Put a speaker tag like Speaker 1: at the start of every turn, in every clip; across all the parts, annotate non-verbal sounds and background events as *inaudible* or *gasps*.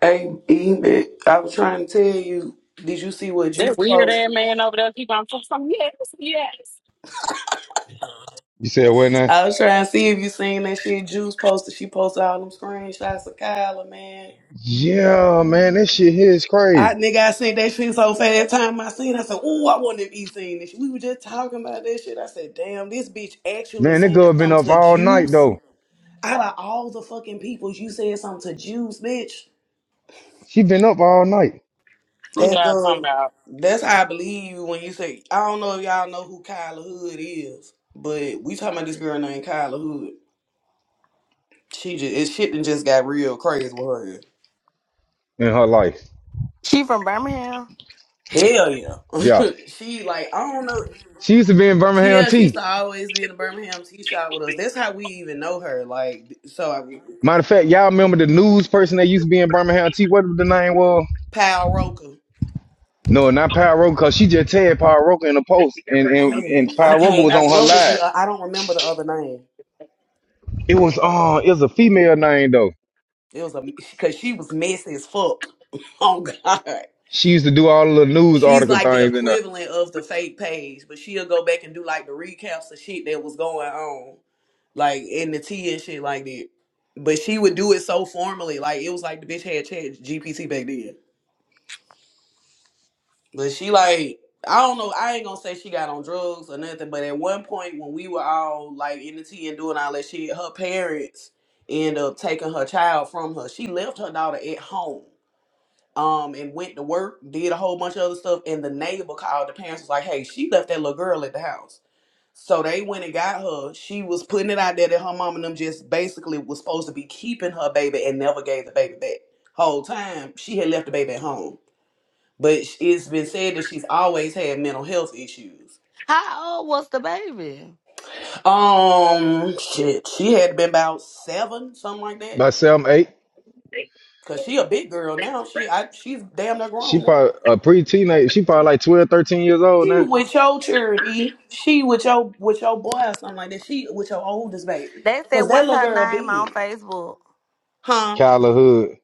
Speaker 1: Hey, Eve, I was trying to tell you, did you see what Juice
Speaker 2: That weird ass
Speaker 1: posted?
Speaker 2: man over there keep on talking. Yes, yes.
Speaker 3: You said what now?
Speaker 1: I was trying to see if you seen that shit Juice posted. She posted all them screenshots of Kyla, man.
Speaker 3: Yeah, man, this shit here is
Speaker 1: I
Speaker 3: crazy.
Speaker 1: nigga, I seen that shit so fast. Time I seen, it, I said, "Ooh, I wonder if he seen this." We were just talking about that shit. I said, "Damn, this bitch actually
Speaker 3: Man, that
Speaker 1: saying
Speaker 3: girl been up
Speaker 1: something to
Speaker 3: all night
Speaker 1: Juice."
Speaker 3: though.
Speaker 1: Out of all the fucking people, you said something to Juice, bitch.
Speaker 3: She been up all night
Speaker 2: We
Speaker 1: That
Speaker 2: got something
Speaker 1: girl,
Speaker 2: out.
Speaker 1: that's how I believe you when you say, I don't know if y'all know who Kyla Hood is, but we talking about this girl named Kyla Hood. She just, it shit done just got real crazy with her.
Speaker 3: in her life.
Speaker 4: She from Birmingham.
Speaker 1: Hell
Speaker 3: Yeah.
Speaker 1: yeah. *laughs* she like, I don't know.
Speaker 3: She used to be in
Speaker 1: She,
Speaker 3: Birmingham
Speaker 1: yeah, she used
Speaker 3: T.
Speaker 1: to always be in the Birmingham tea shop with us. That's how we even know her. Like, so I,
Speaker 3: Matter of fact, y'all remember the news person that used to be in Birmingham T? What the name was?
Speaker 1: Pal Roker.
Speaker 3: No, not Pyro, cause she just tagged Pyro in the post and and, and
Speaker 1: Oh, I
Speaker 3: Pyro
Speaker 1: can't,
Speaker 3: was
Speaker 1: I,
Speaker 3: on her
Speaker 1: what was
Speaker 3: live.
Speaker 1: the, I don't remember the other name.
Speaker 3: It was uh it was a female name though.
Speaker 1: It was a, cause she was messy as fuck. *laughs* Oh God.
Speaker 3: She used to do all the news
Speaker 1: She's
Speaker 3: article
Speaker 1: like the
Speaker 3: things in her
Speaker 1: equivalent of the fake page, but she'll go back and do like the recaps of shit that was going on, like in the tea and shit like that. But she would do it so formally, like it was like the bitch had chat GPT back then. But she like I don't know, I ain't gonna say she got on drugs or nothing, but at one point when we were all like in the tea and doing all that shit, her parents end up taking her child from her. She left her daughter at home um and went to work, did a whole bunch of other stuff, and the neighbor called the parents was like, Hey, she left that little girl at the house. So they went and got her. She was putting it out there that her mom and them just basically was supposed to be keeping her baby and never gave the baby back. Whole time she had left the baby at home. But it's been said that she's always had mental health issues.
Speaker 4: How old was the baby?
Speaker 1: Um, shit, she had been about seven, something like that.
Speaker 3: by seven 8.
Speaker 1: Cause she a big girl now. She, I, she's damn near
Speaker 3: She
Speaker 1: grown now.
Speaker 3: probably a pre teenage, she probably like 12, 13 years old
Speaker 1: She
Speaker 3: now.
Speaker 1: with your charity. She with your with your boy or something like that. She with your oldest baby.
Speaker 4: They said,
Speaker 1: Cause that
Speaker 4: "What's
Speaker 1: little
Speaker 4: her
Speaker 1: girl
Speaker 4: name
Speaker 1: big.
Speaker 4: on Facebook?"
Speaker 1: Huh?
Speaker 3: Kyler Hood.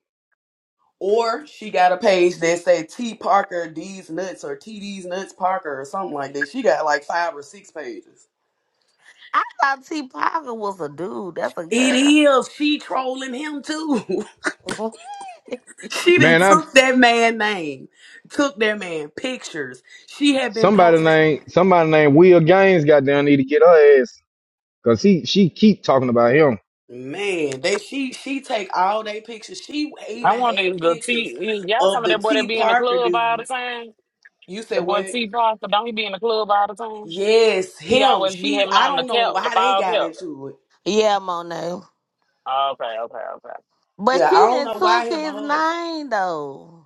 Speaker 1: Or she got a page that said T Parker D's nuts or T D's nuts Parker or something like that. She got like five or six pages.
Speaker 4: I thought T. Parker was a dude. That's a
Speaker 1: It
Speaker 4: girl.
Speaker 1: is. She trolling him too. *laughs* she done
Speaker 3: Man, I
Speaker 1: took that man name, took that man pictures. She had been
Speaker 3: somebody
Speaker 1: posting.
Speaker 3: named somebody named Will Gaines goddamn need to get her ass. Cause he she keep talking about him.
Speaker 1: Man, they she she take all they pictures. She
Speaker 2: I
Speaker 1: even
Speaker 2: want the,
Speaker 1: had
Speaker 2: the
Speaker 1: pictures
Speaker 2: T. Y'all talking
Speaker 1: of
Speaker 2: about
Speaker 1: the
Speaker 2: that boy that
Speaker 1: T
Speaker 2: be in the
Speaker 1: Parker
Speaker 2: club all the
Speaker 1: dude.
Speaker 2: time?
Speaker 1: You said
Speaker 2: The boy
Speaker 1: what?
Speaker 2: T. Parker, don't he be in the club all the time?
Speaker 1: Yes,
Speaker 2: He
Speaker 1: him.
Speaker 2: always be
Speaker 1: She
Speaker 2: having
Speaker 1: I
Speaker 2: on the
Speaker 1: don't know
Speaker 2: cap, the
Speaker 1: why they
Speaker 2: bald
Speaker 1: got
Speaker 2: cap.
Speaker 1: into it.
Speaker 4: *laughs* yeah, Monet.
Speaker 2: Oh, Okay, okay, okay.
Speaker 4: But
Speaker 1: Yeah,
Speaker 4: she
Speaker 1: I don't
Speaker 4: didn't
Speaker 1: know
Speaker 4: took
Speaker 1: why him
Speaker 4: his
Speaker 1: or her.
Speaker 4: name though.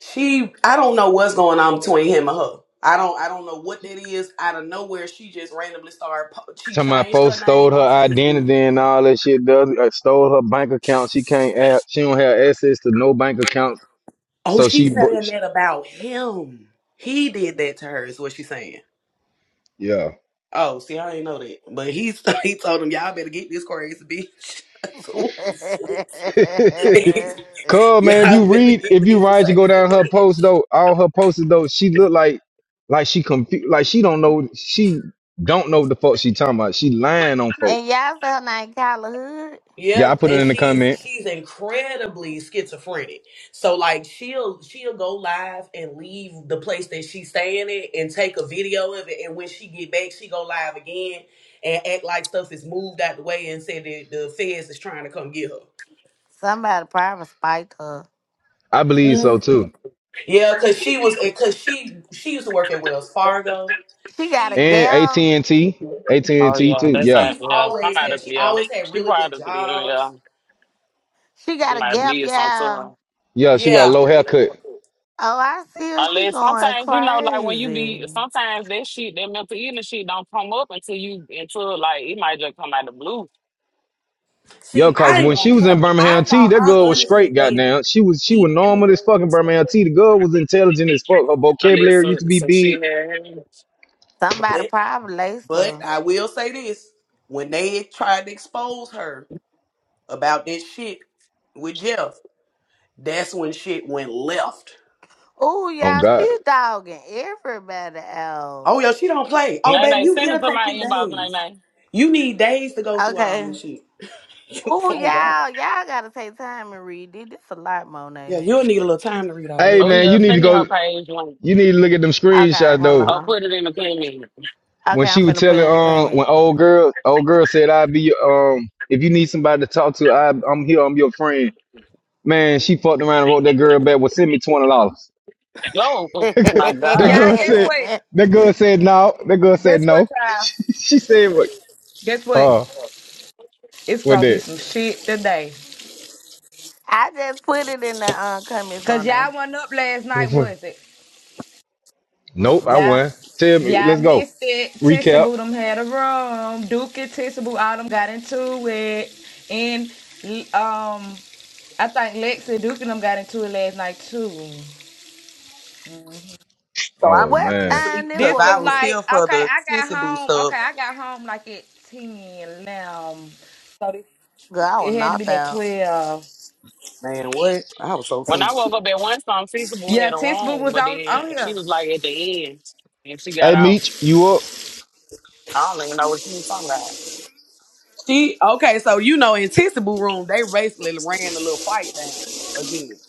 Speaker 1: She I don't know what's going on between him and her. I don't I don't know what that is. Out of nowhere, she just randomly started. po- She
Speaker 3: Some my
Speaker 1: changed
Speaker 3: folks
Speaker 1: her name
Speaker 3: stole her
Speaker 1: on Facebook.
Speaker 3: identity and all that shit. Does uh, stole her bank account. She can't have. She don't have access to no bank accounts.
Speaker 1: Oh,
Speaker 3: So she,
Speaker 1: she's
Speaker 3: bro-
Speaker 1: saying
Speaker 3: she
Speaker 1: that about him. He did that to her. Is what she's saying.
Speaker 3: yeah.
Speaker 1: Oh, see, I didn't know that. But he *laughs* he told him, y'all better get this crazy bitch. *laughs* So,
Speaker 4: *laughs* and
Speaker 1: *laughs* y'all
Speaker 3: *laughs* Cuz man, if you
Speaker 1: better
Speaker 3: read,
Speaker 1: get
Speaker 3: if you
Speaker 1: this
Speaker 3: ride, you go
Speaker 1: crazy
Speaker 3: down her post
Speaker 1: bitch.
Speaker 3: though. All her posts though, she look like like she confused. Like she don't know. She don't know what the fuck she talking about. She lying on folks.
Speaker 4: y'all say her name Kyla Hood.
Speaker 3: Yeah,
Speaker 1: Yeah,
Speaker 3: I put it
Speaker 1: and
Speaker 3: in the
Speaker 1: she's
Speaker 3: comment.
Speaker 1: she's incredibly schizophrenic. So like she'll she'll go live and leave the place that she's staying at and take a video of it. And when she get back, she go live again and act like stuff is moved out the way and say that the feds is trying to come get
Speaker 4: Somebody probably spiked her.
Speaker 3: I believe
Speaker 1: her.
Speaker 3: so too.
Speaker 1: Yeah, cause she was, cause she she used to work at Wells Fargo.
Speaker 4: She got a
Speaker 1: She
Speaker 3: And
Speaker 4: gap.
Speaker 3: AT&T,
Speaker 2: Oh
Speaker 3: AT&T
Speaker 2: yeah,
Speaker 3: too.
Speaker 2: that's
Speaker 3: Yeah.
Speaker 2: right.
Speaker 1: she
Speaker 2: Yeah,
Speaker 1: always
Speaker 2: somebody.
Speaker 1: had she
Speaker 2: Yeah,
Speaker 1: always had
Speaker 2: she
Speaker 1: really good
Speaker 2: probably. Yeah,
Speaker 1: jobs.
Speaker 4: She
Speaker 2: yeah.
Speaker 4: got a
Speaker 2: might
Speaker 4: gap,
Speaker 2: be something
Speaker 4: yeah.
Speaker 2: to
Speaker 3: Yeah, she got a
Speaker 1: Yeah.
Speaker 3: low haircut.
Speaker 2: her.
Speaker 4: Oh, I see her. She
Speaker 2: Unless
Speaker 4: going
Speaker 2: sometimes you know, like when you be
Speaker 4: crazy.
Speaker 2: sometimes that shit, that mental illness shit don't come up until you until like it might just come out of the blue.
Speaker 3: Yo,
Speaker 1: See,
Speaker 3: cause
Speaker 1: I ain't
Speaker 3: when
Speaker 1: gonna
Speaker 3: she was
Speaker 1: care.
Speaker 3: in
Speaker 1: I
Speaker 3: Birmingham T,
Speaker 1: thought
Speaker 3: that
Speaker 1: I
Speaker 3: girl was straight,
Speaker 1: honestly think
Speaker 3: goddamn. She was she
Speaker 1: she,
Speaker 3: was normal as fucking Birmingham T. The girl was intelligent as fuck. Her
Speaker 2: Unless
Speaker 3: vocabulary used to
Speaker 2: some,
Speaker 3: be
Speaker 2: some
Speaker 3: big.
Speaker 2: shit had happened.
Speaker 4: Somebody
Speaker 1: but
Speaker 4: probably laced
Speaker 1: but
Speaker 4: her.
Speaker 1: I will say this: when they tried to expose her about that shit with Jeff, that's when shit went left.
Speaker 4: Ooh,
Speaker 3: Oh
Speaker 4: y'all,
Speaker 3: God.
Speaker 4: she dogging everybody out.
Speaker 1: Oh yeah, she don't play. Oh baby,
Speaker 2: Nene,
Speaker 1: you
Speaker 2: send it
Speaker 1: it'll
Speaker 2: to
Speaker 1: take you
Speaker 2: my inbox,
Speaker 1: days.
Speaker 2: Nene.
Speaker 1: You need days to go through all
Speaker 4: Okay.
Speaker 1: this shit. *laughs* You
Speaker 4: Ooh,
Speaker 1: won't go.
Speaker 4: y'all, y'all gotta take time and read this. This a lot,
Speaker 1: Yeah,
Speaker 4: Monet.
Speaker 1: you'll need a little time to read all
Speaker 3: Hey
Speaker 2: Oh
Speaker 1: that.
Speaker 3: man,
Speaker 2: yeah,
Speaker 3: you need
Speaker 2: send
Speaker 3: to
Speaker 2: me her
Speaker 3: go
Speaker 2: page one.
Speaker 3: you need to look at them
Speaker 4: Okay,
Speaker 3: screenshots
Speaker 4: hold
Speaker 3: though.
Speaker 2: I'll
Speaker 4: on.
Speaker 2: put it in the comment.
Speaker 3: When
Speaker 4: Okay, I'm
Speaker 3: she was
Speaker 4: finna put
Speaker 3: telling
Speaker 4: in a
Speaker 3: um when
Speaker 4: comment.
Speaker 3: old girl old girl said I'd be your- um if you need somebody to talk to, I I'm here, I'm your friend. Man, she fucked around and wrote that girl back, well send me twenty dollars.
Speaker 2: Oh oh, my
Speaker 3: That
Speaker 5: Y'all,
Speaker 2: God.
Speaker 3: girl
Speaker 5: guess
Speaker 3: said.
Speaker 5: what?
Speaker 4: *laughs*
Speaker 3: That girl said no. That girl said
Speaker 5: Guess
Speaker 3: no.
Speaker 5: what,
Speaker 3: *laughs*
Speaker 5: y'all?
Speaker 3: she she said what?
Speaker 5: Guess
Speaker 3: Uh,
Speaker 5: what? It's
Speaker 3: what
Speaker 5: gonna be
Speaker 3: that?
Speaker 5: some shit today.
Speaker 4: I just put it in the um, comments,
Speaker 5: Cause
Speaker 4: Monet.
Speaker 5: y'all wasn't up last night,
Speaker 3: What?
Speaker 5: was it?
Speaker 3: Nope, I
Speaker 4: Mm-mm.
Speaker 5: Yeah.
Speaker 3: won. Tell
Speaker 5: Y'all
Speaker 3: me.
Speaker 5: y'all
Speaker 3: Let's go.
Speaker 5: missed it. Tissy
Speaker 3: Recap.
Speaker 5: Boo them had a room. Duke and Tissy Boo all them got into it. And um I think Lexi Duke and them got into it last night too.
Speaker 1: So I
Speaker 3: Oh
Speaker 1: must
Speaker 4: What
Speaker 1: have been
Speaker 3: man.
Speaker 1: asleep
Speaker 4: time it
Speaker 1: because
Speaker 5: This was
Speaker 1: I was
Speaker 4: was?
Speaker 1: here
Speaker 5: like,
Speaker 1: for
Speaker 5: okay,
Speaker 1: the
Speaker 5: I got
Speaker 1: Tissy Boo
Speaker 5: home.
Speaker 1: stuff.
Speaker 5: Okay, I got home like at 10 um, So this,
Speaker 4: Girl, I
Speaker 5: it
Speaker 4: was
Speaker 5: had to
Speaker 4: knocked
Speaker 5: be at
Speaker 4: out.
Speaker 5: 12.
Speaker 1: Man, what? I was so
Speaker 2: When I
Speaker 1: sleepy.
Speaker 2: woke up at one song, Feasible had
Speaker 5: Yeah,
Speaker 2: a
Speaker 5: Tiss Boo
Speaker 2: room,
Speaker 5: was
Speaker 2: but
Speaker 5: on
Speaker 2: then
Speaker 5: on here.
Speaker 2: she was like at the end and she got
Speaker 3: Hey
Speaker 2: out.
Speaker 3: Meech, you up?
Speaker 2: I don't even know what you was talking about.
Speaker 1: She okay, so you know in Tissy Boo room they basically ran a little fight down again.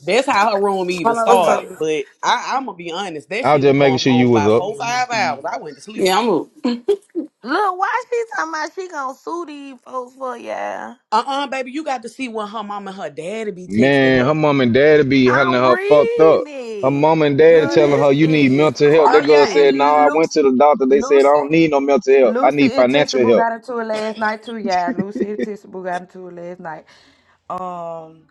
Speaker 1: That's how her room even
Speaker 5: Hold on, let me
Speaker 6: What's up?
Speaker 1: started.
Speaker 5: go.
Speaker 1: But I, I'm gonna be honest, that
Speaker 3: I was
Speaker 1: shit
Speaker 3: just
Speaker 1: was
Speaker 3: making
Speaker 1: going
Speaker 3: sure you
Speaker 1: on
Speaker 3: was
Speaker 1: by
Speaker 3: up.
Speaker 1: four five hours. I went to sleep.
Speaker 4: Look, why she talking about she gonna sue these folks for y'all?
Speaker 1: Uh uh baby, you got to see when her mom and her daddy be texting
Speaker 3: Man, her
Speaker 1: her.
Speaker 3: mom and daddy be hunting
Speaker 4: I'm
Speaker 3: her fucked up. Her
Speaker 4: reading.
Speaker 3: mom and daddy
Speaker 4: Girl,
Speaker 1: Ooh.
Speaker 3: telling
Speaker 4: this
Speaker 3: her you
Speaker 4: shit
Speaker 3: need
Speaker 4: is
Speaker 3: mental help.
Speaker 5: Oh
Speaker 3: That girl
Speaker 5: yeah,
Speaker 3: said, No,
Speaker 5: and
Speaker 3: I
Speaker 4: crazy.
Speaker 3: went
Speaker 5: Lucy,
Speaker 3: to the doctor. They said I
Speaker 5: Lucy,
Speaker 3: don't need no mental help. I
Speaker 5: Lucy
Speaker 3: need
Speaker 5: and Tissa
Speaker 3: financial
Speaker 5: Boo
Speaker 3: help.
Speaker 5: got into it last night too. Yeah, Lucy and Tissa Boo got into it last night. Um,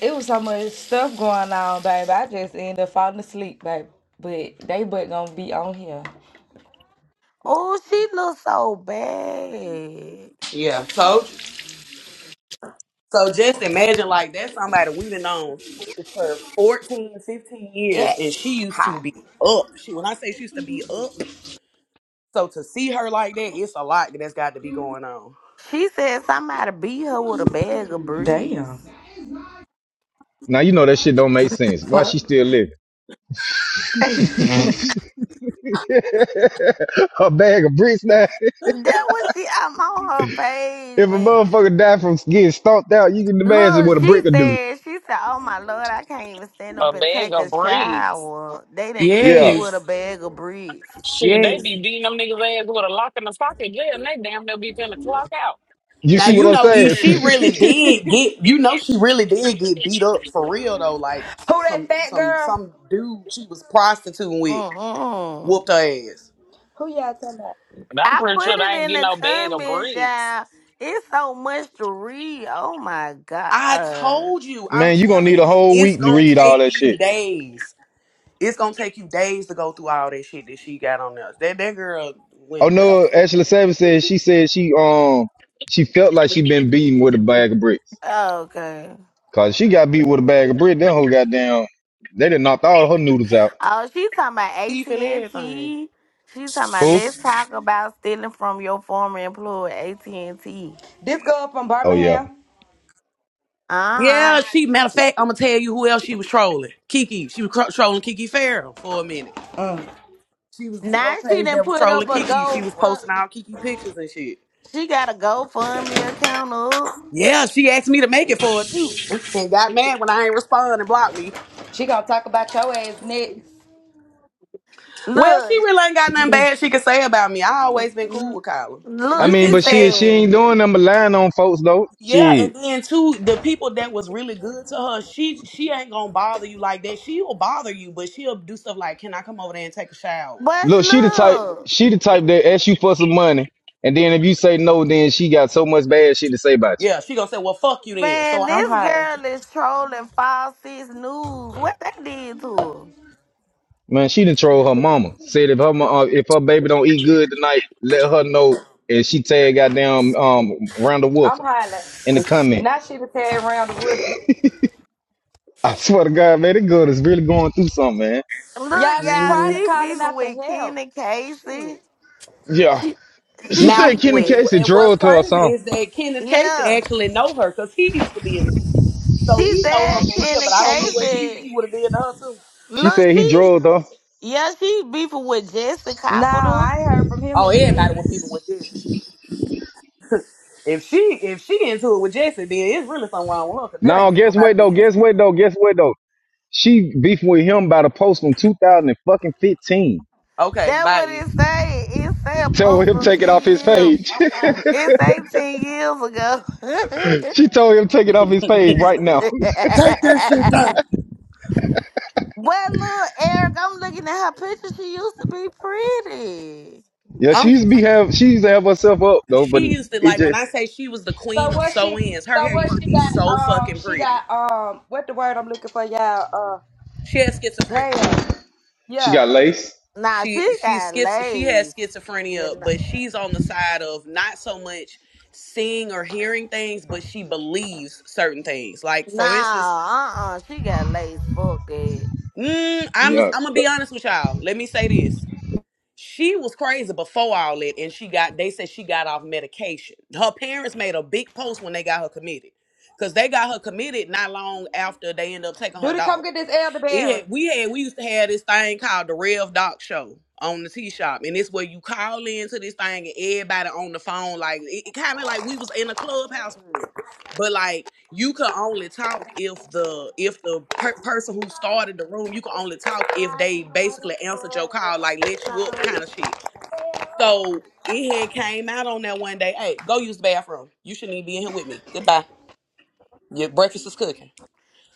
Speaker 5: it was so much stuff going on, baby. I just ended up falling asleep, baby. But they but gonna be on here.
Speaker 4: Oh, she looks so bad.
Speaker 1: Yeah, told you. So just imagine like that's somebody we done known for 14, 15 years,
Speaker 5: Yeah,
Speaker 1: and she used to
Speaker 5: hot.
Speaker 1: be up. She when I say she used to be up, so to see her like that, it's a lot that's got to be going on.
Speaker 4: She said somebody beat her with a bag of bricks.
Speaker 5: Damn.
Speaker 3: Now you know that shit don't make sense. Why
Speaker 5: Fuck.
Speaker 3: she
Speaker 5: *laughs*
Speaker 3: still living? *laughs* her bag of bricks now.
Speaker 4: That was she. I'm on her page,
Speaker 3: If a
Speaker 4: man.
Speaker 3: motherfucker die from getting stomped out, you can imagine
Speaker 4: Look,
Speaker 3: what a
Speaker 4: she
Speaker 3: brick would do.
Speaker 4: said, she said, oh my lord, I can't even stand
Speaker 2: A
Speaker 4: up and
Speaker 2: bag
Speaker 4: take
Speaker 2: of
Speaker 4: a
Speaker 2: breeds.
Speaker 4: shower. They done beat me
Speaker 3: Yeah.
Speaker 4: with a
Speaker 1: Yes.
Speaker 4: bag of bricks.
Speaker 2: Shit, they
Speaker 1: Yes.
Speaker 2: be beating them niggas ass with a lock in the socket. Yeah, and they damn near be finna clock out.
Speaker 3: You
Speaker 1: Now
Speaker 3: see what
Speaker 1: you
Speaker 3: I'm
Speaker 1: know if
Speaker 3: saying?
Speaker 1: she really
Speaker 3: *laughs*
Speaker 1: did get you know she really did get beat up for real though, like
Speaker 5: Who that
Speaker 1: some
Speaker 5: fat
Speaker 1: some
Speaker 5: girl?
Speaker 1: some dude she was prostituting with
Speaker 4: Mm-mm.
Speaker 1: whooped her ass.
Speaker 5: Who y'all talking about?
Speaker 2: But I'm
Speaker 4: I
Speaker 2: pretty sure
Speaker 4: put
Speaker 2: they
Speaker 4: it
Speaker 2: ain't
Speaker 4: in
Speaker 2: get
Speaker 4: the
Speaker 2: no bag of
Speaker 4: comments,
Speaker 2: breeds.
Speaker 4: y'all. It's so much to read. Oh my god.
Speaker 1: I told you, I'm
Speaker 3: Man, you gonna need
Speaker 1: telling
Speaker 3: a
Speaker 1: you,
Speaker 3: whole
Speaker 1: it's
Speaker 3: week to
Speaker 1: gonna
Speaker 3: read all
Speaker 1: take
Speaker 3: that
Speaker 1: you
Speaker 3: shit.
Speaker 1: days. It's gonna take you days to go through all that shit that she got on there. That that girl
Speaker 3: Oh
Speaker 1: went
Speaker 3: no,
Speaker 1: left.
Speaker 3: Ashley Savage said she said she um she felt like she been beaten with a bag of bricks.
Speaker 4: Okay.
Speaker 3: Cause she got beat with a bag of bricks, that whole goddamn they done knocked all her noodles out.
Speaker 4: Oh, she talking about AT
Speaker 1: Teeth and
Speaker 4: and
Speaker 1: everything.
Speaker 4: T. She talking about
Speaker 3: Who?
Speaker 4: let's talk about stealing from your former employer, AT and T.
Speaker 5: This girl from
Speaker 3: Oh yeah.
Speaker 5: Birmingham.
Speaker 4: Uh,
Speaker 1: Yeah, she matter of fact, I'm gonna tell you who else she was trolling. Kiki. She was cro- trolling Kiki Farrell for a minute.
Speaker 5: Mm.
Speaker 1: She was a
Speaker 4: now
Speaker 1: troll
Speaker 4: she
Speaker 1: page
Speaker 4: done
Speaker 1: that was
Speaker 4: put up
Speaker 1: trolling
Speaker 4: a
Speaker 1: Kiki.
Speaker 4: go.
Speaker 1: She was posting all Kiki pictures and shit.
Speaker 4: She got a GoFundMe account up.
Speaker 1: Yeah, she asked me to make it for her too. *laughs* And got mad when I ain't respond and blocked me.
Speaker 5: She gonna talk about your ass next.
Speaker 1: Well, she
Speaker 4: Look,
Speaker 1: really ain't got nothing bad she could say about me. I always been cool with Kyla. So
Speaker 3: I
Speaker 4: look.
Speaker 1: you
Speaker 3: mean,
Speaker 4: She
Speaker 1: can
Speaker 3: but she
Speaker 1: tell
Speaker 3: she
Speaker 4: said,
Speaker 3: ain't doing them but lying on folks though.
Speaker 1: Yeah,
Speaker 3: Shit.
Speaker 1: and then too, the people that was really good to her, she she ain't gonna bother you like that. She'll bother you, but she'll do stuff like, "Can I come over there and take a shower?"
Speaker 4: "But
Speaker 3: Look, she the type.
Speaker 4: look."
Speaker 3: She the type that ask you for some money, and then if you say no, then she got so much bad shit to say about
Speaker 1: Yeah,
Speaker 3: you.
Speaker 1: she gonna say, "Well, fuck you then." So
Speaker 4: Man,
Speaker 1: I-
Speaker 5: I'm
Speaker 4: this
Speaker 5: hollering.
Speaker 4: girl is trolling Fox Six News. What they did to
Speaker 3: Man, she done troll her mama. Said if her mo- uh, if her baby don't eat good tonight, let her know. And she tag goddamn um Randall Wolf
Speaker 5: I'm hollering.
Speaker 3: in the comment.
Speaker 5: Now she done tear around the woods.
Speaker 3: I swear to God, man, that girl is really going through something, man.
Speaker 4: her?
Speaker 5: Yeah,
Speaker 4: Look,
Speaker 5: she
Speaker 4: y'all,
Speaker 5: probably
Speaker 1: Mhm.
Speaker 4: she
Speaker 5: calling
Speaker 4: beefing
Speaker 5: out for
Speaker 4: with
Speaker 5: help.
Speaker 4: Kenny Casey.
Speaker 5: Shit.
Speaker 3: Yeah,
Speaker 4: She she
Speaker 3: she said
Speaker 1: now,
Speaker 4: beefing
Speaker 3: Kenny
Speaker 4: with
Speaker 3: Casey
Speaker 1: and what's
Speaker 3: drugged her or
Speaker 1: crazy
Speaker 3: something.
Speaker 1: is that Kenneth Casey
Speaker 4: yeah.
Speaker 1: actually know her because he used to be in the team, so
Speaker 4: She
Speaker 1: he know
Speaker 4: said
Speaker 1: her for real.
Speaker 4: Kenny
Speaker 1: But I don't know what she
Speaker 4: Casey.
Speaker 1: he would have did to her too.
Speaker 3: She
Speaker 4: Look,
Speaker 3: said he
Speaker 4: she
Speaker 3: drugged her.
Speaker 4: yeah, she beefing with Jesse
Speaker 5: No,
Speaker 4: Capital.
Speaker 5: I ain't heard from him
Speaker 1: Oh,
Speaker 5: in a
Speaker 1: everybody
Speaker 5: minute.
Speaker 1: would be with Jesse. If she if she into it with Jesse, then it's really something wrong with her because that
Speaker 3: Now
Speaker 1: ain't even
Speaker 3: guess
Speaker 1: nobody
Speaker 3: what
Speaker 1: to be
Speaker 3: though?
Speaker 1: into
Speaker 3: Guess
Speaker 1: it. with.
Speaker 3: what though? Guess what though? She beefing with him about a post from 2015
Speaker 1: Okay,
Speaker 4: That
Speaker 1: bye.
Speaker 4: what
Speaker 1: E.
Speaker 4: it say. It say a
Speaker 3: Tell
Speaker 4: post
Speaker 3: him
Speaker 4: from
Speaker 3: take it
Speaker 4: ten
Speaker 3: off his
Speaker 4: years.
Speaker 3: page.
Speaker 5: I'm hollering.
Speaker 4: It's eighteen years ago.
Speaker 3: *laughs* she told him take it off his page right now.
Speaker 1: Take that shit
Speaker 4: *laughs*
Speaker 1: down.
Speaker 4: Well, look, Eric, I'm looking at her picture. She used to be pretty.
Speaker 3: Yeah, she
Speaker 1: Um,
Speaker 3: used to be have she used to have herself up though, but
Speaker 1: she used to
Speaker 3: it
Speaker 1: like when
Speaker 3: just
Speaker 1: I say she was the
Speaker 5: So
Speaker 1: queen of
Speaker 5: what
Speaker 1: sew
Speaker 5: she
Speaker 1: ins. Her
Speaker 5: so
Speaker 1: hair
Speaker 5: what
Speaker 1: used to
Speaker 5: she
Speaker 1: be so
Speaker 5: got um
Speaker 1: fucking
Speaker 5: she
Speaker 1: pretty.
Speaker 5: got um what the word I'm looking for, y'all? Uh
Speaker 1: She had schizophrenia.
Speaker 5: damn.
Speaker 3: she
Speaker 5: Yeah.
Speaker 3: got laced.
Speaker 4: Nah,
Speaker 1: She
Speaker 4: she
Speaker 1: she
Speaker 4: got
Speaker 1: schiz she
Speaker 4: lace.
Speaker 1: has
Speaker 4: Yeah,
Speaker 1: schizophrenia,
Speaker 4: nah,
Speaker 1: but she's on the side of not so much seeing or hearing things, but she believes certain things. Like for instance,
Speaker 4: nah, uh-uh, she got lace. Fuck that.
Speaker 1: mm, I'm i am
Speaker 3: Yeah.
Speaker 1: i gonna be honest with y'all. Let me say this. she was crazy before all that and she got they said she got off medication her parents made a big post when they got her committed because they got her committed not long after they ended up taking her
Speaker 5: Duty come
Speaker 1: daughter
Speaker 5: get this
Speaker 1: it
Speaker 5: elderberry.
Speaker 1: had, we had we used to have this thing called the Rev Doc Show on the T Shop, and it's where you call into this thing and everybody on the phone like it, it kind of like we was in a clubhouse room, but like you could only talk if the if the per- person who started the room you could only talk if they basically answered your call like let you up kind of shit. So it had came out on that one day. Hey, go use the bathroom. You shouldn't even be in here with me. Goodbye. Your breakfast is cooking.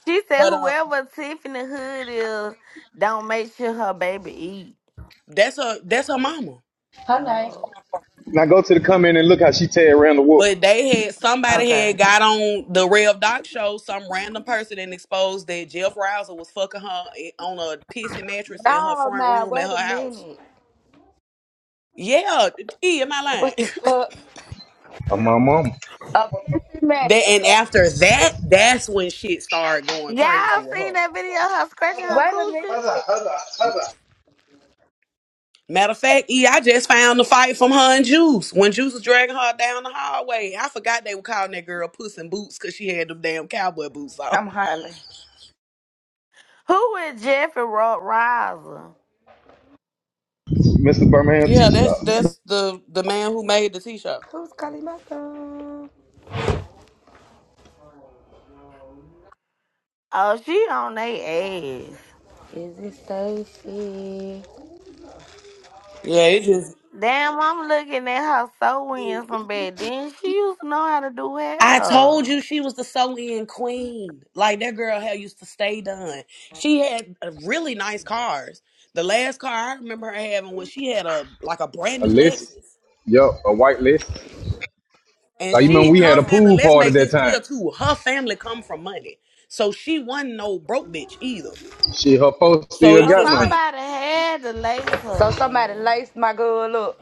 Speaker 4: She said
Speaker 1: But um,
Speaker 4: whoever Tiffany Hood is, don't make sure her baby eat.
Speaker 1: that's her that's her mama.
Speaker 5: Her name.
Speaker 4: Oh,
Speaker 3: Now go to the comment and look how she tear around the wolf.
Speaker 1: But they had somebody
Speaker 4: okay.
Speaker 1: had got on the Rev Doc show, some random person, and exposed that Jeff Rouser was fucking her i- on a pissy mattress in her
Speaker 5: No,
Speaker 1: front
Speaker 5: now
Speaker 1: room at
Speaker 5: wait
Speaker 1: her
Speaker 5: a
Speaker 1: house.
Speaker 5: minute.
Speaker 1: Yeah, E, am I
Speaker 5: What the
Speaker 1: lying?
Speaker 5: fuck?
Speaker 3: I'm my mama.
Speaker 5: A pissy
Speaker 1: *laughs* that,
Speaker 5: mattress.
Speaker 1: and after that, that's when shit started going crazy
Speaker 4: Y'all
Speaker 1: with
Speaker 4: seen
Speaker 1: her.
Speaker 4: that video of her scratching her
Speaker 5: Wait a minute.
Speaker 4: coochie?
Speaker 1: Matter of fact, E, I just found the fight from her and Juice when Juice was dragging her down the hallway. I forgot they were calling that girl Puss in Boots because she had them damn cowboy boots on.
Speaker 5: I'm hollering.
Speaker 4: Who is Jeffrey Ro- Riser?
Speaker 3: Mr. Birmingham
Speaker 1: Yeah,
Speaker 3: T shop.
Speaker 1: that's that's the the man who made the t-shirt.
Speaker 5: Who's calling my phone?
Speaker 4: Oh, she on they ass.
Speaker 5: Is it Stacy?
Speaker 1: Yeah, it just
Speaker 4: Damn, I'm looking at her so wins from back then. She used to know how to do
Speaker 1: I told
Speaker 4: hair.
Speaker 1: you she was the sew-in queen. Like that girl hell used to stay done. She had uh, really nice cars. The last car I remember her having was she had a like a brand
Speaker 3: A
Speaker 1: new
Speaker 3: list.
Speaker 1: Lexus.
Speaker 3: Yup, a white list.
Speaker 1: And
Speaker 3: So you remember
Speaker 1: she
Speaker 3: we
Speaker 1: her
Speaker 3: had a
Speaker 1: family,
Speaker 3: pool
Speaker 4: Damn.
Speaker 1: let's
Speaker 3: party
Speaker 1: make
Speaker 3: that
Speaker 1: this
Speaker 3: time.
Speaker 1: clear too. Her family come from money. So she wasn't no broke bitch either.
Speaker 3: She her folks
Speaker 1: So
Speaker 3: still
Speaker 1: it's
Speaker 4: So
Speaker 3: got
Speaker 1: just
Speaker 3: money.
Speaker 1: like
Speaker 4: somebody had to lace her,
Speaker 5: So somebody
Speaker 4: man.
Speaker 5: laced my girl up.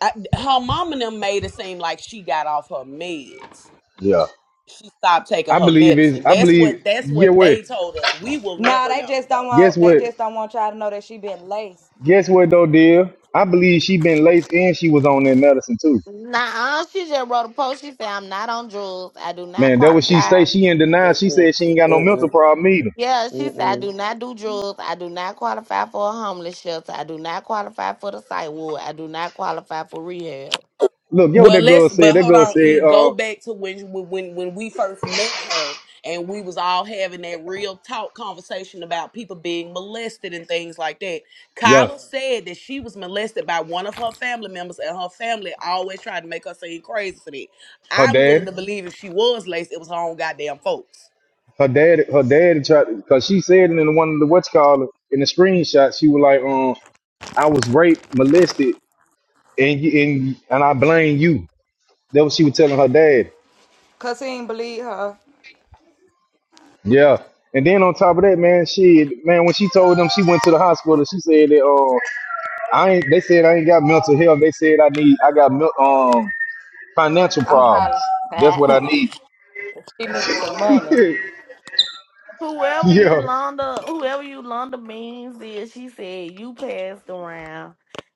Speaker 1: I, her mom and them made it seem like she got off her meds.
Speaker 3: Yeah.
Speaker 1: She stopped taking
Speaker 3: I
Speaker 1: her
Speaker 3: believe is
Speaker 1: medicine.
Speaker 3: I
Speaker 1: That's
Speaker 3: believe
Speaker 1: what that's
Speaker 3: yeah
Speaker 1: what
Speaker 3: what?
Speaker 1: they told us. We will
Speaker 5: Nah,
Speaker 1: never
Speaker 5: they
Speaker 1: know
Speaker 5: just don't
Speaker 1: though.
Speaker 3: Guess
Speaker 5: want. They
Speaker 3: what?
Speaker 5: just don't want y'all to know that she been laced.
Speaker 3: Guess what though, dear? I believe she been laced and she was on that medicine too.
Speaker 4: Nah, she just wrote a post. She said, I'm not on drugs. I do not
Speaker 3: Man, that what she say.
Speaker 4: qualify.
Speaker 3: She in denial. She
Speaker 1: Mm-mm.
Speaker 3: said she ain't got no mental
Speaker 1: mm-mm.
Speaker 3: problem either.
Speaker 4: Yeah, she said, I
Speaker 1: Mm-mm.
Speaker 4: do not do drugs. I do not qualify for a homeless shelter. I do not qualify for the site ward. I do not qualify for rehab.
Speaker 3: Look, yo,
Speaker 1: Well,
Speaker 3: that girl
Speaker 1: let's.
Speaker 3: said.
Speaker 1: But
Speaker 3: That
Speaker 1: hold
Speaker 3: girl
Speaker 1: on, E.
Speaker 3: said,
Speaker 1: Go
Speaker 3: uh,
Speaker 1: back to when when when we first met her, and we was all having that real talk conversation about people being molested and things like that.
Speaker 3: yeah,
Speaker 1: Kyla Right. said that she was molested by one of her family members, and her family always tried to make her seem crazy for that.
Speaker 3: her
Speaker 1: I'm willing
Speaker 3: dad,
Speaker 1: to believe if she was laced, it was her own goddamn folks. *laughs*
Speaker 3: her dad, her dad tried because she said it in one of the what's called it, in the screenshot. She was like, um, I was raped, molested, and you- and and I blame you. That what she was telling her dad.
Speaker 5: Cause he ain't believe her.
Speaker 3: Yeah. And then on top of that, man, she man, when she told them she went to the hospital, she said that uh, I ain't. They said I ain't got mental health. They said I need. I got milk. Financial
Speaker 5: I'm
Speaker 3: problems.
Speaker 5: hollering. *laughs*
Speaker 3: That's what I need.
Speaker 5: she needs some money.
Speaker 3: *laughs*
Speaker 4: Whoever you
Speaker 3: yeah.
Speaker 4: Londa, whoever you Londa Beans is, she said you passed around.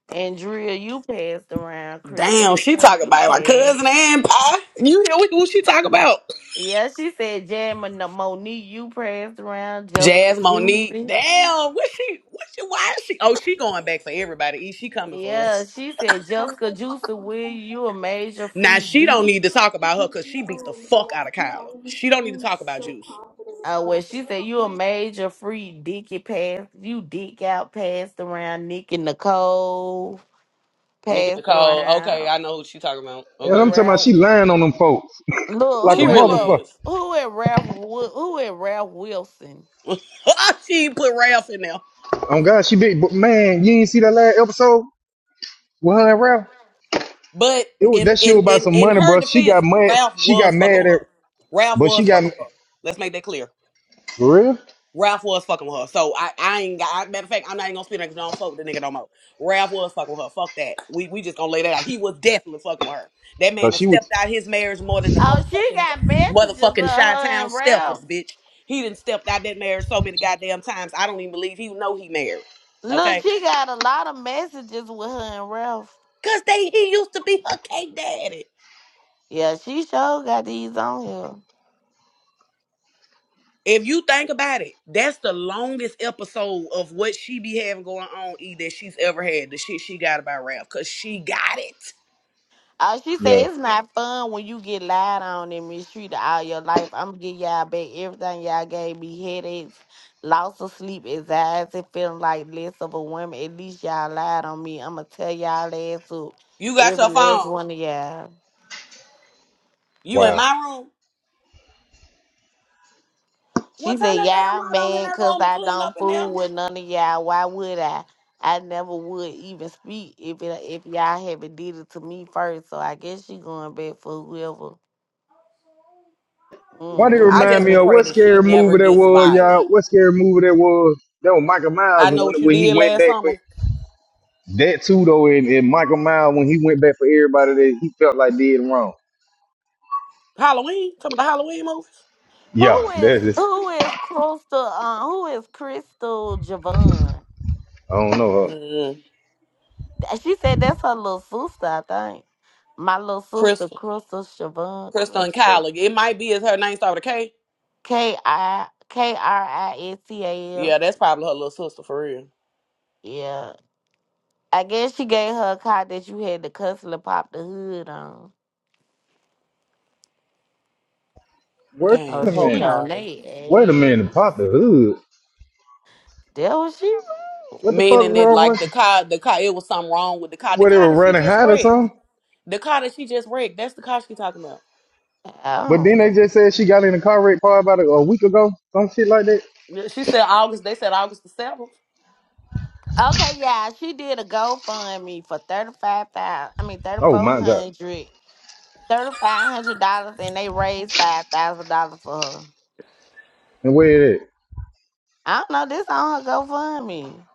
Speaker 4: Andrea, you passed around. Christina,
Speaker 1: Damn, she talking
Speaker 4: you
Speaker 1: about my
Speaker 4: passed.
Speaker 1: cousin and pa? You hear what, what she talking about?
Speaker 4: Yeah, she said Jasmine uh, Monique, you passed around. Jessica
Speaker 1: Jazz Monique.
Speaker 4: Juicy.
Speaker 1: Damn, what she what she why is she oh she going back for everybody. E she coming for
Speaker 4: Yeah,
Speaker 1: us.
Speaker 4: she said Jessica Juicy Will you a major
Speaker 1: Now
Speaker 4: free
Speaker 1: she
Speaker 4: dick.
Speaker 1: don't need to talk about her cause she beat the fuck out of Kyla. She don't need to talk about juice.
Speaker 4: Uh, well, she said you a major free dicky pass. You dick out passed around. Nick and Nicole
Speaker 1: Nikki
Speaker 4: passed
Speaker 1: Nicole, okay,
Speaker 4: around.
Speaker 1: I know who she talking about.
Speaker 3: And I'm
Speaker 1: Okay.
Speaker 3: talking about
Speaker 4: Rare
Speaker 3: she lying on them folks
Speaker 4: Look,
Speaker 3: *laughs* like a
Speaker 1: She
Speaker 4: who am
Speaker 1: really
Speaker 3: motherfucker.
Speaker 4: who
Speaker 1: is.
Speaker 4: Who is Ralph? Wi- Who is Ralph Wilson?
Speaker 1: *laughs* she ain't put Ralph in there.
Speaker 3: Oh God, she big, but man, you ain't see that last episode with her and Ralph.
Speaker 1: But
Speaker 3: It was
Speaker 1: in
Speaker 3: that shit
Speaker 1: in
Speaker 3: was about
Speaker 1: in
Speaker 3: some
Speaker 1: in
Speaker 3: money,
Speaker 1: her
Speaker 3: bro. She
Speaker 1: defense,
Speaker 3: got mad.
Speaker 1: Ralph
Speaker 3: She got
Speaker 1: was fucking
Speaker 3: mad
Speaker 1: with
Speaker 3: at,
Speaker 1: her. Ralph
Speaker 3: but she
Speaker 1: was
Speaker 3: got
Speaker 1: fucking with her. Let's make that clear.
Speaker 3: for real,
Speaker 1: Ralph was fucking with her. So I, I ain't got, I, matter of fact, I'm not even gonna spit because I don't fuck with the nigga no more. Ralph was fucking with her. Fuck that. We, we just gonna lay that out. He was definitely fucking with her. That man
Speaker 3: cause
Speaker 1: has
Speaker 3: she was.
Speaker 1: stepped out his marriage more than the
Speaker 4: Oh, she
Speaker 1: motherfucking,
Speaker 4: got messages of her
Speaker 1: motherfucking Chi Town
Speaker 4: and Ralph.
Speaker 1: steppers, bitch. He didn't stepped out that marriage so many goddamn times. I don't even believe he know he married.
Speaker 4: Look,
Speaker 1: Okay?
Speaker 4: she got a lot of messages with her and Ralph.
Speaker 1: Cause they, he used to be her cake daddy.
Speaker 4: Yeah, she sure got these on here.
Speaker 1: If you think about it, that's the longest episode of what she be having going on, E, that she's ever had. The shit she got about Ralph, cause she got it.
Speaker 4: Oh, she said
Speaker 3: Yeah.
Speaker 4: it's not fun when you get lied on and mistreated all your life. I'm gonna give y'all back everything y'all gave me: headaches, loss of sleep, anxiety, feeling like less of a woman. At least y'all lied on me. I'm gonna tell y'all ass up,
Speaker 1: You got
Speaker 4: every
Speaker 1: your
Speaker 4: last
Speaker 1: phone.
Speaker 4: one of y'all.
Speaker 1: You in
Speaker 3: Wow.
Speaker 1: my room. Well,
Speaker 4: She
Speaker 1: turn
Speaker 4: said,
Speaker 1: that damn
Speaker 4: "Y'all
Speaker 1: light on in
Speaker 4: mad
Speaker 1: that
Speaker 4: because
Speaker 1: room and
Speaker 4: I
Speaker 1: clean up
Speaker 4: don't
Speaker 1: in there.
Speaker 4: fool with none of y'all. Why would I? I never would even speak if it, if y'all haven't did it to me first. So I guess she going back for whoever."
Speaker 3: Why did it
Speaker 1: I
Speaker 4: Mm-hmm.
Speaker 3: remind
Speaker 1: just
Speaker 3: me
Speaker 1: would
Speaker 3: of
Speaker 1: pray
Speaker 3: what
Speaker 1: that she
Speaker 3: scary
Speaker 1: never
Speaker 3: movie that
Speaker 1: gets
Speaker 3: was, y'all?
Speaker 1: violent.
Speaker 3: What scary movie that was? That was Michael Myers
Speaker 1: I know what
Speaker 3: when,
Speaker 1: you
Speaker 3: when he
Speaker 1: did
Speaker 3: went
Speaker 1: last
Speaker 3: back for
Speaker 1: summer.
Speaker 3: that too, though. And, and Michael Myers when he went back for everybody that he felt like did wrong.
Speaker 1: Halloween? Some of the Halloween movies?
Speaker 3: Yeah,
Speaker 4: Who is
Speaker 3: that is.
Speaker 4: who is Crystal? Uh, who is Crystal Javon?
Speaker 3: I don't know. uh,
Speaker 1: Mm-hmm.
Speaker 4: Th- She said that's her little sister. I think my little sister
Speaker 1: Crystal.
Speaker 4: Crystal Javon.
Speaker 1: Crystal and
Speaker 4: Crystal
Speaker 1: Kyla. It might be as her name start with a K.
Speaker 4: K I K R I S T A
Speaker 1: Yeah,
Speaker 4: L.
Speaker 1: that's probably her little sister for real.
Speaker 4: Yeah. I guess she gave her a call that you had the customer pop the hood on.
Speaker 3: Wait
Speaker 4: Oh,
Speaker 1: Dang,
Speaker 3: a
Speaker 1: poor
Speaker 4: she
Speaker 3: minute.
Speaker 4: on
Speaker 1: Kyla.
Speaker 3: Wait a minute.
Speaker 4: they ass.
Speaker 3: Pop the hood.
Speaker 4: That what she wrote.
Speaker 3: What the fuck
Speaker 1: Meaning that
Speaker 3: wrong
Speaker 1: like the
Speaker 3: with?
Speaker 1: car, the car, it was something wrong with the car. The
Speaker 3: What they
Speaker 1: car
Speaker 3: were
Speaker 1: that she
Speaker 3: running
Speaker 1: just
Speaker 3: hot or
Speaker 1: wrecked.
Speaker 3: something?
Speaker 1: The car that she just wrecked. That's the car she talking about.
Speaker 4: I
Speaker 3: But
Speaker 4: don't
Speaker 3: then they
Speaker 4: fucking.
Speaker 3: just said she got in a car wreck probably about a, a week ago. Some shit like that.
Speaker 1: Yeah, She said August. They said August the 7th.
Speaker 4: Okay, yeah, she did a GoFundMe for thirty five thousand. I mean thirty
Speaker 3: Oh
Speaker 4: four
Speaker 3: my god.
Speaker 4: hundred. Thirty five hundred dollars and they raised five thousand dollars for her.
Speaker 3: And where it at?
Speaker 4: I don't know, this on her GoFundMe.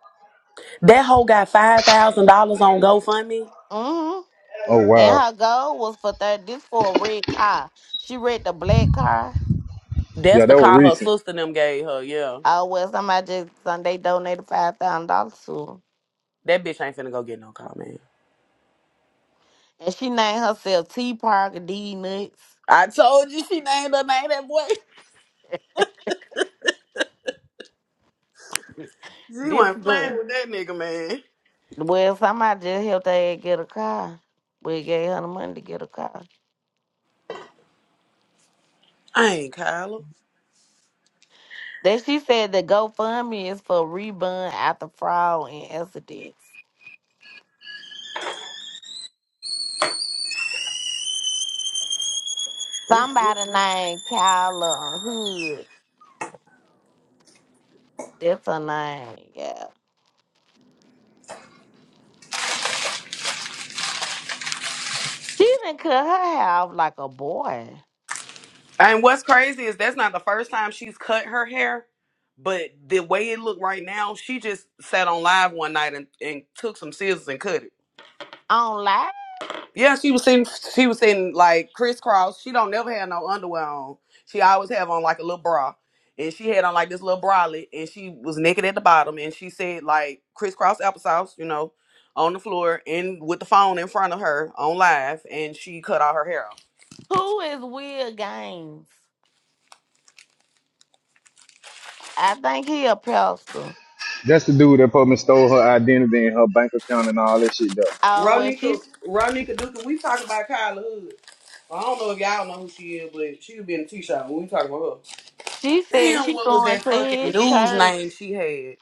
Speaker 1: That hoe got five thousand dollars on GoFundMe.
Speaker 4: Mm-hmm.
Speaker 3: Oh
Speaker 4: And
Speaker 3: wow.
Speaker 4: her goal was for thirty this for a red car. She read the black car.
Speaker 3: Yeah,
Speaker 1: That's the
Speaker 3: that was
Speaker 1: car her
Speaker 3: recent.
Speaker 1: sister and them gave her. Yeah,
Speaker 4: Oh well somebody just Sunday donated five thousand dollars to her.
Speaker 1: that bitch ain't finna go get no car, man.
Speaker 4: And she named herself T Parker D Nuts.
Speaker 1: I told you she named her name that boy. *laughs* She
Speaker 4: This
Speaker 1: wasn't playing
Speaker 4: good.
Speaker 1: with that nigga, man.
Speaker 4: Well, somebody just helped her get a car. We gave her the money to get a car.
Speaker 1: I ain't Kyla.
Speaker 4: Then she said the GoFundMe is for rebund after fraud and accidents.
Speaker 1: Ooh.
Speaker 4: Somebody named Kyla Hood. That's her name. Yeah. She didn't cut her hair off like a boy.
Speaker 1: And what's crazy is that's not the first time she's cut her hair, but the way it looked right now, she just sat on live one night and, and took some scissors and cut it.
Speaker 4: On live?
Speaker 1: Yeah, she was sitting. She was sitting like crisscross. She don't never have no underwear on. She always have on like a little bra, and she had on like this little bralette, and she was naked at the bottom, and she said like crisscross applesauce, you know, on the floor and with the phone in front of her on live, and she cut all her hair off.
Speaker 4: Who is Will Gaines? I think he a pastor.
Speaker 3: That's the dude that probably stole her identity and her bank account and all that shit though.
Speaker 4: Oh, well,
Speaker 1: Ronika,
Speaker 4: she's.
Speaker 1: Ronika Duka, we talking about Kyla Hood. I don't know if y'all know who she is, but she was be in a t-shirt. when We talking about
Speaker 4: She
Speaker 1: her.
Speaker 4: said
Speaker 1: Damn,
Speaker 4: she
Speaker 1: what was
Speaker 4: going
Speaker 1: that
Speaker 4: to
Speaker 1: fucking
Speaker 4: his
Speaker 1: news
Speaker 4: church.
Speaker 1: name she had?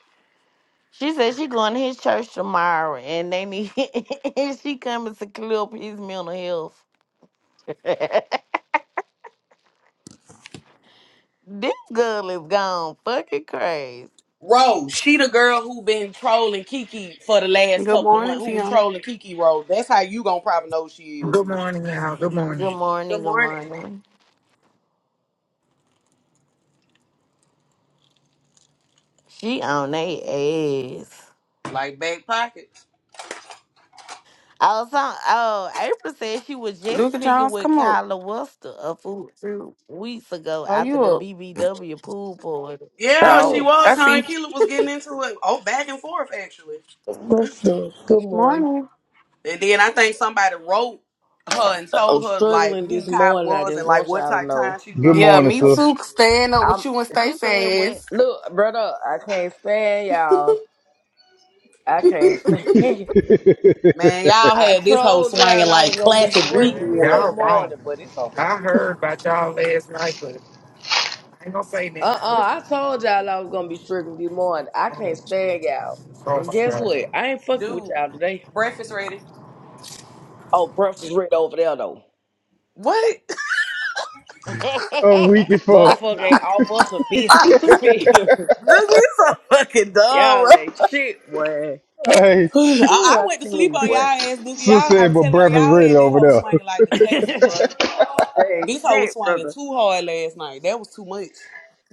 Speaker 4: She said she going to his church tomorrow, and they need *laughs* and she coming to clear up his mental health. *laughs* this girl is gone fucking crazy.
Speaker 1: Rose, she the girl who been trolling Kiki for the last
Speaker 6: Good
Speaker 1: couple of months,
Speaker 6: morning,
Speaker 1: who was
Speaker 6: Kim.
Speaker 1: trolling Kiki Rose. That's how you gonna probably know she is.
Speaker 7: Good morning, y'all. Good
Speaker 4: Good
Speaker 7: morning.
Speaker 4: morning.
Speaker 1: Good
Speaker 4: Good
Speaker 1: morning.
Speaker 4: morning. She on they ass.
Speaker 1: Like back pockets.
Speaker 4: Oh, so, oh, April said she was just
Speaker 6: Luka
Speaker 4: picking
Speaker 6: Jones,
Speaker 4: with
Speaker 6: come up.
Speaker 4: Kyla Wester a few few weeks ago
Speaker 6: Are
Speaker 4: after
Speaker 6: you
Speaker 4: the
Speaker 6: up?
Speaker 4: BBW pool party.
Speaker 1: Yeah,
Speaker 8: I'm
Speaker 1: she
Speaker 8: up.
Speaker 6: Oh, I
Speaker 1: was. Her and
Speaker 6: see.
Speaker 1: Keela was getting into it. Oh, back and forth actually.
Speaker 8: Let's do it. Good morning.
Speaker 6: Morning.
Speaker 1: And then I think somebody wrote her and
Speaker 8: I'm
Speaker 1: told her like
Speaker 8: struggling
Speaker 1: who
Speaker 8: this
Speaker 1: Kyla
Speaker 8: morning. I
Speaker 1: was and
Speaker 8: just
Speaker 1: like
Speaker 8: want
Speaker 1: what
Speaker 8: y'all to
Speaker 1: type
Speaker 8: know.
Speaker 1: time she was
Speaker 3: Good
Speaker 1: on.
Speaker 6: Yeah,
Speaker 3: morning,
Speaker 6: me
Speaker 8: I'm,
Speaker 3: sir.
Speaker 6: too. Stand up with
Speaker 8: I'm
Speaker 6: you and stay
Speaker 4: You said what?
Speaker 6: fast.
Speaker 8: look, brother. I can't stand
Speaker 6: *laughs*
Speaker 8: y'all. I can't stand. *laughs*
Speaker 1: Man, y'all
Speaker 8: I
Speaker 1: had this whole
Speaker 8: told
Speaker 1: swinging
Speaker 8: y'all I
Speaker 1: like
Speaker 8: was gonna be
Speaker 1: classic
Speaker 8: struggling
Speaker 1: weekend
Speaker 8: this here
Speaker 7: Y'all
Speaker 1: last night.
Speaker 7: wrong.
Speaker 8: morning, but it's
Speaker 7: I
Speaker 8: okay.
Speaker 7: heard about y'all last night, but I ain't gonna say
Speaker 8: Uh
Speaker 7: nothing.
Speaker 8: uh I told y'all I was gonna be struggling this morning. I can't
Speaker 7: Oh,
Speaker 8: stand
Speaker 7: shit.
Speaker 8: y'all.
Speaker 7: Oh,
Speaker 8: And
Speaker 7: my
Speaker 8: guess
Speaker 7: God.
Speaker 8: what? I ain't fucking with
Speaker 1: Dude,
Speaker 8: y'all today.
Speaker 1: breakfast ready.
Speaker 8: Oh, breakfast ready over there though.
Speaker 1: What? *laughs*
Speaker 3: I'm weak as fuck.
Speaker 8: Motherfucker ain't off us
Speaker 4: *laughs*
Speaker 8: a biscuit. *laughs* You feel? me?
Speaker 1: Dude, you so fucking
Speaker 8: *laughs*
Speaker 1: dumb, bro.
Speaker 8: y'all ain't shit, boy.
Speaker 3: Hey,
Speaker 1: *sighs* I,
Speaker 8: Ooh,
Speaker 1: I
Speaker 8: I
Speaker 1: went to
Speaker 8: tell
Speaker 1: sleep
Speaker 8: you
Speaker 1: on y'all
Speaker 8: boy.
Speaker 1: ass, Duke.
Speaker 3: sis
Speaker 1: Y'all,
Speaker 3: said,
Speaker 1: I'm
Speaker 3: but
Speaker 1: telling y'all,
Speaker 3: breakfast
Speaker 1: y'all
Speaker 3: ready
Speaker 1: had this
Speaker 3: over
Speaker 1: whole
Speaker 3: there. *laughs*
Speaker 1: swinging like
Speaker 8: *laughs*
Speaker 1: the classic,
Speaker 8: they
Speaker 1: bro.
Speaker 8: ain't
Speaker 1: This hoe was
Speaker 8: shit,
Speaker 1: swinging
Speaker 8: brother.
Speaker 1: too hard last night. That was too much.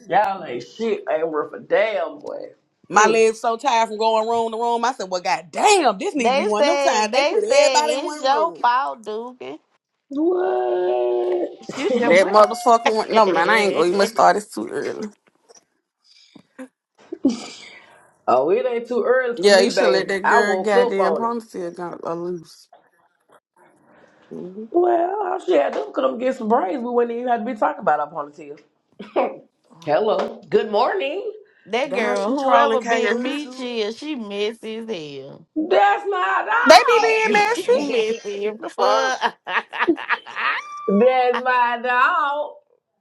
Speaker 8: Y'all ain't shit. Ain't worth a damn, boy.
Speaker 1: My
Speaker 8: Mm.
Speaker 1: legs so tired from going room to room. I said, "Well, goddamn, this need to
Speaker 4: They
Speaker 1: be one of them
Speaker 4: said
Speaker 1: times they
Speaker 4: they
Speaker 1: put
Speaker 4: said
Speaker 1: everybody in
Speaker 4: it's
Speaker 1: one
Speaker 4: your
Speaker 1: room."
Speaker 4: fault, Dugan.
Speaker 8: What?
Speaker 4: She said
Speaker 6: That
Speaker 8: *laughs*
Speaker 4: what? *laughs*
Speaker 6: motherfucker went. No, man, I ain't gonna even start this too early.
Speaker 8: oh, it ain't too early for
Speaker 6: Yeah,
Speaker 8: me,
Speaker 6: you should let
Speaker 8: baby.
Speaker 6: that
Speaker 8: I
Speaker 6: girl
Speaker 8: woke up
Speaker 6: goddamn
Speaker 8: on it.
Speaker 6: promise you got a loose. hmm
Speaker 8: Well, I should have done could have get some brains. We wouldn't even have to be talking about up on the tail. *laughs* Hello. Good morning.
Speaker 4: that
Speaker 1: Darn
Speaker 4: girl,
Speaker 1: she
Speaker 4: whoever
Speaker 1: trolling K
Speaker 6: They
Speaker 4: been
Speaker 1: Hood
Speaker 4: me
Speaker 1: too.
Speaker 4: chill, she messy as hell.
Speaker 8: That's my
Speaker 6: be being
Speaker 4: *laughs*
Speaker 8: dog. *laughs*
Speaker 4: She
Speaker 6: nasty.
Speaker 4: messy as
Speaker 6: The fuck?
Speaker 4: fuck. *laughs*
Speaker 8: That's my dog.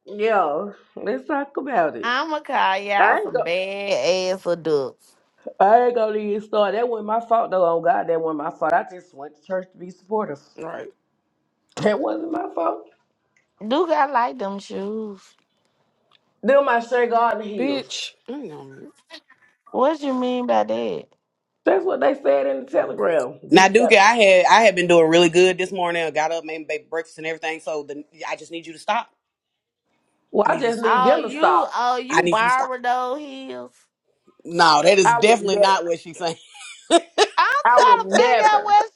Speaker 8: Yo, let's talk about it.
Speaker 4: I'ma call
Speaker 8: I
Speaker 4: y'all
Speaker 8: ain't
Speaker 4: some
Speaker 8: go.
Speaker 4: bad ass adults.
Speaker 8: I ain't gonna even start. That wasn't my fault though. Oh God, that wasn't my fault. I just went to church to be supportive. *laughs*
Speaker 6: Right.
Speaker 8: That wasn't my fault.
Speaker 4: Duke, I like them shoes.
Speaker 8: Them my Shea Garden heels.
Speaker 6: Bitch. You know me.
Speaker 4: What you mean by that?
Speaker 8: That's what they said in the telegram.
Speaker 1: Now,
Speaker 8: Do
Speaker 1: Duke,
Speaker 8: better.
Speaker 1: I had I had been doing really good this morning. I got up, made, made breakfast and everything. So the, I just need you to stop.
Speaker 8: Well,
Speaker 1: I
Speaker 8: I
Speaker 1: need you.
Speaker 8: just need
Speaker 4: Oh,
Speaker 8: them to
Speaker 4: you
Speaker 8: stop.
Speaker 4: oh
Speaker 1: I
Speaker 4: you
Speaker 1: need you to stop.
Speaker 4: borrowed those heels?
Speaker 1: No, that is
Speaker 8: I would
Speaker 1: definitely
Speaker 8: never,
Speaker 1: not what she's saying.
Speaker 4: I'm
Speaker 8: I would
Speaker 4: trying to figure out
Speaker 8: never,
Speaker 4: what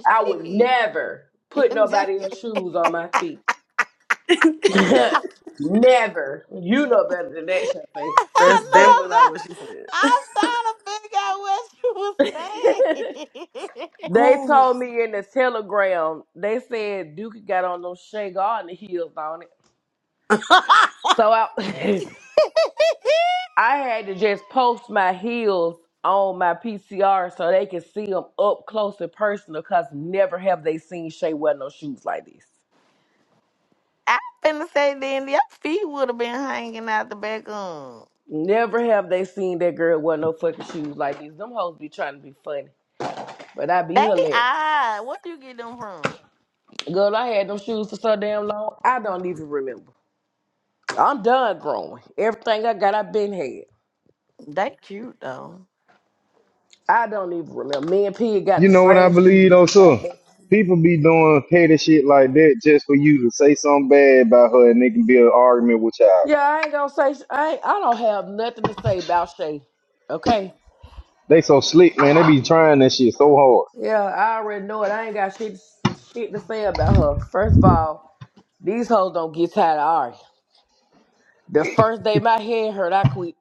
Speaker 4: she's
Speaker 8: I would
Speaker 4: saying.
Speaker 8: never put nobody
Speaker 4: Shit. *laughs*
Speaker 8: else's shoes on my feet. *laughs* never. You know better than that,
Speaker 1: *laughs* That's
Speaker 8: Shafe.
Speaker 1: definitely not
Speaker 4: Lola,
Speaker 1: what she said.
Speaker 4: I'm trying to figure out what you was
Speaker 8: *laughs*
Speaker 4: saying.
Speaker 8: They
Speaker 1: *sighs*
Speaker 8: told me in the telegram, they said Duke got on those Shea Garden heels on it.
Speaker 1: I
Speaker 8: So I, *laughs* I had to just post my heels on my PCR so they could see them up close and personal because never have they seen Shay wear no shoes like this.
Speaker 4: I finna say then your feet would have been hanging out the back room.
Speaker 8: Never have they seen that girl wear no fucking shoes like these. Them hoes be trying to be funny, but I be
Speaker 4: They
Speaker 8: hilarious.
Speaker 4: odd. Where you get them from?
Speaker 8: Girl, I had them shoes for so damn long, I don't even remember. I'm done growing. Everything I got, I been had.
Speaker 4: They cute though.
Speaker 8: I don't even remember. Me and P got
Speaker 3: You
Speaker 8: the
Speaker 3: know what I
Speaker 8: same
Speaker 3: believe
Speaker 8: shoes.
Speaker 3: though,
Speaker 8: We
Speaker 3: too?
Speaker 8: got matching.
Speaker 3: People be doing petty shit like that just for you to say something bad about her and they can be an argument with y'all.
Speaker 8: Yeah, I ain't gonna say. sh- I ain't, I don't have nothing to say about Shay. Okay.
Speaker 3: They so slick, man. They be trying that shit so hard.
Speaker 8: Yeah, I already know it. I ain't got shit shit to say about her. First of all, these hoes don't get tired of Ari. The first day my head hurt, I quit.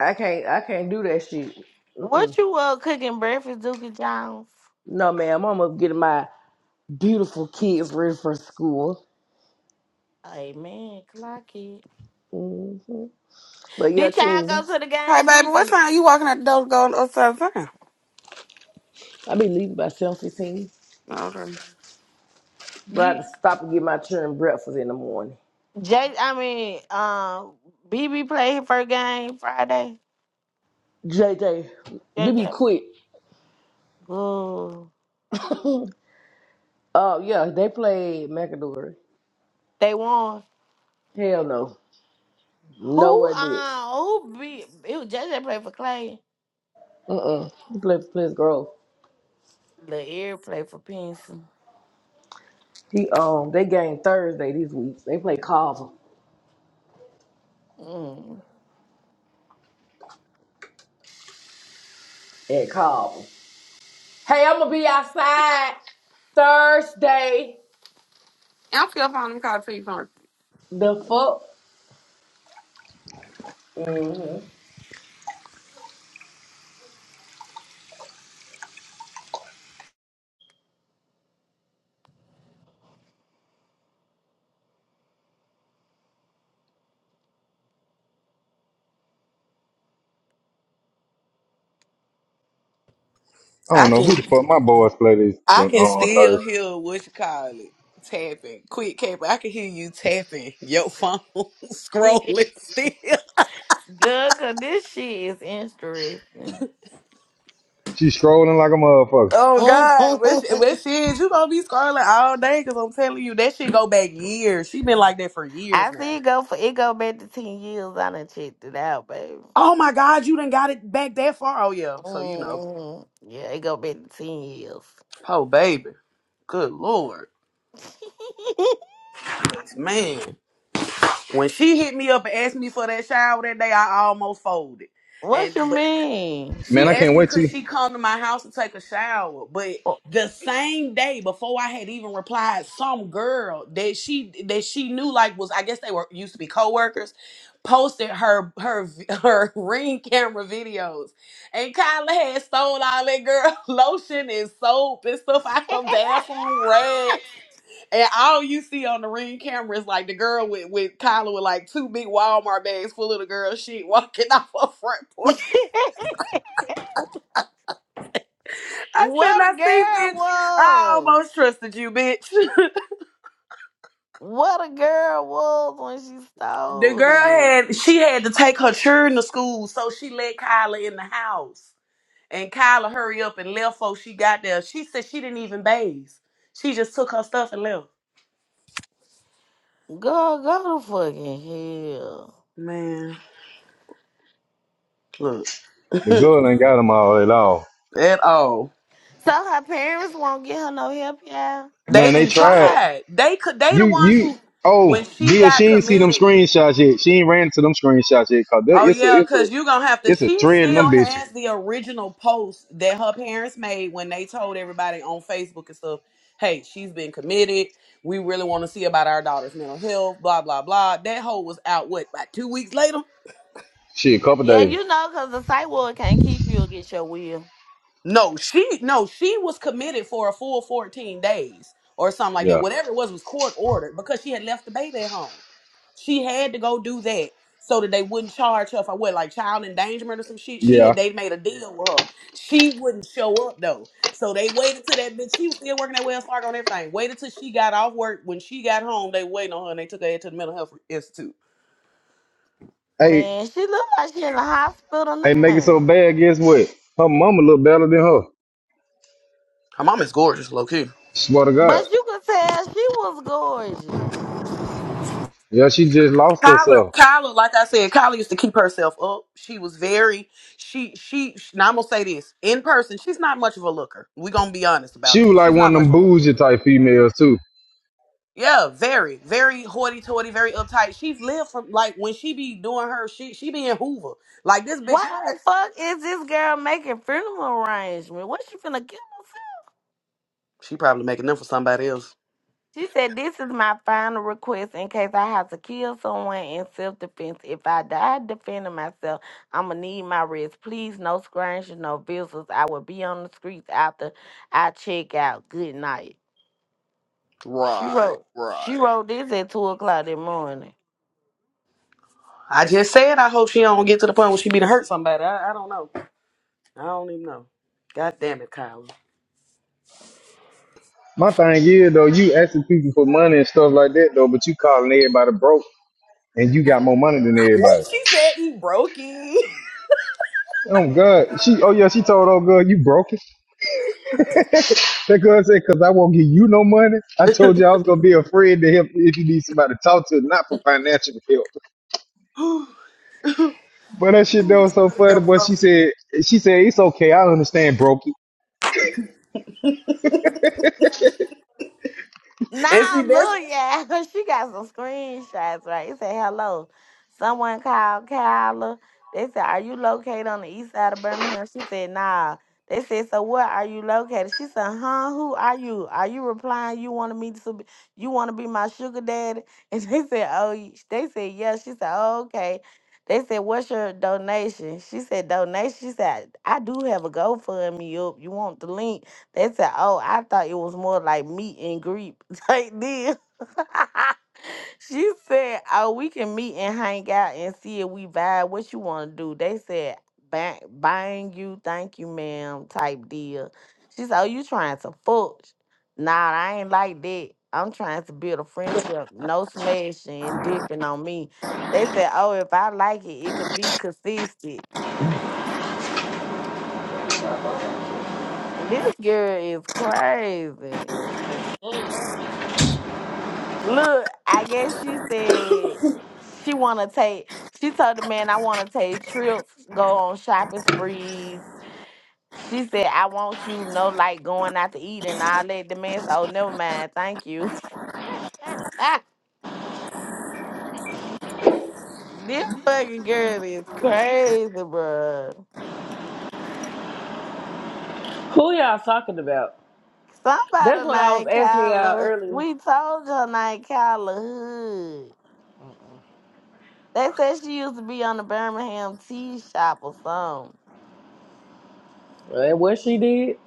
Speaker 8: I can't. I can't do that shit. Mm-mm.
Speaker 4: What you uh cooking breakfast, Dookie Jones?
Speaker 8: No, ma'am. I'm up getting my beautiful kids ready for school.
Speaker 4: Amen, clock it.
Speaker 8: hmm But yeah,
Speaker 4: Did y'all
Speaker 8: King,
Speaker 4: go to the
Speaker 6: Hey,
Speaker 4: game,
Speaker 6: baby, what
Speaker 4: Dookie?
Speaker 6: time you walking out the door going upside down?
Speaker 8: I be leaving by seven fifteen.
Speaker 6: Okay.
Speaker 8: But I have
Speaker 4: You
Speaker 8: to stop and get my children breakfast in the morning.
Speaker 4: Jay I mean, uh BB played her first game Friday.
Speaker 8: JJ,
Speaker 4: J
Speaker 8: BB
Speaker 4: J
Speaker 8: quick.
Speaker 4: Good.
Speaker 8: Oh yeah, they played McAdory.
Speaker 4: They won.
Speaker 8: Hell no,
Speaker 4: Who
Speaker 8: nowhere near.
Speaker 4: uh who beat it was J J played for Clay.
Speaker 8: Mm mm. He played for Pleasant Grove.
Speaker 4: Lair played for Pencil.
Speaker 8: He um, they game Thursday this week. They play Carver
Speaker 4: Mm.
Speaker 8: at Carver. Hey, I'm gonna be outside Thursday.
Speaker 6: I'm still finding them call to you first.
Speaker 8: The fuck?
Speaker 3: I don't know who
Speaker 1: can
Speaker 3: the fuck my boys play this
Speaker 1: I
Speaker 3: on,
Speaker 1: can
Speaker 3: on
Speaker 1: still
Speaker 3: Thursday.
Speaker 1: hear what you call it tapping. Quick cap, I can hear you tapping your phone, *laughs*
Speaker 4: *laughs*
Speaker 1: scrolling still.
Speaker 4: Good cause this shit is interesting.
Speaker 3: She's scrolling like a motherfucker.
Speaker 1: Oh God, but, sh- but
Speaker 4: Mm.
Speaker 1: shit, you gonna be scrolling all day because I'm telling you that shit go back years. She been like that for
Speaker 4: *laughs*
Speaker 1: years
Speaker 4: I
Speaker 1: now.
Speaker 4: see it go for it go back to ten years. I done checked it out, baby.
Speaker 1: Oh my God, you done got it back that far. Oh yeah, so you know,
Speaker 4: mm Yeah, it go back to ten years.
Speaker 1: oh baby, good lord,
Speaker 4: *laughs*
Speaker 1: man. When she hit me up and asked me for that shower that day, I almost folded.
Speaker 4: what
Speaker 1: And
Speaker 4: you mean?
Speaker 3: Man,
Speaker 1: She
Speaker 3: I
Speaker 1: asked
Speaker 3: can't
Speaker 1: me
Speaker 3: wait
Speaker 1: could
Speaker 3: till
Speaker 1: she come to my house to take a shower, but the same day before I had even replied, some girl that she that she knew like was I guess they were used to be coworkers, posted her her v- *laughs* her ring camera videos, and Kyla had stole all that girl *laughs* lotion and soap and stuff out her bathroom rack, and all you see on the ring camera is like the girl with with Kyla with like two big Walmart bags full of the girl shit walking *laughs* off her front porch.
Speaker 4: *laughs*
Speaker 1: I said,
Speaker 4: What
Speaker 1: I
Speaker 4: a
Speaker 1: see,
Speaker 4: girl
Speaker 1: bitch. I
Speaker 4: was.
Speaker 1: almost trusted you, bitch.
Speaker 4: What a girl was when she
Speaker 1: *laughs* the
Speaker 4: stole
Speaker 1: girl
Speaker 4: it.
Speaker 1: had she had to take her children to school, so she let Kyla in the house. And Kyla hurry up and left before she got there. She said she didn't even bathe. She just took her stuff and left.
Speaker 4: Girl, go to fucking hell.
Speaker 1: Man, look.
Speaker 3: the
Speaker 1: *laughs*
Speaker 3: girl ain't got them all at all.
Speaker 1: At all.
Speaker 4: So her parents won't get her no help, yeah?
Speaker 1: They
Speaker 3: Man, they
Speaker 1: didn't
Speaker 3: tried.
Speaker 1: try. They could they the
Speaker 3: You,
Speaker 1: ones
Speaker 3: you,
Speaker 1: who
Speaker 3: oh,
Speaker 1: when she
Speaker 3: Bill, she
Speaker 1: got
Speaker 3: ain't see them
Speaker 1: committed.
Speaker 3: screenshots yet. She ain't ran into them screenshots yet because
Speaker 1: Oh
Speaker 3: it's a,
Speaker 1: yeah,
Speaker 3: it's a,
Speaker 1: cause you gonna have to.
Speaker 3: it's a
Speaker 1: She
Speaker 3: thread in them
Speaker 1: still
Speaker 3: bitches.
Speaker 1: has the original post that her parents made when they told everybody on Facebook and stuff. Hey, she's been committed. We really want to see about our daughter's mental health. Blah blah blah. That whole was out what about two weeks later?
Speaker 3: Shit, couple
Speaker 4: Yeah,
Speaker 3: days.
Speaker 4: you know, 'cause the site ward can't keep you or get your will.
Speaker 1: No, she no, she was committed for a full fourteen days or something like that.
Speaker 3: Yeah.
Speaker 1: Whatever it was was court ordered because she had left the baby at home. She had to go do that so that they wouldn't charge her for what, like child endangerment or some shit. She had
Speaker 3: Yeah.
Speaker 1: they made a deal with her. She wouldn't show up though. So they waited till that bitch. She was still working at Wells Fargo and everything. Waited till she got off work. When she got home, they waited on her and they took her to the mental health institute.
Speaker 4: Man,
Speaker 3: Hey,
Speaker 4: she look like she in the hospital
Speaker 3: hey, make it so
Speaker 4: now.
Speaker 3: bad. Guess what? Her mama look better than her.
Speaker 1: Her mom is gorgeous, low key.
Speaker 3: Swear to God.
Speaker 4: But you could tell she was gorgeous.
Speaker 3: Yeah, she just lost
Speaker 1: Kyla,
Speaker 3: herself.
Speaker 1: Kyla, like I said, Kyla used to keep herself up. She was very, she, she. Now I'm gonna say this in person. She's not much of a looker. We gonna be honest
Speaker 3: She
Speaker 1: about
Speaker 3: was
Speaker 1: that.
Speaker 3: like
Speaker 1: She's
Speaker 3: one
Speaker 1: not
Speaker 3: of
Speaker 1: much of
Speaker 3: them
Speaker 1: a looker
Speaker 3: bougie type females too.
Speaker 1: Yeah, very, very hoity-toity, very uptight. She's lived from like when she be doing her shit, she be in Hoover. Like this bitch
Speaker 4: Why
Speaker 1: hot.
Speaker 4: the fuck is this girl making funeral arrangements? What she finna give
Speaker 1: She probably making them for somebody else.
Speaker 4: She said, This is my final request in case I have to kill someone in self defense. If I die defending myself, I'm going to need my rest. Please, no scratches, no visitors. I will be on the streets after I check out. Good night. She
Speaker 1: Right,
Speaker 4: wrote. She
Speaker 1: right.
Speaker 4: wrote this at two o'clock in the morning.
Speaker 1: I just said I hope she don't get to the point where she be to hurt somebody. I, I don't know. I don't even know. God damn it, Kyla.
Speaker 3: My thing is though, you asking people for money and stuff like that though, but you calling everybody broke and you got more money than everybody.
Speaker 1: What she said, he broke it.
Speaker 3: Oh God, she. Oh yeah, she told oh girl you broke it. That girl said, "Cause I won't give you no money." I told you I was gonna be a friend to help you if you need somebody to talk to, not for financial help.
Speaker 1: *sighs* *laughs*
Speaker 3: But that shit that was so funny.
Speaker 1: Girl,
Speaker 3: But she said, she said it's okay. I understand, Brokey.
Speaker 1: and
Speaker 4: Nah,
Speaker 1: see that's
Speaker 4: look, yeah, *laughs* she got some screenshots, right? It said, hello. Someone called Kyla. They said, are you located on the east side of Birmingham? She said, nah. They said, so where are you located? She said, huh, who are you? Are you replying you want me to be, you want to be my sugar daddy? *laughs* And they said, oh, y- they said, yeah. She said, oh, okay. They said, what's your donation? She said, donation? She said, I do have a GoFundMe up. You want the link? They said, oh, I thought it was more like meet and greet like this. *laughs* she said, "Oh, we can meet and hang out and see if we vibe. What you want to do?" They said, "Bang, bang you, thank you, ma'am," type deal. She said, "Oh, you trying to fuck?" Nah, I ain't like that. I'm trying to build a friendship, no smashing and dipping on me. They said, "Oh, if I like it, it could be consistent." This girl is crazy.
Speaker 1: that's Yes.
Speaker 4: Look, I guess she said she wanna take she told the man I wanna take trips, go on shopping sprees. She said, I want you no like going out to eat and all that. The man said, Oh never mind, thank you. *laughs* this fucking girl is crazy, bruh.
Speaker 8: Who y'all talking about? That's
Speaker 4: Somebody
Speaker 8: what I was
Speaker 4: named
Speaker 8: asking y'all
Speaker 4: Kyla.
Speaker 8: earlier.
Speaker 4: We told her named Kyla Hood. They said she used to be on the Birmingham tea shop or something.
Speaker 8: And what she did?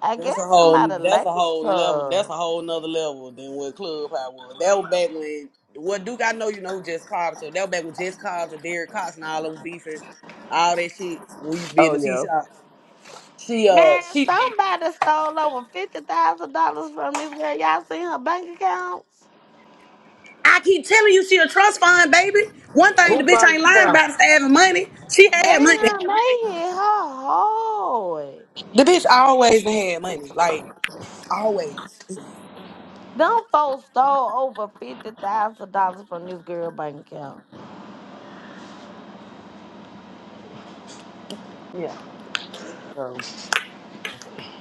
Speaker 4: I guess
Speaker 1: That's a whole.
Speaker 4: somebody
Speaker 1: That's a
Speaker 4: likes
Speaker 1: whole level.
Speaker 4: her.
Speaker 1: That's a whole nother level than what Clubhouse was. That was back when. What Duke? I know you know who Jess Carpenter. That was back when Jess Carpenter, Derek Cox, and all of them beefing, all that shit. When we used to be in
Speaker 8: Oh
Speaker 1: the T
Speaker 8: yeah.
Speaker 1: shop. She uh
Speaker 4: Man,
Speaker 1: she.
Speaker 4: somebody stole over fifty thousand dollars from this girl. Y'all seen her bank accounts?
Speaker 1: I keep telling you, she a trust fund baby. One thing the
Speaker 7: Who
Speaker 1: bitch
Speaker 7: bought
Speaker 1: ain't
Speaker 7: you
Speaker 1: lying
Speaker 7: out?
Speaker 1: about is having money. She
Speaker 4: Damn, they *laughs*
Speaker 1: had money.
Speaker 4: hit her hard.
Speaker 1: The bitch always had money. Like always.
Speaker 4: Them folks stole over fifty thousand dollars from this girl bank account.
Speaker 1: Yeah. So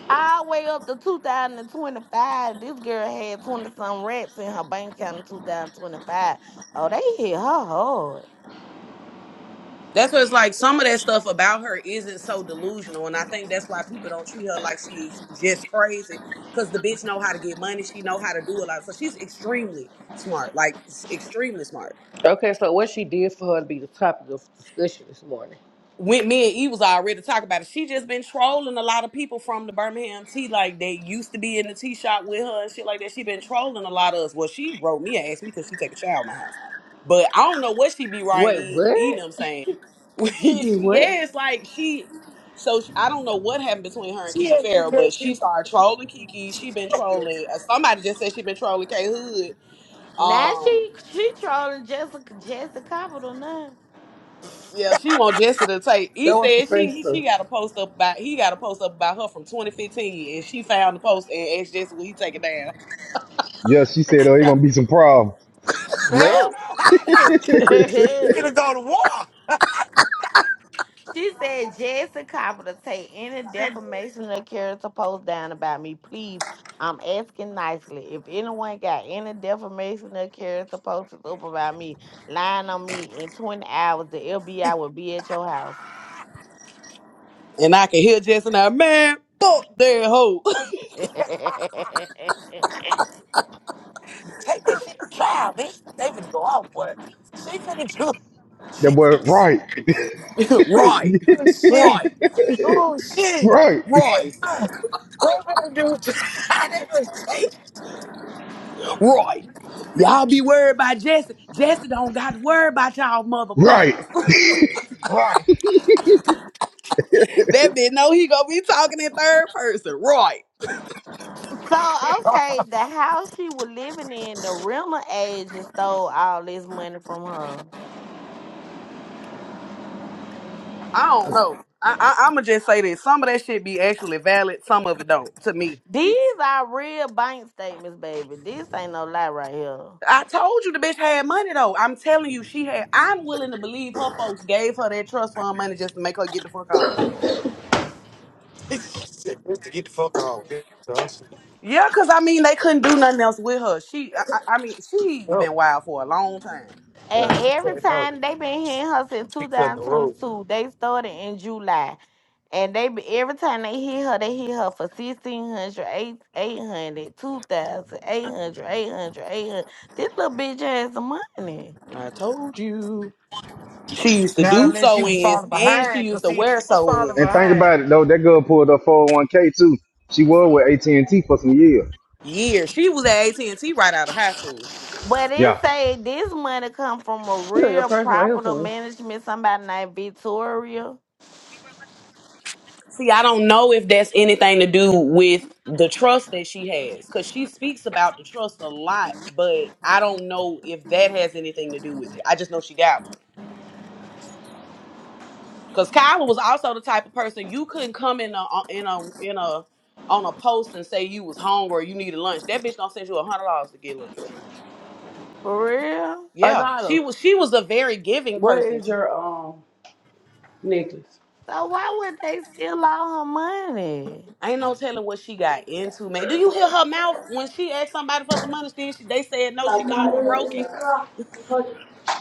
Speaker 4: All the way up to 2025, this girl had 20 some rats in her bank account in 2025. Oh, they hit her hard.
Speaker 1: That's what it's like. Some of that stuff about her isn't so delusional, and I think that's why people don't treat her like she's just crazy. Cause the bitch know how to get money. She know how to do a lot. So she's extremely smart, like s- extremely smart.
Speaker 8: Okay, so what she did for her to be the topic of discussion this morning.
Speaker 1: when me and E was already talking about it, she just been trolling a lot of people from the Birmingham tea, like they used to be in the tea shop with her and shit like that. She been trolling a lot of us. Well, she wrote me and asked me because she take a shower in my house, but I don't know what she be writing.
Speaker 8: Wait,
Speaker 1: E, e
Speaker 8: what?
Speaker 1: know what I'm saying, *laughs*
Speaker 8: She did what?
Speaker 1: yeah, it's like she. So sh I don't know what happened between her and
Speaker 7: She
Speaker 1: Kiki
Speaker 7: actually
Speaker 1: Farrell,
Speaker 7: said
Speaker 1: but
Speaker 7: she
Speaker 1: she
Speaker 7: was
Speaker 1: started trolling Kiki. She been trolling. uh, Somebody just said she been trolling K Hood.
Speaker 4: Now
Speaker 1: Um.
Speaker 4: she she trolling Jessica Jessica Capital now.
Speaker 1: Yeah, she wants Jessica to take. He
Speaker 8: That was your
Speaker 1: said she
Speaker 8: face
Speaker 1: he, she
Speaker 8: first.
Speaker 1: got a post up about he got a post up about her from 2015, and she found the post and asked Jessica will he take it down.
Speaker 3: Yeah, she said, oh, it's gonna be some problems.
Speaker 7: man.
Speaker 8: No.
Speaker 3: *laughs*
Speaker 7: Holly,
Speaker 8: *laughs* you
Speaker 3: that
Speaker 7: finna go to war.
Speaker 4: She said, Jesse Copper to take any defamation or character post down about me. Please, I'm asking nicely. If anyone got any defamation or character posts up about me, lying on me in 20 hours, the FBI will be at your house.
Speaker 1: And I can hear Jessica now, man, fuck that hoe.
Speaker 4: *laughs* so, okay,
Speaker 7: Take that shit to trial, bitch. They finna go off, boy. She finna do. *laughs*
Speaker 3: boy, right,
Speaker 1: *laughs* right,
Speaker 7: She, oh shit.
Speaker 1: right,
Speaker 3: *laughs*
Speaker 7: Oh shit.
Speaker 3: right,
Speaker 1: right,
Speaker 7: They finna do. *laughs* they finna take this
Speaker 1: right. Y'all be worried about Jesse. Jesse don't got to worry about y'all
Speaker 3: right.
Speaker 1: motherfuckers.
Speaker 7: right.
Speaker 1: *laughs* that bitch know he gonna be talking in third person. Right.
Speaker 4: the house she was living in, the rental agent stole all this money from her.
Speaker 1: I don't know. I, I I'ma just say this. Some of that shit be actually valid. Some of it don't. To me.
Speaker 4: These are real bank statements, baby. This ain't no lie right here.
Speaker 1: I told you the bitch had money though. I'm telling you, she had. I'm willing to believe her folks gave her that trust fund money just to make her get the fuck on.
Speaker 7: *laughs* Just to get the fuck off. Get the hustle.
Speaker 1: Yeah, cause I mean they couldn't do nothing else with her. She, I, I I mean, she's been wild for a long time.
Speaker 4: And
Speaker 7: Well, she
Speaker 4: every
Speaker 7: couldn't hurt.
Speaker 4: time they been hitting
Speaker 7: She
Speaker 4: her since
Speaker 7: couldn't roll.
Speaker 4: 2022, they started in July. And they be- every time they hit her, they hit her for 1600, 8 800, 2000, 800, 800, 800. This little bitch has some money.
Speaker 1: I told you, she used to
Speaker 7: Not
Speaker 1: do
Speaker 7: unless she was
Speaker 1: sew-ins
Speaker 7: falling
Speaker 1: and she
Speaker 7: behind.
Speaker 1: used
Speaker 7: Cause
Speaker 1: to
Speaker 7: see, if she
Speaker 1: wear
Speaker 7: was falling
Speaker 3: And
Speaker 1: sew-ins.
Speaker 3: think
Speaker 7: behind,
Speaker 3: about it though. That girl pulled her 401k too. She was with AT and T for some years.
Speaker 1: Yeah, she was at AT and T right out of high school.
Speaker 4: But it
Speaker 3: Yeah.
Speaker 4: say this money come from a
Speaker 8: know your
Speaker 4: real
Speaker 8: purse right here
Speaker 4: property
Speaker 8: for me.
Speaker 4: management, somebody named Victoria.
Speaker 1: See, I don't know if that's anything to do with the trust that she has because she speaks about the trust a lot, but I don't know if that has anything to do with it. I just know she got one because Kyla was also the type of person you couldn't come in a uh, in a in a on a post and say you was hungry or you needed lunch. That bitch gonna send you a hundred dollars to get lunch.
Speaker 4: For real?
Speaker 1: Yeah,
Speaker 8: Anila,
Speaker 1: she was she was a very giving
Speaker 8: what
Speaker 1: person.
Speaker 8: is
Speaker 1: Too.
Speaker 8: your um necklace?
Speaker 4: So why would they steal all her money?
Speaker 1: Ain't no telling what she got into, man. Do you hear her mouth when she asked somebody for some money? Then she, they said no.
Speaker 8: Cause
Speaker 1: She called him a broken.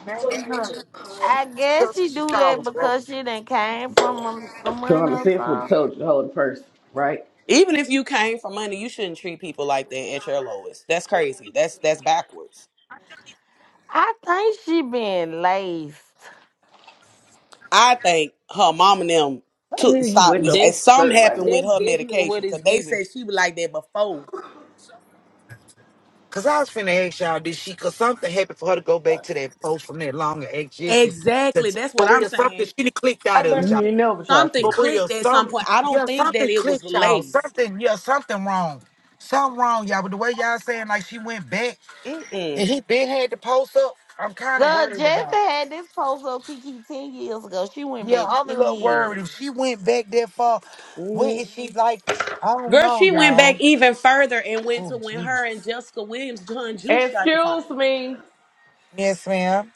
Speaker 7: man, I'm hurt.
Speaker 4: I guess
Speaker 7: That's what
Speaker 4: she
Speaker 7: she
Speaker 4: do that
Speaker 7: called them
Speaker 4: because
Speaker 7: brothers.
Speaker 4: she done came from a- someone
Speaker 8: I'm
Speaker 4: or
Speaker 8: obsessed with the
Speaker 4: something.
Speaker 8: told you to hold the purse, right?
Speaker 1: Even if you came for money, you shouldn't treat people like that at your lowest. That's crazy. That's that's backwards.
Speaker 4: I think she been laced.
Speaker 1: I think her mom and them
Speaker 8: How the
Speaker 1: took
Speaker 8: hell you
Speaker 1: stop
Speaker 8: wet
Speaker 1: this.
Speaker 8: your
Speaker 1: And
Speaker 9: That's
Speaker 1: something
Speaker 8: shirt like
Speaker 1: happened
Speaker 8: that?
Speaker 1: with
Speaker 9: that's
Speaker 1: her
Speaker 9: definitely what
Speaker 1: medication
Speaker 9: it's
Speaker 1: because they
Speaker 9: giving.
Speaker 1: said she was like that before.
Speaker 7: Cause I was finna ask y'all, did she? Cause something happened for her to go back to that post from that long ex Jesse. To,
Speaker 1: Exactly. That's
Speaker 7: for
Speaker 1: what I'm
Speaker 7: real, something
Speaker 1: saying.
Speaker 7: she done clicked
Speaker 8: I
Speaker 7: out of it,
Speaker 8: bet
Speaker 7: y'all.
Speaker 8: you ain't never tried
Speaker 1: Something
Speaker 8: to.
Speaker 7: For real,
Speaker 1: clicked at
Speaker 7: some
Speaker 1: some point. I
Speaker 7: yeah,
Speaker 1: don't think that
Speaker 7: something
Speaker 1: it was
Speaker 7: clicked, y'all.
Speaker 1: laced.
Speaker 7: Something yeah, something wrong. Something wrong, y'all. But the way y'all saying like she went back
Speaker 1: Mm-mm.
Speaker 7: and he been had the post up, I'm kind of
Speaker 4: Girl,
Speaker 7: worried about. it.
Speaker 4: Jessica had this post of Kiki ten years ago. She went
Speaker 7: Yeah,
Speaker 4: back
Speaker 7: I'm a
Speaker 4: ten
Speaker 7: little worried. If
Speaker 4: years.
Speaker 7: she went back that far, what
Speaker 1: mm
Speaker 7: is she like? I don't
Speaker 1: Girl,
Speaker 7: know,
Speaker 1: she went
Speaker 7: y'all.
Speaker 1: back even further and went
Speaker 7: Oh,
Speaker 1: to when
Speaker 7: Jesus.
Speaker 1: her and Jessica Williams, John Juice, got the fine.
Speaker 8: Excuse me.
Speaker 7: Yes, ma'am.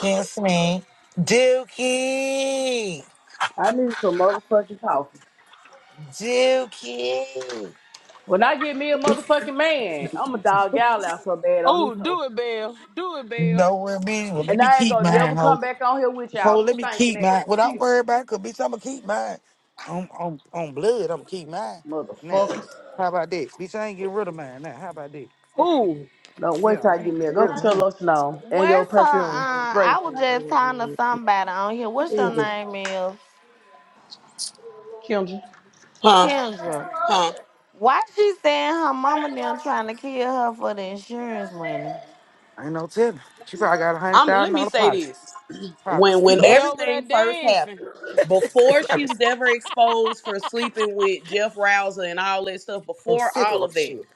Speaker 7: Yes, ma'am. Dookie.
Speaker 8: I need some motherfucking coffee.
Speaker 7: Dookie.
Speaker 8: When I get me a motherfucking man, I'm a dog out out for a bed on this
Speaker 9: Oh,
Speaker 8: hoe.
Speaker 9: do it, Belle. Do it, Belle.
Speaker 7: No, well, bitch. Well, let
Speaker 8: And
Speaker 7: me
Speaker 8: I ain't
Speaker 7: keep
Speaker 8: gonna never
Speaker 7: mine,
Speaker 8: come
Speaker 7: ho.
Speaker 8: back on here with
Speaker 7: So
Speaker 8: y'all
Speaker 7: let me
Speaker 8: stinking
Speaker 7: keep mine. Well, don't
Speaker 8: ass.
Speaker 7: worry about it, 'cause, bitch, I'm going to keep mine. On, on, on blood, I'm going to keep mine. Now,
Speaker 8: Motherfuckers.
Speaker 7: how about that? Bitch, I ain't getting rid of mine. Now, how about that? Fuck, bitch.
Speaker 9: Ooh,
Speaker 8: Don't wait till
Speaker 7: Yeah,
Speaker 8: I
Speaker 7: I
Speaker 8: get
Speaker 7: ain't
Speaker 8: me.
Speaker 7: getting
Speaker 8: Go
Speaker 7: rid of
Speaker 8: put your
Speaker 7: mine.
Speaker 8: lotion on and your
Speaker 4: Where's her?
Speaker 8: perfume.
Speaker 4: Uh,
Speaker 8: Ray,
Speaker 4: I was just talking to somebody on here. What's your name is?
Speaker 8: Kendra.
Speaker 1: Huh?
Speaker 4: Kendra.
Speaker 1: Huh?
Speaker 4: Why she saying her mama them trying to kill her for the insurance money?
Speaker 7: Ain't no telling. She probably got a
Speaker 1: I'm. Let me
Speaker 7: $100,000
Speaker 1: say
Speaker 7: pot.
Speaker 1: this.
Speaker 7: I'm
Speaker 1: when when
Speaker 7: sick of her
Speaker 9: they over
Speaker 7: shit.
Speaker 9: there
Speaker 1: everything first
Speaker 9: dancing.
Speaker 1: happened before
Speaker 7: *laughs* I'm
Speaker 1: she was ever exposed for sleeping with jeff rouser and all that stuff
Speaker 7: I'm
Speaker 1: before
Speaker 7: sick of
Speaker 1: all
Speaker 7: her
Speaker 1: of that
Speaker 7: shit.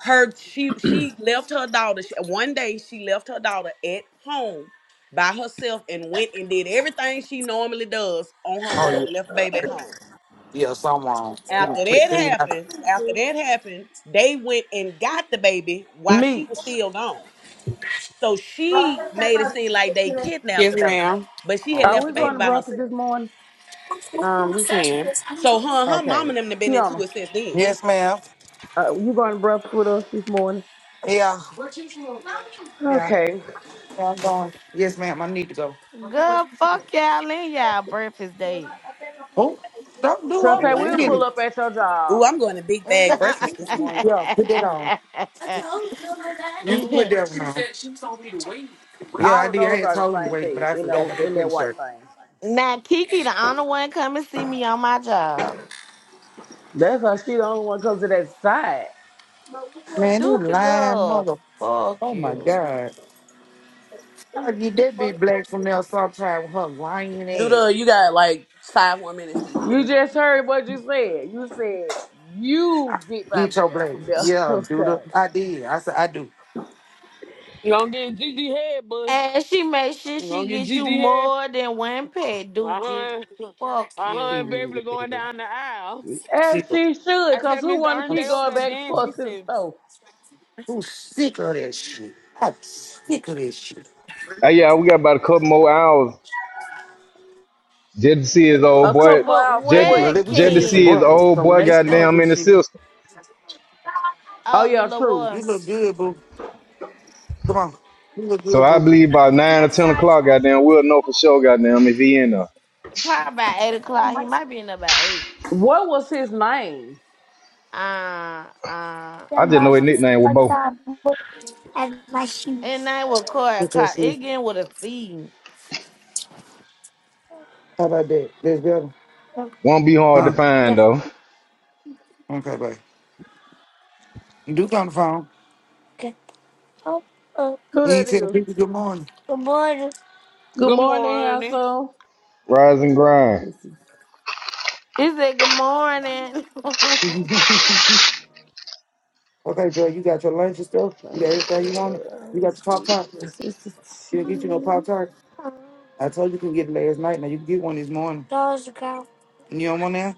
Speaker 1: her she she left her daughter she, one day she left her daughter at home by herself and went and did everything she normally does on her
Speaker 7: Oh
Speaker 1: own
Speaker 7: yeah,
Speaker 1: left the baby at home
Speaker 7: yeah, someone she done
Speaker 1: after
Speaker 7: quit
Speaker 1: that
Speaker 7: clean up.
Speaker 1: happened after that happened they went and got the baby while she was
Speaker 8: Meach.
Speaker 1: still gone so she made it seem like they kidnapped
Speaker 6: Yes,
Speaker 1: the baby
Speaker 6: ma'am.
Speaker 1: but she had
Speaker 7: Oh
Speaker 8: Are
Speaker 1: left the
Speaker 8: we
Speaker 1: baby
Speaker 8: going to
Speaker 1: by
Speaker 7: lord.
Speaker 8: breakfast
Speaker 1: herself
Speaker 8: this morning?
Speaker 6: Um, we can.
Speaker 1: So her her mom
Speaker 8: Okay.
Speaker 1: and them have been into
Speaker 8: Kiana,
Speaker 1: it since then.
Speaker 7: Yes, ma'am.
Speaker 8: uh, you going to breakfast with us this morning?
Speaker 7: Yeah. What you smoke? Yeah.
Speaker 8: Okay.
Speaker 7: yeah, I'm going. Yes, ma'am. I need to go.
Speaker 4: Girl, fuck y'all and y'all breakfast date.
Speaker 7: Oh, don't do
Speaker 8: So
Speaker 7: up.
Speaker 6: Well,
Speaker 8: say
Speaker 7: Wait a
Speaker 8: we'll pull
Speaker 6: damn.
Speaker 7: minute.
Speaker 8: up at your job.
Speaker 1: Ooh, I'm going to big bag breakfast this morning.
Speaker 7: Yeah, put that on. I told
Speaker 4: *laughs*
Speaker 7: you that. You can put
Speaker 4: *laughs*
Speaker 7: that one on. She she told me to wait. Yeah, I
Speaker 8: All of
Speaker 7: did. I
Speaker 8: those
Speaker 7: had
Speaker 8: are the
Speaker 7: told him to
Speaker 8: same
Speaker 7: wait, but
Speaker 8: thing
Speaker 7: I
Speaker 8: in
Speaker 7: forgot
Speaker 8: those
Speaker 7: about that
Speaker 8: in that
Speaker 7: pink
Speaker 8: white
Speaker 7: shirt.
Speaker 8: thing.
Speaker 4: now Kiki, the honor one, come and see me on my job.
Speaker 8: That's why she the only one comes to that side.
Speaker 7: Man, this
Speaker 4: Duke it
Speaker 7: lying
Speaker 4: up.
Speaker 7: mother.
Speaker 4: Fuck
Speaker 7: Oh my
Speaker 4: you.
Speaker 7: god. I get that big black from there sometime with her lying ass.
Speaker 1: Duda, you got like five more minutes to eat,
Speaker 8: You
Speaker 1: dude.
Speaker 8: just heard what you said. You said you get my
Speaker 7: Get your
Speaker 8: blessed
Speaker 7: black.
Speaker 8: from the *laughs*
Speaker 7: Yeah,
Speaker 8: other
Speaker 7: do the
Speaker 8: side.
Speaker 7: I did. I said I do.
Speaker 9: You gonna get Gigi head, buzz.
Speaker 4: And she make sure
Speaker 9: You gonna
Speaker 4: she
Speaker 9: get
Speaker 4: get you
Speaker 9: Gigi head.
Speaker 4: more than one pet, Duke it.
Speaker 9: Uh-huh.
Speaker 4: Fuck
Speaker 9: Uh-huh,
Speaker 4: you.
Speaker 9: Beverly going down the aisle.
Speaker 8: As
Speaker 7: Sick of-
Speaker 8: she should,
Speaker 9: I
Speaker 8: because
Speaker 9: said,
Speaker 8: who
Speaker 9: Mr.
Speaker 8: want to
Speaker 9: Ernie,
Speaker 7: I'm
Speaker 9: they
Speaker 8: keep
Speaker 9: over
Speaker 8: going
Speaker 9: there
Speaker 8: back
Speaker 7: so
Speaker 8: and
Speaker 9: dancing. He
Speaker 8: forth his
Speaker 9: said,
Speaker 8: toe?
Speaker 7: sick of that shit. I'm sick of this shit.
Speaker 3: Hey, yeah, we got about a couple more hours. Just to see his old
Speaker 8: A
Speaker 3: boy.
Speaker 8: couple more
Speaker 4: But
Speaker 8: out for
Speaker 3: Just,
Speaker 7: Well,
Speaker 8: what?
Speaker 4: what
Speaker 7: look, we
Speaker 3: just
Speaker 7: finna
Speaker 3: to
Speaker 7: get some
Speaker 3: see his
Speaker 4: King?
Speaker 7: breakfast.
Speaker 3: old
Speaker 7: So when
Speaker 3: boy.
Speaker 7: they start
Speaker 3: Goddamn in
Speaker 7: this
Speaker 3: the
Speaker 7: shit,
Speaker 3: system.
Speaker 8: Oh,
Speaker 4: Oh, the
Speaker 8: yeah,
Speaker 4: little
Speaker 8: true.
Speaker 4: boy.
Speaker 7: you look good, boo. Come on. You look
Speaker 3: So
Speaker 7: good,
Speaker 3: I
Speaker 7: boo.
Speaker 3: believe by nine or
Speaker 7: Next
Speaker 3: ten
Speaker 7: shot,
Speaker 3: o'clock,
Speaker 7: I
Speaker 3: goddamn, we'll know for sure, goddamn, if he in there.
Speaker 4: Probably about eight o'clock. He
Speaker 7: must
Speaker 4: might be in there by eight.
Speaker 8: What was his name?
Speaker 4: Uh, uh,
Speaker 3: I
Speaker 7: them
Speaker 3: just
Speaker 7: by
Speaker 3: know
Speaker 4: uh.
Speaker 3: his nickname was Bo.
Speaker 7: time and my
Speaker 4: And
Speaker 7: shoes.
Speaker 4: I will call It
Speaker 7: Put your shoes.
Speaker 4: It getting with a C.
Speaker 7: How about that? That's better? No.
Speaker 3: Won't be hard to
Speaker 7: Huh?
Speaker 3: find
Speaker 7: Yes.
Speaker 3: though.
Speaker 7: Okay, bye. You do on the phone. Okay. Oh, uh,
Speaker 8: Who
Speaker 7: you ain't
Speaker 8: that
Speaker 7: tell
Speaker 8: is?
Speaker 7: people good morning. Good morning.
Speaker 8: Good
Speaker 9: Good
Speaker 8: morning,
Speaker 9: morning.
Speaker 8: household.
Speaker 3: Rise and
Speaker 8: Let
Speaker 3: grind.
Speaker 8: me see.
Speaker 4: He said, "Good morning." *laughs*
Speaker 7: *laughs* okay, girl, you got your lunch and stuff.
Speaker 8: Uh,
Speaker 7: You got everything you wanted. You
Speaker 8: let me
Speaker 7: got your Pop
Speaker 8: see.
Speaker 7: Tart.
Speaker 8: Is this a
Speaker 7: You didn't get you no Pop
Speaker 8: team?
Speaker 7: Tart. I told you you can get it last night. Now you can get one this morning. Dollars ago. You don't want that?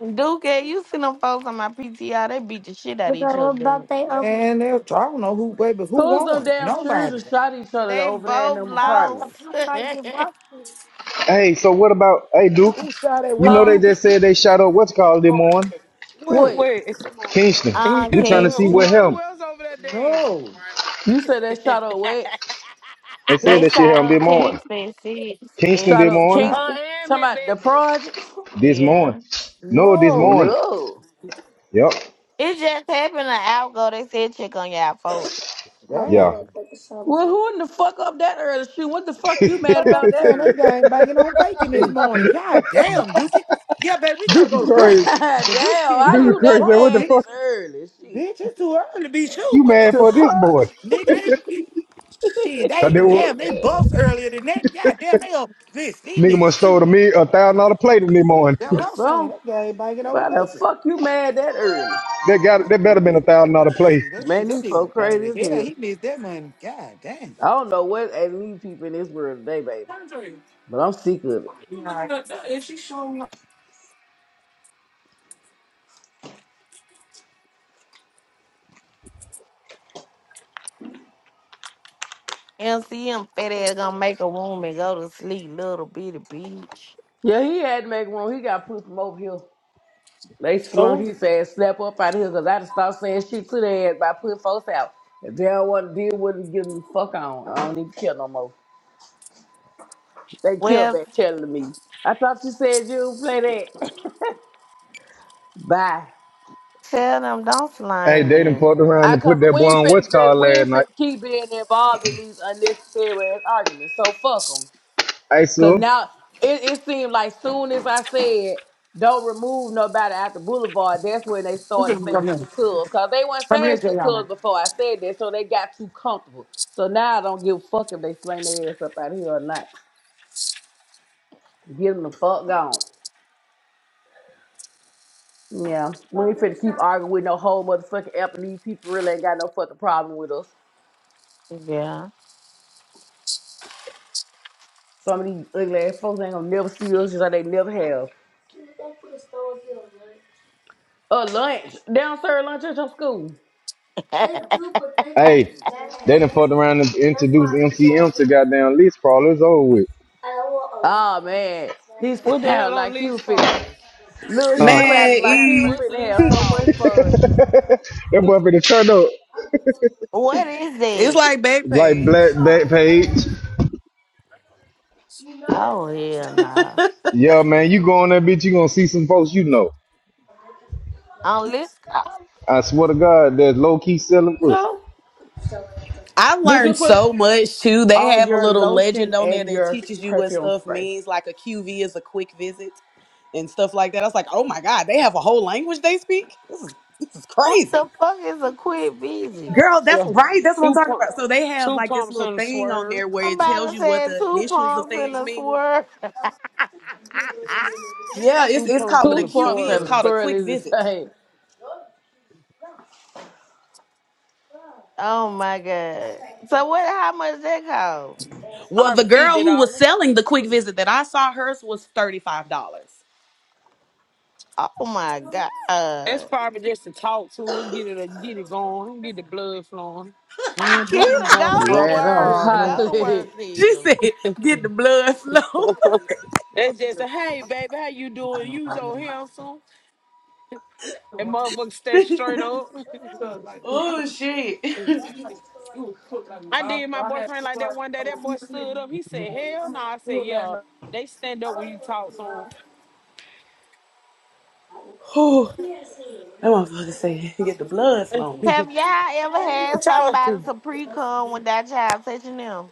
Speaker 4: Duke, you see them folks on my PTR, they beat the shit out of
Speaker 7: Because
Speaker 4: each
Speaker 7: what
Speaker 4: other.
Speaker 7: about they open? And they'll, I don't know who, baby, who
Speaker 8: Who's them
Speaker 7: won?
Speaker 8: damn
Speaker 7: Nobody.
Speaker 8: children
Speaker 7: they
Speaker 8: shot each other
Speaker 4: They
Speaker 8: over there in
Speaker 4: both
Speaker 8: them
Speaker 7: the
Speaker 4: lost.
Speaker 8: apartments?
Speaker 7: Pop Tarts you bought me.
Speaker 3: Hey, so what about hey Duke?
Speaker 7: Who shot at
Speaker 3: You
Speaker 7: Well
Speaker 3: know
Speaker 8: Huh?
Speaker 3: they
Speaker 7: Duke?
Speaker 3: just said they shot up what's it called this morning?
Speaker 9: Oh,
Speaker 7: Wait,
Speaker 8: Wait,
Speaker 9: wait.
Speaker 4: *laughs*
Speaker 3: Kingston.
Speaker 9: *laughs* who,
Speaker 4: uh,
Speaker 3: We trying to see what
Speaker 4: Kingston.
Speaker 3: happened.
Speaker 9: who else over there dancing?
Speaker 7: no.
Speaker 8: you said they shot a what?
Speaker 3: They said
Speaker 4: They
Speaker 3: that shit
Speaker 7: Pinkster,
Speaker 4: shot
Speaker 3: happened
Speaker 4: up
Speaker 3: this morning.
Speaker 4: Kingston at six, at
Speaker 3: Kingston
Speaker 8: Shout
Speaker 3: this
Speaker 4: six
Speaker 8: out
Speaker 3: morning.
Speaker 4: o'clock.
Speaker 9: Her
Speaker 8: Kingston.
Speaker 9: and
Speaker 8: Talking
Speaker 9: me,
Speaker 8: about the
Speaker 9: Beverly.
Speaker 8: project?
Speaker 3: This morning.
Speaker 4: Yeah.
Speaker 3: No, this
Speaker 7: no.
Speaker 3: morning.
Speaker 8: No.
Speaker 3: Yep.
Speaker 4: It just happened an hour ago. They said check on y'all folks.
Speaker 3: Yeah.
Speaker 7: Damn.
Speaker 8: Well, who in the fuck up that early? Shoot, what the fuck you
Speaker 3: *laughs*
Speaker 7: You
Speaker 3: Duke
Speaker 7: know
Speaker 8: mad
Speaker 7: what
Speaker 8: about
Speaker 7: I'm
Speaker 8: that
Speaker 7: saying? They
Speaker 8: early?
Speaker 7: gang banging on bacon this
Speaker 8: Shit.
Speaker 7: morning. God damn, Dookie. Yeah, baby, we gotta go
Speaker 8: *laughs*
Speaker 3: is
Speaker 7: to
Speaker 3: crazy.
Speaker 7: breakfast.
Speaker 8: Damn,
Speaker 7: Cause this shit here
Speaker 8: how
Speaker 7: out
Speaker 3: Duke is
Speaker 7: of
Speaker 8: you that
Speaker 3: crazy.
Speaker 7: control,
Speaker 3: What the
Speaker 8: mad
Speaker 7: bitch.
Speaker 8: this
Speaker 3: fuck
Speaker 8: early?
Speaker 7: Bitch,
Speaker 8: Shit.
Speaker 7: it's too early to be shooting.
Speaker 3: you
Speaker 7: What the
Speaker 3: mad
Speaker 8: The
Speaker 3: for
Speaker 7: fuck?
Speaker 3: this morning?
Speaker 8: fuck?
Speaker 7: Nigga, they shit,
Speaker 3: Cause they
Speaker 7: they
Speaker 3: were,
Speaker 7: damn, they bust earlier than that. God damn, they up this these
Speaker 3: nigga
Speaker 7: niggas
Speaker 3: must stole to
Speaker 7: shooting.
Speaker 3: me a thousand dollar plate in the morning.
Speaker 7: That's
Speaker 3: *laughs*
Speaker 7: what
Speaker 8: But
Speaker 7: I'm saying.
Speaker 8: so,
Speaker 7: That guy ain't banging over
Speaker 8: why the
Speaker 7: bacon.
Speaker 8: fuck you mad that early?
Speaker 3: That got that better been a thousand dollar plate.
Speaker 7: Shit, that shit,
Speaker 8: Man,
Speaker 7: that
Speaker 8: these
Speaker 7: nigga
Speaker 8: folk
Speaker 7: was mad
Speaker 8: crazy
Speaker 7: as
Speaker 8: as
Speaker 7: hell.
Speaker 8: hell.
Speaker 7: He missed that money. God damn.
Speaker 8: I don't know what ain't these people in this world today, baby.
Speaker 7: Andre,
Speaker 8: But I'm sick of it.
Speaker 7: you All right. looking at that? Is she showing up-
Speaker 4: MCM fat ass gonna make a room and go to sleep, little bitty bitch.
Speaker 8: Yeah, he had to make room. He got put from over here. They slunk
Speaker 9: So,
Speaker 8: his ass snap up out of here because I just start saying shit to their ass by putting folks out. If they don't want to deal with it, give them the fuck on. I don't even care no more. They killed
Speaker 4: Well,
Speaker 8: back telling me. I thought you said you would play that. *laughs* Bye.
Speaker 4: tell them don't
Speaker 3: Hey,
Speaker 4: slime
Speaker 3: they done
Speaker 4: me.
Speaker 3: fucked around
Speaker 8: I
Speaker 3: and
Speaker 8: cause
Speaker 3: put that
Speaker 8: we
Speaker 3: boy
Speaker 8: ain't
Speaker 3: on
Speaker 8: finna
Speaker 3: what's
Speaker 8: ju-
Speaker 3: called
Speaker 8: we
Speaker 3: last
Speaker 8: ain't finna
Speaker 3: night.
Speaker 8: keep being involved in these unnecessary ass arguments. So fuck 'em.
Speaker 3: Hey,
Speaker 8: Cause
Speaker 3: Sue.
Speaker 8: now it, it seemed like soon as I said don't remove nobody out the boulevard, that's when they started saying shit to us. Cause they weren't saying shit to us before I said that, so they got too comfortable. So now I don't give a fuck if they sling their ass up out here or not. Get them the fuck gone. Yeah, we ain't finna keep arguing with no whole motherfucking app, and these people really ain't got no fucking problem with us.
Speaker 4: Yeah.
Speaker 8: Some of these ugly ass folks ain't gonna never see us just like they never have. A lunch downstairs lunch at your school.
Speaker 4: *laughs*
Speaker 3: Hey, they done fucked around and introduced MCM to goddamn lease crawlers over with.
Speaker 8: Oh man, he
Speaker 9: what the
Speaker 8: sounded
Speaker 9: hell
Speaker 8: *laughs*
Speaker 9: on
Speaker 8: like he
Speaker 9: lease
Speaker 8: was fit.
Speaker 9: Crawlers?
Speaker 8: Look, he
Speaker 3: Huh?
Speaker 1: Man,
Speaker 8: sounded like he
Speaker 1: E,
Speaker 8: was
Speaker 9: What's
Speaker 8: fit to
Speaker 9: lease
Speaker 8: have so much
Speaker 9: Crawlers?
Speaker 8: fun.
Speaker 3: That boy for the turn up
Speaker 4: what is
Speaker 1: it's
Speaker 4: it?
Speaker 1: like
Speaker 3: like black
Speaker 1: Backpage.
Speaker 3: back page.
Speaker 4: Oh, hell nah.
Speaker 1: *laughs*
Speaker 3: Yeah, man, you go on that bitch, you gonna see some folks you know.
Speaker 8: Okay.
Speaker 4: On list call.
Speaker 3: I swear to God, that's low key selling pussy.
Speaker 8: So, So
Speaker 1: I
Speaker 8: did you
Speaker 1: learned
Speaker 8: put
Speaker 1: so much too. They
Speaker 8: on
Speaker 1: have a
Speaker 8: your
Speaker 1: little
Speaker 8: lotion
Speaker 1: legend on there
Speaker 8: and
Speaker 1: that
Speaker 8: your
Speaker 1: teaches you what
Speaker 8: perfume
Speaker 1: stuff
Speaker 8: spray?
Speaker 1: means, like a QV is a quick visit and stuff like that. I was like, oh my god, they have a whole language they speak. This is this is
Speaker 4: What
Speaker 1: crazy.
Speaker 4: the fuck is a quit busy?
Speaker 1: Girl, that's
Speaker 9: Yeah.
Speaker 1: right. That's what I'm
Speaker 9: Two
Speaker 1: talking
Speaker 9: pumps.
Speaker 1: about. So they have
Speaker 9: Two
Speaker 1: like this
Speaker 9: pumps
Speaker 1: little
Speaker 9: in the
Speaker 1: thing on
Speaker 9: swerve.
Speaker 1: there where it tells
Speaker 4: Somebody
Speaker 1: you what
Speaker 4: said
Speaker 1: the
Speaker 4: two
Speaker 1: initials of
Speaker 4: pumps in
Speaker 1: things
Speaker 4: a
Speaker 1: mean.
Speaker 4: swerve. *laughs*
Speaker 1: Yeah, it's
Speaker 9: Two
Speaker 1: it's
Speaker 9: pumps
Speaker 1: called, but
Speaker 9: in
Speaker 1: a
Speaker 9: the
Speaker 8: Two pumps
Speaker 1: QV is
Speaker 8: and
Speaker 9: swerve.
Speaker 1: called a quick
Speaker 8: surely the
Speaker 1: visit.
Speaker 8: same.
Speaker 4: oh my god.
Speaker 8: okay,
Speaker 4: So what how much that cost?
Speaker 1: Well, the
Speaker 9: Probably
Speaker 8: man.
Speaker 1: girl
Speaker 9: fifty
Speaker 1: who was
Speaker 9: dollars.
Speaker 1: selling the quick visit that I saw hers was thirty five dollars.
Speaker 4: Oh my
Speaker 9: That's
Speaker 4: god.
Speaker 9: probably just to talk to her, get it get it going, get the blood flowing.
Speaker 7: Me and Duke, I'm
Speaker 4: Keita,
Speaker 7: going to
Speaker 4: go to
Speaker 8: Man,
Speaker 7: breakfast.
Speaker 8: I'm
Speaker 7: Uh,
Speaker 4: work.
Speaker 7: no.
Speaker 4: Go to
Speaker 8: hot. *laughs*
Speaker 4: work,
Speaker 1: She *laughs*
Speaker 4: Keita.
Speaker 1: said, "Get the blood flow."
Speaker 9: That's just a hey baby, how you doing?
Speaker 7: no,
Speaker 9: You so
Speaker 7: no,
Speaker 9: handsome. And
Speaker 7: no.
Speaker 9: motherfucker stay
Speaker 1: *laughs*
Speaker 9: straight up.
Speaker 7: Cause like,
Speaker 1: oh shit!
Speaker 9: *laughs*
Speaker 7: like you put like
Speaker 9: I
Speaker 7: I,
Speaker 9: did my
Speaker 7: I had
Speaker 9: boyfriend like
Speaker 7: people
Speaker 9: that
Speaker 7: out
Speaker 9: one day.
Speaker 7: I
Speaker 9: That
Speaker 7: was
Speaker 9: boy
Speaker 7: yesterday.
Speaker 9: stood up. He said, Hell
Speaker 7: I'm
Speaker 9: no.
Speaker 7: on
Speaker 9: I said,
Speaker 7: tour last
Speaker 9: Yeah,
Speaker 7: night.
Speaker 9: they stand up when you talk to
Speaker 1: Oh, that motherfucker said, *laughs* "Get the blood
Speaker 9: them. *laughs*
Speaker 1: flowing."
Speaker 4: Have y'all
Speaker 9: For
Speaker 4: ever
Speaker 9: real.
Speaker 4: had
Speaker 9: Talk.
Speaker 4: somebody to pre cum without y'all touching them?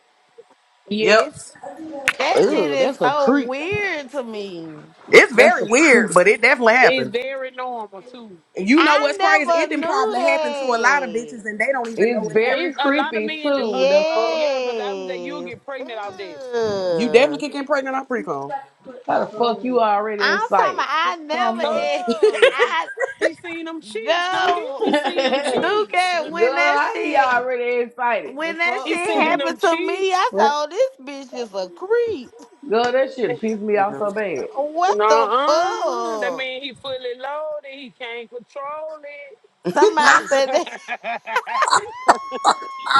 Speaker 9: *laughs*
Speaker 1: Yep,
Speaker 9: Yes.
Speaker 4: That shit
Speaker 8: Ooh,
Speaker 4: is
Speaker 8: that's a
Speaker 4: so
Speaker 8: creep.
Speaker 4: weird to me.
Speaker 1: it's
Speaker 8: That's
Speaker 1: very
Speaker 8: a creep.
Speaker 1: weird, but it definitely
Speaker 9: It's
Speaker 1: happened.
Speaker 9: very normal too.
Speaker 1: And you know what's crazy?
Speaker 4: I
Speaker 1: It
Speaker 4: never
Speaker 1: didn't probably happen to a lot of
Speaker 4: knew
Speaker 1: bitches, and they don't even
Speaker 8: It's
Speaker 1: know it happened.
Speaker 8: very
Speaker 9: It's a lot of
Speaker 8: creepy
Speaker 9: men do. Uh,
Speaker 8: too. The
Speaker 9: uh,
Speaker 8: fuck?
Speaker 9: yeah, because I was that you'll
Speaker 4: Yes.
Speaker 9: get pregnant off that.
Speaker 1: You
Speaker 4: Ew.
Speaker 1: definitely can get pregnant off pre cum.
Speaker 8: How the fuck you already
Speaker 4: I'm talking
Speaker 8: excited?
Speaker 4: about I
Speaker 8: Calm
Speaker 4: never
Speaker 8: your ass.
Speaker 4: ate. *laughs*
Speaker 9: Oh,
Speaker 4: I
Speaker 9: he seen them cheeks, Dookie.
Speaker 4: go
Speaker 9: He seen them
Speaker 8: *laughs*
Speaker 9: cheeks.
Speaker 4: Duke
Speaker 8: Girl,
Speaker 4: when that
Speaker 8: I ain't
Speaker 4: shit
Speaker 8: already excited. The
Speaker 4: when that
Speaker 9: He
Speaker 4: shit
Speaker 8: fuck?
Speaker 9: seen
Speaker 8: *laughs*
Speaker 9: them
Speaker 4: happened to me,
Speaker 9: cheeks.
Speaker 4: I said,
Speaker 8: what?
Speaker 4: Oh, this bitch is a creep.
Speaker 8: Girl, that shit pissed me off so bad.
Speaker 4: What the
Speaker 9: Nuh-uh. That
Speaker 4: fuck?
Speaker 9: mean he fully loaded. He can't control
Speaker 4: Somebody said that
Speaker 9: it.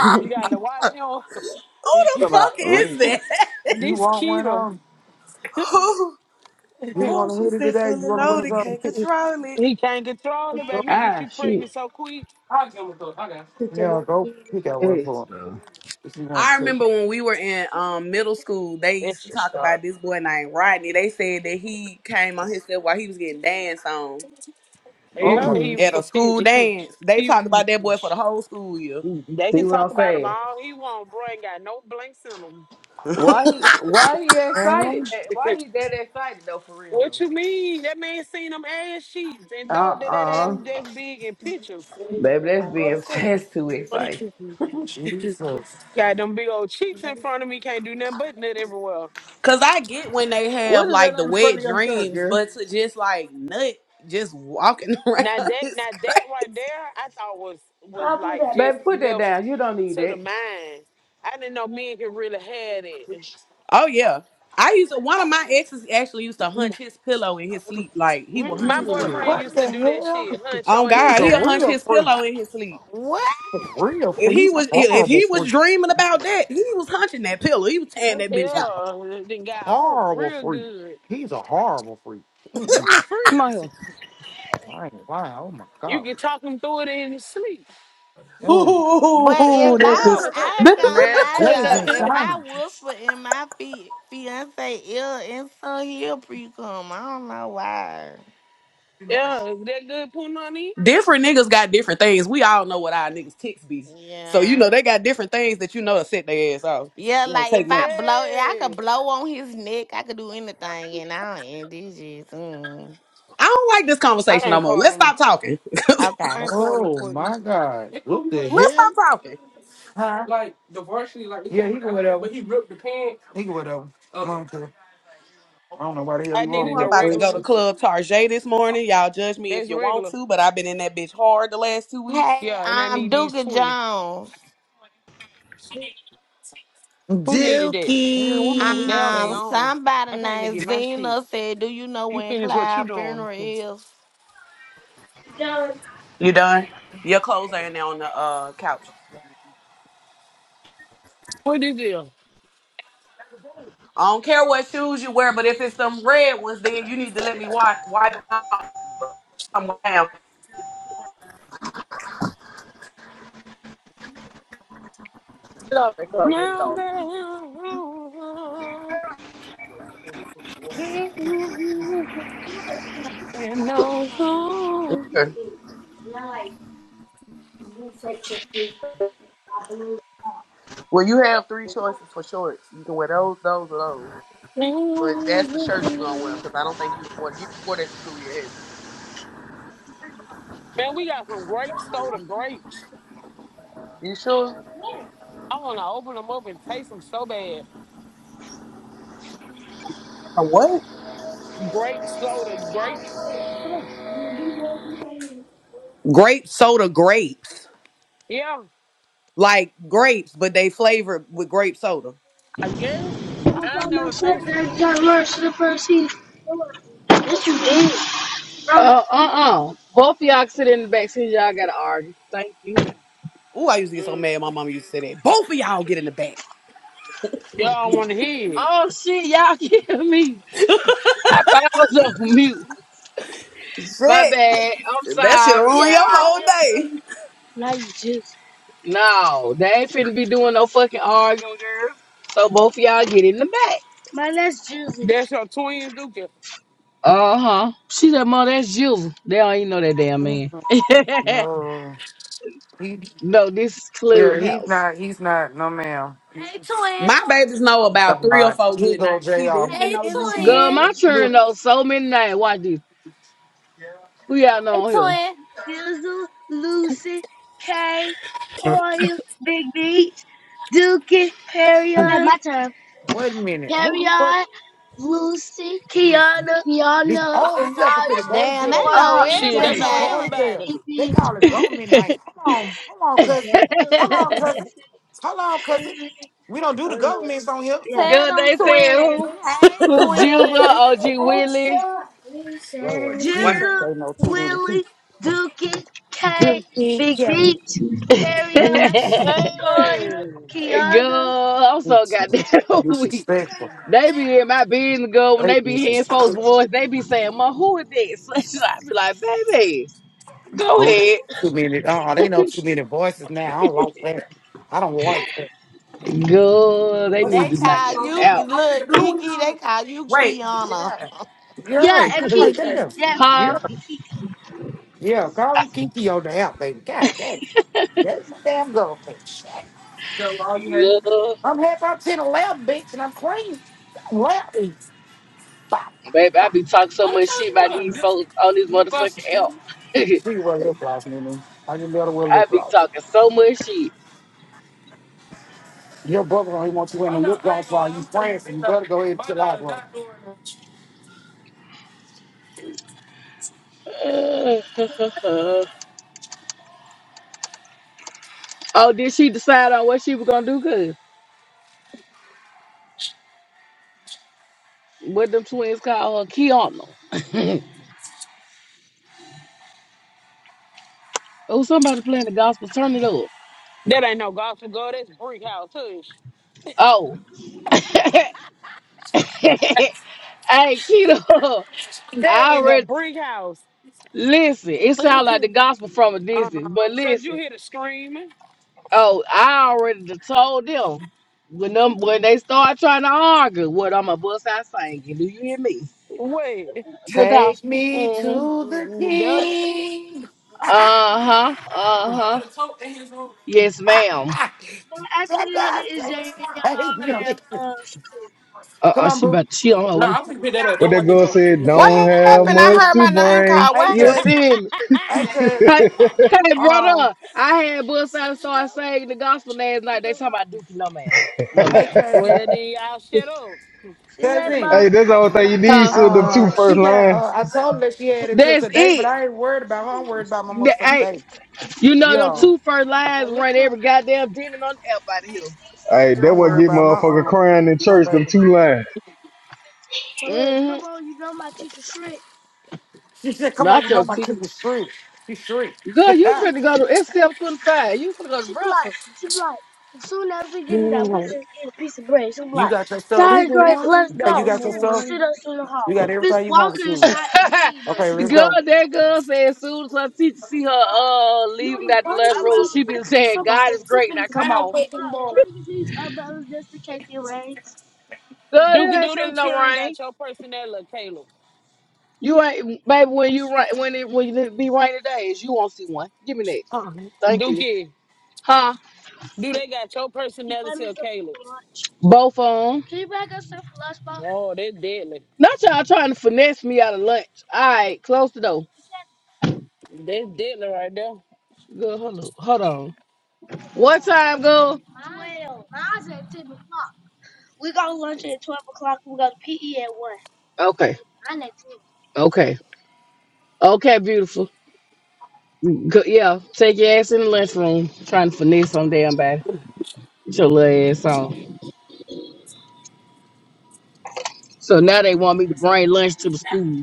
Speaker 9: *laughs* you got to watch him.
Speaker 1: Who the fuck
Speaker 8: About for
Speaker 1: is
Speaker 8: real.
Speaker 1: that?
Speaker 9: *laughs*
Speaker 7: You
Speaker 9: this
Speaker 7: want one
Speaker 9: keto,
Speaker 7: on?
Speaker 1: *laughs* Who?
Speaker 7: Do you
Speaker 1: Who?
Speaker 7: want to
Speaker 1: She
Speaker 7: hit it
Speaker 1: said
Speaker 7: today? You
Speaker 1: fully
Speaker 7: want to wear
Speaker 1: loaded,
Speaker 7: something?
Speaker 1: can't control it.
Speaker 9: he can't control it,
Speaker 7: Go.
Speaker 9: baby. He get
Speaker 8: Ah,
Speaker 9: you
Speaker 8: shit.
Speaker 9: pregnant so quick.
Speaker 7: I'll give him a thought. I got. it. Yeah, go pick out one
Speaker 8: Yes.
Speaker 7: for him if you want
Speaker 1: I
Speaker 7: to. Take it.
Speaker 1: remember when we were in um, middle school, they used to
Speaker 9: Extra
Speaker 1: talk
Speaker 9: stuff.
Speaker 1: about this boy named Rodney. They said that he came on himself while he was getting danced on
Speaker 9: Yeah,
Speaker 7: Oh my
Speaker 9: he,
Speaker 8: Mm-mm.
Speaker 1: at a
Speaker 9: *laughs*
Speaker 1: school
Speaker 9: he,
Speaker 1: dance. They
Speaker 9: he,
Speaker 1: talked about that boy
Speaker 9: he
Speaker 1: for the whole school year.
Speaker 9: They
Speaker 8: See
Speaker 9: can
Speaker 8: what
Speaker 9: talk
Speaker 8: I'm
Speaker 9: about him
Speaker 8: saying?
Speaker 9: all he want, bro. Ain't got no blinks in him.
Speaker 8: Why he? Why he
Speaker 7: god,
Speaker 8: excited?
Speaker 7: man,
Speaker 8: that- Why he that excited though? For
Speaker 9: *laughs*
Speaker 8: real
Speaker 9: what
Speaker 8: though.
Speaker 9: you mean? That man seen them ass sheets and thought
Speaker 8: Uh
Speaker 9: that that ass
Speaker 8: uh
Speaker 9: was just big in pictures.
Speaker 8: Baby, that's being that's too exciting.
Speaker 9: *laughs*
Speaker 7: Jesus!
Speaker 9: got them big old cheeks in front of me. Can't do nothing but nut everywhere.
Speaker 1: Cause I get when they have
Speaker 8: What is that
Speaker 1: like
Speaker 8: on
Speaker 1: the
Speaker 8: the front
Speaker 1: wet
Speaker 8: of your shirt,
Speaker 1: dreams,
Speaker 8: girl?
Speaker 1: but to just like nut, just walking *laughs* around
Speaker 9: Now that,
Speaker 1: is
Speaker 9: now that
Speaker 1: crazy.
Speaker 9: right there, I thought was was like just
Speaker 8: Baby, put that
Speaker 9: left
Speaker 8: down. You don't need
Speaker 9: to the
Speaker 8: that.
Speaker 9: mind. I didn't know men could really have it.
Speaker 1: Oh yeah. I used to, one of my exes actually used to
Speaker 9: *laughs*
Speaker 1: hunch his pillow in his sleep. Like he would hunch
Speaker 9: My
Speaker 1: his pillow.
Speaker 8: Mm-mm.
Speaker 9: boyfriend
Speaker 7: What
Speaker 9: used to
Speaker 7: the
Speaker 9: do that
Speaker 7: hell?
Speaker 9: shit, hunt
Speaker 1: Oh
Speaker 9: your
Speaker 7: This
Speaker 9: ass
Speaker 7: is
Speaker 1: God,
Speaker 7: a
Speaker 1: he'll hunch
Speaker 7: real
Speaker 1: his
Speaker 9: down.
Speaker 7: freak.
Speaker 1: pillow in his sleep.
Speaker 4: *laughs* what?
Speaker 7: He's A real
Speaker 1: If
Speaker 7: freak.
Speaker 1: he
Speaker 7: He's a
Speaker 1: was if if
Speaker 7: horrible
Speaker 1: he was
Speaker 7: freak.
Speaker 1: dreaming about that, he was hunching that pillow. He was tearing
Speaker 7: That
Speaker 1: that bitch
Speaker 7: dude is
Speaker 1: up.
Speaker 7: a
Speaker 9: Yeah, then got off
Speaker 7: horrible
Speaker 9: real
Speaker 7: freak.
Speaker 9: good.
Speaker 7: He's a horrible freak.
Speaker 9: Them
Speaker 7: Mm-mm.
Speaker 9: the
Speaker 8: Come on
Speaker 9: freaks.
Speaker 8: here.
Speaker 7: I ain't lying. Oh my
Speaker 9: You
Speaker 7: god.
Speaker 9: can talk them through it in your sleep.
Speaker 7: Oh,
Speaker 9: *laughs*
Speaker 4: But
Speaker 9: yeah,
Speaker 4: if
Speaker 1: Ooh, that's
Speaker 4: I
Speaker 1: just
Speaker 4: I
Speaker 1: *laughs*
Speaker 4: ain't gonna
Speaker 8: Man,
Speaker 4: lie
Speaker 7: that
Speaker 8: sit
Speaker 7: is
Speaker 4: though, if
Speaker 8: up.
Speaker 4: I
Speaker 7: insane.
Speaker 4: whisper in my feet fiance ill and so he'll pre cum. I don't know why.
Speaker 9: is that good, Punani?
Speaker 1: different niggas got different things. We all know what our niggas ticks be. So you
Speaker 4: Yeah.
Speaker 1: know they got different things that you know to set their ass off.
Speaker 4: Yeah,
Speaker 1: It don't
Speaker 4: like
Speaker 1: take
Speaker 4: if I
Speaker 1: much.
Speaker 4: blow, yeah, I
Speaker 9: Hey,
Speaker 4: could blow on his neck. I could do anything, and I don't end this shit. Mm.
Speaker 1: I don't like this
Speaker 9: I
Speaker 1: conversation no
Speaker 9: ain't
Speaker 1: more.
Speaker 9: part
Speaker 1: Let's
Speaker 9: of them.
Speaker 1: stop talking. *laughs* Let's
Speaker 9: I
Speaker 4: Okay.
Speaker 9: ain't part of them,
Speaker 7: Oh
Speaker 9: Courtney.
Speaker 7: my God! It What the hell?
Speaker 1: stop talking.
Speaker 7: Huh? Like the varsity, like Yeah, he can whatever. but he ripped the pants. He can whatever. I Okay. don't care. I don't know why the hell
Speaker 9: I
Speaker 7: he want
Speaker 1: Ooh,
Speaker 9: needed
Speaker 7: to
Speaker 1: I'm
Speaker 9: the
Speaker 7: go
Speaker 1: about to
Speaker 9: regular
Speaker 1: go to
Speaker 7: crazy.
Speaker 9: ones.
Speaker 1: Club Tarjay this morning. Y'all judge me if
Speaker 9: That's
Speaker 1: you want
Speaker 9: regular.
Speaker 1: to, but I've been in that bitch hard the last two weeks.
Speaker 4: Hey,
Speaker 9: Yeah, and I
Speaker 4: um,
Speaker 9: need these
Speaker 4: Duke
Speaker 9: 20.
Speaker 4: Jones.
Speaker 9: Who needed that?
Speaker 1: Damn, what my
Speaker 7: Dookie.
Speaker 9: They
Speaker 1: wings
Speaker 9: on their
Speaker 4: Um,
Speaker 1: at?
Speaker 9: own.
Speaker 4: somebody
Speaker 9: I came to
Speaker 4: named
Speaker 9: get my shit.
Speaker 4: Zena said, "Do you know
Speaker 9: You
Speaker 4: when
Speaker 9: finish what you
Speaker 4: Cloud
Speaker 9: doing.
Speaker 4: funeral is?"
Speaker 1: You done? Your clothes are in there on the uh couch.
Speaker 9: What is it?
Speaker 1: I don't care what shoes you wear, but if it's some red ones, then you need to let me wipe wipe them out. I'm down.
Speaker 8: Sit up and come with
Speaker 9: Now
Speaker 8: them.
Speaker 9: that I know
Speaker 1: Well, you have three choices for shorts. You can wear those, those, or those. But that's the
Speaker 9: Man,
Speaker 1: shirt you're gonna wear because I don't think you wore you wore that to school yet. have
Speaker 9: we got some grape soda grapes.
Speaker 1: You You sure?
Speaker 9: I want to open them up and taste them so bad.
Speaker 1: A what?
Speaker 9: Grape soda grapes.
Speaker 1: Grape soda grapes.
Speaker 9: Yeah,
Speaker 1: Like grapes, but they flavored with grape soda.
Speaker 9: I guess. I ain't never taste them.
Speaker 8: Uh uh uh. Both of y'all sit in the back seat. Y'all gotta argue. Thank you.
Speaker 1: Ooh, I used to get so
Speaker 8: Mm.
Speaker 1: mad my mama used to say that. Both of y'all get in the back.
Speaker 9: Y'all want to hear it.
Speaker 8: Oh shit, y'all *laughs* kill me. I thought I was on mute. My
Speaker 1: Shit.
Speaker 8: bad. I'm
Speaker 1: That
Speaker 8: sorry,
Speaker 1: shit'll ruin your
Speaker 8: y'all.
Speaker 1: whole day.
Speaker 8: No, they ain't finna be doing no fucking arguing, girl. So both of y'all get in the back.
Speaker 9: That's your twin, Duke.
Speaker 8: Uh huh. She said, "Mom, that's you." They don't even know that damn man. *laughs*
Speaker 7: No, he
Speaker 8: no, this is
Speaker 7: yeah, he's
Speaker 8: Clubhouse.
Speaker 7: not. He's not. No, ma'am. Hey, twin.
Speaker 1: My babies know
Speaker 7: I'm
Speaker 1: about three or four
Speaker 7: Here
Speaker 1: good
Speaker 7: go
Speaker 1: names. He
Speaker 7: Jr.
Speaker 1: definitely
Speaker 7: Hey,
Speaker 1: know Dookie
Speaker 8: Girl,
Speaker 7: twin.
Speaker 8: my
Speaker 1: name.
Speaker 8: turn
Speaker 7: Look,
Speaker 8: though. So many names. Watch this. Who y'all
Speaker 7: Hey,
Speaker 8: know on here?
Speaker 7: twin.
Speaker 8: Dizzle, Lucy, Kay, Hoya, Big B, Dookie, Ariana. My turn.
Speaker 7: wait a minute. Who the fuck?
Speaker 8: Harriet, Lucy,
Speaker 7: Listen,
Speaker 8: Kiana,
Speaker 7: this.
Speaker 8: Kiana,
Speaker 7: Oh, this helper finna
Speaker 8: Bernaya,
Speaker 7: go to
Speaker 4: Damn, they
Speaker 7: jail.
Speaker 4: know
Speaker 8: Morgan, uh, *laughs*
Speaker 9: Shit,
Speaker 7: This
Speaker 9: they
Speaker 8: J
Speaker 7: be
Speaker 9: know
Speaker 8: J,
Speaker 7: going to
Speaker 4: everybody.
Speaker 7: jail.
Speaker 9: everybody.
Speaker 7: They
Speaker 8: P
Speaker 7: call it government
Speaker 8: P.
Speaker 7: night. Hold on, hold on, cousin. Hold
Speaker 8: *laughs*
Speaker 7: on, cousin. Hold on, cousin. We don't do the governments on here.
Speaker 4: Tell
Speaker 8: Girl,
Speaker 4: them
Speaker 8: they
Speaker 7: Oh,
Speaker 8: said who?
Speaker 4: twins. Hey,
Speaker 8: Who Juba,
Speaker 4: twins.
Speaker 8: OG
Speaker 1: Watch
Speaker 8: Willie.
Speaker 7: Lord,
Speaker 8: *laughs*
Speaker 7: jeez,
Speaker 1: out.
Speaker 8: Jizzle,
Speaker 7: they know too many people.
Speaker 8: Willie, Dookie, K,
Speaker 7: Guilty,
Speaker 8: Big
Speaker 7: Kelly.
Speaker 8: B, Ariana, *laughs* Toya,
Speaker 9: Hey,
Speaker 8: Kiana. Girl, I'm so goddamn *laughs* weak.
Speaker 7: Disrespectful.
Speaker 8: They be in my business, girl. When
Speaker 7: They
Speaker 8: they be hearing folks'
Speaker 7: disrespectful.
Speaker 8: voice, they be saying, Ma, who is this? *laughs* I be like, baby, go
Speaker 7: Hold on.
Speaker 8: ahead.
Speaker 7: Too many. Oh, they know too many voices now. I don't like that. I don't like that.
Speaker 8: Girl, they need
Speaker 4: They
Speaker 8: to knock
Speaker 4: call
Speaker 8: it
Speaker 4: you
Speaker 8: out.
Speaker 4: look Kiki. They call you
Speaker 1: Wait,
Speaker 4: Kiana.
Speaker 7: You're
Speaker 8: Yeah,
Speaker 7: right. I'm
Speaker 8: and *laughs*
Speaker 7: like,
Speaker 8: Kiki,
Speaker 7: damn.
Speaker 8: that
Speaker 7: Yeah,
Speaker 8: huh? Kiki.
Speaker 7: yeah. Call me Kiki on the app, baby. God damn. That's my damn goldfish. So all you had
Speaker 8: Yeah.
Speaker 7: I'm half out 10 or bitch, and I'm clean. Left. Bop, bop,
Speaker 8: Baby,
Speaker 7: bop.
Speaker 8: I be talking so
Speaker 7: what
Speaker 8: much
Speaker 7: the hell
Speaker 8: shit about
Speaker 7: you want?
Speaker 8: these
Speaker 7: This
Speaker 8: folks on this
Speaker 7: look boss
Speaker 8: motherfucking
Speaker 7: school.
Speaker 8: app. *laughs*
Speaker 7: See what lip gloss, nigga. I just better wear
Speaker 8: I
Speaker 7: lip
Speaker 8: be
Speaker 7: gloss.
Speaker 8: talking so much shit.
Speaker 7: Your brother don't even want you Oh wearing a lip gloss while you prancing. you better go ahead and My to the library.
Speaker 8: *laughs* oh, did she decide on what she was gonna do? Cause what them twins call her Kiana. *laughs* oh, somebody playing the gospel. Turn it up.
Speaker 9: that ain't no gospel girl. That's brick house, too.
Speaker 8: Oh, *laughs* hey Keto,
Speaker 9: That
Speaker 8: I
Speaker 9: is a
Speaker 8: already
Speaker 9: brick house.
Speaker 8: listen. It sounds like the gospel from a
Speaker 9: Uh-uh.
Speaker 8: distance, but
Speaker 9: Cause you
Speaker 8: listen.
Speaker 9: hear the screaming.
Speaker 8: Oh, I already done told them when them when they start trying to argue, what I'm a bust out singing. Do you hear me?
Speaker 9: Wait,
Speaker 8: The
Speaker 7: Take
Speaker 8: gospel.
Speaker 7: me
Speaker 8: Mm-hmm.
Speaker 9: mm,
Speaker 7: to
Speaker 9: mm,
Speaker 7: the
Speaker 9: mm, better.
Speaker 7: king. *laughs* I
Speaker 8: Uh huh. Uh
Speaker 7: don't
Speaker 8: huh.
Speaker 7: know the his room.
Speaker 8: Yes,
Speaker 7: *laughs*
Speaker 8: ma'am. I'm asking
Speaker 7: Take
Speaker 8: y'all to is
Speaker 7: us.
Speaker 8: Jay
Speaker 7: Take
Speaker 8: Abraham
Speaker 7: *laughs* *laughs*
Speaker 8: uh Uh
Speaker 7: Come
Speaker 8: uh
Speaker 7: on,
Speaker 8: She
Speaker 7: boo.
Speaker 8: about she on her
Speaker 7: No,
Speaker 8: way.
Speaker 7: I'm gonna pick that up. That
Speaker 3: But that
Speaker 7: wasn't it
Speaker 3: girl
Speaker 7: from
Speaker 3: said, don't
Speaker 6: What
Speaker 3: have
Speaker 6: happened? I
Speaker 3: much
Speaker 6: heard
Speaker 7: No.
Speaker 3: to
Speaker 6: my name
Speaker 3: bring.
Speaker 6: called.
Speaker 7: Hey
Speaker 9: *laughs*
Speaker 6: What?
Speaker 9: well,
Speaker 8: You
Speaker 7: cousin,
Speaker 8: feel me?
Speaker 7: hey cousin,
Speaker 8: Hey, hey,
Speaker 7: um,
Speaker 8: brother. I had Bud start saying the gospel last night. They talking about Dookie. No, ma'am.
Speaker 3: *laughs*
Speaker 8: No,
Speaker 7: hey
Speaker 8: ma'am.
Speaker 3: hey,
Speaker 7: cousin,
Speaker 9: then y'all shut up.
Speaker 8: see you later, bye.
Speaker 7: cousin.
Speaker 3: that's the whole thing you need,
Speaker 8: Huh?
Speaker 3: so them two
Speaker 7: Uh, she
Speaker 3: first
Speaker 7: got.
Speaker 3: lines.
Speaker 7: Uh, I told her that she had it till
Speaker 8: That's
Speaker 7: today, but
Speaker 8: it.
Speaker 7: I ain't worried about her. I'm worried about my
Speaker 8: That,
Speaker 7: motherfucking
Speaker 8: hey,
Speaker 7: baby.
Speaker 8: you know them
Speaker 7: Yeah,
Speaker 8: two first lines run every goddamn demon on the app out of here.
Speaker 3: Hey, that
Speaker 7: I'm
Speaker 3: what
Speaker 7: worried
Speaker 3: get
Speaker 7: about my
Speaker 3: motherfucker
Speaker 7: um,
Speaker 3: crying in
Speaker 7: my
Speaker 3: church, them
Speaker 7: baby.
Speaker 3: two lines.
Speaker 8: Well, look, hmm come on, you know my teacher Shrek.
Speaker 7: She said, "Come on,
Speaker 8: Not
Speaker 7: you know
Speaker 8: your
Speaker 7: my
Speaker 8: teacher.
Speaker 7: kid is shriek. She shriek.
Speaker 8: Girl,
Speaker 7: *laughs*
Speaker 8: you finna go to it's seven twenty five. You finna go to She be like- breakfast. She be like, as soon as we get in there, we
Speaker 9: Yeah.
Speaker 8: just eat a piece of bread. She be
Speaker 7: you
Speaker 8: like,
Speaker 7: got your stuff.
Speaker 9: This
Speaker 8: "Diet
Speaker 9: the
Speaker 8: great,
Speaker 9: one,
Speaker 8: let's
Speaker 9: the
Speaker 7: Yeah, You
Speaker 8: go."
Speaker 7: got
Speaker 9: only
Speaker 8: She
Speaker 7: your stuff.
Speaker 8: shoot
Speaker 9: one.
Speaker 8: us in The
Speaker 7: You got
Speaker 8: hallway. Miss
Speaker 7: everything you want for
Speaker 8: Walker is
Speaker 7: school.
Speaker 8: trying to *laughs* feed us.
Speaker 7: Okay,
Speaker 8: The *laughs*
Speaker 7: let's
Speaker 8: girl,
Speaker 7: go.
Speaker 8: that girl said as soon as her teacher see her uh leaving that lunch room, she be saying, God is great. Now come on. Can we get these umbrellas just in case it rains? Girl, it
Speaker 9: Dookie,
Speaker 8: ain't
Speaker 9: do them
Speaker 8: finna no
Speaker 9: children
Speaker 8: rain.
Speaker 9: got your personality, Caleb?
Speaker 8: You ain't baby when you rain when it when it be rainy days, you won't see one. Give me that.
Speaker 9: Uh-uh.
Speaker 8: Thank you.
Speaker 9: Dookie,
Speaker 8: Huh?
Speaker 9: do they got your
Speaker 8: She buy
Speaker 9: personality,
Speaker 8: me
Speaker 9: or
Speaker 8: something
Speaker 9: Caleb?
Speaker 8: for lunch. Both on. Can you buy us something for lunch, Mom?
Speaker 9: Oh, that's deadly.
Speaker 8: Not y'all trying to finesse me out of lunch. All right, close the door. It's at
Speaker 9: That's deadly right there.
Speaker 8: Girl, hold on. Hold on. What time, girl? 12. Mine's at 10 o'clock. We got lunch at 12 o'clock. We got PE at 1. Okay. Mine at 10. Okay. Okay, beautiful. Go, yeah, take your ass in the lunchroom. Trying to finesse some damn body. Get your little ass on. So now they want me to bring lunch to the school.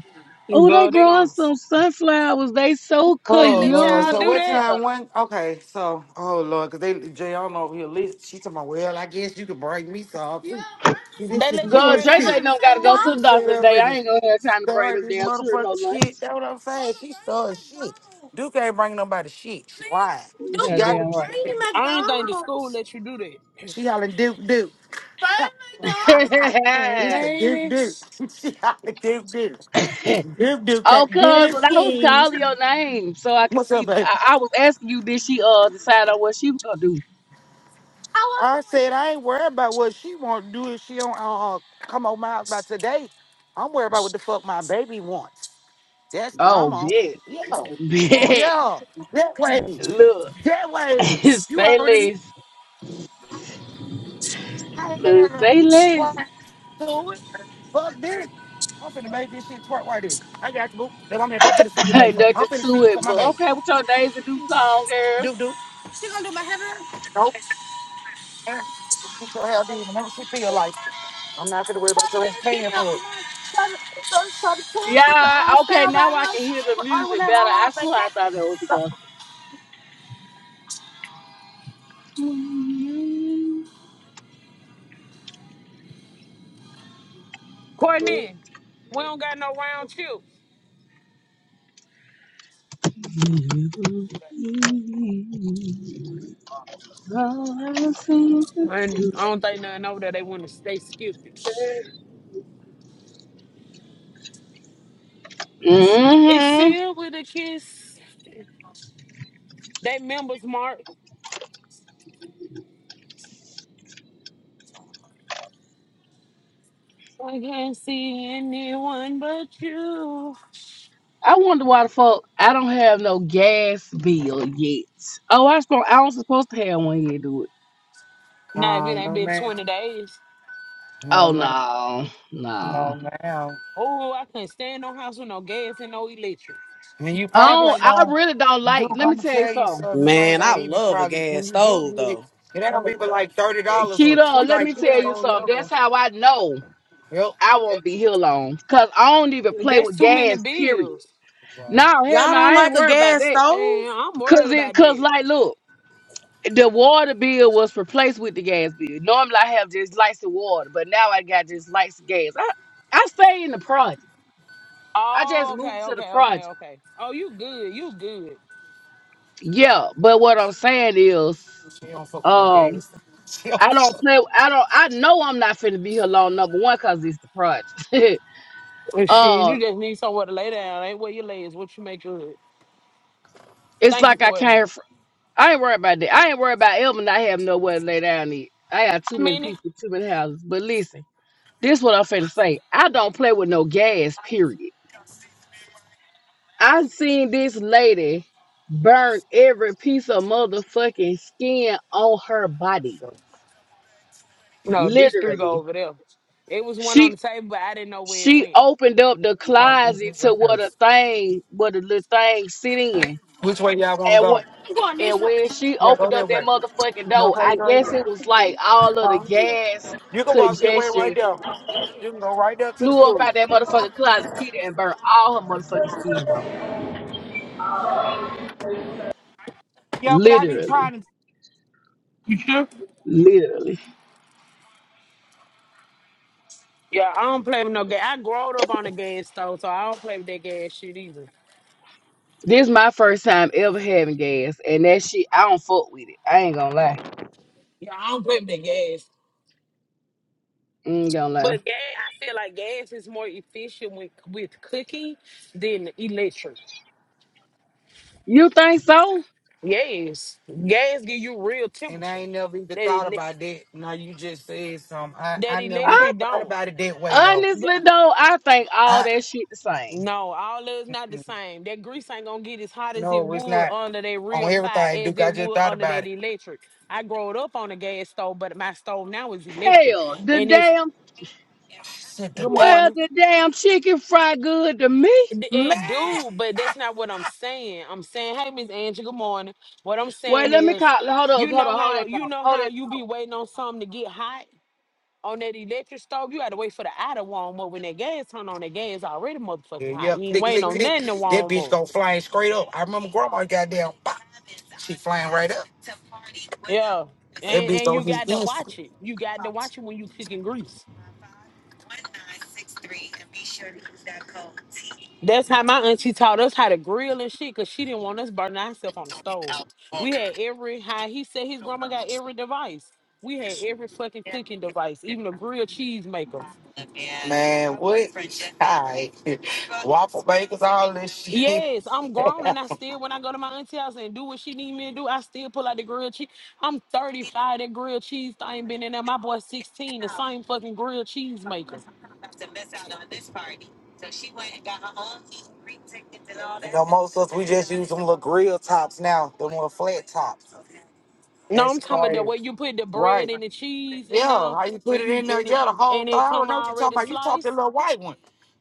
Speaker 8: Oh, they
Speaker 9: Girl, they
Speaker 8: growing
Speaker 9: gone.
Speaker 8: some sunflowers. They so
Speaker 9: They
Speaker 7: Oh
Speaker 9: let
Speaker 7: Lord.
Speaker 9: y'all
Speaker 7: So
Speaker 8: cute.
Speaker 9: do
Speaker 7: what
Speaker 9: that?
Speaker 7: time one? Okay, so oh Lord, cause they Jay on over here. Lisa, she talking about, well, I guess you could break me off. too." See,
Speaker 9: They
Speaker 7: this is off.
Speaker 9: let you
Speaker 8: God,
Speaker 9: bring
Speaker 7: bullshit. Go to
Speaker 9: lunch
Speaker 8: JJ
Speaker 9: to the
Speaker 8: don't got to go
Speaker 9: school?
Speaker 8: to the
Speaker 7: McDonald's. You shut
Speaker 8: doctor
Speaker 7: up
Speaker 8: today. I
Speaker 7: and
Speaker 8: ain't going to have time to bring
Speaker 7: start
Speaker 8: them
Speaker 7: this
Speaker 8: damn children no
Speaker 7: motherfucker
Speaker 8: lunch.
Speaker 7: shit. That's what I'm saying. She started shit. Duke ain't bring nobody shit. She lied. Duke, She got Duke,
Speaker 8: Goddamn
Speaker 7: the
Speaker 8: right.
Speaker 7: bring the
Speaker 9: I don't think the school
Speaker 7: McDonald's.
Speaker 9: let you do that.
Speaker 7: She hollering Duke Duke. Bring
Speaker 8: *laughs*
Speaker 7: McDonald's. *laughs* It's the Duke Duke. *laughs* She hollering Duke Duke. Duke Duke
Speaker 8: oh,
Speaker 7: can't
Speaker 8: cuz, when
Speaker 7: give
Speaker 8: I was
Speaker 7: me.
Speaker 8: calling your name so I could
Speaker 7: What's up,
Speaker 8: see,
Speaker 7: baby?
Speaker 8: I, I was asking you, did she uh decide on what she was going to do?
Speaker 7: I said I ain't worried about what she want to do if she don't uh, uh, come on my house by today. I'm worried about what the fuck my baby wants. That's what I'm
Speaker 8: Oh,
Speaker 7: on.
Speaker 8: bet.
Speaker 7: Yeah,
Speaker 8: Bet.
Speaker 7: yeah, that way,
Speaker 8: Look.
Speaker 7: that
Speaker 8: *laughs*
Speaker 7: way. You
Speaker 8: say
Speaker 7: already know
Speaker 8: less.
Speaker 7: I
Speaker 8: Look,
Speaker 7: had a
Speaker 8: say
Speaker 7: plan
Speaker 8: less.
Speaker 7: to it. Fuck this. I'm finna make this shit twerk right here. I got you, boo. Now, I'm, here. I'm finna see you today.
Speaker 8: Ain't
Speaker 7: Fuck. I'm
Speaker 8: nothing
Speaker 7: finna see
Speaker 8: to
Speaker 7: you for
Speaker 8: it,
Speaker 7: my
Speaker 8: but
Speaker 7: baby.
Speaker 8: okay, with your Daisy Duke song, girl.
Speaker 7: Do do. She gonna do my hair? Nope. Get your hair done whenever she feel like it. I'm not gonna worry about the rest paying for it. So, so, so the twins get to
Speaker 8: Yeah,
Speaker 7: uh, stay
Speaker 8: okay,
Speaker 7: over
Speaker 8: now
Speaker 7: our
Speaker 8: I can
Speaker 7: house
Speaker 8: hear the
Speaker 7: on
Speaker 8: music
Speaker 7: whenever my
Speaker 8: better. I
Speaker 7: mom
Speaker 8: swear I
Speaker 7: vacation.
Speaker 8: thought that was a gospel. Mm-hmm.
Speaker 9: Courtney, we don't got no round chips. And I don't think nothing over there. They want to stay stupid. It's sealed with a kiss. That members mark. I can't see anyone but you.
Speaker 8: I wonder why the fuck I don't have no gas bill yet. Oh, I supposed I was supposed to have one yet, do it.
Speaker 9: Now if it
Speaker 7: Um,
Speaker 9: ain't
Speaker 7: no
Speaker 9: been
Speaker 7: ma'am,
Speaker 9: 20 days.
Speaker 7: no
Speaker 8: Oh
Speaker 7: ma'am,
Speaker 8: no,
Speaker 7: no
Speaker 8: no.
Speaker 7: ma'am.
Speaker 9: Oh, I can't stand no house with no gas and no electric.
Speaker 7: And you
Speaker 8: I
Speaker 9: Pickle
Speaker 7: probably
Speaker 8: don't.
Speaker 9: sh-
Speaker 7: ain't
Speaker 8: I
Speaker 7: gonna
Speaker 8: really don't
Speaker 7: do.
Speaker 8: like.
Speaker 7: I'm
Speaker 8: Let me
Speaker 7: gonna
Speaker 8: tell you
Speaker 7: tell you
Speaker 8: something.
Speaker 7: something. You ain't
Speaker 1: Man, I
Speaker 7: gonna even
Speaker 1: love a
Speaker 7: probably when
Speaker 1: gas
Speaker 7: you do
Speaker 1: stove
Speaker 7: get it.
Speaker 1: though.
Speaker 7: It ain't gonna be but like thirty dollars or
Speaker 8: Keto,
Speaker 7: twenty.
Speaker 8: let
Speaker 7: Like
Speaker 8: me
Speaker 7: you ain't
Speaker 8: tell you
Speaker 7: gonna
Speaker 8: something.
Speaker 7: know.
Speaker 8: That's how I know
Speaker 7: Yep.
Speaker 8: I won't be here long. Cause I don't even play
Speaker 9: that's
Speaker 8: with
Speaker 9: too many
Speaker 8: gas, period.
Speaker 9: bills.
Speaker 8: No,
Speaker 7: Well,
Speaker 8: hell
Speaker 1: Y'all
Speaker 8: no,
Speaker 1: don't
Speaker 8: I ain't
Speaker 1: like a
Speaker 8: worried about
Speaker 1: gas
Speaker 8: that.
Speaker 1: stove?
Speaker 9: Man, I'm worried
Speaker 8: Cause it
Speaker 9: about
Speaker 8: cause
Speaker 9: that.
Speaker 8: like look, the water bill was replaced with the gas bill. Normally I have just lights and water, but now I got just lights and gas. I, I stay in the project. I
Speaker 9: Oh,
Speaker 8: just
Speaker 9: okay,
Speaker 8: moved to the
Speaker 9: okay, okay,
Speaker 8: project.
Speaker 9: okay. Oh, you good, you good.
Speaker 8: Yeah, but what I'm saying is,
Speaker 7: she don't fuck with no
Speaker 8: um,
Speaker 7: games. *laughs* She don't.
Speaker 8: I don't play I don't I know I'm not finna be here long number one, cause it's the project. *laughs*
Speaker 9: Well, shit,
Speaker 8: Um,
Speaker 9: you just need somewhere to lay down. Ain't where you lay is what you make good.
Speaker 8: It's
Speaker 9: Thank you,
Speaker 8: like I
Speaker 9: Courtney.
Speaker 8: can't. fr- I ain't worried about that. I ain't worried about Elvin. not having nowhere to lay down. Eat. I got too
Speaker 9: How
Speaker 8: many
Speaker 9: many?
Speaker 8: people, too many houses. But listen, this what I'm finna say. I don't play with no gas. Period. I seen this lady burn every piece of motherfucking skin on her body.
Speaker 9: No, this three go
Speaker 8: Literally,
Speaker 9: over there. It was one on
Speaker 8: she
Speaker 9: the table, but I didn't know where it
Speaker 8: she
Speaker 9: went.
Speaker 8: opened up the
Speaker 7: Fuck with
Speaker 8: closet
Speaker 7: no
Speaker 8: to what
Speaker 7: games.
Speaker 8: a thing, what a little thing sit in,
Speaker 7: Which way y'all want to
Speaker 8: and when
Speaker 7: go? I'm going this
Speaker 8: And
Speaker 7: way.
Speaker 8: when she
Speaker 7: Yeah, go
Speaker 8: opened
Speaker 7: that
Speaker 8: up that
Speaker 7: way.
Speaker 8: motherfucking
Speaker 7: You
Speaker 8: door,
Speaker 7: okay,
Speaker 8: I guess
Speaker 7: Grace?
Speaker 8: it was like all of the
Speaker 7: Huh?
Speaker 8: gas
Speaker 7: You can walk that way right
Speaker 8: congestion
Speaker 7: there. You can go right there to the
Speaker 8: flew up
Speaker 7: school.
Speaker 8: out that motherfucking closet kitty and burned all her motherfucking skin off.
Speaker 7: Yeah, but I be
Speaker 8: Literally.
Speaker 7: trying to.
Speaker 9: Mhm.
Speaker 8: Literally.
Speaker 9: Yeah, I don't play with no gas. I growed up on the gas stove, so I don't play with that gas shit either.
Speaker 8: This my first time ever having gas. And that shit, I don't fuck with it. I ain't gonna lie.
Speaker 9: Yeah, I don't play with that gas.
Speaker 8: I ain't gonna lie.
Speaker 9: But gas, I feel like gas is more efficient with with cooking than electric.
Speaker 8: You think so?
Speaker 9: Yes, gas give you real
Speaker 7: And I
Speaker 9: temperature.
Speaker 7: ain't never even
Speaker 9: That
Speaker 7: thought about
Speaker 9: electric,
Speaker 7: that. Now you just said something. I,
Speaker 9: that
Speaker 7: I never even
Speaker 8: I
Speaker 9: electric
Speaker 7: thought
Speaker 9: don't.
Speaker 7: about it that way though.
Speaker 8: honestly though, I think all
Speaker 7: I
Speaker 8: that shit the same.
Speaker 9: No, all love's not the same. That grease ain't gonna get as hot as it
Speaker 7: no, it's
Speaker 9: would
Speaker 7: not
Speaker 9: under that
Speaker 7: on
Speaker 9: real fire
Speaker 7: everything,
Speaker 9: as
Speaker 7: Duke. I
Speaker 9: it
Speaker 7: just
Speaker 9: would
Speaker 7: thought
Speaker 9: under
Speaker 7: about
Speaker 9: that
Speaker 7: it.
Speaker 9: electric. I growed up on a gas stove, but my stove now is electric.
Speaker 8: Hell, the
Speaker 9: And it's
Speaker 8: damn
Speaker 7: Shit, the
Speaker 9: good
Speaker 8: well,
Speaker 9: morning.
Speaker 8: the damn chicken fried good to me.
Speaker 9: It,
Speaker 7: man.
Speaker 9: it do, but that's not what I'm saying. I'm saying, hey, Miss Angie, good morning. What I'm
Speaker 8: Well,
Speaker 9: saying
Speaker 8: let me
Speaker 9: is,
Speaker 8: call. Hold up,
Speaker 9: you
Speaker 8: hold
Speaker 9: know
Speaker 8: on, hold
Speaker 9: how
Speaker 8: that
Speaker 9: you
Speaker 8: thought.
Speaker 9: know
Speaker 8: Hold
Speaker 9: how
Speaker 8: that.
Speaker 9: you be waiting on something to get hot on that electric stove. You got to wait for the hour to warm up. When that gas turn on, that gas already
Speaker 7: Yeah,
Speaker 9: motherfucking hot.
Speaker 7: yeah,
Speaker 9: You ain't
Speaker 7: click,
Speaker 9: waiting
Speaker 7: click,
Speaker 9: on
Speaker 7: click.
Speaker 9: nothing to
Speaker 7: That
Speaker 9: warm
Speaker 7: bitch
Speaker 9: up.
Speaker 7: go flying straight up. I remember grandma goddamn, pop, she flying right up.
Speaker 9: Yeah.
Speaker 7: That
Speaker 9: And,
Speaker 7: bitch
Speaker 9: and
Speaker 7: go
Speaker 9: you
Speaker 7: hit
Speaker 9: got to
Speaker 7: instant.
Speaker 9: watch it. You got to watch it when you cooking grease. That's how my auntie taught us how to grill and shit, cause she didn't want us burning ourselves on the stove. We had every how he said his grandma got every device. We had every fucking cooking device, even a grilled cheese maker.
Speaker 7: Right.
Speaker 9: Yes, I'm grown
Speaker 7: *laughs*
Speaker 9: and I still when I go to my auntie house and do what she need me to do, I still pull out the grilled cheese. I'm 35, that grilled cheese thing been in there. My boy 16, the same fucking grilled cheese maker.
Speaker 7: Grill tops now, the more flat tops.
Speaker 9: No,
Speaker 7: That's
Speaker 9: I'm talking about the
Speaker 7: crazy.
Speaker 9: way you put the bread
Speaker 7: Right.
Speaker 9: and the cheese
Speaker 7: Yeah.
Speaker 9: in there,
Speaker 7: How you put
Speaker 9: and
Speaker 7: it
Speaker 9: you
Speaker 7: in there?
Speaker 9: and it
Speaker 7: Yeah, the whole
Speaker 9: and
Speaker 7: thing.
Speaker 9: it
Speaker 7: I don't
Speaker 9: come
Speaker 7: know what you're talking
Speaker 9: already
Speaker 7: about. You talked the
Speaker 9: sliced.
Speaker 7: little white one.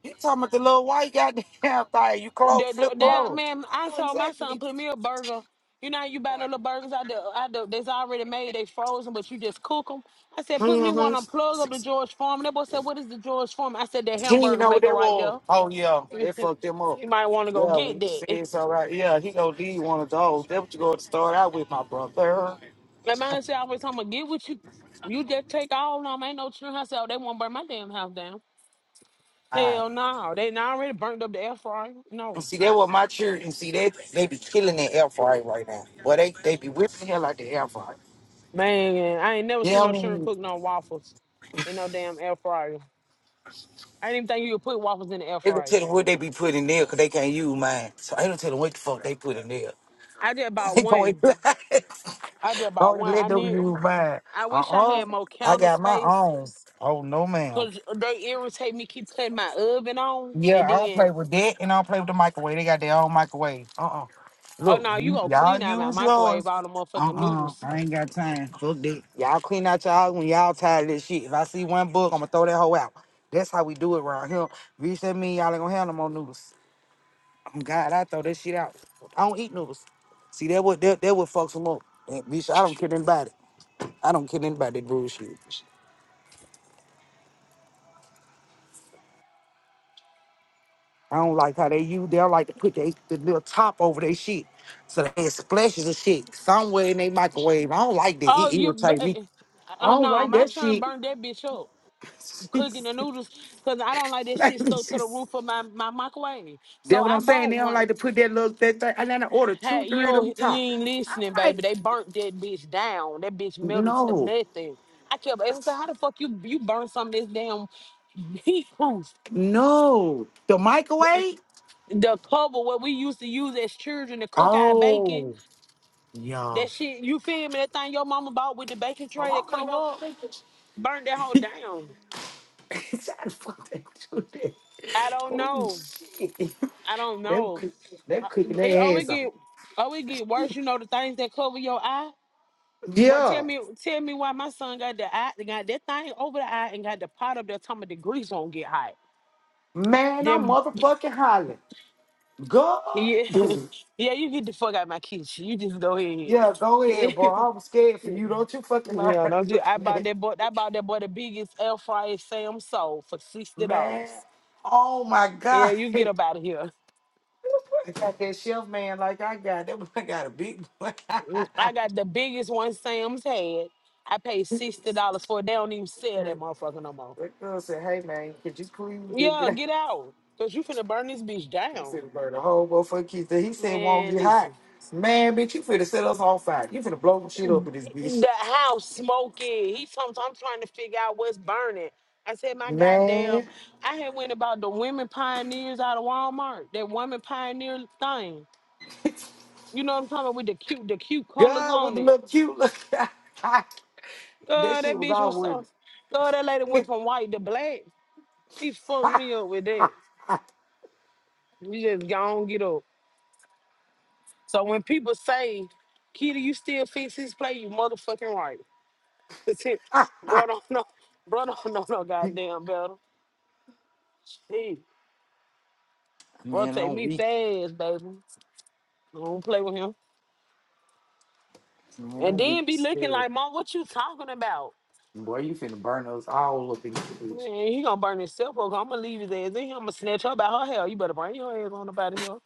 Speaker 7: You talking about the little white goddamn *laughs* thing. You close,
Speaker 9: That, jo-
Speaker 7: flip
Speaker 9: that
Speaker 7: clothes.
Speaker 9: man,
Speaker 7: I
Speaker 9: I
Speaker 7: know
Speaker 9: saw my son
Speaker 7: exactly.
Speaker 9: put me a burger. You know, how you buy the little burgers out the out the that's already made. They frozen, but you just cook them. I said, put me one.
Speaker 7: Mm-hmm.
Speaker 9: on plug up the George Foreman. That boy said, what is the George Foreman? I said, the
Speaker 7: He did
Speaker 9: hamburger
Speaker 7: know what
Speaker 9: maker
Speaker 7: that
Speaker 9: right
Speaker 7: was.
Speaker 9: there.
Speaker 7: Oh yeah.
Speaker 9: *laughs*
Speaker 7: They fucked them up.
Speaker 9: you might want to go
Speaker 7: Yeah, when
Speaker 9: get
Speaker 7: you
Speaker 9: that.
Speaker 7: see it's all right. Yeah, he gonna need one of those. That's what you gonna start out with, my brother.
Speaker 9: That man said, I was talking about get what you. You just take all of them. Ain't no children. I said, oh, they won't burn my damn house down.
Speaker 7: Ah.
Speaker 9: Hell no, they not already burnt up the air fryer.
Speaker 7: And
Speaker 9: No,
Speaker 7: see, that was my children. See, they they be killing that air fryer right now. Well, they they be whipping hell out the air fryer.
Speaker 9: man, I ain't never
Speaker 7: You
Speaker 9: seen
Speaker 7: know
Speaker 9: no
Speaker 7: what I
Speaker 9: children
Speaker 7: mean?
Speaker 9: cook no waffles in no damn air fryer. I didn't even think you could put waffles in the air
Speaker 7: They don't
Speaker 9: fryer.
Speaker 7: tell them what they be putting in there because they can't use mine. So I don't tell them what the fuck they put in there. *laughs*
Speaker 9: I did about
Speaker 7: They going
Speaker 9: one. I did about
Speaker 7: only *laughs*
Speaker 9: one.
Speaker 7: let
Speaker 9: I
Speaker 7: them
Speaker 9: need.
Speaker 7: use mine.
Speaker 9: I
Speaker 7: Uh
Speaker 9: wish I had
Speaker 7: uh
Speaker 9: more
Speaker 7: I
Speaker 9: counter
Speaker 7: got my
Speaker 9: space
Speaker 7: own. Oh no, ma'am.
Speaker 9: because they irritate me. Keep cutting my oven on,
Speaker 7: Yeah,
Speaker 9: and
Speaker 7: I don't play
Speaker 9: then
Speaker 7: with that, and I don't play with the microwave. They got their own microwave. Uh uh
Speaker 9: oh
Speaker 7: Look,
Speaker 9: no, you
Speaker 7: you,
Speaker 9: gonna
Speaker 7: y'all
Speaker 9: clean out my
Speaker 7: use
Speaker 9: microwave
Speaker 7: yours.
Speaker 9: all the
Speaker 7: Uh
Speaker 9: motherfucking
Speaker 7: uh
Speaker 9: noodles.
Speaker 7: I ain't got time. Fuck that. Y'all clean out y'all house when y'all tired of this shit. If I see one book, I'm gonna throw that hoe out. That's how we do it around here. Bitch, that mean y'all ain't gonna have no more noodles. Oh God, I throw that shit out. I don't eat noodles. See, that would that, that would fuck some up. And, bitch, I don't kill anybody. I don't kill anybody, that bullshit. I don't like how they use. They don't like to put they, the little top over their shit, so they had splashes of shit somewhere in their microwave. I don't like that.
Speaker 9: Oh,
Speaker 7: It
Speaker 9: you.
Speaker 7: irritates
Speaker 9: Oh
Speaker 7: me.
Speaker 9: uh,
Speaker 7: I
Speaker 9: uh,
Speaker 7: don't
Speaker 9: no,
Speaker 7: like
Speaker 9: my
Speaker 7: that
Speaker 9: turn
Speaker 7: shit.
Speaker 9: burned that bitch up.
Speaker 7: *laughs*
Speaker 9: cooking the noodles because I don't like that shit stuck to the
Speaker 7: That's
Speaker 9: roof of my, my microwave. So
Speaker 7: what
Speaker 9: I
Speaker 7: I'm saying.
Speaker 9: bought
Speaker 7: They don't
Speaker 9: one.
Speaker 7: like to put that little that thing. And then I order two,
Speaker 9: Hey, you
Speaker 7: three of them
Speaker 9: don't, you
Speaker 7: top.
Speaker 9: ain't listening,
Speaker 7: Like
Speaker 9: baby. They burnt that bitch down. That bitch melted to
Speaker 7: no,
Speaker 9: nothing. I kept asking, so how the fuck you you burn something this damn heat proof?
Speaker 7: no, the microwave.
Speaker 9: The cover what we used to use as children to cook our bacon.
Speaker 7: Oh, yeah.
Speaker 9: That shit, you feel me? That thing your mama bought with the baking tray
Speaker 7: Oh,
Speaker 9: that
Speaker 7: I'm gonna
Speaker 9: cover
Speaker 7: go to
Speaker 9: up,
Speaker 7: the
Speaker 9: burnt that whole down.
Speaker 7: kitchen. Shut *laughs* the fuck up, dude.
Speaker 9: I don't
Speaker 7: Oh
Speaker 9: know.
Speaker 7: shit. *laughs*
Speaker 9: I don't
Speaker 7: Them
Speaker 9: know.
Speaker 7: cook, them cooking
Speaker 9: It
Speaker 7: their
Speaker 9: always
Speaker 7: ass off.
Speaker 9: get always get worse. You know the things that cover your eye. But tell
Speaker 7: Yeah,
Speaker 9: me, tell me why my son got the eye, got that thing over the eye, and got the pot up there. Talking about the grease won't get hot.
Speaker 7: man, I'm
Speaker 9: Then
Speaker 7: motherfucking hollering. Go.
Speaker 9: yeah, *laughs* yeah, you get the fuck out of my kitchen. You just go ahead.
Speaker 7: Yeah, go ahead,
Speaker 9: *laughs*
Speaker 7: bro. I'm scared for you. Don't you fucking learn
Speaker 9: yeah,
Speaker 7: how to
Speaker 9: don't you?
Speaker 7: cook,
Speaker 9: I
Speaker 7: *laughs*
Speaker 9: bought
Speaker 7: man.
Speaker 9: that boy. I bought that boy the biggest air fryer Sam sold for sixty
Speaker 7: Man,
Speaker 9: dollars.
Speaker 7: oh my
Speaker 9: Yeah,
Speaker 7: God.
Speaker 9: you
Speaker 7: *laughs*
Speaker 9: get up
Speaker 7: I
Speaker 9: out of here.
Speaker 7: got that chef man like I got. That boy *laughs* got a big boy. *laughs*
Speaker 9: I got the biggest one Sam's had. I paid sixty dollars for it. They don't even sell that motherfucker no more.
Speaker 7: That girl said, hey, man, could you please just
Speaker 9: Yeah,
Speaker 7: get out?
Speaker 9: get out. Cause you finna burn this bitch
Speaker 7: He
Speaker 9: down.
Speaker 7: said, burn the whole motherfucking kitchen. He said, won't
Speaker 9: Man,
Speaker 7: get hot.
Speaker 9: listen.
Speaker 7: Man, bitch, you finna set us on fire. You finna blow some shit up in this bitch.
Speaker 9: The house smoking. He sometimes I'm trying to figure out what's burning. I said, my
Speaker 7: Man,
Speaker 9: goddamn, I had went about the women pioneers out of Walmart. That woman pioneer thing. You know what I'm talking about with the cute, the cute colors
Speaker 7: God, with
Speaker 9: on
Speaker 7: the
Speaker 9: it.
Speaker 7: little cute look. *laughs* That
Speaker 9: God, that
Speaker 7: shit was
Speaker 9: bitch
Speaker 7: all
Speaker 9: was
Speaker 7: with
Speaker 9: so God, that lady
Speaker 7: *laughs*
Speaker 9: went from white to black. He fucked me up with that. You just gone get up. So when people say, Kitty, you still fix his play, you motherfucking right. *laughs* See, bro, don't know, bro, don't know no goddamn better. Shit, bro,
Speaker 7: Man,
Speaker 9: take
Speaker 7: I'm
Speaker 9: me
Speaker 7: weak.
Speaker 9: fast, baby. Don't play with him.
Speaker 7: Man,
Speaker 9: And
Speaker 7: I'm weak.
Speaker 9: then be looking
Speaker 7: Still.
Speaker 9: like, mom, what you talking about?
Speaker 7: Boy, you finna burn us all up in this bitch.
Speaker 9: Man, he gonna burn himself up. I'm gonna leave his ass in here. I'm gonna snatch her by her hair. You better bring your ass on about here.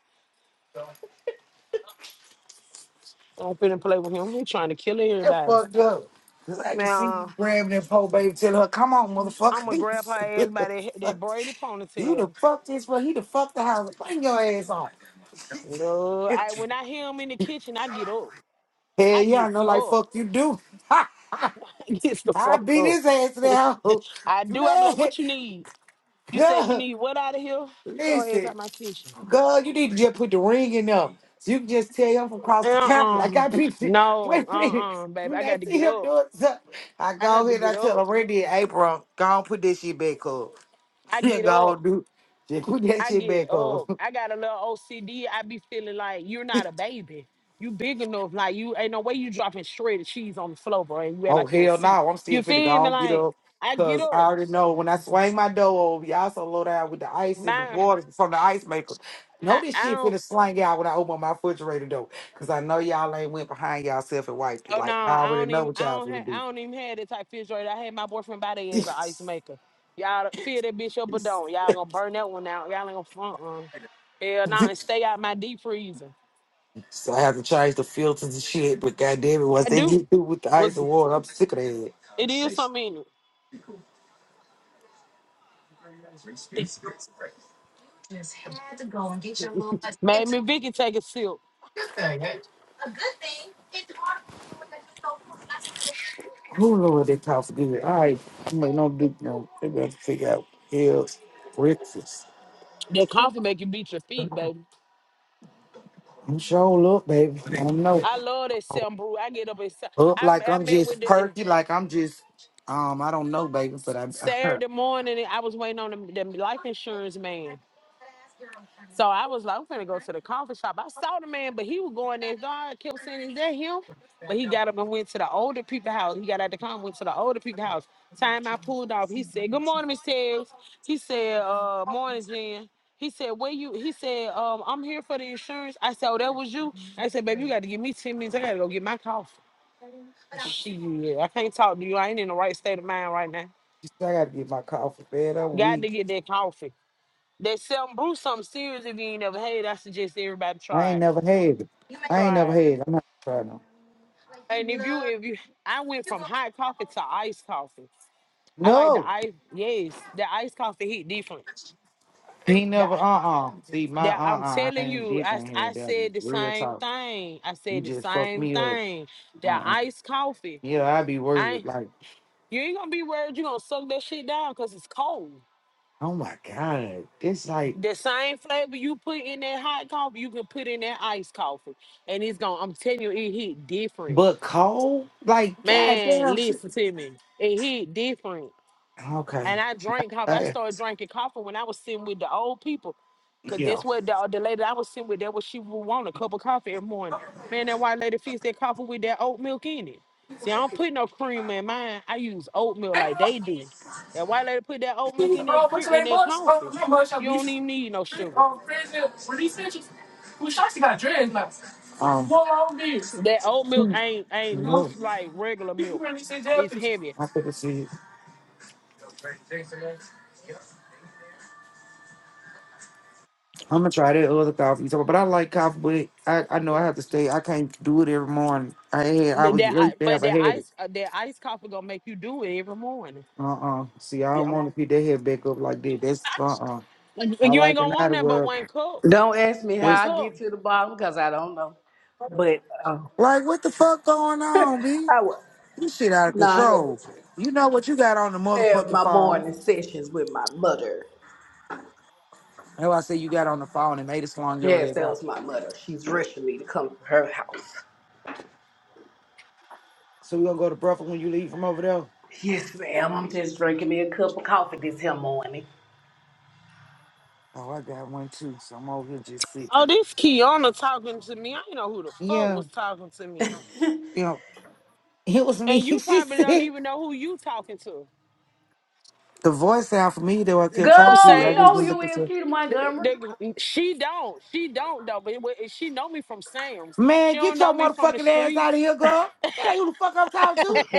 Speaker 9: Don't finna play with him. He trying to kill
Speaker 7: That
Speaker 9: everybody.
Speaker 7: fucked up. Cause I can see
Speaker 9: Now,
Speaker 7: you grabbing that poor baby, telling her, come on,
Speaker 9: I'm
Speaker 7: motherfucker.
Speaker 9: gonna grab her ass by that,
Speaker 7: *laughs*
Speaker 9: that braided
Speaker 7: you the
Speaker 9: ponytail.
Speaker 7: fuck this for he the fuck the house. Bring your ass on.
Speaker 9: No,
Speaker 7: *laughs*
Speaker 9: I when I hear him in the kitchen, I get up.
Speaker 7: Hell
Speaker 9: I
Speaker 7: yeah, I
Speaker 9: gets
Speaker 7: know like
Speaker 9: up.
Speaker 7: fuck you do. *laughs*
Speaker 9: *laughs* I gets the
Speaker 7: I
Speaker 9: fuck
Speaker 7: beat
Speaker 9: up.
Speaker 7: his ass now.
Speaker 9: *laughs* I
Speaker 7: *laughs*
Speaker 9: do. I be like,
Speaker 7: Man,
Speaker 9: what you need? You say you
Speaker 7: *laughs*
Speaker 9: need what out of here? Get Your ass
Speaker 7: listen.
Speaker 9: out my kitchen.
Speaker 7: Girl, you need to just put the ring in them. So you can just tell him from across
Speaker 9: Uh
Speaker 7: the camera.
Speaker 9: uh
Speaker 7: Like I be *laughs*
Speaker 9: No,
Speaker 7: wait a minute.
Speaker 9: uh uh baby.
Speaker 7: When
Speaker 9: I
Speaker 7: I
Speaker 9: got to
Speaker 7: see
Speaker 9: get
Speaker 7: him
Speaker 9: up.
Speaker 7: doing something, I
Speaker 9: I
Speaker 7: go
Speaker 9: have to
Speaker 7: ahead and
Speaker 9: get
Speaker 7: I tell
Speaker 9: up.
Speaker 7: him Randy and April, go on put this shit back up. *laughs*
Speaker 9: I
Speaker 7: Yeah,
Speaker 9: get
Speaker 7: go
Speaker 9: up.
Speaker 7: on do just put that
Speaker 9: I
Speaker 7: shit
Speaker 9: get
Speaker 7: back
Speaker 9: up.
Speaker 7: up.
Speaker 9: I got a little OCD. I be feeling like you're not a baby. You big enough. Like you ain't no way you dropping shredded cheese on the floor, bro. And you act
Speaker 7: Oh
Speaker 9: like you don't
Speaker 7: hell
Speaker 9: see.
Speaker 7: no, I'm still
Speaker 9: You
Speaker 7: finna go
Speaker 9: feel me?
Speaker 7: on, get
Speaker 9: Like
Speaker 7: up.
Speaker 9: I get
Speaker 7: Cause I
Speaker 9: up.
Speaker 7: already know when I swing my dough over, y'all so low down with the ice and the
Speaker 9: My
Speaker 7: water from the ice maker. Know
Speaker 9: I,
Speaker 7: this
Speaker 9: I
Speaker 7: shit
Speaker 9: don't.
Speaker 7: finna slang y'all when I open my refrigerator door. Cause I know y'all ain't went behind y'allself and wiped it.
Speaker 9: Oh no,
Speaker 7: Like I
Speaker 9: I
Speaker 7: already
Speaker 9: don't
Speaker 7: know
Speaker 9: even
Speaker 7: what
Speaker 9: I
Speaker 7: y'all
Speaker 9: don't
Speaker 7: finna
Speaker 9: have
Speaker 7: be.
Speaker 9: I don't even have that type of refrigerator. I had my boyfriend buy that
Speaker 7: *laughs*
Speaker 9: as an ice maker. Y'all fill that bitch up but don't. Y'all gonna burn that one out. Y'all ain't gonna front run. Hell no, and stay out my deep freezer.
Speaker 7: so I have to change the filters and shit, but goddamn it, once
Speaker 9: I
Speaker 7: they
Speaker 9: do.
Speaker 7: get through with the
Speaker 9: Was
Speaker 7: ice and water, I'm sick of
Speaker 9: it is something in it. Made
Speaker 7: that.
Speaker 9: me Vicky take a sip.
Speaker 7: Oh Lord, that costs good. All right, I'm like, no duke, no. They better figure out hell's breakfast.
Speaker 9: That coffee make you beat your feet, baby.
Speaker 7: I'm sure up, baby. I don't know.
Speaker 9: I love that Sam brew. I get up and se-
Speaker 7: Up
Speaker 9: I,
Speaker 7: like
Speaker 9: I
Speaker 7: I'm
Speaker 9: met with
Speaker 7: just
Speaker 9: the
Speaker 7: perky, like I'm just, um, I don't know, baby, but I, *laughs*
Speaker 9: Saturday morning. and I was waiting on the, the life insurance man. So I was like, I'm gonna go to the coffee shop. I saw the man, but he was going there. So I kept saying, Is that him? But he got up and went to the older people house. He got out the car and went to the older people house. Time I pulled off, he said, Good morning, Miss Tails. He said, uh, morning, Jen. He said, Where you he said, um, I'm here for the insurance. I said, Oh, that was you. I said, baby, you gotta give me 10 minutes. I gotta go get my coffee.
Speaker 7: I
Speaker 9: Shit, I can't talk to you. I ain't in the right state of mind right now.
Speaker 7: gotta get my coffee bed a
Speaker 9: Got to
Speaker 7: week.
Speaker 9: get that coffee. That selling brew something serious if you ain't never had. it, I suggest everybody
Speaker 7: I
Speaker 9: try
Speaker 7: ain't
Speaker 9: it.
Speaker 7: never had it. I ain't
Speaker 9: Try
Speaker 7: never
Speaker 9: it.
Speaker 7: had it. I'm not trying to.
Speaker 9: And if you if you I went from hot coffee to iced coffee. I like the
Speaker 7: No,
Speaker 9: ice yes, the iced coffee hit different.
Speaker 7: he never. Uh
Speaker 9: That
Speaker 7: uh See, my uh
Speaker 9: that I'm
Speaker 7: uh I
Speaker 9: telling
Speaker 7: ain't
Speaker 9: you,
Speaker 7: bitch.
Speaker 9: I,
Speaker 7: I
Speaker 9: s-
Speaker 7: ain't
Speaker 9: I
Speaker 7: had that one.
Speaker 9: said the
Speaker 7: Real
Speaker 9: same
Speaker 7: talk.
Speaker 9: thing. I
Speaker 7: You
Speaker 9: said the
Speaker 7: just fucked
Speaker 9: same
Speaker 7: me up.
Speaker 9: thing. That
Speaker 7: Uh uh
Speaker 9: iced coffee.
Speaker 7: Yeah, I be
Speaker 9: I
Speaker 7: worried. Like.
Speaker 9: you ain't gonna be worried you gonna suck that shit down because it's cold.
Speaker 7: Oh my god, it's like
Speaker 9: The same flavor you put in that hot coffee, you can put in that iced coffee. And it's gonna I'm telling you, it hit different.
Speaker 7: but cold. Like
Speaker 9: Man,
Speaker 7: goddamn. s-
Speaker 9: listen to me. It hit different.
Speaker 7: Okay.
Speaker 9: And I drank coffee. I
Speaker 7: Uh,
Speaker 9: started drinking coffee when I was sitting with the old people. Cause
Speaker 7: yeah.
Speaker 9: that's what the, the lady I was sitting with, that what she would want, a cup of coffee every morning. Man, that white lady fixed that coffee with that oat milk in it. See, I don't put no cream in mine. I use oat milk
Speaker 7: Hey,
Speaker 9: like they
Speaker 7: bro.
Speaker 9: do. That white lady put that oat milk in that
Speaker 7: Bro, what's
Speaker 9: cream
Speaker 7: your
Speaker 9: in
Speaker 7: name?
Speaker 9: that
Speaker 7: Much? Oh,
Speaker 9: coffee.
Speaker 7: you much? I
Speaker 9: You
Speaker 7: beat
Speaker 9: don't
Speaker 7: you.
Speaker 9: even need no sugar.
Speaker 7: Um. Well, I think
Speaker 9: That oat milk ain't ain't loose like regular milk. It's heavy.
Speaker 7: I see it. I'm gonna try that other coffee. So, but I like coffee, but I, I know I have to stay. I can't do it every morning. I had I
Speaker 9: But
Speaker 7: was
Speaker 9: that I-
Speaker 7: used to
Speaker 9: but
Speaker 7: have a
Speaker 9: that
Speaker 7: habit.
Speaker 9: ice uh, that ice coffee gonna make you do it every morning.
Speaker 7: Uh-uh. See, I don't want to be that head back up like this. That's uh-uh. I
Speaker 9: You ain't
Speaker 7: like
Speaker 9: gonna
Speaker 7: an
Speaker 9: want
Speaker 7: out of
Speaker 9: that but
Speaker 7: work.
Speaker 9: one cup.
Speaker 8: Don't ask me
Speaker 9: One
Speaker 8: how
Speaker 7: This
Speaker 8: I
Speaker 9: cup.
Speaker 8: get to the bottom because I don't know. But
Speaker 7: like what the fuck going on, B?
Speaker 8: I was
Speaker 7: You shit out of
Speaker 8: now I had
Speaker 7: control. You know what you got on the
Speaker 8: to have
Speaker 7: motherfucking
Speaker 8: my
Speaker 7: phone.
Speaker 8: morning sessions with my mother.
Speaker 7: That's why I say you got on the phone and made it slung your
Speaker 8: Yes,
Speaker 7: ass
Speaker 8: that
Speaker 7: out.
Speaker 8: was my mother. She's rushing me to come to her house.
Speaker 7: So we gonna go to breakfast when you leave from over there?
Speaker 8: Yes, ma'am. I'm just drinking me a cup of coffee this here morning.
Speaker 7: Oh, I got one too. So I'm over here just
Speaker 9: Oh,
Speaker 7: sitting.
Speaker 9: this Kiana talking to me. I ain't know who the fuck
Speaker 7: Yeah,
Speaker 9: was talking to me.
Speaker 7: you know, *laughs* it was me. *laughs*
Speaker 9: And
Speaker 7: she
Speaker 9: you probably don't
Speaker 7: said
Speaker 9: even know who you talking to.
Speaker 7: the voice sound familiar though. I kept
Speaker 9: From
Speaker 7: talking to
Speaker 8: Girl,
Speaker 7: you.
Speaker 8: we
Speaker 7: I just
Speaker 8: know who
Speaker 7: didn't
Speaker 9: Sam's.
Speaker 8: you
Speaker 7: look at
Speaker 8: is,
Speaker 7: you.
Speaker 8: Keita
Speaker 9: The-
Speaker 8: Montgomery.
Speaker 9: the- she don't. She don't though. But it wa- she know me from Sam's. She
Speaker 7: Man,
Speaker 9: don't
Speaker 7: get
Speaker 9: know
Speaker 7: your
Speaker 9: me from the
Speaker 7: motherfucking ass out of
Speaker 9: streets.
Speaker 7: here, girl. That ain't who the fuck I'm talking to.
Speaker 8: *laughs*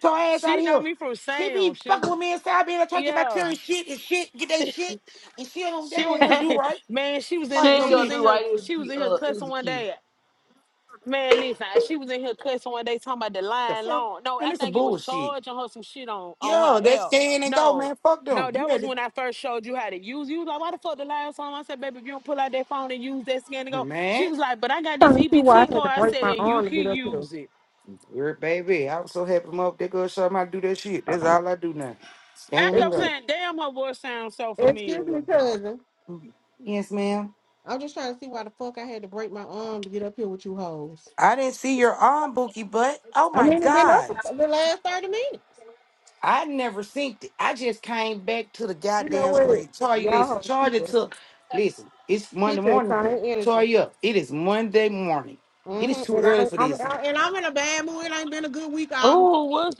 Speaker 7: So her ass out
Speaker 9: She
Speaker 7: of
Speaker 9: know
Speaker 7: here.
Speaker 9: me from
Speaker 7: She be
Speaker 9: Sam's. She,
Speaker 7: fucking with me inside being a talking about
Speaker 9: yeah.
Speaker 7: tearing shit and shit, get that shit, and she don't they
Speaker 9: She
Speaker 7: don't
Speaker 9: was
Speaker 7: want to do right.
Speaker 9: *laughs* man, she was in
Speaker 8: she
Speaker 7: Like
Speaker 9: the,
Speaker 8: ain't
Speaker 7: them
Speaker 9: she was
Speaker 8: gonna
Speaker 9: in
Speaker 8: do
Speaker 7: bitches.
Speaker 9: her
Speaker 8: right. Is
Speaker 9: she was
Speaker 8: Ke-
Speaker 9: in her
Speaker 8: uh,
Speaker 9: cussing
Speaker 8: is
Speaker 9: one
Speaker 8: Keita.
Speaker 9: day. Man, listen, I- she was in here cussing one day talking about the
Speaker 7: The
Speaker 9: line
Speaker 7: fuck?
Speaker 9: long. No,
Speaker 7: Man,
Speaker 9: I
Speaker 7: this some
Speaker 9: think it was
Speaker 7: bullshit.
Speaker 9: charging her some shit on on her
Speaker 7: Yo, that's
Speaker 9: L.
Speaker 7: stand and go,
Speaker 9: No,
Speaker 7: man. Fuck
Speaker 9: no,
Speaker 7: them. You
Speaker 9: that
Speaker 7: had
Speaker 9: was
Speaker 7: to
Speaker 9: when I first showed you how to use. You was like, why the fuck the line song? I said, baby, if you don't pull out that phone and use that scan to go. She
Speaker 7: man,
Speaker 9: was like, but I got this
Speaker 10: trying to see why
Speaker 9: EBT
Speaker 10: I had to
Speaker 9: card. I
Speaker 10: break
Speaker 9: said,
Speaker 10: my
Speaker 9: and you
Speaker 10: arm to
Speaker 9: can
Speaker 10: get up here.
Speaker 9: use it.
Speaker 7: we baby. I was so happy my that girl shot my do that shit. That's all I do now.
Speaker 9: I
Speaker 7: Stand and
Speaker 9: kept
Speaker 10: Excuse,
Speaker 7: go.
Speaker 9: saying, damn, her voice sounds so
Speaker 10: excuse
Speaker 9: familiar.
Speaker 10: me, cousin.
Speaker 7: Mm-hmm. Yes, ma'am.
Speaker 10: I'm just trying to see why the fuck I had to break my arm to get up here with you hoes.
Speaker 7: I didn't see your arm, Bookie, but oh
Speaker 10: I
Speaker 7: my
Speaker 10: mean, it's been up
Speaker 7: god.
Speaker 10: for the last 30 minutes.
Speaker 7: I never synced it. I just came back to the
Speaker 10: You know
Speaker 7: goddamn
Speaker 10: what?
Speaker 7: screen. Tori,
Speaker 10: Y'all
Speaker 7: listen,
Speaker 10: hoes keep
Speaker 7: charge it
Speaker 10: it
Speaker 7: to listen, it's Monday
Speaker 10: Keep it
Speaker 7: morning.
Speaker 10: same energy.
Speaker 7: Tori up. It is Monday morning. It
Speaker 10: hmm
Speaker 7: is too
Speaker 10: And,
Speaker 7: early
Speaker 10: I,
Speaker 7: for
Speaker 10: I'm,
Speaker 7: this.
Speaker 10: I, and I'm in a bad mood. It ain't been a good week. All,
Speaker 9: Oh, what's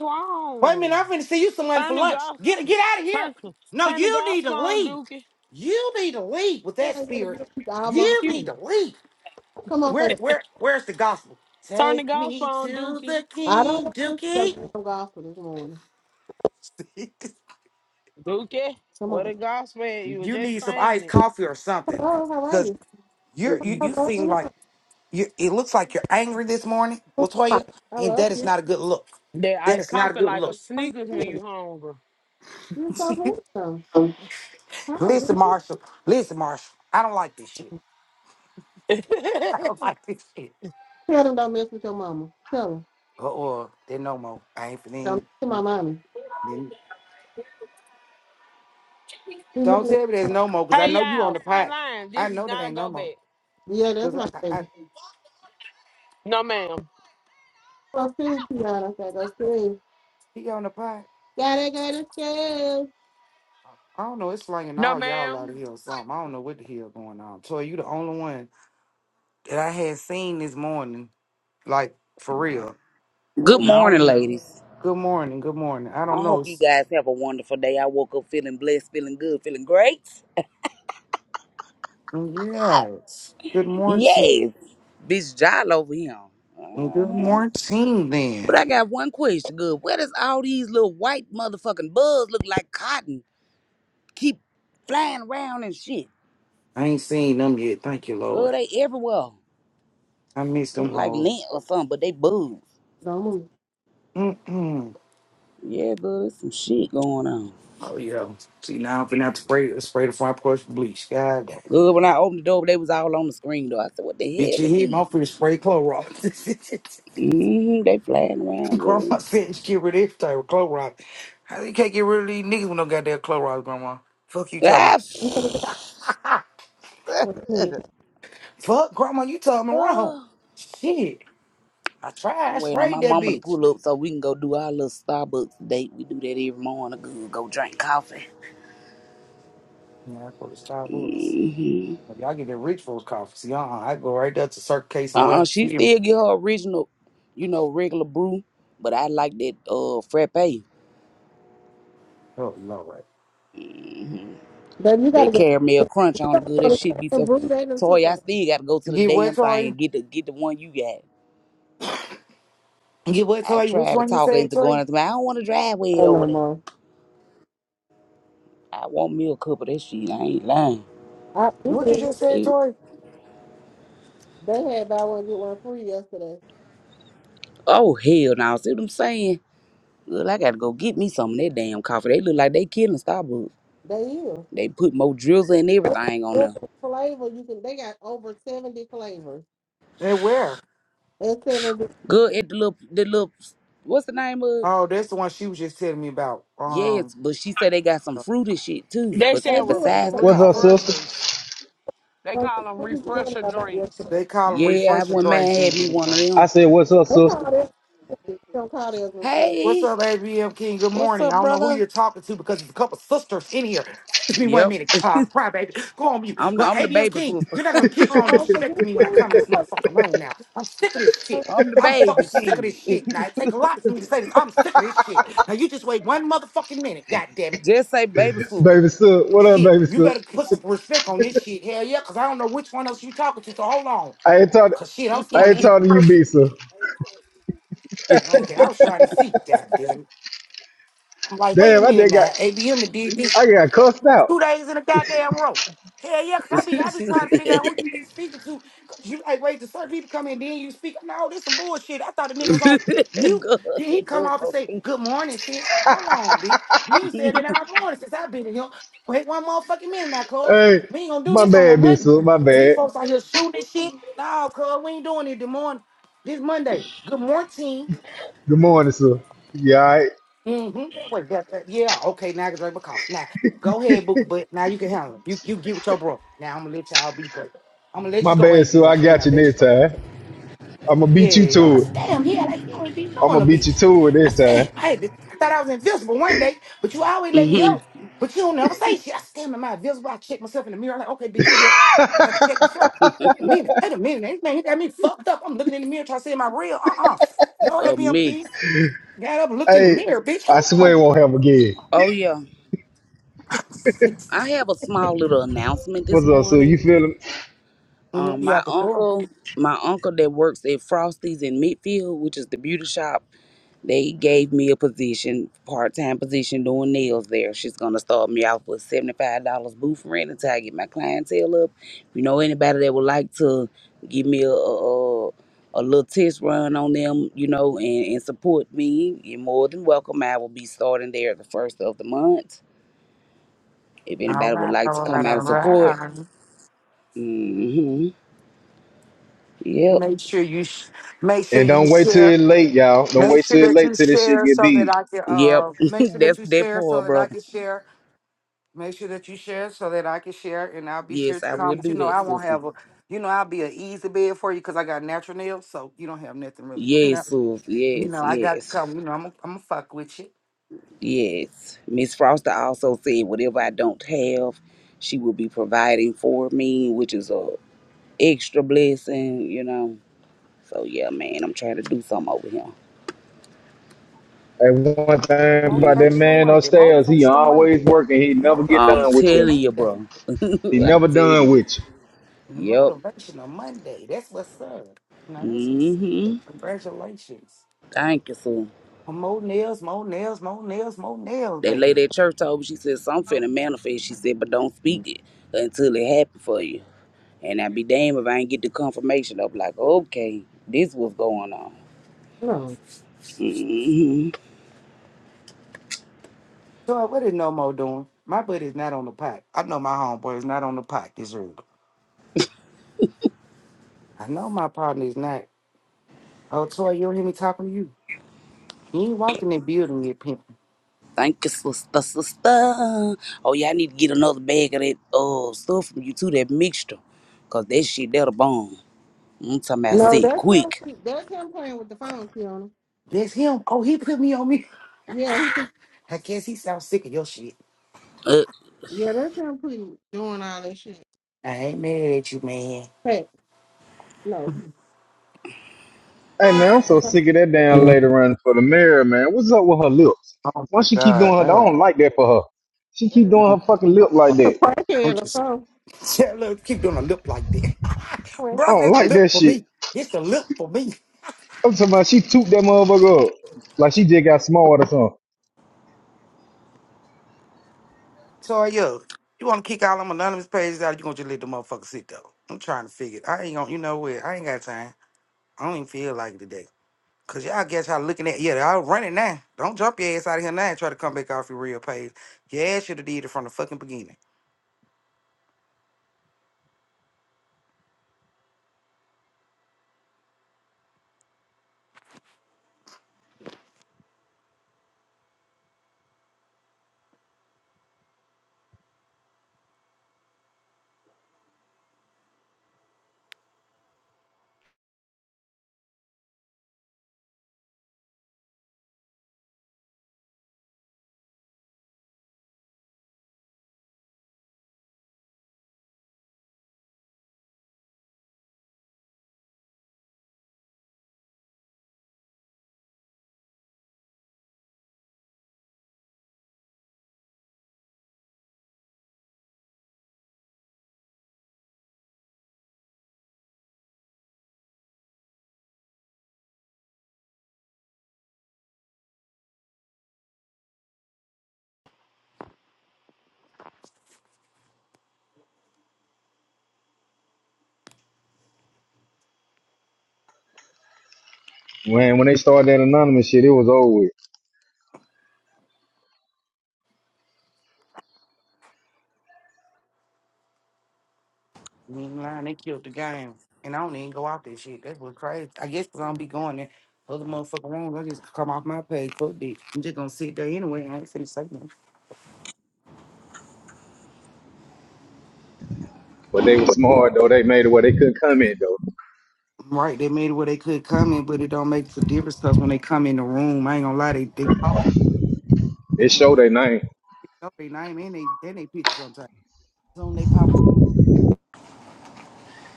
Speaker 7: Wait a minute,
Speaker 9: wrong?
Speaker 7: I'm finna see you some money
Speaker 9: Turn
Speaker 7: for
Speaker 9: the
Speaker 7: lunch.
Speaker 9: golf,
Speaker 7: Get get out of here.
Speaker 9: turn,
Speaker 7: No,
Speaker 9: turn the
Speaker 7: you need to
Speaker 9: gospel on,
Speaker 7: leave.
Speaker 9: Dookie. *laughs*
Speaker 7: You need to leave with
Speaker 10: it
Speaker 7: that
Speaker 10: ain't been a
Speaker 7: spirit.
Speaker 10: good week. All
Speaker 9: You
Speaker 7: You
Speaker 10: motherfucker.
Speaker 7: need
Speaker 9: cute.
Speaker 7: to leave.
Speaker 10: Come on,
Speaker 7: Where
Speaker 10: fam.
Speaker 7: where where's the gospel?
Speaker 9: Turn the
Speaker 7: Take
Speaker 9: gospel
Speaker 7: me
Speaker 9: on,
Speaker 7: to
Speaker 9: Dookie.
Speaker 7: the
Speaker 10: I don't
Speaker 7: king,
Speaker 10: want this to go
Speaker 7: Dookie.
Speaker 10: to some gospel this morning.
Speaker 7: *laughs*
Speaker 9: Dookie,
Speaker 10: Come
Speaker 9: what a
Speaker 10: on.
Speaker 9: gospel. is. You were
Speaker 7: you
Speaker 9: just
Speaker 7: need some
Speaker 9: singing
Speaker 7: iced
Speaker 9: it.
Speaker 7: coffee or something.
Speaker 10: Hello, how are
Speaker 7: Cause
Speaker 10: you?
Speaker 7: you're you, you
Speaker 10: Hello,
Speaker 7: seem
Speaker 10: give me
Speaker 7: like
Speaker 10: a
Speaker 7: You, it looks like you're angry this morning, Latoya,
Speaker 10: I
Speaker 7: and
Speaker 10: love
Speaker 7: that is
Speaker 10: you.
Speaker 7: not a good look.
Speaker 9: That
Speaker 7: That
Speaker 9: iced
Speaker 7: is not a
Speaker 9: coffee
Speaker 7: good
Speaker 9: like a
Speaker 7: look.
Speaker 10: How are you?
Speaker 9: sneakers when
Speaker 10: doing?
Speaker 9: you hungry.
Speaker 10: You so handsome.
Speaker 7: *laughs*
Speaker 10: Hi, you
Speaker 7: listen,
Speaker 10: can
Speaker 7: Marshall. Listen, Marshall. I don't like this shit.
Speaker 9: *laughs*
Speaker 7: *laughs* I don't like this shit.
Speaker 10: tell them don't mess with your mama. Tell them.
Speaker 7: Uh oh, there's no more. I ain't
Speaker 10: Don't
Speaker 7: finna.
Speaker 10: mess with my mommy.
Speaker 7: Then
Speaker 10: He
Speaker 7: don't
Speaker 10: looking at
Speaker 7: tell me there's no more, cause
Speaker 9: hey
Speaker 7: I know you on
Speaker 9: y'all,
Speaker 7: the
Speaker 9: friend
Speaker 7: pot.
Speaker 9: line,
Speaker 7: I
Speaker 9: this is
Speaker 7: know that
Speaker 9: not a
Speaker 7: ain't no
Speaker 9: go
Speaker 7: more,
Speaker 9: back.
Speaker 10: Yeah, that's
Speaker 7: cause
Speaker 10: my
Speaker 7: I, I, I
Speaker 10: favorite.
Speaker 9: No ma'am.
Speaker 10: Go scream, Kiana. I said, go scream.
Speaker 7: he on the pot.
Speaker 10: Gotta go to school.
Speaker 7: I don't know. It's slanging
Speaker 9: No
Speaker 7: all y'all out of
Speaker 9: ma'am.
Speaker 7: here or something. I don't know what the hell going on. Toy, you the only one that I had seen this morning, like for real.
Speaker 11: Good
Speaker 10: Don't,
Speaker 11: morning,
Speaker 7: No.
Speaker 11: ladies.
Speaker 7: Good morning. Good morning. I
Speaker 11: I
Speaker 7: don't know.
Speaker 11: hope you
Speaker 7: s-
Speaker 11: guys have a wonderful day. I woke up feeling blessed, feeling good, feeling great.
Speaker 7: Yes. Good morning.
Speaker 11: Yes, bitch, Jolly over here.
Speaker 7: Good
Speaker 11: Uh-huh.
Speaker 7: morning. Then
Speaker 11: But I got one question. Good. Where does all these little white motherfucking bugs look like cotton keep flying around and shit?
Speaker 7: I ain't seen them yet. Thank you,
Speaker 11: Girl,
Speaker 7: Lord.
Speaker 11: they everywhere.
Speaker 7: I missed them
Speaker 11: Look like
Speaker 7: whole.
Speaker 11: lint or something, but they bugs.
Speaker 10: don't move.
Speaker 7: Mm-mm.
Speaker 11: Yeah, girl, there's some shit going on.
Speaker 7: Oh yeah. See now I'm finna have to spray uh, spray the front porch with bleach. God damn.
Speaker 11: Good. When I opened the door, they was all on the screen though. I said, "What the
Speaker 7: Bitch,
Speaker 11: hell
Speaker 7: you
Speaker 11: are
Speaker 7: hit my
Speaker 11: these?"
Speaker 7: finna spray Clorox.
Speaker 11: hmm They flying
Speaker 7: *laughs*
Speaker 11: around, girl.
Speaker 7: Grandma said she get rid of every type of Clorox. How you can't get rid of these niggas with no goddamn Clorox, Grandma? Fuck you talking
Speaker 10: You finna
Speaker 11: Ah,
Speaker 10: get
Speaker 7: about.
Speaker 10: the opportunity.
Speaker 7: *laughs* Fuck, Grandma, you
Speaker 11: *sighs*
Speaker 7: talking me wrong.
Speaker 11: Oh,
Speaker 7: Shit. I tried.
Speaker 11: I'm
Speaker 7: I
Speaker 11: waiting on my
Speaker 7: sprayed that
Speaker 11: mama to
Speaker 7: bitch.
Speaker 11: pull up so we can go do our little Starbucks date. We do that every morning. Go, go drink coffee.
Speaker 7: Yeah, I go to Starbucks.
Speaker 11: hmm
Speaker 7: If y'all get that rich folks coffee. See, uh uh I go right there to Circle K somewhere.
Speaker 11: Uh-uh,
Speaker 7: And
Speaker 11: she
Speaker 7: See him.
Speaker 11: still get her original, you know, regular brew, but I like that uh frappe.
Speaker 7: Oh, Lord.
Speaker 11: hmm
Speaker 10: Baby, you
Speaker 11: That
Speaker 10: gotta go.
Speaker 11: caramel crunch
Speaker 10: You
Speaker 11: on the
Speaker 10: gotta
Speaker 11: good.
Speaker 10: go
Speaker 11: That
Speaker 10: to
Speaker 11: shit
Speaker 10: school.
Speaker 11: be
Speaker 10: And
Speaker 11: so.
Speaker 10: Bruce, they done took
Speaker 11: Toy, I
Speaker 10: over.
Speaker 11: still got to go
Speaker 7: You
Speaker 11: to the
Speaker 7: get what,
Speaker 11: damn thing
Speaker 7: Toy?
Speaker 11: and get the get the one you got.
Speaker 7: You get what,
Speaker 11: I
Speaker 7: Toy? Which
Speaker 11: tried to
Speaker 7: one you
Speaker 11: talk her
Speaker 7: said,
Speaker 11: into
Speaker 7: Toy?
Speaker 11: going out to me. I don't want to drive way
Speaker 10: Oh,
Speaker 11: over
Speaker 10: no
Speaker 11: there.
Speaker 10: more.
Speaker 11: I want me a cup of that shit. I ain't lying.
Speaker 10: I, we
Speaker 7: What you
Speaker 10: did-
Speaker 7: just said,
Speaker 11: Eh,
Speaker 7: Toy?
Speaker 10: they had buy one, get one free yesterday.
Speaker 11: Oh hell no! See what I'm saying? Well, I gotta go get me some of that damn coffee. They look like they killing Starbucks.
Speaker 10: They is.
Speaker 11: They put more drizzle and everything on
Speaker 10: Every
Speaker 11: them.
Speaker 10: flavor you can, they got over 70 flavors.
Speaker 7: And where?
Speaker 10: And seven,
Speaker 11: Good at the little, the little, what's the name of?
Speaker 7: Oh, that's the one she was just telling me about. Um,
Speaker 11: Yes, but she said they got
Speaker 7: you
Speaker 11: some
Speaker 7: know,
Speaker 11: fruity shit too.
Speaker 9: They
Speaker 11: But
Speaker 9: said
Speaker 10: they
Speaker 9: ref-
Speaker 10: do. I
Speaker 7: she-
Speaker 10: got
Speaker 11: besides the
Speaker 3: What's up,
Speaker 11: coffee,
Speaker 3: sister?
Speaker 9: refreshers. They call them
Speaker 10: a-
Speaker 9: refresher
Speaker 10: about
Speaker 9: drinks.
Speaker 10: yesterday.
Speaker 7: they call them
Speaker 11: yeah, I
Speaker 7: refresher
Speaker 11: went
Speaker 7: drinks.
Speaker 11: man had
Speaker 7: Then,
Speaker 11: me one of
Speaker 3: I
Speaker 11: them.
Speaker 3: said, "What's up,
Speaker 10: They
Speaker 3: sister?"
Speaker 10: call this don't call this a friend.
Speaker 7: What's
Speaker 11: Hey,
Speaker 7: up, ABM King? Good
Speaker 11: what's
Speaker 7: morning. I
Speaker 11: up,
Speaker 7: don't know who
Speaker 11: brother?
Speaker 7: you're talking to because there's a couple sisters in here. Excuse me one
Speaker 11: Yep,
Speaker 7: minute. Uh, cry, baby. Go on mute.
Speaker 11: I'm the
Speaker 7: Well,
Speaker 11: I'm the
Speaker 7: ABM
Speaker 11: baby
Speaker 7: King,
Speaker 11: sister.
Speaker 7: you're not going to keep on
Speaker 10: Oh, but
Speaker 7: disrespecting
Speaker 10: you
Speaker 7: me when I
Speaker 10: can't
Speaker 7: come in this
Speaker 10: see
Speaker 7: motherfucking room now. I'm sick of this shit.
Speaker 11: *laughs* I'm the
Speaker 7: I'm
Speaker 11: baby.
Speaker 7: fucking sick of this
Speaker 11: She
Speaker 7: shit. Now, it take a lot for me to say this. I'm sick of this shit. Now, you just wait one motherfucking minute. God damn
Speaker 11: *laughs*
Speaker 7: it.
Speaker 11: just say baby
Speaker 7: This is
Speaker 11: sister.
Speaker 3: Baby Sue, what up,
Speaker 7: shit.
Speaker 3: baby
Speaker 7: You
Speaker 3: Sue?
Speaker 7: better put some respect on this shit. Hell yeah, because I don't know which one else you talking to. So hold on.
Speaker 3: I ain't talking.
Speaker 7: Because shit, I'm
Speaker 3: I
Speaker 7: starting
Speaker 3: ain't
Speaker 7: to get
Speaker 3: talking to you,
Speaker 7: personal.
Speaker 3: B Sue.
Speaker 7: Okay, I was trying to see. God damn it. I'm like, wait a
Speaker 3: Damn, I
Speaker 7: minute
Speaker 3: just
Speaker 7: now.
Speaker 3: got,
Speaker 7: ABM done did this
Speaker 3: I got cussed out.
Speaker 7: two days in a goddamn row. Hell yeah, because I be, I be trying to figure out
Speaker 11: *laughs*
Speaker 7: who you be speaking to. 'Cause you like, wait, the certain people come in, then you speak. I'm like, oh, this some bullshit. I thought the nigga was on
Speaker 11: good,
Speaker 7: mute. Then he come
Speaker 11: good.
Speaker 7: off and say, good morning, sis. Hold on, bitch. You ain't said
Speaker 11: *laughs*
Speaker 7: that all morning since I've been in here. Wait one motherfucking minute now, cuz.
Speaker 3: Hey,
Speaker 7: We ain't gonna do
Speaker 3: my
Speaker 7: this on no
Speaker 3: bad, B
Speaker 7: Monday.
Speaker 3: Sue. My
Speaker 7: These
Speaker 3: bad.
Speaker 7: folks out here shooting this shit. No, cuz, we ain't doing it this morning. This Monday. Good morning.
Speaker 3: Good morning, Sue. Yeah, all right.
Speaker 7: Mm-hmm. That was that, that- yeah. Okay, now I can drink my coffee. Now go ahead, Booker, but now you can handle it. You you get with your bro. Now I'm gonna let y'all be great. I'm gonna let
Speaker 3: My
Speaker 7: you go,
Speaker 3: bad,
Speaker 7: AB.
Speaker 3: Sue.
Speaker 7: am
Speaker 3: I
Speaker 7: king.
Speaker 3: got
Speaker 7: i
Speaker 3: you
Speaker 7: let you
Speaker 3: next
Speaker 7: go.
Speaker 3: time. I'm gonna beat you
Speaker 7: Yeah, I
Speaker 3: to
Speaker 7: said,
Speaker 3: it.
Speaker 7: damn, yeah, like you ain't be
Speaker 3: I'm
Speaker 7: knowing a
Speaker 3: gonna beat you
Speaker 7: bitch.
Speaker 3: to it
Speaker 7: I
Speaker 3: this
Speaker 7: said, damn,
Speaker 3: time.
Speaker 7: I, had to, I thought I was invisible one day, but you always let me
Speaker 11: hmm
Speaker 7: up, but you don't never say shit. I said, damn, am I invisible? I checked myself in the mirror, like, okay, bitch, you here. had to check myself. Wait a minute, wait a minute. This man, he got me fucked up. I'm looking in the mirror trying to see my real. Uh uh No,
Speaker 11: A
Speaker 7: AB, am king.
Speaker 11: mix.
Speaker 7: Got up and looked in the
Speaker 3: Hey,
Speaker 7: mirror, bitch.
Speaker 3: I swear it
Speaker 7: Hold
Speaker 3: won't
Speaker 7: on.
Speaker 3: happen again.
Speaker 11: Oh yeah. I have a small little announcement this
Speaker 3: What's up, Sue? You
Speaker 11: morning.
Speaker 3: feeling?
Speaker 7: Mhm,
Speaker 11: Um,
Speaker 7: You
Speaker 11: my
Speaker 7: have the floor.
Speaker 11: uncle, my uncle that works at Frosty's in Midfield, which is the beauty shop, they gave me a position, part time position doing nails there. She's gonna start me off with seventy five dollars booth rent until I get my clientele up. If you know anybody that would like to give me a a, a a little test run on them, you know, and, and support me, you're more than welcome. I will be starting there the first of the month. If
Speaker 7: All
Speaker 11: anybody would
Speaker 7: right, all
Speaker 11: like to
Speaker 7: right,
Speaker 11: come out
Speaker 7: all
Speaker 11: and support.
Speaker 7: right.
Speaker 11: hmm Yep.
Speaker 7: Make sure you sh- make sure
Speaker 3: And
Speaker 7: you
Speaker 3: don't wait till
Speaker 7: share.
Speaker 3: it late, y'all. Don't
Speaker 7: Make
Speaker 3: wait
Speaker 7: sure
Speaker 3: till it
Speaker 7: that
Speaker 3: late
Speaker 7: you
Speaker 3: till this shit
Speaker 7: share
Speaker 3: get
Speaker 7: so
Speaker 3: big.
Speaker 7: that I can
Speaker 11: Yep.
Speaker 7: uh
Speaker 11: *laughs*
Speaker 7: make sure that
Speaker 11: That's
Speaker 7: you
Speaker 11: that
Speaker 7: share
Speaker 11: poor
Speaker 7: so that I
Speaker 11: brother.
Speaker 7: can share. Make sure that you share so that I can share and I'll be sure
Speaker 11: Yes,
Speaker 7: to
Speaker 11: I will
Speaker 7: comment. You
Speaker 11: do
Speaker 7: know,
Speaker 11: that,
Speaker 7: I won't
Speaker 11: sister.
Speaker 7: have a you know, I'll be an easy bed for you because I got natural nails, so you don't have nothing really. *laughs* You
Speaker 11: Yes,
Speaker 7: know,
Speaker 11: sis.
Speaker 7: you
Speaker 11: Yes,
Speaker 7: know, I got to
Speaker 11: yes,
Speaker 7: come, you know, I'm gonna I'm gonna fuck with you.
Speaker 11: yes. Miss Foster also said whatever I don't have, she will be providing for me, which is a extra blessing, you know. So yeah, man, I'm trying to do something over here.
Speaker 3: And one
Speaker 7: Well,
Speaker 3: thing about
Speaker 11: Yeah.
Speaker 3: that
Speaker 7: motivational
Speaker 3: man
Speaker 7: Monday,
Speaker 3: upstairs, he
Speaker 7: motivational
Speaker 3: always
Speaker 7: Monday,
Speaker 3: working. He never get
Speaker 11: I'm
Speaker 3: done with
Speaker 7: motivational
Speaker 3: you.
Speaker 11: telling you,
Speaker 7: Monday.
Speaker 11: bro. *laughs*
Speaker 3: He
Speaker 11: I'm
Speaker 3: never done
Speaker 11: telling you.
Speaker 3: with you.
Speaker 7: The
Speaker 11: Yep.
Speaker 7: motivational Monday. That's what's up. Now that's what's up.
Speaker 11: hmm
Speaker 7: Congratulations.
Speaker 11: Thank you, sis.
Speaker 7: More nails, more nails, more nails, more nails,
Speaker 11: That
Speaker 7: baby.
Speaker 11: lady at church told me, she said, "So I'm finna manifest. She said, but don't
Speaker 10: her.
Speaker 11: speak it until it happen for you. And I'd be damned if I ain't get the confirmation of like, okay, this what's going on.
Speaker 10: No,
Speaker 11: hmm
Speaker 7: So what is no more doing? My buddy's not on the pot. I know my homeboy is not on the pot this early. I know my partner is not. Oh, Toy, you don't hear me talking to you. You ain't walked in the building yet, pimping.
Speaker 11: Thank you, sister, sister. Oh, yeah, I need to get another bag of that uh, stuff from you too, that mixture. Cause that shit, that'll bomb. I'm talking about
Speaker 10: no,
Speaker 11: sick
Speaker 10: that's him.
Speaker 11: quick.
Speaker 10: pre- That's him playing with the phone, Kiana.
Speaker 7: That's him. Oh, he put me on me.
Speaker 10: Yeah, he, pre-
Speaker 7: I guess he sounds sick of your shit.
Speaker 11: Uh,
Speaker 10: yeah, that's him pre- doing all that shit.
Speaker 7: I ain't mad at you, man.
Speaker 10: Hey, no,
Speaker 7: *laughs*
Speaker 3: Hey
Speaker 10: hey,
Speaker 3: man, I'm so
Speaker 10: that's a
Speaker 3: sick of that damn lady running for the mayor, man. What's up with her lips?
Speaker 7: Oh
Speaker 3: Why
Speaker 7: my
Speaker 3: she keep doing
Speaker 7: God,
Speaker 3: her?
Speaker 7: I
Speaker 3: I
Speaker 7: don't.
Speaker 3: don't like that for her. She keep
Speaker 10: that's
Speaker 3: doing
Speaker 7: know.
Speaker 3: her fucking lip like
Speaker 10: a
Speaker 3: that.
Speaker 7: I'm
Speaker 10: crackhead or
Speaker 7: just
Speaker 10: something.
Speaker 7: Yeah, look, keep doing a lip like that. *laughs*
Speaker 10: Wait,
Speaker 3: I
Speaker 7: Brother,
Speaker 3: don't
Speaker 7: it's a
Speaker 3: like
Speaker 7: lip
Speaker 3: that
Speaker 7: for
Speaker 3: shit.
Speaker 7: me. It's a lip for me.
Speaker 3: I'm talking about she took that motherfucker up like she just got smart or something.
Speaker 7: So, yeah, you want to kick all them anonymous pages out, you going to just let the motherfucker sit, though. I'm trying to figure it. I ain't going to, you know what? I ain't got time. I don't even feel like it today. Because y'all guess how looking at, yeah, y'all running now. Don't jump your ass out of here now and try to come back off your real page. Your ass should have did it from the fucking beginning.
Speaker 3: When when they started that anonymous shit, it was over with.
Speaker 7: You ain't lying. They killed the game. And I don't even go out that shit. That's what crazy. I guess 'cause I don't be going in other motherfucking rooms. I just come off my page. Fuck bitch. I'm just gonna sit there anyway. I ain't finna say nothing.
Speaker 3: But they were smart though. They made it where they couldn't come in though.
Speaker 7: Right, they made it where they could come in, but it don't make the difference because when they come in the room, I ain't gonna lie, they they pop up.
Speaker 3: They
Speaker 7: I mean,
Speaker 3: showed their name.
Speaker 7: they know their name and they and they picture sometimes. Soon they pop up.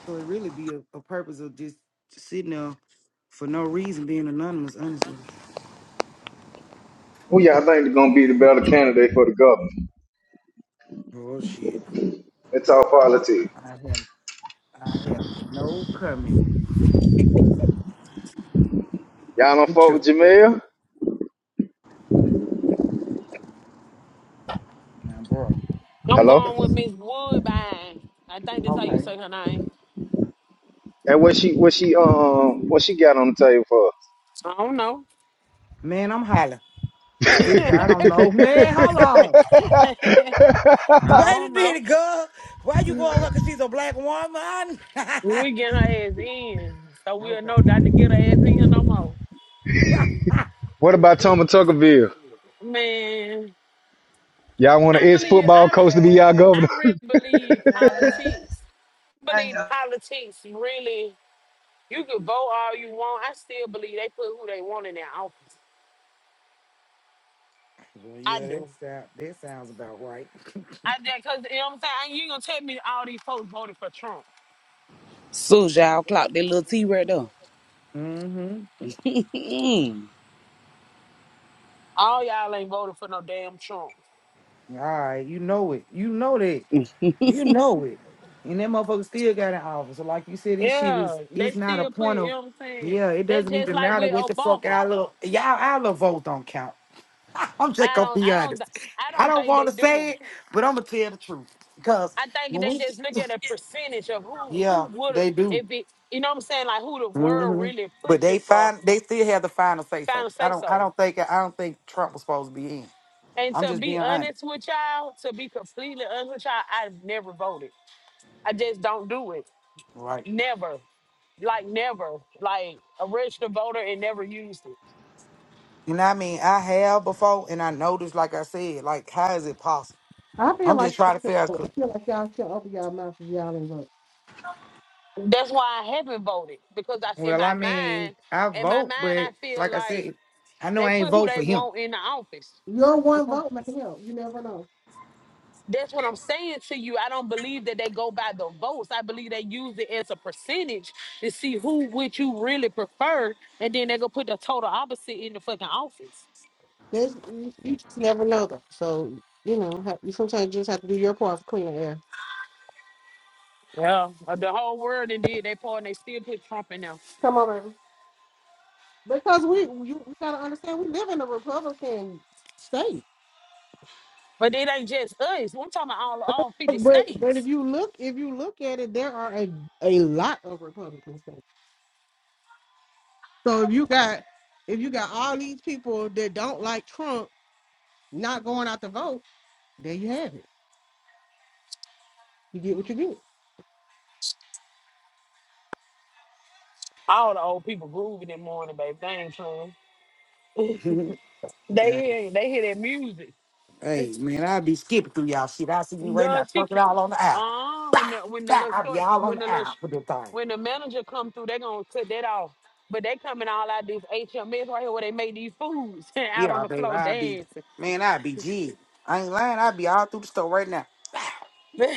Speaker 7: So it really be a, a purpose of just sitting there for no reason being anonymous, honestly.
Speaker 3: Who y'all think is gonna be the better candidate for the governor?
Speaker 7: Oh shit.
Speaker 3: It's all politics.
Speaker 7: I have I have no comment.
Speaker 3: Y'all don't fuck with
Speaker 7: True.
Speaker 3: Jamel?
Speaker 7: Now, bro.
Speaker 9: I'm
Speaker 3: Hello?
Speaker 9: going with Miss Woodbine. I think that's how you
Speaker 7: Okay.
Speaker 9: say her name.
Speaker 3: And what she what she um what she got on the table for us?
Speaker 9: I don't know.
Speaker 7: Man, I'm hollering.
Speaker 9: *laughs*
Speaker 7: Sister, I don't know.
Speaker 9: I
Speaker 7: Man, hold on. Wait
Speaker 9: don't
Speaker 7: a
Speaker 9: know.
Speaker 7: minute, girl. Why you go on her because she's a black woman? *laughs*
Speaker 9: We get her ass in, so we'll know
Speaker 7: Okay.
Speaker 9: not to get her ass in no more.
Speaker 7: *laughs*
Speaker 3: *laughs* what about Thomas Tuckerville?
Speaker 9: *laughs* Man,
Speaker 3: Y'all want
Speaker 9: I
Speaker 3: an ex
Speaker 9: believe
Speaker 3: football
Speaker 9: I
Speaker 3: coach to be y'all governor?
Speaker 9: I
Speaker 3: *laughs*
Speaker 9: really believe politics. believe politics really. You can vote all you want. I still believe they put who they want in their office.
Speaker 7: well,
Speaker 9: I
Speaker 7: yeah, that
Speaker 9: do.
Speaker 7: sound that sounds about right. *laughs*
Speaker 9: I do, cause you know what I'm saying. You ain't gonna tell me all these folks voted for Trump.
Speaker 11: soon as y'all clock that little T right there.
Speaker 7: mm-hmm.
Speaker 11: Mm.
Speaker 9: All y'all ain't voted for no damn Trump.
Speaker 7: All right, you know it. You know that. You know it. And that motherfucker still got an office. So like you said, this shit
Speaker 9: Yeah,
Speaker 7: is
Speaker 9: they
Speaker 7: it's not a
Speaker 9: still put.
Speaker 7: point
Speaker 9: You
Speaker 7: of
Speaker 9: know what I'm saying.
Speaker 7: yeah, it
Speaker 9: They
Speaker 7: doesn't
Speaker 9: just
Speaker 7: even
Speaker 9: like
Speaker 7: matter
Speaker 9: with
Speaker 7: what the fuck
Speaker 9: Obama.
Speaker 7: our little y'all our little vote don't count. I'm just
Speaker 9: I
Speaker 7: gonna
Speaker 9: don't.
Speaker 7: be
Speaker 9: I don't.
Speaker 7: honest.
Speaker 9: I
Speaker 7: I
Speaker 9: don't
Speaker 7: don't
Speaker 9: think
Speaker 7: want
Speaker 9: they
Speaker 7: to
Speaker 9: do.
Speaker 7: say it, but I'm gonna tell the truth because
Speaker 9: I think
Speaker 7: when
Speaker 9: they
Speaker 7: we,
Speaker 9: just look at a percentage of who who
Speaker 7: yeah,
Speaker 9: would have
Speaker 7: they do.
Speaker 9: it be you know what I'm saying, like who the world
Speaker 7: hmm
Speaker 9: really
Speaker 7: But
Speaker 9: pushing
Speaker 7: they
Speaker 9: for
Speaker 7: find they still have the final say so.
Speaker 9: final
Speaker 7: I
Speaker 9: say
Speaker 7: don't. I
Speaker 9: so.
Speaker 7: don't think. I don't think Trump was supposed to be in.
Speaker 9: And
Speaker 7: I'm
Speaker 9: to
Speaker 7: just
Speaker 9: be
Speaker 7: being
Speaker 9: honest
Speaker 7: honest,
Speaker 9: with y'all, to be completely honest with y'all, I've never voted. I just don't do it.
Speaker 7: right?
Speaker 9: Never. Like never. Like a registered voter and never used it.
Speaker 7: And I mean, I have before, and I noticed, like I said, like how is it possible?
Speaker 10: I feel
Speaker 7: I'm
Speaker 10: like
Speaker 7: just trying to
Speaker 10: y'all
Speaker 7: figure. out
Speaker 10: should, I
Speaker 7: 'cause-
Speaker 10: feel like y'all should open y'all mouth if y'all ain't vote.
Speaker 9: That's why I haven't voted. Because I in
Speaker 7: Well,
Speaker 9: my
Speaker 7: I mean,
Speaker 9: mind,
Speaker 7: I
Speaker 9: in my
Speaker 7: vote,
Speaker 9: mind I
Speaker 7: but
Speaker 9: feel
Speaker 7: like I
Speaker 9: like
Speaker 7: said, I know
Speaker 9: they
Speaker 7: I ain't
Speaker 9: put who
Speaker 7: vote
Speaker 9: they
Speaker 7: for him.
Speaker 9: want in the office.
Speaker 10: Your one vote might help. You never know.
Speaker 9: That's what I'm saying to you. I don't believe that they go by the votes. I believe they use it as a percentage to see who would you really prefer, and then they go put the total opposite in the fucking office.
Speaker 10: There's you, you just never know though. So you know, ha- you sometimes just have to do your part for clean air.
Speaker 9: Yeah, uh, the whole world and did they part, and they still put Trump in there.
Speaker 10: Come on, baby. Because we you, you gotta understand we live in a Republican state.
Speaker 9: But it ain't just us. We're talking about all all 50
Speaker 10: But but if
Speaker 9: states.
Speaker 10: you look if you look at it, there are a, a lot of Republican states. So if you got if you got all these people that don't like Trump not going out to vote, there you have it. You get what you get.
Speaker 9: All the old people grooving in the morning, babe. They ain't playing.
Speaker 7: *laughs*
Speaker 9: They
Speaker 7: yeah.
Speaker 9: ain't. They hear that music. *laughs*
Speaker 7: Hey man, i be skipping through y'all shit. I see you right now
Speaker 9: Girl, she can.
Speaker 7: twerking all on the app.
Speaker 9: Uh,
Speaker 7: Bah,
Speaker 9: when the when the
Speaker 7: bah,
Speaker 9: little
Speaker 7: i be
Speaker 9: short
Speaker 7: all on
Speaker 9: when the
Speaker 7: the
Speaker 9: little
Speaker 7: app
Speaker 9: sh-
Speaker 7: with this thing.
Speaker 9: when the manager come through, they gonna cut that off. But they coming all out these HMS right here where they make these foods *laughs* out on
Speaker 7: Yeah,
Speaker 9: the
Speaker 7: baby,
Speaker 9: floor
Speaker 7: i be
Speaker 9: dancing.
Speaker 7: man, i be jig. I ain't lying, i be all through the store right now.
Speaker 9: *laughs* they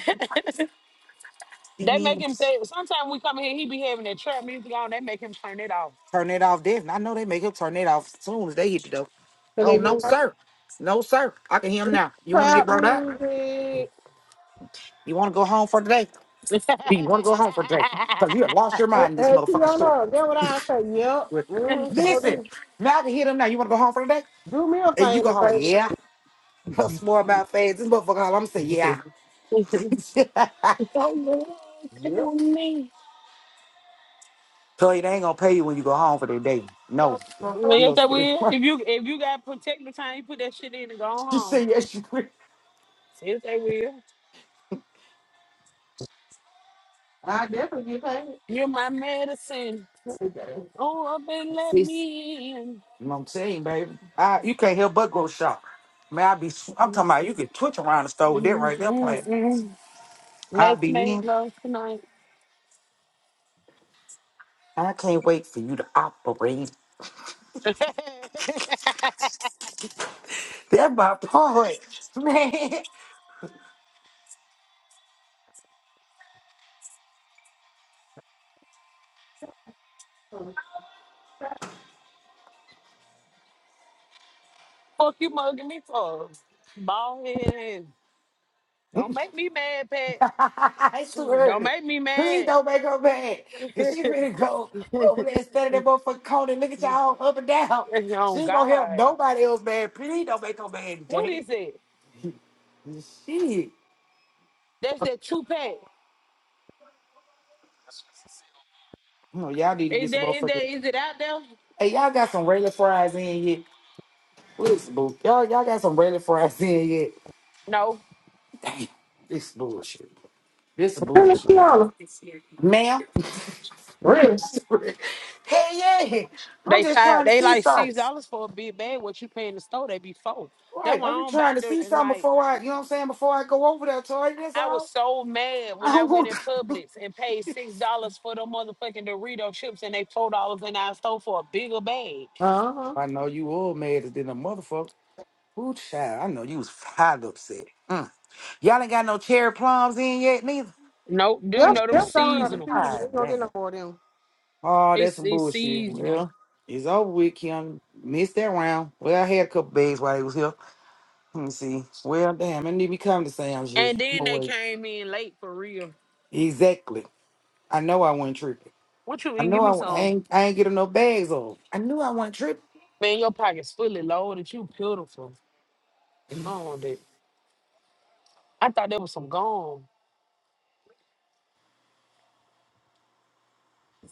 Speaker 7: See me
Speaker 9: make
Speaker 7: even
Speaker 9: him say sometimes we come in here, he be having that trap music on, they make him turn it off.
Speaker 7: turn it off this. And I know they make him turn it off as soon as they hit the door.
Speaker 10: So they
Speaker 7: Oh
Speaker 10: do
Speaker 7: no, sir. No, sir. I can hear him now. You wanna get
Speaker 10: crowd
Speaker 7: brought up?
Speaker 10: music.
Speaker 7: You wanna go home for today?
Speaker 9: *laughs*
Speaker 7: Do you wanna go home for today? Cause you have lost your
Speaker 10: Hey,
Speaker 7: mind in this
Speaker 10: hey
Speaker 7: motherfucking store.
Speaker 10: Tiana, that what I say. Yep. Mm, so
Speaker 7: Listen,
Speaker 10: do
Speaker 7: now I can hear them now. You wanna go home for today?
Speaker 10: do me a
Speaker 7: And you
Speaker 10: favor,
Speaker 7: go holler,
Speaker 10: baby.
Speaker 7: yeah. That's more about feds. This motherfucker, all I'm saying, yeah. *laughs*
Speaker 9: Don't look at
Speaker 10: Yep.
Speaker 9: me.
Speaker 7: Tell you they ain't gonna pay you when you go home for that day.
Speaker 10: So,
Speaker 7: No, you
Speaker 9: Yes,
Speaker 7: gonna
Speaker 9: they
Speaker 7: stay. at
Speaker 9: will.
Speaker 7: work.
Speaker 9: If you if you got protective time, you put that shit in and go on
Speaker 7: *laughs* you
Speaker 9: home.
Speaker 7: say yes, you will.
Speaker 9: Yes, they will.
Speaker 10: I definitely get paid.
Speaker 9: You're my medicine.
Speaker 10: Hey,
Speaker 9: Oh, up and let
Speaker 7: Sis,
Speaker 9: me in.
Speaker 7: you know what I'm saying, baby. I, you can't help but go shop. Man, I be. sw- I'm talking about you could twitch around the store with that right there playing.
Speaker 9: Mm-mm-mm.
Speaker 7: I
Speaker 9: Let's
Speaker 7: be
Speaker 9: make
Speaker 7: in.
Speaker 9: love tonight.
Speaker 7: I can't wait for you to operate.
Speaker 9: *laughs* Fuck
Speaker 7: That my part, *laughs* man.
Speaker 9: you mugging me for? Bald head ass. Don't make me mad, Pat.
Speaker 7: *laughs* it's too
Speaker 9: Don't
Speaker 7: early.
Speaker 9: make me
Speaker 7: Please
Speaker 9: mad.
Speaker 7: don't make her mad.
Speaker 9: *laughs*
Speaker 7: Cause she really go over there and stand in that motherfucking corner and look at y'all up and down.
Speaker 9: oh
Speaker 7: She gonna help
Speaker 9: God.
Speaker 7: nobody else mad. Please don't make her mad
Speaker 9: What
Speaker 7: today.
Speaker 9: is it?
Speaker 7: Shit.
Speaker 9: That's that two pack.
Speaker 7: No, y'all need to
Speaker 9: Is
Speaker 7: get some
Speaker 9: that is that
Speaker 7: motherfucking
Speaker 9: is it out there?
Speaker 7: Hey, y'all got some regular fries in yet? Listen, boo. Y'all y'all got some regular fries in yet.
Speaker 9: No.
Speaker 7: Damn, this is bullshit. This is bullshit.
Speaker 10: Tiana.
Speaker 7: Ma'am. *laughs*
Speaker 10: Really?
Speaker 7: Hell yeah. I'm
Speaker 9: They
Speaker 7: just
Speaker 9: five
Speaker 7: trying to
Speaker 9: they
Speaker 7: see
Speaker 9: like six
Speaker 7: something.
Speaker 9: dollars for a big bag. What you pay in the store, they be four. That's
Speaker 7: Right.
Speaker 9: why I
Speaker 7: I'm just
Speaker 9: don't buy
Speaker 7: trying to
Speaker 9: dirt
Speaker 7: see
Speaker 9: and
Speaker 7: something
Speaker 9: like
Speaker 7: before I, you know what I'm saying, before I go over there, Tori. That's
Speaker 9: I was
Speaker 7: all.
Speaker 9: so mad
Speaker 7: *laughs* I
Speaker 9: when I
Speaker 7: don't
Speaker 9: went
Speaker 7: want
Speaker 9: in
Speaker 7: *laughs*
Speaker 9: Publix and paid six dollars for the motherfucking Dorito chips and they four dollars and I stole for a bigger bag.
Speaker 10: Uh huh.
Speaker 7: I know you all mad as than a motherfucker. Ooh, child, I know you was fired upset. Mm. Y'all ain't got no cherry plums in yet, neither.
Speaker 9: Nope, do you
Speaker 10: Yep,
Speaker 9: know them
Speaker 10: yep, down out of
Speaker 9: seasonal?
Speaker 10: season. We
Speaker 7: God
Speaker 10: don't get
Speaker 7: damn.
Speaker 10: no more of them.
Speaker 7: Oh, that's
Speaker 9: It's
Speaker 7: some
Speaker 9: it's
Speaker 7: bullshit.
Speaker 9: seasonal.
Speaker 7: Well, it's over with, Kim. Missed that round. Well, I had a couple bags while he was here. Let me see. Well, damn, I need me come to Sam's shit.
Speaker 9: And
Speaker 7: I'm
Speaker 9: then
Speaker 7: gonna
Speaker 9: they
Speaker 7: wait.
Speaker 9: came in late for real.
Speaker 7: Exactly. I know I wasn't tripping.
Speaker 9: What you
Speaker 7: I
Speaker 9: eating? Give me
Speaker 7: know I, I
Speaker 9: some.
Speaker 7: ain't I ain't getting no bags off. I knew I wasn't tripping.
Speaker 9: Man, your pocket's fully loaded. You pitiful. I don't want that. I thought that was some gum.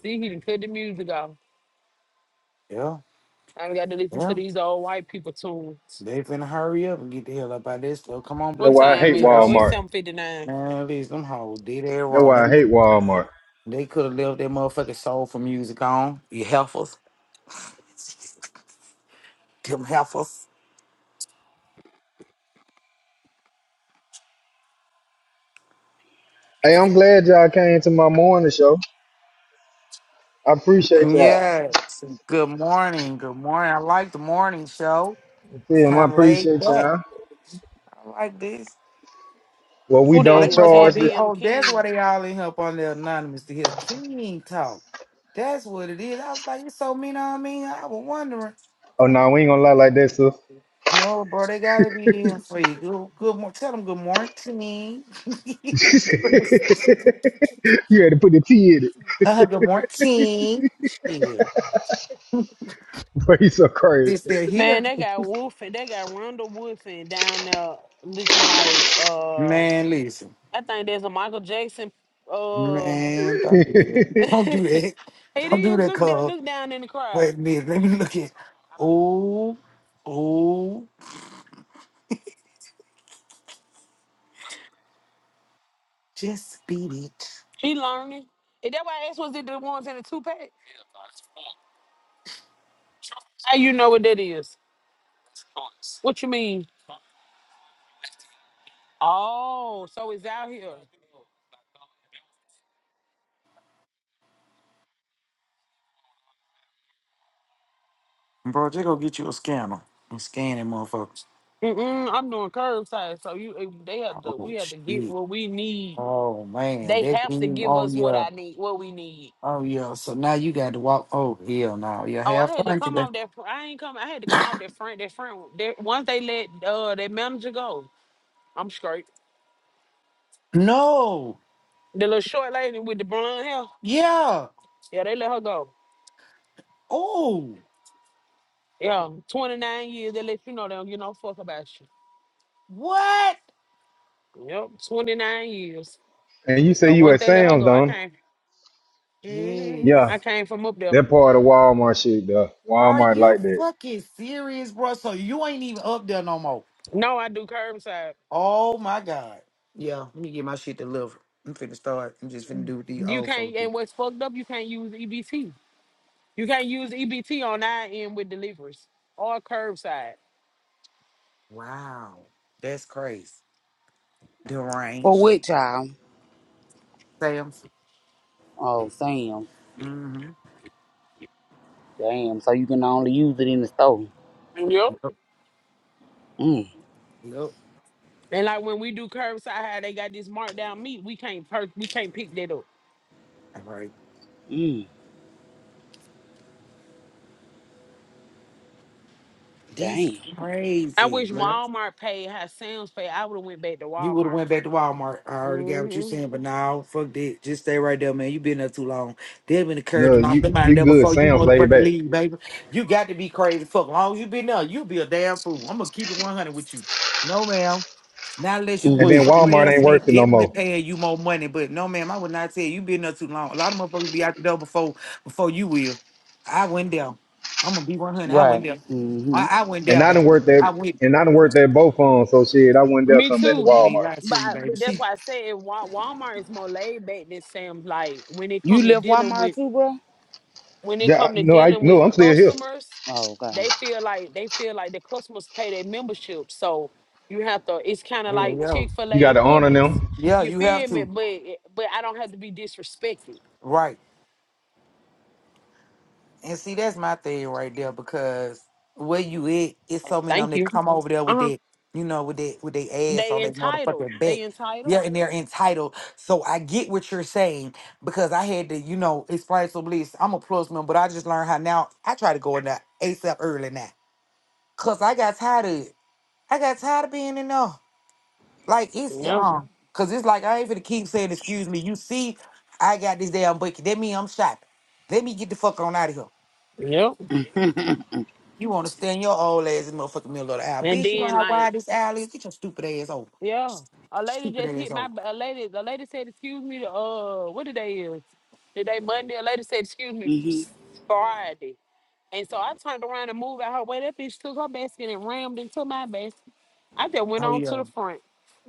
Speaker 9: See, he didn't cut the music off.
Speaker 7: Yeah,
Speaker 9: I got to listen to
Speaker 7: yeah.
Speaker 9: these old white people tunes.
Speaker 7: They finna hurry up and get the hell up out of this stuff. Come on,
Speaker 3: That's
Speaker 9: What
Speaker 7: black
Speaker 3: why I
Speaker 7: people.
Speaker 9: time
Speaker 7: You
Speaker 3: hate
Speaker 9: is?
Speaker 7: try to
Speaker 9: Oh, it's
Speaker 7: see.
Speaker 3: Walmart.
Speaker 9: seven fifty nine.
Speaker 7: Man, these them hoes did that
Speaker 3: That's
Speaker 7: wrong.
Speaker 3: why I
Speaker 7: They,
Speaker 3: hate Walmart.
Speaker 7: they could have left that motherfucking soulful music on. You heifers. Them heifers.
Speaker 3: Hey, I'm glad y'all came to my morning show. I appreciate y'all.
Speaker 7: Yes. Good morning. Good morning. I like the morning show. It's
Speaker 3: Tim, I
Speaker 7: kind of laid
Speaker 3: appreciate
Speaker 7: back.
Speaker 3: y'all.
Speaker 7: I like this.
Speaker 3: Well, we
Speaker 9: Who that
Speaker 7: Oh, they
Speaker 3: don't
Speaker 9: is?
Speaker 7: must want
Speaker 3: charge
Speaker 7: these.
Speaker 3: this.
Speaker 9: ABM
Speaker 7: Oh, that's
Speaker 9: King.
Speaker 7: why they all in here up on there anonymous to hear King talk. That's what it is. I was like, it's so mean. I mean, I was wondering.
Speaker 3: Oh no, we ain't gonna lie like that, sir.
Speaker 7: No, bro, they gotta be here for you. Good, good morning. Tell them good morning.
Speaker 3: *laughs* you had to put the T in it.
Speaker 7: *laughs* uh, good morning. Shit.
Speaker 3: *laughs* Bro, you so crazy.
Speaker 7: Since they're
Speaker 9: Man,
Speaker 7: here.
Speaker 9: they got Wolf and they got Ronda Woodson down there looking like uh
Speaker 7: Man, listen.
Speaker 9: I think there's a Michael Jackson uh
Speaker 7: Man, don't do that.
Speaker 3: *laughs*
Speaker 9: *laughs*
Speaker 7: *laughs* Don't do
Speaker 9: it
Speaker 7: that. Don't do
Speaker 9: is
Speaker 7: that,
Speaker 9: look that
Speaker 7: cuz.
Speaker 9: look down in the crowd.
Speaker 7: Wait a minute. Let me look at. Oh, oh, just beat it.
Speaker 9: He learning. Is that why I asked was it the ones in the two pack? How you know what that is? What you mean? Oh, so it's out here.
Speaker 7: Bro, they gonna get you a scanner and scan that motherfucker.
Speaker 9: Mm-mm, I'm doing curbside, so you eh, they have to
Speaker 7: Oh,
Speaker 9: we have to get
Speaker 7: shit.
Speaker 9: what we need.
Speaker 7: Oh, man.
Speaker 9: They
Speaker 7: That's
Speaker 9: have to
Speaker 7: you.
Speaker 9: give
Speaker 7: Oh,
Speaker 9: us what
Speaker 7: yeah.
Speaker 9: I need, what we need.
Speaker 7: Oh yeah, so now you got to walk. Oh hell, now you
Speaker 9: Oh, I
Speaker 7: have
Speaker 9: had to
Speaker 7: fun
Speaker 9: come
Speaker 7: today.
Speaker 9: off that. fr- I ain't come. I had to come off that front. That front. That once they let uh that manager go, I'm straight.
Speaker 7: No,
Speaker 9: The little short lady with the blonde hair.
Speaker 7: yeah.
Speaker 9: Yeah, they let her go.
Speaker 7: Oh,
Speaker 9: Yeah, 29 years. They let you know they don't give no fuck about you.
Speaker 7: what?
Speaker 9: Yep, 29 years.
Speaker 3: And you say
Speaker 9: So
Speaker 3: you
Speaker 9: once
Speaker 3: at
Speaker 9: they let her
Speaker 3: Sam's,
Speaker 9: go, I
Speaker 3: don't?
Speaker 9: came. hmm
Speaker 7: Yes.
Speaker 9: I
Speaker 3: Yeah,
Speaker 9: came from up there.
Speaker 3: that part of Walmart shit, though.
Speaker 7: Are
Speaker 3: Walmart
Speaker 7: you
Speaker 3: like that.
Speaker 7: fucking serious, bro? So you ain't even up there no more.
Speaker 9: No, I do curbside.
Speaker 7: Oh my god. Yeah, let me get my shit delivered. I'm finna start. I'm just finna do with these
Speaker 9: You
Speaker 7: old
Speaker 9: can't.
Speaker 7: folks. do.
Speaker 9: And what's fucked up? You can't use EBT. You can't use EBT on our end with deliveries or curbside.
Speaker 7: Wow, that's crazy.
Speaker 11: For
Speaker 7: Deranged.
Speaker 11: what, child?
Speaker 7: Sam's.
Speaker 11: Oh, Sam.
Speaker 7: Mm-hmm.
Speaker 11: Damn, so you can only use it in the store.
Speaker 9: Yep.
Speaker 7: Yep.
Speaker 11: Mm.
Speaker 7: Yep. All
Speaker 9: And like when we do curbside, how they got this marked down meat, we can't per- we can't pick that up.
Speaker 7: right. That's
Speaker 11: Damn.
Speaker 9: I
Speaker 7: crazy.
Speaker 9: wish Walmart paid how Sam's paid. I would have went back to
Speaker 7: You would have
Speaker 9: Walmart.
Speaker 7: went back to Walmart. I already got what you
Speaker 9: hmm
Speaker 7: saying, but now fuck that. Just stay right there, man. You been there too long. They been encouraged
Speaker 3: No,
Speaker 7: to lock
Speaker 3: you
Speaker 7: them out of
Speaker 3: you
Speaker 7: there
Speaker 3: good.
Speaker 7: before you
Speaker 3: Sam's laid
Speaker 7: motherfucking
Speaker 3: back.
Speaker 7: leave, baby. You got to be crazy. Fuck, long as you been there, you be a damn fool. I'm gonna keep it 100 with you. No, ma'am. Not unless you
Speaker 3: And
Speaker 7: going
Speaker 11: hmm
Speaker 3: then
Speaker 7: somewhere
Speaker 3: Walmart
Speaker 7: else
Speaker 3: ain't
Speaker 7: and they
Speaker 3: working no
Speaker 7: definitely
Speaker 3: more.
Speaker 7: paying you more money. But no, ma'am, I would not tell you. You been there too long. A lot of motherfuckers be out the door before before you will. I went there. I'm gonna be 100. I went
Speaker 11: Right.
Speaker 7: there. I,
Speaker 11: hmm
Speaker 7: I went
Speaker 3: And
Speaker 7: there,
Speaker 3: I done
Speaker 7: baby.
Speaker 3: worked
Speaker 7: I
Speaker 3: that.
Speaker 7: went.
Speaker 3: And I done worked that both on. So shit, I went there
Speaker 9: Me
Speaker 3: something at the
Speaker 9: too.
Speaker 7: Mm, I mean,
Speaker 3: Walmart.
Speaker 7: I
Speaker 9: But,
Speaker 7: tell you, baby.
Speaker 9: but that's
Speaker 7: She.
Speaker 9: why I said Wa- Walmart is more laid back than Sam's. Like when it
Speaker 11: You
Speaker 9: come to
Speaker 11: left
Speaker 9: dealing
Speaker 11: Walmart
Speaker 9: with
Speaker 11: too, bro?
Speaker 9: when it
Speaker 3: Yeah,
Speaker 9: come
Speaker 3: I-
Speaker 9: to
Speaker 3: no, I
Speaker 9: dealing
Speaker 3: no,
Speaker 9: with
Speaker 3: I'm still here.
Speaker 9: customers,
Speaker 11: Oh, okay.
Speaker 9: they feel like they feel like the customers pay their membership. So you have to. It's kind of
Speaker 7: Hell
Speaker 9: like
Speaker 7: yeah.
Speaker 9: Chick Fil
Speaker 3: You
Speaker 9: A
Speaker 3: got to
Speaker 9: and
Speaker 3: honor
Speaker 9: Publix.
Speaker 3: them.
Speaker 7: Yeah,
Speaker 9: You
Speaker 7: you have
Speaker 9: feel me?
Speaker 7: to.
Speaker 9: But but I don't have to be disrespected.
Speaker 7: Right. And see, that's my thing right there because where you at, it's so many of them
Speaker 9: Thank
Speaker 7: that
Speaker 9: you.
Speaker 7: come over there with
Speaker 9: Uh-huh.
Speaker 7: that, you know, with that with their ass on
Speaker 9: They
Speaker 7: their
Speaker 9: entitled.
Speaker 7: motherfucking back.
Speaker 9: They entitled.
Speaker 7: Yeah, and they're entitled. So I get what you're saying because I had to, you know, explain some beliefs. I'm a plus man, but I just learned how now I try to go in there ASAP early now. Cause I got tired of it. I got tired of being in there. Like it's
Speaker 9: Yep.
Speaker 7: uh, cause it's like I ain't finna keep saying excuse me. You see, I got this damn bucket. That mean I'm shopping. Let me get the fuck on out of here.
Speaker 9: Yep.
Speaker 11: *laughs*
Speaker 7: You wanna stand your old ass in the motherfucking middle of the aisle.
Speaker 9: And
Speaker 7: Bitch, you know
Speaker 9: then
Speaker 7: how
Speaker 9: like,
Speaker 7: wide this aisle is? Get your stupid ass over.
Speaker 9: yeah. A lady
Speaker 7: Stupid
Speaker 9: just
Speaker 7: ass
Speaker 9: hit my
Speaker 7: over.
Speaker 9: a lady, the lady said, excuse me, uh, what today is? Today Monday. A lady said, excuse me,
Speaker 11: hmm
Speaker 9: Friday. And so I turned around and moved out her way. That bitch took her basket and rammed into my basket. I just went
Speaker 7: Oh
Speaker 9: on to
Speaker 7: yeah.
Speaker 9: the front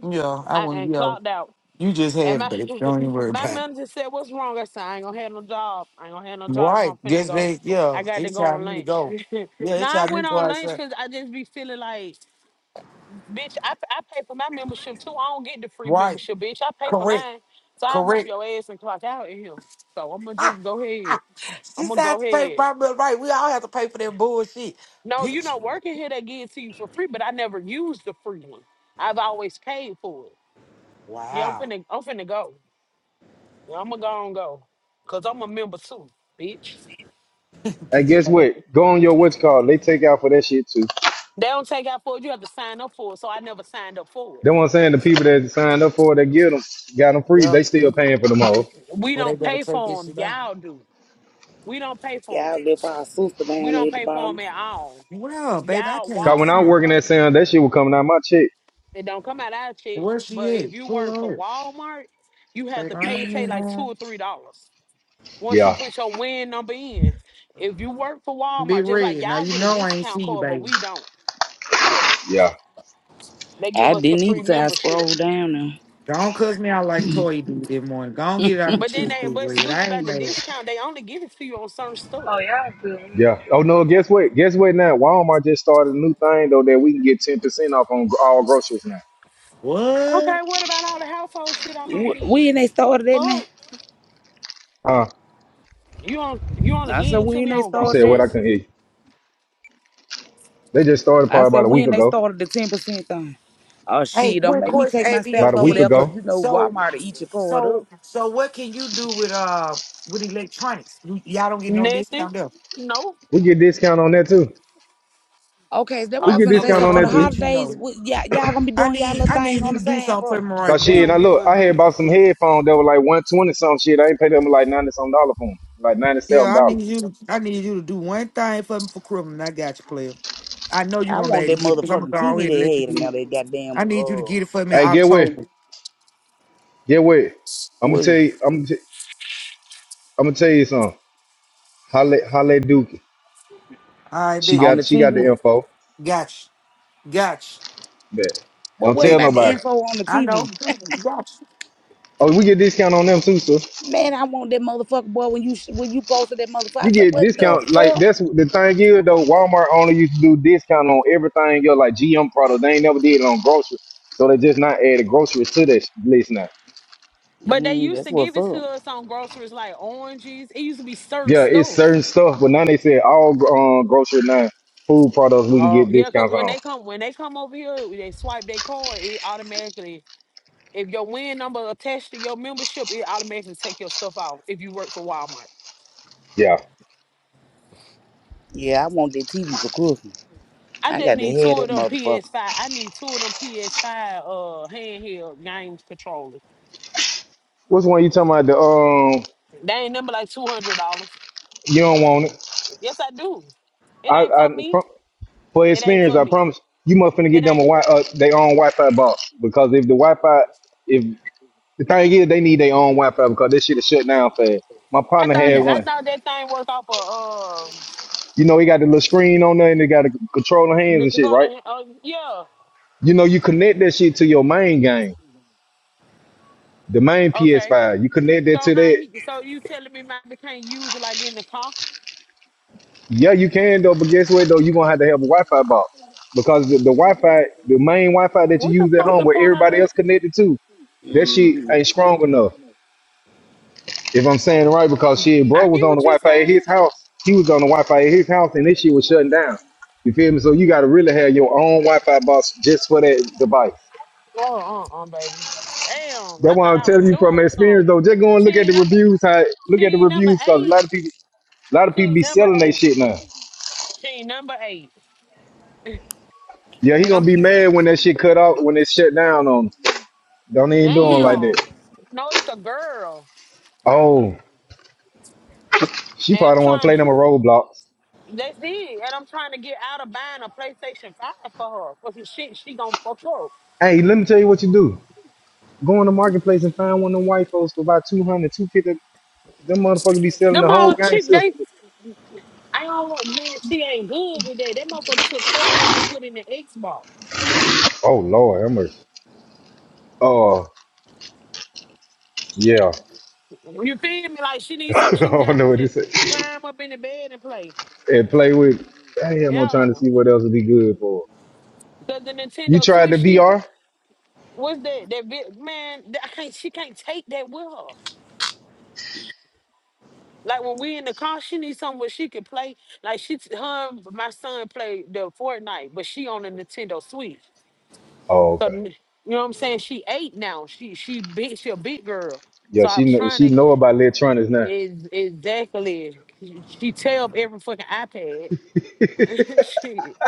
Speaker 7: Yeah, I
Speaker 9: I,
Speaker 7: wouldn't
Speaker 9: and
Speaker 7: yeah.
Speaker 9: clocked out.
Speaker 7: You just
Speaker 9: And
Speaker 7: have
Speaker 9: my
Speaker 7: baby.
Speaker 9: *laughs*
Speaker 7: Don't even worry
Speaker 9: my
Speaker 7: about it.
Speaker 9: manager said, "What's wrong?" I said, "I ain't gonna have no job. I ain't gonna have no job. So
Speaker 7: Right.
Speaker 9: I'm finna
Speaker 7: Yes,
Speaker 9: go.
Speaker 7: baby. Yeah.
Speaker 9: I got to
Speaker 7: It's
Speaker 9: go
Speaker 7: time
Speaker 9: on
Speaker 7: for me to
Speaker 9: lunch."
Speaker 7: go. Yeah,
Speaker 9: *laughs*
Speaker 7: it's
Speaker 9: now I
Speaker 7: time for me
Speaker 9: went
Speaker 7: to go
Speaker 9: on lunch
Speaker 7: outside.
Speaker 9: because I just be feeling like, bitch. I, I pay for my membership too. I don't get the free
Speaker 7: Right.
Speaker 9: membership, bitch. I pay for
Speaker 7: Correct.
Speaker 9: mine, so I whoop
Speaker 7: Correct.
Speaker 9: your ass and clock out in here. So I'm gonna just go ahead.
Speaker 7: she
Speaker 9: I'm gonna
Speaker 7: said I have
Speaker 9: go
Speaker 7: to pay for
Speaker 9: ahead.
Speaker 7: my meal right. We all have to pay for that bullshit.
Speaker 9: No, you
Speaker 7: Bitch.
Speaker 9: know, working here they give it to you for free, but I never used the free one. I've always paid for it. Yeah, I'm
Speaker 7: Wow.
Speaker 9: finna, I'm finna go. Yeah, I'm gonna go and go. Cause I'm a member too, bitch.
Speaker 7: *laughs*
Speaker 3: And
Speaker 7: Bitch.
Speaker 3: guess
Speaker 7: like,
Speaker 3: what? Go on your what's called. They take out for that shit too.
Speaker 9: They don't take out for it. You have to sign up for it. So I never signed up for
Speaker 3: Then what
Speaker 9: it.
Speaker 3: I'm saying, the people that signed up for it, that get them, got them free.
Speaker 7: Yeah.
Speaker 3: They still paying for them all.
Speaker 9: We
Speaker 7: Well, they
Speaker 9: don't
Speaker 7: better
Speaker 9: pay
Speaker 7: take
Speaker 9: for
Speaker 7: this
Speaker 9: them.
Speaker 7: shit out.
Speaker 9: Y'all do. We don't pay for
Speaker 11: Yeah,
Speaker 9: them.
Speaker 11: I left our sister
Speaker 9: We
Speaker 11: down there
Speaker 9: don't
Speaker 11: at the
Speaker 9: pay for them
Speaker 11: bottom.
Speaker 9: at all.
Speaker 7: Well, baby, I
Speaker 9: Y'all,
Speaker 7: can't even
Speaker 3: Cause when I
Speaker 7: see.
Speaker 3: was
Speaker 9: Walmart,
Speaker 3: working
Speaker 9: cus-
Speaker 3: at Sam's, that shit was coming out my check.
Speaker 9: it don't come out our check.
Speaker 7: Where
Speaker 9: But
Speaker 7: she
Speaker 9: if
Speaker 7: at?
Speaker 9: you work
Speaker 7: Pull
Speaker 9: for
Speaker 7: up.
Speaker 9: Walmart, you have
Speaker 7: baby.
Speaker 9: to
Speaker 7: I
Speaker 9: pay,
Speaker 7: ain't
Speaker 9: say,
Speaker 7: even
Speaker 9: like two
Speaker 7: know.
Speaker 9: or three dollars. Once you
Speaker 3: Yeah,
Speaker 9: put your win number in, if you work for
Speaker 7: Be
Speaker 9: Walmart, just like
Speaker 7: red. Now
Speaker 9: y'all
Speaker 7: you
Speaker 9: get a
Speaker 7: know I ain't see
Speaker 9: discount
Speaker 7: you,
Speaker 9: card, but
Speaker 7: baby.
Speaker 9: we don't.
Speaker 3: yeah.
Speaker 9: They give
Speaker 11: I
Speaker 9: us the
Speaker 11: didn't
Speaker 9: free
Speaker 11: need to. I
Speaker 9: membership.
Speaker 11: scrolled down
Speaker 7: Don't cuss me out like Toy did this morning. Go on, get it out the
Speaker 9: But then
Speaker 7: chest,
Speaker 9: they
Speaker 7: Big
Speaker 9: what's
Speaker 7: Red.
Speaker 9: stupid
Speaker 7: I ain't
Speaker 9: about the
Speaker 7: mad.
Speaker 9: discount, they only give it to you on certain stuff.
Speaker 12: Oh yeah, I do.
Speaker 3: Yeah. Oh no. Guess what? Guess what? Now Walmart just started a new thing though that we can get ten percent off on gr- all groceries now.
Speaker 9: Okay,
Speaker 7: What?
Speaker 9: what about all the household shit I
Speaker 11: there.
Speaker 9: might
Speaker 11: Wh-
Speaker 9: need?
Speaker 11: When they started that now?
Speaker 9: Fuck.
Speaker 3: Uh,
Speaker 9: You on you only
Speaker 11: I said,
Speaker 9: getting it to
Speaker 11: when
Speaker 9: me
Speaker 11: they
Speaker 9: on
Speaker 3: you
Speaker 11: started
Speaker 3: said what?
Speaker 11: that?
Speaker 3: I
Speaker 9: groceries?
Speaker 3: couldn't hear you. They just started
Speaker 11: I
Speaker 3: probably
Speaker 11: said,
Speaker 3: about a week
Speaker 11: when they
Speaker 3: ago.
Speaker 11: started the 10% thing. Oh,
Speaker 7: Hey,
Speaker 11: shit, don't
Speaker 7: quick
Speaker 11: make me
Speaker 7: question,
Speaker 11: take my
Speaker 7: ABM
Speaker 3: About
Speaker 11: stamps
Speaker 3: a
Speaker 11: over
Speaker 3: week
Speaker 7: King.
Speaker 11: there because
Speaker 3: ago,
Speaker 11: you know
Speaker 7: So
Speaker 11: Walmart will eat your card
Speaker 7: So
Speaker 11: up.
Speaker 7: so what can you do with uh with electronics? You, y'all don't get no
Speaker 9: Nothing.
Speaker 7: discount there.
Speaker 9: No.
Speaker 3: we get discount on that too.
Speaker 11: Okay, is that what
Speaker 3: We
Speaker 11: I
Speaker 9: Oh
Speaker 3: get
Speaker 11: finna
Speaker 9: see
Speaker 11: say?
Speaker 7: Okay,
Speaker 3: discount
Speaker 11: So
Speaker 9: they,
Speaker 3: on
Speaker 7: well
Speaker 11: for
Speaker 7: I'm
Speaker 11: the
Speaker 3: that
Speaker 7: gonna
Speaker 3: too.
Speaker 7: let you
Speaker 11: holidays,
Speaker 7: know.
Speaker 11: wh- y'all, y'all gonna be
Speaker 7: I
Speaker 11: doing y'all
Speaker 7: need
Speaker 11: little
Speaker 7: I
Speaker 11: thing
Speaker 7: need you
Speaker 11: on
Speaker 7: to
Speaker 11: the
Speaker 7: do
Speaker 11: side,
Speaker 7: something for
Speaker 11: bro?
Speaker 7: me right
Speaker 3: Cause
Speaker 9: they
Speaker 3: shit,
Speaker 7: quick.
Speaker 3: I
Speaker 9: don't give
Speaker 3: look,
Speaker 9: us
Speaker 3: I
Speaker 9: that.
Speaker 3: had bought some headphones that were like one twenty something shit. I ain't paid them like ninety something dollar for them, like ninety
Speaker 7: Yeah,
Speaker 3: seven
Speaker 7: I
Speaker 3: dollar.
Speaker 7: need you to I need you to do one thing for me for criminal. I got you, player. I know you're
Speaker 11: I
Speaker 7: gonna be
Speaker 11: want
Speaker 7: able to
Speaker 11: that
Speaker 7: get it because I'm
Speaker 11: motherfucking
Speaker 7: gonna go
Speaker 11: TV
Speaker 7: ahead and let
Speaker 11: they
Speaker 7: you
Speaker 11: had and
Speaker 7: get it.
Speaker 11: now they
Speaker 7: I
Speaker 11: goddamn
Speaker 7: need you to
Speaker 11: uh
Speaker 7: get it for me in
Speaker 3: Hey, get what?
Speaker 7: October.
Speaker 3: Get what? I'm gonna
Speaker 11: what
Speaker 3: tell you. I'm gonna, I'm gonna tell you something. Halle, Halle Duke.
Speaker 7: All right,
Speaker 3: She
Speaker 7: big.
Speaker 11: on
Speaker 3: got
Speaker 11: the
Speaker 3: she got the
Speaker 11: TV.
Speaker 3: info.
Speaker 7: Gotcha. Gotcha.
Speaker 3: Bet.
Speaker 11: But
Speaker 3: Don't
Speaker 11: what
Speaker 3: tell
Speaker 7: Big.
Speaker 11: about the
Speaker 3: nobody.
Speaker 11: info on the
Speaker 7: I know.
Speaker 11: TV?
Speaker 7: Gotcha.
Speaker 3: Oh, we get discount on them too, so
Speaker 11: Man, I want that motherfucker boy when you sh- when you posted that motherfucker. I
Speaker 3: you
Speaker 11: said,
Speaker 3: get
Speaker 11: what the
Speaker 3: discount. Like
Speaker 11: fuck?
Speaker 3: that's the thing is though. Walmart only used to do discount on everything else, like GM products, They ain't never did it on groceries, so they just not added groceries to that sh- list now.
Speaker 9: But they
Speaker 11: Mm,
Speaker 9: used
Speaker 11: that's
Speaker 9: to
Speaker 11: what's
Speaker 9: give it to
Speaker 11: up.
Speaker 9: us on groceries like oranges. It used to be certain
Speaker 3: Yeah, it's
Speaker 9: stuff.
Speaker 3: certain stuff, but now they said all um, grocery now food products we can
Speaker 9: Oh
Speaker 3: get
Speaker 9: yeah, because
Speaker 3: discounts
Speaker 9: when
Speaker 3: on.
Speaker 9: they come when they come over here, they swipe their card, it automatically if your win number attached to your membership, it automatically take your stuff out if you work for Walmart.
Speaker 3: Yeah,
Speaker 11: Yeah, I want that TV for cooking.
Speaker 9: I
Speaker 11: I
Speaker 9: just
Speaker 11: got to
Speaker 9: need
Speaker 11: have
Speaker 9: two of
Speaker 11: that
Speaker 9: them
Speaker 11: motherfucker.
Speaker 9: PS5. I need two of them PS5 uh handheld games controllers.
Speaker 3: which one you talking about? The um,
Speaker 9: They ain't number like two hundred dollars.
Speaker 3: you don't want it.
Speaker 9: Yes, I do. It
Speaker 3: I,
Speaker 9: ain't
Speaker 3: I
Speaker 9: for me.
Speaker 3: from, for
Speaker 9: It ain't
Speaker 3: experience,
Speaker 9: for
Speaker 3: I
Speaker 9: me.
Speaker 3: promise you must finna get
Speaker 9: It
Speaker 3: them a
Speaker 9: ain't.
Speaker 3: wi- uh, they own Wi-Fi box because if the Wi-Fi if The thing is, they need their own Wi-Fi because this shit is shut down fast. My
Speaker 9: I
Speaker 3: partner
Speaker 9: thought
Speaker 3: had
Speaker 9: that
Speaker 11: Mm.
Speaker 9: I
Speaker 3: one.
Speaker 9: thought that thing worked off of um
Speaker 3: You know, he got the little screen on there and they got the controller hands
Speaker 9: the
Speaker 3: and shit, right?
Speaker 9: controller. Uh, yeah.
Speaker 3: You know, you connect that shit to your main game, the main
Speaker 9: Okay.
Speaker 3: PS5. You connect that
Speaker 9: So
Speaker 3: to
Speaker 9: how
Speaker 3: that.
Speaker 9: he, so you telling me my can't use it like in the car?
Speaker 3: Yeah, you can though, but guess what though? You're gonna have to have a Wi-Fi box because the, the Wi-Fi, the main Wi-Fi that you
Speaker 9: What the
Speaker 3: use at
Speaker 9: fuck the
Speaker 3: home, where
Speaker 9: point of
Speaker 3: everybody
Speaker 9: it?
Speaker 3: else connected to, that shit
Speaker 11: Mm-hmm.
Speaker 3: ain't strong enough. If I'm saying it right, because shit, bro
Speaker 9: I
Speaker 3: was
Speaker 9: get
Speaker 3: on the
Speaker 9: what you
Speaker 3: Wi-Fi at
Speaker 9: saying.
Speaker 3: his house. He was on the Wi-Fi at his house, and this shit was shutting down. You feel me? So you got to really have your own Wi-Fi box just for that device.
Speaker 9: Oh, uh, uh, baby. Damn, I
Speaker 3: That's why
Speaker 9: thought
Speaker 3: I'm
Speaker 9: I was
Speaker 3: telling you from
Speaker 9: doing
Speaker 3: experience,
Speaker 9: something.
Speaker 3: though. Just go and
Speaker 9: She
Speaker 3: look at the
Speaker 9: ain't.
Speaker 3: reviews. How,
Speaker 9: She
Speaker 3: look at the
Speaker 9: ain't number
Speaker 3: reviews, because a
Speaker 9: eight.
Speaker 3: lot of people, a lot of
Speaker 9: She
Speaker 3: people
Speaker 9: ain't
Speaker 3: be
Speaker 9: number
Speaker 3: selling they
Speaker 9: eight.
Speaker 3: shit now.
Speaker 9: She ain't number eight.
Speaker 3: Yeah, he
Speaker 9: And
Speaker 3: gonna
Speaker 9: I'm
Speaker 3: be mad when that shit cut off, when it shut down on. Him. Don't even do him like
Speaker 9: damn.
Speaker 3: that.
Speaker 9: No, it's a girl.
Speaker 3: Oh, she
Speaker 9: And
Speaker 3: probably
Speaker 9: I'm
Speaker 3: don't want to
Speaker 9: trying
Speaker 3: play
Speaker 9: to
Speaker 3: them a roadblocks.
Speaker 9: that's it. And I'm trying to get out of buying a PlayStation 5 for her. Because she she gonna fuck up.
Speaker 3: Hey, let me tell you what you do. Go in the marketplace and find one of them white folks for about two hundred, two fifty. Them motherfuckers be selling the
Speaker 9: Them
Speaker 3: whole
Speaker 9: all
Speaker 3: gang
Speaker 9: chick they
Speaker 3: system.
Speaker 9: I don't want man, she ain't good with that. That motherfucker took trailers and put in the Xbox.
Speaker 3: Oh Lord, I'm a oh yeah.
Speaker 9: You feel me? Like she
Speaker 3: *laughs*
Speaker 9: needs something
Speaker 3: I
Speaker 9: she
Speaker 3: don't know
Speaker 9: can
Speaker 3: what
Speaker 9: just
Speaker 3: it say.
Speaker 9: *laughs* climb up in the bed and play.
Speaker 3: And play with damn, I'm
Speaker 9: Yeah.
Speaker 3: trying to see what else would be good for.
Speaker 9: The, the
Speaker 3: You
Speaker 9: Nintendo
Speaker 3: tried the
Speaker 9: Switch she
Speaker 3: VR?
Speaker 9: What's that? That bit man, that, I can't she can't take that with her. Like when we in the car, she needs something where she can play. Like she her and my son play the Fortnite, but she on the Nintendo Switch.
Speaker 3: Oh
Speaker 9: So
Speaker 3: okay.
Speaker 9: n- you know what I'm saying? She eight now. She she big she a big girl. So
Speaker 3: Yeah,
Speaker 9: I
Speaker 3: she
Speaker 9: was
Speaker 3: know
Speaker 9: trying
Speaker 3: she
Speaker 9: to
Speaker 3: know about electronics now.
Speaker 9: is exactly she tear up every fucking iPad. *laughs* Shit.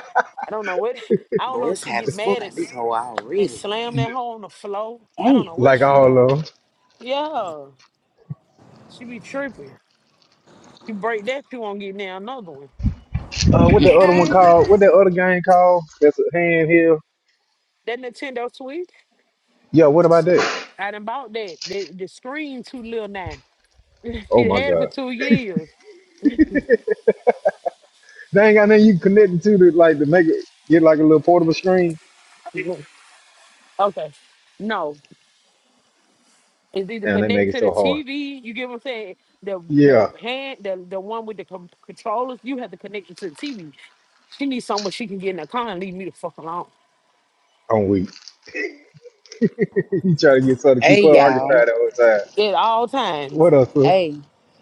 Speaker 9: I don't know what I
Speaker 11: *laughs*
Speaker 9: don't know
Speaker 11: Boy,
Speaker 9: if
Speaker 11: it's
Speaker 9: she
Speaker 11: hot
Speaker 9: get
Speaker 11: as fuck
Speaker 9: mad and,
Speaker 11: out this
Speaker 9: s-
Speaker 11: hole
Speaker 9: and
Speaker 11: already.
Speaker 9: slam that hole on the floor. I
Speaker 11: Damn.
Speaker 9: don't know what
Speaker 3: Like
Speaker 9: she
Speaker 3: all of
Speaker 9: doing.
Speaker 3: 'em.
Speaker 9: Yeah. She be tripping. You break that, you won't get now another one.
Speaker 3: Uh what the other one
Speaker 9: Hey,
Speaker 3: called? What that other game called? That's a handheld.
Speaker 9: that Nintendo Switch,
Speaker 3: Yeah, what about that?
Speaker 9: I done bought that. The, the screen too little now. *laughs*
Speaker 3: Oh
Speaker 9: she
Speaker 3: my
Speaker 9: had it for
Speaker 3: god.
Speaker 9: two years.
Speaker 3: They ain't got nothing you can connect it to to like to make it get like a little portable screen.
Speaker 9: Okay. No, it's either
Speaker 3: Damn, they make
Speaker 9: connect
Speaker 3: it
Speaker 9: to the
Speaker 3: so hard.
Speaker 9: TV. You get what I'm saying? The the
Speaker 3: Yeah.
Speaker 9: hand, the the one with the com- controllers, you have to connect it to the TV. She needs somewhere she can get in the car and leave me the fuck alone
Speaker 3: I'm weak. *laughs* you trying to get something to keep
Speaker 11: Hey
Speaker 3: her
Speaker 11: y'all.
Speaker 3: occupied the whole time.
Speaker 9: at all times.
Speaker 3: What else, sir?
Speaker 11: Hey.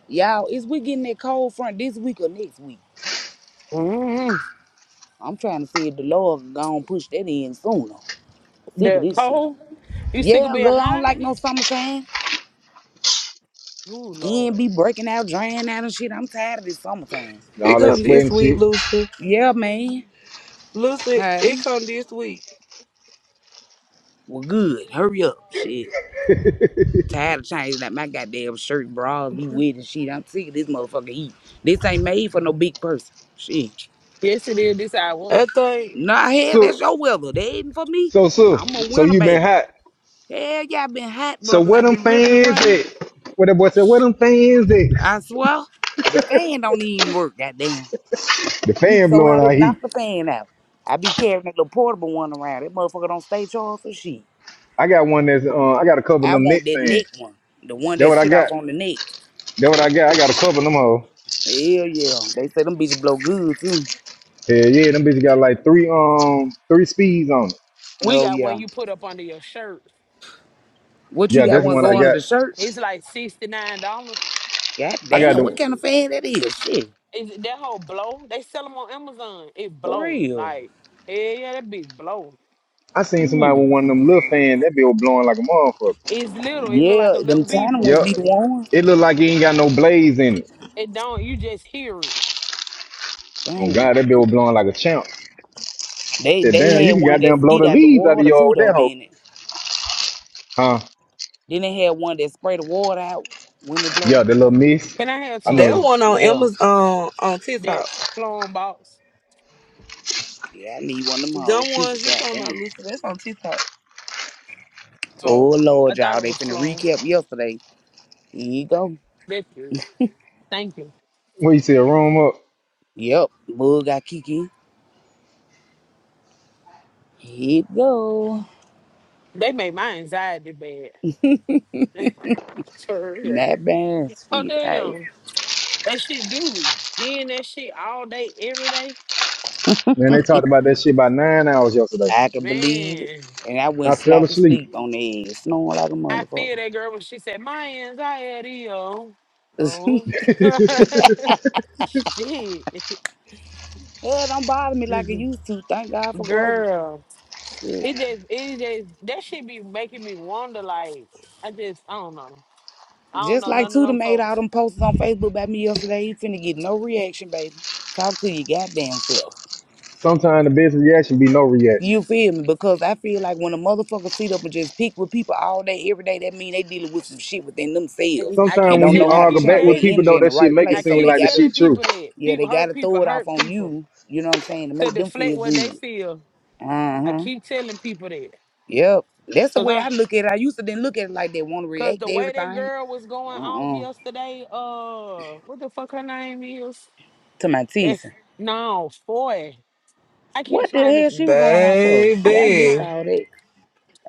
Speaker 11: Y'all, is we getting that cold front this week or next week?
Speaker 9: mm
Speaker 11: I'm trying to see if the Lord gonna push that in sooner. Sick of
Speaker 9: The
Speaker 11: this shit.
Speaker 9: cold, you sick of
Speaker 11: Yeah,
Speaker 9: being
Speaker 11: girl, I don't
Speaker 9: hot?
Speaker 11: like no summertime.
Speaker 9: Ooh,
Speaker 11: Skin
Speaker 9: Lord.
Speaker 11: be breaking out, drying out and shit. I'm tired of this summertime.
Speaker 3: And
Speaker 13: It
Speaker 3: all that
Speaker 13: come this
Speaker 3: sweating
Speaker 13: week,
Speaker 3: shit.
Speaker 13: Lucy.
Speaker 11: Yeah, man.
Speaker 13: Lucy, it
Speaker 11: Hey.
Speaker 13: come this week.
Speaker 11: Well, good. Hurry up. Shit. Tired of changing that my goddamn shirt, bras be wet and shit. I'm sick of this motherfucker heat. This ain't made for no big person. Shit.
Speaker 9: Yes, it is. This our weather.
Speaker 13: I think
Speaker 11: Nah, hell, that's
Speaker 3: So,
Speaker 11: your weather. That ain't for me.
Speaker 3: so, so,
Speaker 11: I'm a
Speaker 3: so
Speaker 11: winter
Speaker 3: you been
Speaker 11: baby.
Speaker 3: hot.
Speaker 11: Hell yeah, i been hot, bro,
Speaker 3: So
Speaker 11: because
Speaker 3: where
Speaker 11: i
Speaker 3: them
Speaker 11: been ripping and
Speaker 3: fans
Speaker 11: running.
Speaker 3: at? What that boy said? Where them fans at? *laughs*
Speaker 11: I swear, the fan don't even work, goddamn.
Speaker 3: The
Speaker 11: He
Speaker 3: fan
Speaker 11: so
Speaker 3: blowing
Speaker 11: hot it
Speaker 3: out heat.
Speaker 11: knocked the fan out. I be carrying that little portable one around. That motherfucker don't stay charged for shit.
Speaker 3: I got one that's uh, I got a couple of
Speaker 11: I
Speaker 3: them
Speaker 11: want
Speaker 3: Knicks
Speaker 11: that
Speaker 3: fans.
Speaker 11: neck one. The one
Speaker 3: That
Speaker 11: that
Speaker 3: what I
Speaker 11: sit off
Speaker 3: got.
Speaker 11: on the neck.
Speaker 3: That what I got. I got a couple of them hoe.
Speaker 11: Hell yeah. They say them bitches blow good too.
Speaker 3: Hell yeah, them bitches got like three um three speeds on it.
Speaker 9: We
Speaker 11: Oh
Speaker 9: got one
Speaker 11: yeah.
Speaker 9: you put up under your shirt.
Speaker 11: What you
Speaker 3: Yeah,
Speaker 9: It's
Speaker 11: got
Speaker 3: that's the
Speaker 9: like
Speaker 11: one
Speaker 3: one I
Speaker 11: go
Speaker 9: six.
Speaker 11: under
Speaker 3: got.
Speaker 11: the shirt?
Speaker 9: It's like sixty nine dollars.
Speaker 11: God
Speaker 3: I got
Speaker 11: damn, what
Speaker 3: the.
Speaker 11: kind of fan that is? Shit.
Speaker 9: Is it that whole blow? They sell them on Amazon. It
Speaker 11: For
Speaker 9: blow
Speaker 11: real.
Speaker 9: like yeah, yeah, that big blow.
Speaker 3: I seen somebody
Speaker 11: Mm.
Speaker 3: with one of them little fans. That bitch was blowing like a motherfucker.
Speaker 9: It's little. It look like
Speaker 11: Yeah,
Speaker 9: a little
Speaker 11: them tiny
Speaker 9: beeper.
Speaker 11: ones
Speaker 3: Yep.
Speaker 11: be the ones.
Speaker 3: It looked like it ain't got no blaze in it.
Speaker 9: It don't. You just hear it.
Speaker 3: Oh
Speaker 11: Damn.
Speaker 3: God, that bill was blowing like a champ.
Speaker 11: They
Speaker 3: Said,
Speaker 11: they
Speaker 3: damn, you
Speaker 11: had
Speaker 3: can
Speaker 11: one that
Speaker 3: goddamn blow
Speaker 11: skid
Speaker 3: the
Speaker 11: out the
Speaker 3: leaves out of
Speaker 11: water
Speaker 3: y'all
Speaker 11: too
Speaker 3: with
Speaker 11: though,
Speaker 3: that hoe.
Speaker 11: Then it?
Speaker 3: Huh?
Speaker 11: Then they had one that spray the water out when it blow.
Speaker 3: Yeah, the little mist.
Speaker 9: Can I have
Speaker 3: I
Speaker 9: two of
Speaker 3: know.
Speaker 13: that
Speaker 9: them?
Speaker 13: one on
Speaker 11: Yeah.
Speaker 13: Amazon uh, on
Speaker 9: That
Speaker 13: TikTok.
Speaker 9: flown box.
Speaker 11: Yeah, I need one of them hoes
Speaker 13: Them
Speaker 11: too,
Speaker 13: ones
Speaker 11: but
Speaker 13: you talking about,
Speaker 11: goddamn.
Speaker 13: Lucy, that's on TikTok.
Speaker 11: Oh
Speaker 9: Oh, I
Speaker 11: Lord,
Speaker 9: thought
Speaker 11: y'all,
Speaker 9: it
Speaker 11: they
Speaker 9: was
Speaker 11: finna
Speaker 9: flown.
Speaker 11: recap yesterday. Here you go.
Speaker 9: That's good. Thank you.
Speaker 3: When you see a room up,
Speaker 11: Yep, Bull got Kiki. Here it go.
Speaker 9: They made my anxiety bad. *laughs* For real.
Speaker 11: Matt
Speaker 9: Oh
Speaker 11: Bansfield. Hey,
Speaker 9: damn. That shit do me. Hearing that shit all day, every day.
Speaker 3: man, they talked about that shit by nine hours yesterday.
Speaker 11: I can believe it.
Speaker 9: Man,
Speaker 11: And I went
Speaker 3: I fell
Speaker 11: slap to
Speaker 3: asleep.
Speaker 11: sleep on the ass, snowing like a
Speaker 9: I feel
Speaker 11: motherfucker.
Speaker 9: that girl when she said, My anxiety, oh.
Speaker 11: *laughs*
Speaker 9: Oh.
Speaker 3: *laughs*
Speaker 9: *laughs* Shit.
Speaker 11: Hell, don't bother me like it used to. Thank God for growth.
Speaker 9: Girl.
Speaker 11: Shit.
Speaker 9: It just, it just, that shit be making me wonder. Like, I just, I don't know. I don't
Speaker 11: Just
Speaker 9: know
Speaker 11: like
Speaker 9: none of
Speaker 11: Tudor
Speaker 9: them
Speaker 11: made all
Speaker 9: folks.
Speaker 11: them posts on Facebook about me yesterday, he finna get no reaction, baby. Talk to your goddamn self.
Speaker 3: Sometimes the best reaction be no reaction.
Speaker 11: You feel me? Because I feel like when a motherfucker sit up and just pick with people all day, every day, that mean they dealing with some shit within
Speaker 9: I
Speaker 11: themselves
Speaker 9: I
Speaker 11: and
Speaker 3: Sometimes
Speaker 9: keep
Speaker 3: when
Speaker 11: don't
Speaker 3: you
Speaker 11: know
Speaker 9: telling
Speaker 11: how to
Speaker 3: argue
Speaker 9: people
Speaker 3: back
Speaker 11: channel their
Speaker 3: with
Speaker 9: that.
Speaker 3: people
Speaker 11: energy
Speaker 3: though,
Speaker 11: in the
Speaker 3: that shit
Speaker 11: right
Speaker 3: make it
Speaker 9: I
Speaker 11: place. So
Speaker 3: seem
Speaker 11: they
Speaker 9: keep
Speaker 3: like the
Speaker 11: gotta,
Speaker 3: shit
Speaker 9: telling
Speaker 3: true.
Speaker 9: people that.
Speaker 11: yeah,
Speaker 9: People
Speaker 11: they
Speaker 9: hurt
Speaker 11: gotta
Speaker 9: people,
Speaker 11: throw it off
Speaker 9: hurt
Speaker 11: on
Speaker 9: people
Speaker 11: you. You know what I'm saying? To
Speaker 9: to
Speaker 11: make them
Speaker 9: deflect
Speaker 11: feel
Speaker 9: what they
Speaker 11: good.
Speaker 9: feel.
Speaker 11: Uh
Speaker 9: I
Speaker 11: huh.
Speaker 9: keep telling people that.
Speaker 11: Yep. That's the way I look at it. I used to then look at it like they want to
Speaker 9: Cause
Speaker 11: react
Speaker 9: the
Speaker 11: to
Speaker 9: way that
Speaker 11: everything.
Speaker 9: girl was going off
Speaker 11: Uh uh
Speaker 9: yesterday, uh, what the fuck her name is?
Speaker 11: To my
Speaker 9: That's
Speaker 11: teasing.
Speaker 9: no boy. I keep
Speaker 11: What the
Speaker 9: trying to,
Speaker 11: hell she was going off for?
Speaker 9: I
Speaker 11: See, I
Speaker 9: keep
Speaker 11: missed
Speaker 9: trying.
Speaker 13: Baby.
Speaker 11: all that.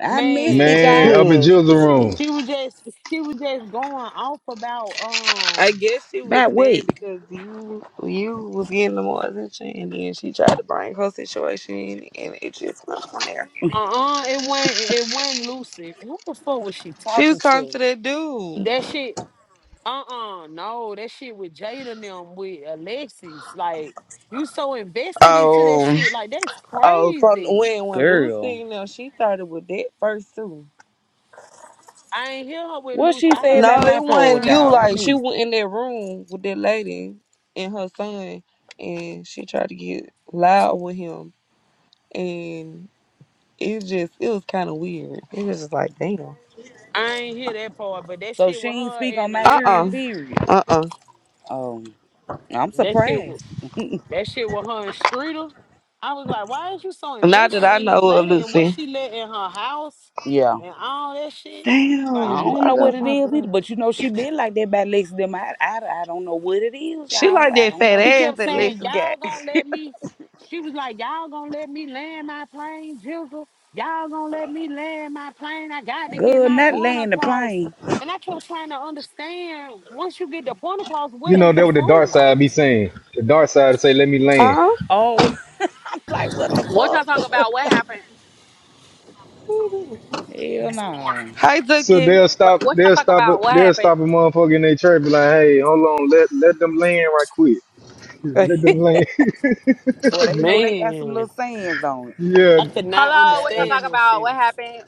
Speaker 11: I missed it,
Speaker 9: Man,
Speaker 3: Man,
Speaker 11: y'all.
Speaker 3: up in
Speaker 13: Hmm.
Speaker 3: Jill's room,
Speaker 11: Shit.
Speaker 9: she was just, she was just going off about um,
Speaker 13: I guess she was
Speaker 11: About what?
Speaker 13: mad because you you was getting the more attention and then she tried to bring her situation in and it just went from there.
Speaker 9: uh, uh it went, it went Lucy. Who the fuck was she
Speaker 13: She was
Speaker 9: talking
Speaker 13: talking to
Speaker 9: to?
Speaker 13: that dude.
Speaker 9: That shit, uh, uh no, that shit with Jada and them with Alexis. Like you so invested into that
Speaker 13: Oh,
Speaker 9: shit, like that's
Speaker 13: oh, from
Speaker 9: crazy.
Speaker 13: when when
Speaker 11: Girl.
Speaker 13: Lucy, you know, she started with that first too.
Speaker 9: I ain't hear her with
Speaker 11: What
Speaker 9: Luce.
Speaker 11: she
Speaker 9: I
Speaker 11: say
Speaker 9: heard
Speaker 11: about
Speaker 13: No,
Speaker 9: her.
Speaker 11: my
Speaker 13: it
Speaker 9: I
Speaker 11: poor
Speaker 13: wasn't
Speaker 9: heard
Speaker 13: you.
Speaker 9: her.
Speaker 11: child? I
Speaker 13: Like she
Speaker 11: missed
Speaker 13: went
Speaker 11: it.
Speaker 13: in that room with that lady and her son, and she tried to get loud with him, and it just it was kind of weird. It was just like, damn.
Speaker 9: I ain't hear that part, but that
Speaker 11: So
Speaker 9: shit
Speaker 11: she
Speaker 9: with
Speaker 11: ain't
Speaker 9: her
Speaker 11: speak on
Speaker 9: and
Speaker 11: my
Speaker 13: Uh
Speaker 11: children,
Speaker 13: uh-uh.
Speaker 9: Alexis,
Speaker 11: period.
Speaker 13: uh. uh.
Speaker 11: Um, I'm
Speaker 9: that shit was
Speaker 11: surprised.
Speaker 9: that shit with her and Streeter. I was like, why is you so
Speaker 13: Not that
Speaker 9: invested
Speaker 13: I
Speaker 9: in
Speaker 13: know
Speaker 9: this
Speaker 13: of
Speaker 9: lady and what
Speaker 13: Lucy.
Speaker 9: she let in her house
Speaker 11: Yeah.
Speaker 9: and all that shit? Like
Speaker 11: I
Speaker 13: Damn,
Speaker 11: don't
Speaker 13: I
Speaker 11: know
Speaker 9: what?
Speaker 11: what
Speaker 13: love
Speaker 11: it
Speaker 13: my
Speaker 11: is either,
Speaker 13: daughter.
Speaker 11: but you know she been like that by Lex them. I, I, I don't know what it is,
Speaker 13: She
Speaker 11: y'all.
Speaker 13: like
Speaker 11: I
Speaker 13: that
Speaker 11: don't
Speaker 13: fat
Speaker 11: know.
Speaker 9: She
Speaker 13: ass
Speaker 9: kept
Speaker 13: that
Speaker 11: That
Speaker 9: saying,
Speaker 13: Lexus
Speaker 9: Y'all
Speaker 13: got.
Speaker 9: gonna let me. She was like, Y'all gonna let me land my plane, Jizzle. Y'all gonna let me land my plane. I got to get
Speaker 11: girl
Speaker 9: my
Speaker 11: not
Speaker 9: point
Speaker 11: laying the
Speaker 9: across.
Speaker 11: plane.
Speaker 9: And I kept trying to understand once you get the point across,
Speaker 3: you
Speaker 9: what are
Speaker 3: know that
Speaker 9: you
Speaker 3: what the dark side
Speaker 9: proving?
Speaker 3: be saying. The dark side say, "Let me
Speaker 13: *laughs*
Speaker 3: land."
Speaker 13: huh?
Speaker 11: Oh, *laughs* I'm like, what the
Speaker 8: What y'all
Speaker 11: fuck?
Speaker 8: talk about? What happened?
Speaker 11: Hell no.
Speaker 13: Hi,
Speaker 3: So
Speaker 13: Zuki.
Speaker 3: they'll
Speaker 8: What,
Speaker 3: stop.
Speaker 8: what y'all
Speaker 3: They'll
Speaker 8: talk
Speaker 3: stop. A,
Speaker 8: about? What
Speaker 3: they'll
Speaker 8: happened?
Speaker 3: stop a motherfucker in their church. Be like, hey, hold on. Let let them land right quick. *laughs*
Speaker 11: *laughs*
Speaker 3: Let them land. *laughs*
Speaker 11: Boy, they know they got some little
Speaker 9: Man,
Speaker 11: sands on it.
Speaker 3: yeah.
Speaker 9: I could not
Speaker 8: Hello. What y'all
Speaker 9: understand
Speaker 8: talk
Speaker 9: this
Speaker 8: about?
Speaker 9: shit.
Speaker 8: What happened?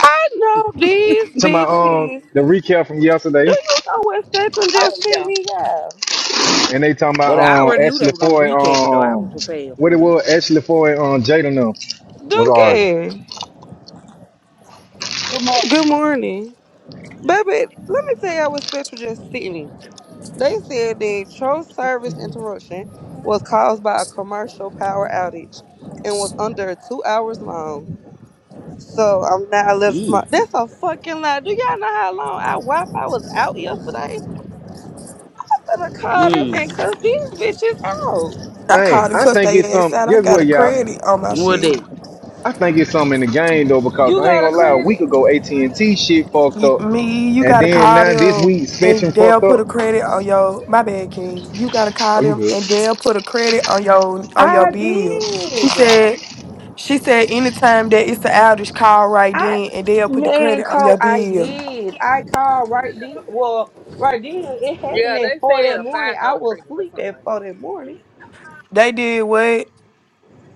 Speaker 13: I know these
Speaker 3: To my um
Speaker 13: bitches.
Speaker 3: the recap from
Speaker 13: Do
Speaker 3: yesterday,
Speaker 13: you know what Spectrum just
Speaker 8: Oh
Speaker 13: sent
Speaker 8: yeah,
Speaker 13: me, y'all?
Speaker 3: and they talking
Speaker 11: But
Speaker 3: about
Speaker 11: I
Speaker 3: um
Speaker 11: already knew they
Speaker 3: Ashley
Speaker 11: were gonna
Speaker 3: Foy
Speaker 11: recap it though. I was
Speaker 3: um
Speaker 11: prepared
Speaker 3: what it
Speaker 11: for
Speaker 3: was Ashley Foy um, Jada them was arguing.
Speaker 13: Dookie. Good morning. Baby, let me tell y'all what Spectrum just sent me. They said that your service interruption was caused by a commercial power outage and was under two hours long. So I'm not a
Speaker 11: it.
Speaker 13: little
Speaker 11: Mm.
Speaker 13: smart. That's a fucking lie. Do y'all know how long our Wi Fi was out yesterday? I'm gonna call them
Speaker 11: Mm.
Speaker 13: and cuss these bitches out.
Speaker 14: I
Speaker 3: Hey,
Speaker 14: called and
Speaker 3: I
Speaker 14: cussed
Speaker 3: think
Speaker 14: their
Speaker 3: it's
Speaker 14: ass
Speaker 3: some.
Speaker 14: out. I
Speaker 3: Guess
Speaker 14: got
Speaker 3: what,
Speaker 14: a
Speaker 3: y'all?
Speaker 14: credit on my
Speaker 11: What
Speaker 14: shit.
Speaker 11: that?
Speaker 3: I think it's something in the game though, because
Speaker 13: You
Speaker 3: I ain't
Speaker 13: got a
Speaker 3: gonna lie. A week
Speaker 13: credit?
Speaker 3: ago, AT and T shit fucked
Speaker 14: You,
Speaker 3: up,
Speaker 14: me, you
Speaker 3: and
Speaker 14: gotta
Speaker 3: then
Speaker 14: call
Speaker 3: now this
Speaker 14: them
Speaker 3: week, Spectrum
Speaker 14: and they'll
Speaker 3: fucked up.
Speaker 14: put a credit on your my bad King. You gotta call
Speaker 3: Oh, you
Speaker 14: them
Speaker 3: good?
Speaker 14: and they'll put a credit on your on your
Speaker 13: I
Speaker 14: bill. She
Speaker 13: did.
Speaker 14: said she said anytime that it's an outage, call right
Speaker 13: I
Speaker 14: then and they'll put the
Speaker 13: man,
Speaker 14: credit on
Speaker 13: Cole,
Speaker 14: your
Speaker 13: I
Speaker 14: bill.
Speaker 13: did. I called right then. Well, right then it happened
Speaker 8: yeah.
Speaker 13: at
Speaker 8: They
Speaker 13: four
Speaker 8: said
Speaker 13: that
Speaker 8: a
Speaker 13: morning.
Speaker 8: five
Speaker 13: I
Speaker 8: dollar
Speaker 13: was
Speaker 8: credit or
Speaker 13: asleep
Speaker 8: something like
Speaker 13: at four
Speaker 8: that.
Speaker 13: that morning.
Speaker 14: They did what?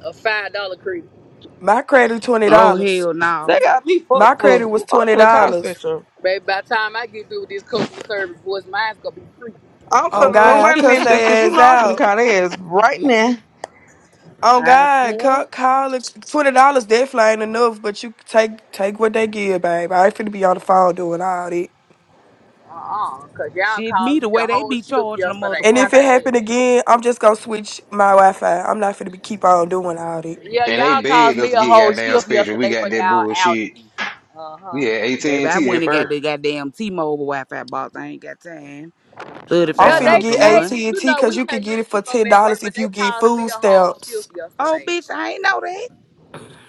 Speaker 8: A five dollar credit.
Speaker 14: My credit twenty
Speaker 11: Oh
Speaker 14: dollars.
Speaker 11: hell no.
Speaker 13: They got me
Speaker 14: My
Speaker 13: fucked up.
Speaker 14: credit was
Speaker 13: I'm
Speaker 14: twenty
Speaker 13: finna call
Speaker 14: dollars.
Speaker 13: special.
Speaker 8: Baby, by the time I get through with this customer service voice, mine's gonna be free.
Speaker 13: I'm
Speaker 14: On
Speaker 13: finna
Speaker 11: Okay.
Speaker 14: God, I
Speaker 11: *laughs*
Speaker 13: wait a
Speaker 14: cussed
Speaker 13: minute, dude, cause
Speaker 14: their
Speaker 13: you
Speaker 14: ass
Speaker 13: know I'm
Speaker 14: out.
Speaker 13: finna call their ass right now.
Speaker 14: Oh
Speaker 11: I
Speaker 14: God,
Speaker 11: swear.
Speaker 14: call, call it twenty dollars. Definitely ain't enough, but you take take what they give, babe. I ain't finna be on the phone doing all that.
Speaker 8: Uh uh cause y'all
Speaker 11: Shit, me
Speaker 8: caused
Speaker 11: the
Speaker 8: me
Speaker 11: way
Speaker 8: a
Speaker 11: they
Speaker 8: whole
Speaker 11: be
Speaker 8: shift
Speaker 11: charging a
Speaker 8: yesterday.
Speaker 14: And
Speaker 8: How
Speaker 11: motherfucker.
Speaker 14: if it
Speaker 8: about that?
Speaker 14: happen again, I'm just gonna switch my Wi-Fi. I'm not finna be keep on doing all that.
Speaker 8: Yeah,
Speaker 15: And
Speaker 8: y'all
Speaker 15: they
Speaker 8: caused
Speaker 15: begged us
Speaker 8: me
Speaker 15: to
Speaker 8: a
Speaker 15: get
Speaker 8: whole
Speaker 15: goddamn
Speaker 8: shift
Speaker 15: Spectrum. We
Speaker 8: yesterday
Speaker 15: got
Speaker 8: for
Speaker 15: that
Speaker 8: y'all
Speaker 15: bullshit.
Speaker 8: outage. Uh huh.
Speaker 15: We had AT
Speaker 11: Baby,
Speaker 15: and
Speaker 11: I
Speaker 15: T
Speaker 11: went
Speaker 15: at
Speaker 11: and got
Speaker 15: first.
Speaker 11: the goddamn T-Mobile Wi-Fi box. I ain't got time.
Speaker 14: I'm
Speaker 8: Yeah,
Speaker 11: Thirty-five
Speaker 14: finna
Speaker 8: they
Speaker 11: dollars a
Speaker 14: get AT
Speaker 8: they
Speaker 11: month.
Speaker 14: and
Speaker 8: you
Speaker 14: T
Speaker 8: know
Speaker 14: because
Speaker 8: we
Speaker 14: you can
Speaker 8: can
Speaker 14: get
Speaker 8: use
Speaker 14: it for
Speaker 8: T-Mobile
Speaker 14: ten
Speaker 8: at work,
Speaker 14: dollars
Speaker 8: but
Speaker 14: if
Speaker 8: they
Speaker 14: you get
Speaker 8: caused me
Speaker 14: food
Speaker 8: a whole
Speaker 14: stamps.
Speaker 8: shift
Speaker 11: Oh,
Speaker 8: yesterday.
Speaker 11: bitch, I ain't know that.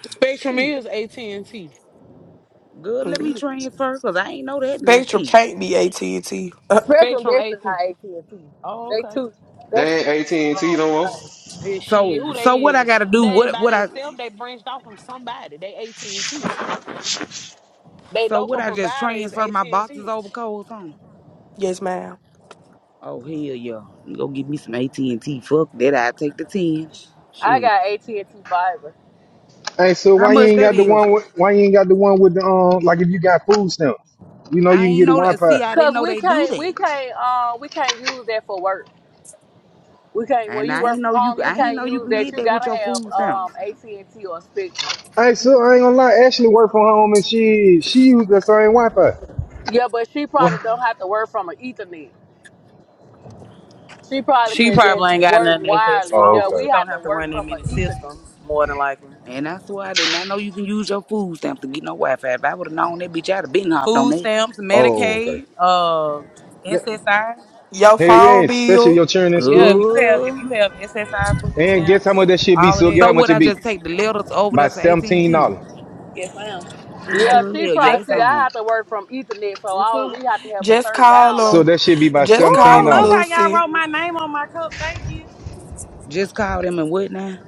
Speaker 9: Spectrum
Speaker 11: Shit,
Speaker 9: is AT&T.
Speaker 11: good. Let me
Speaker 14: Mm.
Speaker 11: transfer, cause I ain't know that now.
Speaker 14: Spectrum
Speaker 11: Shit.
Speaker 14: can't be AT and T. Uh,
Speaker 8: Spectrum
Speaker 9: Spectrum
Speaker 8: definitely
Speaker 9: AT.
Speaker 8: not AT and T.
Speaker 9: Oh,
Speaker 8: They
Speaker 9: okay.
Speaker 8: two that's
Speaker 15: They
Speaker 8: two
Speaker 15: ain't AT
Speaker 8: different
Speaker 15: and T
Speaker 8: um
Speaker 15: no more.
Speaker 8: things.
Speaker 9: Yeah,
Speaker 11: So,
Speaker 9: shit, who
Speaker 11: so
Speaker 9: they
Speaker 11: what I
Speaker 9: is?
Speaker 11: gotta
Speaker 9: They
Speaker 11: do?
Speaker 9: ain't
Speaker 11: What,
Speaker 9: by
Speaker 11: what I?
Speaker 9: themselves. They branched off from somebody. They AT&T. They
Speaker 11: So
Speaker 9: local
Speaker 11: what I just
Speaker 9: provider is
Speaker 11: transfer my boxes
Speaker 9: AT&T.
Speaker 11: over cold or something?
Speaker 14: yes, ma'am.
Speaker 11: Oh hell yeah. Go give me some AT and T. Fuck that. I take the ten.
Speaker 8: I
Speaker 11: Shit.
Speaker 8: got AT and T fiber.
Speaker 3: Hey, so
Speaker 11: How
Speaker 3: why you
Speaker 11: much
Speaker 3: ain't
Speaker 11: that
Speaker 3: got the
Speaker 11: is?
Speaker 3: one? With, why you ain't got the one with the um? Like if you got food stamps, you know you
Speaker 11: I
Speaker 3: can
Speaker 11: ain't
Speaker 3: get a
Speaker 11: know that.
Speaker 3: Wi-Fi.
Speaker 11: See, I didn't
Speaker 8: Cause
Speaker 11: know
Speaker 8: we
Speaker 11: they do
Speaker 8: can't,
Speaker 11: that.
Speaker 8: we can't, um, we can't use that for work. We can't. When
Speaker 11: And
Speaker 8: you
Speaker 11: I
Speaker 8: work
Speaker 11: ain't
Speaker 8: from
Speaker 11: know you.
Speaker 8: home, you
Speaker 11: I ain't
Speaker 8: can't
Speaker 11: know you
Speaker 8: use
Speaker 11: can
Speaker 8: that.
Speaker 11: get
Speaker 8: You
Speaker 11: that with
Speaker 8: gotta
Speaker 11: your
Speaker 8: have
Speaker 11: food
Speaker 8: um
Speaker 11: stamps.
Speaker 8: AT and T or Spectrum.
Speaker 3: Hey, so I ain't gonna lie. Ashley work from home and she she used the same Wi-Fi.
Speaker 8: Yeah, but she probably
Speaker 3: What?
Speaker 8: don't have to work from an Ethernet. She probably
Speaker 1: She
Speaker 8: can
Speaker 1: probably
Speaker 8: just
Speaker 1: ain't got
Speaker 8: work
Speaker 1: nothing that's that
Speaker 8: wireless.
Speaker 3: Oh,
Speaker 8: Yeah,
Speaker 1: strong.
Speaker 8: we
Speaker 1: She
Speaker 3: okay.
Speaker 1: don't
Speaker 8: have to
Speaker 1: have to
Speaker 8: work
Speaker 1: run that
Speaker 8: from an
Speaker 1: many systems,
Speaker 8: Ethernet.
Speaker 1: more than likely.
Speaker 11: And that's why I did not know you can use your food stamps to get no Wi-Fi. If I would have known that bitch, I'd have been hopped on
Speaker 1: Food
Speaker 11: that.
Speaker 1: stamps,
Speaker 3: Oh, Okay.
Speaker 1: Medicaid, uh,
Speaker 3: yeah.
Speaker 1: SSI.
Speaker 14: Your
Speaker 3: Hey,
Speaker 14: phone
Speaker 3: yeah. Especially
Speaker 14: bill.
Speaker 3: your children in
Speaker 1: Yeah, if
Speaker 3: school.
Speaker 1: you have if
Speaker 11: Good.
Speaker 1: you have SSI food
Speaker 3: And guess how much
Speaker 1: stamps,
Speaker 3: that should be?
Speaker 1: all of
Speaker 3: So
Speaker 1: that,
Speaker 3: get
Speaker 11: So
Speaker 3: how
Speaker 11: would
Speaker 3: much
Speaker 1: you
Speaker 3: it
Speaker 11: I
Speaker 1: you
Speaker 3: be?
Speaker 11: just take
Speaker 1: can
Speaker 11: the
Speaker 1: get it.
Speaker 11: letters over
Speaker 3: By
Speaker 11: there to AT and
Speaker 3: seventeen
Speaker 11: T?
Speaker 3: dollars.
Speaker 1: Yes, ma'am.
Speaker 11: Oh
Speaker 8: Yeah,
Speaker 14: hmm
Speaker 8: she
Speaker 11: hell yeah,
Speaker 1: Thank
Speaker 8: probably
Speaker 1: you,
Speaker 11: it's
Speaker 8: see.
Speaker 1: baby.
Speaker 8: I
Speaker 11: on.
Speaker 8: have to work from Ethernet, so
Speaker 1: You
Speaker 8: our
Speaker 1: too.
Speaker 8: we have to have a
Speaker 14: Just
Speaker 8: certain
Speaker 14: call
Speaker 3: So
Speaker 14: them.
Speaker 8: download
Speaker 3: that should
Speaker 8: speed
Speaker 3: be
Speaker 8: and
Speaker 3: by
Speaker 8: shit.
Speaker 14: Just call
Speaker 3: seventeen
Speaker 14: them,
Speaker 3: dollars.
Speaker 14: Lucy.
Speaker 11: Just call them and what now?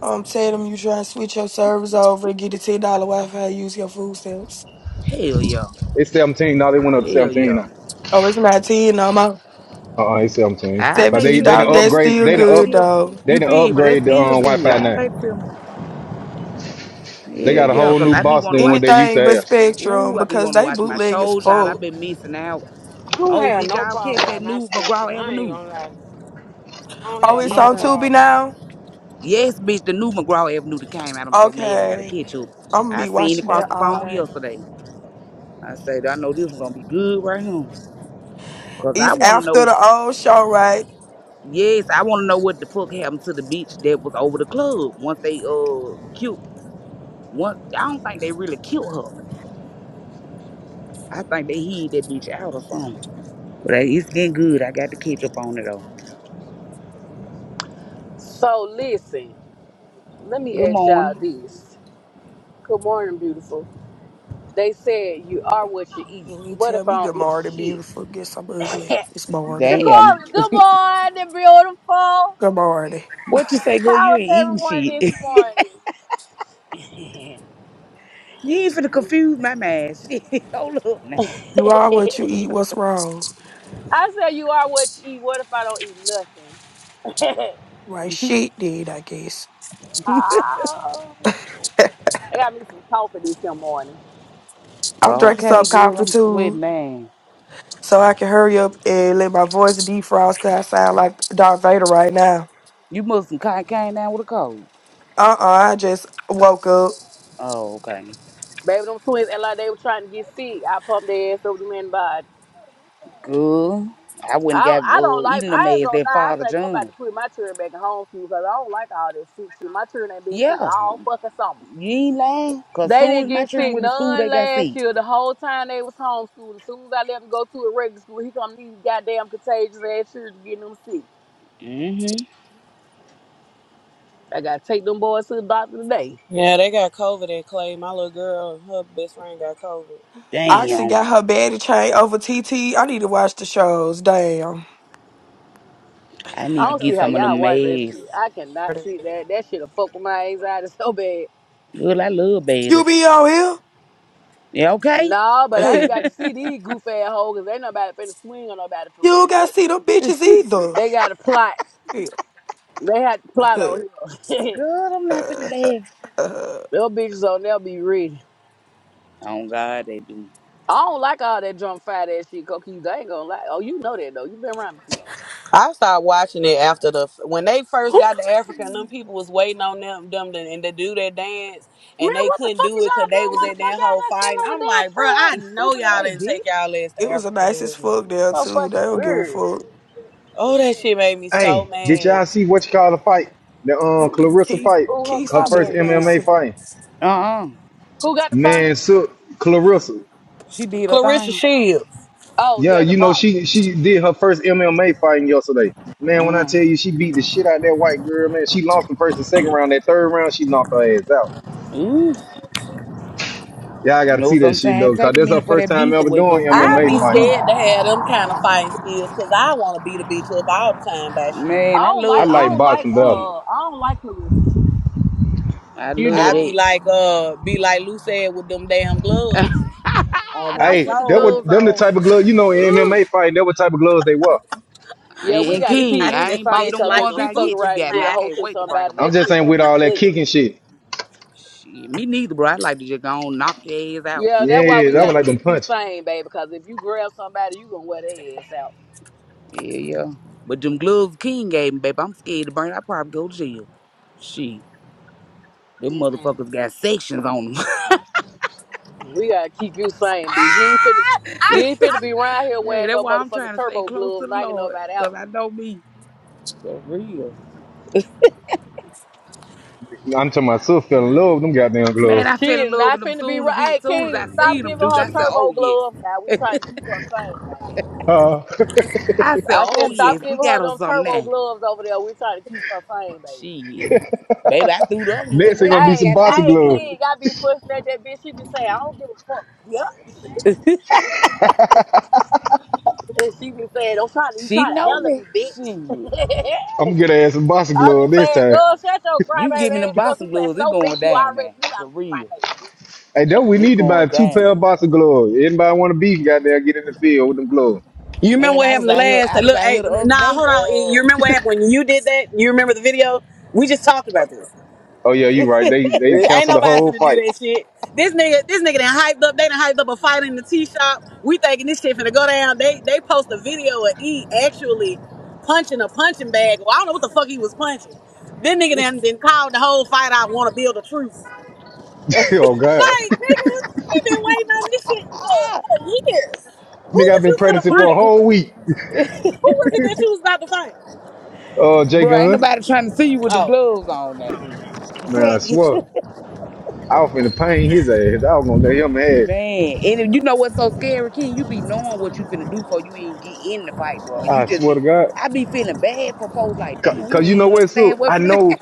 Speaker 14: Um, tell them you try to switch your servers over and get a ten dollar Wi Fi. Use your food stamps.
Speaker 11: Hell yeah,
Speaker 3: It's seventeen dollars. It went up to
Speaker 11: hell
Speaker 3: seventeen.
Speaker 11: yeah.
Speaker 3: now.
Speaker 14: Oh, it's not ten no more.
Speaker 3: Uh, uh it's seventeen.
Speaker 11: I
Speaker 3: Cause
Speaker 11: pay
Speaker 14: Seventeen
Speaker 3: they they done
Speaker 14: dollars. That's
Speaker 11: seventeen.
Speaker 3: upgrade.
Speaker 11: Shit,
Speaker 14: still
Speaker 3: They
Speaker 11: that's
Speaker 3: done up.
Speaker 14: good
Speaker 11: still
Speaker 14: though.
Speaker 3: They
Speaker 11: you
Speaker 3: done
Speaker 11: feel me? That's
Speaker 3: upgrade the
Speaker 11: still
Speaker 3: um
Speaker 11: good.
Speaker 3: Wi-Fi
Speaker 11: I
Speaker 3: now.
Speaker 11: pay the seventeen.
Speaker 3: They
Speaker 11: Hell
Speaker 3: got a
Speaker 11: yeah,
Speaker 3: whole
Speaker 11: cause
Speaker 3: new
Speaker 11: I be
Speaker 3: boss
Speaker 11: want to
Speaker 3: than
Speaker 11: watch.
Speaker 3: what they used to
Speaker 14: Anything but
Speaker 3: have.
Speaker 14: Spectrum
Speaker 11: Ooh, I be
Speaker 14: because
Speaker 11: want to
Speaker 14: they
Speaker 11: watch my
Speaker 14: bootleg as
Speaker 11: shows, y'all. I
Speaker 14: fuck.
Speaker 11: been missing out.
Speaker 9: I don't
Speaker 11: Oh,
Speaker 9: have
Speaker 11: did
Speaker 9: no
Speaker 11: y'all catch
Speaker 9: problems at
Speaker 11: that
Speaker 9: my
Speaker 11: new
Speaker 9: spectrum.
Speaker 11: McGraw
Speaker 9: I ain't
Speaker 11: Avenue?
Speaker 9: gonna lie. I don't
Speaker 14: Oh,
Speaker 9: have
Speaker 14: it's
Speaker 9: no
Speaker 14: on
Speaker 11: Anybody?
Speaker 14: Tubi
Speaker 9: problems.
Speaker 14: now.
Speaker 11: Yes, bitch, the new McGraw Avenue that came out. I'm so mad I gotta
Speaker 14: Okay,
Speaker 11: catch up.
Speaker 14: I'm gonna
Speaker 11: I
Speaker 14: be
Speaker 11: seen it
Speaker 14: watching
Speaker 11: across
Speaker 14: that
Speaker 11: the
Speaker 14: all
Speaker 11: phone
Speaker 14: night.
Speaker 11: yesterday. I said, I know this one gonna be good right here. Cause I
Speaker 14: It's
Speaker 11: wanna
Speaker 14: after
Speaker 11: know,
Speaker 14: the old show, right?
Speaker 11: yes, I wanna know what the fuck happened to the bitch that was over the club once they uh cute once I don't think they really killed her. I think they hid that bitch out or something. But hey, it's getting good. I got to catch up on it though.
Speaker 8: So listen, let me
Speaker 11: Good
Speaker 8: ask y'all
Speaker 11: morning.
Speaker 8: this. Good morning, beautiful. They said you are what you eat.
Speaker 14: And you
Speaker 8: What
Speaker 14: tell
Speaker 8: if I
Speaker 14: me good
Speaker 8: don't
Speaker 14: morning,
Speaker 8: eat
Speaker 14: beautiful. Guess I'm
Speaker 8: shit? *laughs*
Speaker 14: ugly. It's morning.
Speaker 11: Damn.
Speaker 8: Shakari, good morning, beautiful.
Speaker 14: Good morning.
Speaker 11: What you say, girl?
Speaker 8: How
Speaker 11: You
Speaker 8: is
Speaker 11: ain't eating
Speaker 8: everyone
Speaker 11: shit.
Speaker 8: this morning?
Speaker 11: You ain't finna confuse my man. *laughs* Shit, Hold up, man.
Speaker 14: You are what you eat. What's wrong?
Speaker 8: I say you are what you eat. What if I don't eat nothing? *laughs*
Speaker 14: Right shit, did I guess. *laughs*
Speaker 8: I got me some coffee this here morning.
Speaker 14: I'm drinking
Speaker 11: Okay,
Speaker 14: some
Speaker 11: good.
Speaker 14: coffee
Speaker 11: I'm
Speaker 14: too,
Speaker 11: sweating, man.
Speaker 14: so I can hurry up and let my voice defrost because I sound like Darth Vader right now.
Speaker 11: You must have kind came down with a cold.
Speaker 14: Uh uh I just woke up.
Speaker 11: Oh, okay.
Speaker 8: Baby, them twins and like they were trying to get sick. I pumped their ass over the men body.
Speaker 11: Good. I wouldn't
Speaker 8: I don't,
Speaker 11: got
Speaker 8: I don't
Speaker 11: uh,
Speaker 8: like,
Speaker 11: eating the
Speaker 8: I ain't
Speaker 11: meds
Speaker 8: gonna
Speaker 11: that
Speaker 8: lie. I
Speaker 11: Father
Speaker 8: think I'm about
Speaker 11: John.
Speaker 8: to put my children back in homeschool because I don't like all this sick shit. My children ain't been sick
Speaker 11: Yeah,
Speaker 8: all fucking summer.
Speaker 11: you ain't lying. Cause
Speaker 8: They
Speaker 11: soon
Speaker 8: didn't
Speaker 11: as my
Speaker 8: get
Speaker 11: children
Speaker 8: sick
Speaker 11: went to school, they
Speaker 8: none
Speaker 11: got
Speaker 8: last
Speaker 11: sick.
Speaker 8: year. The whole time they was homeschooled. As soon as I let them go to a regular school, here come these goddamn contagious ass children getting them sick.
Speaker 11: Mm-hmm.
Speaker 8: I gotta take them boys to the doctor today.
Speaker 1: Yeah, they got COVID at Clay. My little girl, her best friend got COVID.
Speaker 14: I actually got
Speaker 11: Damn.
Speaker 14: her baddie chain over T-T. I need to watch the shows. Damn.
Speaker 11: I
Speaker 8: I
Speaker 11: need
Speaker 1: I
Speaker 11: to
Speaker 8: don't see
Speaker 1: feel
Speaker 11: get
Speaker 8: how
Speaker 1: so
Speaker 11: some of them
Speaker 8: y'all
Speaker 1: bad,
Speaker 8: watch that
Speaker 1: baby,
Speaker 11: meds.
Speaker 8: shit. I cannot
Speaker 1: too.
Speaker 8: see that. That shit'll fuck with my anxiety *laughs* so bad.
Speaker 11: Good, I love babies.
Speaker 14: You be on here?
Speaker 11: Yeah, okay.
Speaker 8: Nah, but I
Speaker 14: Hey,
Speaker 8: ain't got to see these goof ass hoes 'cause ain't nobody finna swing on nobody
Speaker 14: you
Speaker 8: for
Speaker 14: don't
Speaker 8: real.
Speaker 14: got to see them
Speaker 11: *laughs*
Speaker 14: bitches either.
Speaker 8: They got a plot.
Speaker 14: Yeah.
Speaker 8: They had to plot on here. *laughs*
Speaker 11: Good, I'm laughing to laugh.
Speaker 8: Them bitches on there be ready.
Speaker 11: Oh God, they do.
Speaker 8: I don't like all that drunk fat ass shit, Cookie. They ain't gonna lie. Oh, you know that though. You been around me too long.
Speaker 1: I started watching it after the when they
Speaker 14: *laughs*
Speaker 1: first got to Africa and them people was waiting on them them to, and to do their dance
Speaker 8: Man,
Speaker 1: and they
Speaker 8: what the
Speaker 1: couldn't
Speaker 8: fuck
Speaker 1: do
Speaker 8: is
Speaker 1: it because
Speaker 8: y'all
Speaker 1: they
Speaker 8: doing?
Speaker 1: was
Speaker 8: Why the
Speaker 1: in
Speaker 8: fuck
Speaker 1: that
Speaker 8: y'all
Speaker 1: whole
Speaker 8: not
Speaker 1: fight.
Speaker 8: sitting
Speaker 1: And
Speaker 8: on
Speaker 1: I'm
Speaker 8: the
Speaker 1: like, bro, I know y'all
Speaker 8: damn freeway? Stupid ass
Speaker 1: didn't take
Speaker 8: bitch.
Speaker 1: y'all ass to
Speaker 14: it was a
Speaker 1: Africa
Speaker 14: nicest
Speaker 1: doing it.
Speaker 14: fuck there
Speaker 8: So
Speaker 14: too. They
Speaker 8: fucking
Speaker 14: don't give a
Speaker 8: weird.
Speaker 14: fuck.
Speaker 1: Oh, that shit made me so
Speaker 3: Hey, did
Speaker 1: mad.
Speaker 3: y'all see what you call the fight? The um
Speaker 14: Ooh,
Speaker 3: Clarissa
Speaker 14: Key,
Speaker 3: fight,
Speaker 14: Key,
Speaker 3: her
Speaker 14: stop
Speaker 3: first
Speaker 14: being
Speaker 3: MMA
Speaker 14: messy.
Speaker 3: fight.
Speaker 11: Uh-uh.
Speaker 3: Man, so Clarissa.
Speaker 11: She did her
Speaker 1: Clarissa
Speaker 11: thing.
Speaker 1: Shields.
Speaker 8: Oh
Speaker 3: Yeah,
Speaker 8: yeah, the
Speaker 3: you know
Speaker 8: box.
Speaker 3: she she did her first MMA fighting yesterday. Man, when I tell
Speaker 11: Uh-huh.
Speaker 3: you she beat the shit out of that white girl, man, she lost the first and second round. That third round, she knocked her ass out.
Speaker 11: Ooh.
Speaker 3: Yeah, I
Speaker 11: You
Speaker 3: gotta
Speaker 11: know,
Speaker 3: see that shit
Speaker 11: sometimes
Speaker 3: though,
Speaker 11: take
Speaker 3: cause
Speaker 11: a
Speaker 3: that's her
Speaker 11: minute for
Speaker 3: first
Speaker 11: that
Speaker 3: time
Speaker 11: beast to
Speaker 3: ever
Speaker 11: wake up,
Speaker 3: doing
Speaker 11: and when
Speaker 1: I'd
Speaker 11: that
Speaker 3: MMA
Speaker 1: be
Speaker 11: beast
Speaker 3: fight.
Speaker 11: do,
Speaker 1: scared to have them kind of fighting skills because I want to beat a bitch up all the time by shit.
Speaker 8: I
Speaker 11: man, I
Speaker 8: don't
Speaker 3: I
Speaker 8: like.
Speaker 11: love
Speaker 8: I
Speaker 3: like
Speaker 8: don't
Speaker 11: MMA.
Speaker 8: like.
Speaker 3: boxing better.
Speaker 11: Shit,
Speaker 8: Uh, I don't like Clarissa.
Speaker 11: I
Speaker 9: You
Speaker 11: love
Speaker 1: I'd be
Speaker 9: don't?
Speaker 11: that.
Speaker 1: like, uh, be like Lou said with them damn
Speaker 11: *laughs*
Speaker 1: gloves on my
Speaker 11: Don't put
Speaker 3: Hey,
Speaker 11: the
Speaker 3: that was
Speaker 1: soul.
Speaker 11: gloves
Speaker 3: them the
Speaker 11: on.
Speaker 3: type of gloves, you know, in
Speaker 11: Ooh.
Speaker 3: MMA fight, that what type of gloves they were.
Speaker 11: And,
Speaker 8: Yeah,
Speaker 1: *laughs*
Speaker 8: we
Speaker 1: I
Speaker 11: and
Speaker 8: gotta keep
Speaker 11: King, I
Speaker 8: Lucy
Speaker 1: that
Speaker 11: ain't bought
Speaker 8: sane
Speaker 1: bitch
Speaker 11: them
Speaker 8: because
Speaker 1: like
Speaker 8: if
Speaker 11: ones
Speaker 1: a
Speaker 8: she
Speaker 11: out
Speaker 8: fucking
Speaker 11: yet.
Speaker 1: super
Speaker 11: You
Speaker 8: around to
Speaker 11: got
Speaker 8: get
Speaker 11: me.
Speaker 8: a
Speaker 11: I
Speaker 1: spy.
Speaker 8: hold
Speaker 11: can't
Speaker 8: to
Speaker 11: wait to break
Speaker 8: somebody,
Speaker 11: them
Speaker 3: I'm
Speaker 8: that
Speaker 11: out.
Speaker 3: just
Speaker 8: shit
Speaker 3: saying
Speaker 8: gonna
Speaker 3: with
Speaker 8: be
Speaker 3: all that
Speaker 8: ugly.
Speaker 3: kicking shit.
Speaker 11: Shit, me neither, bro. I like to just go on, knock your ass out,
Speaker 8: Yeah, that's
Speaker 11: and
Speaker 8: why
Speaker 11: be
Speaker 3: Yeah,
Speaker 8: we
Speaker 3: that
Speaker 11: through.
Speaker 3: one
Speaker 8: gotta
Speaker 3: like been
Speaker 8: keep you
Speaker 3: punched.
Speaker 8: sane, baby. Because if you grab somebody, you gonna wear their ass out.
Speaker 11: Yeah, yeah. But them gloves King gave me, baby, I'm scared to burn. I probably go to jail. Shit, them
Speaker 8: Mm-mm.
Speaker 11: motherfuckers got sections on them.
Speaker 8: We gotta keep you sane, bitch. You ain't finna, you ain't finna be around
Speaker 11: *laughs*
Speaker 8: here
Speaker 11: hey,
Speaker 8: wearing
Speaker 11: that's
Speaker 8: no
Speaker 11: why I'm
Speaker 8: motherfucking
Speaker 11: trying to stay
Speaker 8: turbo
Speaker 11: close to
Speaker 8: gloves,
Speaker 11: the
Speaker 8: knocking
Speaker 11: Lord,
Speaker 8: nobody
Speaker 11: cause
Speaker 8: out.
Speaker 11: I know me. For real.
Speaker 3: I'm telling myself, fell in love with them goddamn
Speaker 11: Man,
Speaker 3: gloves.
Speaker 11: I
Speaker 8: She
Speaker 11: fell in
Speaker 8: is
Speaker 11: love
Speaker 8: not
Speaker 11: with him
Speaker 8: finna be
Speaker 11: soon as he
Speaker 8: right.
Speaker 11: soon
Speaker 8: Hey,
Speaker 11: as I
Speaker 8: King, stop
Speaker 11: seen him,
Speaker 8: giving
Speaker 11: Duke.
Speaker 8: her
Speaker 11: I said, oh
Speaker 8: turbo
Speaker 11: yes.
Speaker 8: gloves. Now we trying to keep her sane, now, baby.
Speaker 3: Uh, *laughs*
Speaker 11: I said,
Speaker 8: I
Speaker 11: oh
Speaker 8: said,
Speaker 11: yes,
Speaker 8: stop
Speaker 11: we
Speaker 8: giving her
Speaker 11: got him
Speaker 8: them
Speaker 11: something
Speaker 8: turbo
Speaker 11: now.
Speaker 8: gloves over there. We trying to keep her sane, baby.
Speaker 11: Shit. Baby, I threw the other ones
Speaker 3: next, they
Speaker 11: away
Speaker 3: gonna
Speaker 11: when
Speaker 3: be
Speaker 11: I
Speaker 3: some
Speaker 8: Hey,
Speaker 11: got
Speaker 3: boxer
Speaker 11: them
Speaker 8: hey,
Speaker 3: gloves.
Speaker 11: shit.
Speaker 8: King, I be fussing at that bitch. She be saying, I don't give a fuck, bitch. And she be saying, don't try to, you
Speaker 11: She
Speaker 8: try to
Speaker 11: know
Speaker 8: hell
Speaker 11: me.
Speaker 8: me,
Speaker 11: Shit.
Speaker 8: bitch. *laughs*
Speaker 3: I'm gonna get her ass some boxer
Speaker 8: I be
Speaker 3: gloves this
Speaker 8: saying,
Speaker 3: time.
Speaker 8: girl, shut your
Speaker 11: You give me
Speaker 8: crybaby ass
Speaker 11: them
Speaker 8: up. She
Speaker 11: boxing
Speaker 8: said,
Speaker 11: gloves, it
Speaker 8: so
Speaker 11: going
Speaker 8: bitch, you
Speaker 11: down,
Speaker 8: already
Speaker 11: man.
Speaker 8: knew I
Speaker 11: For
Speaker 8: was a
Speaker 11: real.
Speaker 8: crybaby.
Speaker 3: Hey, don't we
Speaker 11: It
Speaker 3: need to buy
Speaker 11: going
Speaker 3: two
Speaker 11: down.
Speaker 3: pair of boxer gloves? Anybody want to beef? Goddamn, get in the field with them gloves.
Speaker 1: You remember
Speaker 11: Man,
Speaker 1: what
Speaker 11: I was
Speaker 1: happened the
Speaker 11: out here,
Speaker 1: last
Speaker 11: I
Speaker 1: time?
Speaker 11: was
Speaker 1: Look,
Speaker 11: out here
Speaker 1: hey,
Speaker 11: the other
Speaker 1: nah,
Speaker 11: day.
Speaker 1: hold on. You
Speaker 11: Oh,
Speaker 1: remember what happened when you did that? You remember the video? We just talked about this.
Speaker 3: Oh yeah, you right. They they
Speaker 1: Uh, Ain't
Speaker 3: canceled the
Speaker 1: nobody
Speaker 3: whole
Speaker 1: finna do
Speaker 3: fight.
Speaker 1: that shit. This nigga, this nigga done hyped up. They done hyped up a fight in the tea shop. We thinking this shit finna go down. They they post a video of E actually punching a punching bag. Well, I don't know what the fuck he was punching. This nigga then
Speaker 11: *laughs*
Speaker 1: then called the whole fight. out. want to build a truce.
Speaker 3: *laughs* oh god,
Speaker 1: Like nigga, we been waiting on this shit for for years.
Speaker 3: *laughs*
Speaker 1: Who
Speaker 3: nigga, I've
Speaker 1: was
Speaker 3: been
Speaker 1: you finna
Speaker 3: practicing for a
Speaker 1: fight?
Speaker 3: whole week.
Speaker 1: Who was it that you was about to fight?
Speaker 3: Uh, Jay
Speaker 11: bro, ain't
Speaker 3: Gun,
Speaker 11: nobody trying to see you with them
Speaker 1: Oh.
Speaker 11: gloves on now.
Speaker 3: man, I
Speaker 11: *laughs*
Speaker 3: swear, I was finna pain his ass. I was gonna let him have.
Speaker 11: Man, and if you know what's so scary, King, you be knowing what you finna do for you even get in the fight, bro. And you
Speaker 3: I
Speaker 11: just
Speaker 3: swear to
Speaker 11: be,
Speaker 3: God,
Speaker 11: I be feeling bad for folks like,
Speaker 3: cause,
Speaker 11: damn, you
Speaker 3: 'cause
Speaker 11: don't
Speaker 3: you know
Speaker 11: even
Speaker 3: what,
Speaker 11: understand
Speaker 3: Sue?
Speaker 11: what
Speaker 3: I
Speaker 11: finna. *laughs* happen.
Speaker 3: know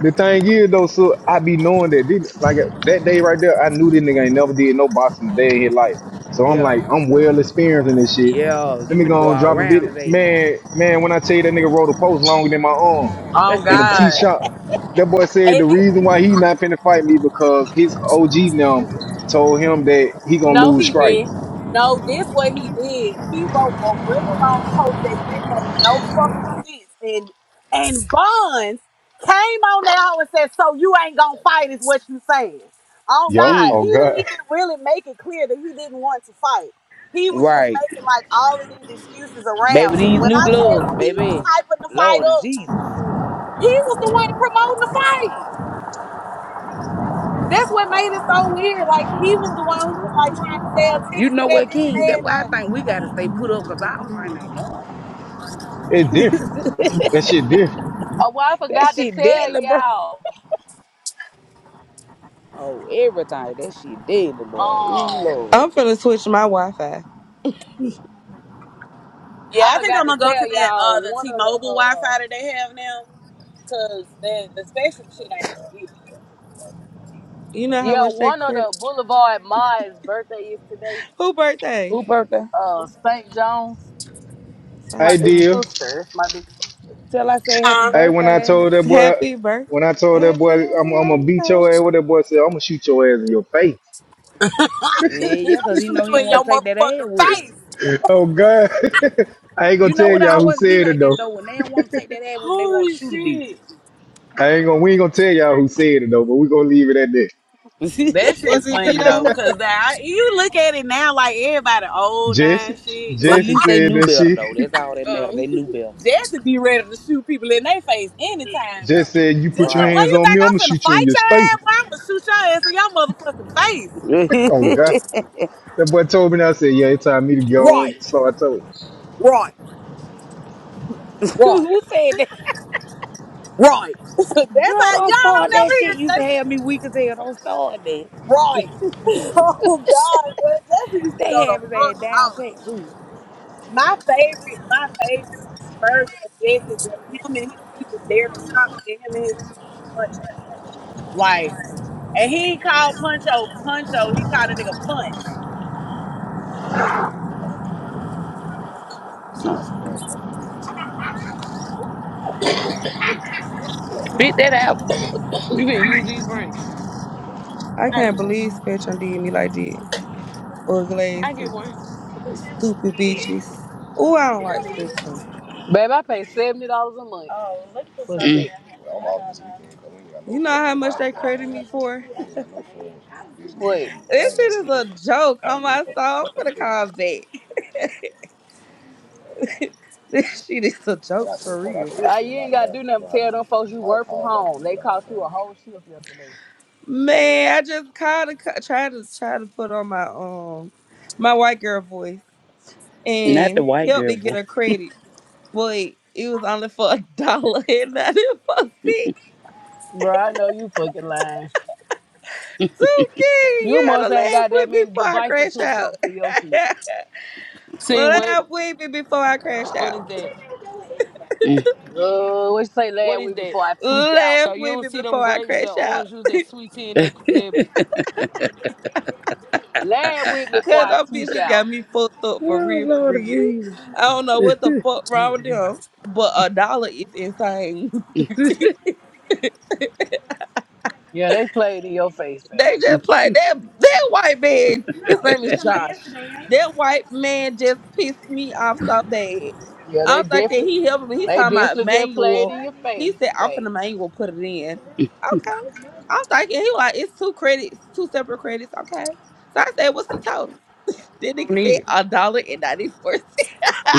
Speaker 3: The thing is though, so I be knowing that this, like that day right there, I knew this nigga ain't never did no boxing a day in his life. So I'm
Speaker 11: Yeah,
Speaker 3: like, I'm well experienced in this shit.
Speaker 11: yeah,
Speaker 3: Let
Speaker 11: you
Speaker 3: me
Speaker 11: finna go
Speaker 3: go and
Speaker 11: all
Speaker 3: drop a
Speaker 11: around
Speaker 3: video.
Speaker 11: his head.
Speaker 3: Man, man, when I tell you that nigga rode a post longer than my arm
Speaker 1: Oh
Speaker 3: in a T
Speaker 1: God.
Speaker 3: shop, that boy said the
Speaker 1: And thi-
Speaker 3: reason why he not finna fight me because his OG now told him that he gonna
Speaker 1: no,
Speaker 3: lose
Speaker 1: he did.
Speaker 3: strikes.
Speaker 1: No, this what he did. He wrote a really long post that didn't make no fucking sense. And and Buns came on that hoe and said, So you ain't gonna fight is what you saying. Oh
Speaker 3: Yup,
Speaker 1: God.
Speaker 11: Mm,
Speaker 3: oh
Speaker 1: He didn't
Speaker 3: god. *laughs*
Speaker 1: even really make it clear that he didn't want to fight. He was just
Speaker 11: right,
Speaker 1: making like all of these excuses
Speaker 11: baby.
Speaker 1: around it.
Speaker 11: These
Speaker 1: When
Speaker 11: new
Speaker 1: I
Speaker 11: gloves,
Speaker 1: tell you he was
Speaker 11: baby.
Speaker 1: hyping the fight
Speaker 11: Lord of
Speaker 1: up,
Speaker 11: Jesus,
Speaker 1: he was the one promoting the fight. That's what made it so weird. Like he was the one who was like trying to sell
Speaker 11: you
Speaker 1: tickets to
Speaker 11: know
Speaker 1: that
Speaker 11: what,
Speaker 1: bitch and
Speaker 11: King? That's why I
Speaker 1: everything.
Speaker 11: think we gotta stay put up, cause our fight ain't normal. *laughs*
Speaker 3: It's different.
Speaker 11: that
Speaker 3: That shit different.
Speaker 8: Oh, well, I forgot to
Speaker 11: shit
Speaker 8: tell
Speaker 11: deadly, bro.
Speaker 8: y'all.
Speaker 11: Oh, everything. That shit deadly, boy. Ooh,
Speaker 8: Um,
Speaker 11: Lord.
Speaker 13: I'm finna switch my Wi-Fi.
Speaker 1: Yeah,
Speaker 8: I
Speaker 1: I think
Speaker 8: forgot
Speaker 1: I'm
Speaker 8: to
Speaker 1: gonna go to
Speaker 8: tell
Speaker 1: that uh
Speaker 8: y'all
Speaker 1: the
Speaker 8: one of the
Speaker 1: T-Mobile Wi-Fi
Speaker 8: uh,
Speaker 1: that they have now, cause the the Spectrum shit ain't it.
Speaker 13: You know how
Speaker 8: yeah,
Speaker 13: much they
Speaker 8: one of
Speaker 13: credit.
Speaker 8: the Boulevard Ma's birthday is today.
Speaker 13: Who birthday?
Speaker 11: Who birthday?
Speaker 8: Uh, St. John's, my
Speaker 13: St.
Speaker 3: Hey
Speaker 8: big
Speaker 13: John.
Speaker 3: deal.
Speaker 8: sister. It's my big sister.
Speaker 11: Till I say happy
Speaker 1: Huh?
Speaker 3: Hey, when I
Speaker 11: birthday.
Speaker 3: told that boy,
Speaker 13: Happy birthday.
Speaker 3: when I told that
Speaker 13: Happy
Speaker 3: boy, I'm,
Speaker 13: happy
Speaker 3: I'm gonna beat your
Speaker 13: birthday.
Speaker 3: ass, what that boy said, I'm gonna shoot your ass in your face.
Speaker 1: *laughs*
Speaker 11: Yeah,
Speaker 1: that bitch,
Speaker 11: yeah, cause
Speaker 1: I'm
Speaker 11: he know
Speaker 1: shoot
Speaker 11: he
Speaker 1: you
Speaker 11: don't
Speaker 1: in
Speaker 11: want
Speaker 1: your
Speaker 11: to take that ass
Speaker 1: motherfucking
Speaker 11: whooping.
Speaker 1: face.
Speaker 3: Oh God, *laughs* I ain't
Speaker 11: You
Speaker 3: gonna
Speaker 11: know
Speaker 3: tell
Speaker 11: what I
Speaker 3: y'all who
Speaker 11: always be
Speaker 3: said
Speaker 11: like
Speaker 3: it
Speaker 11: that
Speaker 3: though.
Speaker 11: though. When they don't want to take that ass whooping, they want to
Speaker 1: Holy
Speaker 11: shoot a bit.
Speaker 1: shit.
Speaker 3: I ain't gonna, we ain't gonna tell y'all who said it though, but we gonna leave it at that.
Speaker 11: *laughs*
Speaker 1: That shit's
Speaker 6: Was it
Speaker 1: funny though,
Speaker 6: Vito?
Speaker 1: cause that you look at it now like everybody old
Speaker 3: Jesse,
Speaker 1: nine shit. *laughs*
Speaker 11: but at
Speaker 1: like.
Speaker 3: Jesse
Speaker 11: least they
Speaker 3: said
Speaker 11: knew
Speaker 3: that
Speaker 11: better
Speaker 3: shit.
Speaker 11: though.
Speaker 3: *laughs*
Speaker 11: That's all that matter.
Speaker 6: Um,
Speaker 11: They knew better.
Speaker 1: Jesse be ready to shoot people in their face anytime though.
Speaker 3: Jesse said, "You put
Speaker 1: Jesse,
Speaker 3: your
Speaker 11: Right.
Speaker 1: boy,
Speaker 3: hands
Speaker 1: you
Speaker 3: on me,
Speaker 1: think
Speaker 3: I'm gonna
Speaker 1: I'm finna
Speaker 3: shoot you in
Speaker 1: fight
Speaker 3: your face."
Speaker 1: your ass? Boy, I'm gonna shoot your ass in your motherfucking face.
Speaker 11: *laughs*
Speaker 3: Oh God, that boy told me that. I said, "Yeah, it's time me to get on."
Speaker 1: Right,
Speaker 3: So I told him,
Speaker 1: right, right,
Speaker 11: Who said that?
Speaker 1: right, *laughs* That's
Speaker 11: Girl,
Speaker 1: how
Speaker 11: don't
Speaker 1: y'all
Speaker 11: start
Speaker 1: don't
Speaker 11: that
Speaker 1: never
Speaker 11: shit.
Speaker 1: hear
Speaker 11: Used to
Speaker 1: Jesse.
Speaker 11: have me weak as hell. Don't start that.
Speaker 1: right. *laughs* Oh God, man, Jesse used to
Speaker 11: They
Speaker 1: go the
Speaker 11: have his ass
Speaker 1: fuck
Speaker 11: down
Speaker 1: out.
Speaker 11: pat too.
Speaker 1: My favorite, my favorite version of Jesse was him and his beef with Derek Cox and him and his beef with Puncho. Like, and he called Puncho Puncho. He called a nigga Punch.
Speaker 11: So, spit that out.
Speaker 9: You can use these brains.
Speaker 13: I
Speaker 9: I
Speaker 13: can't
Speaker 9: get one.
Speaker 13: believe Spectrum did me like that. Or
Speaker 9: I get
Speaker 13: glasses.
Speaker 9: one.
Speaker 13: Stupid bitches. Oh, I don't like Spectrum.
Speaker 8: Babe, I pay seventy dollars a month
Speaker 11: Oh, look for
Speaker 8: for
Speaker 11: something. Mm.
Speaker 8: sitting.
Speaker 13: You know how much they credit me for?
Speaker 8: Wait,
Speaker 13: This shit is a joke on my soul. I'm gonna call back. *laughs* this shit is a joke for real.
Speaker 8: I, you ain't gotta do nothing. Tell them folks you work from home. They cost you a whole shift yesterday.
Speaker 13: Man, I just called to co- try to try to put on my um my white girl voice
Speaker 11: Not the
Speaker 13: and
Speaker 11: white
Speaker 13: help
Speaker 11: girl
Speaker 13: me
Speaker 11: boy.
Speaker 13: get a credit, but it was only for a dollar *laughs* and not for six.
Speaker 8: Bro, I know you fucking lying.
Speaker 13: Too kidding,
Speaker 8: You
Speaker 13: you
Speaker 8: must
Speaker 13: gotta
Speaker 8: ain't
Speaker 13: laugh
Speaker 8: got that
Speaker 13: with me
Speaker 8: many
Speaker 13: before I
Speaker 8: devices
Speaker 13: crash
Speaker 8: hooked
Speaker 13: out.
Speaker 8: up to your shit.
Speaker 13: *laughs*
Speaker 9: See what?
Speaker 13: Laugh with me before I crash
Speaker 9: What
Speaker 13: out.
Speaker 9: is that?
Speaker 11: Mm.
Speaker 8: Uh, what you say, lad
Speaker 9: What is
Speaker 8: with me
Speaker 9: that?
Speaker 8: before I tweak out?
Speaker 13: Laugh
Speaker 9: So you
Speaker 13: with
Speaker 9: don't
Speaker 13: me
Speaker 9: see them
Speaker 13: before I
Speaker 9: grapes, that
Speaker 13: crash out.
Speaker 9: orange juice, that sweet tea, and that, that
Speaker 8: Lad with me
Speaker 13: *laughs*
Speaker 8: before
Speaker 13: Cause
Speaker 8: I
Speaker 13: them
Speaker 8: tweak
Speaker 13: bitches got
Speaker 8: out.
Speaker 13: me fucked up for
Speaker 11: Oh
Speaker 13: real, for
Speaker 11: Lord
Speaker 13: real.
Speaker 11: Jesus.
Speaker 13: I don't know what the fuck wrong with them, but a dollar is insane. *laughs*
Speaker 8: Yeah, they played in your face,
Speaker 13: They
Speaker 8: fam.
Speaker 13: just play that that white man. His name is Josh. That white man just pissed me off so bad.
Speaker 8: Yeah, they
Speaker 13: I'm thinking
Speaker 8: definitely,
Speaker 13: he helping me. He
Speaker 8: they
Speaker 13: talking about
Speaker 8: definitely just played
Speaker 13: manual.
Speaker 8: in your
Speaker 13: He
Speaker 8: face,
Speaker 13: said I'm
Speaker 8: babe.
Speaker 13: finna manual put it in. Okay. I'm thinking he like it's two credits, two separate credits. Okay. So I said, what's the total? Then
Speaker 9: I don't
Speaker 13: nigga
Speaker 9: need
Speaker 13: said
Speaker 9: it.
Speaker 13: a dollar and ninety four cents. *laughs*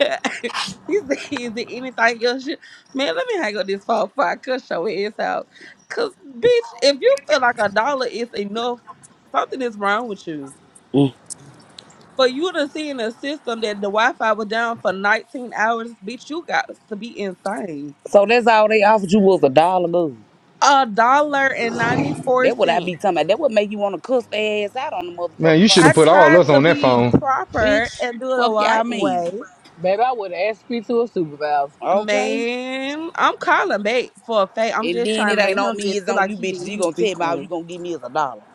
Speaker 13: *laughs* he said, is it anything else? You... Man, let me hang up this phone before I cut your ass out. Cause bitch, if you feel like a dollar is enough, something is wrong with you.
Speaker 11: Mm.
Speaker 13: For you to see in a system that the Wi-Fi was down for 19 hours, bitch, you got to be insane.
Speaker 11: So that's all they offered you was a dollar, good.
Speaker 13: A dollar and 94
Speaker 11: That what I
Speaker 13: cents.
Speaker 11: be talking about. That what make you want to cuss their ass out on the
Speaker 3: "Man,
Speaker 11: motherfucking
Speaker 3: you should have
Speaker 13: I
Speaker 11: phone.
Speaker 3: put all
Speaker 13: tried
Speaker 3: us
Speaker 13: to
Speaker 3: on that
Speaker 13: be
Speaker 3: phone."
Speaker 13: proper
Speaker 11: Bitch,
Speaker 13: and do it the
Speaker 11: fuck y'all
Speaker 13: right
Speaker 11: mean.
Speaker 13: way.
Speaker 8: Baby, I would have asked you to a supervisor.
Speaker 11: Okay?
Speaker 13: Man, I'm calling back for a fact. I'm
Speaker 11: And
Speaker 13: just
Speaker 11: then
Speaker 13: trying
Speaker 11: it
Speaker 13: to let
Speaker 11: ain't on
Speaker 13: him
Speaker 11: me,
Speaker 13: just
Speaker 11: it's
Speaker 13: feel
Speaker 11: on
Speaker 13: like
Speaker 11: you
Speaker 13: he
Speaker 11: bitches.
Speaker 13: did
Speaker 11: You
Speaker 13: his
Speaker 11: gonna tell
Speaker 13: big
Speaker 11: me all
Speaker 13: one.
Speaker 11: you gonna give me is a dollar.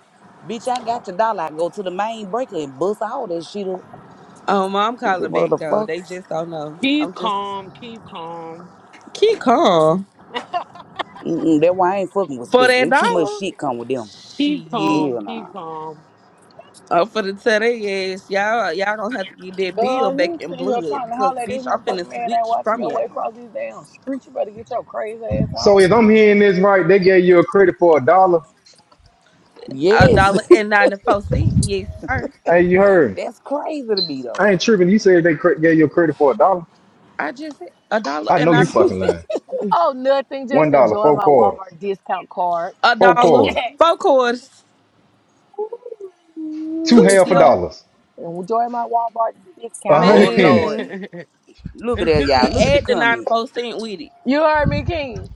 Speaker 11: Bitch, I got your dollar. I go to the main breaker and bust all that shit up.
Speaker 13: Oh, mom
Speaker 11: Stupid
Speaker 13: calling back though. They
Speaker 11: motherfuckers.
Speaker 13: just don't know.
Speaker 9: Keep
Speaker 13: I'm just
Speaker 9: calm, keep calm,
Speaker 13: keep calm
Speaker 11: Mm-mm, that why I ain't fucking with
Speaker 13: for
Speaker 11: Spectre.
Speaker 13: that
Speaker 11: There's too much
Speaker 13: dollar.
Speaker 11: shit come with them.
Speaker 9: keep
Speaker 13: Shit.
Speaker 9: calm,
Speaker 11: Hell
Speaker 9: keep
Speaker 11: nah.
Speaker 9: calm.
Speaker 13: I'm finna tell they ass, y'all, y'all gonna have to get that bill
Speaker 8: Girl,
Speaker 13: back
Speaker 8: you
Speaker 13: in
Speaker 8: sitting here
Speaker 13: blood
Speaker 8: trying to
Speaker 13: because
Speaker 8: holler at this
Speaker 13: bitch, I'm finna
Speaker 8: motherfucking man ain't
Speaker 13: switch
Speaker 8: watching
Speaker 13: from
Speaker 8: your way
Speaker 13: y'all.
Speaker 8: across these damn streets. You better get your crazy ass
Speaker 3: So
Speaker 8: on,
Speaker 3: if
Speaker 8: bitch.
Speaker 3: I'm hearing this right, they gave you a credit for a dollar.
Speaker 13: A
Speaker 11: Yes.
Speaker 13: dollar and ninety four cent. Yes, sir.
Speaker 3: Hey, you heard?
Speaker 11: *laughs*
Speaker 3: me.
Speaker 11: That's crazy to me though.
Speaker 3: I ain't tripping. You said they cre- gave your credit for a dollar.
Speaker 13: I just said a dollar
Speaker 3: I
Speaker 13: and
Speaker 3: know
Speaker 11: *laughs*
Speaker 3: you
Speaker 13: ninety four
Speaker 3: fucking
Speaker 13: cent.
Speaker 3: lying.
Speaker 8: Oh, nothing.
Speaker 3: One
Speaker 8: Just
Speaker 3: dollar,
Speaker 8: enjoying
Speaker 3: four
Speaker 8: my
Speaker 3: quarters,
Speaker 8: Walmart discount card.
Speaker 13: A
Speaker 3: four
Speaker 13: dollar,
Speaker 8: *laughs*
Speaker 3: quarters,
Speaker 13: four quarters,
Speaker 3: two
Speaker 8: Ooh,
Speaker 13: two,
Speaker 3: half a
Speaker 13: yup,
Speaker 3: dollars,
Speaker 8: Enjoy, enjoy my Walmart
Speaker 3: a
Speaker 9: *laughs*
Speaker 11: oh
Speaker 8: discount.
Speaker 3: hundred pennies.
Speaker 11: Lord.
Speaker 13: man.
Speaker 9: what
Speaker 11: Look at that, y'all.
Speaker 13: And
Speaker 11: Look at the
Speaker 13: add the ninety
Speaker 11: comments.
Speaker 13: four cent with it.
Speaker 8: You heard me, King.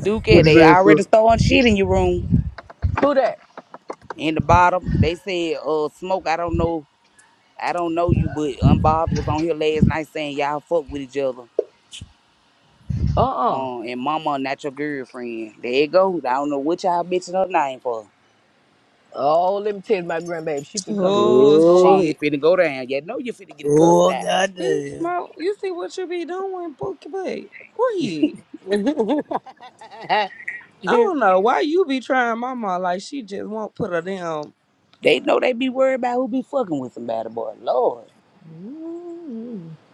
Speaker 11: Duke,
Speaker 3: What you
Speaker 11: they
Speaker 3: say, sir?
Speaker 11: already throwing shit in your room.
Speaker 8: Who that?
Speaker 11: in the bottom. They said, uh, Smoke, I don't know, I don't know you, but Unbothered was on here last night saying y'all fuck with each other.
Speaker 8: Uh uh
Speaker 11: Um, and Mama not your girlfriend. There you go. I don't know what y'all bitching her name for.
Speaker 8: Oh, let me tell you, my grandbaby. She can come. This
Speaker 13: Oh
Speaker 8: bitch go
Speaker 11: Good.
Speaker 8: off.
Speaker 13: shit.
Speaker 11: It finna go down. You know you finna get cussed
Speaker 1: Oh
Speaker 11: out.
Speaker 13: See,
Speaker 1: goddamn!
Speaker 13: smoke. You see what you be doing, Bookie Bay? Weird. I don't know why you be trying mama like she just won't put her damn.
Speaker 11: They know they be worried about who be fucking with somebody, boy. Lord.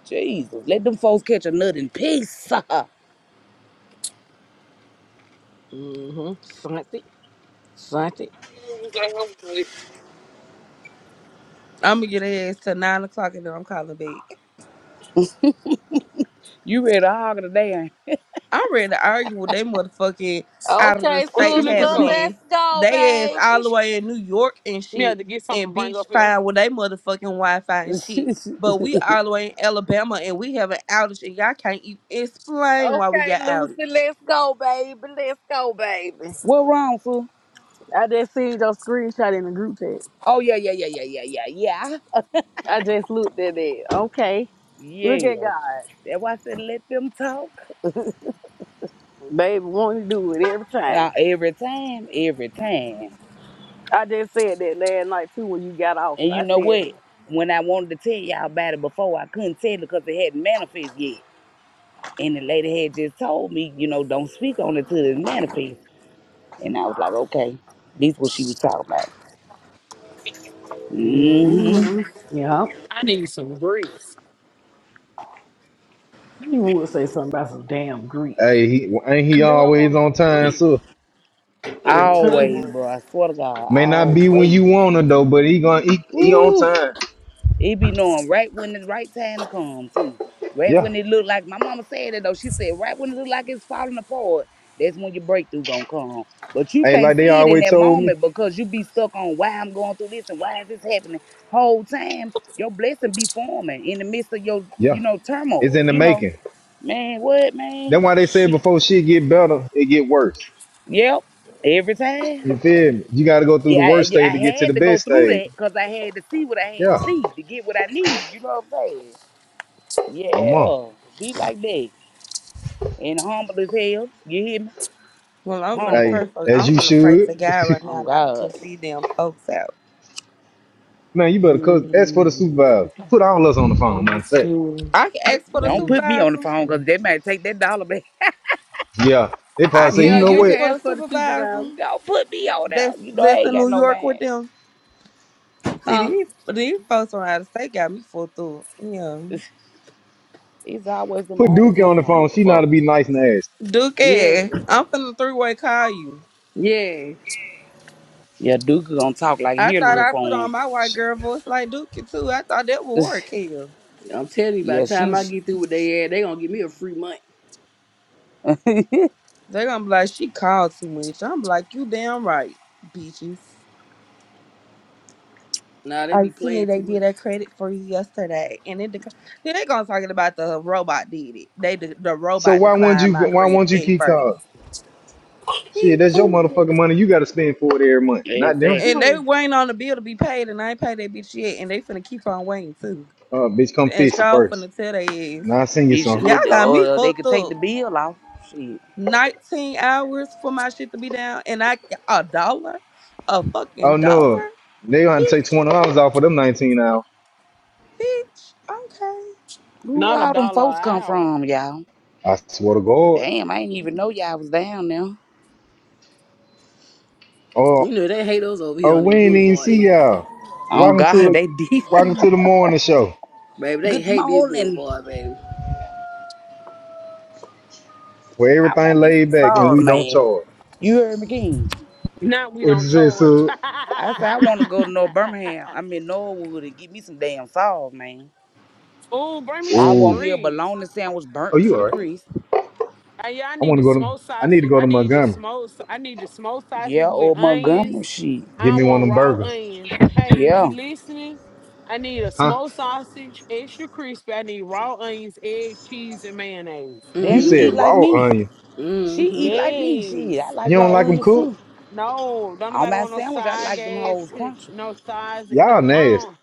Speaker 11: Jesus. Let them folks catch a nut in peace.
Speaker 8: Mm-hmm.
Speaker 13: I'm gonna get her ass to nine o'clock and then I'm calling back.
Speaker 11: *laughs* you ready to hog today,
Speaker 13: I'm ready to argue with they motherfucking out of the
Speaker 8: Okay, sister,
Speaker 9: you
Speaker 13: state
Speaker 9: looking
Speaker 11: ain't
Speaker 13: having
Speaker 11: you?
Speaker 9: for?
Speaker 8: let's
Speaker 13: ass.
Speaker 8: go,
Speaker 13: They ass
Speaker 8: baby.
Speaker 13: all the way in New York and
Speaker 9: We had
Speaker 13: shit,
Speaker 9: to get something
Speaker 13: and
Speaker 9: to bring
Speaker 13: bitch
Speaker 9: up here.
Speaker 13: fine with they motherfucking Wi-Fi and shit.
Speaker 11: *laughs*
Speaker 13: But we all the way in Alabama and we have an outage and y'all can't even explain why we
Speaker 8: Okay,
Speaker 13: got
Speaker 8: Lucy,
Speaker 13: outage.
Speaker 8: let's go, baby. Let's go, baby.
Speaker 11: What wrong, fool?
Speaker 8: I just seen your screenshot in the group chat.
Speaker 11: Oh yeah, yeah, yeah, yeah, yeah, yeah, yeah.
Speaker 8: I just looked at it. Okay, look
Speaker 11: Yeah.
Speaker 8: at God,
Speaker 11: That's why I said let them talk.
Speaker 8: baby. Want to do it every time.
Speaker 11: Uh, every time, every time.
Speaker 8: I just said that last night too when you got off.
Speaker 11: And you
Speaker 8: I
Speaker 11: know what?
Speaker 8: said,
Speaker 11: When I wanted to tell y'all about it before, I couldn't tell it because it hadn't manifested yet. And the lady had just told me, you know, don't speak on it till it manifests. And I was like, okay, this what she was talking about. Mm-hmm.
Speaker 8: Yeah.
Speaker 9: I need some grease.
Speaker 8: You would say something about some damn grief
Speaker 3: Hey, he, ain't
Speaker 9: I
Speaker 3: he
Speaker 9: do. I
Speaker 3: always
Speaker 9: want
Speaker 3: on
Speaker 9: some
Speaker 3: time,
Speaker 9: grease,
Speaker 3: sir?
Speaker 8: every
Speaker 9: some good
Speaker 11: Always,
Speaker 8: time.
Speaker 9: ones.
Speaker 11: bro. I swear to God,
Speaker 3: May not be when
Speaker 11: always.
Speaker 3: you want to though, but he gonna he, he on
Speaker 11: Woo.
Speaker 3: time.
Speaker 11: It be knowing right when the right time to come too. Right
Speaker 3: Yeah.
Speaker 11: when it look like my mama said it though. She said right when it look like it's falling apart, that's when your breakthrough gonna come. But you
Speaker 3: Hey,
Speaker 11: can't
Speaker 3: like they
Speaker 11: see it in
Speaker 3: always
Speaker 11: that
Speaker 3: told me.
Speaker 11: moment because you be stuck on why I'm going through this and why is this happening. Whole time your blessing be forming in the midst of your, you
Speaker 3: Yeah,
Speaker 11: know,
Speaker 3: it's
Speaker 11: turmoil.
Speaker 3: in the
Speaker 11: You know,
Speaker 3: making.
Speaker 11: man, what man?
Speaker 3: That's why they said
Speaker 11: Shit.
Speaker 3: before shit get better, it get worse.
Speaker 11: Yep. Every time.
Speaker 3: You feel me? You got to go through
Speaker 11: Yeah,
Speaker 3: the
Speaker 11: I,
Speaker 3: worst stage
Speaker 11: I
Speaker 3: to get to the
Speaker 11: had to go
Speaker 3: best
Speaker 11: through
Speaker 3: stage.
Speaker 11: that because I had to see what I had to
Speaker 3: Yeah,
Speaker 11: see to get what I needed. You know what I'm saying?
Speaker 3: come on.
Speaker 11: Yeah, be like that. And humble as hell. You hear me?
Speaker 13: Well, I'm finna
Speaker 11: Humble.
Speaker 3: Hey,
Speaker 13: pray for,
Speaker 3: as
Speaker 13: I'm
Speaker 3: you
Speaker 13: finna pray
Speaker 3: should.
Speaker 13: to God right
Speaker 11: Oh
Speaker 13: now not to
Speaker 11: God.
Speaker 13: cuss these damn folks out.
Speaker 3: Man, you better cause ask for the supervisor.
Speaker 9: Mm,
Speaker 3: Put all us on the phone, matter
Speaker 9: One,
Speaker 3: of fact.
Speaker 9: two,
Speaker 13: I can ask for
Speaker 9: three.
Speaker 13: the
Speaker 11: Don't put me on the
Speaker 13: supervisor.
Speaker 11: phone because they might take that dollar back.
Speaker 3: Yeah. They probably
Speaker 13: I
Speaker 3: say, you
Speaker 13: can't
Speaker 3: know
Speaker 13: ask
Speaker 3: what?
Speaker 13: for the
Speaker 11: *laughs*
Speaker 13: supervisor
Speaker 11: Don't put me on there.
Speaker 13: that's
Speaker 11: You know I
Speaker 13: that's
Speaker 11: ain't
Speaker 13: in
Speaker 11: got
Speaker 13: New
Speaker 11: no
Speaker 13: York
Speaker 11: man.
Speaker 13: with them. See these these folks from out of state got me fucked up. Yeah,
Speaker 11: It's always them
Speaker 3: Put
Speaker 11: out of
Speaker 3: Dookie on
Speaker 11: town
Speaker 3: the phone. She know to be
Speaker 11: motherfuckers.
Speaker 3: nice and ass.
Speaker 13: Duke,
Speaker 8: Yeah,
Speaker 13: I'm finna three way call you.
Speaker 8: yeah.
Speaker 11: Yeah, Duke gonna talk like
Speaker 13: I thought
Speaker 11: Hillary
Speaker 13: I put
Speaker 11: for
Speaker 13: on
Speaker 11: him.
Speaker 13: my white
Speaker 3: Sh-
Speaker 13: girl voice like Duke too. I thought that would
Speaker 11: *sighs*
Speaker 13: work here.
Speaker 8: I'm telling you, by
Speaker 11: yeah,
Speaker 8: the time I
Speaker 11: she's
Speaker 8: get through with they ad, they gonna give me a free month.
Speaker 11: *laughs*
Speaker 13: They gonna be like she called too much. I'm like you damn right, bitches.
Speaker 8: Nah, they
Speaker 13: I
Speaker 8: be
Speaker 13: see
Speaker 8: playing
Speaker 13: they
Speaker 8: too
Speaker 13: did
Speaker 8: much.
Speaker 13: a credit for you yesterday, and it dec- then they gonna talking about the robot did it. They de- the
Speaker 3: So
Speaker 13: robot
Speaker 3: why won't
Speaker 13: declined
Speaker 3: you
Speaker 13: my
Speaker 3: why
Speaker 13: credit
Speaker 3: won't you
Speaker 13: at
Speaker 3: keep
Speaker 13: first,
Speaker 3: calling? Shit, that's your
Speaker 13: bitch.
Speaker 3: motherfucking money. You gotta spend for it every month. Not them.
Speaker 13: And
Speaker 11: exactly.
Speaker 13: they
Speaker 9: four.
Speaker 13: waiting on the bill to be paid, and I ain't paid that bitch yet, and they finna keep on waiting too.
Speaker 3: Uh bitch, come
Speaker 13: And
Speaker 3: fix it
Speaker 13: y'all
Speaker 3: first.
Speaker 13: finna tell they is
Speaker 3: Now I sing you some.
Speaker 13: y'all got me
Speaker 11: Bitch, uh, they
Speaker 13: fucked
Speaker 11: could take the
Speaker 13: up.
Speaker 11: bill off. Shit.
Speaker 13: Nineteen hours for my shit to be down, and I a dollar, a fucking
Speaker 3: Oh no.
Speaker 13: dollar,
Speaker 3: They gonna have to take
Speaker 13: bitch,
Speaker 3: twenty dollars off of them nineteen hours.
Speaker 13: bitch. Okay,
Speaker 11: Who
Speaker 9: Not a
Speaker 11: all them
Speaker 9: dollar
Speaker 11: folks
Speaker 9: an
Speaker 11: come
Speaker 9: hour.
Speaker 11: from, y'all?
Speaker 3: I swear to God.
Speaker 11: Damn, I ain't even know y'all was down there.
Speaker 3: Oh
Speaker 8: You know they hate us over here
Speaker 3: oh
Speaker 8: on
Speaker 3: we
Speaker 8: this
Speaker 3: ain't even
Speaker 8: boulevard
Speaker 3: see
Speaker 8: anyway.
Speaker 3: y'all.
Speaker 11: Oh
Speaker 3: Welcome to
Speaker 11: God,
Speaker 3: the
Speaker 11: they deep.
Speaker 3: welcome to the morning show
Speaker 8: Baby,
Speaker 11: *laughs*
Speaker 8: they
Speaker 11: Good
Speaker 8: hate this
Speaker 11: morning.
Speaker 8: boulevard, baby.
Speaker 3: where
Speaker 11: I
Speaker 3: everything
Speaker 11: want me some
Speaker 3: laid back and
Speaker 11: sauce,
Speaker 3: we don't
Speaker 11: man.
Speaker 3: charge.
Speaker 11: You heard me, King.
Speaker 9: Not we
Speaker 3: What'd
Speaker 9: don't
Speaker 3: you say,
Speaker 9: charge.
Speaker 3: so?
Speaker 11: I said I want to go to North Birmingham. I
Speaker 9: *laughs*
Speaker 11: mean Norwood and get me some damn sauce, man.
Speaker 9: oh, bring me
Speaker 11: I
Speaker 9: some
Speaker 11: want
Speaker 3: Oh,
Speaker 11: me a
Speaker 9: grease.
Speaker 11: bologna sandwich
Speaker 3: oh,
Speaker 11: burnt
Speaker 3: you
Speaker 11: to the
Speaker 3: all right?
Speaker 11: crease.
Speaker 9: I, yeah, I
Speaker 3: I
Speaker 9: need
Speaker 3: want to
Speaker 9: the
Speaker 3: go to.
Speaker 9: smoked
Speaker 3: I need to
Speaker 9: sausage.
Speaker 3: go
Speaker 9: I
Speaker 3: to
Speaker 9: need the
Speaker 3: Montgomery.
Speaker 9: smoked. I need the smoked sausage
Speaker 11: Yeah,
Speaker 9: with
Speaker 11: or
Speaker 9: onions.
Speaker 11: Montgomery shit.
Speaker 9: I
Speaker 3: Get
Speaker 9: don't
Speaker 3: me one
Speaker 9: want
Speaker 3: of them
Speaker 9: raw
Speaker 3: burgers,
Speaker 9: onions. Hey, is
Speaker 11: Yeah.
Speaker 9: you listening? I need a
Speaker 3: huh?
Speaker 9: smoked sausage, extra crispy. I need raw onions, egg, cheese, and mayonnaise.
Speaker 3: You
Speaker 11: Damn, you
Speaker 3: said
Speaker 11: eat
Speaker 8: Mm-hmm.
Speaker 11: like
Speaker 3: raw
Speaker 11: me.
Speaker 3: onion.
Speaker 11: She
Speaker 8: Mm-hmm.
Speaker 11: eat like me. Shit, I
Speaker 9: Yes.
Speaker 11: like
Speaker 3: You don't
Speaker 11: raw
Speaker 3: like them
Speaker 11: onions
Speaker 3: cooked?
Speaker 11: too.
Speaker 9: No, don't
Speaker 11: On
Speaker 9: nobody
Speaker 11: my
Speaker 9: want no
Speaker 11: sandwich, I
Speaker 9: side
Speaker 11: like them
Speaker 9: ass
Speaker 11: hoes
Speaker 9: cookie.
Speaker 11: crunchy.
Speaker 9: No size. No.
Speaker 3: Y'all
Speaker 9: I
Speaker 3: nasty.
Speaker 9: don't.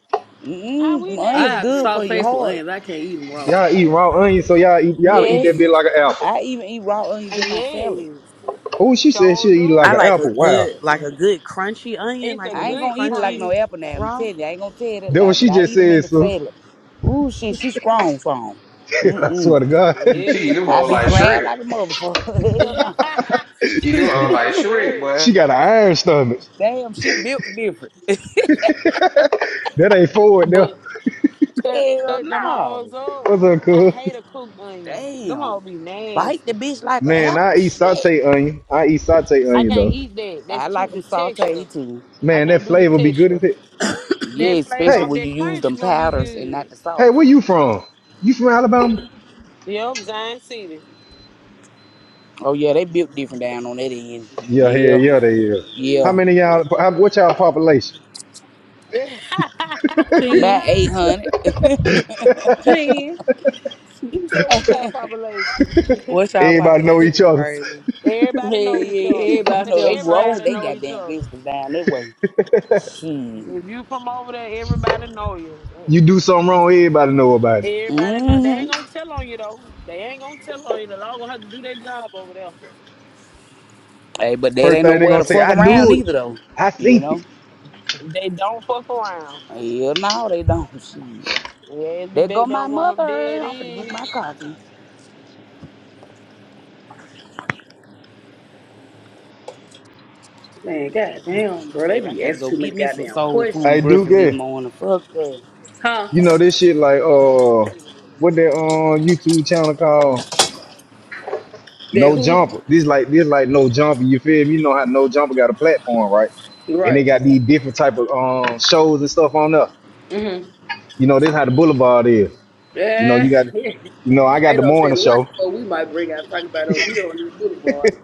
Speaker 9: How we
Speaker 11: Mm,
Speaker 8: I
Speaker 11: onions
Speaker 8: have to
Speaker 11: good
Speaker 9: nasty?
Speaker 11: for your
Speaker 8: saute some
Speaker 11: heart.
Speaker 8: onions. I can't eat them raw.
Speaker 3: Y'all eat raw onion, so y'all eat y'all eat that
Speaker 9: Yes.
Speaker 11: Yes,
Speaker 3: bit like an apple.
Speaker 11: I even eat raw onions
Speaker 9: And
Speaker 11: in my salad.
Speaker 9: yes.
Speaker 3: Oh, she said
Speaker 9: So
Speaker 3: she'll eat like
Speaker 1: I
Speaker 9: do.
Speaker 3: an
Speaker 1: like a
Speaker 3: apple. Wow,
Speaker 1: good, like a good crunchy onion,
Speaker 9: It's
Speaker 1: like
Speaker 9: a
Speaker 1: when
Speaker 11: I ain't
Speaker 1: it's
Speaker 9: good
Speaker 11: gonna eat it like
Speaker 9: crunch.
Speaker 11: no
Speaker 1: crunchy
Speaker 11: apple now. I'm
Speaker 1: raw.
Speaker 11: telling you, I ain't gonna tell you that
Speaker 3: that
Speaker 11: lie,
Speaker 3: what
Speaker 11: but
Speaker 3: she
Speaker 11: I
Speaker 3: just
Speaker 11: eat them in
Speaker 3: said,
Speaker 11: the
Speaker 3: so.
Speaker 11: salad. Ooh, shit, she strong from.
Speaker 3: *laughs* I
Speaker 11: Mm-mm.
Speaker 3: swear to God, *laughs*
Speaker 15: She eat them
Speaker 11: I
Speaker 15: whole
Speaker 9: Yes.
Speaker 11: be
Speaker 15: like
Speaker 11: crying
Speaker 15: Shrek.
Speaker 11: like a motherfucker. *laughs*
Speaker 9: *laughs*
Speaker 11: Hell
Speaker 9: Yeah,
Speaker 11: no.
Speaker 15: She eat
Speaker 9: he
Speaker 15: them
Speaker 9: said
Speaker 15: whole
Speaker 9: it like
Speaker 15: like Shrek,
Speaker 9: shred,
Speaker 15: boy.
Speaker 3: she got an iron stomach.
Speaker 11: Damn, she built different.
Speaker 3: That ain't forward now.
Speaker 9: but cut
Speaker 11: Hell
Speaker 9: cut them hoes
Speaker 11: no.
Speaker 9: up.
Speaker 3: What's up,
Speaker 9: I
Speaker 3: cool?
Speaker 9: hate a cooked onion. Them
Speaker 11: Damn.
Speaker 9: hoes be
Speaker 11: Bite the
Speaker 9: nasty.
Speaker 11: bitch like an
Speaker 3: Man, I
Speaker 11: apple?
Speaker 3: eat
Speaker 11: Shit.
Speaker 3: saute onion. I eat saute
Speaker 9: I
Speaker 3: onion
Speaker 9: can't
Speaker 3: though.
Speaker 9: eat that. That's
Speaker 11: I
Speaker 9: too
Speaker 11: like
Speaker 9: the
Speaker 11: them
Speaker 9: texture.
Speaker 11: sauteed too.
Speaker 9: I
Speaker 3: Man, that
Speaker 9: can't do the
Speaker 3: flavor be good
Speaker 9: texture.
Speaker 3: as it.
Speaker 8: *coughs*
Speaker 11: Yeah,
Speaker 9: That flavor
Speaker 11: especially
Speaker 3: Hey,
Speaker 9: of
Speaker 11: when
Speaker 9: that
Speaker 11: you use
Speaker 9: crunch
Speaker 11: them
Speaker 9: gonna be
Speaker 11: powders and
Speaker 9: good.
Speaker 11: not the sauce.
Speaker 3: Hey, where you from? You from Alabama?
Speaker 9: Yup, Zion City.
Speaker 11: Oh yeah, they built different down on that end.
Speaker 3: Yeah, yeah,
Speaker 11: Yeah,
Speaker 3: yeah, they is. How
Speaker 11: yeah.
Speaker 3: many y'all? How, what y'all population?
Speaker 9: *laughs*
Speaker 11: About
Speaker 8: Ten.
Speaker 11: 800.
Speaker 8: Ten.
Speaker 9: he
Speaker 8: Yeah,
Speaker 9: said, "What's
Speaker 11: *laughs*
Speaker 9: our population? *laughs*
Speaker 1: What's y'all
Speaker 3: Everybody know
Speaker 1: population
Speaker 3: each
Speaker 1: is
Speaker 3: other.
Speaker 1: crazy.
Speaker 9: everybody know each
Speaker 8: yeah.
Speaker 9: other.
Speaker 11: You
Speaker 8: Everybody
Speaker 11: know
Speaker 8: stay
Speaker 9: *laughs*
Speaker 8: on the
Speaker 11: they
Speaker 8: same
Speaker 11: rolled
Speaker 9: Everybody
Speaker 11: they
Speaker 9: know
Speaker 8: street.
Speaker 9: each
Speaker 11: goddamn
Speaker 9: other.
Speaker 11: business down that way. Shit.
Speaker 9: If you from over there, everybody know you.
Speaker 3: You do something wrong, everybody know about it.
Speaker 9: Everybody know they ain't
Speaker 11: Mm-hmm.
Speaker 9: gonna tell on you though. They ain't gonna tell on you. The law gonna have to do their job over there.
Speaker 11: Hey, but that
Speaker 3: First
Speaker 11: ain't
Speaker 3: thing they
Speaker 11: nowhere
Speaker 3: gonna
Speaker 11: to
Speaker 3: say,
Speaker 11: fuck
Speaker 3: I
Speaker 11: around
Speaker 3: knew it.
Speaker 11: either though.
Speaker 3: I
Speaker 11: You
Speaker 3: seen
Speaker 11: know?
Speaker 3: it.
Speaker 9: They don't fuck around.
Speaker 11: Yeah, no, they don't. *laughs* Shit.
Speaker 9: Yeah, be
Speaker 11: There go
Speaker 9: back
Speaker 11: my
Speaker 9: down one of them
Speaker 11: mother.
Speaker 9: dead
Speaker 11: I'm finna get
Speaker 9: in.
Speaker 11: my coffee.
Speaker 8: Man, goddamn, bro. They
Speaker 11: Baby, I
Speaker 8: be
Speaker 11: gotta go
Speaker 8: asking too
Speaker 11: get
Speaker 8: many
Speaker 11: me some
Speaker 8: goddamn
Speaker 11: soul
Speaker 3: I
Speaker 11: food
Speaker 8: questions.
Speaker 3: do
Speaker 11: breakfast this
Speaker 3: get.
Speaker 11: morning. Fuck that.
Speaker 8: Huh?
Speaker 3: You know this shit like uh, what that on YouTube channel called
Speaker 8: That
Speaker 3: No
Speaker 8: who?
Speaker 3: Jumper. This like this like No Jumper. You feel me? You know how No Jumper got a platform, right? And they
Speaker 8: Right.
Speaker 3: got these different type of um shows and stuff on there.
Speaker 8: Mm-hmm.
Speaker 3: You know this how the Boulevard is. You know,
Speaker 8: Yeah.
Speaker 3: you got,
Speaker 8: *laughs*
Speaker 3: you know, I got
Speaker 8: I
Speaker 3: the
Speaker 8: don't say
Speaker 3: morning
Speaker 8: the what the
Speaker 3: show.
Speaker 8: fuck we might bring out talking about over here on this boulevard.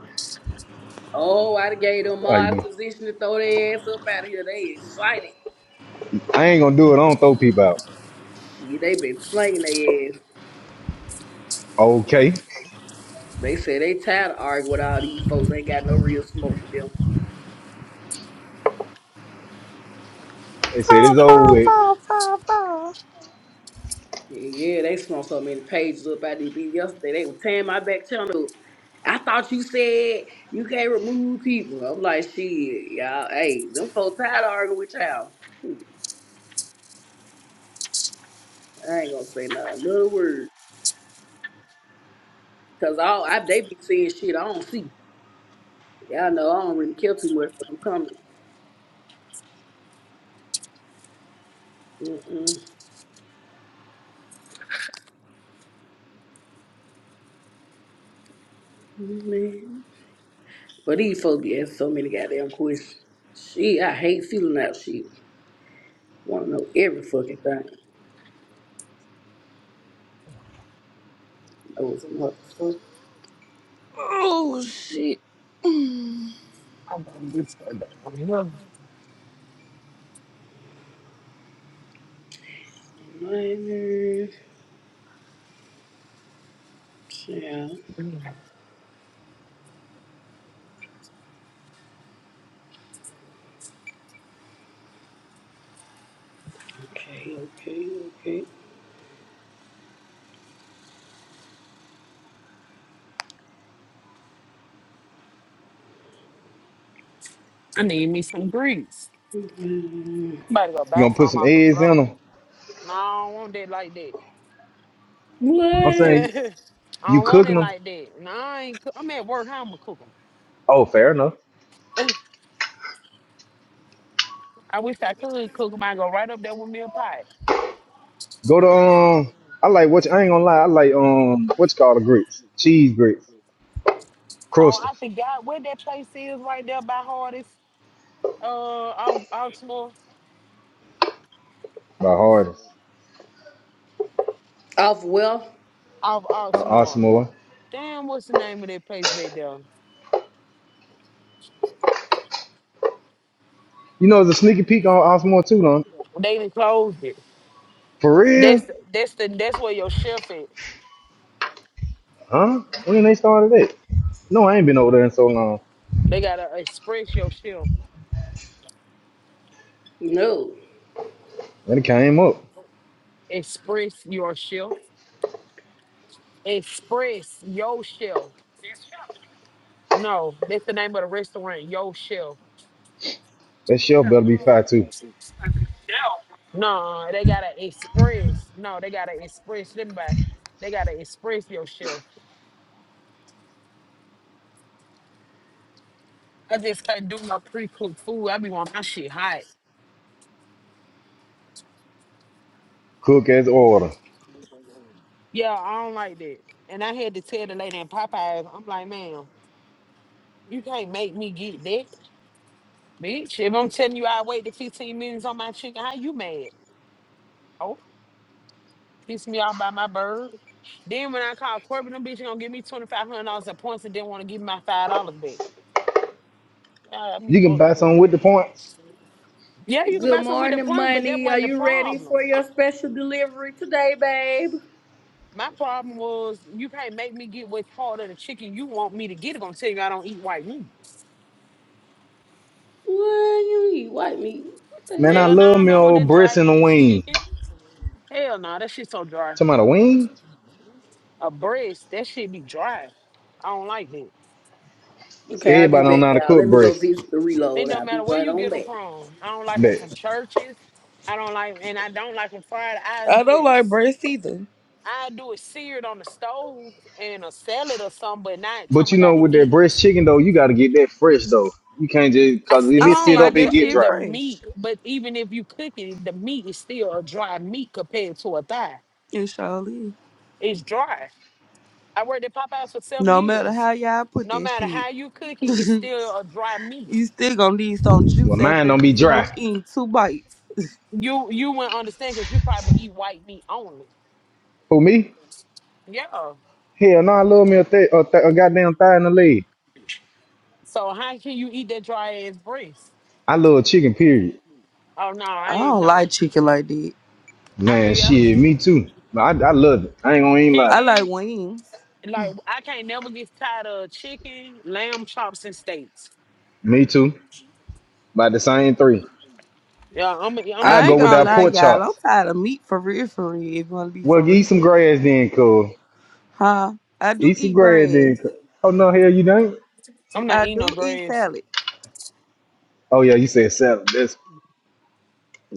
Speaker 8: Oh, I done gave them
Speaker 3: I,
Speaker 8: my position to throw their ass up out of here. They excited.
Speaker 3: I ain't gonna do it. I don't throw people out.
Speaker 8: Shit, they been slinging their ass.
Speaker 3: Okay.
Speaker 8: They say they tired of arguing with all these folks. Ain't got no real smoke with them.
Speaker 13: *sighs*
Speaker 3: They said
Speaker 13: five,
Speaker 3: it's over
Speaker 13: five,
Speaker 3: with.
Speaker 13: five, five, five.
Speaker 8: Yeah, yeah, they smoked so many pages up out these bitch yesterday. They were tearing my back channel up. I thought you said you can't remove people. I'm like, shit, y'all. Hey, them folks tired of arguing with y'all. Shit. I ain't gonna say not another word. Cause all I they be seeing shit I don't see. Y'all know I don't really care too much for them comments. Mm-mm. Man. But these folks be asking so many goddamn questions. Shit, I hate feeling out shit. Wanna know every fucking thing. Know it's a motherfucker.
Speaker 13: Oh shit. Mm.
Speaker 8: Minor. Yeah. Okay, okay, okay.
Speaker 9: I need me some grease.
Speaker 8: Mhm.
Speaker 9: About to go
Speaker 3: You
Speaker 9: buy
Speaker 3: gonna put
Speaker 9: some
Speaker 3: some
Speaker 9: off the
Speaker 3: eggs
Speaker 9: floor.
Speaker 3: in them?
Speaker 9: No, I don't want that like that.
Speaker 3: I'm saying
Speaker 9: I
Speaker 3: you
Speaker 9: don't want
Speaker 3: cooking
Speaker 9: it
Speaker 3: them.
Speaker 9: like that. No, I ain't. Cook. I'm at work. How I'm gonna cook cook them?
Speaker 3: Oh, fair enough.
Speaker 9: I wish I could cook them. I go right up there with me a pie.
Speaker 3: Go to um. I like what I ain't gonna lie. I like um. What's called the grits? Cheese grits,
Speaker 9: Oh,
Speaker 3: crustal
Speaker 9: I forgot where that place is right there by Hardest. Uh, off Oxmoor.
Speaker 3: by Hardest,
Speaker 8: Off well?
Speaker 9: Off
Speaker 3: uh,
Speaker 9: Oxmoor.
Speaker 3: Osmore.
Speaker 9: Damn, what's the name of that place back there?
Speaker 3: You know, there's a sneaky peek on Osmore too, though.
Speaker 9: They done closed it.
Speaker 3: For real?
Speaker 9: That's that's the that's where your shelf is.
Speaker 3: Huh? When they started that? No, I ain't been over there in so long.
Speaker 9: They gotta express your shelf.
Speaker 8: No.
Speaker 3: And it came up.
Speaker 9: Express your shelf. Express your shelf. No, that's the name of the restaurant. Your shelf.
Speaker 3: That shelf better be fat too.
Speaker 9: No, they gotta express. No, they gotta express them by. They gotta express your shelf. I just can't do my pre-cooked food. I be want my shit hot.
Speaker 3: Cook as order.
Speaker 9: Yeah, I don't like that. And I had to tell the lady in Popeyes, I'm like, ma'am, you can't make me get that. Bitch, if I'm telling you I waited 15 minutes on my chicken, how you mad? Oh, piss me off by my bird. Then when I call Corbin, them bitch gonna give me $2,500 of points and didn't want to give me my $5 back. Yeah, me
Speaker 3: You can
Speaker 9: fucked
Speaker 3: buy
Speaker 9: up.
Speaker 3: something with the points.
Speaker 9: Yeah, you can buy
Speaker 8: Good
Speaker 9: something with the
Speaker 8: morning,
Speaker 9: points, but that
Speaker 8: money. Are
Speaker 9: wasn't the
Speaker 8: you ready
Speaker 9: problem.
Speaker 8: for your special delivery today, babe?
Speaker 9: My problem was you can't make me get what part of the chicken you want me to get. It's gonna tell you I don't eat white meat.
Speaker 8: Boy, you eat white meat. What the
Speaker 3: Man, I
Speaker 8: hell?
Speaker 9: Hell no,
Speaker 3: love me
Speaker 9: nah, I want
Speaker 3: old
Speaker 9: that
Speaker 3: breast and
Speaker 9: dry
Speaker 3: a
Speaker 9: ass
Speaker 3: wing.
Speaker 9: chicken. Hell no, nah, that shit so dry.
Speaker 3: Talking about a wing?
Speaker 9: A breast, that shit be dry. I don't like that.
Speaker 8: Okay, I'll be
Speaker 3: Everybody don't
Speaker 8: back,
Speaker 3: know how to
Speaker 8: y'all.
Speaker 3: cook
Speaker 8: Let me go
Speaker 3: breast.
Speaker 8: visit the
Speaker 9: It
Speaker 8: reload.
Speaker 9: don't
Speaker 8: I'll be
Speaker 9: matter where
Speaker 8: right
Speaker 9: you
Speaker 8: on
Speaker 9: get them
Speaker 8: back.
Speaker 9: from. I don't like them
Speaker 3: But,
Speaker 9: from churches. I don't like, and I don't like them fried. I
Speaker 13: I
Speaker 9: do
Speaker 13: don't
Speaker 9: it.
Speaker 13: like breast either.
Speaker 9: I do it seared on the stove and a salad or something, but not time
Speaker 3: but
Speaker 9: I
Speaker 3: you
Speaker 9: got
Speaker 3: know,
Speaker 9: to
Speaker 3: with that
Speaker 9: eat it.
Speaker 3: breast chicken though, you gotta get that fresh though. You can't just
Speaker 9: I,
Speaker 3: cause
Speaker 9: s-
Speaker 3: if
Speaker 13: I
Speaker 9: it's
Speaker 3: it
Speaker 13: don't
Speaker 3: sit
Speaker 9: still
Speaker 13: like
Speaker 3: up, it
Speaker 9: dry,
Speaker 13: that
Speaker 3: get
Speaker 9: it,
Speaker 13: shit
Speaker 9: the
Speaker 3: dry.
Speaker 13: fresh.
Speaker 9: meat, but even if you cook it, the meat is still a dry meat compared to a thigh.
Speaker 13: It surely is.
Speaker 9: It's dry. I worked at Popeyes for seven
Speaker 13: No matter
Speaker 9: years.
Speaker 13: how y'all put
Speaker 9: No
Speaker 13: that
Speaker 9: matter
Speaker 13: shit.
Speaker 9: how you cook it, it's
Speaker 13: *laughs*
Speaker 9: still a dry meat.
Speaker 13: you still gonna need some
Speaker 3: Well,
Speaker 13: juice
Speaker 3: mine
Speaker 13: after
Speaker 3: don't be
Speaker 13: you finish
Speaker 3: dry.
Speaker 13: eating two bites.
Speaker 9: You you wouldn't understand because you probably eat white meat only.
Speaker 3: Who me?
Speaker 9: Yeah.
Speaker 3: Hell no, I love me a, th- a, th- a goddamn thigh and a leg.
Speaker 9: So how can you eat that dry ass breast?
Speaker 3: I love chicken, period.
Speaker 9: Oh no, I
Speaker 13: I
Speaker 9: ain't
Speaker 13: don't
Speaker 9: no.
Speaker 13: like chicken like that.
Speaker 9: I
Speaker 3: Man,
Speaker 9: will.
Speaker 3: shit, me too. I, I love it. I ain't gonna even lie.
Speaker 13: I like
Speaker 9: Chicken,
Speaker 13: wings.
Speaker 9: like I can't never get tired of chicken, lamb chops, and steaks.
Speaker 3: Me too. By the same three.
Speaker 9: Yeah, I'm gonna I'm gonna
Speaker 3: I
Speaker 13: I
Speaker 3: go
Speaker 13: ain't
Speaker 9: eat
Speaker 3: with
Speaker 9: me a
Speaker 13: gonna
Speaker 3: that
Speaker 13: lie,
Speaker 9: lamb
Speaker 3: pork
Speaker 13: y'all.
Speaker 9: chop.
Speaker 13: I'm
Speaker 3: chops.
Speaker 13: tired of meat for real, for real. If you wanna be for
Speaker 3: Well, eat some
Speaker 13: real,
Speaker 3: grass then, cuz.
Speaker 13: huh? I do
Speaker 3: Issa
Speaker 13: eat
Speaker 3: Grad did.
Speaker 13: grass.
Speaker 3: co- Oh no, hell you don't.
Speaker 9: I'm not
Speaker 13: I
Speaker 9: eating no
Speaker 13: do eat
Speaker 9: grass.
Speaker 13: salad,
Speaker 3: Oh yeah, you said salad. That's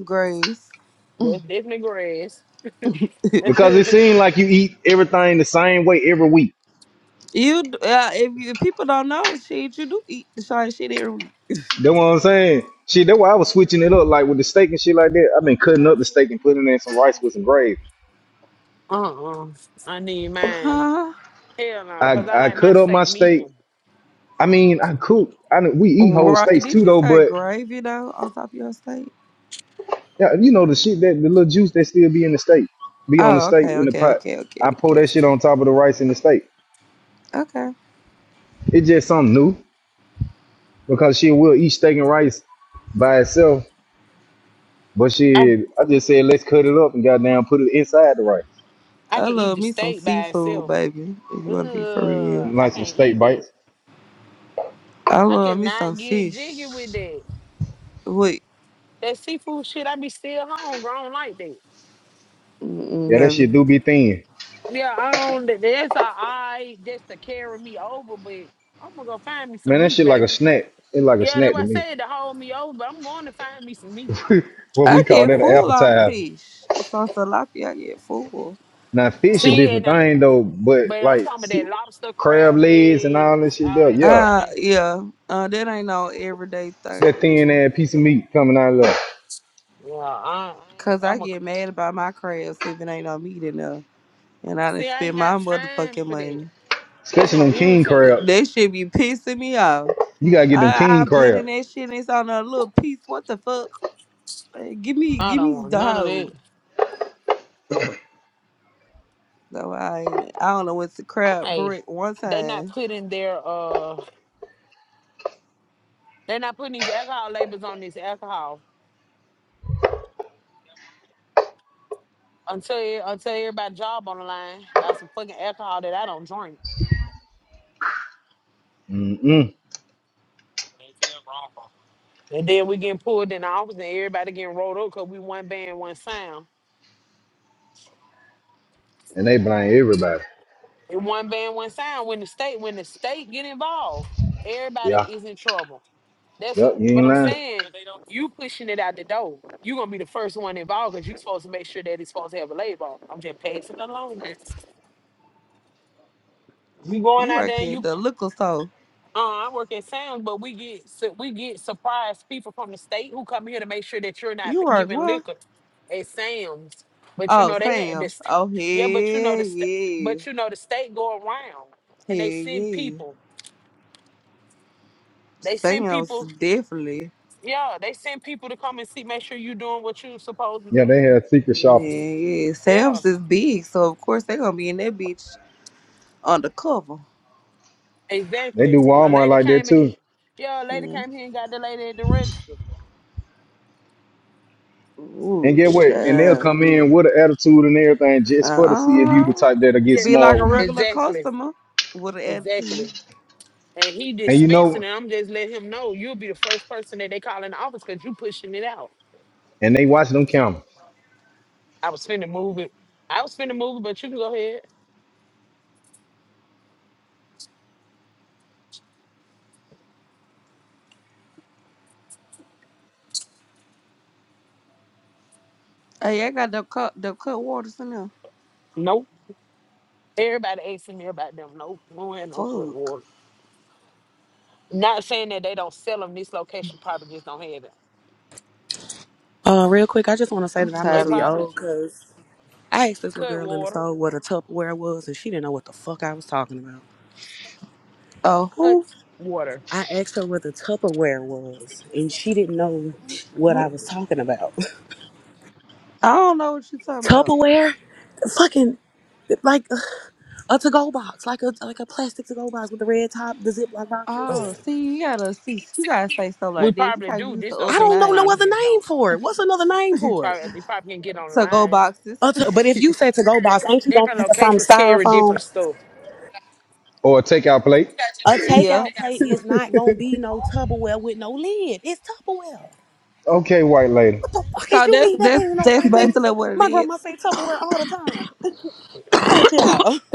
Speaker 13: grass.
Speaker 9: That's definitely grass.
Speaker 13: *laughs*
Speaker 3: because it
Speaker 9: *laughs*
Speaker 3: seemed like you eat everything the same way every week.
Speaker 13: You d- uh, if you people don't know, shit, you do eat the shiny shit every week.
Speaker 3: That's what I'm saying. Shit, that's why I was switching it up, like with the steak and shit like that. I've been cutting up the steak and putting in some rice with some gravy.
Speaker 9: uh-uh. I need mine.
Speaker 13: Huh?
Speaker 9: Hell no, cause I
Speaker 3: I I
Speaker 9: like my
Speaker 3: cut up my
Speaker 9: steak
Speaker 3: steak.
Speaker 9: medium.
Speaker 3: I mean, I cook. I know- we eat whole
Speaker 13: Right.
Speaker 3: steaks
Speaker 13: Did
Speaker 3: too
Speaker 13: you
Speaker 3: though,
Speaker 13: say
Speaker 3: but
Speaker 13: gravy though on top of your steak?
Speaker 3: yeah, you know the shit that the little juice that still be in the steak, be on the
Speaker 13: Oh,
Speaker 3: steak
Speaker 13: okay,
Speaker 3: in the
Speaker 13: okay,
Speaker 3: pot.
Speaker 13: okay, okay,
Speaker 3: I pour
Speaker 13: okay.
Speaker 3: that shit on top of the rice and the steak.
Speaker 13: Okay.
Speaker 3: It's just something new because shit, we'll eat steak and rice by itself But
Speaker 9: I
Speaker 3: shit, I just said let's cut it up and goddamn put it inside the rice.
Speaker 9: I
Speaker 13: I
Speaker 9: can eat
Speaker 13: love
Speaker 9: the
Speaker 13: me some
Speaker 9: steak by
Speaker 13: seafood,
Speaker 9: itself.
Speaker 13: baby, if you wanna be for real.
Speaker 9: Ugh, I
Speaker 3: Like some
Speaker 9: can't
Speaker 3: steak
Speaker 9: eat that.
Speaker 3: bites.
Speaker 13: I
Speaker 9: I
Speaker 13: love me some
Speaker 9: cannot get jiggy with
Speaker 13: fish.
Speaker 9: that.
Speaker 13: Wait,
Speaker 9: That seafood shit, I be still hungry. I don't like that.
Speaker 13: mm-mm,
Speaker 3: Yeah, that
Speaker 13: baby.
Speaker 3: shit do be thin.
Speaker 9: Yeah, I don't. that- That's a eye just to carry me over, but I'm gonna go find me some
Speaker 3: Man, that
Speaker 9: meat,
Speaker 3: shit like a
Speaker 9: baby.
Speaker 3: snack. It's like a
Speaker 9: Yeah, that's
Speaker 3: snack to
Speaker 9: what I
Speaker 3: me.
Speaker 9: said to hold me over, but I'm going to find me some meat.
Speaker 3: *laughs* what
Speaker 13: I
Speaker 3: we call
Speaker 13: get
Speaker 3: that an
Speaker 13: full off
Speaker 3: appetizer.
Speaker 13: fish. It's on tilapia, I get full.
Speaker 3: Now fish a
Speaker 9: See,
Speaker 3: different
Speaker 9: and I,
Speaker 3: thing though, but
Speaker 9: but I'm
Speaker 3: like
Speaker 9: talking about that
Speaker 3: see,
Speaker 9: lobster,
Speaker 3: crab
Speaker 9: crab
Speaker 3: legs and
Speaker 9: legs,
Speaker 3: all that shit
Speaker 9: all
Speaker 3: though,
Speaker 9: that
Speaker 3: yeah.
Speaker 9: shit. I
Speaker 13: Uh
Speaker 9: can't.
Speaker 13: yeah. Uh that ain't no everyday thing
Speaker 3: That
Speaker 13: for
Speaker 3: thin
Speaker 13: me.
Speaker 3: ass piece of meat coming out of there.
Speaker 9: Yeah, I, I ain't,
Speaker 13: Cause I
Speaker 9: I'm a.
Speaker 13: get mad about my crabs if it ain't on me enough. And I done
Speaker 9: See, I ain't
Speaker 13: spend my
Speaker 9: got time
Speaker 13: motherfucking
Speaker 9: for that.
Speaker 13: money.
Speaker 9: That's
Speaker 3: Especially
Speaker 9: gonna
Speaker 3: them king
Speaker 9: irritate me.
Speaker 3: crabs.
Speaker 13: That shit be pissing me off.
Speaker 3: You gotta get them
Speaker 13: I
Speaker 3: king
Speaker 13: I been in
Speaker 3: crabs.
Speaker 13: that shit and it's on a little piece. What the fuck? Eh, Give me
Speaker 9: I
Speaker 13: give
Speaker 9: don't
Speaker 13: me
Speaker 9: want
Speaker 13: the
Speaker 9: none of
Speaker 13: whole.
Speaker 9: that.
Speaker 13: So I I don't know what's the crab
Speaker 9: Hey,
Speaker 13: brick one
Speaker 9: they not
Speaker 13: time.
Speaker 9: putting their uh, they're not putting these alcohol labels on this alcohol. until until everybody job on the line about some fucking alcohol that I don't drink.
Speaker 3: Mm-mm.
Speaker 9: And then we getting pulled in the office and everybody getting rolled up because we one band, one sound.
Speaker 3: And they blind everybody.
Speaker 9: And one band, one sound. When the state, when the state get involved,
Speaker 3: Yeah.
Speaker 9: everybody is in trouble. That's
Speaker 3: Yep,
Speaker 9: a
Speaker 3: you
Speaker 9: but
Speaker 3: ain't
Speaker 9: I'm
Speaker 3: lying.
Speaker 9: saying you pushing it out the door. You gonna be the first one involved because you supposed to make sure that it's supposed to have a label. I'm just passing it along. We going
Speaker 13: You
Speaker 9: out
Speaker 13: work
Speaker 9: there and
Speaker 13: at
Speaker 9: you
Speaker 13: the liquor store.
Speaker 9: Uh, I work at Sam's, but we get su- we get surprised people from the state who come here to make sure that you're not
Speaker 13: You work
Speaker 9: giving
Speaker 13: what?
Speaker 9: liquor at Sam's. But you
Speaker 13: Oh,
Speaker 9: know they had
Speaker 13: Sam's.
Speaker 9: this,
Speaker 13: Oh hell
Speaker 9: yeah. But you know the sta
Speaker 13: yeah.
Speaker 9: but you know the state go around
Speaker 13: Hell
Speaker 9: and they send
Speaker 13: yeah.
Speaker 9: people. They send
Speaker 13: Sam's
Speaker 9: people,
Speaker 13: definitely.
Speaker 9: yeah. They send people to come and see, make sure you're doing what you're supposed to
Speaker 3: Yeah,
Speaker 9: do.
Speaker 3: they have secret
Speaker 13: Yeah,
Speaker 3: shoppers.
Speaker 13: yeah.
Speaker 9: Yeah,
Speaker 13: Sam's is big, so of course they're gonna be in that bitch undercover.
Speaker 3: They
Speaker 9: exactly.
Speaker 3: do
Speaker 9: A
Speaker 3: Walmart
Speaker 9: lady
Speaker 3: like that
Speaker 9: came in here,
Speaker 3: too.
Speaker 9: yeah. A lady
Speaker 13: Yeah.
Speaker 9: came here and got the lady at the register.
Speaker 3: And
Speaker 13: Ooh,
Speaker 3: get what? And they'll
Speaker 13: child.
Speaker 3: come in with an attitude and everything just for to see if you the
Speaker 13: Uh,
Speaker 3: type that'll get
Speaker 13: be like
Speaker 3: smart
Speaker 13: a
Speaker 3: with them.
Speaker 13: regular
Speaker 9: Exactly,
Speaker 13: customer with an attitude.
Speaker 9: exactly. and he
Speaker 3: And you
Speaker 9: dispensing
Speaker 3: know,
Speaker 9: it. I'm just letting him know you'll be the first person that they call in the office because you pushing it out.
Speaker 3: and they watch them camera
Speaker 9: I was finna move it. I was finna move it, but you can go ahead.
Speaker 13: Hey, I got the cut the cut waters in there.
Speaker 9: Nope. Everybody asking me about them. Nope. No had no foot
Speaker 13: Fuck.
Speaker 9: water. Not saying that they don't sell them. This location probably just don't have it.
Speaker 1: Uh, real quick, I just want to say
Speaker 13: I'm
Speaker 1: that I
Speaker 9: They
Speaker 1: must
Speaker 13: tired of
Speaker 1: be
Speaker 9: probably
Speaker 13: looking.
Speaker 1: old because I asked this little
Speaker 9: cut
Speaker 1: girl in the
Speaker 9: water.
Speaker 1: store what a Tupperware was, and she didn't know what the fuck I was talking about.
Speaker 13: Oh, who,
Speaker 9: Cuts water.
Speaker 1: I asked her what a Tupperware was, and she didn't know what I
Speaker 13: who?
Speaker 1: was talking about.
Speaker 13: I don't know what you
Speaker 1: *laughs*
Speaker 13: talking about.
Speaker 1: Tupperware, fucking like a to-go box, like a like a plastic to-go box with the red top, the Ziploc boxes.
Speaker 13: Oh, see, you gotta see. You gotta say stuff
Speaker 9: We
Speaker 13: like that. You
Speaker 9: probably
Speaker 13: gotta
Speaker 9: do.
Speaker 13: use the
Speaker 9: This
Speaker 1: I
Speaker 13: other
Speaker 1: don't
Speaker 9: location
Speaker 1: know no
Speaker 9: probably
Speaker 13: name
Speaker 1: other
Speaker 9: just
Speaker 1: name
Speaker 9: don't.
Speaker 1: for it. What's another name for it?
Speaker 9: Probably they probably can get
Speaker 13: to go
Speaker 9: online.
Speaker 13: boxes.
Speaker 1: A t- but if you say to go box, ain't you gonna
Speaker 9: Different
Speaker 1: think of something
Speaker 9: locations carry
Speaker 1: styrofoam?
Speaker 9: different stuff.
Speaker 3: or take out plate.
Speaker 1: A
Speaker 13: *laughs* yeah.
Speaker 1: takeout plate is not gonna be no Tupperware with no lid. It's Tupperware.
Speaker 3: Okay, white lady.
Speaker 1: What the fuck is
Speaker 13: So
Speaker 1: you
Speaker 13: that's
Speaker 1: mean that
Speaker 13: that's
Speaker 1: ain't no
Speaker 13: that's
Speaker 1: white lady?
Speaker 13: basically what it
Speaker 1: My
Speaker 13: is.
Speaker 1: grandma say Tupperware all the time. Fuck y'all. *laughs*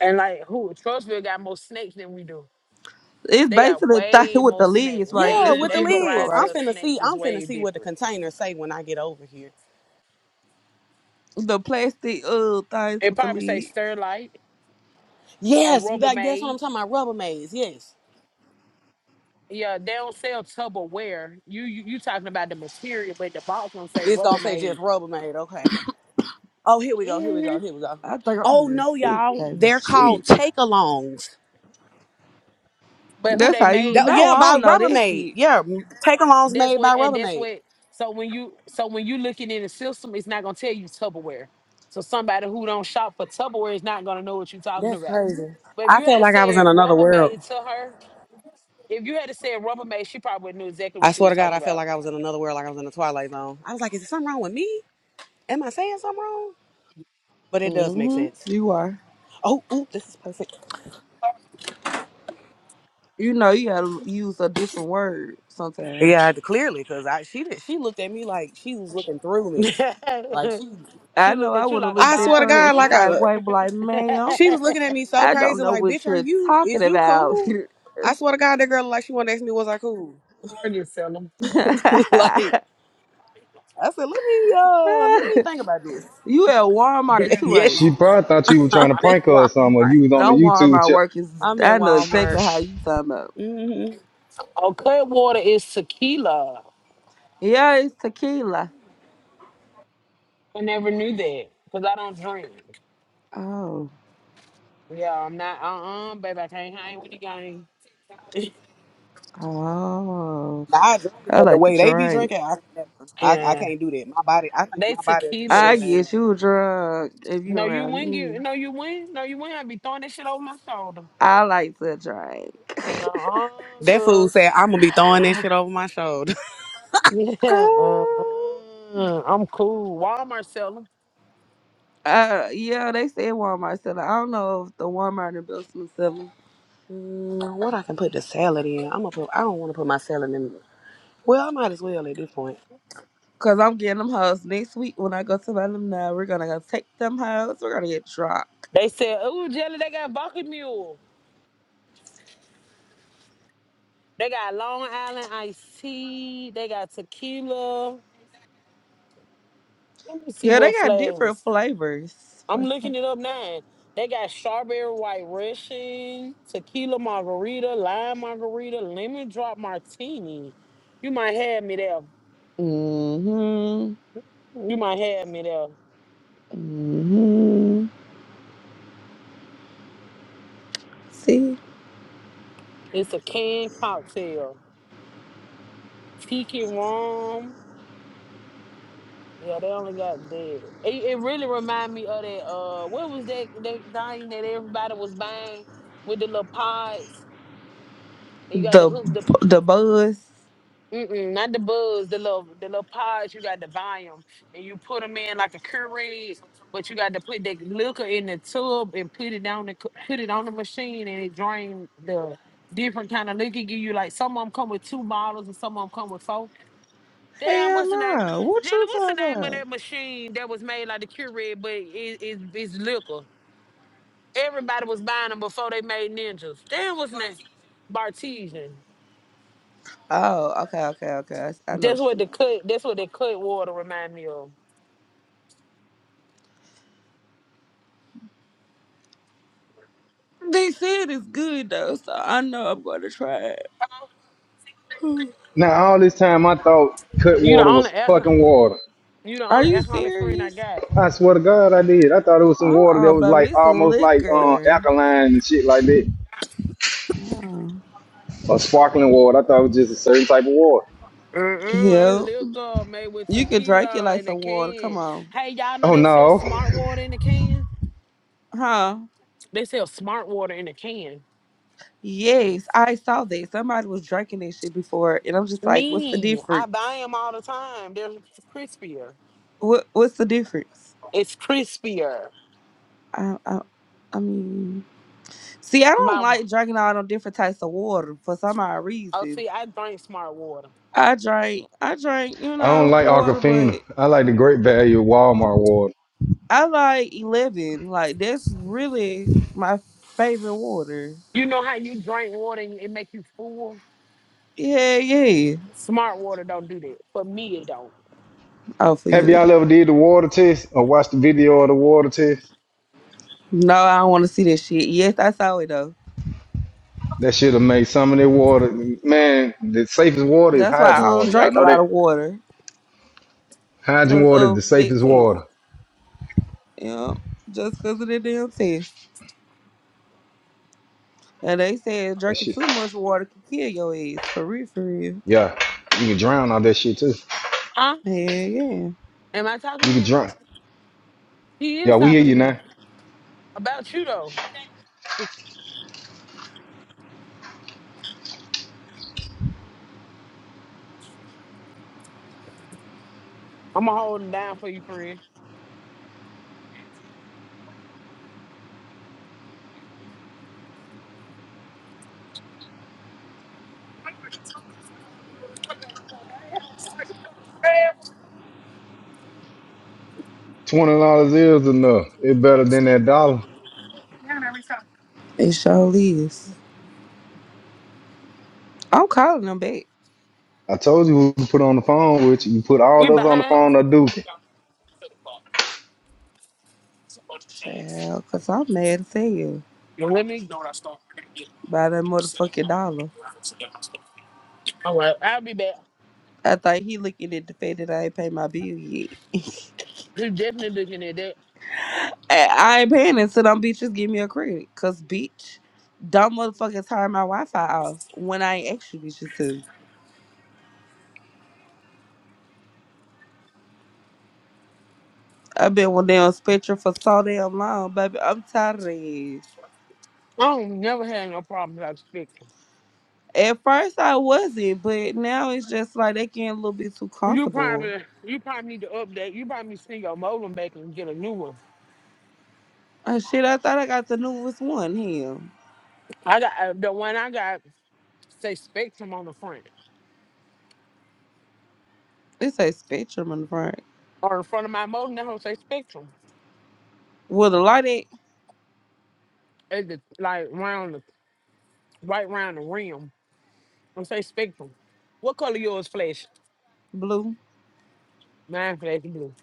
Speaker 9: And like who Trustville got more snakes than we do.
Speaker 13: It's
Speaker 9: They got
Speaker 13: basically a thing
Speaker 9: way
Speaker 13: with
Speaker 9: more
Speaker 13: the
Speaker 9: snake,
Speaker 13: lids, right?
Speaker 1: Yeah,
Speaker 9: way
Speaker 13: That's
Speaker 1: with
Speaker 13: what
Speaker 1: the
Speaker 9: they
Speaker 13: you're looking
Speaker 1: lids.
Speaker 13: for,
Speaker 9: variety
Speaker 1: I'm
Speaker 13: right?
Speaker 9: of
Speaker 1: finna see.
Speaker 9: snakes is
Speaker 1: I'm finna
Speaker 9: way
Speaker 1: see what the
Speaker 9: different.
Speaker 1: containers say when I get over here.
Speaker 13: The plastic uh things
Speaker 9: It
Speaker 13: with the
Speaker 9: probably say
Speaker 13: lids.
Speaker 9: Sterlite or
Speaker 1: Yes, that, guess what I'm
Speaker 9: Rubbermaid.
Speaker 1: talking about? Rubbermaids. Yes,
Speaker 9: Yeah, they don't sell Tupperware. You, you you talking about the material, but the box don't say
Speaker 1: it's gonna say
Speaker 9: Rubbermaid.
Speaker 1: just Rubbermaid. Okay. Oh, here we go. Here we
Speaker 9: hmm
Speaker 1: go. Here we go.
Speaker 13: I think I'm
Speaker 1: Oh
Speaker 13: getting
Speaker 1: no,
Speaker 13: sick,
Speaker 1: y'all.
Speaker 13: baby.
Speaker 1: They're called
Speaker 13: Shit.
Speaker 1: take alongs.
Speaker 9: But who
Speaker 13: That's
Speaker 9: they
Speaker 13: how you
Speaker 9: made
Speaker 1: That,
Speaker 13: know.
Speaker 1: yeah,
Speaker 9: by?
Speaker 13: I
Speaker 1: by
Speaker 13: don't know that
Speaker 1: Rubbermaid.
Speaker 13: shit.
Speaker 1: Yeah, take alongs
Speaker 9: That's
Speaker 1: made
Speaker 9: what,
Speaker 1: by
Speaker 9: and that's
Speaker 1: Rubbermaid.
Speaker 9: what. So when you so when you looking in the system, it's not gonna tell you Tupperware. So somebody who don't shop for Tupperware is not gonna know what you're talking
Speaker 1: That's
Speaker 9: about.
Speaker 1: crazy.
Speaker 9: But if
Speaker 1: I
Speaker 9: you had
Speaker 1: felt
Speaker 9: to
Speaker 1: like I was
Speaker 9: say
Speaker 1: in another world.
Speaker 9: Rubbermaid to her, If you had to say Rubbermaid, she probably knew exactly
Speaker 1: I
Speaker 9: what you
Speaker 1: swear
Speaker 9: was
Speaker 1: to God,
Speaker 9: talking
Speaker 1: I felt
Speaker 9: about.
Speaker 1: like I was in another world, like I was in the Twilight Zone. I was like, is there something wrong with me? Am I saying something wrong? But it does make
Speaker 13: Mm-hmm.
Speaker 1: sense.
Speaker 13: You are.
Speaker 1: Oh, ooh, this is perfect.
Speaker 13: You know you gotta use a different word sometimes.
Speaker 1: Yeah, I had to- clearly, because I she did, she looked at me like she was looking through me. Like
Speaker 9: *laughs*
Speaker 1: she,
Speaker 13: I
Speaker 9: she
Speaker 13: know
Speaker 9: looked
Speaker 13: I
Speaker 9: at you
Speaker 13: would have
Speaker 9: like a
Speaker 1: I
Speaker 13: looked at
Speaker 1: swear to
Speaker 9: dog,
Speaker 13: your ass
Speaker 1: God,
Speaker 13: the
Speaker 1: like
Speaker 9: hmm?
Speaker 13: same
Speaker 1: I
Speaker 13: way, but like, ma'am,
Speaker 1: She was looking at me so
Speaker 13: I don't
Speaker 1: crazy,
Speaker 13: know
Speaker 1: like,
Speaker 13: what
Speaker 1: bitch, are
Speaker 13: you're
Speaker 1: you
Speaker 13: talking
Speaker 1: is you
Speaker 13: about. *laughs*
Speaker 1: cool?
Speaker 13: you
Speaker 1: I swear to God, that girl like she wanted to ask me, was I cool? *laughs*
Speaker 13: at
Speaker 1: like I said, let me uh let me think about this.
Speaker 13: Walmart
Speaker 1: *laughs*
Speaker 13: too,
Speaker 1: yes.
Speaker 13: ain't you?
Speaker 3: She probably thought you were trying
Speaker 1: I'm
Speaker 3: to
Speaker 1: at
Speaker 3: prank her or something. Or
Speaker 1: Walmart.
Speaker 3: you was on the
Speaker 13: Don't worry
Speaker 3: YouTube
Speaker 13: about
Speaker 3: channel.
Speaker 13: work. Is
Speaker 1: I'm at
Speaker 13: I know
Speaker 1: Walmart.
Speaker 13: exactly how you talking about.
Speaker 1: hmm
Speaker 9: *laughs* oh, Clearwater is tequila.
Speaker 13: Yeah, it's tequila.
Speaker 9: I never knew that because I don't drink.
Speaker 13: Oh,
Speaker 9: Yeah, I'm not. Uh, uh baby, I can't hang with the gang. *laughs*
Speaker 13: oh,
Speaker 1: Now I drink,
Speaker 13: I
Speaker 1: but the
Speaker 13: like to
Speaker 1: way they be
Speaker 13: drink.
Speaker 1: drinking, I can never. I, I
Speaker 9: yeah,
Speaker 1: can't do that. My body I think
Speaker 9: they
Speaker 1: my body will just
Speaker 13: I
Speaker 1: shut
Speaker 9: tequilas.
Speaker 1: down.
Speaker 13: guess you drunk if you
Speaker 9: No, you
Speaker 13: around
Speaker 9: win.
Speaker 13: me.
Speaker 9: You, no, you win. No, you win. I be throwing that shit over my shoulder.
Speaker 13: I like to drink. *laughs*
Speaker 9: No,
Speaker 1: That food
Speaker 9: sus.
Speaker 1: said I'm gonna be throwing that
Speaker 9: *laughs*
Speaker 1: shit over my shoulder. *laughs*
Speaker 9: Yeah,
Speaker 13: Oh,
Speaker 9: uh-uh. I'm cool. Walmart seller.
Speaker 13: uh, yeah, they said Walmart seller. I don't know if the Walmart and Billsman seller.
Speaker 1: Mm, what I can put the salad in? I'm gonna put I don't wanna put my salad in well, I might as well at this point.
Speaker 13: Cause I'm getting them hoes next week when I go to my them now. We're gonna go take them hoes. We're gonna get drunk.
Speaker 9: They said, "Ooh, jelly! They got Bucky Mule. They got Long Island iced tea. They got tequila. Let me see
Speaker 13: Yeah, they
Speaker 9: what
Speaker 13: got different
Speaker 9: flavors.
Speaker 13: flavors
Speaker 9: I'm
Speaker 13: for some.
Speaker 9: looking it up now. They got strawberry white Russian, tequila margarita, lime margarita, lemon drop martini. You might have me there.
Speaker 13: hmm
Speaker 9: You might have me there.
Speaker 13: hmm See
Speaker 9: It's a canned cocktail, tiki rum. Yeah, they only got dead. It, it really remind me of that. Uh, what was that that thing that everybody was buying with the little pods? And you got the
Speaker 13: the
Speaker 9: hook, the
Speaker 13: the buzz.
Speaker 9: mm-mm, not the buds, the little the little pods. You got to buy them, and you put them in like a Keurig, but you got to put that liquor in the tub and put it down the c- put it on the machine, and it drain the different kind of liquor. Give you like some of them come with two bottles, and some of them come with four Damn,
Speaker 13: Hell
Speaker 9: what's the name?
Speaker 13: no! What
Speaker 9: Jelly,
Speaker 13: you
Speaker 9: what's the
Speaker 13: talking
Speaker 9: name of
Speaker 13: about?
Speaker 9: that machine that was made like the Keurig, but it, it, it's liquor? Everybody was buying them before they made ninjas. Damn, what's the name? Bartesian.
Speaker 13: Oh, okay, okay, okay. I s- I know what
Speaker 9: That's what
Speaker 13: you're talking
Speaker 9: the cut. That's what the cut water remind me of.
Speaker 13: about. They said it's good though, so I know I'm gonna try it. *sighs*
Speaker 3: Now all this time I thought cut
Speaker 9: You the
Speaker 3: water
Speaker 9: only
Speaker 3: was some
Speaker 9: alcohol.
Speaker 3: fucking water.
Speaker 9: You the
Speaker 13: Are
Speaker 9: only
Speaker 13: you
Speaker 9: alcoholic friend I
Speaker 13: serious?
Speaker 9: got.
Speaker 3: I swear to God I did. I thought it was some water that
Speaker 13: Uh-uh,
Speaker 3: was
Speaker 13: baby,
Speaker 3: like
Speaker 13: this
Speaker 3: almost like uh,
Speaker 13: liquor.
Speaker 3: alkaline and shit like that,
Speaker 13: Uh-uh.
Speaker 3: or sparkling water. I thought it was just a certain type of water.
Speaker 9: Uh-uh, that's
Speaker 13: Yep.
Speaker 9: liquor made with
Speaker 13: You can drink it
Speaker 9: tequila
Speaker 13: like
Speaker 9: in a
Speaker 13: some water. Come
Speaker 9: can.
Speaker 13: on.
Speaker 9: Hey, y'all know
Speaker 3: Oh
Speaker 9: they sell
Speaker 3: no.
Speaker 9: smart water in a can.
Speaker 13: Huh?
Speaker 9: They sell smart water in a can.
Speaker 13: Yes, I saw that. Somebody was drinking that shit before, and I'm just like, what's the
Speaker 9: Me, I
Speaker 13: difference?
Speaker 9: buy them all the time. They're crispier.
Speaker 13: What What's the difference?
Speaker 9: It's crispier.
Speaker 13: I, I, I mean, see, I don't
Speaker 9: My
Speaker 13: like drinking all them different types of water for some odd
Speaker 9: oh,
Speaker 13: reason.
Speaker 9: see, I drink smart water.
Speaker 13: I drink, I drink, you
Speaker 3: I don't
Speaker 13: know,
Speaker 3: like
Speaker 13: water,
Speaker 3: Aquafina.
Speaker 13: but
Speaker 3: I like the Great Value Walmart water.
Speaker 13: I like eleven. Like that's really my favorite water.
Speaker 9: You know how you drink water and it make you full.
Speaker 13: Yeah, yeah.
Speaker 9: Smart water don't do that. For me, it don't.
Speaker 13: Oh, for you,
Speaker 3: Have
Speaker 13: it
Speaker 3: y'all
Speaker 13: don't.
Speaker 3: ever did the water test or watched the video of the water test?
Speaker 13: No, I don't want to see that shit. Yes, I saw it though.
Speaker 3: That should have made some of their water. Man, the safest water is
Speaker 13: That's why I
Speaker 3: hydrogen
Speaker 13: don't
Speaker 3: water. Y'all
Speaker 13: drink a
Speaker 3: know
Speaker 13: lot
Speaker 3: that?
Speaker 13: of water
Speaker 3: Hydrogen
Speaker 13: because
Speaker 3: water is the
Speaker 13: of that
Speaker 3: safest
Speaker 13: test.
Speaker 3: water.
Speaker 13: You know, just because of the damn test. And they said
Speaker 3: That
Speaker 13: drinking
Speaker 3: shit.
Speaker 13: too much water can kill your ass. For real, for real.
Speaker 3: Yeah. You can drown all that shit too.
Speaker 9: Huh?
Speaker 13: Yeah, yeah.
Speaker 9: Am I talking
Speaker 3: You
Speaker 9: to
Speaker 3: can
Speaker 9: him?
Speaker 3: drown.
Speaker 9: He is
Speaker 3: Yeah, we hear
Speaker 9: talking to
Speaker 3: you
Speaker 9: me
Speaker 3: now.
Speaker 9: about you though. I'ma hold him down for you, friend.
Speaker 3: Twenty dollars is enough. It's better than that dollar.
Speaker 13: It sure is. I'm calling them back.
Speaker 3: I told you who to put on the phone with you. You put
Speaker 9: We
Speaker 3: all of us on the
Speaker 9: behind.
Speaker 3: phone, I do.
Speaker 13: Child, cause I'm mad as hell
Speaker 9: Well, let me.
Speaker 13: by that motherfucking dollar.
Speaker 9: All right, I'll be back.
Speaker 13: I thought he looking at the fact that I ain't paid my bill yet. *laughs*
Speaker 9: He's definitely looking at that.
Speaker 13: And I ain't paying it, so them bitches give me a credit. Cause bitch, dumb motherfuckers turn my Wi-Fi off when I ain't asked you bitches to. I've been with them Spectrum for so damn long, baby. I'm tired of this.
Speaker 9: I don't never had no problems I out spectrum.
Speaker 13: At first I wasn't, but now it's just like they getting a little bit too
Speaker 9: You
Speaker 13: comfortable.
Speaker 9: probably you probably need to update. You probably need to send your modem back and get a new one.
Speaker 13: Oh shit, I thought I got the newest one here.
Speaker 9: I got uh, the one I got. say Spectrum on the front
Speaker 13: It a spectrum in the front.
Speaker 9: or in front of my motor. That don't say Spectrum.
Speaker 13: Well, the light ain't
Speaker 9: It's the, like round the right round the rim. Don't say Spectrum. What color yours flash?
Speaker 13: blue.
Speaker 9: Mine flash blue.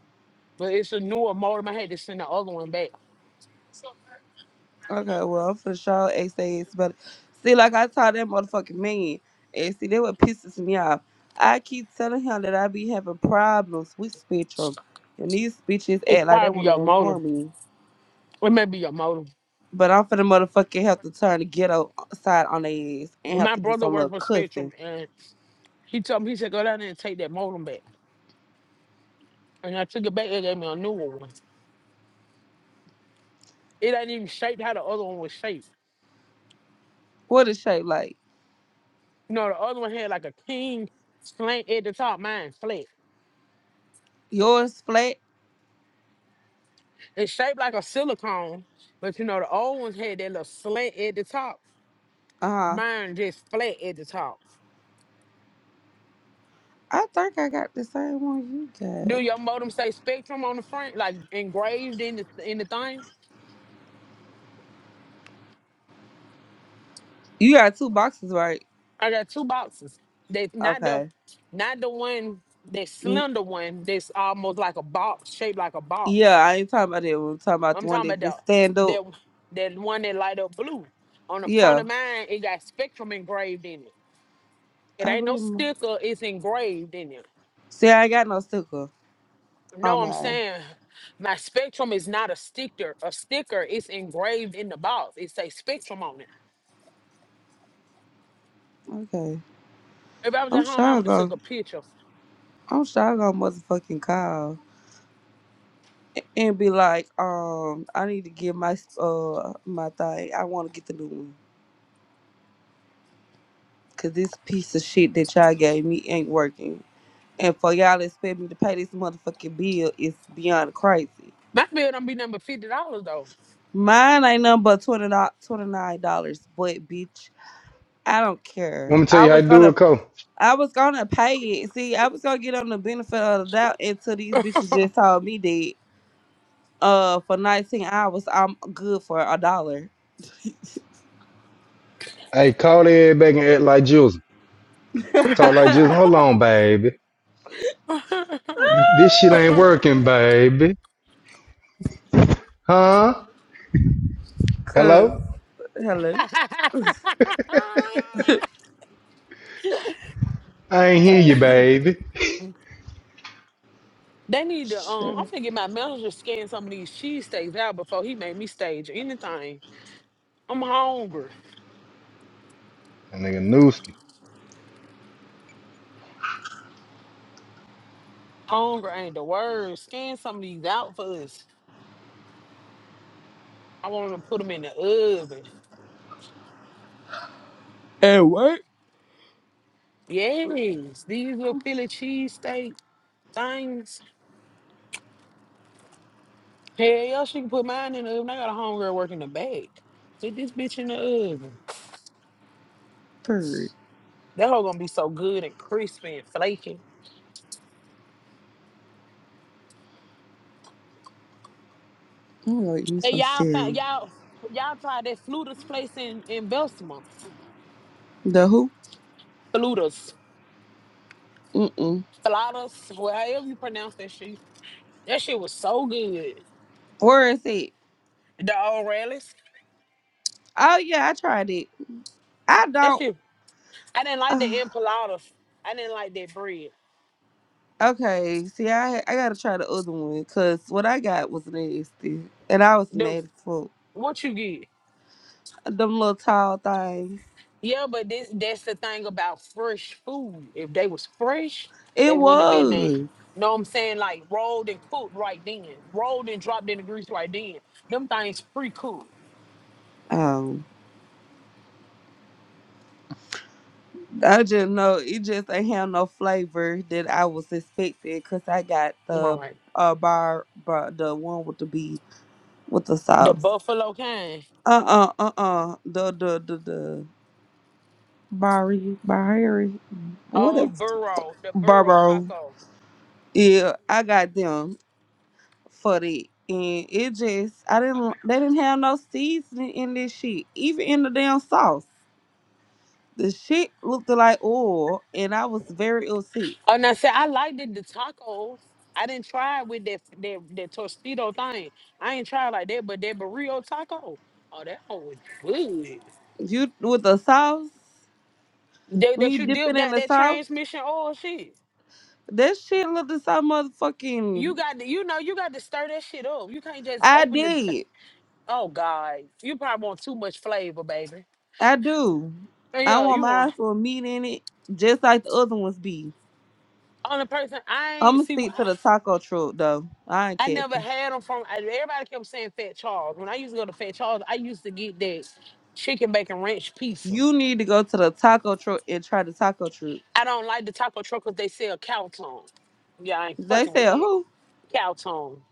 Speaker 9: But it's a newer motor. I had to send the other one back.
Speaker 13: Okay, well, I'm for sure X say it's better. See, like I told that motherfucking man, and see, that what pisses me off. I keep telling him that I be having problems with spectrum, and these bitches
Speaker 9: It's
Speaker 13: act like they
Speaker 9: probably
Speaker 13: want
Speaker 9: your
Speaker 13: to
Speaker 9: motor.
Speaker 13: ignore me.
Speaker 9: It may be your motor.
Speaker 13: But I'm for the motherfucking have to turn the ghetto side on their ass and have
Speaker 9: My
Speaker 13: to do
Speaker 9: brother
Speaker 13: some
Speaker 9: worked
Speaker 13: little
Speaker 9: for Spectrum
Speaker 13: cussing.
Speaker 9: and he told me, he said, go down there and take that modem back. And I took it back, they gave me a newer one. It ain't even shaped how the other one was shaped.
Speaker 13: What is shape like?
Speaker 9: You know, the other one had like a king slant at the top, mine flat.
Speaker 13: Yours flat?
Speaker 9: It's shaped like a silicone, but you know the old ones had that little slant at the top.
Speaker 13: Uh huh.
Speaker 9: Mine just flat at the top.
Speaker 13: I think I got the same one you got.
Speaker 9: Do your modem say Spectrum on the front, like engraved in the in the thing?
Speaker 13: You got two boxes, right?
Speaker 9: I got two boxes. That not the
Speaker 13: Okay.
Speaker 9: not the one that
Speaker 13: N-
Speaker 9: slender one that's almost like a box, shaped like a
Speaker 13: Yeah,
Speaker 9: box.
Speaker 13: I ain't talking about that. We're talking about the
Speaker 9: I'm
Speaker 13: one
Speaker 9: talking
Speaker 13: that just
Speaker 9: about
Speaker 13: stand
Speaker 9: the
Speaker 13: up.
Speaker 9: that that one that light up blue. On the front
Speaker 13: Yeah,
Speaker 9: of mine, it got Spectrum engraved in it. It
Speaker 13: I
Speaker 9: ain't no
Speaker 13: believe him.
Speaker 9: sticker. It's engraved in it.
Speaker 13: See, I ain't got no sticker on
Speaker 9: No, I'm
Speaker 13: mine.
Speaker 9: saying my spectrum is not a sticker. A sticker is engraved in the box. It say spectrum on it.
Speaker 13: Okay.
Speaker 9: If I was at
Speaker 13: I'm sure
Speaker 9: home, I
Speaker 13: I
Speaker 9: would have took
Speaker 13: go.
Speaker 9: a picture.
Speaker 13: I'm sure I go motherfucking call a- and be like, um, I need to get my uh my thing. I want to get the new one because this piece of shit that y'all gave me ain't working. And for y'all to expect me to pay this motherfucking bill is beyond crazy.
Speaker 9: My bill don't be number fifty dollars though.
Speaker 13: Mine ain't nothing but twenty nine dollars, but bitch, I don't
Speaker 3: Let
Speaker 13: care.
Speaker 3: me tell
Speaker 13: I
Speaker 3: you how
Speaker 13: was
Speaker 3: to do it,
Speaker 13: gonna
Speaker 3: Cole.
Speaker 13: I was gonna pay it. See, I was gonna get on the benefit of the doubt until these bitches just told me that uh for nineteen hours I'm good for a dollar.
Speaker 3: Hey, call everybody and act like Jules.
Speaker 9: *laughs*
Speaker 3: Talk like
Speaker 13: *laughs*
Speaker 3: just hold on, baby. This shit ain't working, baby. Huh?
Speaker 13: Cause
Speaker 3: Hello?
Speaker 13: hello.
Speaker 3: I ain't hear you, baby.
Speaker 9: they need to. Um, I'm
Speaker 13: Sure.
Speaker 9: going get my manager to scan some of these cheese steaks out before he made me stage anything. I'm hungry.
Speaker 3: That nigga Nooski.
Speaker 9: Hunger ain't the word. Scan some of these out for us. I want to put them in the oven.
Speaker 13: And what?
Speaker 9: Yes, these little Philly cheesesteak things. Hell yeah, she can put mine in the oven. I got a homegirl working the back. Put this bitch in the oven.
Speaker 13: Third.
Speaker 9: That hoe gonna be so good and crispy and flaky.
Speaker 13: I'm gonna eat me
Speaker 9: Hey,
Speaker 13: some
Speaker 9: y'all found
Speaker 13: cereal.
Speaker 9: y'all y'all tried that flutters place in in Bessemer.
Speaker 13: The who?
Speaker 9: Flutters,
Speaker 13: Mm mm.
Speaker 9: Flatus, well, however you pronounce that shit. That shit was so good.
Speaker 13: Where is it?
Speaker 9: The old rallies.
Speaker 13: Oh yeah, I tried it. I
Speaker 9: That
Speaker 13: don't.
Speaker 9: shit. I didn't like the
Speaker 13: *sighs*
Speaker 9: empanadas. I didn't like that bread.
Speaker 13: Okay, see, I I gotta try the other one because what I got was nasty, and I was
Speaker 9: The
Speaker 13: mad as fuck.
Speaker 9: what you get?
Speaker 13: Them little tall things.
Speaker 9: Yeah, but this that's the thing about fresh food. If they was fresh, they
Speaker 13: It
Speaker 9: wouldn't have been that.
Speaker 13: was.
Speaker 9: Know what I'm saying? Like rolled and cooked right then. Rolled and dropped in the grease right then. Them things pre-cooked.
Speaker 13: Um, I just know it just ain't have no flavor that I was expecting because I got
Speaker 9: Am I
Speaker 13: the
Speaker 9: right?
Speaker 13: uh bar, bar the one with the B with the
Speaker 9: The
Speaker 13: sauce.
Speaker 9: buffalo kind.
Speaker 13: Uh uh uh uh the the the the Barry Barry
Speaker 9: Oh,
Speaker 13: whatever
Speaker 9: burro, the burro
Speaker 13: Barbaro.
Speaker 9: taco.
Speaker 13: Yeah, I got them. for that. And it just I didn't they didn't have no seasoning in this shit. Even in the damn sauce. The shit looked like oil and I was very upset.
Speaker 9: Oh, now say I liked it, the tacos. I didn't try it with that that that tostito thing. I ain't tried like that, but that burrito taco. Oh, that whole was good.
Speaker 13: You with the sauce,
Speaker 9: That,
Speaker 13: when
Speaker 9: that
Speaker 13: you
Speaker 9: you
Speaker 13: dip
Speaker 9: dip
Speaker 13: it in
Speaker 9: that
Speaker 13: the
Speaker 9: that
Speaker 13: sauce,
Speaker 9: transmission oil shit.
Speaker 13: that shit looked the same
Speaker 9: You
Speaker 13: motherfucking
Speaker 9: got to, you know, you got to stir that shit up. You can't just
Speaker 13: I
Speaker 9: open the. T-
Speaker 13: did.
Speaker 9: oh God, you probably want too much flavor, baby.
Speaker 13: I do.
Speaker 9: And
Speaker 13: I
Speaker 9: yeah,
Speaker 13: want
Speaker 9: you
Speaker 13: my
Speaker 9: want
Speaker 13: eyes with meat in it, just like the other ones be.
Speaker 9: only person I ain't
Speaker 13: I'ma
Speaker 9: see. when
Speaker 13: stick to
Speaker 9: I,
Speaker 13: the taco truck though. I ain't
Speaker 9: I never
Speaker 13: capping.
Speaker 9: had them from. I- Everybody kept saying Fat Charles. When I used to go to Fat Charles, I used to get that chicken bacon ranch pizza.
Speaker 13: You need to go to the taco truck and try the taco truck.
Speaker 9: I don't like the taco truck 'cause they sell cow tongue. Yeah, I ain't
Speaker 13: They
Speaker 9: fucking with
Speaker 13: said
Speaker 9: that
Speaker 13: who?
Speaker 9: cow tongue.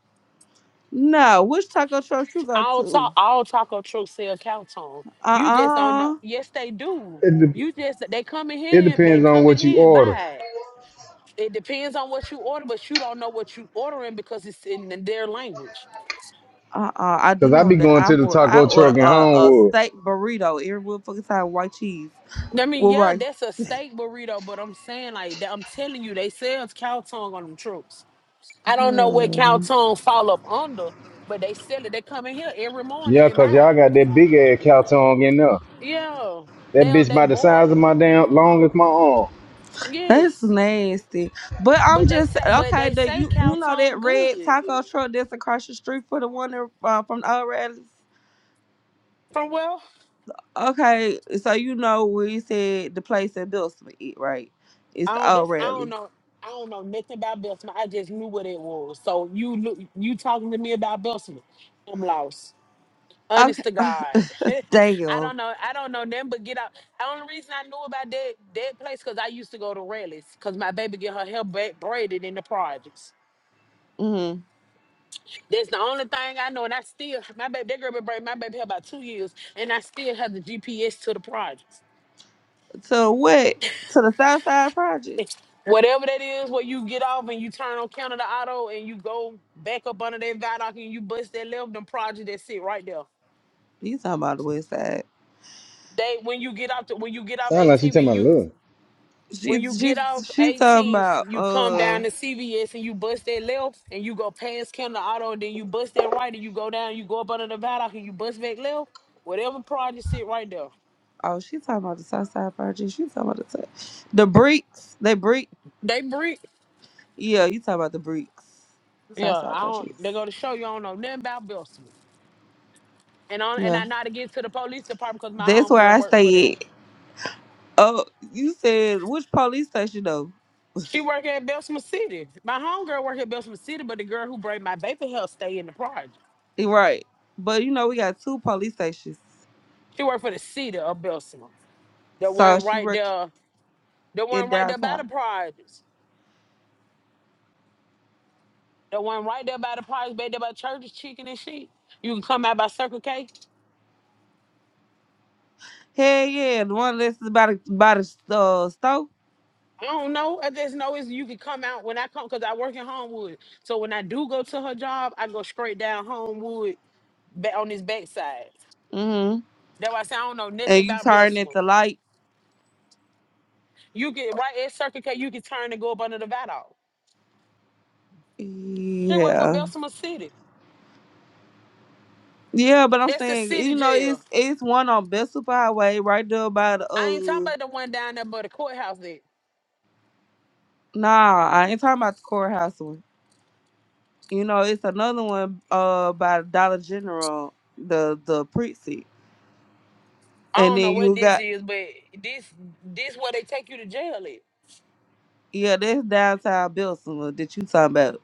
Speaker 13: No, which taco truck you go
Speaker 9: All talk,
Speaker 13: to?
Speaker 9: all taco trucks sell cow tongue. You just don't know.
Speaker 13: Uh-uh.
Speaker 9: Yes, they do.
Speaker 3: It,
Speaker 9: You
Speaker 3: de-
Speaker 9: just they come in
Speaker 3: it
Speaker 9: here, and- they
Speaker 3: depends on
Speaker 9: come in
Speaker 3: what you
Speaker 9: here and
Speaker 3: order.
Speaker 9: buy it. It depends on what you order, but you don't know what you ordering because it's in their language.
Speaker 13: Uh-uh. I do
Speaker 3: Cause I
Speaker 13: know
Speaker 3: be
Speaker 13: that
Speaker 3: going to
Speaker 13: I'm
Speaker 3: the
Speaker 13: order. I
Speaker 3: taco
Speaker 13: order
Speaker 3: truck in
Speaker 13: a, a
Speaker 3: Homewood.
Speaker 13: steak burrito every motherfucking time, white cheese
Speaker 9: I mean,
Speaker 13: with
Speaker 9: yeah,
Speaker 13: rice.
Speaker 9: that's a steak burrito, but I'm saying like that. I'm telling you, they sell cow tongue on them trucks. I don't know what cow
Speaker 13: Hmm.
Speaker 9: tongue fall up under, but they sell it. They come in here every morning
Speaker 3: Yeah,
Speaker 9: and
Speaker 3: cause y'all
Speaker 9: buy it.
Speaker 3: got that big ass cow tongue in there.
Speaker 9: Yeah,
Speaker 3: That
Speaker 9: they
Speaker 3: bitch
Speaker 9: they
Speaker 3: by the size
Speaker 9: boil
Speaker 3: of
Speaker 9: it.
Speaker 3: my damn long as my arm.
Speaker 13: That's
Speaker 9: Yes.
Speaker 13: nasty. But I'm
Speaker 9: But they
Speaker 13: just
Speaker 9: say, but
Speaker 13: okay.
Speaker 9: they
Speaker 13: That
Speaker 9: say
Speaker 13: you you know that
Speaker 9: Calton
Speaker 13: red
Speaker 9: good.
Speaker 13: taco truck that's across the street for the one that, uh, from the old rallies.
Speaker 9: From well,
Speaker 13: Okay, so you know where you said the place in Billsman, right? It's
Speaker 9: I
Speaker 13: the
Speaker 9: don't.
Speaker 13: old
Speaker 9: That's I don't
Speaker 13: rallies.
Speaker 9: know. I don't know nothing about Belsman. I just knew what it was. So you look, you talking to me about Belsman? I'm lost. Honest
Speaker 13: Okay,
Speaker 9: to
Speaker 13: *laughs*
Speaker 9: God, *laughs* I
Speaker 13: damn.
Speaker 9: don't know. I don't know nothing but get out. The only reason I knew about that that place because I used to go to rallies because my baby get her hair ba- braided in the projects.
Speaker 13: Mm-hmm.
Speaker 9: That's the only thing I know, and I still my baby that girl been braiding my baby hair about two years, and I still have the GPS to the projects.
Speaker 13: To what? To the South Side Project.
Speaker 9: Whatever that is where you get off and you turn on Canada Auto and you go back up under that viaduct and you bust that left, them project that sit right there.
Speaker 13: You talking about the West Side?
Speaker 9: They when you get off the, when you get off
Speaker 3: Sound like she
Speaker 9: 18th
Speaker 3: tell my
Speaker 9: and you
Speaker 3: look.
Speaker 9: when
Speaker 13: She
Speaker 9: you
Speaker 13: she
Speaker 9: get off
Speaker 13: she talking
Speaker 9: 18th,
Speaker 13: about
Speaker 9: you come
Speaker 13: uh
Speaker 9: down to CVS and you bust that left and you go past Canada Auto and then you bust that right and you go down, you go up under the viaduct and you bust back left. Whatever project sit right there.
Speaker 13: oh she talking about the South Side Project. She talking about the t- the bricks. They brick.
Speaker 9: They brick.
Speaker 13: Yeah, you talking about the bricks. South
Speaker 9: Yeah,
Speaker 13: Side
Speaker 9: I don't.
Speaker 13: Projects.
Speaker 9: They go to show you I don't know nothing about Belsville. And on and
Speaker 13: Yeah,
Speaker 9: I know how to get to the police department because my
Speaker 13: that's where
Speaker 9: homegirl
Speaker 13: I
Speaker 9: worked for them.
Speaker 13: stay at. Oh, you said which police station though?
Speaker 9: She work at Bessemer City. My homegirl work at Bessemer City, but the girl who bring my baby help stay in the project.
Speaker 13: Eh, Right, but you know we got two police stations.
Speaker 9: She work for the city of Bessemer. The
Speaker 13: So
Speaker 9: one
Speaker 13: she
Speaker 9: right
Speaker 13: work
Speaker 9: there, the
Speaker 13: in
Speaker 9: one right there by the
Speaker 13: downtown.
Speaker 9: projects. The one right there by the projects, baby, there by churches, chicken and sheep. You can come out by Circle K.
Speaker 13: Hell yeah, the one that's about by the by the, uh,
Speaker 9: I don't know. I just know is you can come out when I come because I work in Homewood. So when I do go to her job, I go straight down Homewood back on this backside.
Speaker 13: store.
Speaker 9: That's why I say I don't know nothing
Speaker 13: and you
Speaker 9: about
Speaker 13: turn
Speaker 9: Bessemer.
Speaker 13: at the light.
Speaker 9: You get right at Circle K, you can turn and go up under the Vidoc. She worked for
Speaker 13: Yeah.
Speaker 9: Bessemer City.
Speaker 13: Yeah, but I'm
Speaker 9: That's the
Speaker 13: saying,
Speaker 9: city
Speaker 13: you know,
Speaker 9: jail.
Speaker 13: it's it's one on Bessel Highway right there by the
Speaker 9: I ain't talking
Speaker 13: uh
Speaker 9: about the one down there by the courthouse there.
Speaker 13: nah, I ain't talking about the courthouse one. You know, it's another one uh by Dollar General, the the precinct.
Speaker 9: I
Speaker 13: And
Speaker 9: don't know
Speaker 13: then
Speaker 9: what
Speaker 13: you
Speaker 9: this
Speaker 13: got
Speaker 9: is, but this this where they take you to jail at.
Speaker 13: yeah, that's downtown Belsima that you talking about.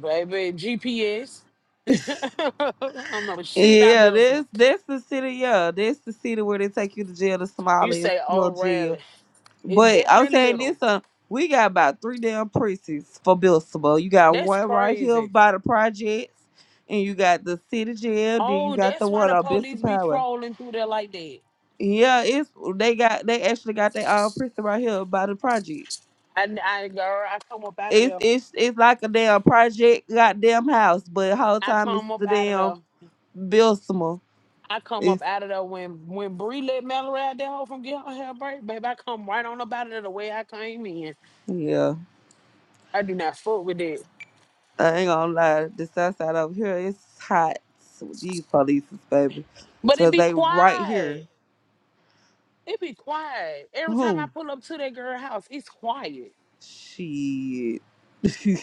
Speaker 9: Baby, GPS. *laughs* I don't know *laughs* shit about
Speaker 13: Yeah,
Speaker 9: Bessemer.
Speaker 13: this that's the city, yeah. That's the city where they take you to jail, the
Speaker 9: You
Speaker 13: smallest
Speaker 9: say, oh
Speaker 13: little jail.
Speaker 9: Raleigh. It's
Speaker 13: But I'm
Speaker 9: definitely
Speaker 13: saying this,
Speaker 9: little.
Speaker 13: uh, we got about three damn precincts for Bilsabo. You got
Speaker 9: That's
Speaker 13: one right here
Speaker 9: crazy.
Speaker 13: by the projects, and you got the city jail. Then you
Speaker 9: Oh,
Speaker 13: got the
Speaker 9: that's why
Speaker 13: one
Speaker 9: the
Speaker 13: on Bissell
Speaker 9: police be
Speaker 13: Power.
Speaker 9: trolling through there like that.
Speaker 13: Yeah, it's they got they actually got their own precinct right here by the projects.
Speaker 9: I, I girl, I come up out of
Speaker 13: It's
Speaker 9: there.
Speaker 13: it's it's like a damn project goddamn house, but the whole
Speaker 9: I
Speaker 13: time it's
Speaker 9: come up
Speaker 13: the
Speaker 9: out of
Speaker 13: damn
Speaker 9: there.
Speaker 13: Bilsamo.
Speaker 9: I come up
Speaker 13: It's
Speaker 9: out of there when when Bree let Mallory out that hole from getting her hair break, baby. I come right on up out of there the way I came in.
Speaker 13: yeah.
Speaker 9: I do not fuck with that.
Speaker 13: I ain't gonna lie, the south side over here it's hot with these police, baby.
Speaker 9: But it
Speaker 13: Cause
Speaker 9: be
Speaker 13: they right here.
Speaker 9: quiet. It be quiet. Every time I
Speaker 13: Who?
Speaker 9: pull up to that girl house, it's quiet.
Speaker 13: Shit. *laughs*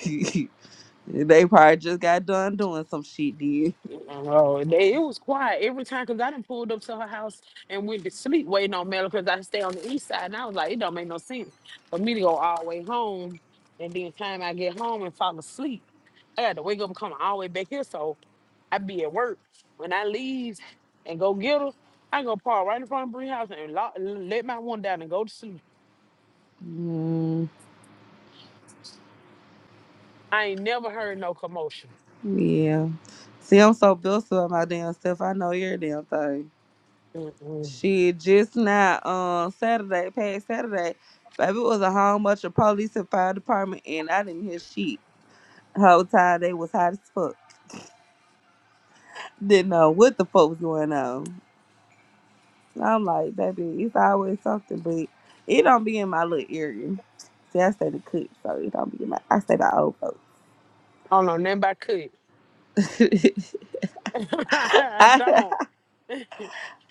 Speaker 13: they probably just got done doing some shit, did.
Speaker 9: Oh, they- it was quiet every time because I done pulled up to her house and went to sleep waiting on Mallory because I stay on the east side and I was like, it don't make no sense for me to go all the way home and then time I get home and fall asleep. I had to wake up and come all the way back here. So I be at work. When I leave and go get her, I go park right in front of Bree House and lock, let my one down and go to sleep.
Speaker 13: Mm,
Speaker 9: I ain't never heard no commotion.
Speaker 13: yeah. See, I'm so built up my damn stuff. I know your damn thing.
Speaker 9: Mm-mm.
Speaker 13: Shit, just now, um, Saturday, past Saturday, baby, it was a whole bunch of police and fire department, and I didn't hear shit. Whole time they was hot as fuck. Didn't know what the fuck was going on. I'm like, baby, it's always something, but it don't be in my little area. See, I stay to cook, so it don't be in my. I stay by old
Speaker 9: I don't know nothing about cook.
Speaker 13: folks.
Speaker 9: *laughs*
Speaker 13: *laughs*
Speaker 9: I
Speaker 13: I-
Speaker 9: don't.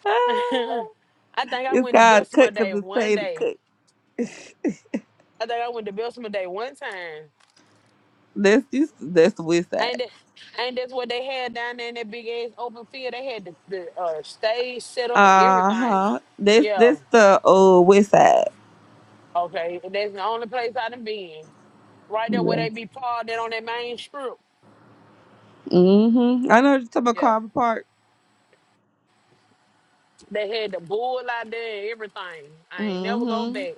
Speaker 13: *laughs*
Speaker 9: *laughs* I think I
Speaker 13: it's
Speaker 9: went to
Speaker 13: called
Speaker 9: Bessemer
Speaker 13: cook
Speaker 9: Day
Speaker 13: because it's
Speaker 9: one
Speaker 13: stay to
Speaker 9: day.
Speaker 13: cook. *laughs*
Speaker 9: I think I went to Bessemer Day one time.
Speaker 13: that's this. That's the west
Speaker 9: Ain't
Speaker 13: side.
Speaker 9: that, ain't that's what they had down there in that big ass open field? They had the, the uh, stage set up and
Speaker 13: Uh
Speaker 9: everything.
Speaker 13: huh. That's
Speaker 9: Yeah.
Speaker 13: that's the uh west side.
Speaker 9: Okay. That's the only place I done been. right there where
Speaker 13: Yeah.
Speaker 9: they be parked at on that main strip.
Speaker 13: Mhm. I know you're talking about
Speaker 9: Yeah,
Speaker 13: Carver Park.
Speaker 9: they had the bull out there and everything. I ain't never go
Speaker 13: Mhm.
Speaker 9: back.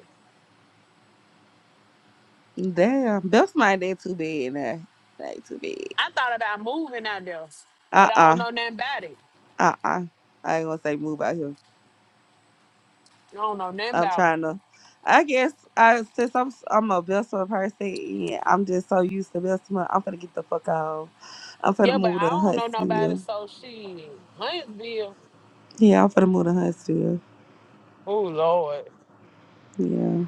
Speaker 13: Damn, that's my day too bad. Nah, that ain't too
Speaker 9: I
Speaker 13: bad.
Speaker 9: thought about moving out there, but
Speaker 13: Uh
Speaker 9: I don't know
Speaker 13: uh-uh,
Speaker 9: nothing about it.
Speaker 13: uh. I ain't gonna say move out here.
Speaker 9: I don't know nothing
Speaker 13: I'm
Speaker 9: about them.
Speaker 13: trying to. I guess I since I'm s- I'm a Bessemer person and I'm just so used to Bessemer, I'm gonna get the fuck out. I'm gonna
Speaker 9: Yeah, but
Speaker 13: move
Speaker 9: I
Speaker 13: to
Speaker 9: don't know nobody,
Speaker 13: Huntsville.
Speaker 9: so shit. Huntsville.
Speaker 13: Yeah, I'm gonna move to Huntsville.
Speaker 9: Oh Lord.
Speaker 13: Yeah,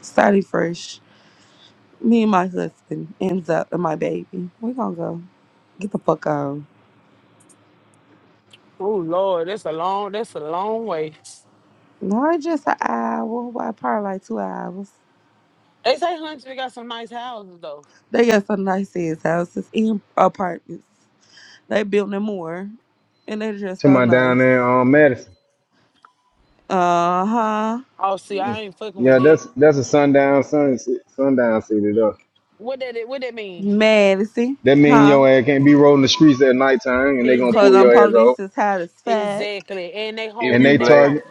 Speaker 13: starting fresh. Me and my husband ends up and my baby. We gonna go get the fuck out.
Speaker 9: Oh Lord, that's a long that's a long way.
Speaker 13: Not just an hour, why probably like two hours.
Speaker 9: They say Huntsville got some nice houses though.
Speaker 13: They got some nice ass houses and apartments. They built them more, and they're just
Speaker 3: To
Speaker 13: so
Speaker 3: my down
Speaker 13: nice.
Speaker 3: there on Madison.
Speaker 13: Uh huh.
Speaker 9: Oh see, I ain't fucking with
Speaker 3: Yeah,
Speaker 9: that.
Speaker 3: that's that's a sundown sun sundown city though.
Speaker 9: What that what that mean?
Speaker 13: Mad at see,
Speaker 3: That mean
Speaker 13: huh?
Speaker 3: your ass can't be rolling the streets at nighttime and they gonna
Speaker 13: Cause
Speaker 3: pull
Speaker 13: um,
Speaker 3: your
Speaker 9: Exactly.
Speaker 3: ass over.
Speaker 13: police is hot as fuck.
Speaker 9: Exactly. And they
Speaker 15: If
Speaker 9: whole
Speaker 3: and
Speaker 9: you
Speaker 15: you
Speaker 3: they
Speaker 9: they
Speaker 15: black,
Speaker 9: whole
Speaker 3: target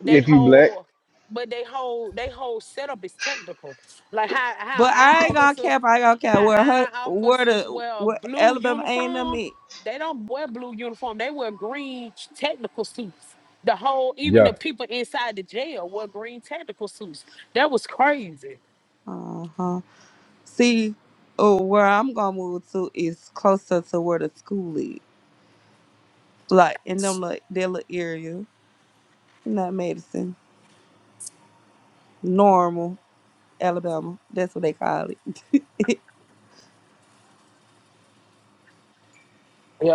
Speaker 9: they
Speaker 3: if you black.
Speaker 9: whole but they whole they whole setup is technical. Like how how
Speaker 13: But I
Speaker 9: our
Speaker 13: ain't gonna
Speaker 9: officers
Speaker 13: cap. I ain't gonna cap where her,
Speaker 9: how our
Speaker 13: where
Speaker 9: officers
Speaker 13: the,
Speaker 9: wear a
Speaker 13: where
Speaker 9: blue
Speaker 13: Alabama ain't them
Speaker 9: uniform.
Speaker 13: at.
Speaker 9: They don't wear blue uniform. They wear green technical suits. The whole even the
Speaker 3: Yeah,
Speaker 9: people inside the jail wear green technical suits. That was crazy.
Speaker 13: Uh huh. See, oh, where I'm gonna move to is closer to where the school is. Like in them like their little area, not Madison, normal Alabama. That's what they call it.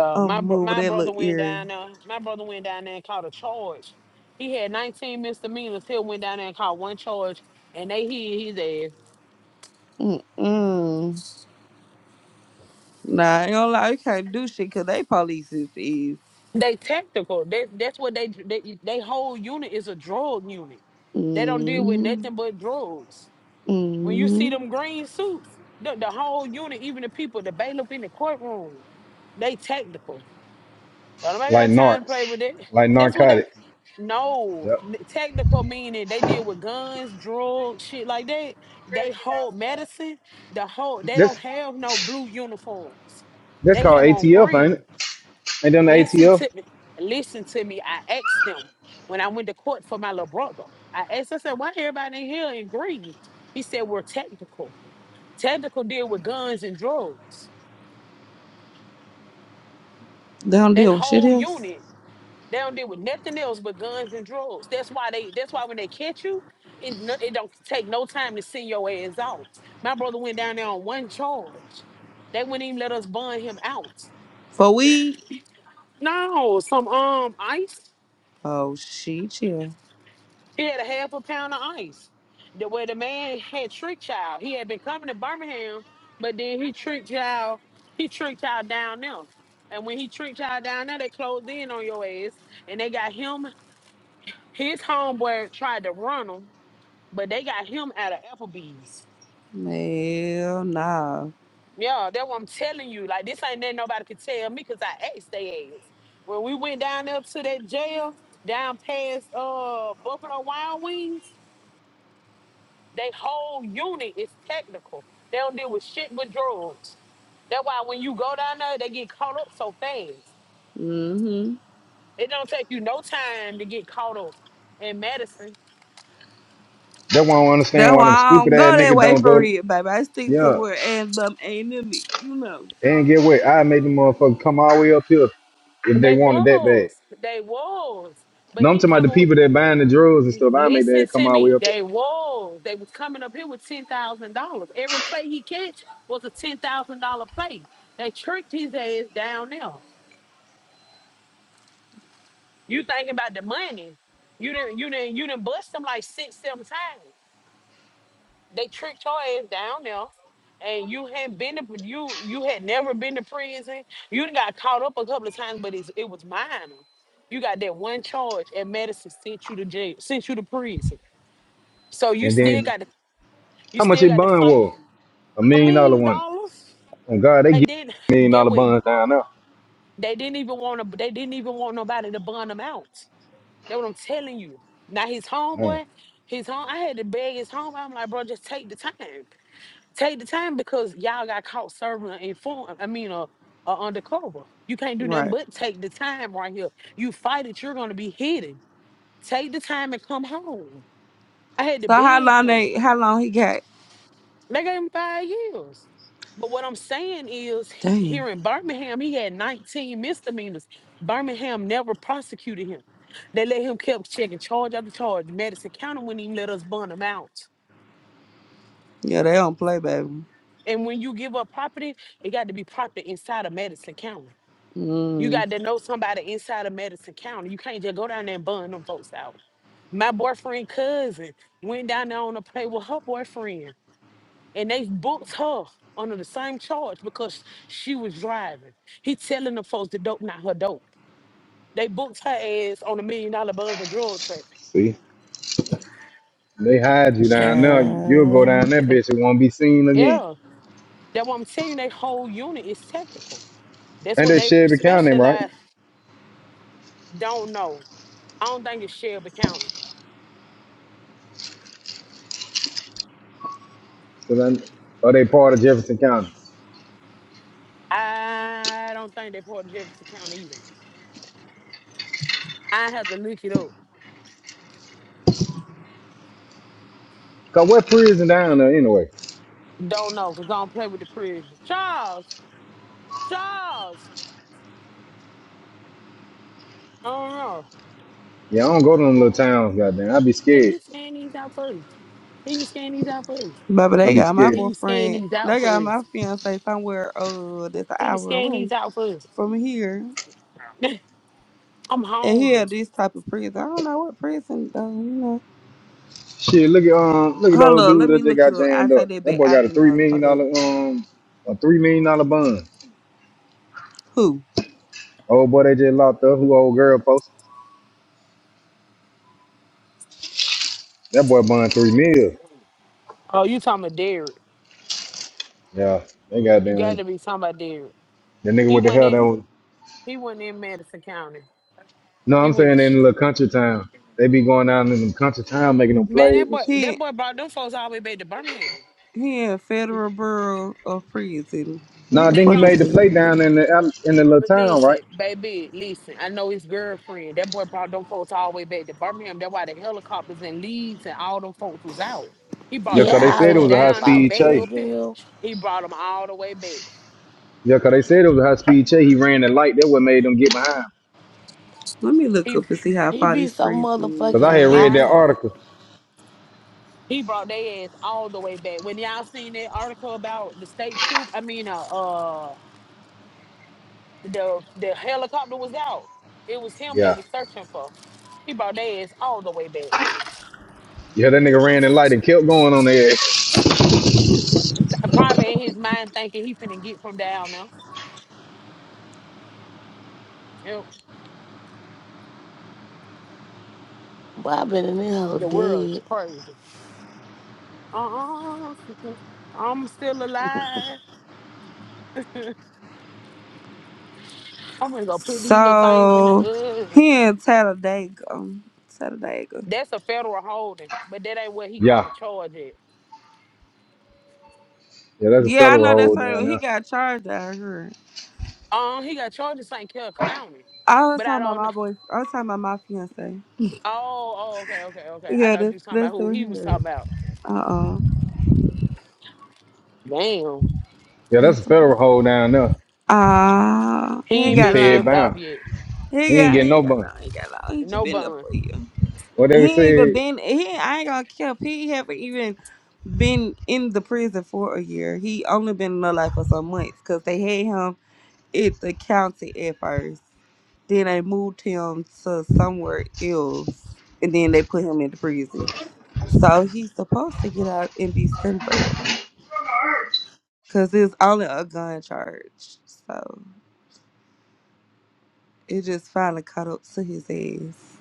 Speaker 13: *laughs* I'm
Speaker 9: my bro-
Speaker 13: moving
Speaker 9: my
Speaker 13: that
Speaker 9: brother
Speaker 13: little
Speaker 9: went
Speaker 13: area.
Speaker 9: down there. My brother went down there and caught a charge. He had 19 misdemeanors. He went down there and caught one charge, and they hid his ass.
Speaker 13: Mm-mm. Nah, I ain't gonna lie, you can't do shit 'cause they police is is.
Speaker 9: They tactical. That that's what they they they whole unit is a drug unit. They don't deal with
Speaker 13: Mm,
Speaker 9: nothing but drugs. When you see
Speaker 13: mm.
Speaker 9: them green suits, the, the whole unit, even the people, the bailiff in the courtroom, they tactical. Don't nobody
Speaker 3: like
Speaker 9: got time to
Speaker 3: narcs,
Speaker 9: play with that.
Speaker 3: like
Speaker 9: That's what that.
Speaker 3: narcotics.
Speaker 9: No,
Speaker 3: Yep.
Speaker 9: n- technical meaning they deal with guns, drugs, shit like that. They hold medicine. The whole they don't
Speaker 3: That's
Speaker 9: have no blue uniforms.
Speaker 3: that's
Speaker 9: They
Speaker 3: called
Speaker 9: have on
Speaker 3: ATF, ain't
Speaker 9: green.
Speaker 3: it? Ain't them the
Speaker 9: Listen
Speaker 3: ATF?
Speaker 9: to me. Listen to me. I asked them when I went to court for my little brother. I asked. I said, "Why everybody in here in green?" He said, "We're technical. Technical deal with guns and drugs.
Speaker 13: They don't
Speaker 9: They
Speaker 13: deal with shit
Speaker 9: whole
Speaker 13: else.
Speaker 9: unit They don't deal with nothing else but guns and drugs. That's why they. That's why when they catch you, it's no, it don't take no time to send your ass out. My brother went down there on one charge. They wouldn't even let us bond him out.
Speaker 13: For weed?
Speaker 9: No, some um ice.
Speaker 13: Oh, she chill.
Speaker 9: He had a half a pound of ice. The way the man had tricked child. He had been coming to Birmingham, but then he tricked child. He tricked child down there. And when he tricked you down there, they closed in on your ass. And they got him, his homeboy tried to run him. But they got him out of Applebee's.
Speaker 13: Hell nah.
Speaker 9: Yeah, that's what I'm telling you. Like this ain't that nobody could tell me because I asked they ass. When we went down there to that jail, down past uh Buffalo Wild Wings, they whole unit is technical. They don't deal with shit but drugs. That's why when you go down there, they get caught up so fast.
Speaker 13: Mm-hmm.
Speaker 9: It don't take you no time to get caught up in Madison.
Speaker 3: That one not understand
Speaker 13: That's
Speaker 3: why
Speaker 13: why
Speaker 3: them
Speaker 13: I
Speaker 3: stupid
Speaker 13: don't
Speaker 3: ass
Speaker 13: go that
Speaker 3: niggas
Speaker 13: way
Speaker 3: don't
Speaker 13: for
Speaker 3: go.
Speaker 13: real, baby. I stick to
Speaker 3: Yeah,
Speaker 13: where and them ain't in me, you know.
Speaker 3: and get what? I made them motherfuckers come all the way up here if they
Speaker 9: They
Speaker 3: wanted that bad.
Speaker 9: was, they was, but
Speaker 3: No, I'm
Speaker 9: he
Speaker 3: talking about the
Speaker 9: coming with
Speaker 3: people that buying the drugs and stuff. I made
Speaker 9: Listen
Speaker 3: that come
Speaker 9: to
Speaker 3: all the way
Speaker 9: me.
Speaker 3: up.
Speaker 9: They
Speaker 3: here.
Speaker 9: was. They was coming up here with ten thousand dollars. Every play he catch was a ten thousand dollar play. They tricked his ass down there. You thinking about the money? You didn't. You didn't. You didn't bust them like six, seven times. They tricked your ass down there, and you had been to you. You had never been to prison. You done got caught up a couple of times, but it's, it was minor. You got that one charge, and Madison sent you to jail. Sent you to prison. So you
Speaker 3: And
Speaker 9: still
Speaker 3: then
Speaker 9: got to you
Speaker 3: how much
Speaker 9: still
Speaker 3: it
Speaker 9: got to
Speaker 3: bond
Speaker 9: fight.
Speaker 3: was? A
Speaker 9: a
Speaker 3: million dollar
Speaker 9: million
Speaker 3: one.
Speaker 9: dollars.
Speaker 3: And God, they
Speaker 9: And
Speaker 3: get
Speaker 9: then *laughs*
Speaker 3: million
Speaker 9: get
Speaker 3: dollar
Speaker 9: what?
Speaker 3: bonds down there.
Speaker 9: They didn't even want to. They didn't even want nobody to bun him out. That's what I'm telling you. Now his
Speaker 3: Man,
Speaker 9: homeboy, his home. I had to beg his homeboy. I'm like, bro, just take the time. Take the time because y'all got caught serving an inform. I mean, a, a undercover. You can't do nothing
Speaker 13: Right.
Speaker 9: but take the time right here. You fight it, you're gonna be hidden. Take the time and come home. I had to
Speaker 13: So how
Speaker 9: beg
Speaker 13: long
Speaker 9: him.
Speaker 13: they how long he got?
Speaker 9: They gave him five years. But what I'm saying is, he,
Speaker 13: Damn.
Speaker 9: here in Birmingham, he had 19 misdemeanors. Birmingham never prosecuted him. They let him kept checking charge after charge. Madison County wouldn't even let us burn him out.
Speaker 13: Yeah, they don't play, baby.
Speaker 9: And when you give up property, it got to be property inside of Madison County. You
Speaker 13: Mm.
Speaker 9: got to know somebody inside of Madison County. You can't just go down there and burn them folks out. My boyfriend cousin went down there on a play with her boyfriend. and they booked her under the same charge because she was driving. He telling the folks the dope not her dope. They booked her ass on a million dollar bond for drug trafficking.
Speaker 3: see. They hide you down there. You'll go
Speaker 13: Child.
Speaker 3: down that bitch It won't be seen again.
Speaker 9: Yeah, that's what I'm telling you. They whole unit is technical. That's
Speaker 3: And
Speaker 9: what
Speaker 3: they
Speaker 9: they
Speaker 3: Shelby County, right?
Speaker 9: specialize. Don't know. I don't think it's Shelby County.
Speaker 3: Cause I, are they part of Jefferson County?
Speaker 9: I don't think they are part of Jefferson County either. I have to look it up.
Speaker 3: Cause what prison down there anyway?
Speaker 9: Don't know because I don't play with the prison. Charles, Charles, I don't know.
Speaker 3: Yeah, I don't go to them little towns, goddamn. I'd be
Speaker 9: Can
Speaker 3: scared.
Speaker 9: you scan these out for us? Can you scan these out for us?
Speaker 13: Baby,
Speaker 3: I'd
Speaker 13: they
Speaker 3: be
Speaker 13: got my
Speaker 3: scared.
Speaker 9: Can you scan
Speaker 13: boyfriend.
Speaker 9: these out
Speaker 13: They
Speaker 9: for
Speaker 13: got my
Speaker 9: us?
Speaker 13: fiance somewhere uh that's an
Speaker 9: Can you
Speaker 13: hour
Speaker 9: scan these
Speaker 13: away
Speaker 9: out for us?
Speaker 13: from here.
Speaker 9: I'm
Speaker 13: And here,
Speaker 9: hungry.
Speaker 13: this type of prison. I don't know what prison though. You know.
Speaker 3: Shit, look at um, look at the
Speaker 13: Hold
Speaker 3: old
Speaker 13: up,
Speaker 3: dude
Speaker 13: let me
Speaker 3: that just
Speaker 13: look it
Speaker 3: got
Speaker 13: up. I
Speaker 3: jammed
Speaker 13: say
Speaker 3: up.
Speaker 13: that
Speaker 3: That
Speaker 13: back.
Speaker 3: boy
Speaker 13: I
Speaker 3: got a
Speaker 13: do
Speaker 3: three
Speaker 13: know.
Speaker 3: million
Speaker 13: Hold up.
Speaker 3: dollar um, a three million dollar bond.
Speaker 13: Who?
Speaker 3: Old boy they just locked up. Who old girl posted? That boy bond three mil.
Speaker 9: Oh, you talking about Derek.
Speaker 3: Yeah, they
Speaker 9: You
Speaker 3: goddamn.
Speaker 9: gotta be talking about Derek.
Speaker 3: The nigga
Speaker 9: He
Speaker 3: with the
Speaker 9: went
Speaker 3: hell that
Speaker 9: in
Speaker 3: was.
Speaker 9: he went in Madison County.
Speaker 3: No,
Speaker 9: He
Speaker 3: I'm
Speaker 9: went to
Speaker 3: saying in
Speaker 9: sh-
Speaker 3: the little country town. They be going down in the country town making them
Speaker 9: man,
Speaker 3: plays
Speaker 9: that
Speaker 3: and
Speaker 9: boy
Speaker 3: shit.
Speaker 9: that
Speaker 13: He
Speaker 9: boy brought them folks all the way back to Birmingham.
Speaker 13: he in federal bureau of prison. Where
Speaker 3: Nah,
Speaker 13: the
Speaker 9: They
Speaker 3: then he
Speaker 13: fuck
Speaker 9: brought him
Speaker 3: made
Speaker 13: is
Speaker 3: the
Speaker 13: he?
Speaker 3: play down in the out- in the little
Speaker 9: but
Speaker 3: town, right?
Speaker 9: listen, baby, listen. I know his girlfriend. That boy brought them folks all the way back to Birmingham. That's why the helicopters and leaves and all them folks was out. He brought
Speaker 3: Yeah,
Speaker 9: them
Speaker 3: 'cause they
Speaker 9: folks
Speaker 4: Yeah,
Speaker 3: said it
Speaker 9: from
Speaker 3: was
Speaker 4: let
Speaker 3: a
Speaker 4: me
Speaker 3: high
Speaker 9: down there
Speaker 4: fall
Speaker 3: speed
Speaker 9: back
Speaker 3: chase.
Speaker 4: asleep
Speaker 9: up here.
Speaker 4: here.
Speaker 9: He brought them all the way back.
Speaker 3: Yeah, 'cause they said it was a high speed chase. He ran the light. That what made them get behind.
Speaker 13: Let me look
Speaker 9: He
Speaker 13: up and see how
Speaker 4: He
Speaker 13: far
Speaker 4: be
Speaker 13: this
Speaker 4: so
Speaker 3: 'Cause
Speaker 13: prison
Speaker 3: I had
Speaker 4: motherfucking
Speaker 3: read
Speaker 9: he
Speaker 3: that
Speaker 4: high.
Speaker 3: article.
Speaker 9: He brought their ass all the way back. When y'all seen that article about the state troop, I mean, uh, uh the the helicopter was out. It was him they
Speaker 3: Yeah.
Speaker 9: was searching for. He brought their ass all the way back.
Speaker 3: Yeah, that nigga ran the light and kept going on there.
Speaker 9: Probably in his mind thinking he finna get from down now. Yep.
Speaker 4: But I been in this hole
Speaker 9: The world's
Speaker 4: dead.
Speaker 9: crazy. Uh-uh. I'm still alive. I'm gonna
Speaker 13: is.
Speaker 9: go put these little things in the
Speaker 13: So
Speaker 9: oven.
Speaker 13: he in Talladega. Talladega.
Speaker 9: That's a federal holding, but that ain't what he caught
Speaker 3: Yeah.
Speaker 9: the charge at.
Speaker 3: Yeah, that's a
Speaker 13: Yeah, I
Speaker 3: federal
Speaker 13: know that's
Speaker 3: hold down
Speaker 13: where he
Speaker 3: there.
Speaker 13: got charged out here.
Speaker 9: Um, he got charged in St. Clair County,
Speaker 13: I was
Speaker 9: but I
Speaker 13: talking about
Speaker 9: don't know.
Speaker 13: my boy. I was talking about my fiance.
Speaker 9: Oh, oh, okay, okay, okay. I
Speaker 13: Yeah,
Speaker 9: thought you
Speaker 13: that's
Speaker 9: was talking about
Speaker 13: that's
Speaker 9: who
Speaker 13: the
Speaker 9: he was
Speaker 13: here.
Speaker 9: talking about.
Speaker 13: Uh uh
Speaker 9: Damn.
Speaker 3: Yeah, that's a
Speaker 13: That's all.
Speaker 3: federal hold down there.
Speaker 13: Ah,
Speaker 9: He
Speaker 13: he ain't
Speaker 9: ain't
Speaker 3: You
Speaker 13: got
Speaker 9: been
Speaker 3: fed
Speaker 13: long.
Speaker 9: shipped off
Speaker 3: bound.
Speaker 9: yet.
Speaker 3: He
Speaker 13: He
Speaker 3: ain't
Speaker 13: got,
Speaker 3: getting
Speaker 13: he
Speaker 3: no
Speaker 13: ain't got
Speaker 3: bun.
Speaker 13: long. He ain't got long. He just
Speaker 9: No
Speaker 13: been there
Speaker 9: bun.
Speaker 13: for you.
Speaker 3: What they
Speaker 13: He ain't even
Speaker 3: said,
Speaker 13: been. He, ain't- I ain't gonna cap. He haven't even been in the prison for a year. He only been in the life for some months because they had him at the county at first. Then they moved him to somewhere else, and then they put him in the prison. So he's supposed to get out in December because it's only a gun charge. So it just finally caught up to his ass.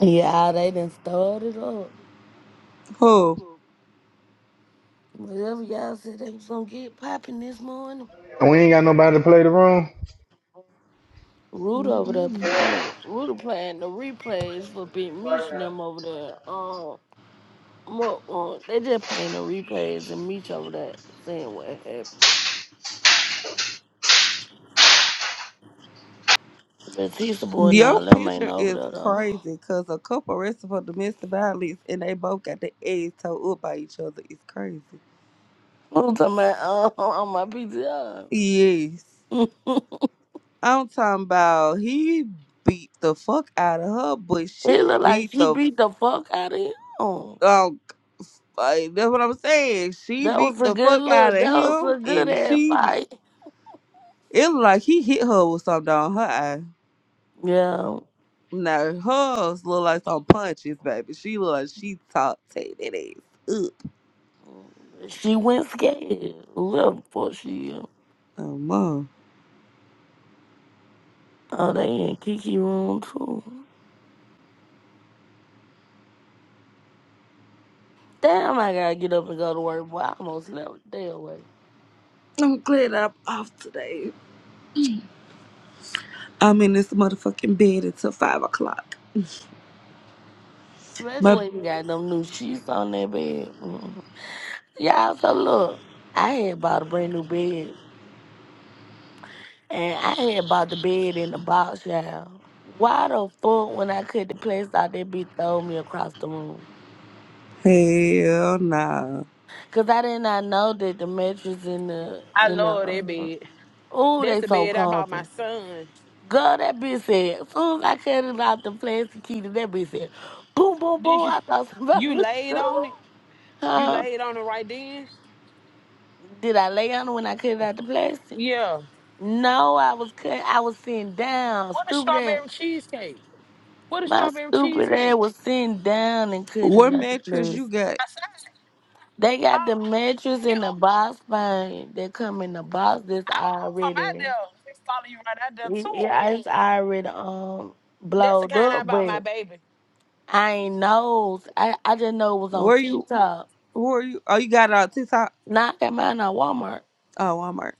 Speaker 4: Yeah, they done started up.
Speaker 13: Pooh,
Speaker 4: Whatever y'all said they was gonna get popping this morning.
Speaker 3: "Oh, we ain't got nobody to play the room.
Speaker 4: Root over there.
Speaker 13: Mm-mm.
Speaker 4: pl- I mean, Rude playing the replays for Big Meech and them over there. Um, mo- uh, they just playing the replays and Meech over there saying what happened. But he's the boy and
Speaker 13: your
Speaker 4: all them ain't
Speaker 13: picture
Speaker 4: over
Speaker 13: is
Speaker 4: there though. *laughs*
Speaker 13: crazy because a couple arrested for domestic violence and they both got the eggs towed up by each other. It's crazy.
Speaker 4: I'm talking about uh, *laughs* on my PTR.
Speaker 13: Yes.
Speaker 4: *laughs*
Speaker 13: I'm talking about he beat the fuck out of her, but
Speaker 4: it
Speaker 13: she
Speaker 4: look like
Speaker 13: beat
Speaker 4: she
Speaker 13: the
Speaker 4: beat the fuck out of him.
Speaker 13: um like that's what I'm saying. She
Speaker 4: That
Speaker 13: beat
Speaker 4: was a
Speaker 13: the
Speaker 4: good
Speaker 13: fuck out
Speaker 4: look.
Speaker 13: of
Speaker 4: That was
Speaker 13: him
Speaker 4: a good
Speaker 13: and
Speaker 4: ass
Speaker 13: she be,
Speaker 4: fight.
Speaker 13: it look like he hit her with something down her eye.
Speaker 4: Yeah.
Speaker 13: Now hers look like some punches, baby. She look like she talked take that ass. up.
Speaker 4: She went scared. Well, before she.
Speaker 13: Oh, mom.
Speaker 4: Oh, they in Kiki room too. Damn, I gotta get up and go to work, boy. I almost slept the day away.
Speaker 13: I'm glad I'm off today. I'm in this motherfucking bed until five o'clock.
Speaker 4: Especially
Speaker 13: My
Speaker 4: when you got them new sheets on that bed. Mm. Y'all, so look, I had bought a brand new bed. And I had bought the bed in the box, y'all. Why the fuck when I cut the place out, that bitch throw me across the room?
Speaker 13: hell nah.
Speaker 4: Cause I did not know that the mattress in the
Speaker 9: I
Speaker 4: in the
Speaker 9: love that
Speaker 4: uh,
Speaker 9: bed.
Speaker 4: ooh
Speaker 9: That's
Speaker 4: they
Speaker 9: the
Speaker 4: so
Speaker 9: bed I bought
Speaker 4: comfy.
Speaker 9: my son.
Speaker 4: Girl, that bitch said, as soon as I cut it off the plastic key, that bitch said, boom, boom,
Speaker 9: Did
Speaker 4: boom.
Speaker 9: you
Speaker 4: I thought *laughs* somebody
Speaker 9: you
Speaker 4: was
Speaker 9: laid
Speaker 4: shooting.
Speaker 9: on it? You
Speaker 4: Huh?
Speaker 9: laid on it right then?
Speaker 4: Did I lay on it when I cut it out the plastic?
Speaker 9: Yeah.
Speaker 4: No, I was cut. I was sitting down.
Speaker 9: What a
Speaker 4: Stupid ass.
Speaker 9: strawberry cheesecake. What a
Speaker 4: My
Speaker 9: strawberry
Speaker 4: stupid ass
Speaker 9: cheesecake.
Speaker 4: was sitting down and cut
Speaker 13: What
Speaker 4: it out the
Speaker 13: mattress
Speaker 4: plastic.
Speaker 13: you got?
Speaker 9: I said,
Speaker 4: They got the
Speaker 9: oh
Speaker 4: mattress
Speaker 9: damn.
Speaker 4: in the
Speaker 9: I
Speaker 4: box fine. They come in the box that's
Speaker 9: was gonna come out
Speaker 4: already
Speaker 9: there. Just follow you right out there
Speaker 4: It, it,
Speaker 9: too.
Speaker 4: it's already um
Speaker 9: That's the
Speaker 4: blowed
Speaker 9: kind I
Speaker 4: up,
Speaker 9: bought my
Speaker 4: but
Speaker 9: baby.
Speaker 4: I ain't knows. I, I just know it was on
Speaker 13: Where you?
Speaker 4: TikTok.
Speaker 13: Where you? Oh, you got it on TikTok?
Speaker 4: Not at mine at Walmart.
Speaker 13: Oh, Walmart.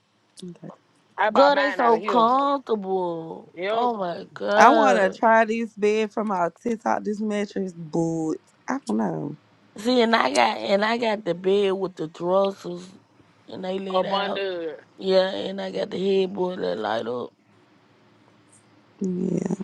Speaker 13: Okay.
Speaker 9: I bought
Speaker 4: Girl, they
Speaker 9: mine out of
Speaker 4: so
Speaker 9: here.
Speaker 4: comfortable.
Speaker 9: Yep.
Speaker 4: Oh my
Speaker 13: I wanna
Speaker 4: god.
Speaker 13: try this bed from our TikTok. This mattress, but I don't know.
Speaker 4: See, and I got and I got the bed with the thrusters, and they laid
Speaker 9: Up
Speaker 4: out.
Speaker 9: under.
Speaker 4: Yeah, and I got the headboard that light up.
Speaker 13: Yeah,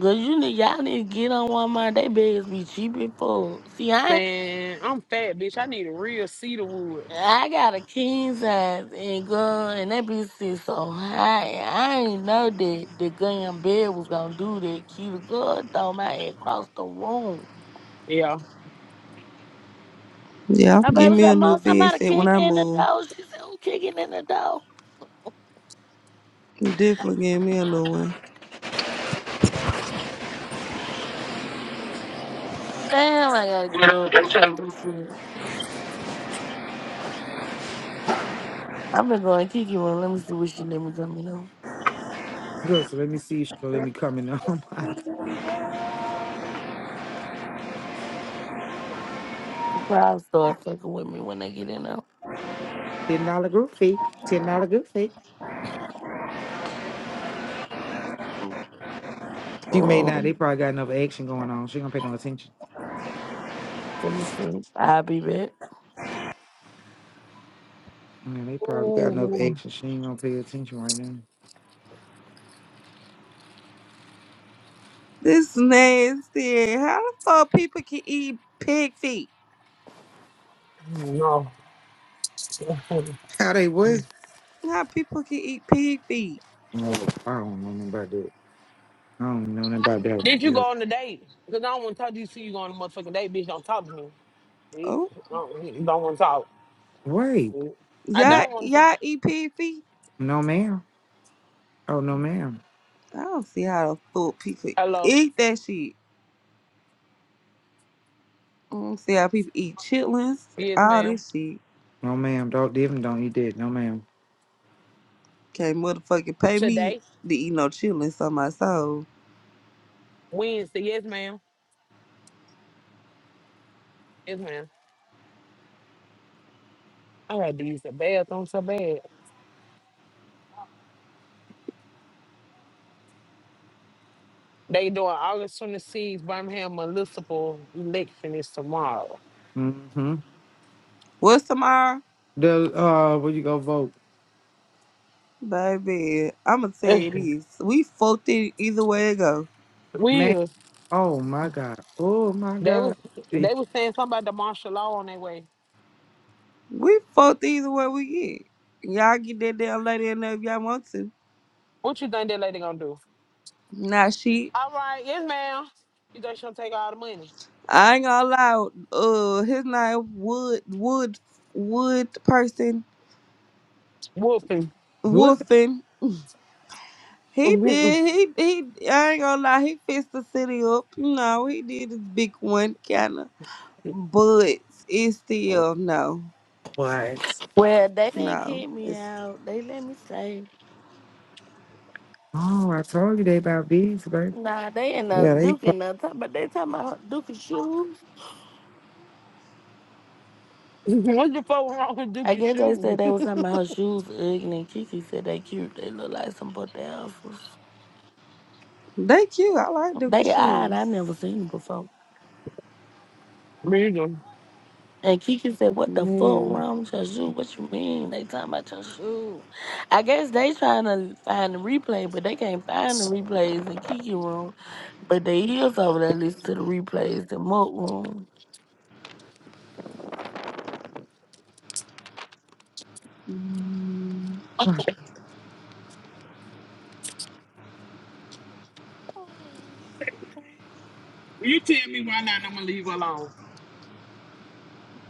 Speaker 4: Cause you need y'all need to get on Walmart. They beds be cheap as fuck. See, I
Speaker 9: Man, I'm fat, bitch. I need a real cedar wood.
Speaker 4: I got a king size and girl, and that bitch sit so high. I ain't know that the gun bed was gonna do that. Keita girl throw my head across the room.
Speaker 9: Yeah.
Speaker 13: yeah. I'm
Speaker 4: My baby
Speaker 13: getting me
Speaker 4: said,
Speaker 13: a
Speaker 4: "Mom,
Speaker 13: new bed
Speaker 4: somebody
Speaker 13: set when
Speaker 4: kicking
Speaker 13: I
Speaker 4: in the
Speaker 13: move.
Speaker 4: door." She said, "Who kicking in the door?"
Speaker 13: Definitely give me a new one.
Speaker 4: Damn, I gotta get up and say this shit. I've been going kick one. Let me see what she let me come in on.
Speaker 7: Good. So let me see. So let me come in on *laughs* my
Speaker 4: She probably start fucking with me when I get in on.
Speaker 7: ten dollar group fee. Ten dollar group fee. She may not. They
Speaker 4: Um,
Speaker 7: probably got enough action going on. She gonna pay no attention.
Speaker 4: let me see. I'll be back.
Speaker 7: Yeah, they probably got enough
Speaker 9: Ooh,
Speaker 7: action. She ain't gonna pay attention right now.
Speaker 13: This nasty. How the fuck people can eat pig feet?
Speaker 9: no.
Speaker 7: How they what?
Speaker 13: How people can eat pig feet?
Speaker 7: No, I don't know nothing about that. I don't know nothing about that. one.
Speaker 9: Did you
Speaker 7: Yeah.
Speaker 9: go on the date? Because I don't want to talk to you. See you go on a motherfucking date, bitch. Don't talk to me. Bitch.
Speaker 13: Oh,
Speaker 9: Don't, don't want to talk.
Speaker 7: Wait.
Speaker 9: bitch. I
Speaker 7: What?
Speaker 13: y'all,
Speaker 9: don't want to talk.
Speaker 13: y'all eat pig feet?
Speaker 7: No, ma'am. Oh, no, ma'am.
Speaker 13: I don't see how the fuck people
Speaker 9: Hello.
Speaker 13: eat that shit. I don't see how people eat chitlins,
Speaker 9: Yes,
Speaker 13: all
Speaker 9: ma'am.
Speaker 13: this shit.
Speaker 7: No, ma'am. Don't even don't eat that. No, ma'am.
Speaker 13: Can't motherfucking pay me
Speaker 9: Today,
Speaker 13: to eat no chitlins on my soul.
Speaker 9: Wednesday. Yes, ma'am. Yes, ma'am. I had to use the bathroom so bad. They doing August 26th, Birmingham municipal election is tomorrow.
Speaker 7: Mm-hmm.
Speaker 13: What's tomorrow?
Speaker 7: The uh, where you go vote,
Speaker 13: Baby, I'ma tell you
Speaker 9: *laughs*
Speaker 13: this. We fucked it either way it go.
Speaker 7: man?
Speaker 9: Will,
Speaker 7: Oh my God. Oh my
Speaker 9: they
Speaker 7: God.
Speaker 9: was
Speaker 7: *laughs* See,
Speaker 9: they was saying something about the martial law on their way.
Speaker 13: We fucked either way we get. Y'all get that damn lady in there if y'all want to.
Speaker 9: What you think that lady gonna do?
Speaker 13: Nah, shit.
Speaker 9: All right, yes, ma'am. You think she'll take all the money?
Speaker 13: I ain't gonna lie. Uh, his name Wood Wood Wood person
Speaker 9: Whooping.
Speaker 7: What?
Speaker 13: Wolfen.
Speaker 9: *laughs*
Speaker 13: He
Speaker 9: what
Speaker 13: did. He he. I ain't gonna lie. He fixed the city up. You know, he did his big one kind of, but it's still no,
Speaker 7: What?
Speaker 4: Well, they didn't
Speaker 13: no.
Speaker 4: kick me
Speaker 13: It's
Speaker 4: out. They let me stay.
Speaker 7: Oh, I told you they about bees, baby.
Speaker 4: Nah, they in the
Speaker 7: Yeah, they.
Speaker 4: Duke and the talk, but they talking about Duke's shoes.
Speaker 9: the fuck wrong with
Speaker 4: I
Speaker 9: Dookie
Speaker 4: guess they said
Speaker 9: shoes?
Speaker 4: they
Speaker 9: *laughs*
Speaker 4: was talking about her shoes. Ugg and Kiki said they cute. They look like some butt alphas.
Speaker 13: they cute. I like Duka
Speaker 4: They odd. I
Speaker 13: shoes.
Speaker 4: never seen them before.
Speaker 9: Nigga.
Speaker 4: And Kiki said, "What the fuck
Speaker 13: Yeah.
Speaker 4: wrong with your shoe? What you mean they talking about your shoe?" I guess they trying to find the replay, but they can't find the replays in Kiki room. But they is over there listen to the replays in Mook room.
Speaker 13: Mm,
Speaker 7: Huh.
Speaker 9: You tell me why not? I'm gonna leave her alone.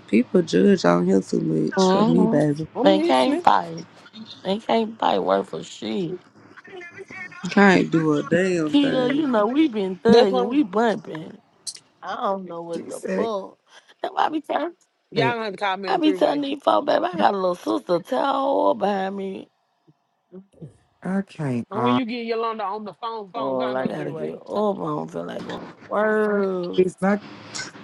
Speaker 13: People judge on him too much for me,
Speaker 4: Mm-hmm.
Speaker 13: baby.
Speaker 9: I'm
Speaker 4: They can't
Speaker 9: listening.
Speaker 4: fight. They can't fight worth for shit.
Speaker 13: Can't do a damn
Speaker 4: Keto, you
Speaker 13: thing.
Speaker 4: know, we been
Speaker 9: That's
Speaker 4: thugging, we
Speaker 9: when
Speaker 4: bumping. I don't know what
Speaker 7: She
Speaker 4: the
Speaker 7: said,
Speaker 4: fuck. That's why I be telling,
Speaker 9: y'all
Speaker 7: "Okay,
Speaker 9: gonna have to call me
Speaker 4: I
Speaker 9: on
Speaker 4: be
Speaker 9: three
Speaker 4: telling
Speaker 9: way.
Speaker 4: these folks, baby, I got a little sister towel behind me.
Speaker 7: I I can't
Speaker 9: And
Speaker 7: always
Speaker 9: when you get Yolanda on the phone, phone,
Speaker 4: Oh,
Speaker 9: call me
Speaker 4: I
Speaker 9: on three
Speaker 4: gotta
Speaker 9: way.
Speaker 4: get up. I don't feel like going to work.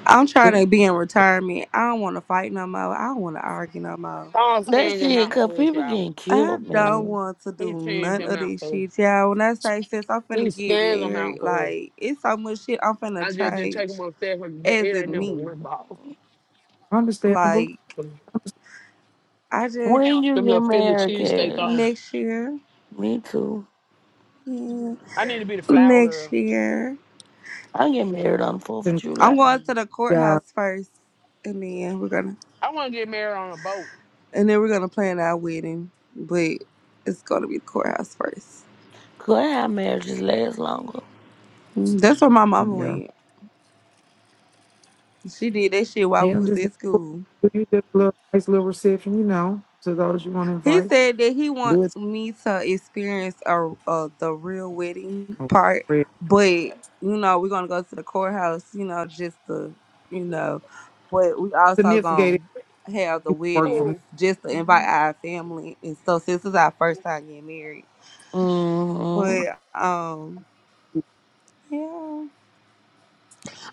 Speaker 13: I'm trying
Speaker 7: not."
Speaker 13: to be in retirement. I don't want to fight no more. I don't want to argue no more.
Speaker 9: Paul
Speaker 4: That
Speaker 9: scans them
Speaker 4: shit,
Speaker 9: out
Speaker 4: cause
Speaker 9: for us,
Speaker 4: people
Speaker 9: y'all.
Speaker 4: getting
Speaker 13: I
Speaker 4: killed,
Speaker 13: don't
Speaker 4: man.
Speaker 13: want to
Speaker 9: He
Speaker 13: do
Speaker 9: changed
Speaker 13: none
Speaker 9: them
Speaker 13: of
Speaker 9: out
Speaker 13: this
Speaker 9: for us.
Speaker 13: shit, y'all. When I say since I'm
Speaker 9: He
Speaker 13: finna get
Speaker 9: scans them out
Speaker 13: married,
Speaker 9: for us.
Speaker 13: like it's so much shit I'm finna
Speaker 9: I just didn't take
Speaker 13: change
Speaker 9: them upstairs because
Speaker 13: as
Speaker 9: it ain't
Speaker 13: in
Speaker 9: number
Speaker 13: me.
Speaker 9: one ball.
Speaker 7: Understandable.
Speaker 13: Like
Speaker 9: Them
Speaker 13: I just
Speaker 4: When you get
Speaker 9: little Philly
Speaker 4: married,
Speaker 9: cheesesteak
Speaker 4: Cash?
Speaker 9: thing.
Speaker 13: next year,
Speaker 4: Me too.
Speaker 13: mm,
Speaker 9: I need to be the flower girl.
Speaker 13: next year,
Speaker 4: I get married on the 4th of
Speaker 13: I'm
Speaker 4: July.
Speaker 13: going to the
Speaker 7: Yeah.
Speaker 13: courthouse first, and then we're gonna
Speaker 9: I want to get married on a boat.
Speaker 13: and then we're gonna plan our wedding. But it's gonna be the courthouse first.
Speaker 4: Could our marriages last longer.
Speaker 13: Mm, That's where my mama
Speaker 7: Yeah.
Speaker 13: went. She did that shit while we
Speaker 7: Now
Speaker 13: was
Speaker 7: just
Speaker 13: at
Speaker 7: go
Speaker 13: school.
Speaker 7: do you just a little nice little reception, you know, to those you want to
Speaker 13: He
Speaker 7: invite.
Speaker 13: said that he want
Speaker 7: Do it.
Speaker 13: me to experience a, a the real wedding
Speaker 7: Oh,
Speaker 13: part,
Speaker 7: great.
Speaker 13: but you know we're gonna go to the courthouse, you know, just to you know, but we also
Speaker 7: Significant
Speaker 13: gonna
Speaker 7: if
Speaker 13: have the
Speaker 7: you can work
Speaker 13: wedding
Speaker 7: from
Speaker 9: Oh,
Speaker 7: this
Speaker 13: just to invite our family and so since it's our first time getting married,
Speaker 4: Mm-hmm.
Speaker 13: but um
Speaker 7: week.
Speaker 13: yeah.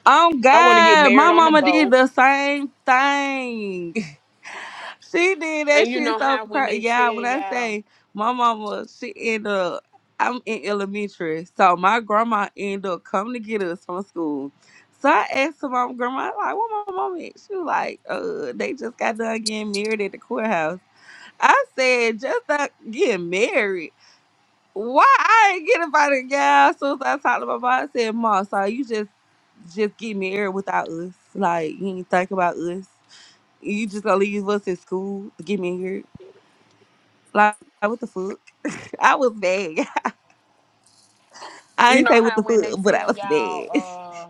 Speaker 13: Oh
Speaker 9: I want to get
Speaker 13: God,
Speaker 9: married
Speaker 13: my
Speaker 9: on a
Speaker 13: mama did
Speaker 9: boat.
Speaker 13: the same thing. *laughs* She did that
Speaker 9: And you
Speaker 13: shit
Speaker 9: know
Speaker 13: so
Speaker 9: how when
Speaker 13: crazy.
Speaker 9: they tell
Speaker 13: Yeah, when I
Speaker 9: y'all,
Speaker 13: say my mama, she ended up. I'm in elementary, so my grandma ended up coming to get us from school. So I asked my grandma, like, "What my mama?" At? She was like, "Uh, they just got done getting married at the courthouse." I said, "Just not getting married." Why I ain't get about it, gal? As soon as I talked to my mom, I said, "Mom, so you just just get married without us? Like you ain't think about us? You just gonna leave us at school to get married? Like what the fuck? *laughs* I was mad. *laughs* I
Speaker 9: you
Speaker 13: ain't
Speaker 9: know
Speaker 13: say what
Speaker 9: how
Speaker 13: the
Speaker 9: when they
Speaker 13: fuck, but I
Speaker 9: tell
Speaker 13: was mad.
Speaker 9: y'all, uh,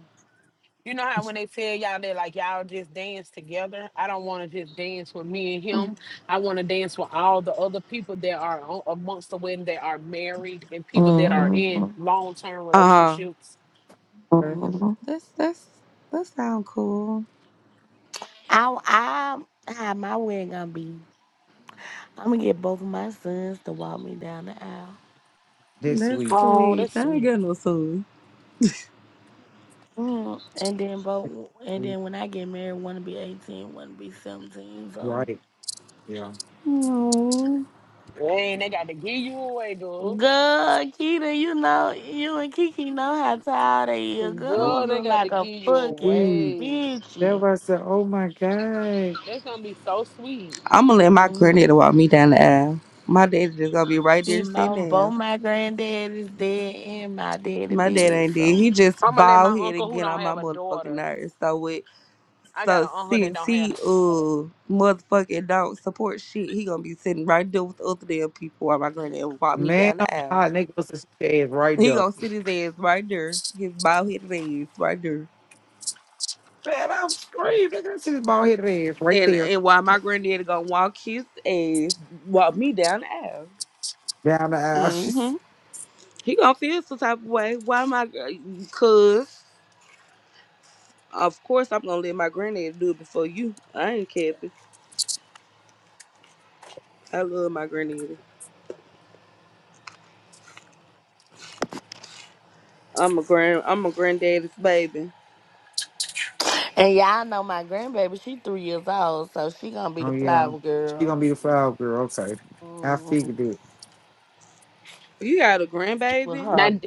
Speaker 9: you know how when they tell y'all that like y'all just dance together. I don't want to just dance with me and him.
Speaker 13: *laughs*
Speaker 9: I want to dance with all the other people that are on, amongst the women that are married and people that are in
Speaker 4: Mhm.
Speaker 9: long term
Speaker 13: Uh huh.
Speaker 9: relationships.
Speaker 7: okay?
Speaker 4: Mhm.
Speaker 13: That's that's that sound cool.
Speaker 4: I, I, how my wedding gonna be? I'm gonna get both of my sons to walk me down the aisle,
Speaker 7: This
Speaker 13: That's
Speaker 7: week.
Speaker 9: Oh,
Speaker 13: sweet.
Speaker 9: that's
Speaker 13: I ain't
Speaker 9: sweet.
Speaker 13: got no soul.
Speaker 4: Mhm. and then
Speaker 7: This
Speaker 4: both, and
Speaker 7: week.
Speaker 4: then when I get married, one to be eighteen, one to be 17. So,
Speaker 7: Right. Yeah.
Speaker 13: I'm
Speaker 9: Man, they got to give you away, girl.
Speaker 4: girl, Keita, you know, you and Kiki know how tired they is. Girl, I'm gonna
Speaker 9: Well, they
Speaker 4: look
Speaker 9: got to
Speaker 4: like a
Speaker 9: give you
Speaker 4: fucking
Speaker 7: Right.
Speaker 9: away.
Speaker 4: bitch.
Speaker 7: Everybody said, oh my God.
Speaker 9: That's gonna be so sweet.
Speaker 13: gonna let my
Speaker 4: Mm-hmm.
Speaker 13: granddaddy walk me down the aisle. My daddy just gonna be right
Speaker 4: See,
Speaker 13: there sitting
Speaker 4: my,
Speaker 13: down.
Speaker 4: both my granddad is dead and my daddy
Speaker 13: My dad
Speaker 4: dead,
Speaker 13: ain't dead. He
Speaker 4: so.
Speaker 13: just
Speaker 9: I'm gonna let my
Speaker 13: bald head and
Speaker 9: uncle who
Speaker 13: get
Speaker 9: don't
Speaker 13: on my
Speaker 9: have a
Speaker 13: motherfucking
Speaker 9: daughter.
Speaker 13: nerves. So with
Speaker 9: I got
Speaker 13: so
Speaker 9: an uncle that
Speaker 13: since
Speaker 9: don't have a
Speaker 13: he
Speaker 9: daughter.
Speaker 13: uh motherfucking don't support shit, he gonna be sitting right there with the other damn people while my granddad walk me
Speaker 7: Man,
Speaker 13: down
Speaker 7: I'm
Speaker 13: the aisle.
Speaker 7: hot. And they go to the ass right
Speaker 13: He
Speaker 7: there.
Speaker 13: gonna sit his ass right there, his bald headed ass right there.
Speaker 7: Man, I'm screaming. I see this bald headed ass right
Speaker 13: And
Speaker 7: there.
Speaker 13: and while my granddaddy gonna walk his ass, walk me down the aisle.
Speaker 7: Down the aisle. *laughs*
Speaker 13: hmm He gonna feel some type of way. Why my uh, cause of course I'm gonna let my granddad do it before you. I ain't capping. I love my granddaddy. I'm a grand I'm a granddaddy's baby.
Speaker 4: And y'all know my grandbaby, she three years old, so she gonna be
Speaker 7: Oh
Speaker 4: the
Speaker 7: yeah,
Speaker 4: flower
Speaker 7: she
Speaker 4: girl
Speaker 7: gonna be the flower girl. Okay, I
Speaker 4: mm,
Speaker 7: figured it.
Speaker 13: You got a
Speaker 4: with
Speaker 13: grandbaby?
Speaker 4: her.
Speaker 9: Now,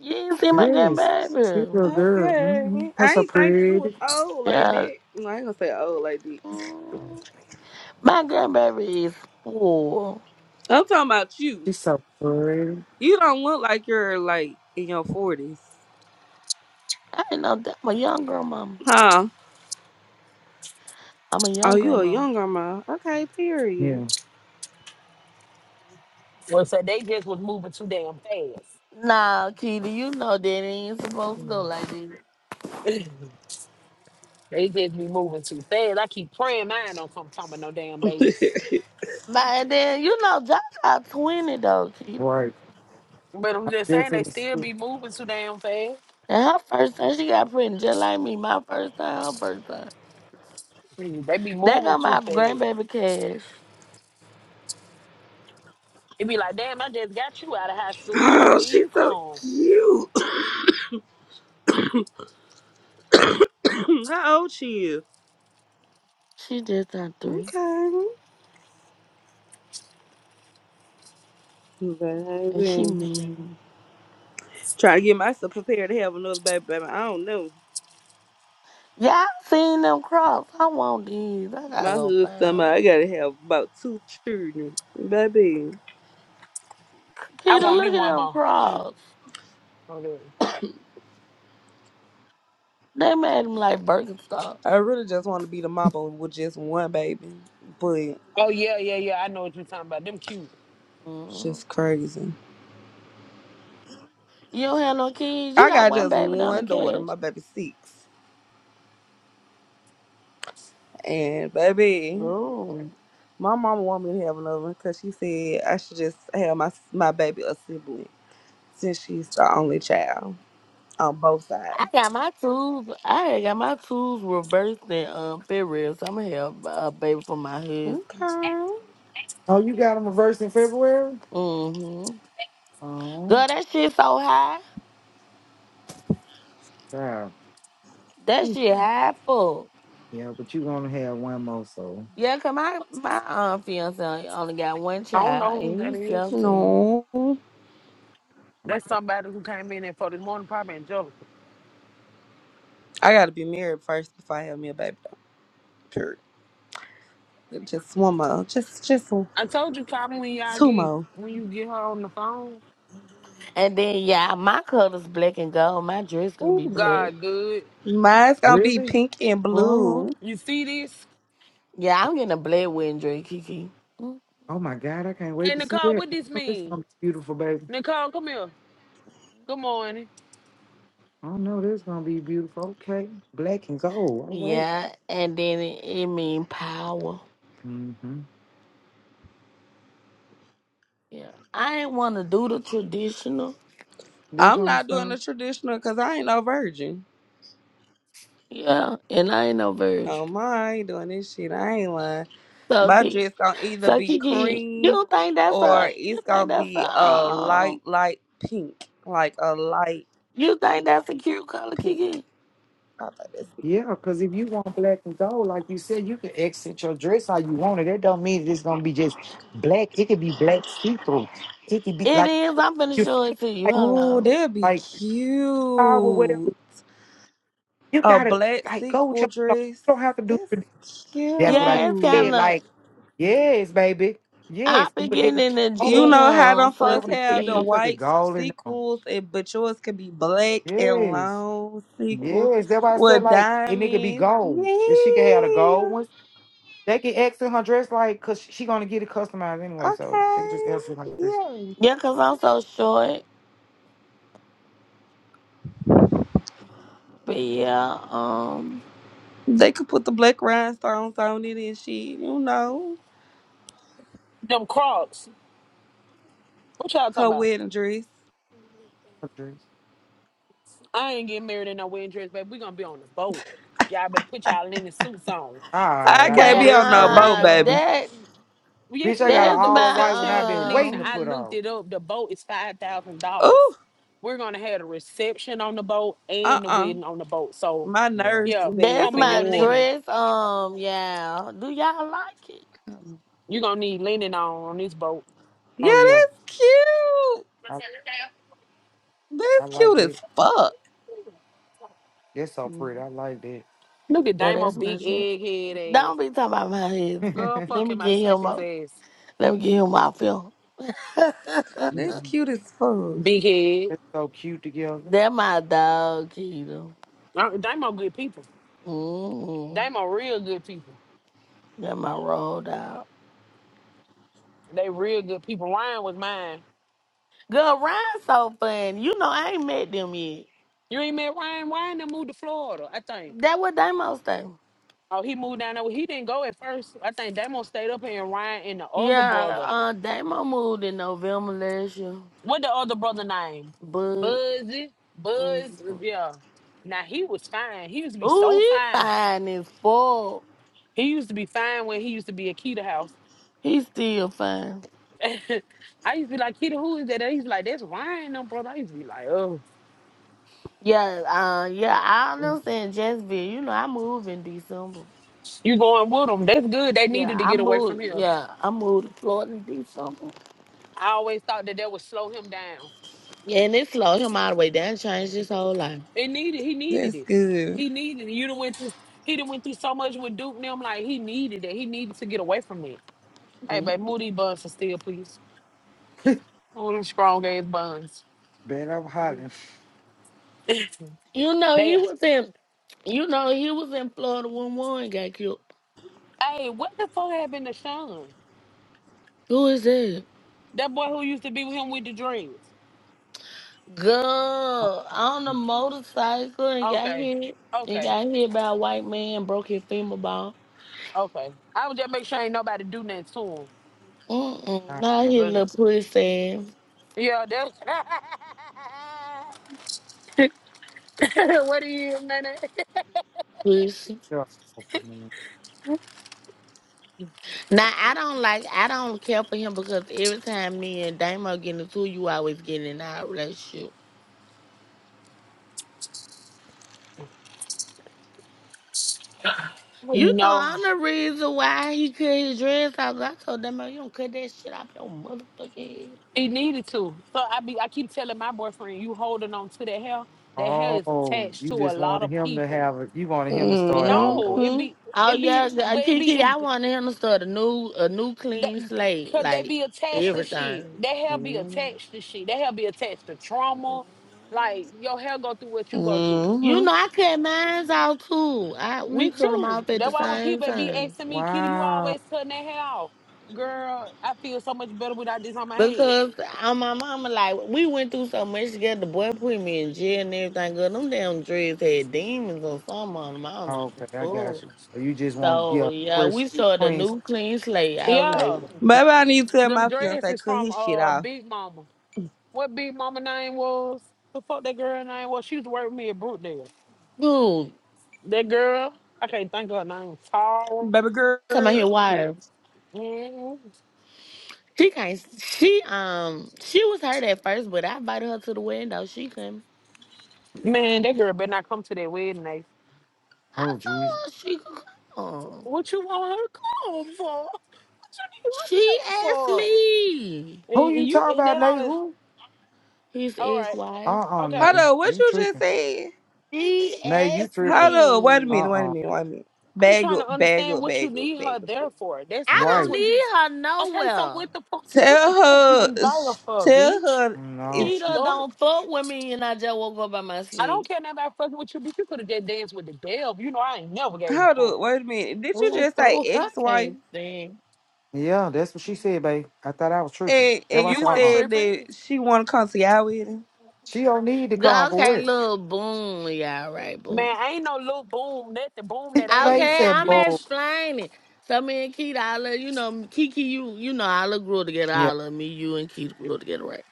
Speaker 4: You ain't see my
Speaker 7: Yes, she's a
Speaker 4: grandbaby.
Speaker 7: girl. Mm-hmm.
Speaker 13: Okay.
Speaker 7: Her
Speaker 13: I
Speaker 7: so
Speaker 13: ain't think you was
Speaker 7: pretty.
Speaker 13: old like
Speaker 4: Yeah.
Speaker 13: that. No, I ain't gonna say old like that.
Speaker 4: Mm. My grandbaby is four.
Speaker 13: I'm talking about you.
Speaker 7: She's so pretty.
Speaker 13: You don't look like you're like in your forties.
Speaker 4: I ain't know that. I'm a young girl mom.
Speaker 13: Huh?
Speaker 4: I'm a
Speaker 13: Oh,
Speaker 4: young
Speaker 13: you
Speaker 4: girl
Speaker 13: a
Speaker 4: mom.
Speaker 13: young grandma. Okay, period.
Speaker 7: Yeah,
Speaker 9: well, so they just was moving too damn fast.
Speaker 4: Nah, Kitty, you know that ain't supposed to go
Speaker 9: Mhm.
Speaker 4: like that.
Speaker 9: *clears throat* *laughs* they just be moving too fast. I keep praying mine don't come talking about no damn
Speaker 13: *laughs*
Speaker 9: babies.
Speaker 4: But and then, you know, Jaja 20 though, Keita.
Speaker 7: right.
Speaker 9: But I'm
Speaker 7: I
Speaker 9: just saying they
Speaker 7: definitely.
Speaker 9: still
Speaker 7: see.
Speaker 9: be moving too damn fast.
Speaker 4: And her first time, she got pregnant just like me. My first time, her first time.
Speaker 9: Mm, They be
Speaker 4: That
Speaker 9: moving
Speaker 4: got
Speaker 9: too
Speaker 4: my
Speaker 9: fast.
Speaker 4: grandbaby cash.
Speaker 9: It be like, damn, I just got you out of high school.
Speaker 13: oh,
Speaker 9: Here
Speaker 13: she's
Speaker 9: you
Speaker 13: so
Speaker 9: come.
Speaker 13: cute. *coughs* How old she is?
Speaker 4: She just turned three,
Speaker 13: Okay.
Speaker 4: and she
Speaker 13: Baby.
Speaker 4: mean.
Speaker 13: Trying to get myself prepared to have another baby, baby. I don't know.
Speaker 4: Y'all seen them crops? I want these. I gotta
Speaker 13: My
Speaker 4: go
Speaker 13: hood
Speaker 4: find.
Speaker 13: summer,
Speaker 4: 'em.
Speaker 13: I gotta have about two children. Baby.
Speaker 9: I
Speaker 4: Kita,
Speaker 9: want me
Speaker 4: look at
Speaker 9: one
Speaker 4: them
Speaker 9: more.
Speaker 4: crops.
Speaker 9: Okay.
Speaker 4: They made them like Birkenstocks.
Speaker 13: I really just wanna be the mama with just one baby. But
Speaker 9: Oh yeah, yeah, yeah. I know what you're talking about. Them cute.
Speaker 13: it's
Speaker 4: Mm.
Speaker 13: just crazy.
Speaker 4: You don't have no kids. You
Speaker 13: I
Speaker 4: got
Speaker 13: got
Speaker 4: one
Speaker 13: just
Speaker 4: baby down the
Speaker 13: one daughter,
Speaker 4: cash.
Speaker 13: my baby six. And baby,
Speaker 4: Ooh.
Speaker 13: my mama want me to have another one because she said I should just have my my baby a sibling since she's the only child on both
Speaker 4: I
Speaker 13: sides.
Speaker 4: got my tools. I had got my tools reversed in um, February, so I'm gonna have a baby for my husband.
Speaker 13: Okay.
Speaker 7: Oh, you got them a verse in February.
Speaker 4: Mm-hmm.
Speaker 7: Oh,
Speaker 4: Girl, that shit so high.
Speaker 7: yeah.
Speaker 4: That shit high full.
Speaker 7: Yeah, but you gonna have one more so.
Speaker 4: Yeah, 'cause my my um fiance only got one
Speaker 9: I don't
Speaker 4: child,
Speaker 9: know who
Speaker 4: and
Speaker 9: that
Speaker 4: he's
Speaker 9: is.
Speaker 4: seventeen.
Speaker 13: No. I
Speaker 7: Okay.
Speaker 9: That's somebody who came in there for this morning probably Angelica.
Speaker 13: gotta be married first before I have me a baby. Though. Period. Just one more. Just just
Speaker 9: I told you, call me when y'all
Speaker 13: Two
Speaker 9: get
Speaker 13: more.
Speaker 9: when you get her on the phone.
Speaker 4: And then yeah, my color's black and gold. My dress gonna be
Speaker 9: Ooh,
Speaker 4: black.
Speaker 9: God, good.
Speaker 13: Mine's gonna be
Speaker 7: Really?
Speaker 13: pink and
Speaker 4: hmm
Speaker 13: blue.
Speaker 9: You see this?
Speaker 4: Yeah, I'm getting a black wedding dress, Kiki. Mm.
Speaker 7: Oh my God, I can't wait
Speaker 9: Hey,
Speaker 7: to see
Speaker 9: Nicole,
Speaker 7: that.
Speaker 9: what this
Speaker 7: Oh, it's
Speaker 9: mean?
Speaker 7: gonna be beautiful, baby.
Speaker 9: Nicole, come here. Good morning.
Speaker 7: I know this gonna be beautiful. Okay, black and gold. All right.
Speaker 4: Yeah, and then it, it mean power.
Speaker 7: Mm-hmm.
Speaker 4: Yeah, I ain't want to do the traditional.
Speaker 7: That's
Speaker 13: I'm not doing
Speaker 7: understandable.
Speaker 13: the traditional because I ain't no virgin.
Speaker 4: Yeah, and I ain't no virgin.
Speaker 13: Oh my, I ain't doing this shit. I ain't lying.
Speaker 4: So
Speaker 13: My
Speaker 4: Kiki,
Speaker 13: dress gonna either
Speaker 4: so
Speaker 13: be
Speaker 4: Kiki,
Speaker 13: cream
Speaker 4: you think that's
Speaker 13: or
Speaker 4: a you
Speaker 13: it's
Speaker 4: think
Speaker 13: gonna
Speaker 4: that's a
Speaker 13: be a
Speaker 4: um
Speaker 13: light, light pink. Like a light
Speaker 4: you think that's a cute color,
Speaker 13: pink.
Speaker 4: Kiki?
Speaker 13: I thought that's be cute.
Speaker 7: Yeah, because if you want black and gold, like you said, you can accent your dress how you want it. That don't mean it's gonna be just black. It could be black see through. It could be
Speaker 4: It
Speaker 7: like
Speaker 4: is. I'm finna
Speaker 7: you feel
Speaker 4: show
Speaker 7: me?
Speaker 4: it to you.
Speaker 7: like
Speaker 13: Oh,
Speaker 4: Hello.
Speaker 13: that'd be
Speaker 7: like power whatever.
Speaker 13: cute.
Speaker 7: You
Speaker 13: A
Speaker 7: gotta
Speaker 13: black
Speaker 7: like go with
Speaker 13: sequel
Speaker 7: your flow.
Speaker 13: dress.
Speaker 7: You don't have to do.
Speaker 13: That's
Speaker 7: tradi- That's what I
Speaker 4: Yeah, it's
Speaker 13: cute.
Speaker 4: kind
Speaker 7: said.
Speaker 4: of.
Speaker 7: Like yes, baby, yes.
Speaker 4: I've been
Speaker 7: But they
Speaker 4: getting
Speaker 7: can put
Speaker 4: in the
Speaker 13: You
Speaker 7: gold
Speaker 13: know how
Speaker 4: gym
Speaker 13: them
Speaker 4: so
Speaker 7: girl
Speaker 4: it
Speaker 13: folks
Speaker 7: when
Speaker 4: could
Speaker 7: they put
Speaker 13: have
Speaker 7: that
Speaker 13: the
Speaker 4: fit.
Speaker 7: motherfucking
Speaker 13: white
Speaker 7: gold in them.
Speaker 13: sequels, and but yours could be black and
Speaker 7: Yes.
Speaker 13: long sequels
Speaker 7: Yes, that's why I said
Speaker 13: with
Speaker 7: like and it could be
Speaker 13: diamonds.
Speaker 7: gold. If she could have the gold
Speaker 13: Yeah.
Speaker 7: ones, they can X in her dress like cause she gonna get it customized anyway, so they could just
Speaker 13: Okay.
Speaker 7: X in her dress.
Speaker 13: Yeah.
Speaker 4: Yeah, cause I'm so short. But yeah, um,
Speaker 13: They could put the black rhinestones on it and shit. You know,
Speaker 9: Them Crocs. What y'all talking
Speaker 13: her
Speaker 9: about?
Speaker 13: wedding dress.
Speaker 7: Her dress.
Speaker 9: I ain't getting married in no wedding dress, baby. We gonna be on the boat. Y'all better put y'all linen suits on.
Speaker 7: All right,
Speaker 13: I
Speaker 7: I
Speaker 13: can't
Speaker 7: know
Speaker 4: but
Speaker 13: be on
Speaker 7: that's
Speaker 13: no
Speaker 9: For
Speaker 7: real.
Speaker 13: boat,
Speaker 4: uh,
Speaker 9: real.
Speaker 13: baby.
Speaker 4: that
Speaker 9: Yes,
Speaker 7: Bitch, I got an
Speaker 9: Will.
Speaker 4: that's
Speaker 9: The
Speaker 7: all white one I've
Speaker 9: reception. the-
Speaker 7: been
Speaker 4: my
Speaker 7: waiting
Speaker 9: Listen,
Speaker 7: to
Speaker 9: I
Speaker 4: um,
Speaker 7: put
Speaker 9: looked
Speaker 7: on.
Speaker 9: it up. The boat is five thousand dollars.
Speaker 13: Ooh.
Speaker 9: We're gonna have a reception on the boat
Speaker 13: Uh.
Speaker 9: and the
Speaker 13: uh
Speaker 9: wedding on the boat. So,
Speaker 13: My
Speaker 7: Yeah.
Speaker 13: nerves
Speaker 9: yeah,
Speaker 13: too bad
Speaker 4: that's
Speaker 9: come in
Speaker 13: for
Speaker 4: my
Speaker 9: your
Speaker 13: water.
Speaker 9: linen.
Speaker 4: dress. Um, yeah. Do y'all like it?
Speaker 9: You're gonna need linen on on this boat.
Speaker 13: Yeah,
Speaker 7: Oh yeah.
Speaker 13: that's cute.
Speaker 7: I I
Speaker 13: That's
Speaker 7: like
Speaker 13: cute
Speaker 7: that.
Speaker 13: as fuck.
Speaker 7: That's so
Speaker 4: Mm.
Speaker 7: pretty. I like that.
Speaker 9: Look at
Speaker 4: Yeah,
Speaker 9: Damo,
Speaker 4: that's my
Speaker 9: big
Speaker 4: dress.
Speaker 9: egghead ass.
Speaker 4: Don't be talking about my husband.
Speaker 9: Girl,
Speaker 7: *laughs*
Speaker 4: Let
Speaker 9: fuck
Speaker 4: me
Speaker 9: him. I
Speaker 4: get
Speaker 9: slap
Speaker 4: him
Speaker 9: his
Speaker 4: up.
Speaker 9: ass.
Speaker 4: Let me get him off film. *laughs* that
Speaker 13: That's cute as fuck.
Speaker 9: Big head.
Speaker 7: That's so cute together.
Speaker 4: my dog, Keto.
Speaker 9: Uh, Damo, good people.
Speaker 4: Mm-hmm.
Speaker 9: Damo, real good people.
Speaker 4: That my road dog.
Speaker 9: They real good people. Ryan was mine.
Speaker 4: Girl, Ryan's so fun. You know, I ain't met them yet.
Speaker 9: You ain't met Ryan. Ryan done moved to Florida, I think.
Speaker 4: That what Damo stay.
Speaker 9: Oh, he moved down there. Well, He didn't go at first. I think Damo stayed up here and Ryan and the other
Speaker 4: Yeah,
Speaker 9: brother.
Speaker 4: uh, Damo moved in November last year,
Speaker 9: What the other brother name?
Speaker 4: but
Speaker 9: Buzzy. Buzz.
Speaker 4: mm,
Speaker 9: Yeah. Now he was fine. He used to be
Speaker 4: ooh,
Speaker 9: so
Speaker 4: he
Speaker 9: fine.
Speaker 4: fine as fuck.
Speaker 9: He used to be fine when he used to be at Keita house.
Speaker 4: He still fine.
Speaker 9: *laughs* I used to be like, Keita, who is that? And he's like, that's Ryan, no brother. I used to be like, oh,
Speaker 4: Yeah, uh, yeah, I don't know saying Jacksonville. You know, I moved in December.
Speaker 9: you going with them. That's good. They
Speaker 4: Yeah,
Speaker 9: needed to
Speaker 4: I
Speaker 9: get away from
Speaker 4: moved.
Speaker 9: here.
Speaker 4: Yeah, I moved to Florida in December.
Speaker 9: I always thought that that would slow him down.
Speaker 4: Yeah, and it slowed him all the way down, changed his whole life.
Speaker 9: It needed. He needed
Speaker 13: That's
Speaker 9: it.
Speaker 13: good.
Speaker 9: He needed. it. You done went through. He done went through so much with Duke. and Them like he needed it. He needed to get away from it. Hey, babe, move
Speaker 4: Mhm.
Speaker 9: these buns for still, please. Move them strong ass buns.
Speaker 7: Bet I'm hot.
Speaker 9: *laughs*
Speaker 4: You know, he
Speaker 9: They.
Speaker 4: was in You know, he was in Florida when one got killed.
Speaker 9: Hey, what the fuck happened to Sean?
Speaker 4: Who is that?
Speaker 9: That boy who used to be with him with the dreams.
Speaker 4: Girl, on a motorcycle and got
Speaker 9: Okay.
Speaker 4: hit. And
Speaker 9: Okay.
Speaker 4: got hit by a white man, broke his femur bone.
Speaker 9: Okay. I would just make sure ain't nobody do nothing to him.
Speaker 4: Mm-mm.
Speaker 7: God,
Speaker 4: Now he
Speaker 9: But-
Speaker 4: little pussy.
Speaker 9: Yeah, that's *laughs* what do you mean?
Speaker 4: Pussy.
Speaker 7: you're awesome, man.
Speaker 4: Now I don't like I don't care for him because every time me and Damo get into it, you always getting in our relationship.
Speaker 9: You
Speaker 4: You know,
Speaker 9: know.
Speaker 4: I'm the reason why he cut his dress off. I told Damo, you don't cut that shit off your motherfucking head.
Speaker 9: He needed to. So I be I keep telling my boyfriend, you holding on to that hair. That hair is
Speaker 7: Oh,
Speaker 9: attached
Speaker 7: you
Speaker 9: to a
Speaker 7: just
Speaker 9: lot
Speaker 7: wanted
Speaker 9: of
Speaker 7: him to
Speaker 9: people.
Speaker 7: have it. You wanted him to start all
Speaker 9: No,
Speaker 7: over.
Speaker 9: it
Speaker 13: Mm-hmm.
Speaker 9: be
Speaker 4: Oh
Speaker 9: it be
Speaker 4: yeah, uh,
Speaker 9: but it be
Speaker 4: Kiki, I
Speaker 9: it
Speaker 4: want him to start a new a new
Speaker 9: that,
Speaker 4: clean slate,
Speaker 9: could they
Speaker 4: like
Speaker 9: be
Speaker 7: Okay.
Speaker 9: attached to shit.
Speaker 4: everything.
Speaker 9: That hair be attached to shit. That hair be attached to trauma. Like your hair go through what you go through.
Speaker 4: You
Speaker 13: Mm-hmm.
Speaker 4: know, I cut mine's out too. I we
Speaker 9: Me
Speaker 4: cut them
Speaker 9: too.
Speaker 4: off at the
Speaker 9: That's why when
Speaker 4: same
Speaker 9: people be
Speaker 4: time
Speaker 9: asking me, Kitty, you
Speaker 7: Wow.
Speaker 9: always cutting that hair off. Girl, I feel so much better without this on my head.
Speaker 4: because uh, my mama like we went through so much together. The boy put me in jail and everything. Girl, them damn dreads had demons or something on them. I don't know. what
Speaker 7: Okay,
Speaker 4: the
Speaker 7: I got you.
Speaker 4: fuck.
Speaker 7: So you just want to
Speaker 4: So
Speaker 7: a
Speaker 4: yeah,
Speaker 7: fresh,
Speaker 4: we started a
Speaker 7: clean. s-
Speaker 4: new clean slate. I was like,
Speaker 9: Yeah.
Speaker 13: Maybe I
Speaker 4: mm-mm.
Speaker 13: need to tell
Speaker 9: Them
Speaker 13: my
Speaker 9: dreads
Speaker 13: fiance
Speaker 9: is
Speaker 13: cut
Speaker 9: from
Speaker 13: his shit
Speaker 9: uh
Speaker 13: off.
Speaker 9: Big Mama. what big mama name was? The fuck that girl name was? She used to work with me at Brookdale.
Speaker 4: dude,
Speaker 9: That girl, I can't think of her name. Tara.
Speaker 13: Baby girl.
Speaker 4: come out here, why?
Speaker 9: hmm
Speaker 4: She can't. She um. She was hurt at first, but I invited her to the window. She couldn't.
Speaker 9: Man, that girl better not come to that wedding night.
Speaker 4: I
Speaker 7: Oh, jeez.
Speaker 4: told her she could come.
Speaker 9: What you want her to come for? What you
Speaker 4: She
Speaker 9: need her
Speaker 4: asked
Speaker 9: for?
Speaker 4: me.
Speaker 7: Who
Speaker 9: And and
Speaker 7: you
Speaker 9: you
Speaker 7: talking
Speaker 9: and
Speaker 7: about,
Speaker 9: then all
Speaker 7: Nate?
Speaker 9: this.
Speaker 7: Who?
Speaker 4: His
Speaker 9: All right,
Speaker 4: ex-wife.
Speaker 7: Uh-uh,
Speaker 13: Hold
Speaker 9: okay.
Speaker 7: Nate.
Speaker 13: up, what
Speaker 7: You
Speaker 13: you just
Speaker 7: tripping.
Speaker 13: said?
Speaker 4: She
Speaker 7: Nate, you
Speaker 4: asked
Speaker 7: tripping.
Speaker 13: Hold up, wait a minute,
Speaker 4: me.
Speaker 13: wait a
Speaker 7: Uh-uh.
Speaker 13: minute, wait a minute.
Speaker 9: I'm
Speaker 13: Bag
Speaker 9: trying
Speaker 13: up,
Speaker 9: to
Speaker 13: bag
Speaker 9: understand
Speaker 13: up,
Speaker 9: what you
Speaker 13: bag up,
Speaker 9: need her
Speaker 13: bag up.
Speaker 9: there for. That's
Speaker 4: I
Speaker 9: that's
Speaker 4: don't
Speaker 7: Right.
Speaker 9: what you.
Speaker 4: need her
Speaker 9: Okay, so
Speaker 4: nowhere.
Speaker 9: what the fuck you? What the
Speaker 13: Tell
Speaker 9: fuck you
Speaker 13: her sh-
Speaker 9: involve her,
Speaker 13: tell
Speaker 9: bitch?
Speaker 13: her
Speaker 7: No.
Speaker 13: it's
Speaker 7: She,
Speaker 4: Keita
Speaker 9: Fuck.
Speaker 4: don't fuck with me, and I just woke up by my
Speaker 9: I don't
Speaker 4: sleep.
Speaker 9: care nobody fucking with you, but you could have just danced with the bell. You know, I ain't never gave a
Speaker 13: hold
Speaker 9: fuck.
Speaker 13: up, wait a minute. Did you
Speaker 4: Ooh,
Speaker 13: just say
Speaker 4: *laughs* I
Speaker 13: ex wife?
Speaker 4: can't stand.
Speaker 7: yeah, that's what she said, babe. I thought I was tripping.
Speaker 13: And
Speaker 7: That
Speaker 13: and
Speaker 9: You
Speaker 7: was
Speaker 13: you
Speaker 9: weren't
Speaker 7: uh-uh.
Speaker 13: said that
Speaker 9: tripping.
Speaker 13: she wanna come to y'all wedding?
Speaker 7: She don't need to come
Speaker 4: Girl, Okay,
Speaker 7: for
Speaker 4: little boom. Yeah, all right, boom.
Speaker 9: Man, I ain't no little boom, nothing. Boom
Speaker 7: what?
Speaker 9: that
Speaker 7: *laughs* babe
Speaker 9: ass,
Speaker 4: Okay,
Speaker 7: said,
Speaker 4: I'm
Speaker 7: boy.
Speaker 9: bitch.
Speaker 4: explaining. So me and Keita, I love you know Kiki, you you know I love grew up together. I love me, you and Keita grew up together, right?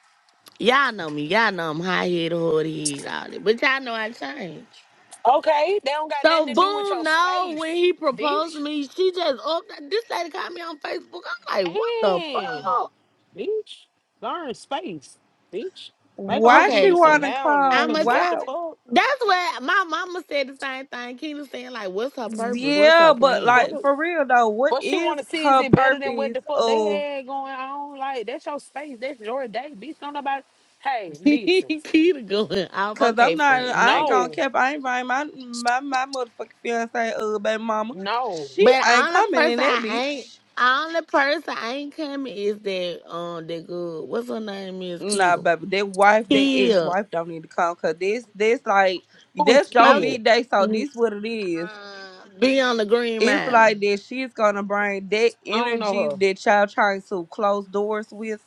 Speaker 4: Y'all know me. Y'all know I'm high head, hard head, all that. But y'all know I changed.
Speaker 9: Okay, they don't got
Speaker 4: So
Speaker 9: nothing to do with
Speaker 4: Boone,
Speaker 9: your
Speaker 4: no,
Speaker 9: space,
Speaker 4: when he proposed
Speaker 9: bitch.
Speaker 4: to me, she just up. This lady called me on Facebook. I'm like, what the
Speaker 9: And,
Speaker 4: fuck?
Speaker 9: bitch, learn space, bitch. Make a hoe
Speaker 13: Why
Speaker 9: give
Speaker 13: she
Speaker 4: Okay,
Speaker 9: you some
Speaker 4: friend.
Speaker 13: wanna
Speaker 9: boundaries,
Speaker 4: I'm
Speaker 13: come?
Speaker 9: because
Speaker 4: a.
Speaker 9: what the
Speaker 13: Why
Speaker 9: fuck?
Speaker 4: That's what my mama said the same thing. Keita saying like, what's her purpose? What's her
Speaker 13: Yeah, but
Speaker 4: plan?
Speaker 13: like
Speaker 9: fuck?
Speaker 13: for real though, what
Speaker 9: What she
Speaker 13: is
Speaker 9: want to see is
Speaker 13: her
Speaker 9: it better than what
Speaker 13: purpose
Speaker 9: the fuck they
Speaker 13: of?
Speaker 9: had going on? Like, that's your space. That's your day, bitch. Don't nobody. Hey,
Speaker 4: *laughs*
Speaker 9: listen.
Speaker 4: Keita going off.
Speaker 13: Cause
Speaker 4: Okay,
Speaker 13: I'm not,
Speaker 4: friend.
Speaker 13: I ain't
Speaker 4: Okay.
Speaker 13: gonna
Speaker 9: No.
Speaker 13: cap. I ain't buying my my my motherfucking fiance, uh, baby mama.
Speaker 9: No.
Speaker 13: She
Speaker 4: But
Speaker 13: ain't
Speaker 4: only
Speaker 13: coming in
Speaker 4: person
Speaker 13: that
Speaker 4: I ain't
Speaker 13: bitch.
Speaker 4: only person I ain't coming is that um that good. What's her name is
Speaker 13: Nah,
Speaker 4: Keto.
Speaker 13: baby, that wife, that ex
Speaker 4: Kia.
Speaker 13: wife don't need to come. Cause this, this like
Speaker 9: Who is
Speaker 13: that's your
Speaker 4: I was
Speaker 9: killed?
Speaker 13: big day. So
Speaker 4: ju-
Speaker 13: this what it is.
Speaker 4: uh, be on the green
Speaker 13: It's
Speaker 4: mile.
Speaker 13: like that. She's gonna bring that
Speaker 9: I don't
Speaker 13: energy
Speaker 9: know her.
Speaker 13: that y'all trying to close doors with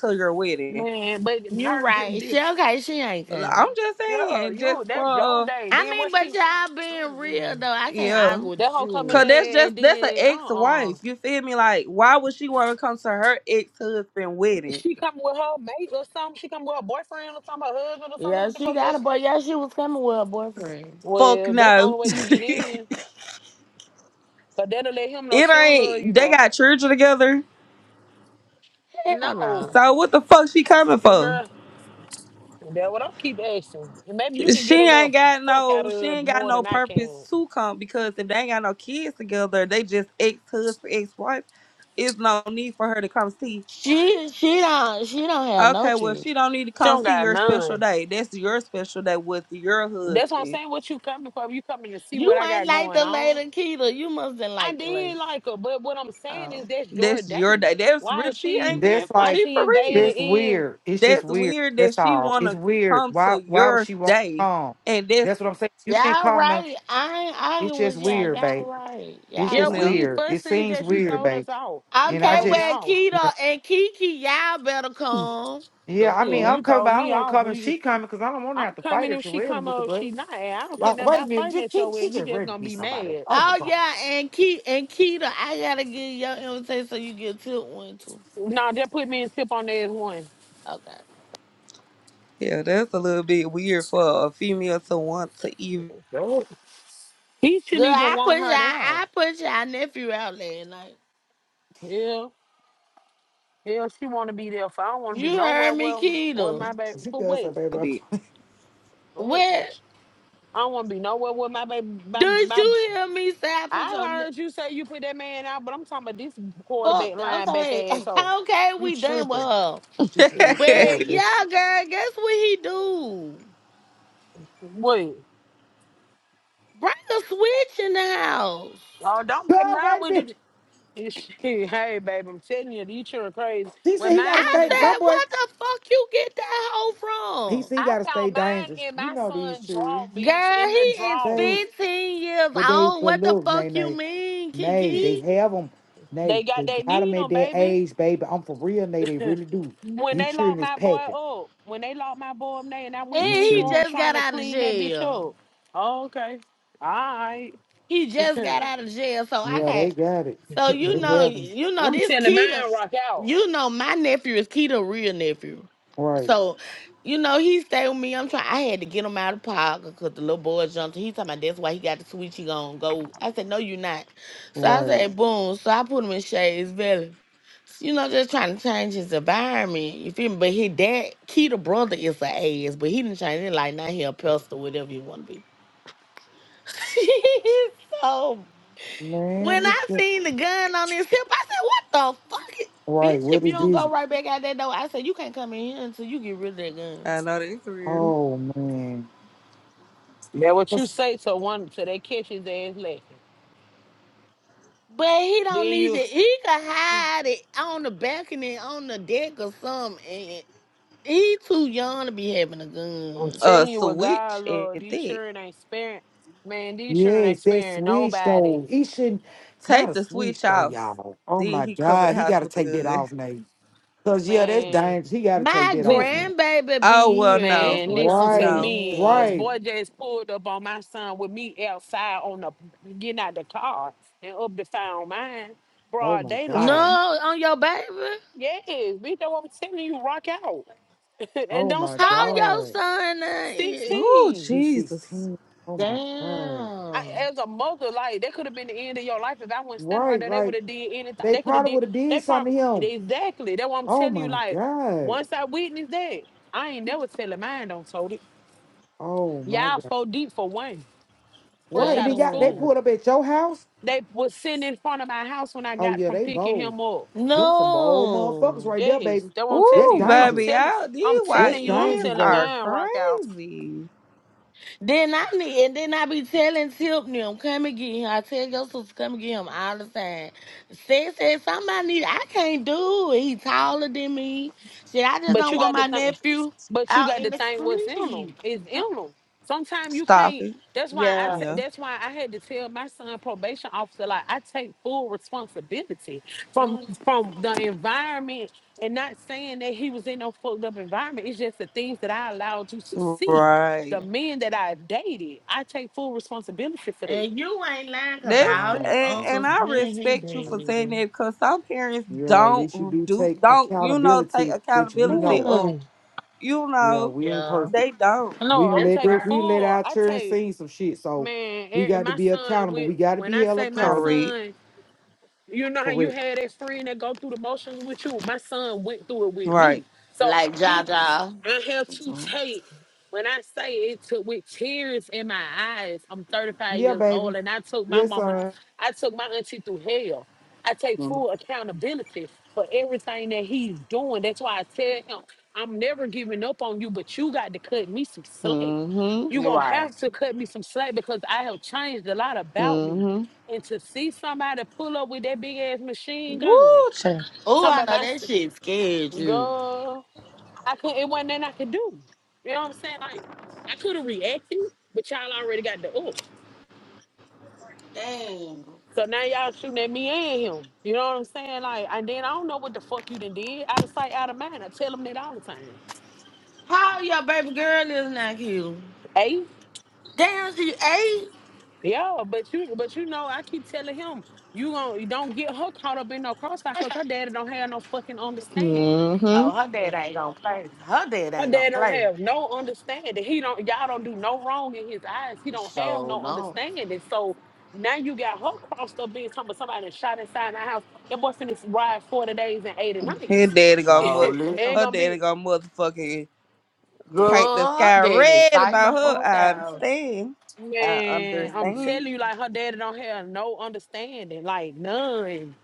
Speaker 13: to your wedding.
Speaker 9: Man, but
Speaker 4: You
Speaker 9: her,
Speaker 4: right. She okay, she ain't coming.
Speaker 13: I'm just
Speaker 9: yeah,
Speaker 13: saying, just
Speaker 9: you, that's your
Speaker 13: for uh,
Speaker 9: day.
Speaker 4: I
Speaker 9: Then
Speaker 4: mean,
Speaker 9: what
Speaker 4: but
Speaker 9: she,
Speaker 4: y'all being real
Speaker 9: mm.
Speaker 4: though, I can't
Speaker 13: yeah.
Speaker 4: argue
Speaker 9: that
Speaker 4: with
Speaker 9: hoe coming
Speaker 13: Cause
Speaker 4: you.
Speaker 13: that's
Speaker 9: in
Speaker 13: just
Speaker 9: and
Speaker 13: that's an
Speaker 9: then, uh-uh.
Speaker 13: ex-wife. You feel me? Like, why would she want to come to her ex-husband wedding?
Speaker 9: She coming with her mate or something. She coming with her boyfriend or something, her husband or something.
Speaker 4: Yeah,
Speaker 9: What the
Speaker 4: she
Speaker 9: fuck
Speaker 4: got a
Speaker 9: else?
Speaker 4: boy. Yeah, she was coming with her boyfriend.
Speaker 13: Fuck
Speaker 9: Well, that's the
Speaker 13: no.
Speaker 9: only
Speaker 13: *laughs*
Speaker 9: way you get
Speaker 13: it
Speaker 9: in. But that'll let him know she don't love you,
Speaker 13: ain't. They
Speaker 9: bro.
Speaker 13: got children together.
Speaker 4: Hell no.
Speaker 9: No.
Speaker 13: So what the fuck she coming
Speaker 9: That
Speaker 13: for?
Speaker 9: girl, That's what I keep asking. And maybe you can
Speaker 13: She
Speaker 9: get a little
Speaker 13: ain't got
Speaker 9: fuck out
Speaker 13: no. She
Speaker 9: of her
Speaker 13: ain't got
Speaker 9: more
Speaker 13: no
Speaker 9: than I can.
Speaker 13: purpose to come because if they ain't got no kids together, they just ex-husband, ex-wife. It's no need for her to come see.
Speaker 4: She she don't she don't have no
Speaker 13: Okay, well
Speaker 4: children.
Speaker 13: she don't need to
Speaker 9: She
Speaker 13: come
Speaker 9: don't
Speaker 13: see
Speaker 9: got
Speaker 13: your special
Speaker 9: none.
Speaker 13: day. That's your special day with your
Speaker 9: That's what I'm
Speaker 13: husband.
Speaker 9: saying. What you coming for? You coming to see what
Speaker 4: You
Speaker 9: I
Speaker 4: ain't
Speaker 9: got
Speaker 4: like
Speaker 9: going
Speaker 4: the
Speaker 9: on?
Speaker 4: lady Keita. You must have
Speaker 9: I
Speaker 4: like the lady.
Speaker 9: did like her, but what I'm saying
Speaker 4: Oh.
Speaker 9: is that's your
Speaker 13: That's your
Speaker 9: day.
Speaker 13: day. That's
Speaker 9: Why
Speaker 13: real.
Speaker 9: is
Speaker 13: She
Speaker 9: she?
Speaker 13: ain't being
Speaker 7: That's
Speaker 9: Why
Speaker 7: like
Speaker 13: she
Speaker 9: she
Speaker 13: for real.
Speaker 9: invaded
Speaker 7: that's
Speaker 9: in?
Speaker 7: weird. It's just
Speaker 13: That's
Speaker 7: weird.
Speaker 13: weird that
Speaker 7: That's
Speaker 13: she
Speaker 7: all. It's
Speaker 13: wanna
Speaker 7: weird.
Speaker 13: come
Speaker 7: Why
Speaker 13: to
Speaker 7: why would
Speaker 13: your
Speaker 7: she want to
Speaker 13: day,
Speaker 7: come?
Speaker 13: and that's
Speaker 7: That's what I'm saying. You didn't
Speaker 4: Y'all
Speaker 7: come to
Speaker 4: right. I ain't
Speaker 7: it's
Speaker 4: arguing
Speaker 7: just
Speaker 4: with y'all.
Speaker 7: weird,
Speaker 4: Y'all
Speaker 7: babe.
Speaker 4: right.
Speaker 7: It's
Speaker 4: Y'all
Speaker 9: Yeah,
Speaker 13: you
Speaker 7: just
Speaker 4: right.
Speaker 9: we
Speaker 13: know,
Speaker 9: ain't
Speaker 7: weird. It
Speaker 9: fussing. It's
Speaker 7: seems
Speaker 9: just you
Speaker 7: weird,
Speaker 9: told
Speaker 7: babe.
Speaker 9: us off. You
Speaker 7: And I
Speaker 4: Okay,
Speaker 9: told me
Speaker 7: just
Speaker 4: well,
Speaker 9: off.
Speaker 7: you
Speaker 4: Keto
Speaker 7: know
Speaker 4: and Kiki, y'all better come. The
Speaker 7: yeah, I
Speaker 9: Shit,
Speaker 7: mean, I'm
Speaker 4: fuck?
Speaker 9: you
Speaker 7: coming,
Speaker 9: told
Speaker 7: but I don't
Speaker 9: me
Speaker 7: want to
Speaker 9: off.
Speaker 7: come and
Speaker 9: We.
Speaker 7: she coming because I don't want to
Speaker 9: I'm
Speaker 7: have to fight
Speaker 9: coming if
Speaker 7: at your
Speaker 9: she
Speaker 7: wedding.
Speaker 9: come
Speaker 7: But
Speaker 9: up. She
Speaker 7: but,
Speaker 9: not. And I don't care
Speaker 7: like,
Speaker 9: nothing
Speaker 7: wait a
Speaker 9: about
Speaker 7: minute,
Speaker 9: fighting
Speaker 7: she,
Speaker 9: at
Speaker 7: she,
Speaker 9: your way.
Speaker 7: she
Speaker 9: You
Speaker 7: just
Speaker 9: just
Speaker 7: ready to
Speaker 9: gonna
Speaker 7: be
Speaker 9: be
Speaker 7: somebody.
Speaker 9: mad.
Speaker 7: Oh my
Speaker 4: Oh
Speaker 7: god,
Speaker 4: yeah, and Ke and Keto, I gotta get your invitation so you get tilt one too.
Speaker 9: Nah, just put me and tip on there as one.
Speaker 4: Okay.
Speaker 13: yeah, that's a little bit weird for a female to want to even
Speaker 9: Don't- He shouldn't
Speaker 4: Good.
Speaker 9: even
Speaker 4: I
Speaker 9: want
Speaker 4: put y'all.
Speaker 9: her there.
Speaker 4: I put y'all nephew out last night.
Speaker 9: Yeah. Hell, she want to be there. For I don't want to be
Speaker 4: You
Speaker 9: nowhere
Speaker 4: heard me,
Speaker 9: well with my
Speaker 4: Keto.
Speaker 7: *laughs*
Speaker 9: baby.
Speaker 7: she
Speaker 9: But
Speaker 7: does say,
Speaker 9: wait,
Speaker 7: baby. I'm
Speaker 13: do
Speaker 7: playing."
Speaker 9: oh,
Speaker 4: What?
Speaker 9: I don't want to be nowhere with my baby. My,
Speaker 4: Did
Speaker 9: my,
Speaker 4: you hear me say I put your
Speaker 9: I
Speaker 4: ne-
Speaker 9: heard you say you put that man out, but I'm talking about this
Speaker 4: fuck?
Speaker 9: quarterback line
Speaker 4: Okay. *laughs*
Speaker 9: asshole.
Speaker 4: okay,
Speaker 9: You
Speaker 4: we done with
Speaker 9: tripping?
Speaker 4: her.
Speaker 7: *laughs* She said it's
Speaker 4: But
Speaker 7: quarter,
Speaker 13: it.
Speaker 7: bitch.
Speaker 4: yeah, girl, guess what he do?
Speaker 9: Wait,
Speaker 4: Bring a switch in the house.
Speaker 9: oh, don't baby
Speaker 7: God,
Speaker 9: mine
Speaker 7: wait a
Speaker 9: went to.
Speaker 7: minute.
Speaker 9: the- *laughs* Shit, hey baby, I'm telling you, these children crazy.
Speaker 7: She said
Speaker 9: When
Speaker 7: he got to
Speaker 9: mine
Speaker 4: I
Speaker 9: went to,
Speaker 7: stay.
Speaker 9: the-
Speaker 7: My
Speaker 4: said,
Speaker 7: boy,
Speaker 4: what the fuck you get that
Speaker 7: he
Speaker 4: hoe
Speaker 7: said he
Speaker 4: from?
Speaker 9: I
Speaker 7: got to stay
Speaker 9: found mine
Speaker 7: dangerous.
Speaker 9: in
Speaker 7: You
Speaker 9: my
Speaker 7: know these
Speaker 9: son's
Speaker 7: shoes.
Speaker 9: draw, bitch,
Speaker 4: Girl,
Speaker 9: in the
Speaker 4: he is
Speaker 9: draw.
Speaker 7: They,
Speaker 4: 15 years
Speaker 7: but they,
Speaker 4: old.
Speaker 7: but
Speaker 4: What the
Speaker 7: look, nay,
Speaker 4: fuck you
Speaker 7: nay,
Speaker 4: mean,
Speaker 7: nay,
Speaker 9: They
Speaker 7: they
Speaker 4: Kiki?
Speaker 7: have them. Nay,
Speaker 9: got
Speaker 7: they
Speaker 9: they
Speaker 7: got them
Speaker 9: need
Speaker 7: at
Speaker 9: them,
Speaker 7: their
Speaker 9: baby.
Speaker 7: age, baby. I'm for real, nay, they really do.
Speaker 9: When they
Speaker 7: These
Speaker 9: locked
Speaker 7: children is
Speaker 9: my boy
Speaker 7: packing.
Speaker 9: up, when they locked my boy up there and I went through
Speaker 7: These
Speaker 4: And
Speaker 9: his
Speaker 4: he
Speaker 7: children,
Speaker 9: room
Speaker 4: just
Speaker 9: trying
Speaker 4: got
Speaker 9: to
Speaker 4: out of
Speaker 9: clean that bitch
Speaker 4: jail.
Speaker 9: up. Oh, okay. All right.
Speaker 4: He
Speaker 9: *clears throat*
Speaker 4: just got
Speaker 9: I'm
Speaker 4: out of jail, so I
Speaker 7: yeah, they
Speaker 4: can't.
Speaker 7: got it.
Speaker 4: So you
Speaker 7: They
Speaker 4: know,
Speaker 7: have them.
Speaker 4: you know this
Speaker 9: telling
Speaker 4: Keto.
Speaker 9: mine rock out.
Speaker 4: You know my nephew is Keto real nephew.
Speaker 7: Right,
Speaker 4: So, you know he stayed with me. I'm trying. I had to get him out of pocket because the little boy jumped. He talking about that's why he got the switch. He gonna go. I said no, you not. So I
Speaker 7: right,
Speaker 4: said boom. So I put him in Shades Valley. You know, just trying to change his environment. You feel me? But his dad, Keto brother, is an ass, but he didn't change it. Like now he a pastor, whatever you want to be. *laughs* so
Speaker 7: man.
Speaker 4: when
Speaker 7: This
Speaker 4: I
Speaker 7: the
Speaker 4: seen the gun on his hip, I said, "What the fuck, is-
Speaker 7: right.
Speaker 4: bitch?
Speaker 7: What
Speaker 4: If you
Speaker 7: is
Speaker 4: don't
Speaker 7: this?
Speaker 4: go right back out that door, I said you can't come in here until you get rid of that
Speaker 13: *laughs*
Speaker 4: gun."
Speaker 13: I know that's weird.
Speaker 7: Oh man.
Speaker 9: That what you
Speaker 7: Yes,
Speaker 9: say to one to they catch his ass lacking.
Speaker 4: But he don't
Speaker 9: Then
Speaker 4: need
Speaker 9: you
Speaker 4: it. He could hide it on the balcony, on the deck, or something. And he too young to be having a
Speaker 9: I'm
Speaker 4: gun.
Speaker 13: A
Speaker 9: telling you what God
Speaker 13: switch
Speaker 9: Lord,
Speaker 13: at
Speaker 9: these
Speaker 13: that.
Speaker 9: children ain't sparing man, these children
Speaker 7: yes,
Speaker 9: ain't
Speaker 7: that
Speaker 9: sparing
Speaker 7: switch
Speaker 9: nobody.
Speaker 7: though. He shouldn't. Not
Speaker 13: Take
Speaker 7: a
Speaker 13: the switch
Speaker 7: switch though,
Speaker 13: off.
Speaker 7: y'all. Oh
Speaker 13: Then
Speaker 7: my
Speaker 13: he cover
Speaker 7: God,
Speaker 13: the
Speaker 7: he
Speaker 13: house
Speaker 7: got to
Speaker 13: with the
Speaker 7: take that
Speaker 13: gun.
Speaker 7: off, Nate. Cause yeah, that's
Speaker 9: Man,
Speaker 7: dangerous. He got to take
Speaker 4: My
Speaker 7: that off,
Speaker 9: listen.
Speaker 7: man.
Speaker 4: grandbaby
Speaker 13: Oh
Speaker 4: be
Speaker 13: well,
Speaker 4: here. That's
Speaker 13: no,
Speaker 9: Man,
Speaker 4: what
Speaker 9: listen
Speaker 4: I'm
Speaker 9: to
Speaker 7: Right,
Speaker 13: no.
Speaker 9: me. Uh, this
Speaker 7: right.
Speaker 9: boy
Speaker 4: saying.
Speaker 9: just pulled up on my son with me outside on the getting out the car and up to found mine.
Speaker 7: Oh
Speaker 9: Broad
Speaker 7: my
Speaker 4: No,
Speaker 9: daylight.
Speaker 7: God.
Speaker 4: on your baby.
Speaker 9: Yes, bitch, that's what I'm telling you. Rock out *laughs* and
Speaker 7: Oh
Speaker 9: don't
Speaker 7: my
Speaker 4: How
Speaker 9: stop.
Speaker 4: your
Speaker 7: God.
Speaker 4: son? uh,
Speaker 13: Oh
Speaker 9: 16.
Speaker 7: He's
Speaker 13: Jesus.
Speaker 7: 16. Oh my God.
Speaker 9: I,
Speaker 4: Damn,
Speaker 9: as a mother, like that could have been the end of your life if I wasn't standing right
Speaker 7: Right,
Speaker 9: there. They would
Speaker 7: like
Speaker 9: have did anything.
Speaker 7: they
Speaker 9: They could have
Speaker 7: probably
Speaker 9: did.
Speaker 7: would have
Speaker 9: They
Speaker 7: did something
Speaker 9: probably
Speaker 7: to him.
Speaker 9: exactly. That's what I'm
Speaker 7: Oh
Speaker 9: telling you.
Speaker 7: my
Speaker 9: Like
Speaker 7: God.
Speaker 9: once I witnessed that, I ain't never telling mine. Don't told it.
Speaker 7: Oh my
Speaker 9: Y'all
Speaker 7: God.
Speaker 9: so deep for one, fresh
Speaker 7: Right. And
Speaker 9: out of
Speaker 7: then y'all, they
Speaker 4: damn.
Speaker 9: school.
Speaker 7: pulled up at your house.
Speaker 9: They was sitting in front of my house when I
Speaker 7: Oh
Speaker 9: got
Speaker 7: yeah,
Speaker 9: from
Speaker 7: they
Speaker 9: picking
Speaker 7: bold.
Speaker 9: him up.
Speaker 7: Them some bold motherfuckers
Speaker 4: No.
Speaker 7: right there,
Speaker 9: Yes,
Speaker 7: baby.
Speaker 9: that's what I'm
Speaker 7: That's
Speaker 9: telling
Speaker 13: Ooh,
Speaker 9: you. I'm
Speaker 13: baby,
Speaker 7: dangerous.
Speaker 9: telling,
Speaker 13: y'all,
Speaker 9: I'm
Speaker 13: these
Speaker 7: That's
Speaker 9: telling you, I'm
Speaker 13: YNs
Speaker 7: dangerous,
Speaker 9: telling
Speaker 7: baby.
Speaker 13: are
Speaker 9: mine, Rock out.
Speaker 13: crazy.
Speaker 4: Then I need, and then I be telling Tiffany, I'm coming get him. I tell your sister, come and get him all the time. Said, said, somebody need, I can't do it. He taller than me. Shit, I just
Speaker 9: But
Speaker 4: don't
Speaker 9: you
Speaker 4: want
Speaker 9: got to
Speaker 4: my
Speaker 9: think.
Speaker 4: nephew
Speaker 9: But you
Speaker 4: out
Speaker 9: got to
Speaker 4: in the
Speaker 9: think what's in them.
Speaker 4: street.
Speaker 9: It's in them. Sometimes you
Speaker 13: Stop
Speaker 9: can't.
Speaker 13: it.
Speaker 9: That's why I.
Speaker 4: Yeah.
Speaker 9: ta-
Speaker 13: Yeah.
Speaker 9: that's why I had to tell my son probation officer like I take full responsibility from
Speaker 4: Mm.
Speaker 9: from the environment and not saying that he was in no fucked up environment. It's just the things that I allowed you to see. The
Speaker 13: Right.
Speaker 9: men that I dated, I take full responsibility for that.
Speaker 4: And you ain't lying, cause
Speaker 13: This
Speaker 4: all
Speaker 7: Wow.
Speaker 4: his
Speaker 13: and, and
Speaker 4: uncles
Speaker 13: I
Speaker 4: when his
Speaker 13: respect you for
Speaker 4: baby.
Speaker 13: saying that because some parents
Speaker 7: Yeah, at
Speaker 13: don't
Speaker 7: least you do
Speaker 13: do
Speaker 7: take
Speaker 13: don't you know take
Speaker 7: accountability that we
Speaker 13: accountability
Speaker 7: know.
Speaker 13: of
Speaker 9: Mm.
Speaker 13: you
Speaker 7: Yeah,
Speaker 13: know
Speaker 7: we ain't
Speaker 4: Yeah.
Speaker 7: perfect.
Speaker 13: they don't
Speaker 9: No,
Speaker 7: We done
Speaker 9: I'm
Speaker 4: That's
Speaker 7: let
Speaker 9: taking
Speaker 7: the,
Speaker 4: right.
Speaker 7: we done let
Speaker 9: full.
Speaker 7: our
Speaker 9: I
Speaker 7: children
Speaker 9: take
Speaker 7: see some shit, so
Speaker 9: man.
Speaker 7: we
Speaker 9: eh,
Speaker 7: got to
Speaker 9: My
Speaker 7: be
Speaker 9: son
Speaker 7: accountable.
Speaker 9: went.
Speaker 7: We got to
Speaker 9: When
Speaker 7: be
Speaker 9: I
Speaker 7: held
Speaker 9: say my
Speaker 7: accountable
Speaker 13: correct
Speaker 9: son, You know how
Speaker 7: for
Speaker 9: you
Speaker 7: it.
Speaker 9: had that friend that go through the motions with you? My son went through it with
Speaker 13: right
Speaker 9: me. So
Speaker 4: Like
Speaker 9: it-
Speaker 4: Jaja.
Speaker 9: I have to
Speaker 4: Mm-hmm.
Speaker 9: take, when I say it took with tears in my eyes, I'm 35
Speaker 7: Yeah,
Speaker 9: years
Speaker 7: baby.
Speaker 9: old and I took my
Speaker 7: Yes,
Speaker 9: mama,
Speaker 7: sir.
Speaker 9: I took my auntie through hell. I take full accountability for everything that he's doing. That's why I tell him, I'm never giving up on you, but you got to cut me some slack.
Speaker 13: mhm
Speaker 9: You're
Speaker 4: You're
Speaker 9: gonna
Speaker 4: right.
Speaker 9: have to cut me some slack because I have changed a lot about me
Speaker 13: mhm
Speaker 9: and to see somebody pull up with that big ass machine gun,
Speaker 13: woo child.
Speaker 4: Oh,
Speaker 9: talking
Speaker 4: I
Speaker 9: about my
Speaker 4: know
Speaker 9: s-
Speaker 4: that shit scared you.
Speaker 9: girl, I could not it wasn't nothing I could do. You know what I'm saying? Like I could have reacted, but y'all already got the oof.
Speaker 4: Damn.
Speaker 9: So now y'all shooting at me and him. You know what I'm saying? Like, and then I don't know what the fuck you done did. Out of sight, out of mind. I tell him that all the time.
Speaker 4: How old your baby girl is now, Q?
Speaker 9: Hey,
Speaker 4: Damn, she eight.
Speaker 9: yeah, but you, but you know, I keep telling him you gon' you don't get her caught up in no crossfire because her daddy don't have no fucking understanding.
Speaker 13: mhm
Speaker 4: Oh, her dad ain't gonna play. Her dad
Speaker 9: Her
Speaker 4: ain't
Speaker 9: dad
Speaker 4: gonna
Speaker 9: don't
Speaker 4: play.
Speaker 9: have no understanding. He don't y'all don't do no wrong in his eyes. He don't have
Speaker 4: So
Speaker 9: no
Speaker 4: no.
Speaker 9: understanding. So now you got her crossed up being talking about somebody that shot inside the house. Your boy finna ride 40 days and 80
Speaker 13: her
Speaker 9: nights.
Speaker 13: daddy
Speaker 9: *laughs*
Speaker 13: got
Speaker 4: So
Speaker 13: mother
Speaker 9: it
Speaker 4: listen.
Speaker 9: ain't
Speaker 13: her
Speaker 9: gonna be
Speaker 13: daddy got motherfucking paint the
Speaker 4: Girl, her
Speaker 13: sky
Speaker 4: dad is
Speaker 13: red
Speaker 4: like the
Speaker 13: about her.
Speaker 4: fuck
Speaker 13: I
Speaker 4: out.
Speaker 13: understand. I
Speaker 9: man, I'm telling
Speaker 13: understand.
Speaker 9: you, like her daddy don't have no understanding, like none.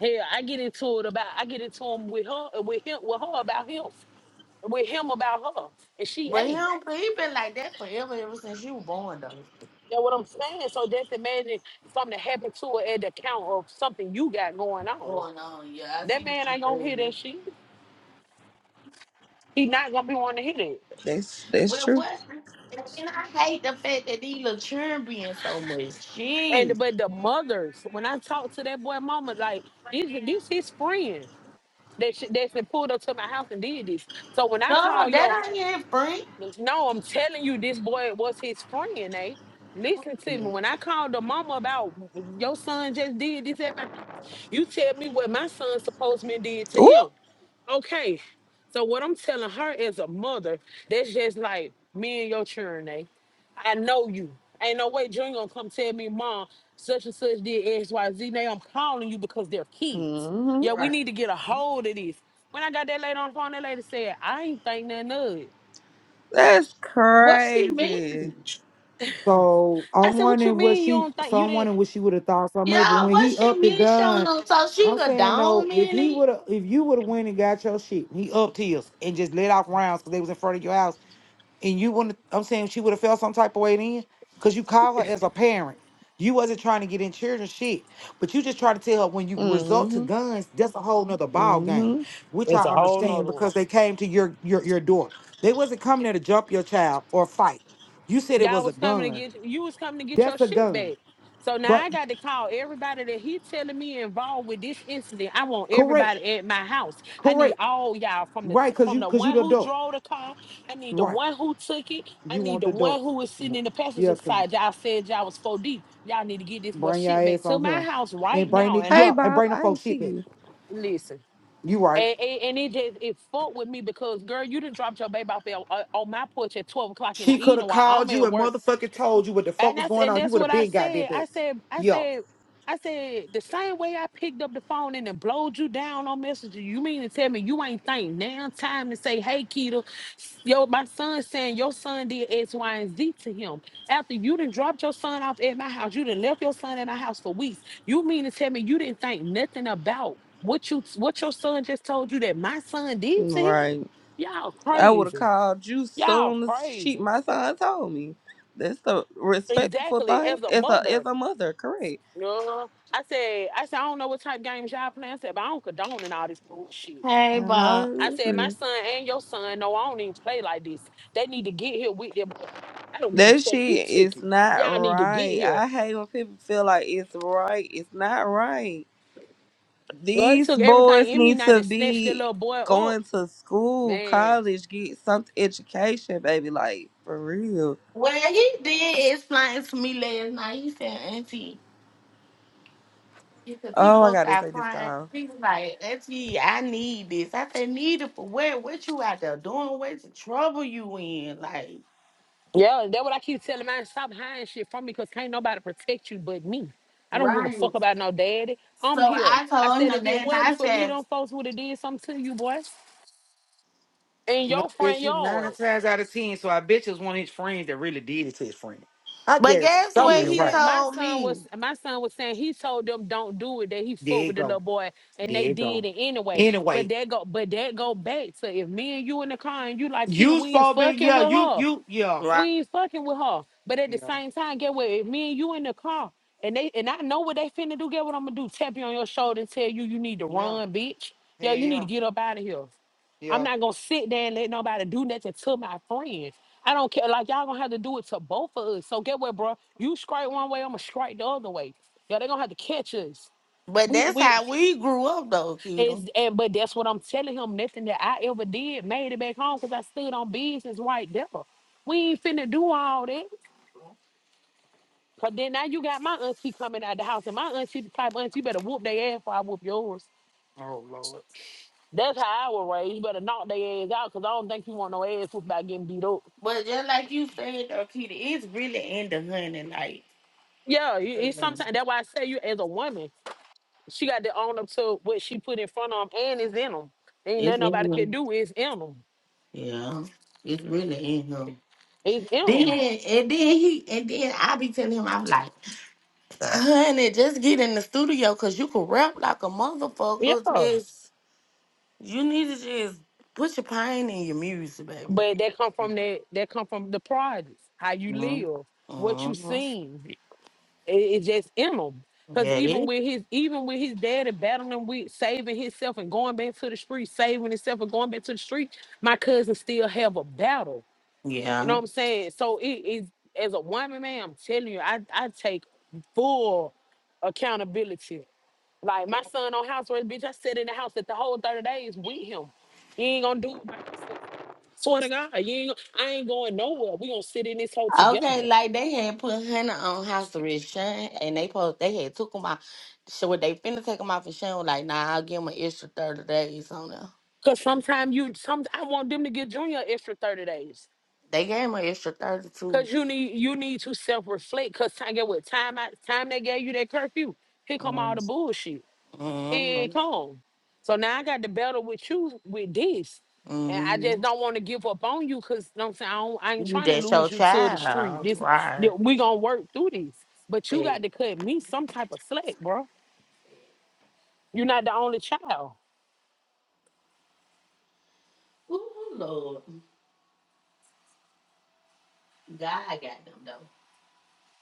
Speaker 9: Hell, I get into it about I get into him with her with him with her about him. With him about her. And she
Speaker 4: But he
Speaker 9: ate.
Speaker 4: don't he been like that forever, ever since you was born though.
Speaker 9: Know what I'm saying? So just imagine something that happened to her at the count of something you got going on.
Speaker 4: Going on, yeah, I
Speaker 9: That
Speaker 4: see what
Speaker 9: man
Speaker 4: you
Speaker 9: ain't gonna hear that
Speaker 4: saying.
Speaker 9: shit. He not gonna be wanting to hear it.
Speaker 13: That's that's
Speaker 4: But
Speaker 13: true.
Speaker 4: what? And I hate the fact that these little children being so much
Speaker 9: And
Speaker 4: shit.
Speaker 9: but the mothers, when I talk to that boy mama, like this, this his friend that she, that's been pulled up to my house and did this. So when I
Speaker 4: No,
Speaker 9: call your,
Speaker 4: that ain't it, friend.
Speaker 9: no, I'm telling you, this boy was his friend, eh? Listen to me. When I called the mama about your son just did this, that, my-" you tell me what my son supposed to been did to
Speaker 13: Ooh.
Speaker 9: him. Okay. So what I'm telling her as a mother, that's just like me and your children, eh? I know you. Ain't no way Junior gonna come tell me, Mom, such and such did X, Y, Z. Now I'm calling you because they're kids.
Speaker 13: hmm
Speaker 9: Yeah, we
Speaker 4: Right.
Speaker 9: need to get a hold of this. When I got that lady on the phone, that lady said, I ain't think nothing of it.
Speaker 13: That's
Speaker 4: What she mean?
Speaker 13: crazy.
Speaker 7: So
Speaker 9: I
Speaker 7: I'm
Speaker 9: said, What you
Speaker 7: wondering what
Speaker 9: mean you
Speaker 7: she.
Speaker 9: don't think
Speaker 7: So
Speaker 9: you
Speaker 7: I'm
Speaker 9: didn't?
Speaker 7: wondering what she would have thought some of it
Speaker 4: Yeah,
Speaker 7: when
Speaker 4: what
Speaker 7: he
Speaker 4: she
Speaker 7: upped the
Speaker 4: mean showing
Speaker 7: gun.
Speaker 4: up so she
Speaker 7: I'm
Speaker 4: could
Speaker 7: saying though,
Speaker 4: down
Speaker 7: if he
Speaker 4: it?
Speaker 7: would have, if you would have went and got your shit, he upped his and just let off rounds because they was in front of your house. and you want to i'm saying she would have felt some type of way then because you call her as a parent you wasn't trying to get in children's shit but you just try to tell her when you resort to
Speaker 13: hmm
Speaker 7: guns that's a whole nother ball game
Speaker 13: hmm
Speaker 7: which i
Speaker 9: It's a whole
Speaker 7: understand
Speaker 9: nother one.
Speaker 7: because they came to your your your door they wasn't coming there to jump your child or fight you said it
Speaker 9: Y'all
Speaker 7: was a
Speaker 9: was coming to
Speaker 7: gun
Speaker 9: get you was coming to get your
Speaker 7: that's a
Speaker 9: shit
Speaker 7: gun
Speaker 9: back. So now
Speaker 7: right
Speaker 9: I got to call everybody that he telling me involved with this incident. I want
Speaker 7: correct
Speaker 9: everybody at my house. I need
Speaker 7: correct
Speaker 9: all y'all from the
Speaker 7: right because
Speaker 9: from
Speaker 7: you
Speaker 9: the
Speaker 7: because you
Speaker 9: one
Speaker 7: the
Speaker 9: who
Speaker 7: adult
Speaker 9: drove the car. I need the
Speaker 7: right
Speaker 9: one who took it. I
Speaker 7: you
Speaker 9: need
Speaker 7: want
Speaker 9: the
Speaker 7: the
Speaker 9: one
Speaker 7: adults
Speaker 9: who was sitting in the passenger
Speaker 7: yeah because
Speaker 9: side. Y'all said y'all was four deep. Y'all need to get this boy
Speaker 7: bring your
Speaker 9: shit back
Speaker 7: ass
Speaker 9: to
Speaker 7: on
Speaker 9: my
Speaker 7: him
Speaker 9: house right
Speaker 7: and bring
Speaker 9: now.
Speaker 7: it
Speaker 9: And I'm
Speaker 13: Hey
Speaker 7: yeah and
Speaker 13: Bob,
Speaker 7: bring the
Speaker 13: I
Speaker 7: folks
Speaker 13: didn't see
Speaker 7: shit back
Speaker 13: you.
Speaker 9: listen.
Speaker 7: you right
Speaker 9: And, and, and it just it fucked with me because girl, you done dropped your baby off at, uh, on my porch at twelve o'clock in the
Speaker 7: She could
Speaker 9: evening
Speaker 7: have
Speaker 9: while
Speaker 7: called
Speaker 9: I'm
Speaker 7: you
Speaker 9: at
Speaker 7: and
Speaker 9: work
Speaker 7: motherfucking told you what the fuck
Speaker 9: and
Speaker 7: was
Speaker 9: that's
Speaker 7: going
Speaker 9: and
Speaker 7: on. You
Speaker 9: that's
Speaker 7: would have
Speaker 9: what I
Speaker 7: been goddamn
Speaker 9: said. I
Speaker 7: that.
Speaker 9: said, I
Speaker 7: Yo.
Speaker 9: said, I said, the same way I picked up the phone and then blowed you down on messenger. You mean to tell me you ain't think now time to say, hey Keto, yo, my son saying your son did X, Y, and Z to him. After you done dropped your son off at my house, you done left your son at my house for weeks. You mean to tell me you didn't think nothing about what you what your son just told you that my son did to him?
Speaker 13: Right.
Speaker 9: Y'all
Speaker 13: I would have
Speaker 9: crazy.
Speaker 13: called you
Speaker 9: Y'all
Speaker 13: soon as she
Speaker 9: crazy.
Speaker 13: my son told me. That's a respectful
Speaker 9: Exactly.
Speaker 13: thing.
Speaker 9: As a
Speaker 13: It's a
Speaker 9: mother,
Speaker 13: it's a mother, correct.
Speaker 9: No, I said, I said, I don't know what type games y'all playing. I said, but I don't condone in all this bullshit.
Speaker 4: Hey
Speaker 13: I
Speaker 4: Bob.
Speaker 9: I
Speaker 13: know.
Speaker 9: said, my son and your son, no, I don't even play like this. They need to get here with them. I don't give a
Speaker 13: That
Speaker 9: fuck who
Speaker 13: shit
Speaker 9: took
Speaker 13: is
Speaker 9: it.
Speaker 13: not
Speaker 9: Y'all need to get
Speaker 13: right.
Speaker 9: here.
Speaker 13: I hate when people feel like it's right. It's not right.
Speaker 9: Well, it
Speaker 13: These
Speaker 9: took everything
Speaker 13: boys
Speaker 9: in me
Speaker 13: need
Speaker 9: not
Speaker 13: to
Speaker 9: to snatch that
Speaker 13: be
Speaker 9: little boy up.
Speaker 13: going to school,
Speaker 9: Man.
Speaker 13: college, get some education, baby. Like for real.
Speaker 4: Well he did explain to me last night. He said, Auntie, because he
Speaker 13: Oh, I
Speaker 4: both
Speaker 13: gotta
Speaker 4: out
Speaker 13: take this
Speaker 4: crying.
Speaker 13: call.
Speaker 4: He was like, Auntie, I need this. I said, need it for what? What you out there doing? What's the trouble you in? Like
Speaker 9: Yeah, that's what I keep telling mine. Stop hiding shit from me because can't nobody protect you but me. I don't give a
Speaker 4: Right.
Speaker 9: fuck about no daddy. I'm
Speaker 4: so
Speaker 9: here.
Speaker 4: I
Speaker 9: I
Speaker 4: told
Speaker 9: said,
Speaker 4: him
Speaker 9: if it
Speaker 4: that and
Speaker 9: wasn't
Speaker 4: I
Speaker 9: for me,
Speaker 4: said,
Speaker 9: them folks would have did something to you, boy. In
Speaker 7: And I
Speaker 9: your front
Speaker 7: bet you
Speaker 9: yard.
Speaker 7: nine times out of ten. So I bet you it was one of his friends that really did it to his friend. I
Speaker 4: But
Speaker 7: guess
Speaker 4: guess
Speaker 7: something
Speaker 4: what
Speaker 9: he
Speaker 7: ain't
Speaker 4: he
Speaker 7: right.
Speaker 9: said my
Speaker 4: told
Speaker 9: son was
Speaker 4: me?
Speaker 9: my son was saying he told them don't do it that he
Speaker 7: There
Speaker 9: fought
Speaker 7: you
Speaker 9: with the
Speaker 7: go.
Speaker 9: little boy and
Speaker 7: There
Speaker 9: they
Speaker 7: you
Speaker 9: did
Speaker 7: go.
Speaker 9: it anyway but
Speaker 7: Anyway,
Speaker 9: that go but that go back to if me and you in the car and you like Kita
Speaker 7: you
Speaker 9: Wings
Speaker 7: phobic.
Speaker 9: fucking
Speaker 7: Yeah,
Speaker 9: with
Speaker 7: you
Speaker 9: her
Speaker 7: you yeah.
Speaker 4: Right.
Speaker 9: we ain't fucking with her. But at the
Speaker 7: Yeah.
Speaker 9: same time, get what? If me and you in the car, and they and I know what they finna do. Get what I'm gonna do? Tap you on your shoulder and tell you you need to
Speaker 7: Yeah.
Speaker 9: run, bitch.
Speaker 7: Hell
Speaker 9: Yo, you need to
Speaker 7: yeah.
Speaker 9: get up out of here. I'm
Speaker 7: Yeah.
Speaker 9: not gonna sit there and let nobody do nothing to my friends. I don't care. Like y'all gonna have to do it to both of us. So get what, bro? You strike one way, I'ma strike the other way. Yo, they gonna have to catch us.
Speaker 4: But
Speaker 9: We
Speaker 4: that's
Speaker 9: we
Speaker 4: how we grew up, though, Keto.
Speaker 9: is and but that's what I'm telling him. Nothing that I ever did made it back home because I stood on business right there. We ain't finna do all that. Cause then now you got my auntie coming out the house, and my auntie the type of auntie you better whoop their ass before I whoop yours.
Speaker 7: Oh Lord.
Speaker 9: That's how I was raised. You better knock their ass out, cause I don't think you want no ass whooped by getting beat up.
Speaker 4: But just like you said, though, Keto, it's really in the honey. Like,
Speaker 9: Yeah, it- it's sometimes that's why I say you as a woman, she got to own up to what she put in front of them, and it's in them. Ain't nothing
Speaker 4: it's in
Speaker 9: nobody can
Speaker 4: him.
Speaker 9: do. It's in them.
Speaker 4: Yeah, it's really in him.
Speaker 9: It's in
Speaker 4: Then
Speaker 9: them.
Speaker 4: and then he and then I be telling him I'm like, honey, just get in the studio cause you can rap like a motherfucker.
Speaker 9: Yeah,
Speaker 4: Just you need to just put your pain in your music, baby.
Speaker 9: but that come from
Speaker 7: Mhm.
Speaker 9: that. That come from the projects, how you live,
Speaker 4: Mm-hmm.
Speaker 9: what you
Speaker 4: Mm-hmm.
Speaker 9: seen. It, it's just in him. Cause
Speaker 4: Yeah,
Speaker 9: even
Speaker 4: it-
Speaker 9: with his even with his daddy battling with saving himself and going back to the street, saving himself and going back to the street, my cousins still have a battle. You
Speaker 4: yeah.
Speaker 9: know what I'm saying? So it is as a woman, man, I'm telling you, I, I take full accountability. Like my son on house arrest, bitch, I sat in the house at the whole 30 days with him. You ain't gonna do it. Swear to God, you ain't, I ain't going nowhere. We gonna sit in this hole together.
Speaker 4: Okay, like they had put Hannah on house arrest, Sean, and they post they had took him out. So what they finna take him off, and Sean was like, "Nah, I'll give him an extra thirty days on there."
Speaker 9: Cause sometimes you some I want them to give Junior an extra 30 days.
Speaker 4: They gave him an extra thirty two.
Speaker 9: Cause you need you need to self-reflect. Cause time get what time I time they gave you that curfew. Here come all the bullshit. Here
Speaker 4: Mm-hmm.
Speaker 9: it come. So now I got to battle with you with this. And I
Speaker 4: hmm
Speaker 9: just don't want to give up on you because you know what I'm saying I, don't, I ain't
Speaker 4: You
Speaker 9: trying to
Speaker 4: that's your
Speaker 9: lose you to the street.
Speaker 4: child,
Speaker 9: This
Speaker 4: right?
Speaker 9: that we gonna work through this. But you got
Speaker 4: Baby.
Speaker 9: to cut me some type of slack, bro. You're not the only child.
Speaker 4: Ooh, Lord, God got them though.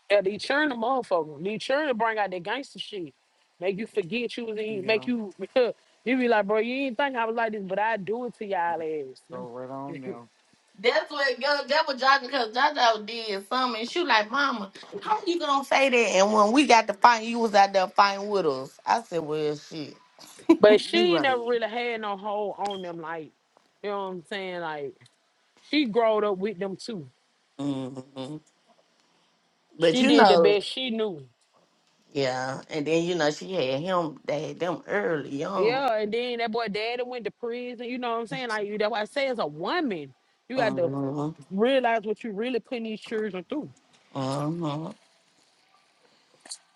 Speaker 9: Yeah, they churn the motherfucker. They churn to bring out that gangster shit. Make you forget you was in, make you, *laughs* you be like, bro, you ain't think I was like this, but I do it to y'all
Speaker 7: So
Speaker 9: ass.
Speaker 7: Go hell.
Speaker 4: That's what God, that was Johnny because Jojo did something. And she was like, "Mama, how you gonna say that?" And when we got to fight, you was out there fighting with us. I said, "Well, shit."
Speaker 9: *laughs* but
Speaker 4: You
Speaker 9: she ain't
Speaker 4: right.
Speaker 9: never really had no hold on them, like, you know what I'm saying? Like, she growed up with them too.
Speaker 4: hmm But
Speaker 9: She
Speaker 4: you
Speaker 9: did the
Speaker 4: know,
Speaker 9: best she knew.
Speaker 4: yeah. And then you know she had him. They had them early on.
Speaker 9: Yeah, and then that boy daddy went to prison, you know what I'm saying? Like, that's why I say as a woman, you got to
Speaker 4: hmm
Speaker 9: realize what you really putting these children through.
Speaker 4: hmm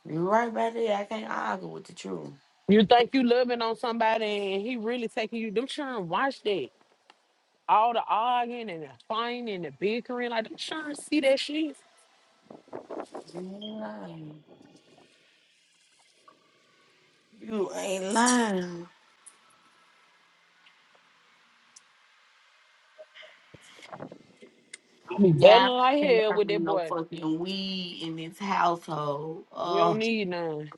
Speaker 4: You right about there. I can't argue with the truth.
Speaker 9: You think you loving on somebody and he really taking you. Them children watch that. All the arguing and the fighting and the bickering. Like them children see that shit.
Speaker 4: You ain't lying. You ain't lying.
Speaker 9: I be battling
Speaker 4: Yeah, I
Speaker 9: like
Speaker 4: can't
Speaker 9: hell with that
Speaker 4: find no
Speaker 9: boy.
Speaker 4: fucking weed in this household.
Speaker 9: You don't
Speaker 4: Oh,
Speaker 9: need none.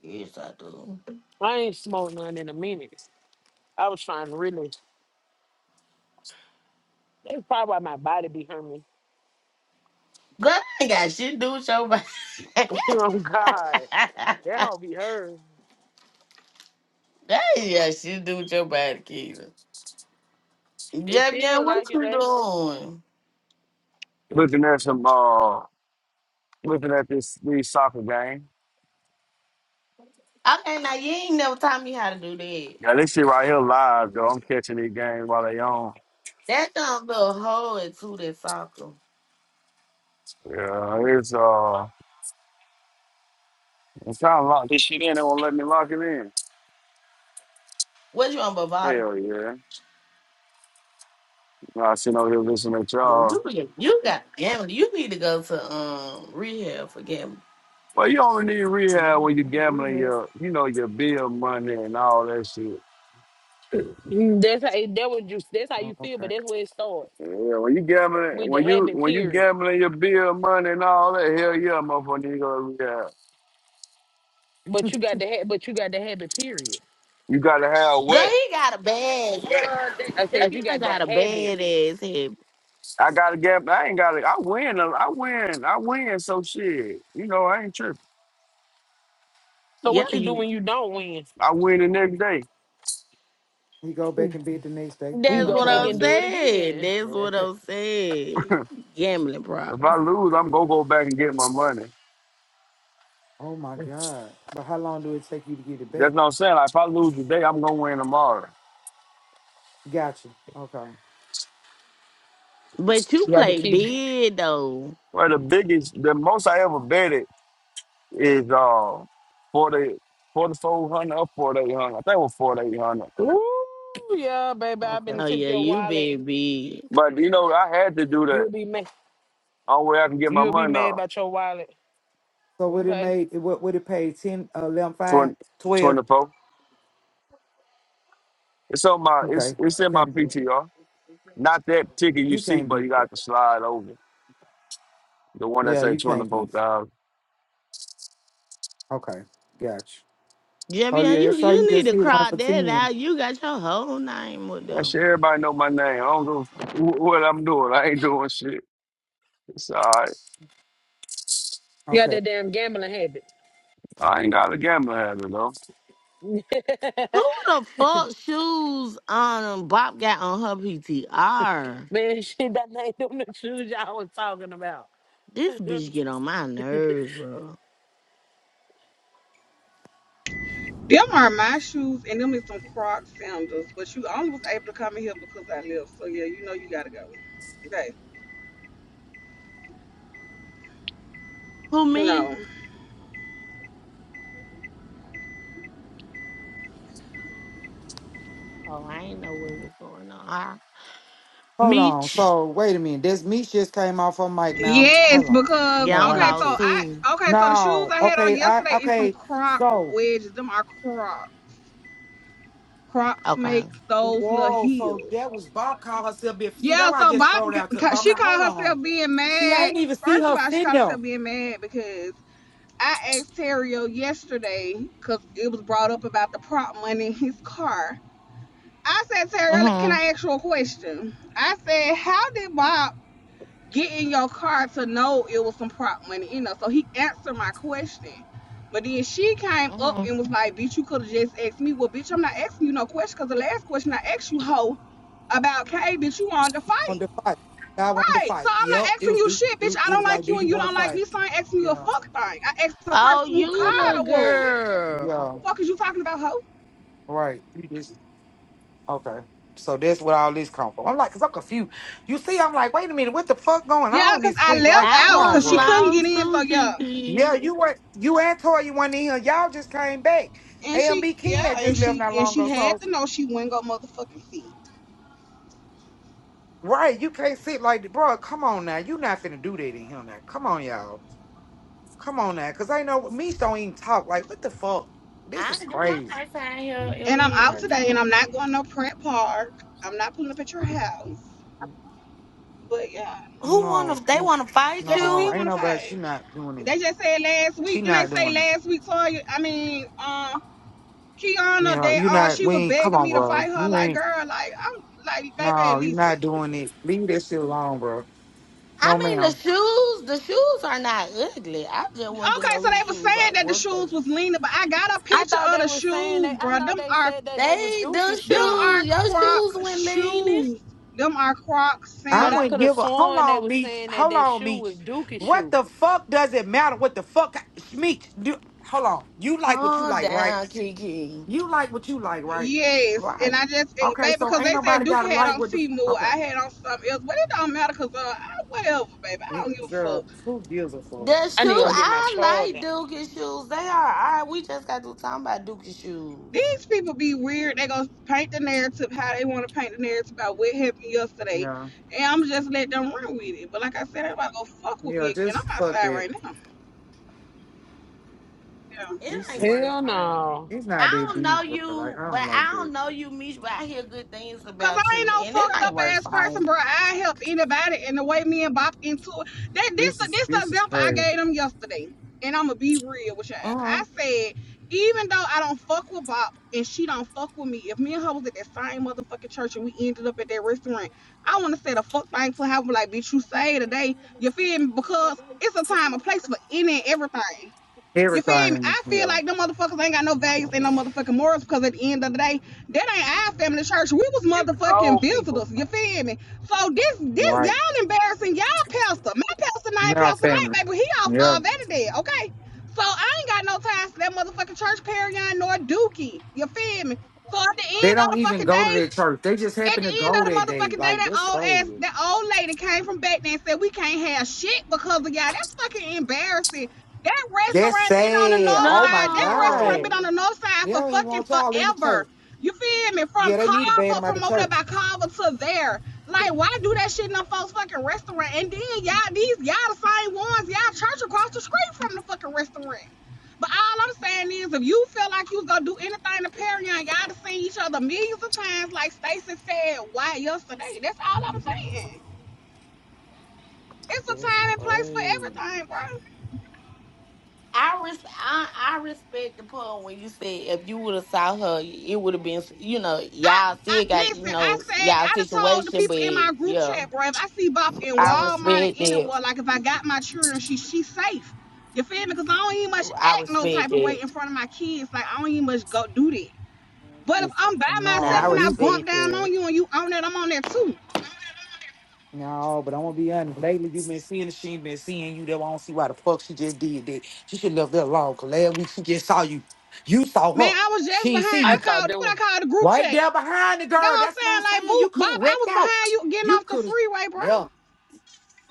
Speaker 4: yes, I do.
Speaker 9: I ain't smoked none in a minute. I was trying to really that's probably why my body be hurting.
Speaker 4: Girl, I ain't got shit to do with your body. *laughs* that
Speaker 9: *laughs* oh God. That don't be hurt.
Speaker 4: ain't got shit to do with your body, Keita.
Speaker 9: It
Speaker 4: Jab, yeah,
Speaker 9: feels
Speaker 4: what
Speaker 9: like it,
Speaker 4: you
Speaker 9: eh?
Speaker 4: doing?
Speaker 16: looking at some uh looking at this these soccer game.
Speaker 4: Okay, now you ain't never taught me how to do that.
Speaker 16: Now this shit right here live though. I'm catching these games while they on.
Speaker 4: That dumb little hole into that soccer.
Speaker 16: Yeah, it's uh I'm trying to lock this shit in, they won't let me lock it in.
Speaker 4: What you on Bavada?
Speaker 16: Hell yeah. I sitting over here listening to
Speaker 4: Boy,
Speaker 16: y'all.
Speaker 4: you be- you got gambling. You need to go to um rehab for gambling.
Speaker 16: Well you only need rehab when you're gambling your you know, your bill money and all that shit.
Speaker 9: Mm, That's how it, that what you that's how you feel, but that's where it starts.
Speaker 16: Yeah, when you gambling
Speaker 9: With the
Speaker 16: when you
Speaker 9: habit
Speaker 16: when you
Speaker 9: period.
Speaker 16: gambling your bill money and all that, hell yeah, motherfucker, you go to rehab.
Speaker 9: But you got the ha- but you got the habit period.
Speaker 16: You gotta have
Speaker 4: Girl,
Speaker 16: what?
Speaker 4: he got a bad. *laughs* Girl, that,
Speaker 9: I said you
Speaker 4: guy
Speaker 9: got the
Speaker 4: got a
Speaker 9: habit.
Speaker 4: bad ass head.
Speaker 16: I got a gap. I ain't got it. I win. a- I win. I win. So shit. You know, I ain't tripping.
Speaker 9: So
Speaker 4: Yeah,
Speaker 9: what you do
Speaker 4: you.
Speaker 9: when you don't win?
Speaker 16: I win the next day.
Speaker 7: He go back and bed the next day. He
Speaker 9: You
Speaker 4: That's
Speaker 7: gonna
Speaker 9: go
Speaker 4: what
Speaker 9: back
Speaker 7: try
Speaker 4: I'm
Speaker 9: and do
Speaker 7: again.
Speaker 9: it
Speaker 4: saying.
Speaker 9: again.
Speaker 4: That's what
Speaker 9: *laughs*
Speaker 4: I'm
Speaker 16: *laughs*
Speaker 4: saying. Gambling
Speaker 16: if
Speaker 4: problem.
Speaker 16: I lose, I'm gonna go back and get my money.
Speaker 7: Oh my God! But how long do it take you to get it back?
Speaker 16: That's what I'm saying. Like if I lose today, I'm gonna win tomorrow.
Speaker 7: Gotcha. Okay.
Speaker 4: But you
Speaker 9: you got to
Speaker 4: play
Speaker 9: keep.
Speaker 4: big though.
Speaker 16: Well, the biggest, the most I ever betted is uh forty, forty-four hundred or forty-eight hundred. I think it was forty-eight hundred.
Speaker 9: Ooh, yeah, baby. i
Speaker 7: Okay.
Speaker 9: been
Speaker 4: Oh
Speaker 9: took
Speaker 4: yeah,
Speaker 9: your
Speaker 4: you
Speaker 9: wallet.
Speaker 4: big big.
Speaker 16: But you know, I had to do that.
Speaker 9: You'll be mad.
Speaker 16: Only way I can get my
Speaker 9: You'll be
Speaker 16: money
Speaker 9: mad
Speaker 16: off.
Speaker 9: about your wallet.
Speaker 7: So what it
Speaker 9: Okay.
Speaker 7: made? It, what would it pay? Ten, uh, 11, 5,
Speaker 16: Twenty,
Speaker 7: 12.
Speaker 16: twenty-four. It's on my. It's
Speaker 7: Okay.
Speaker 16: it's in my
Speaker 7: Can't be.
Speaker 16: PTR. Not that ticket you
Speaker 7: You
Speaker 16: see,
Speaker 7: can't
Speaker 16: but
Speaker 7: beat
Speaker 16: you
Speaker 7: it.
Speaker 16: got to slide over. The one that
Speaker 7: Yeah,
Speaker 16: said
Speaker 7: you can't be.
Speaker 16: 24,000.
Speaker 7: Okay, gotcha. Oh
Speaker 4: Jebbion,
Speaker 7: yeah,
Speaker 4: you
Speaker 7: so you
Speaker 4: you need
Speaker 7: just
Speaker 4: to
Speaker 7: hit one
Speaker 4: cry
Speaker 7: for
Speaker 4: that
Speaker 7: ten.
Speaker 4: out. You got your whole name with
Speaker 16: That
Speaker 4: them.
Speaker 16: shit, everybody know my name. I don't know what I'm doing. I ain't doing shit. It's all right.
Speaker 9: You got
Speaker 7: Okay,
Speaker 9: that damn gambling habit.
Speaker 16: I ain't got a gambling habit, though.
Speaker 4: Who
Speaker 9: *laughs*
Speaker 4: the fuck shoes um Bob got on her PTR?
Speaker 9: Man, shit, that ain't them the shoes y'all was talking about.
Speaker 4: This bitch get on my nerves, bro.
Speaker 6: them are my shoes, and them is some Croc sandals. But you only was able to come in here because I live. So yeah, you know you gotta go. Okay.
Speaker 4: Who me?
Speaker 6: No.
Speaker 4: Oh, I ain't know what was going on. Ah,
Speaker 7: hold on.
Speaker 4: Meech.
Speaker 7: So wait a minute, this Meech just came off her mic now.
Speaker 6: Yes,
Speaker 7: Hold on.
Speaker 6: because
Speaker 4: Yeah,
Speaker 7: No,
Speaker 4: I'm
Speaker 7: I
Speaker 6: okay,
Speaker 7: ain't
Speaker 6: so
Speaker 4: lost
Speaker 7: true.
Speaker 6: I
Speaker 4: too.
Speaker 6: okay, so the shoes
Speaker 7: No.
Speaker 6: I had on
Speaker 7: Okay.
Speaker 6: yesterday
Speaker 7: I
Speaker 6: is some
Speaker 7: okay.
Speaker 6: Croc
Speaker 7: So
Speaker 6: wedges. Them are Croc. Crocs
Speaker 4: Okay.
Speaker 6: makes those little
Speaker 7: Whoa, so
Speaker 6: heels.
Speaker 7: that was Bob called herself bitch. See, that's
Speaker 6: Yeah,
Speaker 7: why I
Speaker 6: so
Speaker 7: just
Speaker 6: Bob,
Speaker 7: scrolled out to the bottom.
Speaker 6: she
Speaker 7: I'm like, hold
Speaker 6: called herself
Speaker 7: on.
Speaker 6: being
Speaker 7: See, I
Speaker 6: mad.
Speaker 7: ain't even see
Speaker 6: First of
Speaker 7: her
Speaker 6: all, she
Speaker 7: send
Speaker 6: called
Speaker 7: them.
Speaker 6: herself being mad because I asked Terrio yesterday because it was brought up about the prop money in his car. I said, Terrio, like, can
Speaker 4: Mhm.
Speaker 6: I ask you a question? I said, how did Bob get in your car to know it was some prop money? You know, so he answered my question. But then she came up
Speaker 4: Mhm.
Speaker 6: and was like, bitch, you could have just asked me. Well, bitch, I'm not asking you no question because the last question I asked you, hoe, about K, bitch, you wanted to
Speaker 7: On
Speaker 6: fight.
Speaker 7: the fight. I wanted to
Speaker 6: Right. So
Speaker 7: fight.
Speaker 6: I'm not
Speaker 7: Yep. It
Speaker 6: asking
Speaker 7: was
Speaker 6: you
Speaker 7: do,
Speaker 6: shit,
Speaker 7: do
Speaker 6: bitch. I
Speaker 7: it
Speaker 6: don't
Speaker 7: was like,
Speaker 6: like
Speaker 7: do
Speaker 6: you
Speaker 7: you
Speaker 6: and you
Speaker 7: want to
Speaker 6: don't like
Speaker 7: fight?
Speaker 6: me, so I ain't asking you a
Speaker 7: Yeah.
Speaker 6: fuck thing. I asked the
Speaker 4: Oh,
Speaker 6: person who
Speaker 4: you
Speaker 7: Okay.
Speaker 4: the
Speaker 6: Kyle was.
Speaker 4: girl.
Speaker 7: Yeah.
Speaker 6: Fuck is you talking about her?
Speaker 7: Right. Okay. So that's what all this come from. I'm like, cause I'm confused. You see, I'm like, wait a minute, what the fuck going
Speaker 6: Yeah,
Speaker 7: on
Speaker 6: cause
Speaker 7: this
Speaker 6: I
Speaker 7: quick?
Speaker 6: left
Speaker 7: Like,
Speaker 4: I
Speaker 7: come
Speaker 6: out
Speaker 7: on,
Speaker 6: cause
Speaker 4: was
Speaker 6: she
Speaker 7: bro.
Speaker 6: couldn't get
Speaker 4: lost
Speaker 6: in, so
Speaker 4: too,
Speaker 6: yeah.
Speaker 4: Kiki.
Speaker 7: Yeah, you were you and Tori you went in here. Y'all just came back.
Speaker 6: And she
Speaker 7: AMB King
Speaker 6: yeah,
Speaker 7: had
Speaker 6: and
Speaker 7: just left
Speaker 6: she
Speaker 7: not
Speaker 6: and
Speaker 7: long
Speaker 6: she
Speaker 7: ago. So
Speaker 6: had to know she wouldn't go motherfucking see.
Speaker 7: right, you can't sit like that. Bro, come on now. You not finna do that in here now. Come on, y'all. Come on now. Cause I know me don't even talk. Like, what the fuck? This
Speaker 4: I
Speaker 7: is
Speaker 4: did my
Speaker 7: crazy.
Speaker 4: first time here ever
Speaker 6: And I'm
Speaker 4: hear
Speaker 6: out
Speaker 4: her
Speaker 6: today and I'm
Speaker 4: talk.
Speaker 6: not going to no prep park. I'm not pulling up at your house. But yeah.
Speaker 4: Who wanna
Speaker 7: No,
Speaker 4: they
Speaker 7: it-
Speaker 4: wanna fight
Speaker 6: Yeah, she
Speaker 7: no,
Speaker 6: still
Speaker 4: you?
Speaker 7: ain't
Speaker 6: wanna
Speaker 7: nobody she
Speaker 6: fight.
Speaker 7: not doing it.
Speaker 6: They just said last
Speaker 7: She
Speaker 6: week, then they
Speaker 7: not
Speaker 6: say
Speaker 7: doing it.
Speaker 6: last week, so I mean, um, uh,
Speaker 7: You
Speaker 6: Kiana
Speaker 7: know,
Speaker 6: that
Speaker 7: you
Speaker 6: uh
Speaker 7: not
Speaker 6: she
Speaker 7: we
Speaker 6: was
Speaker 7: ain't come
Speaker 6: begging
Speaker 7: on,
Speaker 6: me to
Speaker 7: bro.
Speaker 6: fight her
Speaker 7: You
Speaker 6: like
Speaker 7: ain't
Speaker 6: girl like I'm like baby
Speaker 7: No, you're
Speaker 6: listen
Speaker 7: not doing it. Leave that shit alone, bro.
Speaker 4: I
Speaker 7: No,
Speaker 4: mean
Speaker 7: ma'am.
Speaker 4: the shoes, the shoes are not ugly. I just want to
Speaker 6: okay
Speaker 4: know
Speaker 6: so
Speaker 4: whose
Speaker 6: they were
Speaker 4: shoes are
Speaker 6: saying that the
Speaker 4: what's
Speaker 6: shoes
Speaker 4: the
Speaker 6: was leaning but I got a
Speaker 9: I
Speaker 6: picture
Speaker 9: thought
Speaker 6: of
Speaker 9: they
Speaker 6: the
Speaker 9: was saying they.
Speaker 6: shoes
Speaker 9: I
Speaker 6: bro
Speaker 9: know
Speaker 6: them
Speaker 9: they
Speaker 6: are
Speaker 9: said that they was
Speaker 4: they
Speaker 9: Dookie
Speaker 4: the
Speaker 6: them
Speaker 9: shoes,
Speaker 6: are
Speaker 4: shoes. Your shoes
Speaker 6: croc
Speaker 4: went leaning.
Speaker 6: shoes them are croc
Speaker 7: I
Speaker 9: but I
Speaker 7: wouldn't
Speaker 9: could have
Speaker 7: give
Speaker 6: sandals
Speaker 7: a. Hold
Speaker 9: sworn they
Speaker 7: on,
Speaker 9: was
Speaker 7: Meech.
Speaker 9: saying that
Speaker 7: Hold
Speaker 9: that
Speaker 7: on,
Speaker 9: shoe was
Speaker 7: Meech.
Speaker 9: Dookie
Speaker 7: What
Speaker 9: shoe.
Speaker 7: the fuck does it matter? What the fuck, Meech? Do, hold on. You like what you
Speaker 4: Calm
Speaker 7: like, right?
Speaker 4: down, Kiki.
Speaker 7: You like what you like, right?
Speaker 6: yes and
Speaker 4: Right.
Speaker 6: I just eh,
Speaker 7: Okay,
Speaker 6: baby
Speaker 7: so
Speaker 6: because
Speaker 7: ain't
Speaker 6: they
Speaker 7: nobody
Speaker 6: said Duke
Speaker 7: gotta
Speaker 6: had
Speaker 7: like
Speaker 6: on
Speaker 7: what the. f-
Speaker 6: Timu
Speaker 7: Okay,
Speaker 6: I had on something else but it don't matter because uh I, whatever baby I
Speaker 7: Eh,
Speaker 6: don't give a fuck
Speaker 7: girl, who gives a fuck?
Speaker 4: The
Speaker 9: I
Speaker 4: shoe
Speaker 9: need to go
Speaker 7: Like,
Speaker 9: get my
Speaker 4: I like
Speaker 9: charger.
Speaker 4: Dookie shoes. They are alright. We just got to talking about Dookie shoes.
Speaker 6: These people be weird. They gonna paint the narrative how they want to paint the narrative about what happened yesterday,
Speaker 7: yeah,
Speaker 6: and I'm just let them run with it. But like I said, everybody gonna fuck with
Speaker 7: yeah,
Speaker 6: me, again.
Speaker 7: just
Speaker 6: I'm
Speaker 7: fuck
Speaker 6: outside
Speaker 7: that.
Speaker 6: right now. Yeah.
Speaker 4: It
Speaker 7: This
Speaker 4: ain't
Speaker 7: is.
Speaker 4: worth
Speaker 9: Hell
Speaker 4: fighting.
Speaker 9: no.
Speaker 7: It's not
Speaker 4: I
Speaker 7: that
Speaker 4: don't know
Speaker 7: deep, bro. Like,
Speaker 4: you,
Speaker 7: I
Speaker 4: but
Speaker 7: don't like
Speaker 4: I
Speaker 7: that.
Speaker 4: don't know you, Mish, but I hear good things
Speaker 6: Cause
Speaker 4: about
Speaker 6: I ain't
Speaker 4: you.
Speaker 6: no
Speaker 4: And it
Speaker 6: fucked
Speaker 4: ain't
Speaker 6: up
Speaker 4: worth
Speaker 6: ass person,
Speaker 4: fighting.
Speaker 6: bro. I help anybody and the way me and Bop into it. That this
Speaker 7: This
Speaker 6: the
Speaker 7: is.
Speaker 6: this the
Speaker 7: This is
Speaker 6: example I
Speaker 7: crazy.
Speaker 6: gave them yesterday. And I'ma be real with y'all. I
Speaker 4: Mhm.
Speaker 6: said, even though I don't fuck with Bop and she don't fuck with me, if me and her was at that same motherfucking church and we ended up at that restaurant, I wanna say the fuck thing for having like, bitch, you say today. You feel me? Because it's a time, a place for any and everything. You feel me?
Speaker 7: Everything,
Speaker 6: I
Speaker 7: you
Speaker 6: feel
Speaker 7: know,
Speaker 6: like them motherfuckers ain't got no values and no motherfucking morals because at the end of the day, that ain't our family church. We was
Speaker 9: It was
Speaker 6: motherfucking
Speaker 9: old people.
Speaker 6: visitors. You feel me? So this this
Speaker 7: Right.
Speaker 6: y'all embarrassing y'all pastor. My pastor not
Speaker 7: Now
Speaker 6: Pastor Mike,
Speaker 7: family.
Speaker 6: baby. He off
Speaker 7: Yeah.
Speaker 6: uh vanity, okay? So I ain't got no time for that motherfucking church parion nor dookie. You feel me? So at the
Speaker 7: They
Speaker 6: end of
Speaker 7: don't
Speaker 6: the
Speaker 7: even
Speaker 6: fucking
Speaker 7: go to
Speaker 6: day,
Speaker 7: their church. They just
Speaker 6: at
Speaker 7: happen
Speaker 6: the
Speaker 7: to
Speaker 6: end of
Speaker 7: go
Speaker 6: the
Speaker 7: that day.
Speaker 6: motherfucking day,
Speaker 7: Like
Speaker 6: that
Speaker 7: that's
Speaker 6: old ass,
Speaker 7: crazy.
Speaker 6: that old lady came from back there and said we can't have shit because of y'all. That's fucking embarrassing. That
Speaker 7: That's
Speaker 6: restaurant been on the
Speaker 7: sad.
Speaker 6: north
Speaker 7: Oh my
Speaker 6: side. That restaurant
Speaker 7: God.
Speaker 6: been on
Speaker 4: No.
Speaker 6: the north side
Speaker 7: They
Speaker 6: for
Speaker 7: don't even
Speaker 6: fucking
Speaker 7: want y'all in the
Speaker 6: forever.
Speaker 7: church.
Speaker 6: You feel me? From
Speaker 7: Yeah, they need to ban
Speaker 6: Carver,
Speaker 7: them out the
Speaker 6: from over there
Speaker 7: church.
Speaker 6: by Carver to there. Like, why do that shit in a folks fucking restaurant? And then y'all, these y'all the same ones y'all church across the street from the fucking restaurant. But all I'm saying is, if you feel like you was gonna do anything to Perion, y'all have seen each other millions of times, like Stacey said, why yesterday? That's all I'm saying. It's a
Speaker 7: That's
Speaker 6: time and place for
Speaker 7: crazy.
Speaker 6: everything, bro.
Speaker 4: I, res- I I respect the part when you said if you would have saw her, it would have been you know
Speaker 6: I,
Speaker 4: y'all
Speaker 6: I
Speaker 4: still got you
Speaker 6: listen. I
Speaker 4: know
Speaker 6: said
Speaker 4: y'all
Speaker 6: I done told the
Speaker 4: situation, but
Speaker 6: people in my group
Speaker 4: yeah,
Speaker 6: chat, bro. If I see Bop in
Speaker 4: I
Speaker 6: Walmart and
Speaker 4: respect that.
Speaker 6: anywhere, like if I got my children, she she's safe. You feel me? Because I don't even much
Speaker 4: I
Speaker 6: act no
Speaker 4: respect
Speaker 6: type of way
Speaker 4: that.
Speaker 6: in front of my kids. Like I don't even much go do that.
Speaker 7: Man,
Speaker 6: But if
Speaker 7: listen,
Speaker 6: I'm by
Speaker 4: Now I
Speaker 7: no,
Speaker 6: myself and I
Speaker 7: we
Speaker 6: bump
Speaker 4: respect
Speaker 6: down
Speaker 4: that.
Speaker 6: on you and you on that, I'm on that too.
Speaker 7: no, but I'm gonna be honest. Lately you've been seeing she ain't been seeing you. That I do not see why the fuck she just did that. She should left that alone. Cause last week she just saw you. You saw
Speaker 6: Man,
Speaker 7: her.
Speaker 6: I was just
Speaker 7: She
Speaker 6: behind.
Speaker 7: ain't see
Speaker 9: I
Speaker 7: you.
Speaker 6: I
Speaker 9: thought
Speaker 6: called
Speaker 9: they
Speaker 6: what
Speaker 9: were
Speaker 6: I call the group
Speaker 7: Right
Speaker 6: chat.
Speaker 7: there behind the
Speaker 6: That's
Speaker 7: girl.
Speaker 6: what I'm
Speaker 7: That's what I'm
Speaker 6: saying. Like,
Speaker 7: saying.
Speaker 6: boop,
Speaker 7: You could have
Speaker 6: Bob. I
Speaker 7: wrecked
Speaker 6: was
Speaker 7: out.
Speaker 6: behind you getting
Speaker 7: You
Speaker 6: off the
Speaker 7: could have,
Speaker 6: freeway, bro.
Speaker 7: yeah,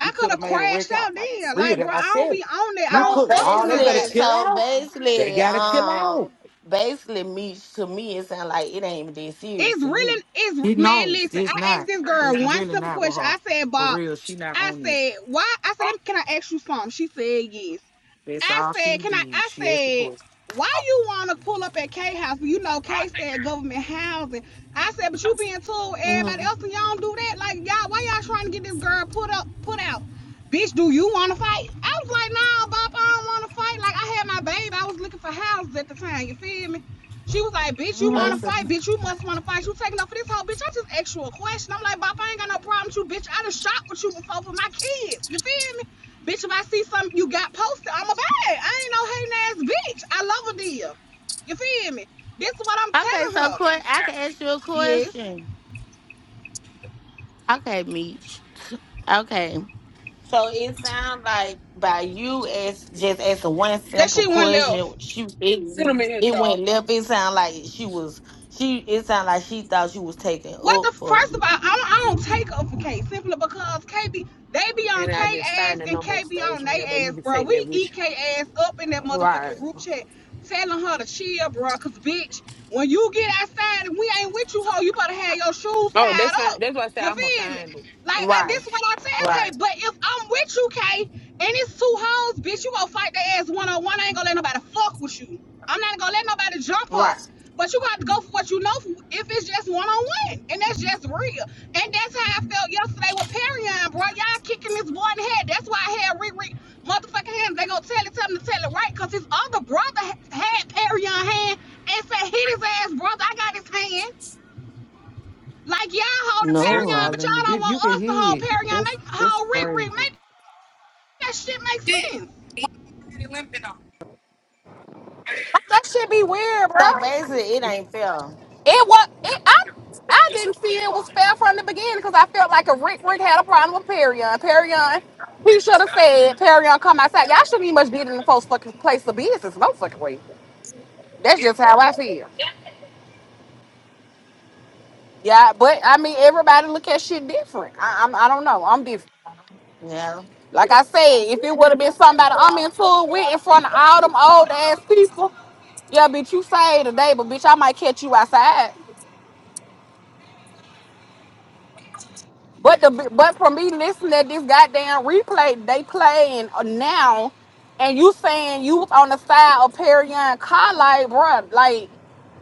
Speaker 7: you
Speaker 6: could
Speaker 7: could have
Speaker 6: have
Speaker 7: made a wreck
Speaker 6: crashed
Speaker 7: out.
Speaker 6: out
Speaker 7: Like for
Speaker 6: there.
Speaker 7: real
Speaker 6: Like, bro,
Speaker 7: that I
Speaker 6: I don't
Speaker 7: said.
Speaker 6: be on that. I
Speaker 7: You
Speaker 6: don't
Speaker 4: So
Speaker 7: could,
Speaker 6: fuck
Speaker 7: y'all,
Speaker 6: with
Speaker 7: they better
Speaker 4: basically,
Speaker 6: nobody.
Speaker 7: chill
Speaker 4: so
Speaker 7: out. They
Speaker 4: basically,
Speaker 7: gotta chill
Speaker 4: um,
Speaker 7: out.
Speaker 4: basically, me to me it sounds like it ain't even that serious
Speaker 6: It's
Speaker 4: to you.
Speaker 6: really, it's
Speaker 7: He
Speaker 6: man.
Speaker 7: knows
Speaker 6: Listen,
Speaker 7: it's
Speaker 6: I asked
Speaker 7: not.
Speaker 6: this girl
Speaker 7: It's
Speaker 6: one
Speaker 7: really
Speaker 6: simple
Speaker 7: not with
Speaker 6: question.
Speaker 7: her.
Speaker 6: I said,
Speaker 7: For
Speaker 6: Bob.
Speaker 7: real, she not
Speaker 6: I
Speaker 7: on it.
Speaker 6: said, why? I said, let me, can I ask you something? She said yes.
Speaker 7: That's
Speaker 6: I
Speaker 7: all she
Speaker 6: said, can I?
Speaker 7: did.
Speaker 6: I
Speaker 7: She asked the
Speaker 6: said,
Speaker 7: question.
Speaker 6: why you want to pull up at K house? You know, K said government housing. I said, but you being told everybody
Speaker 4: hmm
Speaker 6: else and y'all don't do that. Like y'all, why y'all trying to get this girl put up, put out? Bitch, do you want to fight? I was like, nah, Bob, I don't want to fight. Like I had my baby, I was looking for houses at the time. You feel me? She was like, bitch, you want
Speaker 4: hmm
Speaker 6: to
Speaker 7: Basically,
Speaker 6: fight? Bitch, you must want to fight. You taking up for this whole bitch? I just asked you a question. I'm like, Bop, I ain't got no problem with you, bitch. I done shot with you before for my kids. You feel me? Bitch, if I see something you got posted, I'm a bad. I ain't no hating ass bitch. I love a deal. You feel me? This is what I'm
Speaker 4: Okay,
Speaker 6: telling
Speaker 4: so
Speaker 6: her.
Speaker 4: que- I can ask you a
Speaker 6: Yes.
Speaker 4: question. Okay, Meech. Okay. So it sounds like by you as just asking one
Speaker 6: That
Speaker 4: simple
Speaker 6: shit went left.
Speaker 4: question, she
Speaker 9: send them
Speaker 4: it,
Speaker 9: in here,
Speaker 4: it went
Speaker 9: y'all.
Speaker 4: left. It sounded like she was she. It sounded like she thought you was taking
Speaker 6: What the
Speaker 4: up for
Speaker 6: first of all, I don't, I don't take up for K simply because KB they be on
Speaker 9: And
Speaker 6: K
Speaker 9: I just
Speaker 6: ass
Speaker 9: find the
Speaker 6: and
Speaker 9: number
Speaker 6: K
Speaker 9: and
Speaker 6: be
Speaker 9: stage
Speaker 6: on
Speaker 9: whenever
Speaker 6: they
Speaker 9: you
Speaker 6: ass,
Speaker 9: can
Speaker 6: bro.
Speaker 9: take that
Speaker 6: We
Speaker 9: with
Speaker 6: eat
Speaker 9: you.
Speaker 6: K ass up in that
Speaker 4: right,
Speaker 6: motherfucking group chat, telling her to chill, bro. Cause bitch, when you get outside and we ain't with you, ho, you better have your shoes
Speaker 9: Oh,
Speaker 6: tied
Speaker 9: that's fine.
Speaker 6: up.
Speaker 9: That's why I said
Speaker 6: You
Speaker 9: I'm gonna
Speaker 6: feel me?
Speaker 9: find it.
Speaker 6: Like I, this
Speaker 4: right,
Speaker 6: is what I said, Kay.
Speaker 4: right,
Speaker 6: But if I'm with you, Kay, and it's two hoes, bitch, you gonna fight their ass one on one. I ain't gonna let nobody fuck with you. I'm not gonna let nobody jump her.
Speaker 4: right.
Speaker 6: But you got to go for what you know if it's just one on one. And that's just real. And that's how I felt yesterday with Perion, bro. Y'all kicking this boy in the head. That's why I had Riri motherfucking hands. They gonna tell it, tell him to tell it right. Cause his other brother had Perion hand and said, hit his ass, brother. I got his hand. Like y'all hold the
Speaker 7: that's
Speaker 4: No.
Speaker 6: Paragon,
Speaker 7: all
Speaker 6: but
Speaker 7: in the
Speaker 6: y'all don't
Speaker 7: video.
Speaker 6: want
Speaker 7: You can
Speaker 6: us to
Speaker 7: hear
Speaker 6: hold
Speaker 7: it.
Speaker 6: Paragon.
Speaker 7: That's
Speaker 6: Make
Speaker 7: that's
Speaker 6: hold Rick
Speaker 7: crazy.
Speaker 6: Rick. Make that shit make sense. That should be weird,
Speaker 4: So
Speaker 6: bro.
Speaker 4: basically, it ain't fair.
Speaker 6: It was. It, I I didn't see it was fair from the beginning because I felt like a Rick Rick had a problem with Perion. Perion, he should have said Perion come outside. Y'all shouldn't even much be in the folks fucking place of business. No fucking way. That's just how I feel. Yeah, but I mean everybody look at shit different. I, I'm I don't know. I'm different.
Speaker 4: Yeah.
Speaker 6: Like I said, if it would have been somebody I'm in tune with in front of all them old ass people, yeah, bitch, you say today, but bitch, I might catch you outside. But the but for me listening to this goddamn replay they playing now, and you saying you was on the side of Perry and Car, like, bruh, like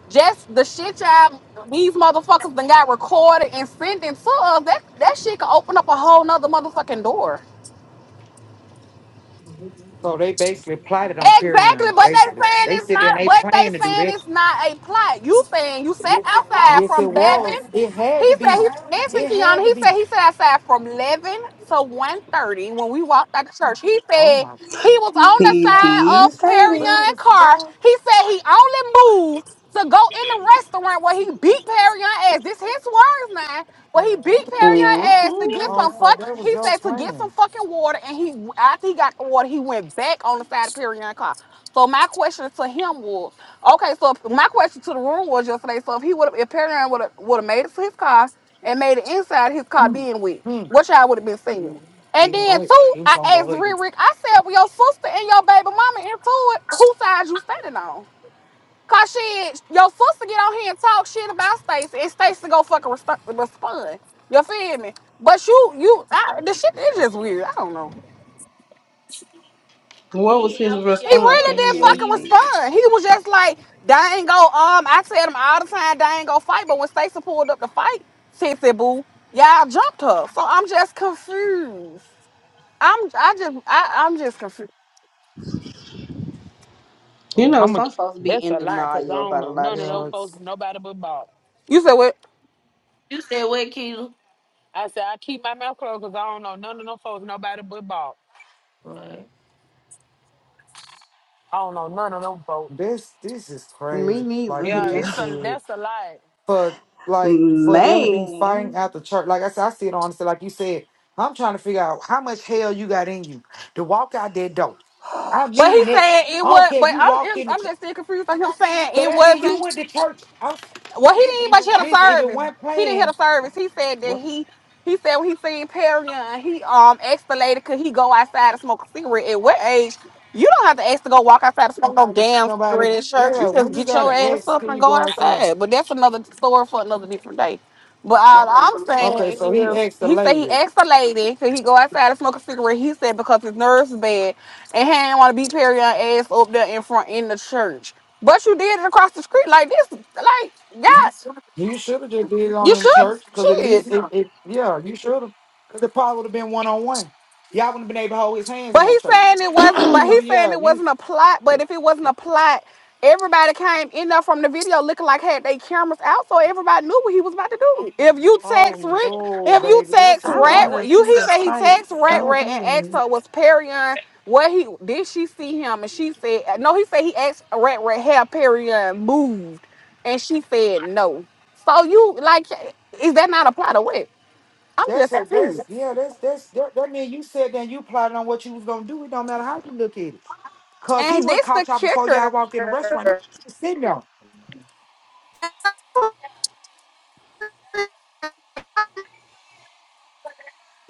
Speaker 6: just the shit y'all these motherfuckers done got recorded and sending to us, that, that shit could open up a whole nother motherfucking door.
Speaker 7: So they basically plotted on
Speaker 6: Exactly,
Speaker 7: Perion,
Speaker 6: but they
Speaker 7: basically.
Speaker 6: saying
Speaker 7: They
Speaker 6: it's
Speaker 7: sit there and
Speaker 6: not.
Speaker 7: they
Speaker 6: But they
Speaker 7: plan to do
Speaker 6: saying
Speaker 7: that.
Speaker 6: it's not a plot. You saying you sat outside
Speaker 7: Yes,
Speaker 6: from
Speaker 7: it was.
Speaker 6: eleven.
Speaker 7: It had
Speaker 6: He
Speaker 7: to
Speaker 6: said he
Speaker 7: be.
Speaker 6: dancing
Speaker 7: It
Speaker 6: Kiana.
Speaker 7: had to
Speaker 6: He said
Speaker 7: be.
Speaker 6: he sat outside from eleven to one thirty when we walked out the church. He
Speaker 7: Oh
Speaker 6: said
Speaker 7: my,
Speaker 6: he was on the
Speaker 13: He
Speaker 6: side
Speaker 13: did
Speaker 6: of
Speaker 13: say
Speaker 6: Perry
Speaker 7: what
Speaker 13: that.
Speaker 6: Young
Speaker 7: the
Speaker 6: car.
Speaker 7: fuck?
Speaker 6: He said he only moved to go in the restaurant where he beat Perry on ass. This his words now. Where he beat Perry on
Speaker 13: hmm
Speaker 6: ass to get
Speaker 7: Oh,
Speaker 6: some
Speaker 7: so that
Speaker 6: fuck.
Speaker 7: was
Speaker 6: He
Speaker 7: your
Speaker 6: said to get some
Speaker 7: plan.
Speaker 6: fucking water, and he after he got the water, he went back on the side of Perry on car. So my question to him was, okay, so if, my question to the room was yesterday. So if he would, if Perry would have would have made it to his car and made it inside his car being wet,
Speaker 7: Hmm.
Speaker 6: what y'all would have been saying? And
Speaker 7: Then
Speaker 6: then
Speaker 7: what?
Speaker 6: too,
Speaker 7: He was
Speaker 6: I
Speaker 7: gonna go
Speaker 6: asked
Speaker 7: hug you.
Speaker 6: Rick. Rick, I said, with your sister and your baby mama into it. Whose side you standing on?" Cause shit, your sister get on here and talk shit about Stacey, and Stacey go fucking resp- respond. You feel me? But you, you, I, the shit is
Speaker 7: Uh,
Speaker 6: just weird. I don't know. He
Speaker 4: Did
Speaker 13: What was
Speaker 4: he
Speaker 13: his
Speaker 4: answer your
Speaker 13: response
Speaker 6: really
Speaker 13: when
Speaker 6: didn't
Speaker 13: you
Speaker 4: question,
Speaker 6: fucking
Speaker 13: asked
Speaker 4: me?
Speaker 13: it?
Speaker 6: respond. He was just like, "They ain't go." Um, I tell him all the time, "They ain't go fight." But when Stacey pulled up to fight, Titsy Boo, y'all jumped her. So I'm just confused. I'm, I just, I, I'm just confused.
Speaker 13: You
Speaker 7: Oh,
Speaker 13: know, some folks be
Speaker 9: That's
Speaker 13: in
Speaker 9: a lie, cause I
Speaker 13: denial
Speaker 9: don't
Speaker 13: about a
Speaker 9: know
Speaker 13: lot of
Speaker 9: none of those
Speaker 7: yeah.
Speaker 13: shit.
Speaker 9: folks,
Speaker 7: It's,
Speaker 9: nobody but Bob.
Speaker 6: You said what?
Speaker 4: You said what, Keita?
Speaker 9: I said I keep my mouth closed, cause I don't know none of them folks, nobody but Bob.
Speaker 4: Right.
Speaker 9: I don't know none of them folks.
Speaker 7: this this is
Speaker 13: Me
Speaker 7: crazy. Like
Speaker 13: neither
Speaker 7: you
Speaker 9: Yeah,
Speaker 13: here.
Speaker 7: just
Speaker 9: it's a
Speaker 7: said,
Speaker 9: that's a lie.
Speaker 7: for
Speaker 13: *laughs*
Speaker 7: like for them to be fighting
Speaker 13: Man.
Speaker 7: at the church. Like I said, I see it honestly. Like you said, I'm trying to figure out how much hell you got in you to walk out that door.
Speaker 13: *sighs*
Speaker 7: I
Speaker 13: Oh,
Speaker 6: But he
Speaker 7: mean
Speaker 13: child.
Speaker 7: it.
Speaker 6: said it
Speaker 7: I don't
Speaker 6: was.
Speaker 7: care if
Speaker 6: But
Speaker 7: you walked
Speaker 6: I'm,
Speaker 7: in the
Speaker 6: I'm
Speaker 7: church.
Speaker 6: just still confused. by him saying
Speaker 7: So
Speaker 6: it
Speaker 7: that
Speaker 6: wasn't
Speaker 7: means you went to church. I, s-
Speaker 6: Well, he didn't even hear the
Speaker 7: listen, if it
Speaker 6: service.
Speaker 7: wasn't
Speaker 6: He didn't hear
Speaker 7: planned.
Speaker 6: the service. He said that
Speaker 7: What
Speaker 6: he he said when he seen Perry and he um asked the lady could he go outside and smoke a cigarette. At what age? You don't have to ask to go walk outside and smoke no damn
Speaker 7: somebody?
Speaker 6: cigarette in church. You
Speaker 7: Yeah,
Speaker 6: just
Speaker 7: when you
Speaker 6: get
Speaker 7: got
Speaker 6: your
Speaker 7: an
Speaker 6: ass
Speaker 7: ex,
Speaker 6: up
Speaker 7: can
Speaker 6: and
Speaker 7: you
Speaker 6: go
Speaker 7: go out something?
Speaker 6: outside. But that's another story for another different day. But all I'm
Speaker 7: Okay,
Speaker 6: saying
Speaker 7: so he
Speaker 6: is,
Speaker 7: asked the
Speaker 6: he said he
Speaker 7: lady.
Speaker 6: asked a lady, could he go outside and smoke a cigarette? He said because his nerves is bad, and he didn't want to beat Perry on ass up there in front in the church. But you did it across the street like this, like yeah,
Speaker 7: You should have just did it on
Speaker 6: you
Speaker 7: in the
Speaker 6: should,
Speaker 7: church, cause at
Speaker 6: shit.
Speaker 7: least it, it yeah, you should have, cause it probably would have been one on one. Y'all wouldn't have been able to hold his hands in
Speaker 6: But
Speaker 7: no
Speaker 6: he's
Speaker 7: church.
Speaker 6: saying it wasn't. But
Speaker 7: So
Speaker 6: he's saying
Speaker 7: yeah,
Speaker 6: it
Speaker 7: you.
Speaker 6: wasn't a plot. But if it wasn't a plot, everybody came in there from the video looking like had they cameras out, so everybody knew what he was about to do. If you text
Speaker 7: Oh
Speaker 6: Rick,
Speaker 7: no,
Speaker 6: if you
Speaker 7: baby,
Speaker 13: *clears throat*
Speaker 7: that's
Speaker 6: text
Speaker 7: a
Speaker 13: I
Speaker 6: Rat,
Speaker 13: want
Speaker 7: plot.
Speaker 6: Rat-
Speaker 13: to
Speaker 6: you
Speaker 13: see
Speaker 6: he
Speaker 13: the
Speaker 6: said he
Speaker 13: fight
Speaker 6: text Rat
Speaker 13: so
Speaker 6: Rat and asked
Speaker 13: bad.
Speaker 6: her was Perry What he did she see him and she said uh, no. He said he asked Rat Rat have Perry moved, and she said no. So you like is that not a plot of what? I'm
Speaker 7: That's
Speaker 6: just
Speaker 7: a
Speaker 6: confused.
Speaker 7: that's yeah, that's that's that, that mean you said that you plotted on what you was gonna do. It don't matter how you look at it, cause he
Speaker 6: And
Speaker 7: would have
Speaker 6: this the
Speaker 7: caught y'all before y'all
Speaker 6: kicker.
Speaker 7: walked in the restaurant. Y'all was sitting there.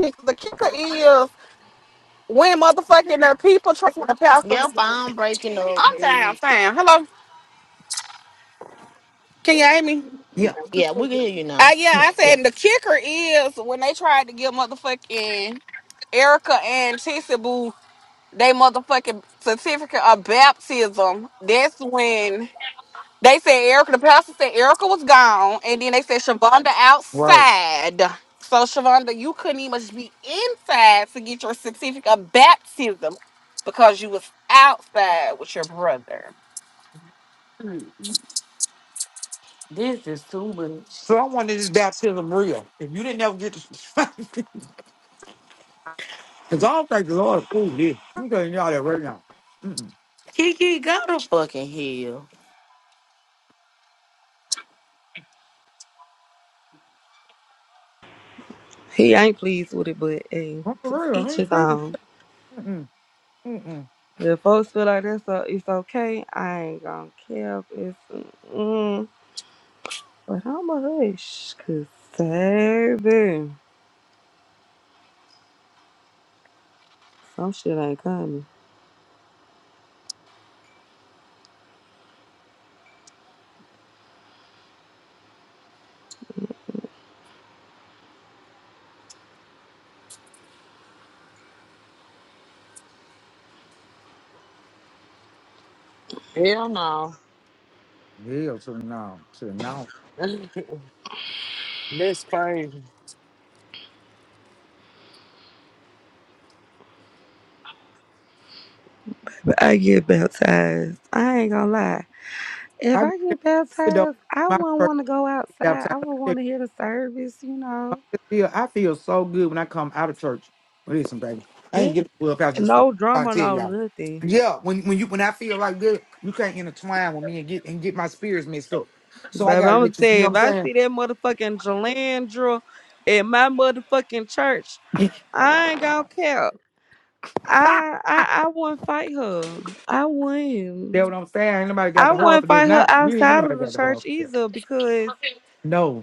Speaker 6: kicker. The kicker is when motherfucking the people tracking the pastor.
Speaker 4: Your phone breaking up.
Speaker 6: I'm down,
Speaker 4: bitch.
Speaker 6: fam. Hello, can you hear me?
Speaker 7: Yeah,
Speaker 4: Y- Yeah, we can hear you
Speaker 6: Uh,
Speaker 4: now.
Speaker 6: yeah, I
Speaker 4: Yeah.
Speaker 6: said the kicker is when they tried to give motherfucking Erica and Tissy Boo they motherfucking certificate of baptism. That's when. They said Erica, the pastor said Erica was gone, and then they said Shavonda
Speaker 7: yeah,
Speaker 6: outside. So Shavonda, you couldn't even be inside to get your certificate of baptism because you was outside with your brother.
Speaker 4: This is too much.
Speaker 7: So I wanted this baptism real. If you didn't ever get to, *laughs* because I don't think the Lord approved this. I'm telling y'all that right now.
Speaker 4: Kiki got to fucking heal.
Speaker 13: He ain't pleased with it, but hey, to
Speaker 7: Yeah, I
Speaker 13: each
Speaker 7: ain't
Speaker 13: his
Speaker 7: prayed with
Speaker 13: own. If folks feel like that's o- it's okay, I ain't gonna care if it's mm, but I'm a hush, cause baby, some shit ain't coming.
Speaker 9: Hell no.
Speaker 7: hell till now. Till now,
Speaker 9: *laughs* That's crazy.
Speaker 13: But I get baptized. I ain't gonna lie.
Speaker 7: I
Speaker 13: If
Speaker 7: been
Speaker 13: I get
Speaker 7: though.
Speaker 13: baptized, I
Speaker 7: My
Speaker 13: wouldn't
Speaker 7: first
Speaker 13: want to go outside.
Speaker 7: baptism,
Speaker 13: I would
Speaker 7: I
Speaker 13: want to hear the service, you know.
Speaker 7: feel I feel so good when I come out of church. Listen, baby, I
Speaker 13: Yeah,
Speaker 7: ain't get to well past yesterday.
Speaker 13: no
Speaker 7: I
Speaker 13: drama,
Speaker 7: tell
Speaker 13: no
Speaker 7: y'all.
Speaker 13: nothing,
Speaker 7: Yeah, when when you when I feel like that, you can't intertwine with me and get and get my spirits mixed up. So I
Speaker 13: baby. I'm
Speaker 7: gotta
Speaker 13: gonna
Speaker 7: let you.
Speaker 13: tell
Speaker 7: You
Speaker 13: you,
Speaker 7: know
Speaker 13: if
Speaker 7: what
Speaker 13: I
Speaker 7: I'm
Speaker 13: see that motherfucking Jalandra at my motherfucking church.
Speaker 7: saying?
Speaker 13: I ain't gonna care.
Speaker 7: *laughs* That's
Speaker 13: I I I wouldn't fight her. I
Speaker 7: what
Speaker 13: wouldn't.
Speaker 7: I'm saying. Ain't nobody got
Speaker 13: I
Speaker 7: the heart for
Speaker 13: wouldn't
Speaker 7: that.
Speaker 13: fight her
Speaker 7: Not you. Ain't
Speaker 13: outside
Speaker 7: nobody
Speaker 13: of the
Speaker 7: got the heart
Speaker 13: church
Speaker 7: for that.
Speaker 13: either because
Speaker 7: No.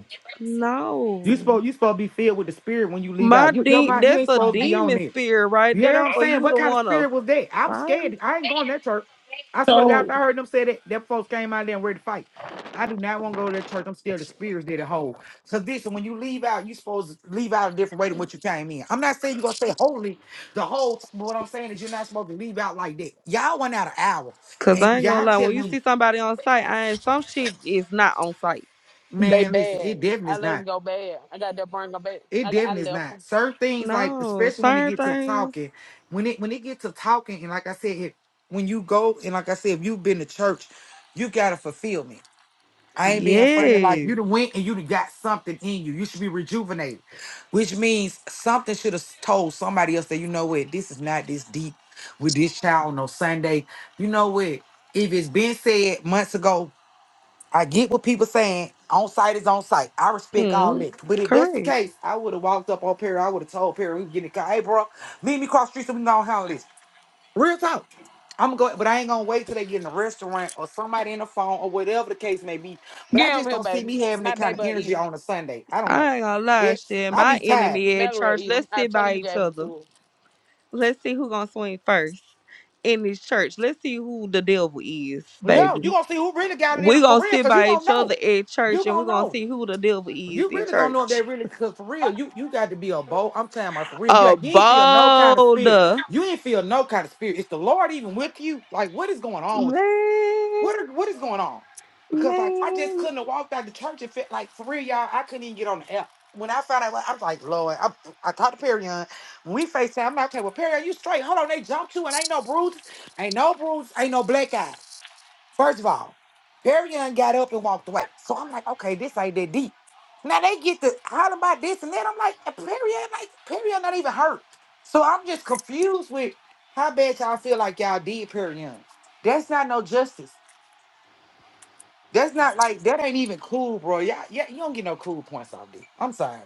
Speaker 7: You
Speaker 13: no,
Speaker 7: supposed you supposed to be filled with the spirit when you leave
Speaker 13: my
Speaker 7: out. You, your
Speaker 13: de-
Speaker 7: mind, you
Speaker 13: that's
Speaker 7: ain't
Speaker 13: a
Speaker 7: supposed to be on
Speaker 13: demon
Speaker 7: there.
Speaker 13: spirit right
Speaker 7: You hear what
Speaker 13: there
Speaker 7: I'm
Speaker 13: for
Speaker 7: saying?
Speaker 13: you
Speaker 7: What
Speaker 13: to
Speaker 7: kind of
Speaker 13: wanna
Speaker 7: spirit was that? I was
Speaker 13: fight.
Speaker 7: scared. I ain't going to that church. I swear to God, if
Speaker 9: So
Speaker 7: I heard them say that, them folks came out there and ready to fight. I do not want to go to that church. I'm scared the spirits that it hold. So this, when you leave out, you supposed to leave out a different way than what you came in. I'm not saying you're gonna stay holy the whole time, but what I'm saying is you're not supposed to leave out like that. Y'all went out an hour
Speaker 13: Cause I
Speaker 7: and
Speaker 13: ain't gonna
Speaker 7: y'all
Speaker 13: lie, when
Speaker 7: telling
Speaker 13: you
Speaker 7: me,
Speaker 13: see somebody on site, I ain't some shit is not on site.
Speaker 9: they
Speaker 7: man, listen,
Speaker 9: bad.
Speaker 7: it definitely
Speaker 9: I
Speaker 7: is
Speaker 9: let them
Speaker 7: not.
Speaker 9: go bad. I got to bring them back.
Speaker 7: It
Speaker 9: I got, I
Speaker 7: definitely is
Speaker 9: left
Speaker 7: not.
Speaker 9: 'em.
Speaker 7: Certain things like
Speaker 13: No,
Speaker 7: especially when it
Speaker 13: certain
Speaker 7: gets to
Speaker 13: things,
Speaker 7: talking, when it when it gets to talking, and like I said, if, when you go and like I said, if you've been to church, you got a fulfillment. I ain't being funny. Like
Speaker 13: yes,
Speaker 7: you done went and you done got something in you. You should be rejuvenated, which means something should have told somebody else that you know what this is not this deep with this child on no Sunday. You know what? If it's been said months ago, I get what people saying. On site is on site. I respect all
Speaker 13: mm,
Speaker 7: that. But if that's the
Speaker 13: correct.
Speaker 7: case, I would have walked up on Perry. I would have told Perry we can get in the car. Hey, bro, leave me across the street so we can go and handle this. Real talk. I'm going, to go, but I ain't gonna wait till they get in a restaurant or somebody in the phone or whatever the case may be. But I
Speaker 9: Get him
Speaker 7: just
Speaker 9: here,
Speaker 7: don't see
Speaker 9: baby.
Speaker 7: me having
Speaker 9: My
Speaker 7: that kind
Speaker 9: baby
Speaker 7: of
Speaker 9: will eat
Speaker 7: energy
Speaker 9: him.
Speaker 7: on a Sunday. I don't know.
Speaker 13: I ain't gonna lie,
Speaker 7: It's
Speaker 13: shit.
Speaker 7: I
Speaker 13: My
Speaker 7: be tired.
Speaker 13: enemy at
Speaker 9: Mallory will
Speaker 13: church,
Speaker 9: eat him.
Speaker 13: let's
Speaker 9: I
Speaker 13: sit
Speaker 9: tell her
Speaker 13: by
Speaker 9: you
Speaker 13: each
Speaker 9: gave him
Speaker 13: other.
Speaker 9: to her.
Speaker 13: Let's see who gonna swing first in this church. Let's see who the devil is,
Speaker 7: Yo, you
Speaker 13: baby.
Speaker 7: gonna see who really got it in
Speaker 13: we
Speaker 7: them for
Speaker 13: gonna
Speaker 7: real,
Speaker 13: sit
Speaker 7: cause you
Speaker 13: by
Speaker 7: gonna
Speaker 13: each other
Speaker 7: know.
Speaker 13: at
Speaker 7: You
Speaker 13: church and we're
Speaker 7: gonna
Speaker 13: gonna
Speaker 7: know.
Speaker 13: see who the devil is
Speaker 7: You
Speaker 13: in
Speaker 7: really gonna know if they
Speaker 13: church.
Speaker 7: really cause for real, you you got to be a bold. I'm telling my for real. You
Speaker 13: A
Speaker 7: like you ain't feel no kind of
Speaker 13: bold
Speaker 7: spirit. You ain't feel no kind of spirit. Is the Lord even with you? Like what is going on with you?
Speaker 13: man,
Speaker 7: What are, what is going on? Because like I just
Speaker 13: man,
Speaker 7: couldn't have walked out the church and fit like for real, y'all. I couldn't even get on the app. When I found out, like, I was like, Lord, I, I talked to Perion. When we FaceTime, I'm like, okay, well, Perion, you straight. Hold on, they jumped you and ain't no bruises, ain't no bruises, ain't no black eye. First of all, Perry Young got up and walked away. So I'm like, okay, this ain't that deep. Now they get to holler about this and that. I'm like, and Perry Young, like, Perry Young not even hurt. So I'm just confused with how bad y'all feel like y'all did Perry Young. That's not no justice. That's not like that ain't even cool, bro. Y'all, yeah, you don't get no cool points off this. I'm sorry.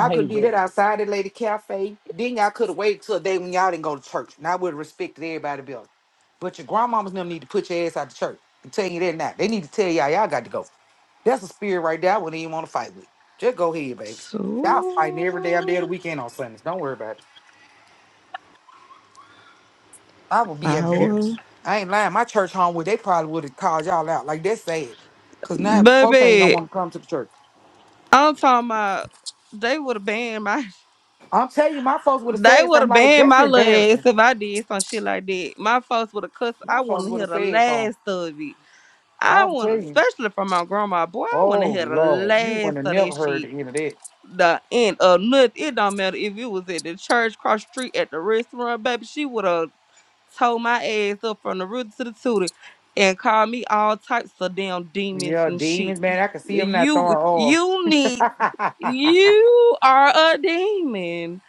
Speaker 9: I
Speaker 7: could
Speaker 9: hate
Speaker 7: do that
Speaker 9: that.
Speaker 7: outside at lady cafe. Then y'all could have waited till a day when y'all didn't go to church. And I would have respected everybody better. But your grandmamas and them need to put your ass out of church. I'm telling you that now. They need to tell y'all y'all got to go. That's a spirit right there. I wouldn't even want to fight with. Just go ahead, baby. Y'all fighting every damn day of the
Speaker 13: two
Speaker 7: weekend on Sundays. Don't worry about it. I would be
Speaker 13: hours.
Speaker 7: embarrassed. I ain't lying. My church home would they probably would have called y'all out. Like that's sad. Cause now folks ain't gonna
Speaker 13: Baby,
Speaker 7: want to come to the church.
Speaker 13: I'm talking about they would have banned my
Speaker 7: I'm telling you, my folks would have
Speaker 13: they
Speaker 7: said
Speaker 13: would
Speaker 7: something
Speaker 13: have
Speaker 7: like
Speaker 13: banned
Speaker 7: that's
Speaker 13: my little
Speaker 7: embarrassing.
Speaker 13: ass if I did some shit like that. My folks would have cussed. I
Speaker 7: My folks
Speaker 13: wouldn't
Speaker 7: would
Speaker 13: hear
Speaker 7: have
Speaker 13: the
Speaker 7: said something.
Speaker 13: last of it. I
Speaker 7: I'll
Speaker 13: want,
Speaker 7: tell you.
Speaker 13: especially from my grandma, boy, I want to
Speaker 7: Oh
Speaker 13: hear the
Speaker 7: Lord, you
Speaker 13: last
Speaker 7: wouldn't have
Speaker 13: of that
Speaker 7: never heard
Speaker 13: shit.
Speaker 7: the end of that.
Speaker 13: The end of nothing. It don't matter if it was at the church, cross the street, at the restaurant, baby. She would have told my ass up from the root to the tootie and called me all types of damn demons
Speaker 7: Yeah,
Speaker 13: and shit.
Speaker 7: demons, man. I could see him not
Speaker 13: You,
Speaker 7: throwing off.
Speaker 13: you
Speaker 7: *laughs*
Speaker 13: need,
Speaker 7: that
Speaker 13: you are a demon.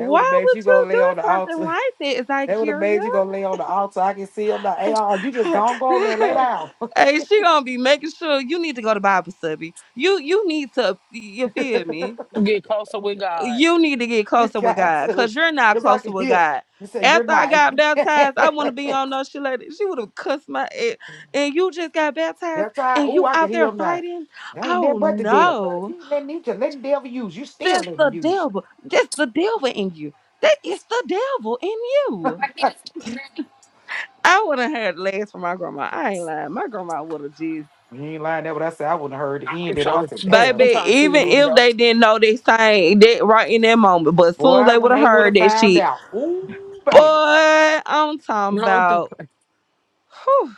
Speaker 7: would have made
Speaker 13: would
Speaker 7: you go
Speaker 13: you
Speaker 7: lay on the
Speaker 13: do something
Speaker 7: altar. *laughs*
Speaker 13: like that,
Speaker 7: That would have
Speaker 13: Zykeria?
Speaker 7: made you go lay on the altar. I can see him not. Hey, oh, you just
Speaker 13: *laughs*
Speaker 7: gonna go over there and lay
Speaker 13: hey,
Speaker 7: down.
Speaker 13: she gonna be making sure you need to go to Bible study. You you need to you feel me?
Speaker 9: Get closer with God.
Speaker 13: You need to get
Speaker 7: *laughs* you
Speaker 13: closer with
Speaker 9: Uh,
Speaker 7: got
Speaker 13: God
Speaker 7: to.
Speaker 13: because you're not
Speaker 7: Cause I
Speaker 13: closer
Speaker 7: can
Speaker 13: with
Speaker 7: hear.
Speaker 13: God.
Speaker 7: You say you're
Speaker 13: After I
Speaker 7: not.
Speaker 13: got
Speaker 7: *laughs*
Speaker 13: baptized, I want to be on no shit like that. She would have cussed my ass. And you just got baptized
Speaker 7: That's how.
Speaker 13: and
Speaker 7: Ooh,
Speaker 13: you
Speaker 7: I can
Speaker 13: out
Speaker 7: hear
Speaker 13: there
Speaker 7: him now.
Speaker 13: fighting?
Speaker 7: That ain't
Speaker 13: Oh
Speaker 7: nothing but the devil.
Speaker 13: no.
Speaker 7: You ain't letting, you just letting the devil use you. Still
Speaker 13: That's
Speaker 7: letting
Speaker 13: the
Speaker 7: him use.
Speaker 13: devil. That's the devil in you. That is the devil in you. I wouldn't have heard last from my grandma. I ain't lying. My grandma would have jizzed
Speaker 7: You ain't lying. that, what I said. I wouldn't have heard the
Speaker 9: I'm
Speaker 7: end of that. I
Speaker 9: trying
Speaker 7: said,
Speaker 9: to,
Speaker 7: damn,
Speaker 9: I'm
Speaker 13: Baby,
Speaker 9: trying to see where
Speaker 13: even
Speaker 9: these
Speaker 13: if
Speaker 9: go.
Speaker 13: they didn't know that same that right in that moment, but as soon as
Speaker 7: boy,
Speaker 13: they would
Speaker 7: when
Speaker 13: have
Speaker 7: they would
Speaker 13: heard
Speaker 7: have
Speaker 13: that
Speaker 7: found
Speaker 13: shit,
Speaker 7: out. Ooh,
Speaker 13: boy,
Speaker 7: baby.
Speaker 13: I'm talking
Speaker 9: No, don't.
Speaker 13: about whew,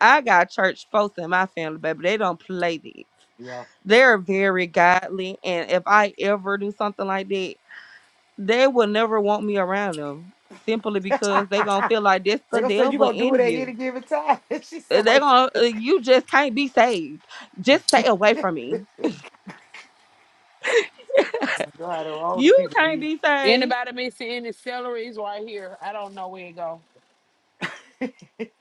Speaker 13: I got church folks in my family, baby. They don't play this.
Speaker 7: Yeah.
Speaker 13: They're very godly. And if I ever do something like that, they will never want me around them. Simply because they gonna
Speaker 7: *laughs*
Speaker 13: feel like that's
Speaker 7: they
Speaker 13: the
Speaker 7: gonna say you
Speaker 13: devil
Speaker 7: gonna do it
Speaker 13: in
Speaker 7: at any
Speaker 13: you.
Speaker 7: given time. *laughs* she
Speaker 13: They
Speaker 7: said, wait.
Speaker 13: gonna uh,
Speaker 7: *laughs*
Speaker 13: you just can't be saved. Just stay away from me.
Speaker 7: God, all the
Speaker 13: You
Speaker 7: people
Speaker 13: can't
Speaker 7: be *laughs*
Speaker 13: be saved.
Speaker 9: Anybody missing any celery is right here. I don't know where it go.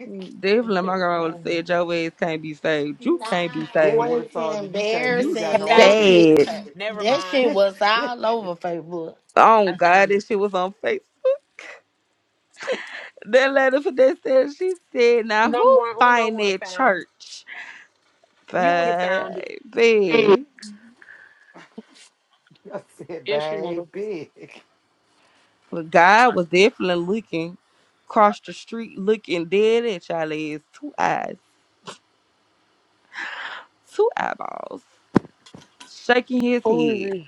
Speaker 13: Definitely, my grandma would have
Speaker 9: Um,
Speaker 13: said, "Your ass can't be saved. You
Speaker 4: Nah,
Speaker 13: can't be
Speaker 4: it
Speaker 7: Dad
Speaker 13: saved.
Speaker 7: would
Speaker 4: was
Speaker 7: have told you you can't. You
Speaker 13: You
Speaker 7: ain't got
Speaker 9: I
Speaker 4: embarrassing.
Speaker 7: no
Speaker 4: That
Speaker 7: hope
Speaker 9: found it.
Speaker 4: shit,
Speaker 7: in
Speaker 13: sad."
Speaker 9: *laughs*
Speaker 4: *clears throat*
Speaker 9: Never
Speaker 4: that
Speaker 9: mind.
Speaker 4: shit
Speaker 7: you.
Speaker 4: was all over
Speaker 7: *laughs*
Speaker 4: Facebook.
Speaker 13: Oh
Speaker 9: I
Speaker 13: God,
Speaker 9: found it.
Speaker 13: this shit was on Facebook. That lady for that said, she said, "Now
Speaker 9: Number
Speaker 13: who
Speaker 9: one, Uno
Speaker 13: find
Speaker 9: would have
Speaker 13: that
Speaker 9: found it.
Speaker 13: church,
Speaker 9: You would have found it.
Speaker 13: baby?"
Speaker 4: He
Speaker 7: *laughs* I said,
Speaker 9: Yes, you would have.
Speaker 7: baby,
Speaker 13: But God was definitely looking across the street, looking dead at y'all ass, two eyes, two eyeballs, shaking his
Speaker 9: Who is
Speaker 13: head.
Speaker 9: it?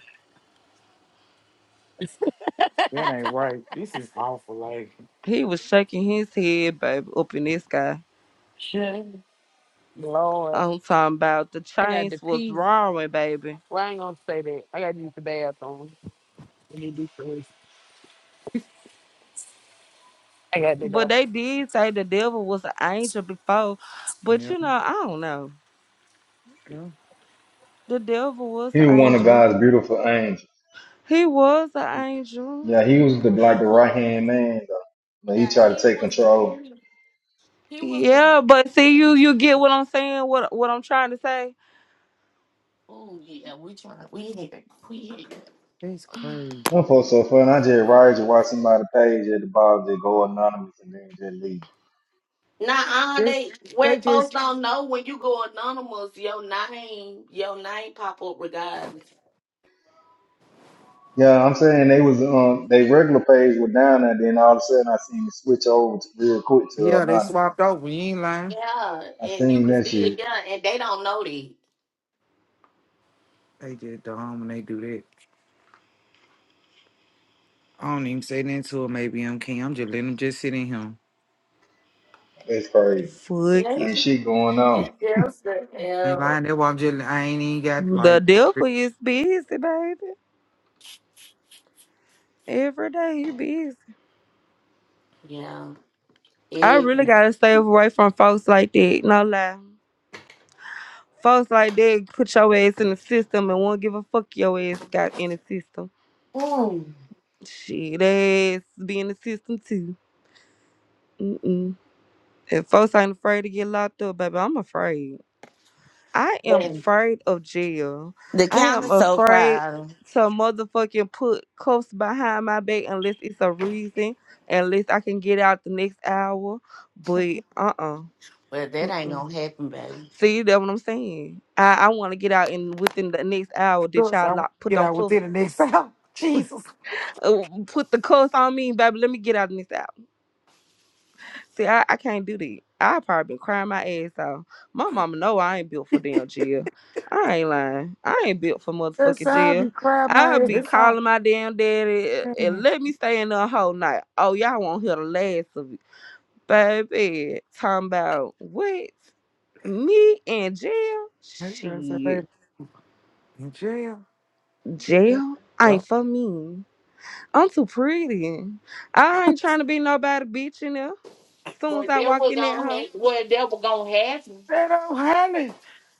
Speaker 7: that ain't right. This is awful, like.
Speaker 13: He was shaking his head, baby, up in this sky.
Speaker 9: Shit. Lord.
Speaker 13: I'm talking about the
Speaker 9: I got the
Speaker 13: chains was
Speaker 9: pee.
Speaker 13: roaring, baby.
Speaker 9: Well, I ain't gonna say that. I gotta use the bathroom. Let me do this. I got to
Speaker 13: But
Speaker 9: go.
Speaker 13: they did say the devil was an angel before. But
Speaker 7: Yeah,
Speaker 13: you know, I don't know.
Speaker 7: yeah,
Speaker 13: The devil was
Speaker 3: He
Speaker 13: an
Speaker 3: one of
Speaker 13: angel.
Speaker 3: God's beautiful angels.
Speaker 13: He was an angel.
Speaker 3: Yeah, he was the like the right
Speaker 4: was,
Speaker 3: hand man though. But he
Speaker 4: yeah,
Speaker 3: tried to
Speaker 4: he
Speaker 3: take
Speaker 4: was the
Speaker 3: control.
Speaker 4: very, he was the.
Speaker 13: Yeah, but see you you get what I'm saying, what what I'm trying to say?
Speaker 4: Oh yeah, we trying, we here, we here.
Speaker 7: that's crazy.
Speaker 3: Them folks so fun. I just ride to watch somebody page at the bottom just go anonymous and then just leave.
Speaker 4: Nah, uh,
Speaker 7: Just
Speaker 4: they where
Speaker 7: they just
Speaker 4: folks don't know when you go anonymous, your name, your name pop up regardless.
Speaker 3: Yeah, I'm saying they was um they regular page were down there, then all of a sudden I seen it switch over to, real quick to
Speaker 7: yeah, they
Speaker 3: anonymous.
Speaker 7: swapped over. You ain't lying.
Speaker 4: Yeah,
Speaker 3: I
Speaker 4: and you
Speaker 3: seen
Speaker 4: can
Speaker 3: that
Speaker 4: see it.
Speaker 3: shit.
Speaker 4: Yeah, and they don't know that.
Speaker 7: They just dumb when they do that. I don't even say nothing to 'em, Maybe I'm king. I'm just letting them just sit in him.
Speaker 3: That's crazy.
Speaker 4: Yeah,
Speaker 13: Fuck it.
Speaker 4: it's
Speaker 3: Ain't shit going on.
Speaker 4: it's just the
Speaker 7: I ain't
Speaker 4: hell.
Speaker 7: lying. That's why I'm just I ain't even got
Speaker 13: The
Speaker 7: like. for real.
Speaker 13: devil is busy, baby. Every day he busy.
Speaker 4: Yeah.
Speaker 13: I
Speaker 4: It,
Speaker 13: really gotta stay away from folks like that. No lie. Folks like that put your ass in the system and won't give a fuck your ass got in the system.
Speaker 4: mm,
Speaker 13: Shit, they ass be in the system too. Mm-mm. If folks ain't afraid to get locked up, baby, I'm afraid. I am
Speaker 4: man,
Speaker 13: afraid of jail.
Speaker 4: the
Speaker 13: I am
Speaker 4: counter so
Speaker 13: afraid
Speaker 4: crowded.
Speaker 13: to motherfucking put cuffs behind my back unless it's a reason, unless I can get out the next hour. But uh-uh.
Speaker 4: Well, that
Speaker 13: uh-uh.
Speaker 4: ain't
Speaker 13: uh.
Speaker 4: gonna happen, baby.
Speaker 13: See, that's what I'm saying. I, I want to get out and within the next hour that
Speaker 7: Because
Speaker 13: y'all
Speaker 7: I want
Speaker 13: lock,
Speaker 7: to
Speaker 13: put
Speaker 7: get
Speaker 13: them
Speaker 7: out
Speaker 13: cuffs,
Speaker 7: within the next hour. *laughs* Jesus,
Speaker 13: uh, put the cuffs on me, baby. Let me get out the next hour. See, I, I can't do that. I probably been crying my ass off. My mama know I ain't built for damn jail. I ain't lying. I ain't built for
Speaker 7: that's
Speaker 13: motherfucking
Speaker 7: how I
Speaker 13: jail.
Speaker 7: be crying my
Speaker 13: I'll be
Speaker 7: ass off.
Speaker 13: calling my damn daddy uh,
Speaker 7: Damn
Speaker 13: and
Speaker 7: it.
Speaker 13: let me stay in there a whole night. Oh, y'all won't hear the last of it. Baby, talking about what? Me in jail?
Speaker 7: That girl said,
Speaker 13: Shit.
Speaker 7: baby, in jail.
Speaker 13: Jail ain't for me. I'm too pretty. I ain't trying to be nobody bitch in there. Soon
Speaker 4: Well,
Speaker 13: as I
Speaker 4: that
Speaker 13: walk
Speaker 4: was
Speaker 13: in that
Speaker 4: gonna
Speaker 13: house.
Speaker 4: happen. Well, that was gonna happen.
Speaker 7: That old Holly.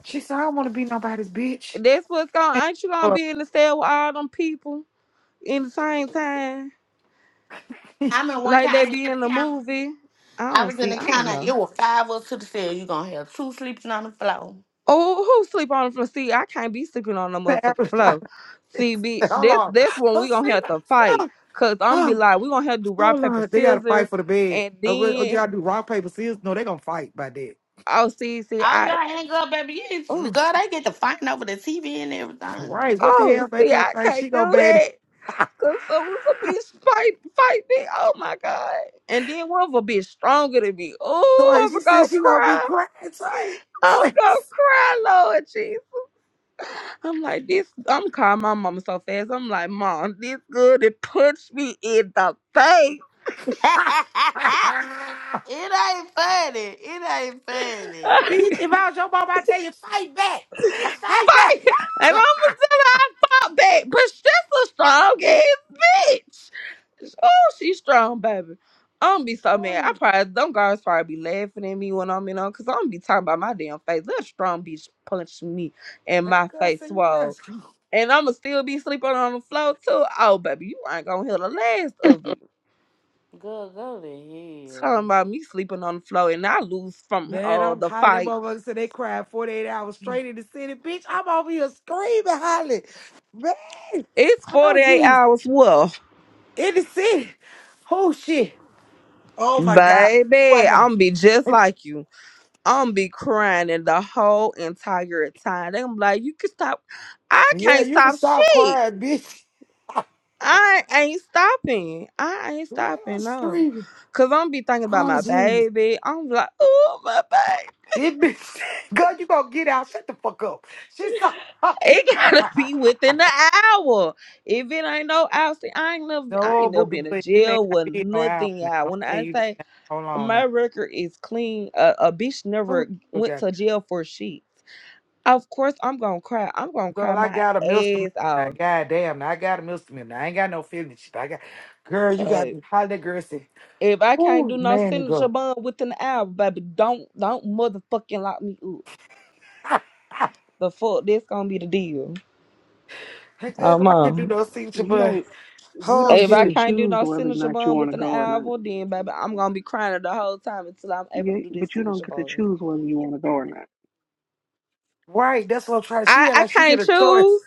Speaker 7: She said, I don't want to be nobody's bitch.
Speaker 13: That's what's going. Ain't you gonna
Speaker 7: Or
Speaker 13: be in the cell with all them people in the same time,
Speaker 4: I mean, one
Speaker 13: like they
Speaker 4: time I
Speaker 13: be
Speaker 4: in
Speaker 13: in
Speaker 4: the
Speaker 13: the
Speaker 4: counter.
Speaker 13: movie? I
Speaker 4: I
Speaker 13: don't
Speaker 4: was in
Speaker 13: see.
Speaker 4: the
Speaker 13: I don't
Speaker 4: counter.
Speaker 13: know.
Speaker 4: It was five of us to the cell. You gonna have two sleeping on the floor.
Speaker 13: Oh, who sleep on from see? I can't be sleeping on the motherfucking
Speaker 7: parasite.
Speaker 13: floor.
Speaker 7: *laughs*
Speaker 13: See, bitch,
Speaker 7: hold
Speaker 13: that's
Speaker 7: on.
Speaker 13: that's when
Speaker 7: Oh,
Speaker 13: we gonna
Speaker 7: see,
Speaker 13: have
Speaker 7: no.
Speaker 13: to fight. Cause I'm be
Speaker 7: Oh,
Speaker 13: like, we gonna have to do rock
Speaker 7: hold
Speaker 13: paper
Speaker 7: on. They got to
Speaker 13: scissors,
Speaker 7: fight for the bed.
Speaker 13: and
Speaker 7: Uh, what, what do
Speaker 13: then
Speaker 7: y'all do? Rock, paper, scissors? No, they going to fight by that.
Speaker 13: oh see see
Speaker 4: All
Speaker 13: I
Speaker 4: y'all hang up, baby. Yes,
Speaker 13: oh
Speaker 4: girl, they get to fighting over the TV and everything.
Speaker 7: Right. What the
Speaker 13: oh
Speaker 7: hell make
Speaker 13: see
Speaker 7: her
Speaker 13: I
Speaker 7: think she
Speaker 13: can't
Speaker 7: go to
Speaker 13: do
Speaker 7: bed?
Speaker 13: that. Cause some of a bitch fight, fight me. Oh my god! And then one of a bitch stronger than me. Oh,
Speaker 7: Tori, *laughs* she
Speaker 13: I'm
Speaker 7: said
Speaker 13: gonna
Speaker 7: she going to be
Speaker 13: cry.
Speaker 7: crying. Tori,
Speaker 13: I'm
Speaker 7: Tori.
Speaker 13: gonna cry, Lord Jesus. I'm like this. I'm calling my mama so fast. I'm like, Mom, this good. It punched me in the face.
Speaker 4: *laughs* it
Speaker 7: *laughs*
Speaker 4: ain't funny. It ain't funny.
Speaker 13: *laughs*
Speaker 7: Bitch, if I was your mom, i tell you, fight back. Bitch, fight back. *laughs*
Speaker 13: fight.
Speaker 4: *laughs*
Speaker 13: And I'm
Speaker 7: Yeah.
Speaker 13: gonna tell her I fought back, but she's a strong ass bitch. Oh, she's strong, baby. I'm gonna be so mad. I
Speaker 7: Oh,
Speaker 13: probably them girls probably be laughing at me when I'm in on because I'm gonna be talking about my damn face. That strong bitch punched me and
Speaker 7: that
Speaker 13: my
Speaker 7: girl
Speaker 13: face
Speaker 7: said you
Speaker 13: swole.
Speaker 7: left.
Speaker 13: And I'ma still be sleeping on the floor too. Oh baby, you ain't gonna hear the last of it.
Speaker 4: Girl, go to hell.
Speaker 13: Talking about me sleeping on the floor and I lose from
Speaker 7: Man,
Speaker 13: uh
Speaker 7: I'm
Speaker 13: the
Speaker 7: hollering. That
Speaker 13: fight.
Speaker 7: motherfucker said they cried 48 hours straight in the city. Bitch, I'm over here screaming, hollering. Man,
Speaker 13: It's
Speaker 7: oh,
Speaker 13: 48
Speaker 7: jeez.
Speaker 13: hours. What?
Speaker 7: In the city. Oh, shit. Oh, my God. Who I
Speaker 13: Baby,
Speaker 7: know?
Speaker 13: I'm gonna be just like you. I'm gonna be crying in the whole entire time. They gonna be like, you can stop. I
Speaker 7: Yeah,
Speaker 13: can't
Speaker 7: you can
Speaker 13: stop
Speaker 7: stop
Speaker 13: shit.
Speaker 7: crying, bitch.
Speaker 13: I ain't stopping. I ain't
Speaker 7: Man, I'm
Speaker 13: stopping, no.
Speaker 7: screaming.
Speaker 13: Cause I'm gonna be thinking about
Speaker 7: Oh,
Speaker 13: my
Speaker 7: Jesus.
Speaker 13: baby. I'm like, oh my baby.
Speaker 7: It bitch. *laughs* God, you gonna get out. Shut the fuck up. She saw *laughs* me
Speaker 13: It gotta
Speaker 7: cry.
Speaker 13: *laughs* be within the hour. If it ain't no hour, see, I ain't never I
Speaker 7: No,
Speaker 13: ain't never
Speaker 7: Booker,
Speaker 13: been in
Speaker 7: but it may
Speaker 13: jail
Speaker 7: not
Speaker 13: with
Speaker 7: be no hour
Speaker 13: nothing,
Speaker 7: now.
Speaker 13: y'all.
Speaker 7: I'm
Speaker 13: When
Speaker 7: telling
Speaker 13: I
Speaker 7: you this
Speaker 13: say
Speaker 7: now. Hold on
Speaker 13: my record is clean, a, a bitch never
Speaker 7: now.
Speaker 13: went
Speaker 7: Oh,
Speaker 13: to jail for shit. Of course, I'm gonna cry. I'm gonna cry
Speaker 7: Girl, I
Speaker 13: my
Speaker 7: got a misdemeanor.
Speaker 13: ass
Speaker 7: Now,
Speaker 13: off.
Speaker 7: goddamn, now I got a misdemeanor. Now, I ain't got no feeling and shit. I got, girl, you
Speaker 13: Uh,
Speaker 7: got me. How that girl said,
Speaker 13: if I can't
Speaker 7: oh,
Speaker 13: do no
Speaker 7: man,
Speaker 13: signature
Speaker 7: go.
Speaker 13: bun within the hour, baby, don't don't motherfucking lock me up. The fuck, this gonna be the deal.
Speaker 7: Hey,
Speaker 13: Oh
Speaker 7: girl, I can't do
Speaker 13: mom.
Speaker 7: no signature,
Speaker 10: You
Speaker 7: but,
Speaker 10: don't you
Speaker 7: oh,
Speaker 10: don't
Speaker 13: If
Speaker 10: get
Speaker 13: I
Speaker 10: to
Speaker 7: shit.
Speaker 13: can't do
Speaker 10: choose
Speaker 13: no
Speaker 10: whether or
Speaker 13: signature
Speaker 10: not you
Speaker 13: bun
Speaker 10: want to
Speaker 13: within the
Speaker 10: go or not.
Speaker 13: hour, then baby, I'm gonna be crying the whole time until I'm able to
Speaker 10: You,
Speaker 13: do this
Speaker 10: but you
Speaker 13: signature
Speaker 10: don't get to
Speaker 13: bun.
Speaker 10: choose whether you want to go or not.
Speaker 7: Right, that's what I'm trying. She
Speaker 13: I
Speaker 7: had
Speaker 13: I
Speaker 7: like she get
Speaker 13: can't
Speaker 7: a choice.
Speaker 13: choose.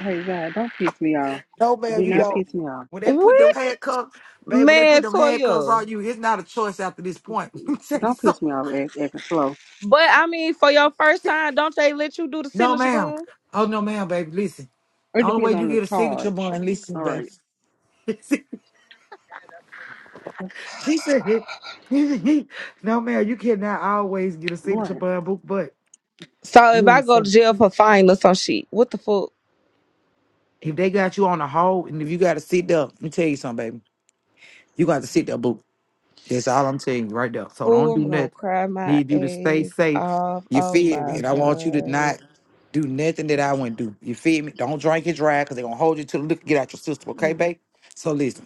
Speaker 10: Hey God, don't piss me off.
Speaker 7: No, man,
Speaker 10: Do
Speaker 7: you
Speaker 10: not
Speaker 7: don't.
Speaker 10: piss me off.
Speaker 7: When they put them
Speaker 13: What
Speaker 7: handcuffs, babe, when they put
Speaker 13: man,
Speaker 7: them handcuffs
Speaker 13: Toya?
Speaker 7: on you, it's not a choice after this point. *laughs* You Say
Speaker 10: Don't
Speaker 7: so.
Speaker 10: piss me off act, acting slow.
Speaker 13: But I mean, for your first time, don't they let you do the
Speaker 7: No,
Speaker 13: signature
Speaker 7: ma'am.
Speaker 13: bun?
Speaker 7: Oh, no, ma'am, baby. Listen,
Speaker 10: It
Speaker 7: only way
Speaker 10: depends
Speaker 7: you
Speaker 10: on the
Speaker 7: get a signature
Speaker 10: charge.
Speaker 7: bond, listen,
Speaker 10: All
Speaker 7: baby.
Speaker 10: right.
Speaker 7: *laughs* She said, *laughs* "No, man, you cannot always get a signature
Speaker 10: Right.
Speaker 7: by a book, but
Speaker 13: So if I go to
Speaker 7: listen,
Speaker 13: jail for fine or some shit, what the fuck?
Speaker 7: if they got you on the hold and if you got to sit there, let me tell you something, baby. You got to sit there, book. That's all I'm telling you right there. So
Speaker 13: Oh,
Speaker 7: don't do
Speaker 13: I'm gonna
Speaker 7: nothing.
Speaker 13: cry my
Speaker 7: Need you to stay
Speaker 13: ass
Speaker 7: safe.
Speaker 13: off.
Speaker 7: You
Speaker 13: Oh
Speaker 7: feel me?
Speaker 13: my
Speaker 7: And I want you to not
Speaker 13: god.
Speaker 7: do nothing that I wouldn't do. You feel me? Don't drink and drive because they're gonna hold you to the liquor get out your system, okay, babe? So listen.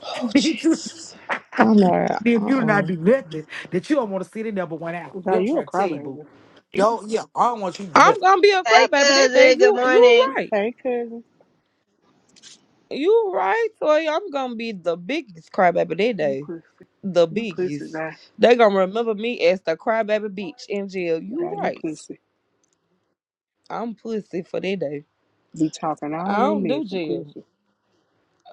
Speaker 13: Oh
Speaker 7: *laughs* Bitch, you-
Speaker 13: Jesus.
Speaker 7: *laughs*
Speaker 13: I'm not.
Speaker 7: if you do not
Speaker 13: Uh-uh.
Speaker 7: do nothing, that you don't want to sit in there but one hour.
Speaker 10: Zai,
Speaker 7: They'll
Speaker 10: you a
Speaker 7: try to tell you, boo.
Speaker 10: crybaby.
Speaker 7: Yo, yeah, I don't want you to do nothing.
Speaker 13: I'm gonna be a
Speaker 17: Hey,
Speaker 13: crybaby that day.
Speaker 17: cousin. Good
Speaker 13: You you
Speaker 17: morning.
Speaker 13: right.
Speaker 10: Hey cousin.
Speaker 13: You right, Toy. I'm gonna be the biggest crybaby that
Speaker 10: You
Speaker 13: day.
Speaker 10: pussy.
Speaker 13: The
Speaker 10: You pussy,
Speaker 13: biggest.
Speaker 10: Zai.
Speaker 13: They gonna remember me as the crybaby bitch in jail.
Speaker 10: Zai,
Speaker 13: You
Speaker 10: you
Speaker 13: right.
Speaker 10: pussy.
Speaker 13: I'm pussy for that day.
Speaker 10: Be talking all
Speaker 13: I
Speaker 10: that
Speaker 13: don't
Speaker 10: mess
Speaker 13: do
Speaker 10: and
Speaker 13: jail.
Speaker 10: pussy.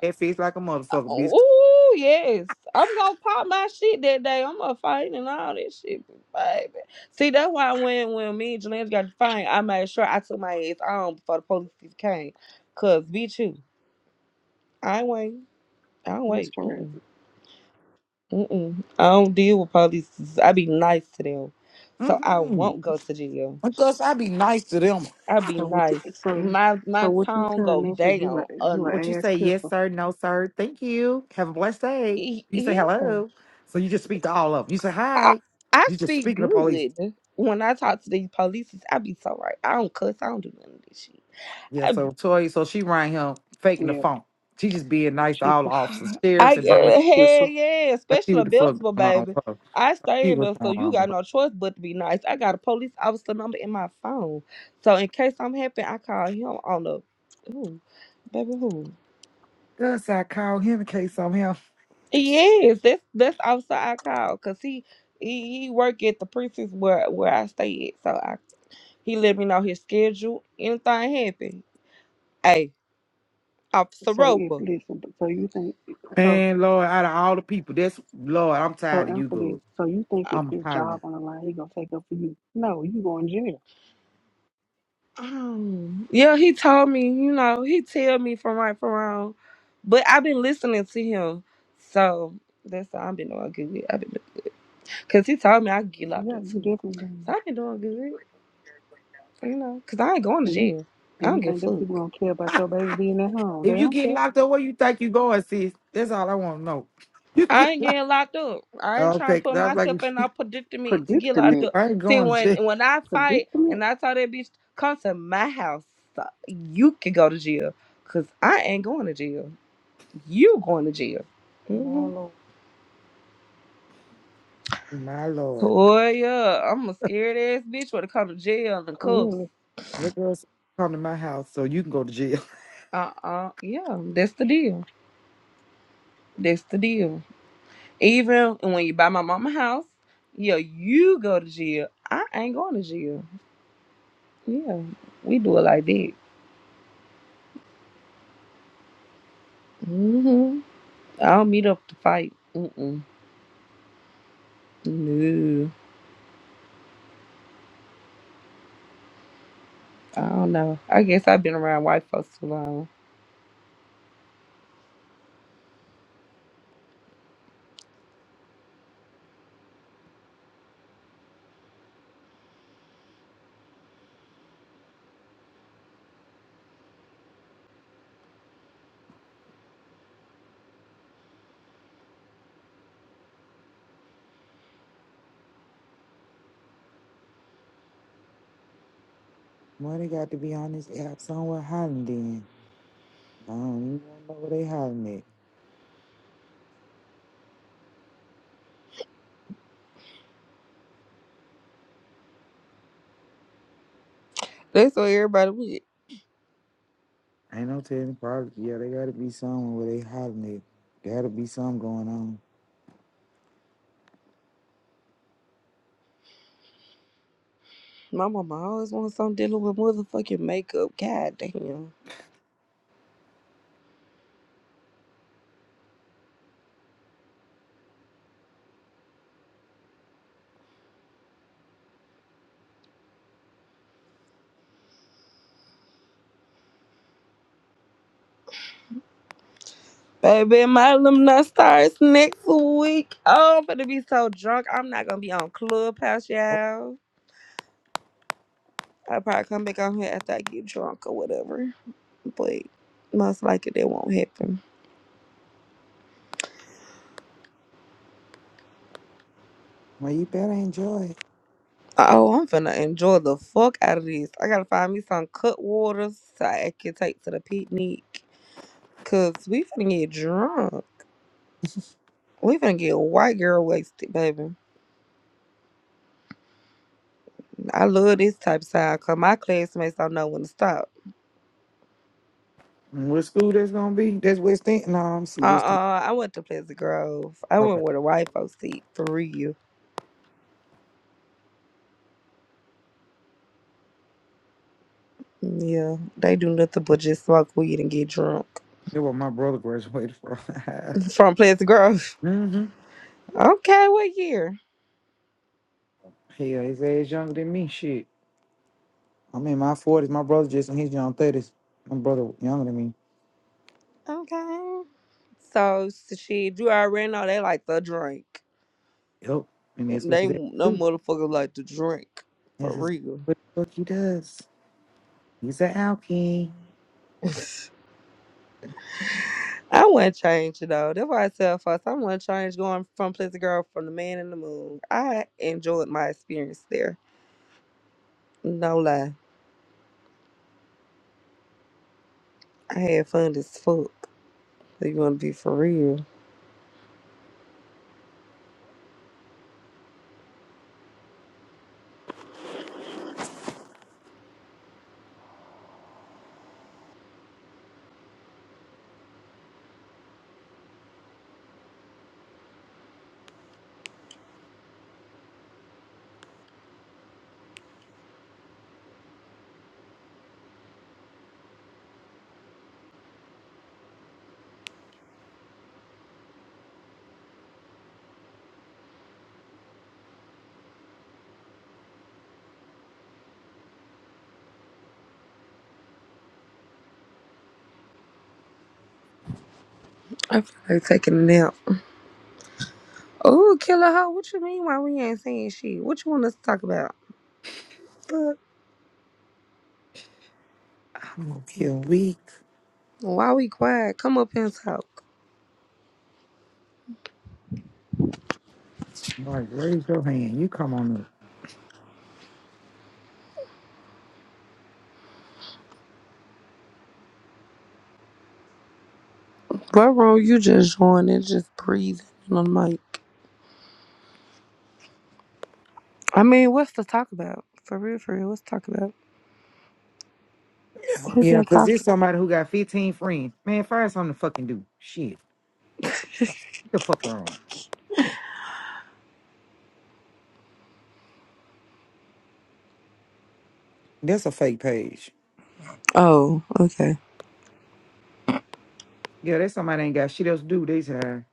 Speaker 7: That feels like a motherfucker, bitch.
Speaker 13: Oh yes, I'm gonna pop my shit that day. I'm gonna fight and all that shit, baby. See, that's why when when me and Jelena got to fight, I made sure I took my ass on before the police came. Cause bitch, you, I ain't wait. I don't
Speaker 10: That's
Speaker 13: wait. Mm-mm.
Speaker 10: crazy.
Speaker 13: Mm-mm. I don't deal with police. I be nice to them, so I
Speaker 7: Mm-mm.
Speaker 13: won't go to jail.
Speaker 7: Because I be nice to them.
Speaker 13: I be
Speaker 10: So what? you-
Speaker 13: nice.
Speaker 10: So
Speaker 13: My
Speaker 10: so
Speaker 13: my
Speaker 10: what you
Speaker 13: tone
Speaker 10: telling
Speaker 13: go
Speaker 10: us is you a
Speaker 13: down.
Speaker 10: you
Speaker 13: Um,
Speaker 7: What you
Speaker 10: a ass
Speaker 7: say, yes,
Speaker 10: kisser?
Speaker 7: sir, no, sir, thank you. Have a blessed day. You say
Speaker 13: yeah,
Speaker 7: hello. So you just speak to all of them. You say
Speaker 13: I,
Speaker 7: hi.
Speaker 13: I
Speaker 7: You just
Speaker 13: speak
Speaker 7: speak to the police.
Speaker 13: good when I talk to these police. I be so right. I don't cuss. I don't do none of this shit.
Speaker 7: Yeah,
Speaker 13: I be,
Speaker 7: so Toy, so she rang him faking the
Speaker 10: Yeah,
Speaker 7: phone. She just being nice to
Speaker 10: she
Speaker 7: all the
Speaker 10: put
Speaker 7: officers,
Speaker 13: *sighs* I
Speaker 7: sheriffs, and Birmingham.
Speaker 13: uh,
Speaker 10: ass
Speaker 13: hell
Speaker 10: kisser.
Speaker 13: yeah,
Speaker 7: Let's see
Speaker 13: especially
Speaker 7: what
Speaker 13: a
Speaker 7: the fuck
Speaker 13: Belzebub
Speaker 7: going on
Speaker 13: baby.
Speaker 7: with her. Let's
Speaker 13: I
Speaker 7: see
Speaker 13: stand
Speaker 7: what's
Speaker 13: up, so
Speaker 7: going on
Speaker 13: you
Speaker 7: with her.
Speaker 13: got no choice but to be nice. I got a police officer number in my phone, so in case I'm happy, I call him on the who, baby who.
Speaker 7: Thus I call him in case I'm him.
Speaker 13: Yes, that's that's the officer I call, cause he he, he work at the precinct where where I stay at, so I he let me know his schedule. Anything happen, hey. off the
Speaker 10: So if
Speaker 13: roper.
Speaker 10: listen, but- so you think so
Speaker 7: Man, Lord, out of all the people, that's Lord, I'm
Speaker 10: so
Speaker 7: tired of you,
Speaker 10: answer this.
Speaker 7: good.
Speaker 10: So you think if
Speaker 7: I'm
Speaker 10: his job
Speaker 7: hollering.
Speaker 10: on the line, he gonna take up for you? No, you going to jail.
Speaker 13: Um, yeah, he told me, you know, he tell me from right from wrong. But I've been listening to him. So that's all I've been doing good. I've been because he told me I could get locked
Speaker 10: Yeah,
Speaker 13: up
Speaker 10: you
Speaker 13: too.
Speaker 10: definitely.
Speaker 13: So
Speaker 10: going.
Speaker 13: I've been doing good, you know, because I ain't going to
Speaker 10: And you
Speaker 13: jail.
Speaker 10: do
Speaker 13: I don't
Speaker 10: you
Speaker 13: give a
Speaker 10: think them people
Speaker 13: fuck.
Speaker 10: don't care
Speaker 7: *laughs*
Speaker 10: about your baby being at home? They
Speaker 7: if you
Speaker 10: don't
Speaker 7: get
Speaker 10: care.
Speaker 7: locked up, where you think you going, sis? That's all I want to know. *laughs* You
Speaker 13: I
Speaker 7: get
Speaker 13: ain't
Speaker 7: locked
Speaker 13: getting locked up. I ain't trying
Speaker 7: Okay,
Speaker 13: to
Speaker 7: 'cause
Speaker 13: put
Speaker 7: I was like,
Speaker 13: myself in no predicament to get locked
Speaker 10: Predicament,
Speaker 13: up.
Speaker 7: I ain't
Speaker 13: See,
Speaker 7: going to
Speaker 13: when
Speaker 7: jail.
Speaker 13: when I fight and
Speaker 10: predicament.
Speaker 13: I tell that bitch, come to my house, so you can go to jail. Cause I ain't going to jail. You going to jail.
Speaker 10: My
Speaker 13: hmm
Speaker 10: lord,
Speaker 7: My Lord.
Speaker 13: Toya, I'm a scared ass bitch when it come to jail and cuffs.
Speaker 10: clearly.
Speaker 7: Your girls come to my house so you can go to jail.
Speaker 13: Uh-uh. Yeah, that's the deal. That's the deal. Even when you buy my mama house, yeah, you go to jail. I ain't going to jail. Yeah, we do it like that. Mm hmm I don't meet up to fight. Mm-mm. No. I don't know. I guess I've been around white folks too long.
Speaker 7: *laughs* Money got to be on this app somewhere hiding then. I don't even want to know where they hiding
Speaker 13: That's what everybody with.
Speaker 7: at. Ain't no telling. Probably, yeah, they got to be somewhere where they hiding it. Got to be something going on.
Speaker 13: My mama always wants something dealing with motherfucking makeup. God damn. Baby, my alumni starts next week. Oh, I'm gonna be so drunk. I'm not gonna be on Clubhouse, y'all. I'll probably come back on here after I get drunk or whatever. But most likely that won't happen. Oh, I'm finna enjoy the fuck out of this. I gotta find me some cut waters so I can take to the picnic. Cause we finna get drunk. We finna get white girl wasted, baby. I love this type of style cause my classmates don't know when to stop.
Speaker 7: What school that's gonna be? That's West End. No, I'm see
Speaker 13: Uh
Speaker 7: West End.
Speaker 13: uh I went to Pleasant Grove. I
Speaker 7: Okay,
Speaker 13: went where the white folks eat for real. Yeah, they do nothing but just smoke weed and get drunk.
Speaker 7: that's where my brother graduated from. *laughs*
Speaker 13: *laughs* From Pleasant Grove.
Speaker 7: mm-hmm.
Speaker 13: Okay, what year?
Speaker 7: Yeah, his age younger than me. Shit, I'm in my forties. My brother just in his young thirties. My brother younger than me.
Speaker 13: Okay. So, so shit, you already know they like the drink.
Speaker 7: Yep, and that's what
Speaker 13: They
Speaker 7: he's at
Speaker 13: no
Speaker 7: too.
Speaker 13: motherfuckers like to drink for
Speaker 7: This is
Speaker 13: real.
Speaker 7: what the fuck he does. He's an alky.
Speaker 13: *laughs* I wouldn't change it though. That's why I tell folks I wouldn't change going from Pleasant Grove from the Man in the Moon. I enjoyed my experience there. No lie. I had fun as fuck. So you wanna be for real? I feel like taking a nap. Oh, killer hoe, what you mean why we ain't saying shit? What you want us to talk about? Fuck.
Speaker 7: I'm gonna be a week.
Speaker 13: Why we quiet? Come up and talk.
Speaker 7: I'm Like raise your hand. You come on up.
Speaker 13: What wrong? You just joined and just breathing on the mic. I mean, what's to talk about? For real, for real, what's to talk about?
Speaker 7: Oh,
Speaker 13: Who
Speaker 7: Yeah,
Speaker 13: been
Speaker 7: because there's
Speaker 13: talking?
Speaker 7: somebody who got 15 friends. Man, find something to fucking do. Shit. What the fuck wrong? That's a fake page.
Speaker 13: Oh, okay.
Speaker 7: Yeah, that's somebody ain't got shit else to do. They said,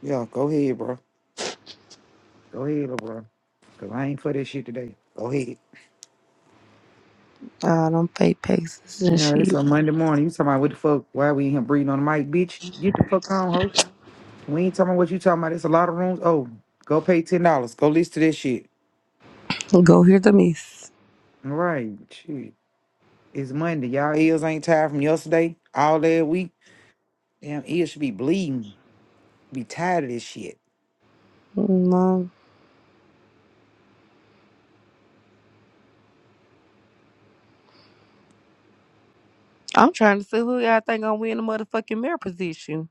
Speaker 7: yeah, go ahead, bro. Go ahead, little bro. Because I ain't for this shit today. Go ahead.
Speaker 13: Uh, them fake paces and
Speaker 7: Yeah, it's
Speaker 13: shit.
Speaker 7: a Monday morning. You talking about what the fuck? Why we in here breathing on the mic, bitch? Get the fuck on, ho. We ain't talking about what you talking about. It's a lot of rooms. Oh, go pay $10. Go listen to this shit.
Speaker 13: Go hear the miss.
Speaker 7: All right. Shit. It's Monday. Y'all ears ain't tired from yesterday all that week. Damn, ears should be bleeding. Be tired of this shit.
Speaker 13: No. I'm trying to see who y'all think gonna win the motherfucking mayor position.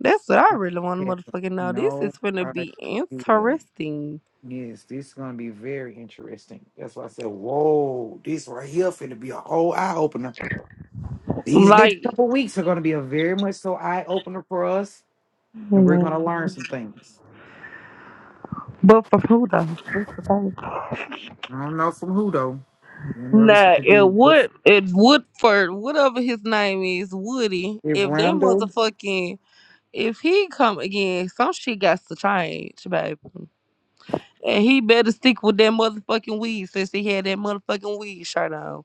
Speaker 13: That's what I
Speaker 7: I
Speaker 13: really want to
Speaker 7: have
Speaker 13: motherfucking know. This
Speaker 7: no
Speaker 13: is finna be
Speaker 7: idea.
Speaker 13: interesting.
Speaker 7: Yes, this is gonna be very interesting. That's why I said, whoa, this right here finna be a whole eye opener. These next
Speaker 13: Like,
Speaker 7: couple weeks are gonna be a very much so eye opener for us, and we're gonna learn
Speaker 13: Man.
Speaker 7: some things.
Speaker 13: but for who though? That's the thing.
Speaker 7: I don't know from who though. I don't know if it's
Speaker 13: Nah,
Speaker 7: gonna
Speaker 13: it
Speaker 7: be
Speaker 13: would it Woodford, whatever his name is, Woody.
Speaker 7: if
Speaker 13: If that
Speaker 7: Rondo
Speaker 13: motherfucking if he come again, some shit got to change, baby. And he better stick with that motherfucking weed since he had that motherfucking weed shirt on.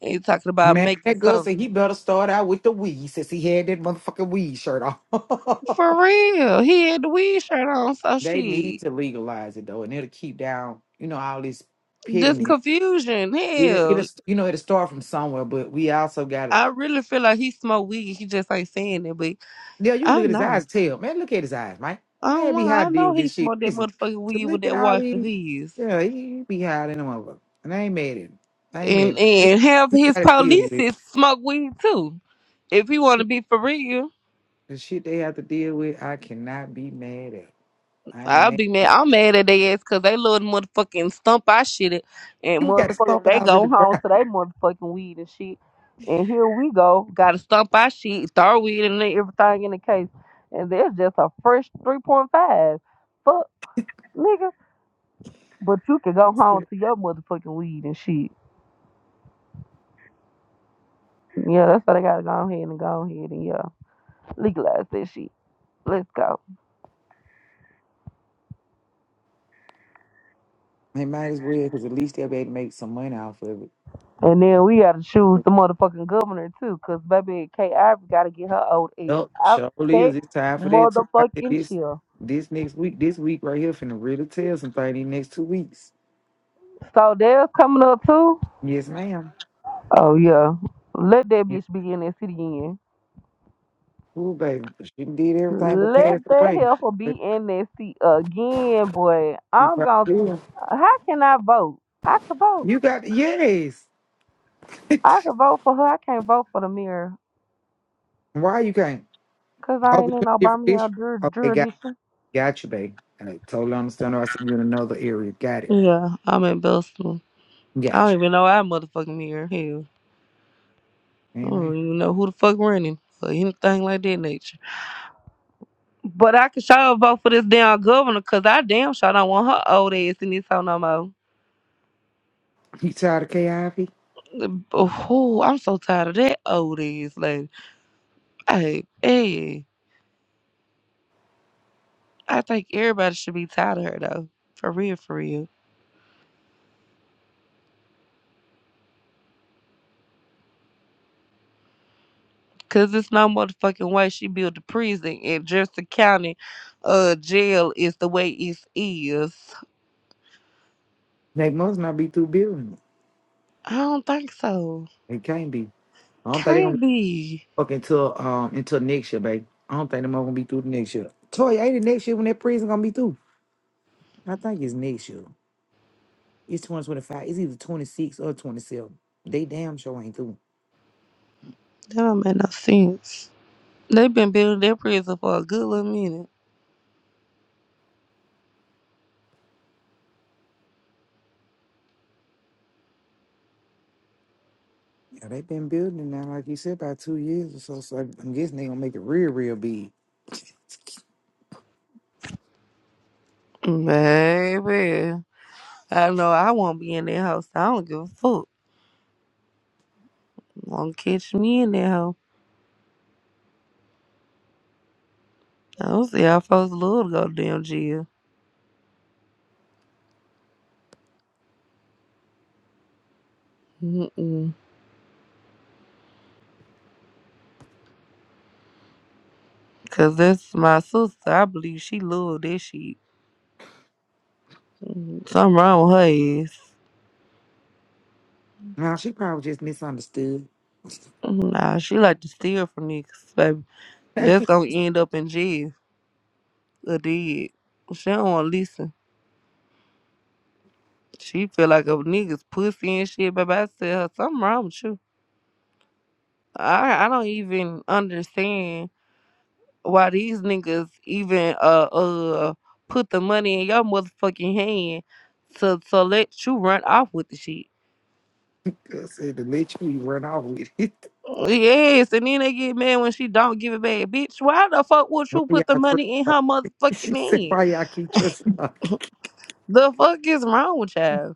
Speaker 13: And he talking about
Speaker 7: man
Speaker 13: making
Speaker 7: that Gus
Speaker 13: something.
Speaker 7: said he better start out with the weed since he had that motherfucking weed shirt on. *laughs*
Speaker 13: For real. He had the weed shirt on, so
Speaker 7: They
Speaker 13: shit.
Speaker 7: need to legalize it though, and it'll keep down, you know, all this
Speaker 13: This
Speaker 7: pitting. It,
Speaker 13: confusion,
Speaker 7: it'll,
Speaker 13: hell,
Speaker 7: you know, it'll start from somewhere, but we also got to.
Speaker 13: I really feel like he smoked weed. He just ain't saying it, but
Speaker 7: Yeah, you can look
Speaker 13: I
Speaker 7: at his
Speaker 13: know.
Speaker 7: eyes, tell man, look at his eyes, Mike.
Speaker 13: I don't
Speaker 7: Man, be
Speaker 13: know.
Speaker 7: high
Speaker 13: I
Speaker 7: to deal
Speaker 13: know
Speaker 7: with
Speaker 13: he
Speaker 7: this shit.
Speaker 13: smoked that
Speaker 7: Listen,
Speaker 13: motherfucking
Speaker 7: to
Speaker 13: weed with
Speaker 7: look at
Speaker 13: that
Speaker 7: all
Speaker 13: wife of
Speaker 7: these,
Speaker 13: his,
Speaker 7: yeah, he be high than a motherfucker, and I ain't mad at him. I ain't
Speaker 13: and
Speaker 7: mad. But
Speaker 13: and have
Speaker 7: you
Speaker 13: his
Speaker 7: got to deal with
Speaker 13: police smoke weed too. If he want to
Speaker 7: it.
Speaker 13: be for real.
Speaker 7: the shit they have to deal with. I cannot be mad at. I ain't
Speaker 13: I'll
Speaker 7: mad. *laughs*
Speaker 13: be mad. I'm mad at they ass because they little motherfucking stump I shit it. And
Speaker 7: We got to
Speaker 13: motherfucking,
Speaker 7: stop
Speaker 13: they
Speaker 7: house in the
Speaker 13: go home
Speaker 7: grass.
Speaker 13: to they motherfucking weed and shit. And here we go. Got to stump our shit, throw weed and everything in the case. And that's just a fresh 3.5. Fuck, nigga. But you can go home to your motherfucking weed and shit. Yeah, that's why they got to go ahead and go ahead and, yeah, legalize that shit. Let's go.
Speaker 7: They might as well, because at least they'll be able to make some money off of it.
Speaker 13: And then we gotta choose the motherfucking governor too, cause baby K Ivory gotta get her old ass
Speaker 7: Yup,
Speaker 13: out
Speaker 7: surely is.
Speaker 13: that
Speaker 7: It's time for that too. I think
Speaker 13: motherfucking
Speaker 7: this
Speaker 13: chill.
Speaker 7: this next week, this week right here, finna really tell some things these next two weeks.
Speaker 13: So there's coming up too.
Speaker 7: Yes, ma'am.
Speaker 13: Oh yeah. Let that
Speaker 7: Yeah,
Speaker 13: bitch be in that seat again.
Speaker 7: cool, baby. She done did everything but
Speaker 13: Let
Speaker 7: passed
Speaker 13: that
Speaker 7: away.
Speaker 13: helper
Speaker 7: *laughs*
Speaker 13: be in that seat again, boy.
Speaker 7: You
Speaker 13: I'm gonna
Speaker 7: probably will.
Speaker 13: how can I vote? I can vote.
Speaker 7: You got yes. *laughs*
Speaker 13: I can vote for her. I can't vote for the mirror.
Speaker 7: Why you can't?
Speaker 13: Cause I
Speaker 7: Oh,
Speaker 13: ain't
Speaker 7: it's
Speaker 13: in
Speaker 7: a
Speaker 13: no
Speaker 7: different issue.
Speaker 13: Birmingham jur-
Speaker 7: Okay, got
Speaker 13: jurisdiction.
Speaker 7: got you, babe. I totally understand. I see you in another area. Got it.
Speaker 13: Yeah, I'm in Boston. I don't
Speaker 7: Got
Speaker 13: even know our motherfucking mirror. Hell.
Speaker 7: you.
Speaker 13: I
Speaker 7: You know,
Speaker 13: don't even know who the fuck running or anything like that nature. But I can sure vote for this damn governor because I damn sure don't want her old ass in this hoe no more.
Speaker 7: you tired of KIV?
Speaker 13: Oh, I'm so tired of that old ass lady. Hey, hey, I think everybody should be tired of her though. For real, for real. Cause it's no motherfucking way she built a prison and Jefferson County uh jail is the way it is.
Speaker 7: They must not be through building.
Speaker 13: I don't think so.
Speaker 7: it. They can't be. I don't think they're gonna be
Speaker 13: Can't be.
Speaker 7: Fuck until um until next year, babe. I don't think them all gonna be through the next year. Toy, ain't it next year when that prison gonna be through? I think it's next year. It's 2025. It's either 26 or 27. They damn sure ain't through.
Speaker 13: That don't make no sense. They've been building that prison for a good little minute.
Speaker 7: Yeah, they been building it now, like you said, about two years or so. So I'm guessing they gonna make it real, real big.
Speaker 13: Baby. I know I won't be in that house. I don't give a fuck. Won't catch me in that house. I don't see how folks love to go to damn jail. Mm-mm. Cause that's my sister. I believe she love that shit. Mm, Something wrong with her ass.
Speaker 7: Nah, she probably just misunderstood.
Speaker 13: Mm, Nah, she like to steal from niggas, baby.
Speaker 7: *laughs* I
Speaker 13: That's gonna end up in jail or dead. She don't wanna listen. She feel like a nigga's pussy and shit, baby. I tell her, something wrong with you. I I don't even understand why these niggas even uh uh put the money in your motherfucking hand to to let you run off with the shit.
Speaker 7: said to let you run off with it.
Speaker 13: Yes, and then they get mad when she don't give it back. Bitch, why the fuck
Speaker 7: *laughs*
Speaker 13: would
Speaker 7: Why
Speaker 13: you
Speaker 7: y'all
Speaker 13: put the
Speaker 7: trust
Speaker 13: money in
Speaker 7: her?
Speaker 13: her
Speaker 7: *laughs* She
Speaker 13: motherfucking
Speaker 7: said,
Speaker 13: hand?
Speaker 7: why y'all keep trusting her?
Speaker 13: The fuck is wrong with y'all?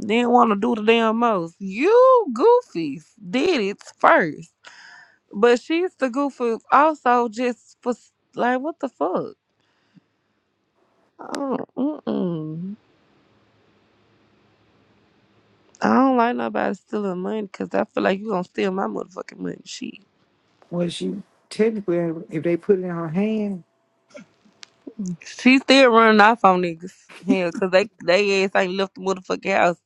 Speaker 13: Didn't want to do the damn most. You goofies did it first. But she's the goofy also just for s- like what the fuck? I don't- Mm-mm. I don't like nobody stealing money because I feel like you gonna steal my motherfucking money. She,
Speaker 7: Well, she technically, if they put it in her hand,
Speaker 13: she still running off on niggas here because they they ass ain't left the motherfucking house.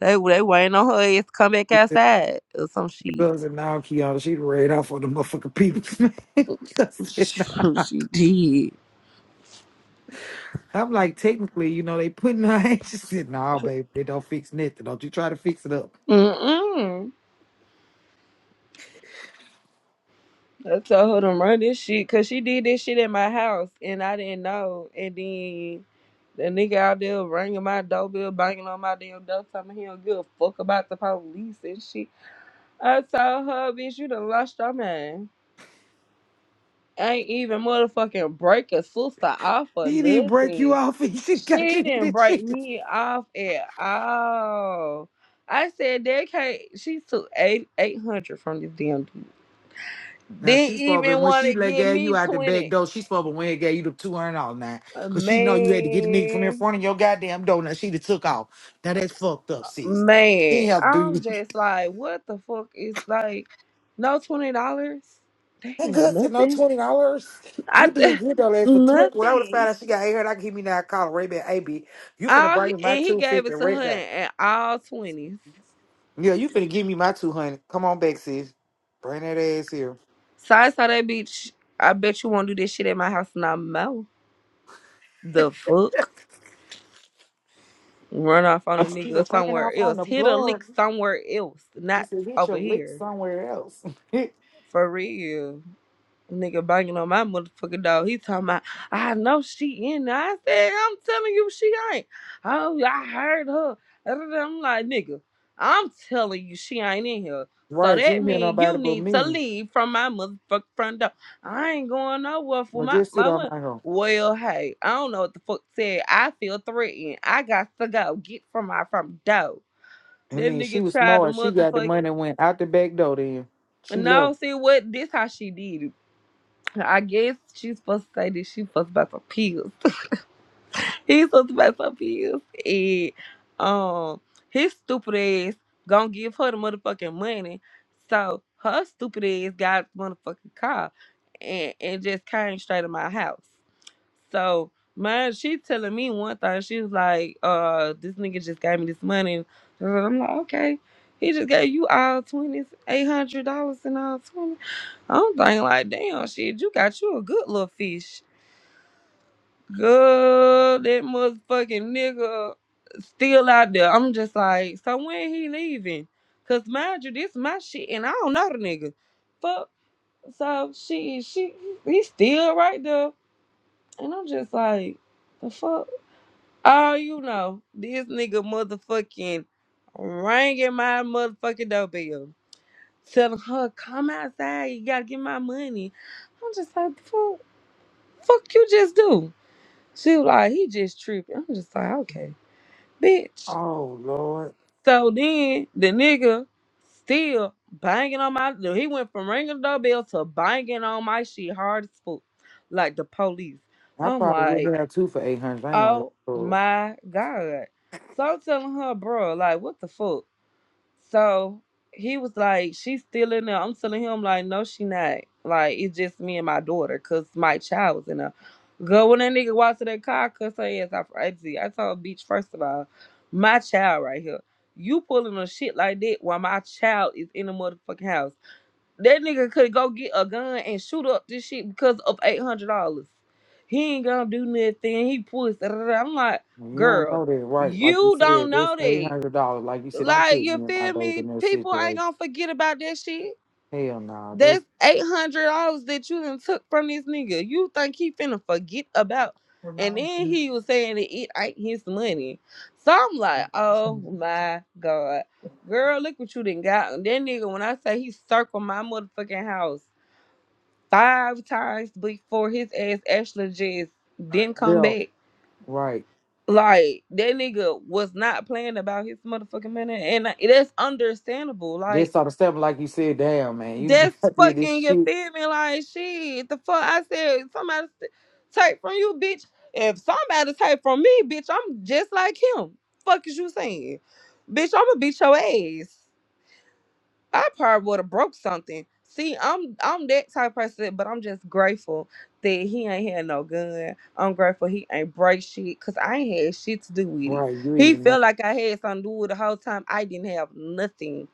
Speaker 13: They they waiting on her ass to come back outside or some shit.
Speaker 7: drugs and now Kiana, she done ran off on the motherfucking people. *laughs*
Speaker 13: *laughs*
Speaker 7: Just sitting-
Speaker 13: she did.
Speaker 7: I'm like, technically, you know, they putting her hand. *laughs* She said, nah, babe, they don't fix nothing. Don't you try to fix it up.
Speaker 13: Mm-mm. I told her to run this shit because she did this shit at my house and I didn't know. And then the nigga out there ringing my doorbell, banging on my damn door, telling me he don't give a fuck about the police and shit. I told her, bitch, you done lost your man. Ain't even motherfucking break a sister off or
Speaker 7: He didn't break you
Speaker 13: nothing.
Speaker 7: off *laughs* and she got
Speaker 13: She
Speaker 7: you in
Speaker 13: didn't
Speaker 7: this
Speaker 13: break
Speaker 7: shit.
Speaker 13: me off at all. I said that can't she took eight eight hundred from this damn dude.
Speaker 7: Now
Speaker 13: Didn't
Speaker 7: she's probably
Speaker 13: even
Speaker 7: when
Speaker 13: want
Speaker 7: she
Speaker 13: to
Speaker 7: like
Speaker 13: give
Speaker 7: gave you
Speaker 13: me
Speaker 7: out the back
Speaker 13: twenty.
Speaker 7: door, she's probably when it gave you the two hundred all night.
Speaker 13: Uh,
Speaker 7: Cause she know you had to get the nigga from in
Speaker 13: Man,
Speaker 7: front of your goddamn door. Now she done took off. Now that's fucked up, sis. She
Speaker 13: man,
Speaker 7: ain't have to do
Speaker 13: I'm
Speaker 7: you.
Speaker 13: just like, what the fuck is like, no twenty dollars?
Speaker 7: That
Speaker 13: Damn,
Speaker 7: good said no
Speaker 13: nothing.
Speaker 7: twenty dollars. You be
Speaker 13: I
Speaker 7: good, though,
Speaker 13: *laughs*
Speaker 7: ass for twenty. When I would have
Speaker 13: nothing.
Speaker 7: found out she got hair, I could give me that call, Ray back, AB. You finna
Speaker 13: All
Speaker 7: bring
Speaker 13: he-
Speaker 7: me my
Speaker 13: and he
Speaker 7: two
Speaker 13: gave
Speaker 7: fifty
Speaker 13: it to
Speaker 7: right
Speaker 13: her
Speaker 7: back.
Speaker 13: in- at all twenties.
Speaker 7: Yeah, you finna give me my two hundred. Come on back, sis. Bring that ass here.
Speaker 13: So I saw that bitch. I bet you won't do this shit at my house no more. The fuck, run off on a
Speaker 7: She
Speaker 13: nigga
Speaker 7: just ran off
Speaker 13: somewhere
Speaker 7: on
Speaker 13: else.
Speaker 7: the
Speaker 13: Hit a
Speaker 7: floor.
Speaker 13: lick somewhere else,
Speaker 7: She
Speaker 13: not
Speaker 7: said, "Get your
Speaker 13: over
Speaker 7: lick
Speaker 13: here.
Speaker 7: somewhere else." *laughs*
Speaker 13: For real. Nigga banging on my motherfucking dog. He talking about, I know she in there. I said, I'm telling you, she ain't. Oh, I heard her. I'm like, nigga, I'm telling you, she ain't in here. So
Speaker 7: right? She
Speaker 13: that
Speaker 7: ain't hear
Speaker 13: means
Speaker 7: nobody
Speaker 13: you
Speaker 7: but
Speaker 13: need to
Speaker 7: me.
Speaker 13: leave from my motherfucking front door. I ain't going nowhere for
Speaker 7: Well,
Speaker 13: my
Speaker 7: just sit on
Speaker 13: mama.
Speaker 7: that home.
Speaker 13: Well, hey, I don't know what the fuck said. I feel threatened. I got to go. Get from my front door.
Speaker 7: I
Speaker 13: That
Speaker 7: mean, she
Speaker 13: nigga
Speaker 7: was
Speaker 13: tried to
Speaker 7: smart. She got the
Speaker 13: motherfucking.
Speaker 7: money and went out the back door. Then she left.
Speaker 13: No, see what? This how she did it. I guess she's supposed to say that she fussed about some pills. *laughs* He's supposed to buy some pills. And um his stupid ass gonna give her the motherfucking money. So her stupid ass got the motherfucking car and, and just came straight to my house. So man, she telling me one thing, she was like, uh, this nigga just gave me this money. And I'm like, okay. He just gave you all twenties, eight hundred dollars and all twenty. I'm thinking like, damn shit, you got you a good little fish Girl, that motherfucking nigga still out there. I'm just like, so when he leaving? Cause mind you, this my shit, and I don't know the nigga. Fuck. So she, she, he still right there, and I'm just like, the fuck. Oh, you know, this nigga motherfucking ringing my motherfucking doorbell, telling her come outside. You gotta get my money. I'm just like, fuck, fuck you just do. She was like, he just tripping. I'm just like, okay, bitch.
Speaker 7: Oh Lord,
Speaker 13: So then the nigga still banging on my He went from ringing the doorbell to banging on my shit hard as fuck, like the police.
Speaker 7: I
Speaker 13: I'm
Speaker 7: probably would have
Speaker 13: like,
Speaker 7: had two for eight hundred. I ain't gonna
Speaker 13: oh
Speaker 7: lie.
Speaker 13: my God. So I'm telling her, bro, like, what the fuck? So he was like, she's still in there. I'm telling him, like, no, she not. Like, it's just me and my daughter, because my child was in there. Girl, when that nigga walked to that car, cuss her ass out for exit. I told bitch, first of all, my child right here. You pulling a shit like that while my child is in the motherfucking house. That nigga could go get a gun and shoot up this shit because of eight hundred dollars. He ain't gonna do nothing. He pussy. I'm like,
Speaker 7: When You don't know
Speaker 13: girl,
Speaker 7: that, right? Like you
Speaker 13: you
Speaker 7: said,
Speaker 13: don't
Speaker 7: that's
Speaker 13: know
Speaker 7: eight
Speaker 13: that.
Speaker 7: hundred dollars. Like you said, don't
Speaker 13: Like
Speaker 7: put
Speaker 13: you
Speaker 7: me and my
Speaker 13: feel
Speaker 7: baby
Speaker 13: me?
Speaker 7: in that
Speaker 13: People ain't
Speaker 7: situation.
Speaker 13: gonna forget about that shit.
Speaker 7: Hell no, that's
Speaker 13: That's eight hundred dollars that you done took from this nigga. You think he finna forget about? And then he was saying that it ain't his money. So I'm like, oh my god, girl, look what you done got. And that nigga, when I say he circled my motherfucking house five times before his ass actually just didn't come
Speaker 7: left,
Speaker 13: back.
Speaker 7: right.
Speaker 13: Like that nigga was not playing about his motherfucking money, and I- that's understandable. Like
Speaker 7: This sort of stuff, like you said, damn man, you *laughs*
Speaker 13: That's
Speaker 7: got me in this
Speaker 13: fucking you
Speaker 7: shit.
Speaker 13: feel me like shit. The fuck I said somebody st- take from you, bitch. If somebody take from me, bitch, I'm just like him. Fuck is you saying? Bitch, I'ma beat your ass. I probably would have broke something. See, I'm I'm that type of person, but I'm just grateful that he ain't had no gun. I'm grateful he ain't break shit, cause I ain't had shit to do with it. He felt like I had something to do with it the whole time. I didn't have nothing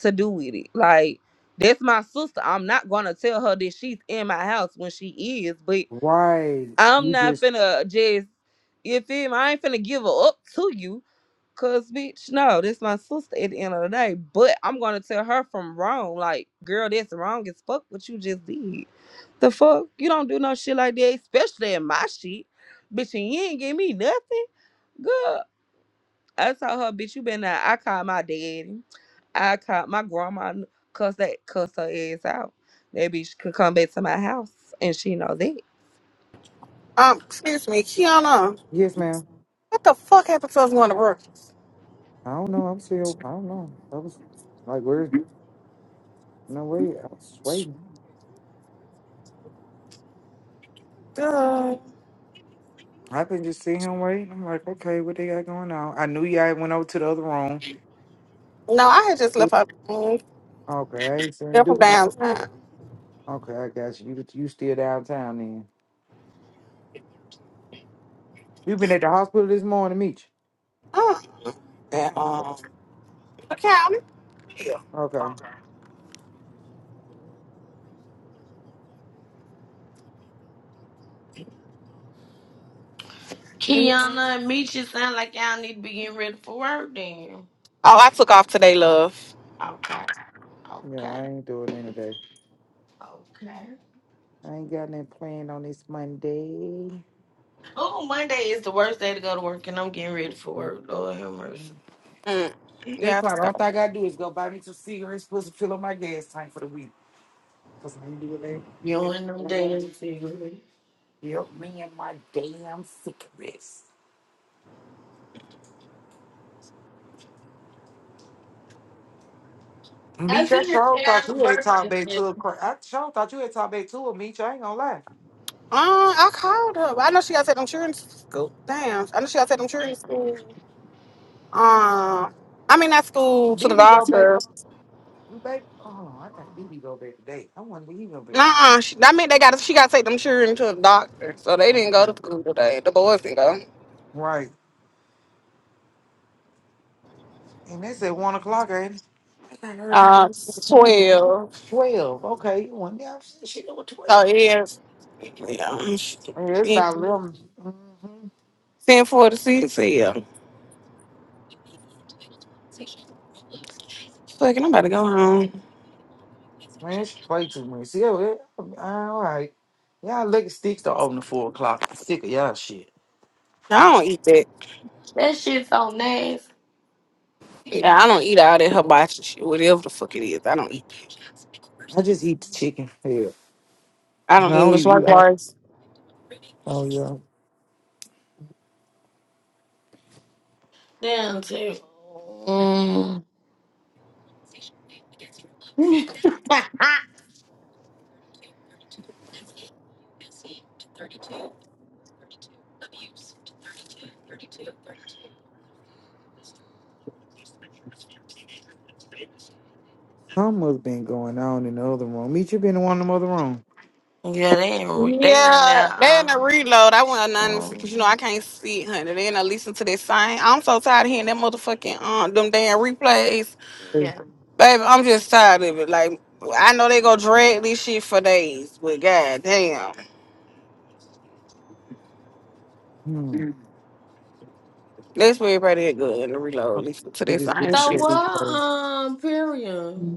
Speaker 13: to do with it. Like that's my sister. I'm not gonna tell her that she's in my house when she is, but I'm not finna just you feel me? I ain't finna give her up to you. Cause bitch, no, that's my sister at the end of the day. But I'm gonna tell her from wrong. Like, girl, that's wrong as fuck what you just did. The fuck? You don't do no shit like that, especially in my shit. Bitch, and you ain't give me nothing. Good. I told her, bitch, you been there." I called my daddy. I called my grandma kn- cussed that cussed her ass out. That bitch could come back to my house and she know that.
Speaker 7: Yes, ma'am.
Speaker 6: What the fuck happened to us going to work?
Speaker 7: I don't know. I'm still. I don't know. I was like, where? No way. I was waiting.
Speaker 6: Uh,
Speaker 7: I've been just seeing him wait. I'm like, okay, what they got going on? I knew y'all went over to the other room.
Speaker 6: no, I had just left up mm,
Speaker 7: Okay, I ain't seen
Speaker 6: left from
Speaker 7: Duke no
Speaker 6: downtown.
Speaker 7: more. Okay, I got you. You, you still downtown then? You been at the hospital this morning, Meech?
Speaker 6: Oh, yeah,
Speaker 7: Okay.
Speaker 6: um, the county.
Speaker 7: Okay.
Speaker 4: Kiana and Misha sound like y'all need to be getting ready for work then.
Speaker 6: Oh, I took off today, love.
Speaker 4: Okay,
Speaker 7: Yeah,
Speaker 4: okay,
Speaker 7: I ain't doing any day.
Speaker 4: okay.
Speaker 7: I ain't got nothing planned on this Monday.
Speaker 4: Oh, Monday is the worst day to go to work, and I'm getting ready for
Speaker 7: I
Speaker 4: work.
Speaker 7: ain't-
Speaker 4: Lord have mercy.
Speaker 6: Mm,
Speaker 7: That's
Speaker 6: yeah, I
Speaker 7: part.
Speaker 6: took
Speaker 7: All
Speaker 6: off.
Speaker 7: thing I gotta do is go buy me some cigarettes, supposed to fill up my gas tank for the week. Cause I ain't doing
Speaker 4: You
Speaker 7: that.
Speaker 4: and them
Speaker 7: All I gotta
Speaker 4: days,
Speaker 7: do-
Speaker 4: Tigger.
Speaker 7: Help me and my damn cigarettes.
Speaker 4: I
Speaker 7: Meech, I
Speaker 4: see your
Speaker 7: sure
Speaker 4: shit
Speaker 7: thought
Speaker 4: out the
Speaker 7: you had talked
Speaker 4: birthday.
Speaker 7: back
Speaker 4: man.
Speaker 7: to a cra I sure thought you had talked back to a Meech. I ain't gonna lie.
Speaker 6: Uh, I called her. I know she got to take them children to school. Damn, I know she got to take them children to school. Um, i mean that school to the
Speaker 7: BB go back.
Speaker 6: doctor.
Speaker 7: You back? Oh, I think BB go back today. I wonder if he go back.
Speaker 6: Nuh-uh. She, I mean, they got she got to take them children to the doctor, so they didn't go to
Speaker 7: Okay.
Speaker 6: school today. The boys didn't go.
Speaker 7: Right. And that's at one o'clock, ain't
Speaker 6: Uh,
Speaker 7: it?
Speaker 6: twelve.
Speaker 7: Twelve. Okay, one down. She number twelve.
Speaker 6: So yeah,
Speaker 7: Yeah, it's
Speaker 6: yeah.
Speaker 7: about 11 Mm-hmm.
Speaker 6: Ten forty six. Yeah. Fucking, I'm about to go home.
Speaker 7: Man, she play too much. See, yeah, well, all right. Y'all lucky sticks to open at four o'clock. I'm sick of y'all shit.
Speaker 6: I don't eat that.
Speaker 4: That shit so nasty.
Speaker 6: Yeah, I don't eat all that hibachi shit. Whatever the fuck it is, I don't eat.
Speaker 7: I just eat the chicken. Hell,
Speaker 6: I
Speaker 7: no,
Speaker 6: don't
Speaker 7: I
Speaker 6: eat
Speaker 7: don't
Speaker 6: much
Speaker 7: even eat
Speaker 6: like
Speaker 7: out.
Speaker 6: rice.
Speaker 7: Oh yeah,
Speaker 4: Damn, too. Mm. *laughs*
Speaker 7: something must been going on in the other room. Meet you been in one of them other room.
Speaker 4: yeah, they in, they in
Speaker 6: Yeah,
Speaker 4: there.
Speaker 6: they in a
Speaker 4: Um,
Speaker 6: reload. I went anonymous because
Speaker 4: um,
Speaker 6: you know I can't see it, honey. They in a listen to that sign. I'm so tired of hearing that motherfucking um them damn replays,
Speaker 7: Hey.
Speaker 4: yeah.
Speaker 6: baby. I'm just tired of it. Like I know they go drag this shit for days, but god damn,
Speaker 7: Hmm.
Speaker 6: let's be everybody that good in the reload.
Speaker 7: Okay,
Speaker 6: Listen to
Speaker 7: I
Speaker 6: that
Speaker 7: just
Speaker 6: sign,
Speaker 7: listen
Speaker 4: So
Speaker 7: to the
Speaker 6: shit.
Speaker 4: what?
Speaker 7: replay.
Speaker 4: Um, period.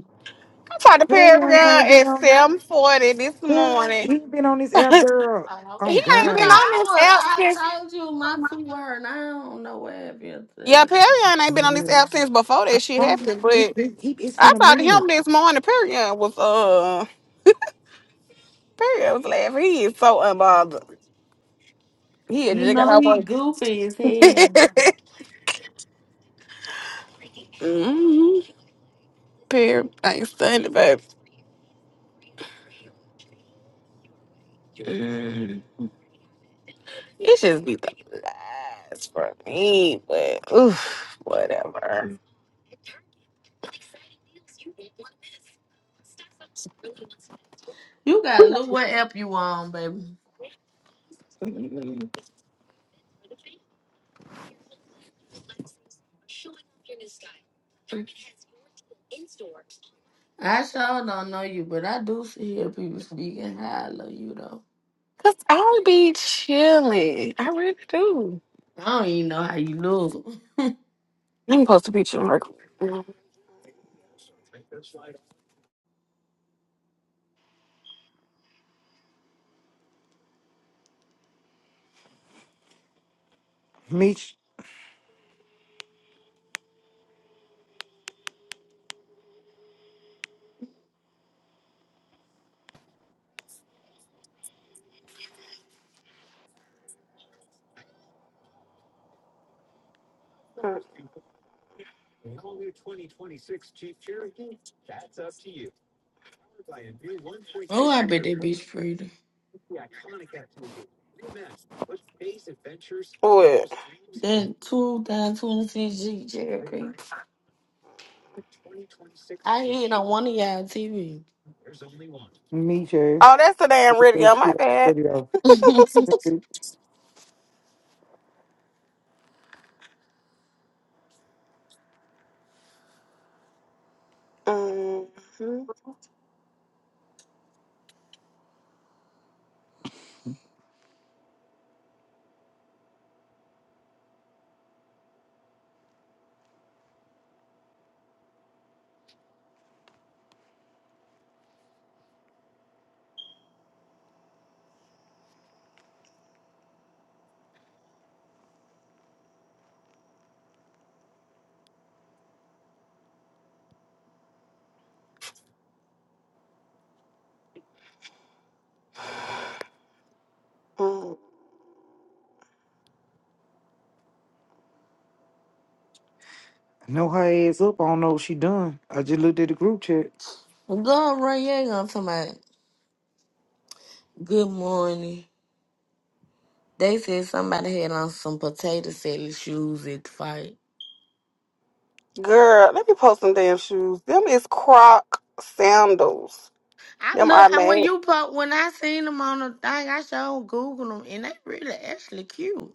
Speaker 6: I talked to
Speaker 7: Harry
Speaker 6: Perry Brown
Speaker 7: ain't been
Speaker 6: at
Speaker 7: on here.
Speaker 6: seven forty this
Speaker 7: Harry,
Speaker 6: morning.
Speaker 7: he been on this
Speaker 6: *laughs* he
Speaker 7: app, girl.
Speaker 4: Oh, okay.
Speaker 7: Oh
Speaker 4: You
Speaker 6: ain't
Speaker 4: know,
Speaker 6: been
Speaker 7: God.
Speaker 6: on
Speaker 4: I
Speaker 6: this app
Speaker 4: was
Speaker 6: since.
Speaker 4: I told you my two word. and I don't know what app you
Speaker 6: Yeah,
Speaker 4: say.
Speaker 6: Perry ain't been
Speaker 7: Oh
Speaker 6: on this
Speaker 7: yeah.
Speaker 6: app since before that shit
Speaker 7: Um,
Speaker 6: happened,
Speaker 7: it,
Speaker 6: but.
Speaker 7: it, it, has
Speaker 6: I
Speaker 7: been a
Speaker 6: talked to
Speaker 7: minute.
Speaker 6: him this morning. Period was uh Perry, I was laughing. He is so unbothered. He had
Speaker 4: You
Speaker 6: just got
Speaker 4: know
Speaker 6: out
Speaker 4: he
Speaker 6: work.
Speaker 4: goofy as hell.
Speaker 6: *laughs* hmm Perry, I ain't stunned, babe. It should be the last for me, but oof, whatever.
Speaker 4: You gotta look what app you on, baby. I sure don't know you, but I do see hear people speaking how I love you though.
Speaker 6: Cause I'll be chilling. I really do.
Speaker 4: I don't even know how you look. *laughs*
Speaker 6: I'm supposed to be chilling. Like,
Speaker 7: Meet,
Speaker 4: oh, I bet that bitch pretty.
Speaker 6: what?
Speaker 4: That 2026 G Cherokee. I hear it on one of y'all TV.
Speaker 7: meet her.
Speaker 6: Oh, that's the damn radio. My bad.
Speaker 7: Yeah.
Speaker 4: *laughs* Go
Speaker 6: Mhm.
Speaker 7: I know her ass up. I don't know what she done. I just looked at the group chat.
Speaker 4: run, you ain't gonna talk about good morning. They said somebody had on some potato salad shoes at the fight.
Speaker 6: Girl, let me post some damn shoes. Them is Croc sandals.
Speaker 4: I
Speaker 6: Them are
Speaker 4: look I- when
Speaker 6: made.
Speaker 4: you put when I seen them on the thing, I showed Google them and they really actually cute.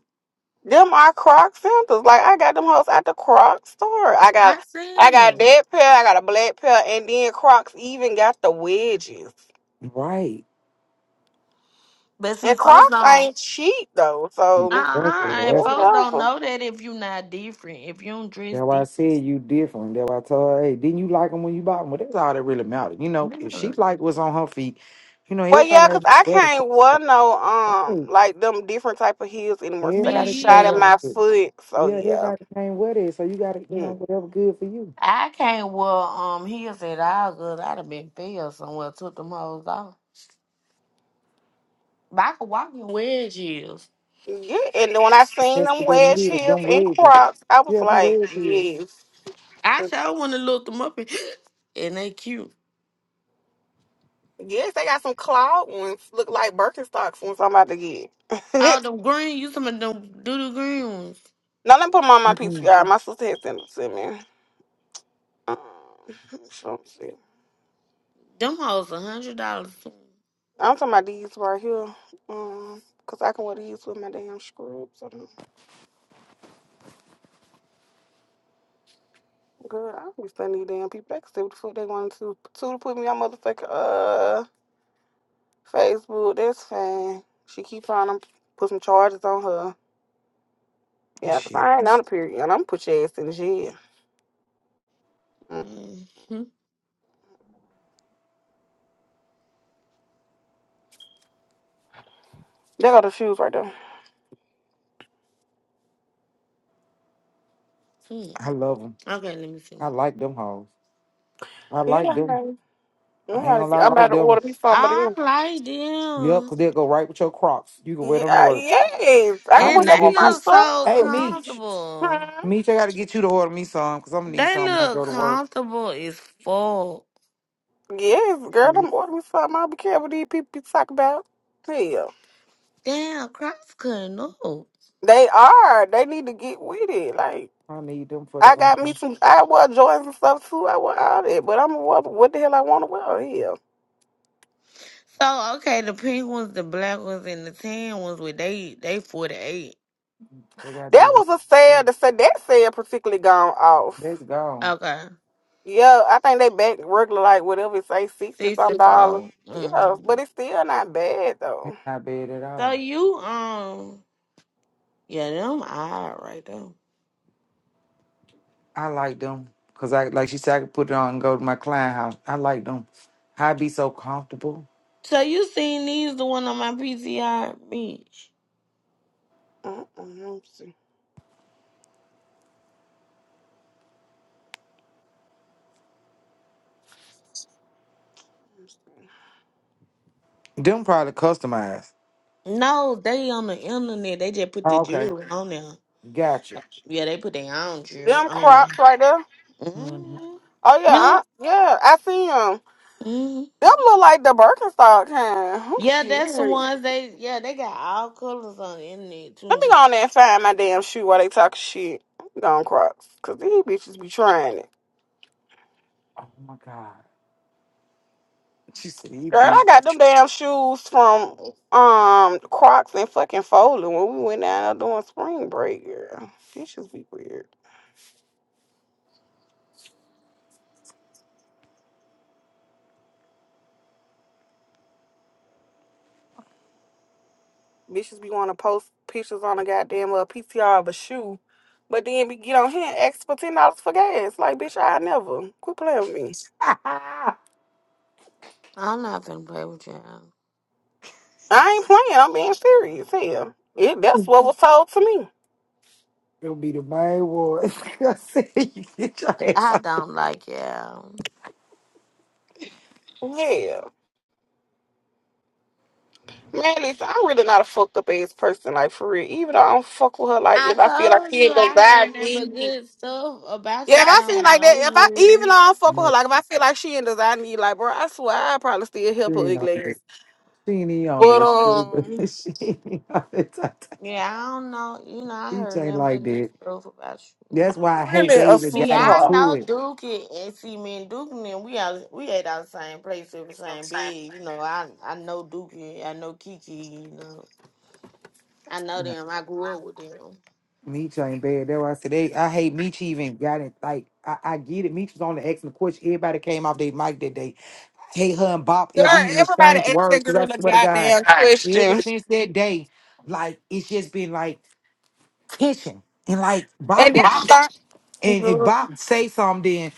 Speaker 6: Them are Croc sandals. Like I got them hoes at the Croc store. I got,
Speaker 4: I
Speaker 6: I
Speaker 4: seen
Speaker 6: got
Speaker 4: them,
Speaker 6: that pair. I got a black pair, and then Crocs even got the wedges.
Speaker 7: Right.
Speaker 4: but see,
Speaker 6: And
Speaker 4: folks
Speaker 6: Crocs
Speaker 4: don't.
Speaker 6: ain't cheap though. So
Speaker 4: Uh uh
Speaker 7: Exactly.
Speaker 4: and
Speaker 7: That's,
Speaker 4: folks don't
Speaker 6: whatever.
Speaker 4: know that if you not different, if you don't dress
Speaker 7: that's why I
Speaker 4: different.
Speaker 7: said you different. That's why I told her, hey, didn't you like them when you bought them? Well, that's all that really mattered. You know, if she
Speaker 4: Yeah,
Speaker 7: liked what's on her feet, you know,
Speaker 6: Well,
Speaker 7: everybody
Speaker 6: yeah, cause I
Speaker 7: has
Speaker 6: can't wear no um
Speaker 7: better.
Speaker 6: like them different type of heels anymore. 'cause I
Speaker 4: me
Speaker 6: got
Speaker 7: Everybody
Speaker 6: shot
Speaker 7: came
Speaker 6: in
Speaker 7: with
Speaker 4: either.
Speaker 6: my
Speaker 7: it.
Speaker 6: foot. So
Speaker 7: Yeah,
Speaker 6: yeah.
Speaker 7: everybody came with it. So you gotta, you
Speaker 6: Mm.
Speaker 7: know, whatever good for you.
Speaker 4: I can't wear um heels at all, good. I'd have been fell somewhere, took them hoes off. But I could walk in wedge heels.
Speaker 6: Yeah, and then when I seen
Speaker 7: That's
Speaker 6: them
Speaker 7: what them
Speaker 6: wedge
Speaker 7: is,
Speaker 6: heels
Speaker 7: them
Speaker 6: and
Speaker 7: wedges.
Speaker 6: Crocs, I was
Speaker 7: Yeah, them
Speaker 6: like,
Speaker 7: wedges.
Speaker 6: yes,
Speaker 4: I sure want to look them up and, *gasps* and they cute.
Speaker 6: yes, they got some cloud ones, look like Birkenstocks ones. I'm about to get. *laughs*
Speaker 4: Oh, them green, you some of them doodoo green ones.
Speaker 6: Now let me put them on my PCR. My sister had sent them to me. Um, so let's see.
Speaker 4: Them hoes a hundred dollars. too.
Speaker 6: I'm talking about these right here, um, cause I can wear these with my damn scrubs. I don't- Girl, I don't be sending these damn people. They can say what the fuck they want to. Two to put me on motherfucking uh Facebook. That's fine. She keep trying to put some charges on her. Yeah, 'cause
Speaker 7: Shit.
Speaker 6: I ain't on a period. I'm gonna put your ass in the jail. Mm.
Speaker 4: Mm-hmm.
Speaker 6: There go the shoes right there.
Speaker 7: I love them.
Speaker 4: Okay, let me
Speaker 7: I
Speaker 4: see.
Speaker 7: like them hoes. I
Speaker 6: Yeah,
Speaker 7: like
Speaker 6: I'm
Speaker 7: them. I ain't
Speaker 6: about
Speaker 7: gonna
Speaker 6: to,
Speaker 7: lie,
Speaker 6: I'm
Speaker 7: I
Speaker 6: about
Speaker 7: like
Speaker 6: to
Speaker 7: them.
Speaker 6: order me
Speaker 4: Oh,
Speaker 6: some of
Speaker 4: I
Speaker 6: them.
Speaker 4: like
Speaker 7: Yup,
Speaker 4: them,
Speaker 7: because they'll go right with your crocs. You can wear them to
Speaker 6: Yeah,
Speaker 7: work.
Speaker 6: yes, I
Speaker 7: I
Speaker 6: can put
Speaker 4: and
Speaker 7: need to
Speaker 6: that
Speaker 4: they
Speaker 6: on
Speaker 7: get
Speaker 6: my
Speaker 7: you.
Speaker 4: look
Speaker 6: stuff.
Speaker 4: so
Speaker 7: Hey, Meech.
Speaker 4: comfortable.
Speaker 6: Hmm.
Speaker 7: Meech, I gotta get you to order me some, because I'm gonna need
Speaker 4: They
Speaker 7: some when I
Speaker 4: look
Speaker 7: go to work.
Speaker 4: comfortable as fuck.
Speaker 6: Yes, girl, I'm ordering me something. I'll be careful what these people be talking about. Hell,
Speaker 4: Damn, cross cutting up. So
Speaker 6: they are. They need to get with it. Like
Speaker 7: I need them for the,
Speaker 6: I got me
Speaker 7: um,
Speaker 6: some. I wore Jordans and stuff too. I wore all that, but I'm what, what the hell I want to wear? Hell,
Speaker 4: okay, the pink ones, the black ones, and the tan ones with they they forty eight.
Speaker 7: they got the,
Speaker 6: that
Speaker 7: rest.
Speaker 6: was a sale. The sa- that sale particularly gone off.
Speaker 7: that's gone.
Speaker 4: Okay,
Speaker 6: Yeah, I think they back regular like whatever it say sixty
Speaker 4: sixty
Speaker 6: some dollars.
Speaker 4: four.
Speaker 6: Yeah, but
Speaker 4: Mm.
Speaker 6: it's still not bad
Speaker 7: It's
Speaker 6: though.
Speaker 7: not bad at
Speaker 4: So
Speaker 7: all.
Speaker 4: you um, yeah, them all right right there.
Speaker 7: I like them because I like she said I could put it on and go to my client house. I like them. i be so comfortable.
Speaker 4: So you seen these the one on my PCR, bitch?
Speaker 6: Mm-mm, let me see.
Speaker 7: Them probably customized.
Speaker 4: No, they on the internet. They just put the
Speaker 7: Oh, okay,
Speaker 4: jewelry on there.
Speaker 7: gotcha.
Speaker 4: Yeah, they put their own jewelry
Speaker 6: Them
Speaker 4: on there.
Speaker 6: Crocs right there.
Speaker 7: hmm
Speaker 4: Mm-hmm.
Speaker 6: Oh yeah,
Speaker 4: Yeah.
Speaker 6: I, yeah, I see them.
Speaker 4: hmm
Speaker 6: Them look like the Birkenstock kind. Oh
Speaker 4: Yeah,
Speaker 6: shit.
Speaker 4: that's the
Speaker 6: Let
Speaker 4: ones they yeah, they got all colors on the internet
Speaker 6: me
Speaker 4: too.
Speaker 6: go on there and find my damn shoe while they talk shit. Gone Crocs, cause these bitches be trying it.
Speaker 7: Oh my god, she said you
Speaker 6: Girl, I
Speaker 7: bitch.
Speaker 6: got them damn shoes from um Crocs and fucking Foley when we went down there doing spring break. Girl, bitches be weird. Bitches be want to post pictures on a goddamn uh, PCR of a shoe, but then we get on here and ask for ten dollars for gas. Like, bitch, I never. Quit playing with me.
Speaker 7: Ah,
Speaker 4: I'm not finna play with y'all.
Speaker 6: I ain't playing. I'm being serious. Hell, it, that's what was told to me.
Speaker 7: it'll be the main one. *laughs* I said you get your ass
Speaker 4: I
Speaker 7: off.
Speaker 4: don't like y'all.
Speaker 6: Yeah, man, listen, I'm really not a fucked up ass person. Like for real, even though I don't fuck with her. Like
Speaker 4: I
Speaker 6: if I feel like
Speaker 4: told
Speaker 6: she
Speaker 4: you
Speaker 6: ain't
Speaker 4: I
Speaker 6: desire
Speaker 4: heard nothing but
Speaker 6: me,
Speaker 4: good stuff about you.
Speaker 6: yeah, if
Speaker 4: I
Speaker 6: I feel
Speaker 4: don't
Speaker 6: like that,
Speaker 4: know
Speaker 6: if I even though
Speaker 4: you.
Speaker 6: I don't fuck with her,
Speaker 7: Man,
Speaker 6: like if I feel like she ain't design me, like bro, I swear I probably still
Speaker 7: she
Speaker 6: help her
Speaker 7: ain't on
Speaker 6: ugly. ass.
Speaker 7: it. She ain't even on
Speaker 6: But
Speaker 7: that street,
Speaker 6: um,
Speaker 7: but *laughs* She ain't on it. *laughs*
Speaker 4: Yeah, I don't know. You know, I
Speaker 7: Bitch
Speaker 4: heard
Speaker 7: ain't
Speaker 4: nothing
Speaker 7: like
Speaker 4: but good
Speaker 7: that.
Speaker 4: stuff about you.
Speaker 7: That's why I
Speaker 6: I'm
Speaker 7: hate
Speaker 6: really
Speaker 7: they
Speaker 6: a
Speaker 7: even
Speaker 4: See,
Speaker 7: got
Speaker 4: I
Speaker 6: sweetheart.
Speaker 7: into
Speaker 4: know
Speaker 7: it.
Speaker 4: Duke and see me and Duke and them, we out we at our same place in the same bed. You know, I I know Duke, I know Kiki, you know. I know them. I grew up with them.
Speaker 7: Meech ain't bad. That's why I said they, I hate Meech even got it. Like I, I get it. Meech was on the X and of course everybody came off their mic that day. I hate her and Bop
Speaker 6: Girl,
Speaker 7: ever even
Speaker 6: everybody
Speaker 7: exchanged
Speaker 6: asked that
Speaker 7: words. 'cause
Speaker 6: girl
Speaker 7: I
Speaker 6: a
Speaker 7: swear to God,
Speaker 6: goddamn Hi. question.
Speaker 7: ever since that day, like it's just been like tension. And like Bop
Speaker 6: And then
Speaker 7: don't
Speaker 6: I thought,
Speaker 7: and if
Speaker 6: girl,
Speaker 7: Bop say something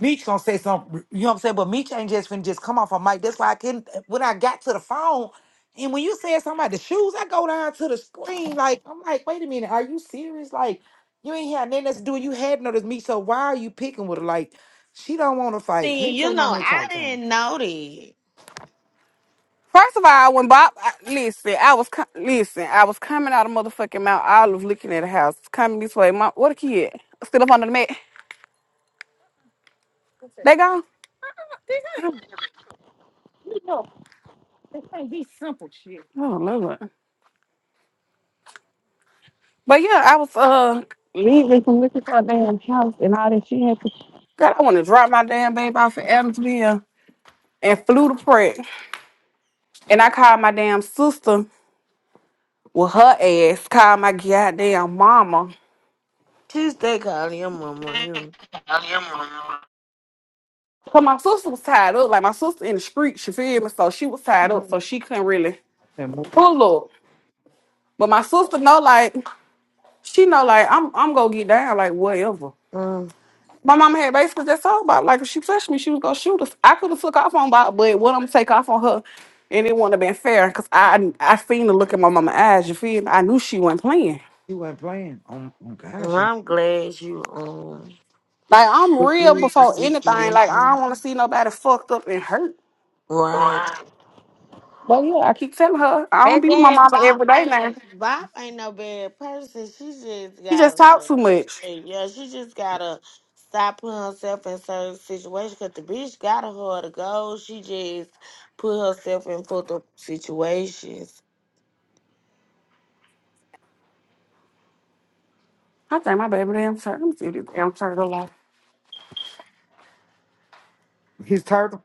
Speaker 7: Meech gonna say something, you know what I'm saying? But Meech ain't just finna just come off a mic. That's why I couldn't. When I got to the phone, and when you said something about the shoes, I go down to the screen. Like I'm like, wait a minute, are you serious? Like you ain't had nothing else to do. You had noticed me, so why are you picking with her? Like she don't want to fight.
Speaker 4: See,
Speaker 7: Meech
Speaker 4: you
Speaker 7: ain't on
Speaker 4: know,
Speaker 7: that
Speaker 4: I
Speaker 7: type time.
Speaker 4: didn't know that.
Speaker 6: first of all, when Bob, I, listen, I was co- listen, I was coming out of motherfucking Mount Olive, looking at the house, coming this way. Mom, what a kid, still up under the mat. They gone. Oh Lord. But yeah, I was uh leaving from looking for a damn house and all that. She had to. God, I want to drop my damn baby off at Adamsville and flew to Pratt. And I called my damn sister with her ass, called my goddamn mama
Speaker 4: Tuesday calling your mama. You.
Speaker 6: So my sister was tied up. Like my sister in the street, she feel me. So she was tied
Speaker 4: know.
Speaker 6: up, so
Speaker 4: mm
Speaker 6: she couldn't really
Speaker 7: And Mo-
Speaker 6: pull up. But my sister know, like she know, like I'm, I'm gonna get down, like whatever.
Speaker 4: mm.
Speaker 6: My mama had basically just told about, like if she touched me, she was gonna shoot us. I could have took off on Bob, but what I'm take off on her, and it wouldn't have been fair, cause I, I seen the look in my mama eyes. You feel me? I knew she wasn't playing.
Speaker 7: he wasn't playing. Oh, oh
Speaker 4: Well,
Speaker 7: gosh, you-
Speaker 4: I'm glad you um
Speaker 6: Like I'm real
Speaker 4: refused to
Speaker 6: before anything. Like
Speaker 4: see
Speaker 6: I
Speaker 4: me.
Speaker 6: don't want to see nobody fucked up and hurt.
Speaker 4: Right.
Speaker 6: But yeah, I keep telling her I don't
Speaker 4: And
Speaker 6: be with my
Speaker 4: then
Speaker 6: mama
Speaker 4: Bob
Speaker 6: every day now.
Speaker 4: ain't Bob ain't no bad person. She just
Speaker 6: She just talked
Speaker 4: gotta
Speaker 6: too much.
Speaker 4: hey, yeah, she just gotta stop putting herself in certain situations. Cause the bitch got a hard to go. She just put herself in fucked up situations.
Speaker 6: I think my baby damn turd. Let me see this damn turtle off.
Speaker 7: his turtle.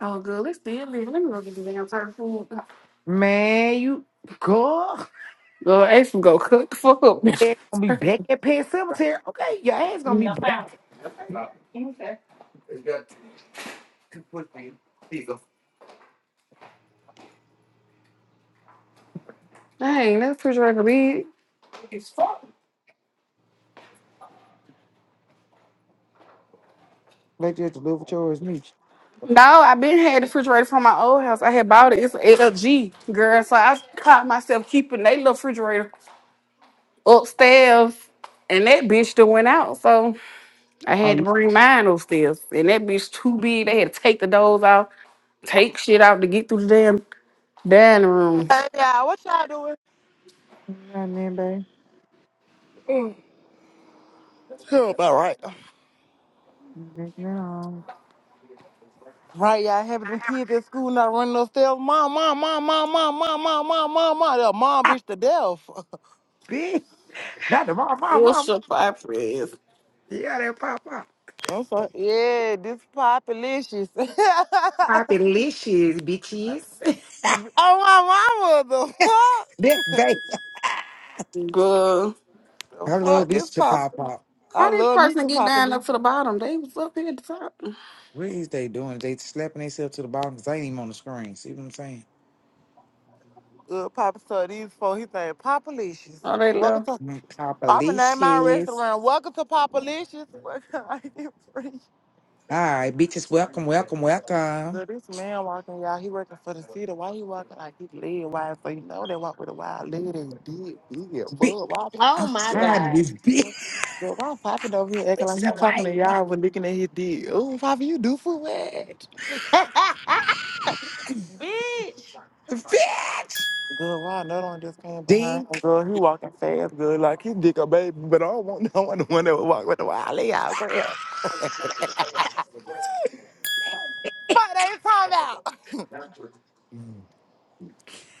Speaker 6: Oh, good. Let's see it. live. Let me go get this damn turtle food.
Speaker 7: Man, you girl, *laughs*
Speaker 6: Girl, Ace will go cook the fuck up.
Speaker 7: ass gonna
Speaker 6: *laughs*
Speaker 7: be back at Pet Cemetery. Okay, your ass gonna be back. Hey,
Speaker 6: okay. Dang, that refrigerator big. It's full.
Speaker 7: Let you have to live with yours, me.
Speaker 6: No, I been had the refrigerator from my old house. I had bought it. It's an LG, girl. So I caught myself keeping that little refrigerator upstairs. And that bitch that went out. So I
Speaker 7: Are
Speaker 6: had to
Speaker 7: you
Speaker 6: bring mine upstairs. And that bitch too big. They had to take the doors off, take shit out to get through the damn Dining room.
Speaker 18: Hey, y'all, what y'all doing?
Speaker 7: man, then,
Speaker 18: Tell about right.
Speaker 7: babe? No.
Speaker 18: Right, y'all having them kids at school not running those stairs. Mom, mom, mom, mom, mom, mom, mom, mom, mom, mom. That mom bitch to death.
Speaker 7: Bitch, not the mom, mom, mom.
Speaker 6: Bishop, I praise.
Speaker 7: Yeah, that pop pop,
Speaker 18: *laughs* I'm sorry. Yeah, this populicious. *laughs*
Speaker 7: Pop it licious, bitches. *laughs*
Speaker 18: oh, my mama, the fuck?
Speaker 7: That
Speaker 18: *laughs*
Speaker 7: babe.
Speaker 6: Good.
Speaker 18: The
Speaker 7: I
Speaker 18: fuck,
Speaker 7: love these
Speaker 18: this
Speaker 7: to
Speaker 18: pop.
Speaker 7: pop pop.
Speaker 18: I
Speaker 6: How this
Speaker 18: love me
Speaker 6: person
Speaker 18: some
Speaker 6: get down
Speaker 18: populicious.
Speaker 6: up to the bottom? They was up here at the top.
Speaker 7: What is they doing? They slapping themselves to the bottom because they ain't even on the screen. See what I'm saying?
Speaker 18: Good papa so these four, he saying populicious.
Speaker 6: Oh, they
Speaker 18: Welcome
Speaker 6: left.
Speaker 18: to,
Speaker 7: Mm,
Speaker 18: I'ma name my
Speaker 7: Copalicious.
Speaker 18: restaurant. Welcome to Popalicious. *laughs* Welcome,
Speaker 7: All right, bitches, welcome, welcome, welcome.
Speaker 18: Girl, this man walking, y'all, he working for the city. Why he walking like his leg wide? So you know they walk with a wild leg. They did, yeah,
Speaker 7: Bi-
Speaker 18: fuck. Why,
Speaker 4: Oh
Speaker 7: I'm
Speaker 4: my
Speaker 18: girl,
Speaker 7: tired of
Speaker 4: god,
Speaker 7: this bitch. *laughs*
Speaker 18: girl, why popping over here acting like
Speaker 7: It's a
Speaker 18: he talking
Speaker 7: white
Speaker 18: to
Speaker 7: one.
Speaker 18: y'all but looking at his dick? Oh, Poppy, you do for what?
Speaker 4: *laughs* bitch!
Speaker 7: Bitch!
Speaker 18: Girl, why another one just came behind him?
Speaker 7: Dink,
Speaker 18: Girl, he walking fast, girl, like his dick a baby. But I don't want *laughs* no one, the one that would walk with a wild leg out, girl. Fuck, they talking about.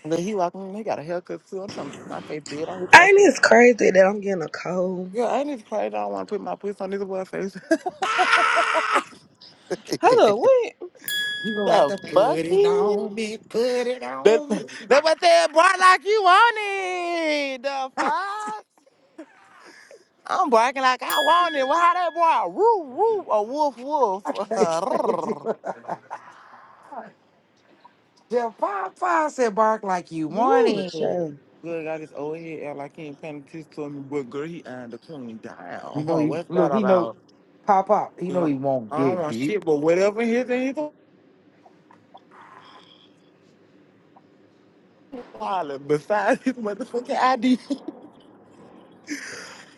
Speaker 18: But he walking he got a haircut too. I'm trying to put my face big on his
Speaker 13: Ain't
Speaker 18: haircut.
Speaker 13: this crazy that I'm getting a cold?
Speaker 18: Yeah, ain't this crazy? I don't want to put my pussy on this boy's face. *laughs*
Speaker 13: Hold up,
Speaker 18: the
Speaker 13: what?
Speaker 7: you gonna have to put it on
Speaker 18: fucking.
Speaker 7: me, put it
Speaker 18: That,
Speaker 7: on me. *laughs*
Speaker 18: that what they brought like you wanted. The fuck? I'm barking like I wanted. Why that boy? Woo, woo, a woof,
Speaker 7: I can't say it. *laughs*
Speaker 18: woof.
Speaker 7: Yeah, Pop Pop said bark like you want
Speaker 13: Ooh,
Speaker 7: it. You
Speaker 13: child.
Speaker 18: *laughs* Good, I just over here act like he ain't paying attention to me, but girl, he eyeing the queen down. *laughs*
Speaker 7: know, he,
Speaker 18: What's that
Speaker 7: look, he know,
Speaker 18: about?
Speaker 7: Pop Pop, he
Speaker 18: You
Speaker 7: know he
Speaker 18: know,
Speaker 7: won't
Speaker 18: I don't
Speaker 7: dead
Speaker 18: want
Speaker 7: deep.
Speaker 18: shit, but whatever his in his wallet besides his motherfucking ID.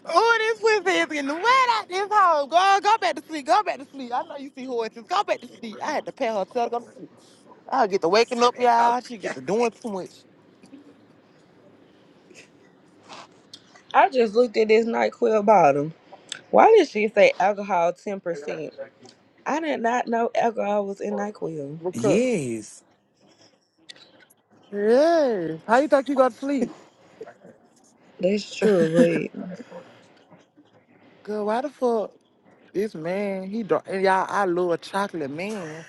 Speaker 18: Oh, this Wednesday is getting wet out this hole. Girl, go back to sleep. Go back to sleep. I know you see horses. Go back to sleep. I had to pay her to tell her to go to sleep. I'll get to
Speaker 7: I
Speaker 18: waking
Speaker 7: said
Speaker 18: up,
Speaker 7: it. *laughs* Oh,
Speaker 18: y'all. She get to doing too much.
Speaker 13: I just looked at this NyQuil bottle. Why did she say alcohol ten percent? I did not know alcohol was in NyQuil.
Speaker 18: Because,
Speaker 7: Yes.
Speaker 18: yeah. How you think you go to sleep?
Speaker 13: That's true,
Speaker 18: Girl, why the fuck? This man, he dark, and y'all, I love a chocolate man.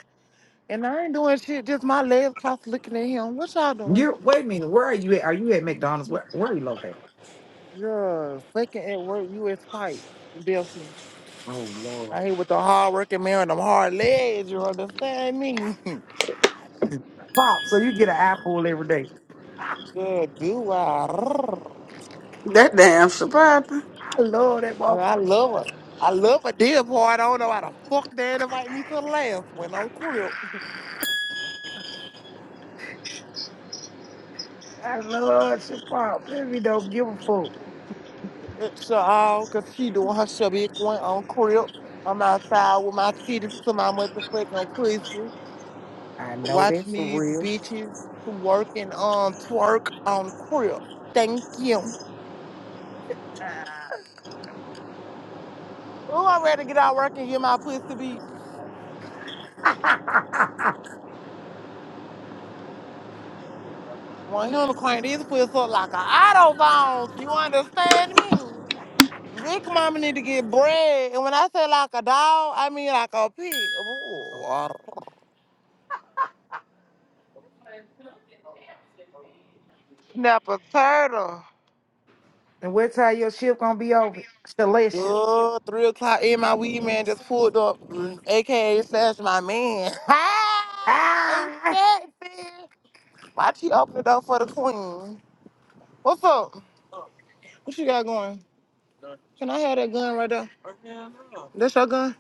Speaker 18: And I ain't doing shit, just my legs crossed looking at him. What y'all doing?
Speaker 7: You wait a minute. Where are you at? Are you at McDonald's? Where Where are you located?
Speaker 18: Yeah, fucking at work, you in spite. Delphi.
Speaker 7: Oh Lord.
Speaker 18: I hate with the hard working man and them hard legs, you understand me? *laughs*
Speaker 7: Pop, so you get an apple every day.
Speaker 18: Girl, do I? Rrrr.
Speaker 6: That damn survivor.
Speaker 7: I love that
Speaker 18: I
Speaker 7: motherfucker.
Speaker 18: love it. I love a dead boy. I don't know how the fuck they invite me to the last when I'm crip.
Speaker 7: I love your pop. Baby don't give a fuck.
Speaker 18: So, all because she doing her shabby one on crip. I'm outside with my titties to my motherfucking pussy.
Speaker 7: I know
Speaker 18: Watch
Speaker 7: that's for
Speaker 18: me, these
Speaker 7: real.
Speaker 18: bitches, working on twerk on crip. Thank you.
Speaker 7: Ah.
Speaker 18: Oh, I'm ready to get out work and get my pussy beat.
Speaker 7: *laughs*
Speaker 18: One unicorn is pussy up like an auto bone. You understand me? Big mama need to get bread. And when I say like a dog, I mean like a pig. Ooh, Snap a turtle.
Speaker 7: and what time your ship gonna be over? Salacious.
Speaker 18: Good. Three o'clock in my weed man just pulled up, mm, aka slash my man. *laughs* Hi,
Speaker 7: Ah
Speaker 18: sexy. Why she open the door for the queen? What's up? What you got going? Can I have that gun right there? That's your gun?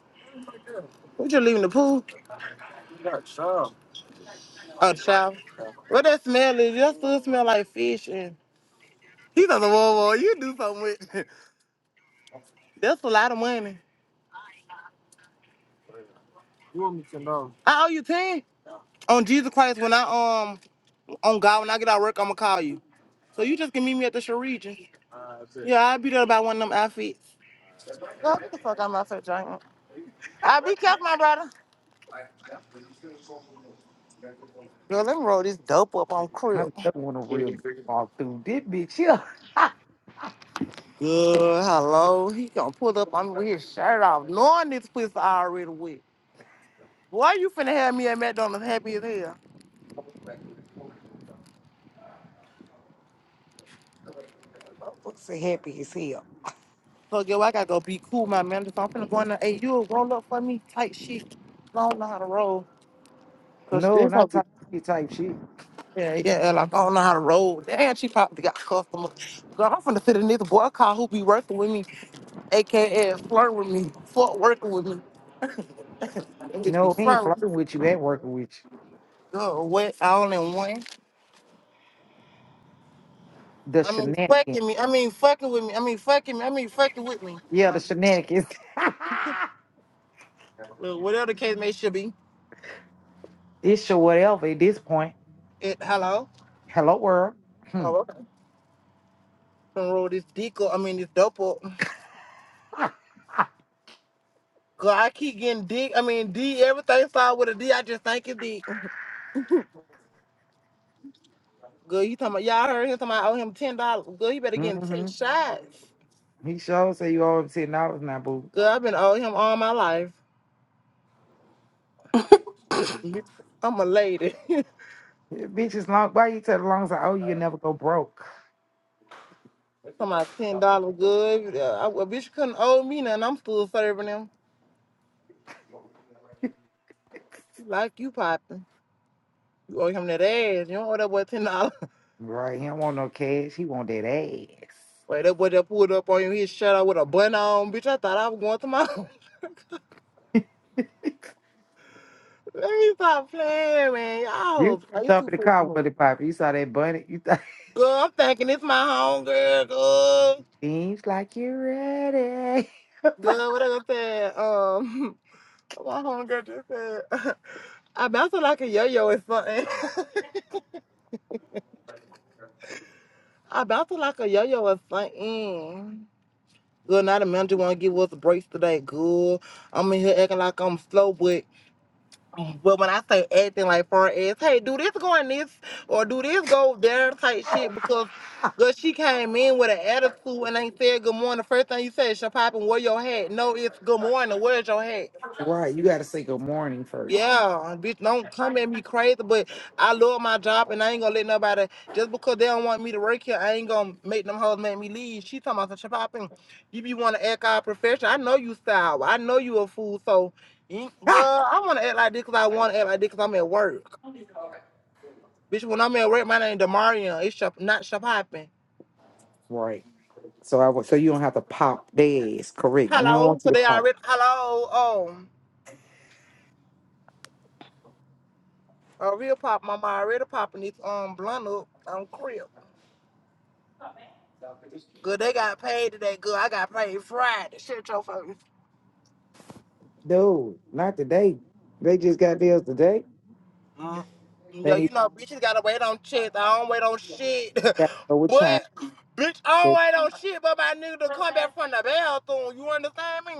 Speaker 18: What you leaving the pool? Oh, the shower. What that smell is? That still smell like fish. And he doesn't whoa, whoa. You do something with. *laughs* That's a lot of money. I owe you ten on Jesus Christ. When I um on God, when I get out of work, I'ma call you. So you just can meet me at the Sharegion. Yeah, I'll be there about one of them outfits. Girl, get the fuck out my face, Giant. I be careful, my brother. Girl, let me roll this dope up on
Speaker 7: *laughs* I
Speaker 18: Crip.
Speaker 7: don't want a real bitch walk through this bitch here. *laughs*
Speaker 18: Good, hello. He gonna pull up on me with his shirt off, knowing this pussy already wet. Boy, you finna have me at McDonald's happy as hell.
Speaker 7: What's so happy as hell?
Speaker 18: So, girl, I gotta go be cool, my man. So I'm finna go in there. Hey, you roll up for me, tight shit. I don't know how to roll. Cause
Speaker 7: No,
Speaker 18: this
Speaker 7: not
Speaker 18: hoe
Speaker 7: type shit type shit.
Speaker 18: Yeah, yeah, like I don't know how to roll. Damn, she probably got customers. Girl, I'm finna sit in this boy car who be working with me, aka flirt with me, fuck working with me. *laughs* Them bitch be
Speaker 7: No, he ain't flirt.
Speaker 18: flirting. Girl, what? All in one.
Speaker 7: The
Speaker 18: I mean,
Speaker 7: shenanigans.
Speaker 18: fucking me. I mean, fucking with me. I mean, fucking me. I mean, fucking with me.
Speaker 7: Yeah, the
Speaker 18: Like,
Speaker 7: shenanigans. *laughs*
Speaker 18: well, whatever the case may should be.
Speaker 7: It's your whatever at this point.
Speaker 18: It, hello.
Speaker 7: Hello world. Hmm.
Speaker 18: Oh, okay. Gonna roll this dick up. I mean, this dope up. Girl, I keep getting dick. I mean, D. Everything started with a D. I just think it's dick. Good, you talking about y'all heard him talking about I owe him ten dollars. Good, you better get him
Speaker 7: hmm
Speaker 18: ten shots.
Speaker 7: He sure say you owe him ten dollars now, boo.
Speaker 18: Good, I've been owe him all my life. *laughs* Mhm. I'm a lady. *laughs* talking
Speaker 7: Bitch is long. Why you tell the long as I owe you, you never go broke.
Speaker 18: about ten dollars. Good, uh, I, a bitch couldn't owe me nothing. I'm still serving him. Like you popping. You owe him that ass. You don't owe that boy ten dollars.
Speaker 7: Right? He don't want no cash. He want that ass.
Speaker 18: *laughs* Wait, that boy that pulled up on you, he shut out with a bun on, bitch. I thought I was going to my. *laughs* Let me stop playing, man.
Speaker 7: You
Speaker 18: Y'all, are you
Speaker 7: stop
Speaker 18: too
Speaker 7: in the car
Speaker 18: freaking much.
Speaker 7: with it, Papa. You saw that bunny. You thought
Speaker 18: Girl, I'm thinking it's my home girl. Good,
Speaker 7: *laughs* seems like you're ready. *laughs*
Speaker 18: good. What I gonna say? Um. *laughs* My homegirl just said, *laughs* I bounce like a yo-yo or something. *laughs* I bounce like a yo-yo or something. Good night, the manager want to give us a break today. Good. I'm in here acting like I'm slow, but but when I say acting like far as, hey, do this going this or do this go there type shit because girl, she came in with an attitude and ain't said good morning. The first thing you said, she popping, where your hat? No, it's good morning. Where's your hat?
Speaker 7: right? You gotta say good morning first.
Speaker 18: Yeah, and bitch, don't come at me crazy, but I love my job and I ain't gonna let nobody just because they don't want me to work here, I ain't gonna make them hoes make me leave. She talking about some shopping. You be wanna act our profession. I know you style. I know you a fool, so you-
Speaker 7: Ah!
Speaker 18: girl, I wanna act like this because I wanna act like this because I'm at work. Bitch, when I'm at work, my name Demarion. It's shop, not shopping.
Speaker 7: Right,
Speaker 18: Hello. So they
Speaker 7: Papa.
Speaker 18: already hello. Oh, a real pop mama already popping this um blunt up on crib. Good, they got paid today. Good, I got paid Friday. Shit, your fucking. Mm. Yo, you know, bitches gotta wait on checks. I don't wait on shit. *laughs* but, bitch, I don't wait on shit but my nigga to come back from the bathroom. You understand me?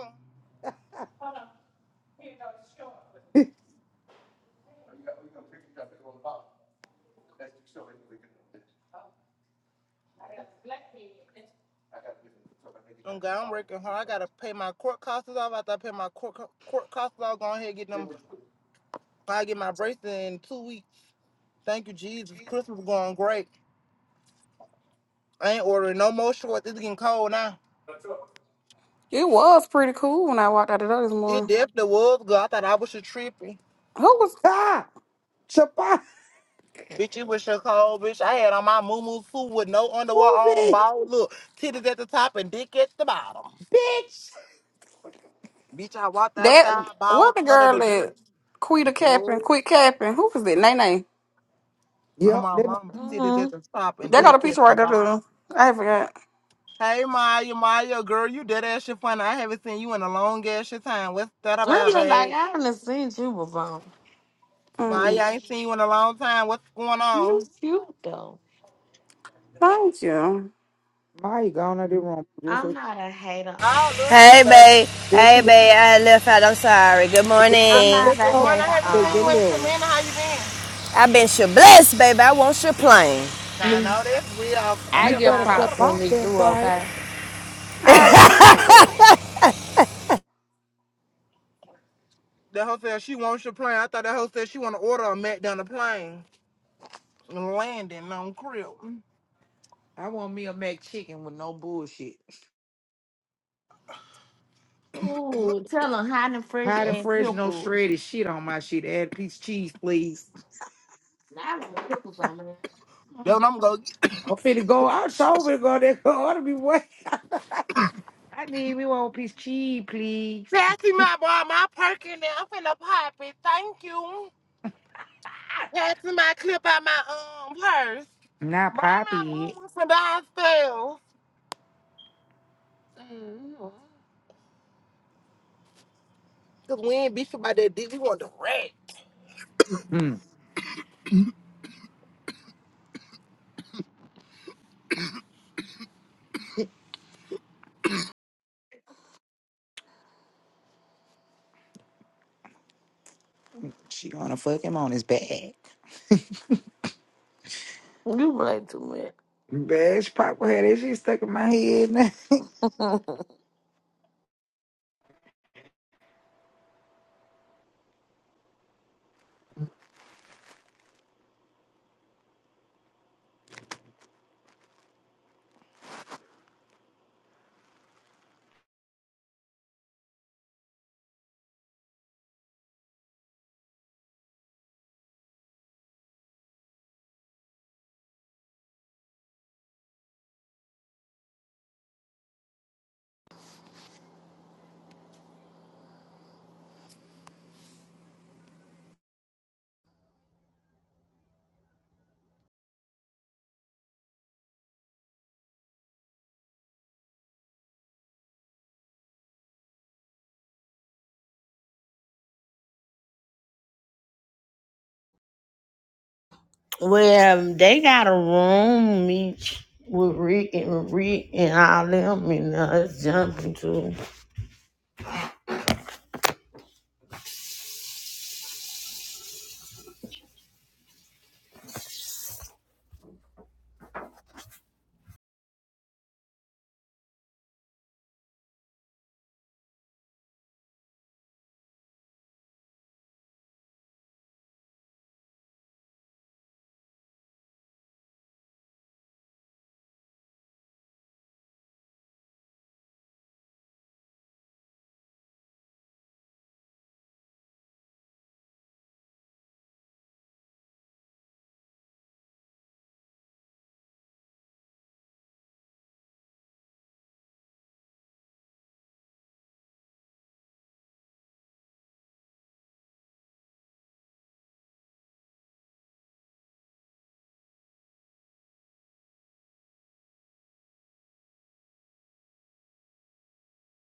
Speaker 18: Okay, I'm working hard. I gotta pay my court costs off. After I pay my court co- court costs off, go ahead and get them. I get my bracelet in two weeks. Thank you, Jesus. Christmas going great. I ain't ordering no more shorts. It's getting cold now.
Speaker 6: It was pretty cool when I walked out the door this
Speaker 18: It
Speaker 6: morning.
Speaker 18: definitely was good. I thought I was a trippy.
Speaker 6: Who was
Speaker 7: Ah, Shabbat,
Speaker 18: Bitch, it was your cold, bitch. I had on my moo suit with no underwear on,
Speaker 7: movie,
Speaker 18: ball. Look, titties at the top and dick at the bottom.
Speaker 7: bitch.
Speaker 18: Bitch, I walked
Speaker 6: that?
Speaker 18: outside,
Speaker 6: What
Speaker 18: balls
Speaker 6: the
Speaker 18: under
Speaker 6: girl
Speaker 18: the drip.
Speaker 6: that quit a capping, quit capping? Who was it? Nene.
Speaker 18: On
Speaker 7: Yep.
Speaker 18: my
Speaker 7: Then
Speaker 18: mama, titties at
Speaker 4: Mm.
Speaker 18: the top and
Speaker 6: They got a
Speaker 18: dick at
Speaker 6: picture right
Speaker 18: the
Speaker 6: there.
Speaker 18: bottom.
Speaker 6: too. I forgot.
Speaker 18: Hey, Maya, Maya, girl, you dead ass shit funny. I haven't seen you in a long ass shit time. What's that
Speaker 4: I'm
Speaker 18: about,
Speaker 4: just like
Speaker 18: babe?
Speaker 4: I haven't seen you before.
Speaker 18: Maya, I
Speaker 6: Mm,
Speaker 18: ain't seen you in a long time. What's going
Speaker 4: You
Speaker 18: on?
Speaker 4: cute though.
Speaker 6: thank you.
Speaker 7: Maya gone out the room. Just
Speaker 4: I'm
Speaker 7: say,
Speaker 4: not a hater. Um,
Speaker 18: Oh, look, you,
Speaker 17: Hey,
Speaker 18: baby.
Speaker 17: babe.
Speaker 7: there she
Speaker 17: Hey,
Speaker 7: go.
Speaker 17: babe. I left out. I'm sorry. Good
Speaker 7: Just say-
Speaker 4: I'm
Speaker 17: morning.
Speaker 4: not
Speaker 7: just
Speaker 18: Good
Speaker 4: a
Speaker 7: so Papa
Speaker 18: morning. I
Speaker 4: hater.
Speaker 18: haven't
Speaker 7: said,
Speaker 18: seen you in
Speaker 4: Um.
Speaker 18: a
Speaker 7: "Jaleel,
Speaker 18: minute. How you been?
Speaker 17: I've been your blessed, baby. I want your plane.
Speaker 18: I know that's real.
Speaker 4: I
Speaker 7: you
Speaker 4: get
Speaker 7: better
Speaker 4: props when
Speaker 7: Shabbat
Speaker 18: Crib.
Speaker 4: they
Speaker 7: that
Speaker 4: do,
Speaker 7: time.
Speaker 4: okay?
Speaker 6: I appreciate that.
Speaker 18: That hoe said she wants your plane. I thought that hoe said she want to order a Mac down the plane and landing on crib.
Speaker 7: I want me a mac chicken with no bullshit.
Speaker 4: Ooh, tell them hot and fresh
Speaker 7: Hot and
Speaker 4: and
Speaker 7: fresh, no
Speaker 4: pickles.
Speaker 7: shredded shit on my shit. Add a piece of cheese, please.
Speaker 4: Nah, I don't want pickles on man.
Speaker 18: Then
Speaker 4: Mm,
Speaker 18: I'm gonna get.
Speaker 7: I'm finna go. I'm so finna go there. *laughs* I ought to be waiting. I need me one piece of cheese, please.
Speaker 18: Pass me my boy, my perk in there. I'm finna pop it. Thank you. Pass me my clip out my um purse.
Speaker 7: Not
Speaker 18: Bring my
Speaker 7: poppy.
Speaker 18: mama from downstairs. mm Cause we ain't beefing about that dick. We want the rack.
Speaker 7: Mm.
Speaker 4: You play too much. *laughs* Well, they got a room each with Rick and Rick and all them, and us jumping too.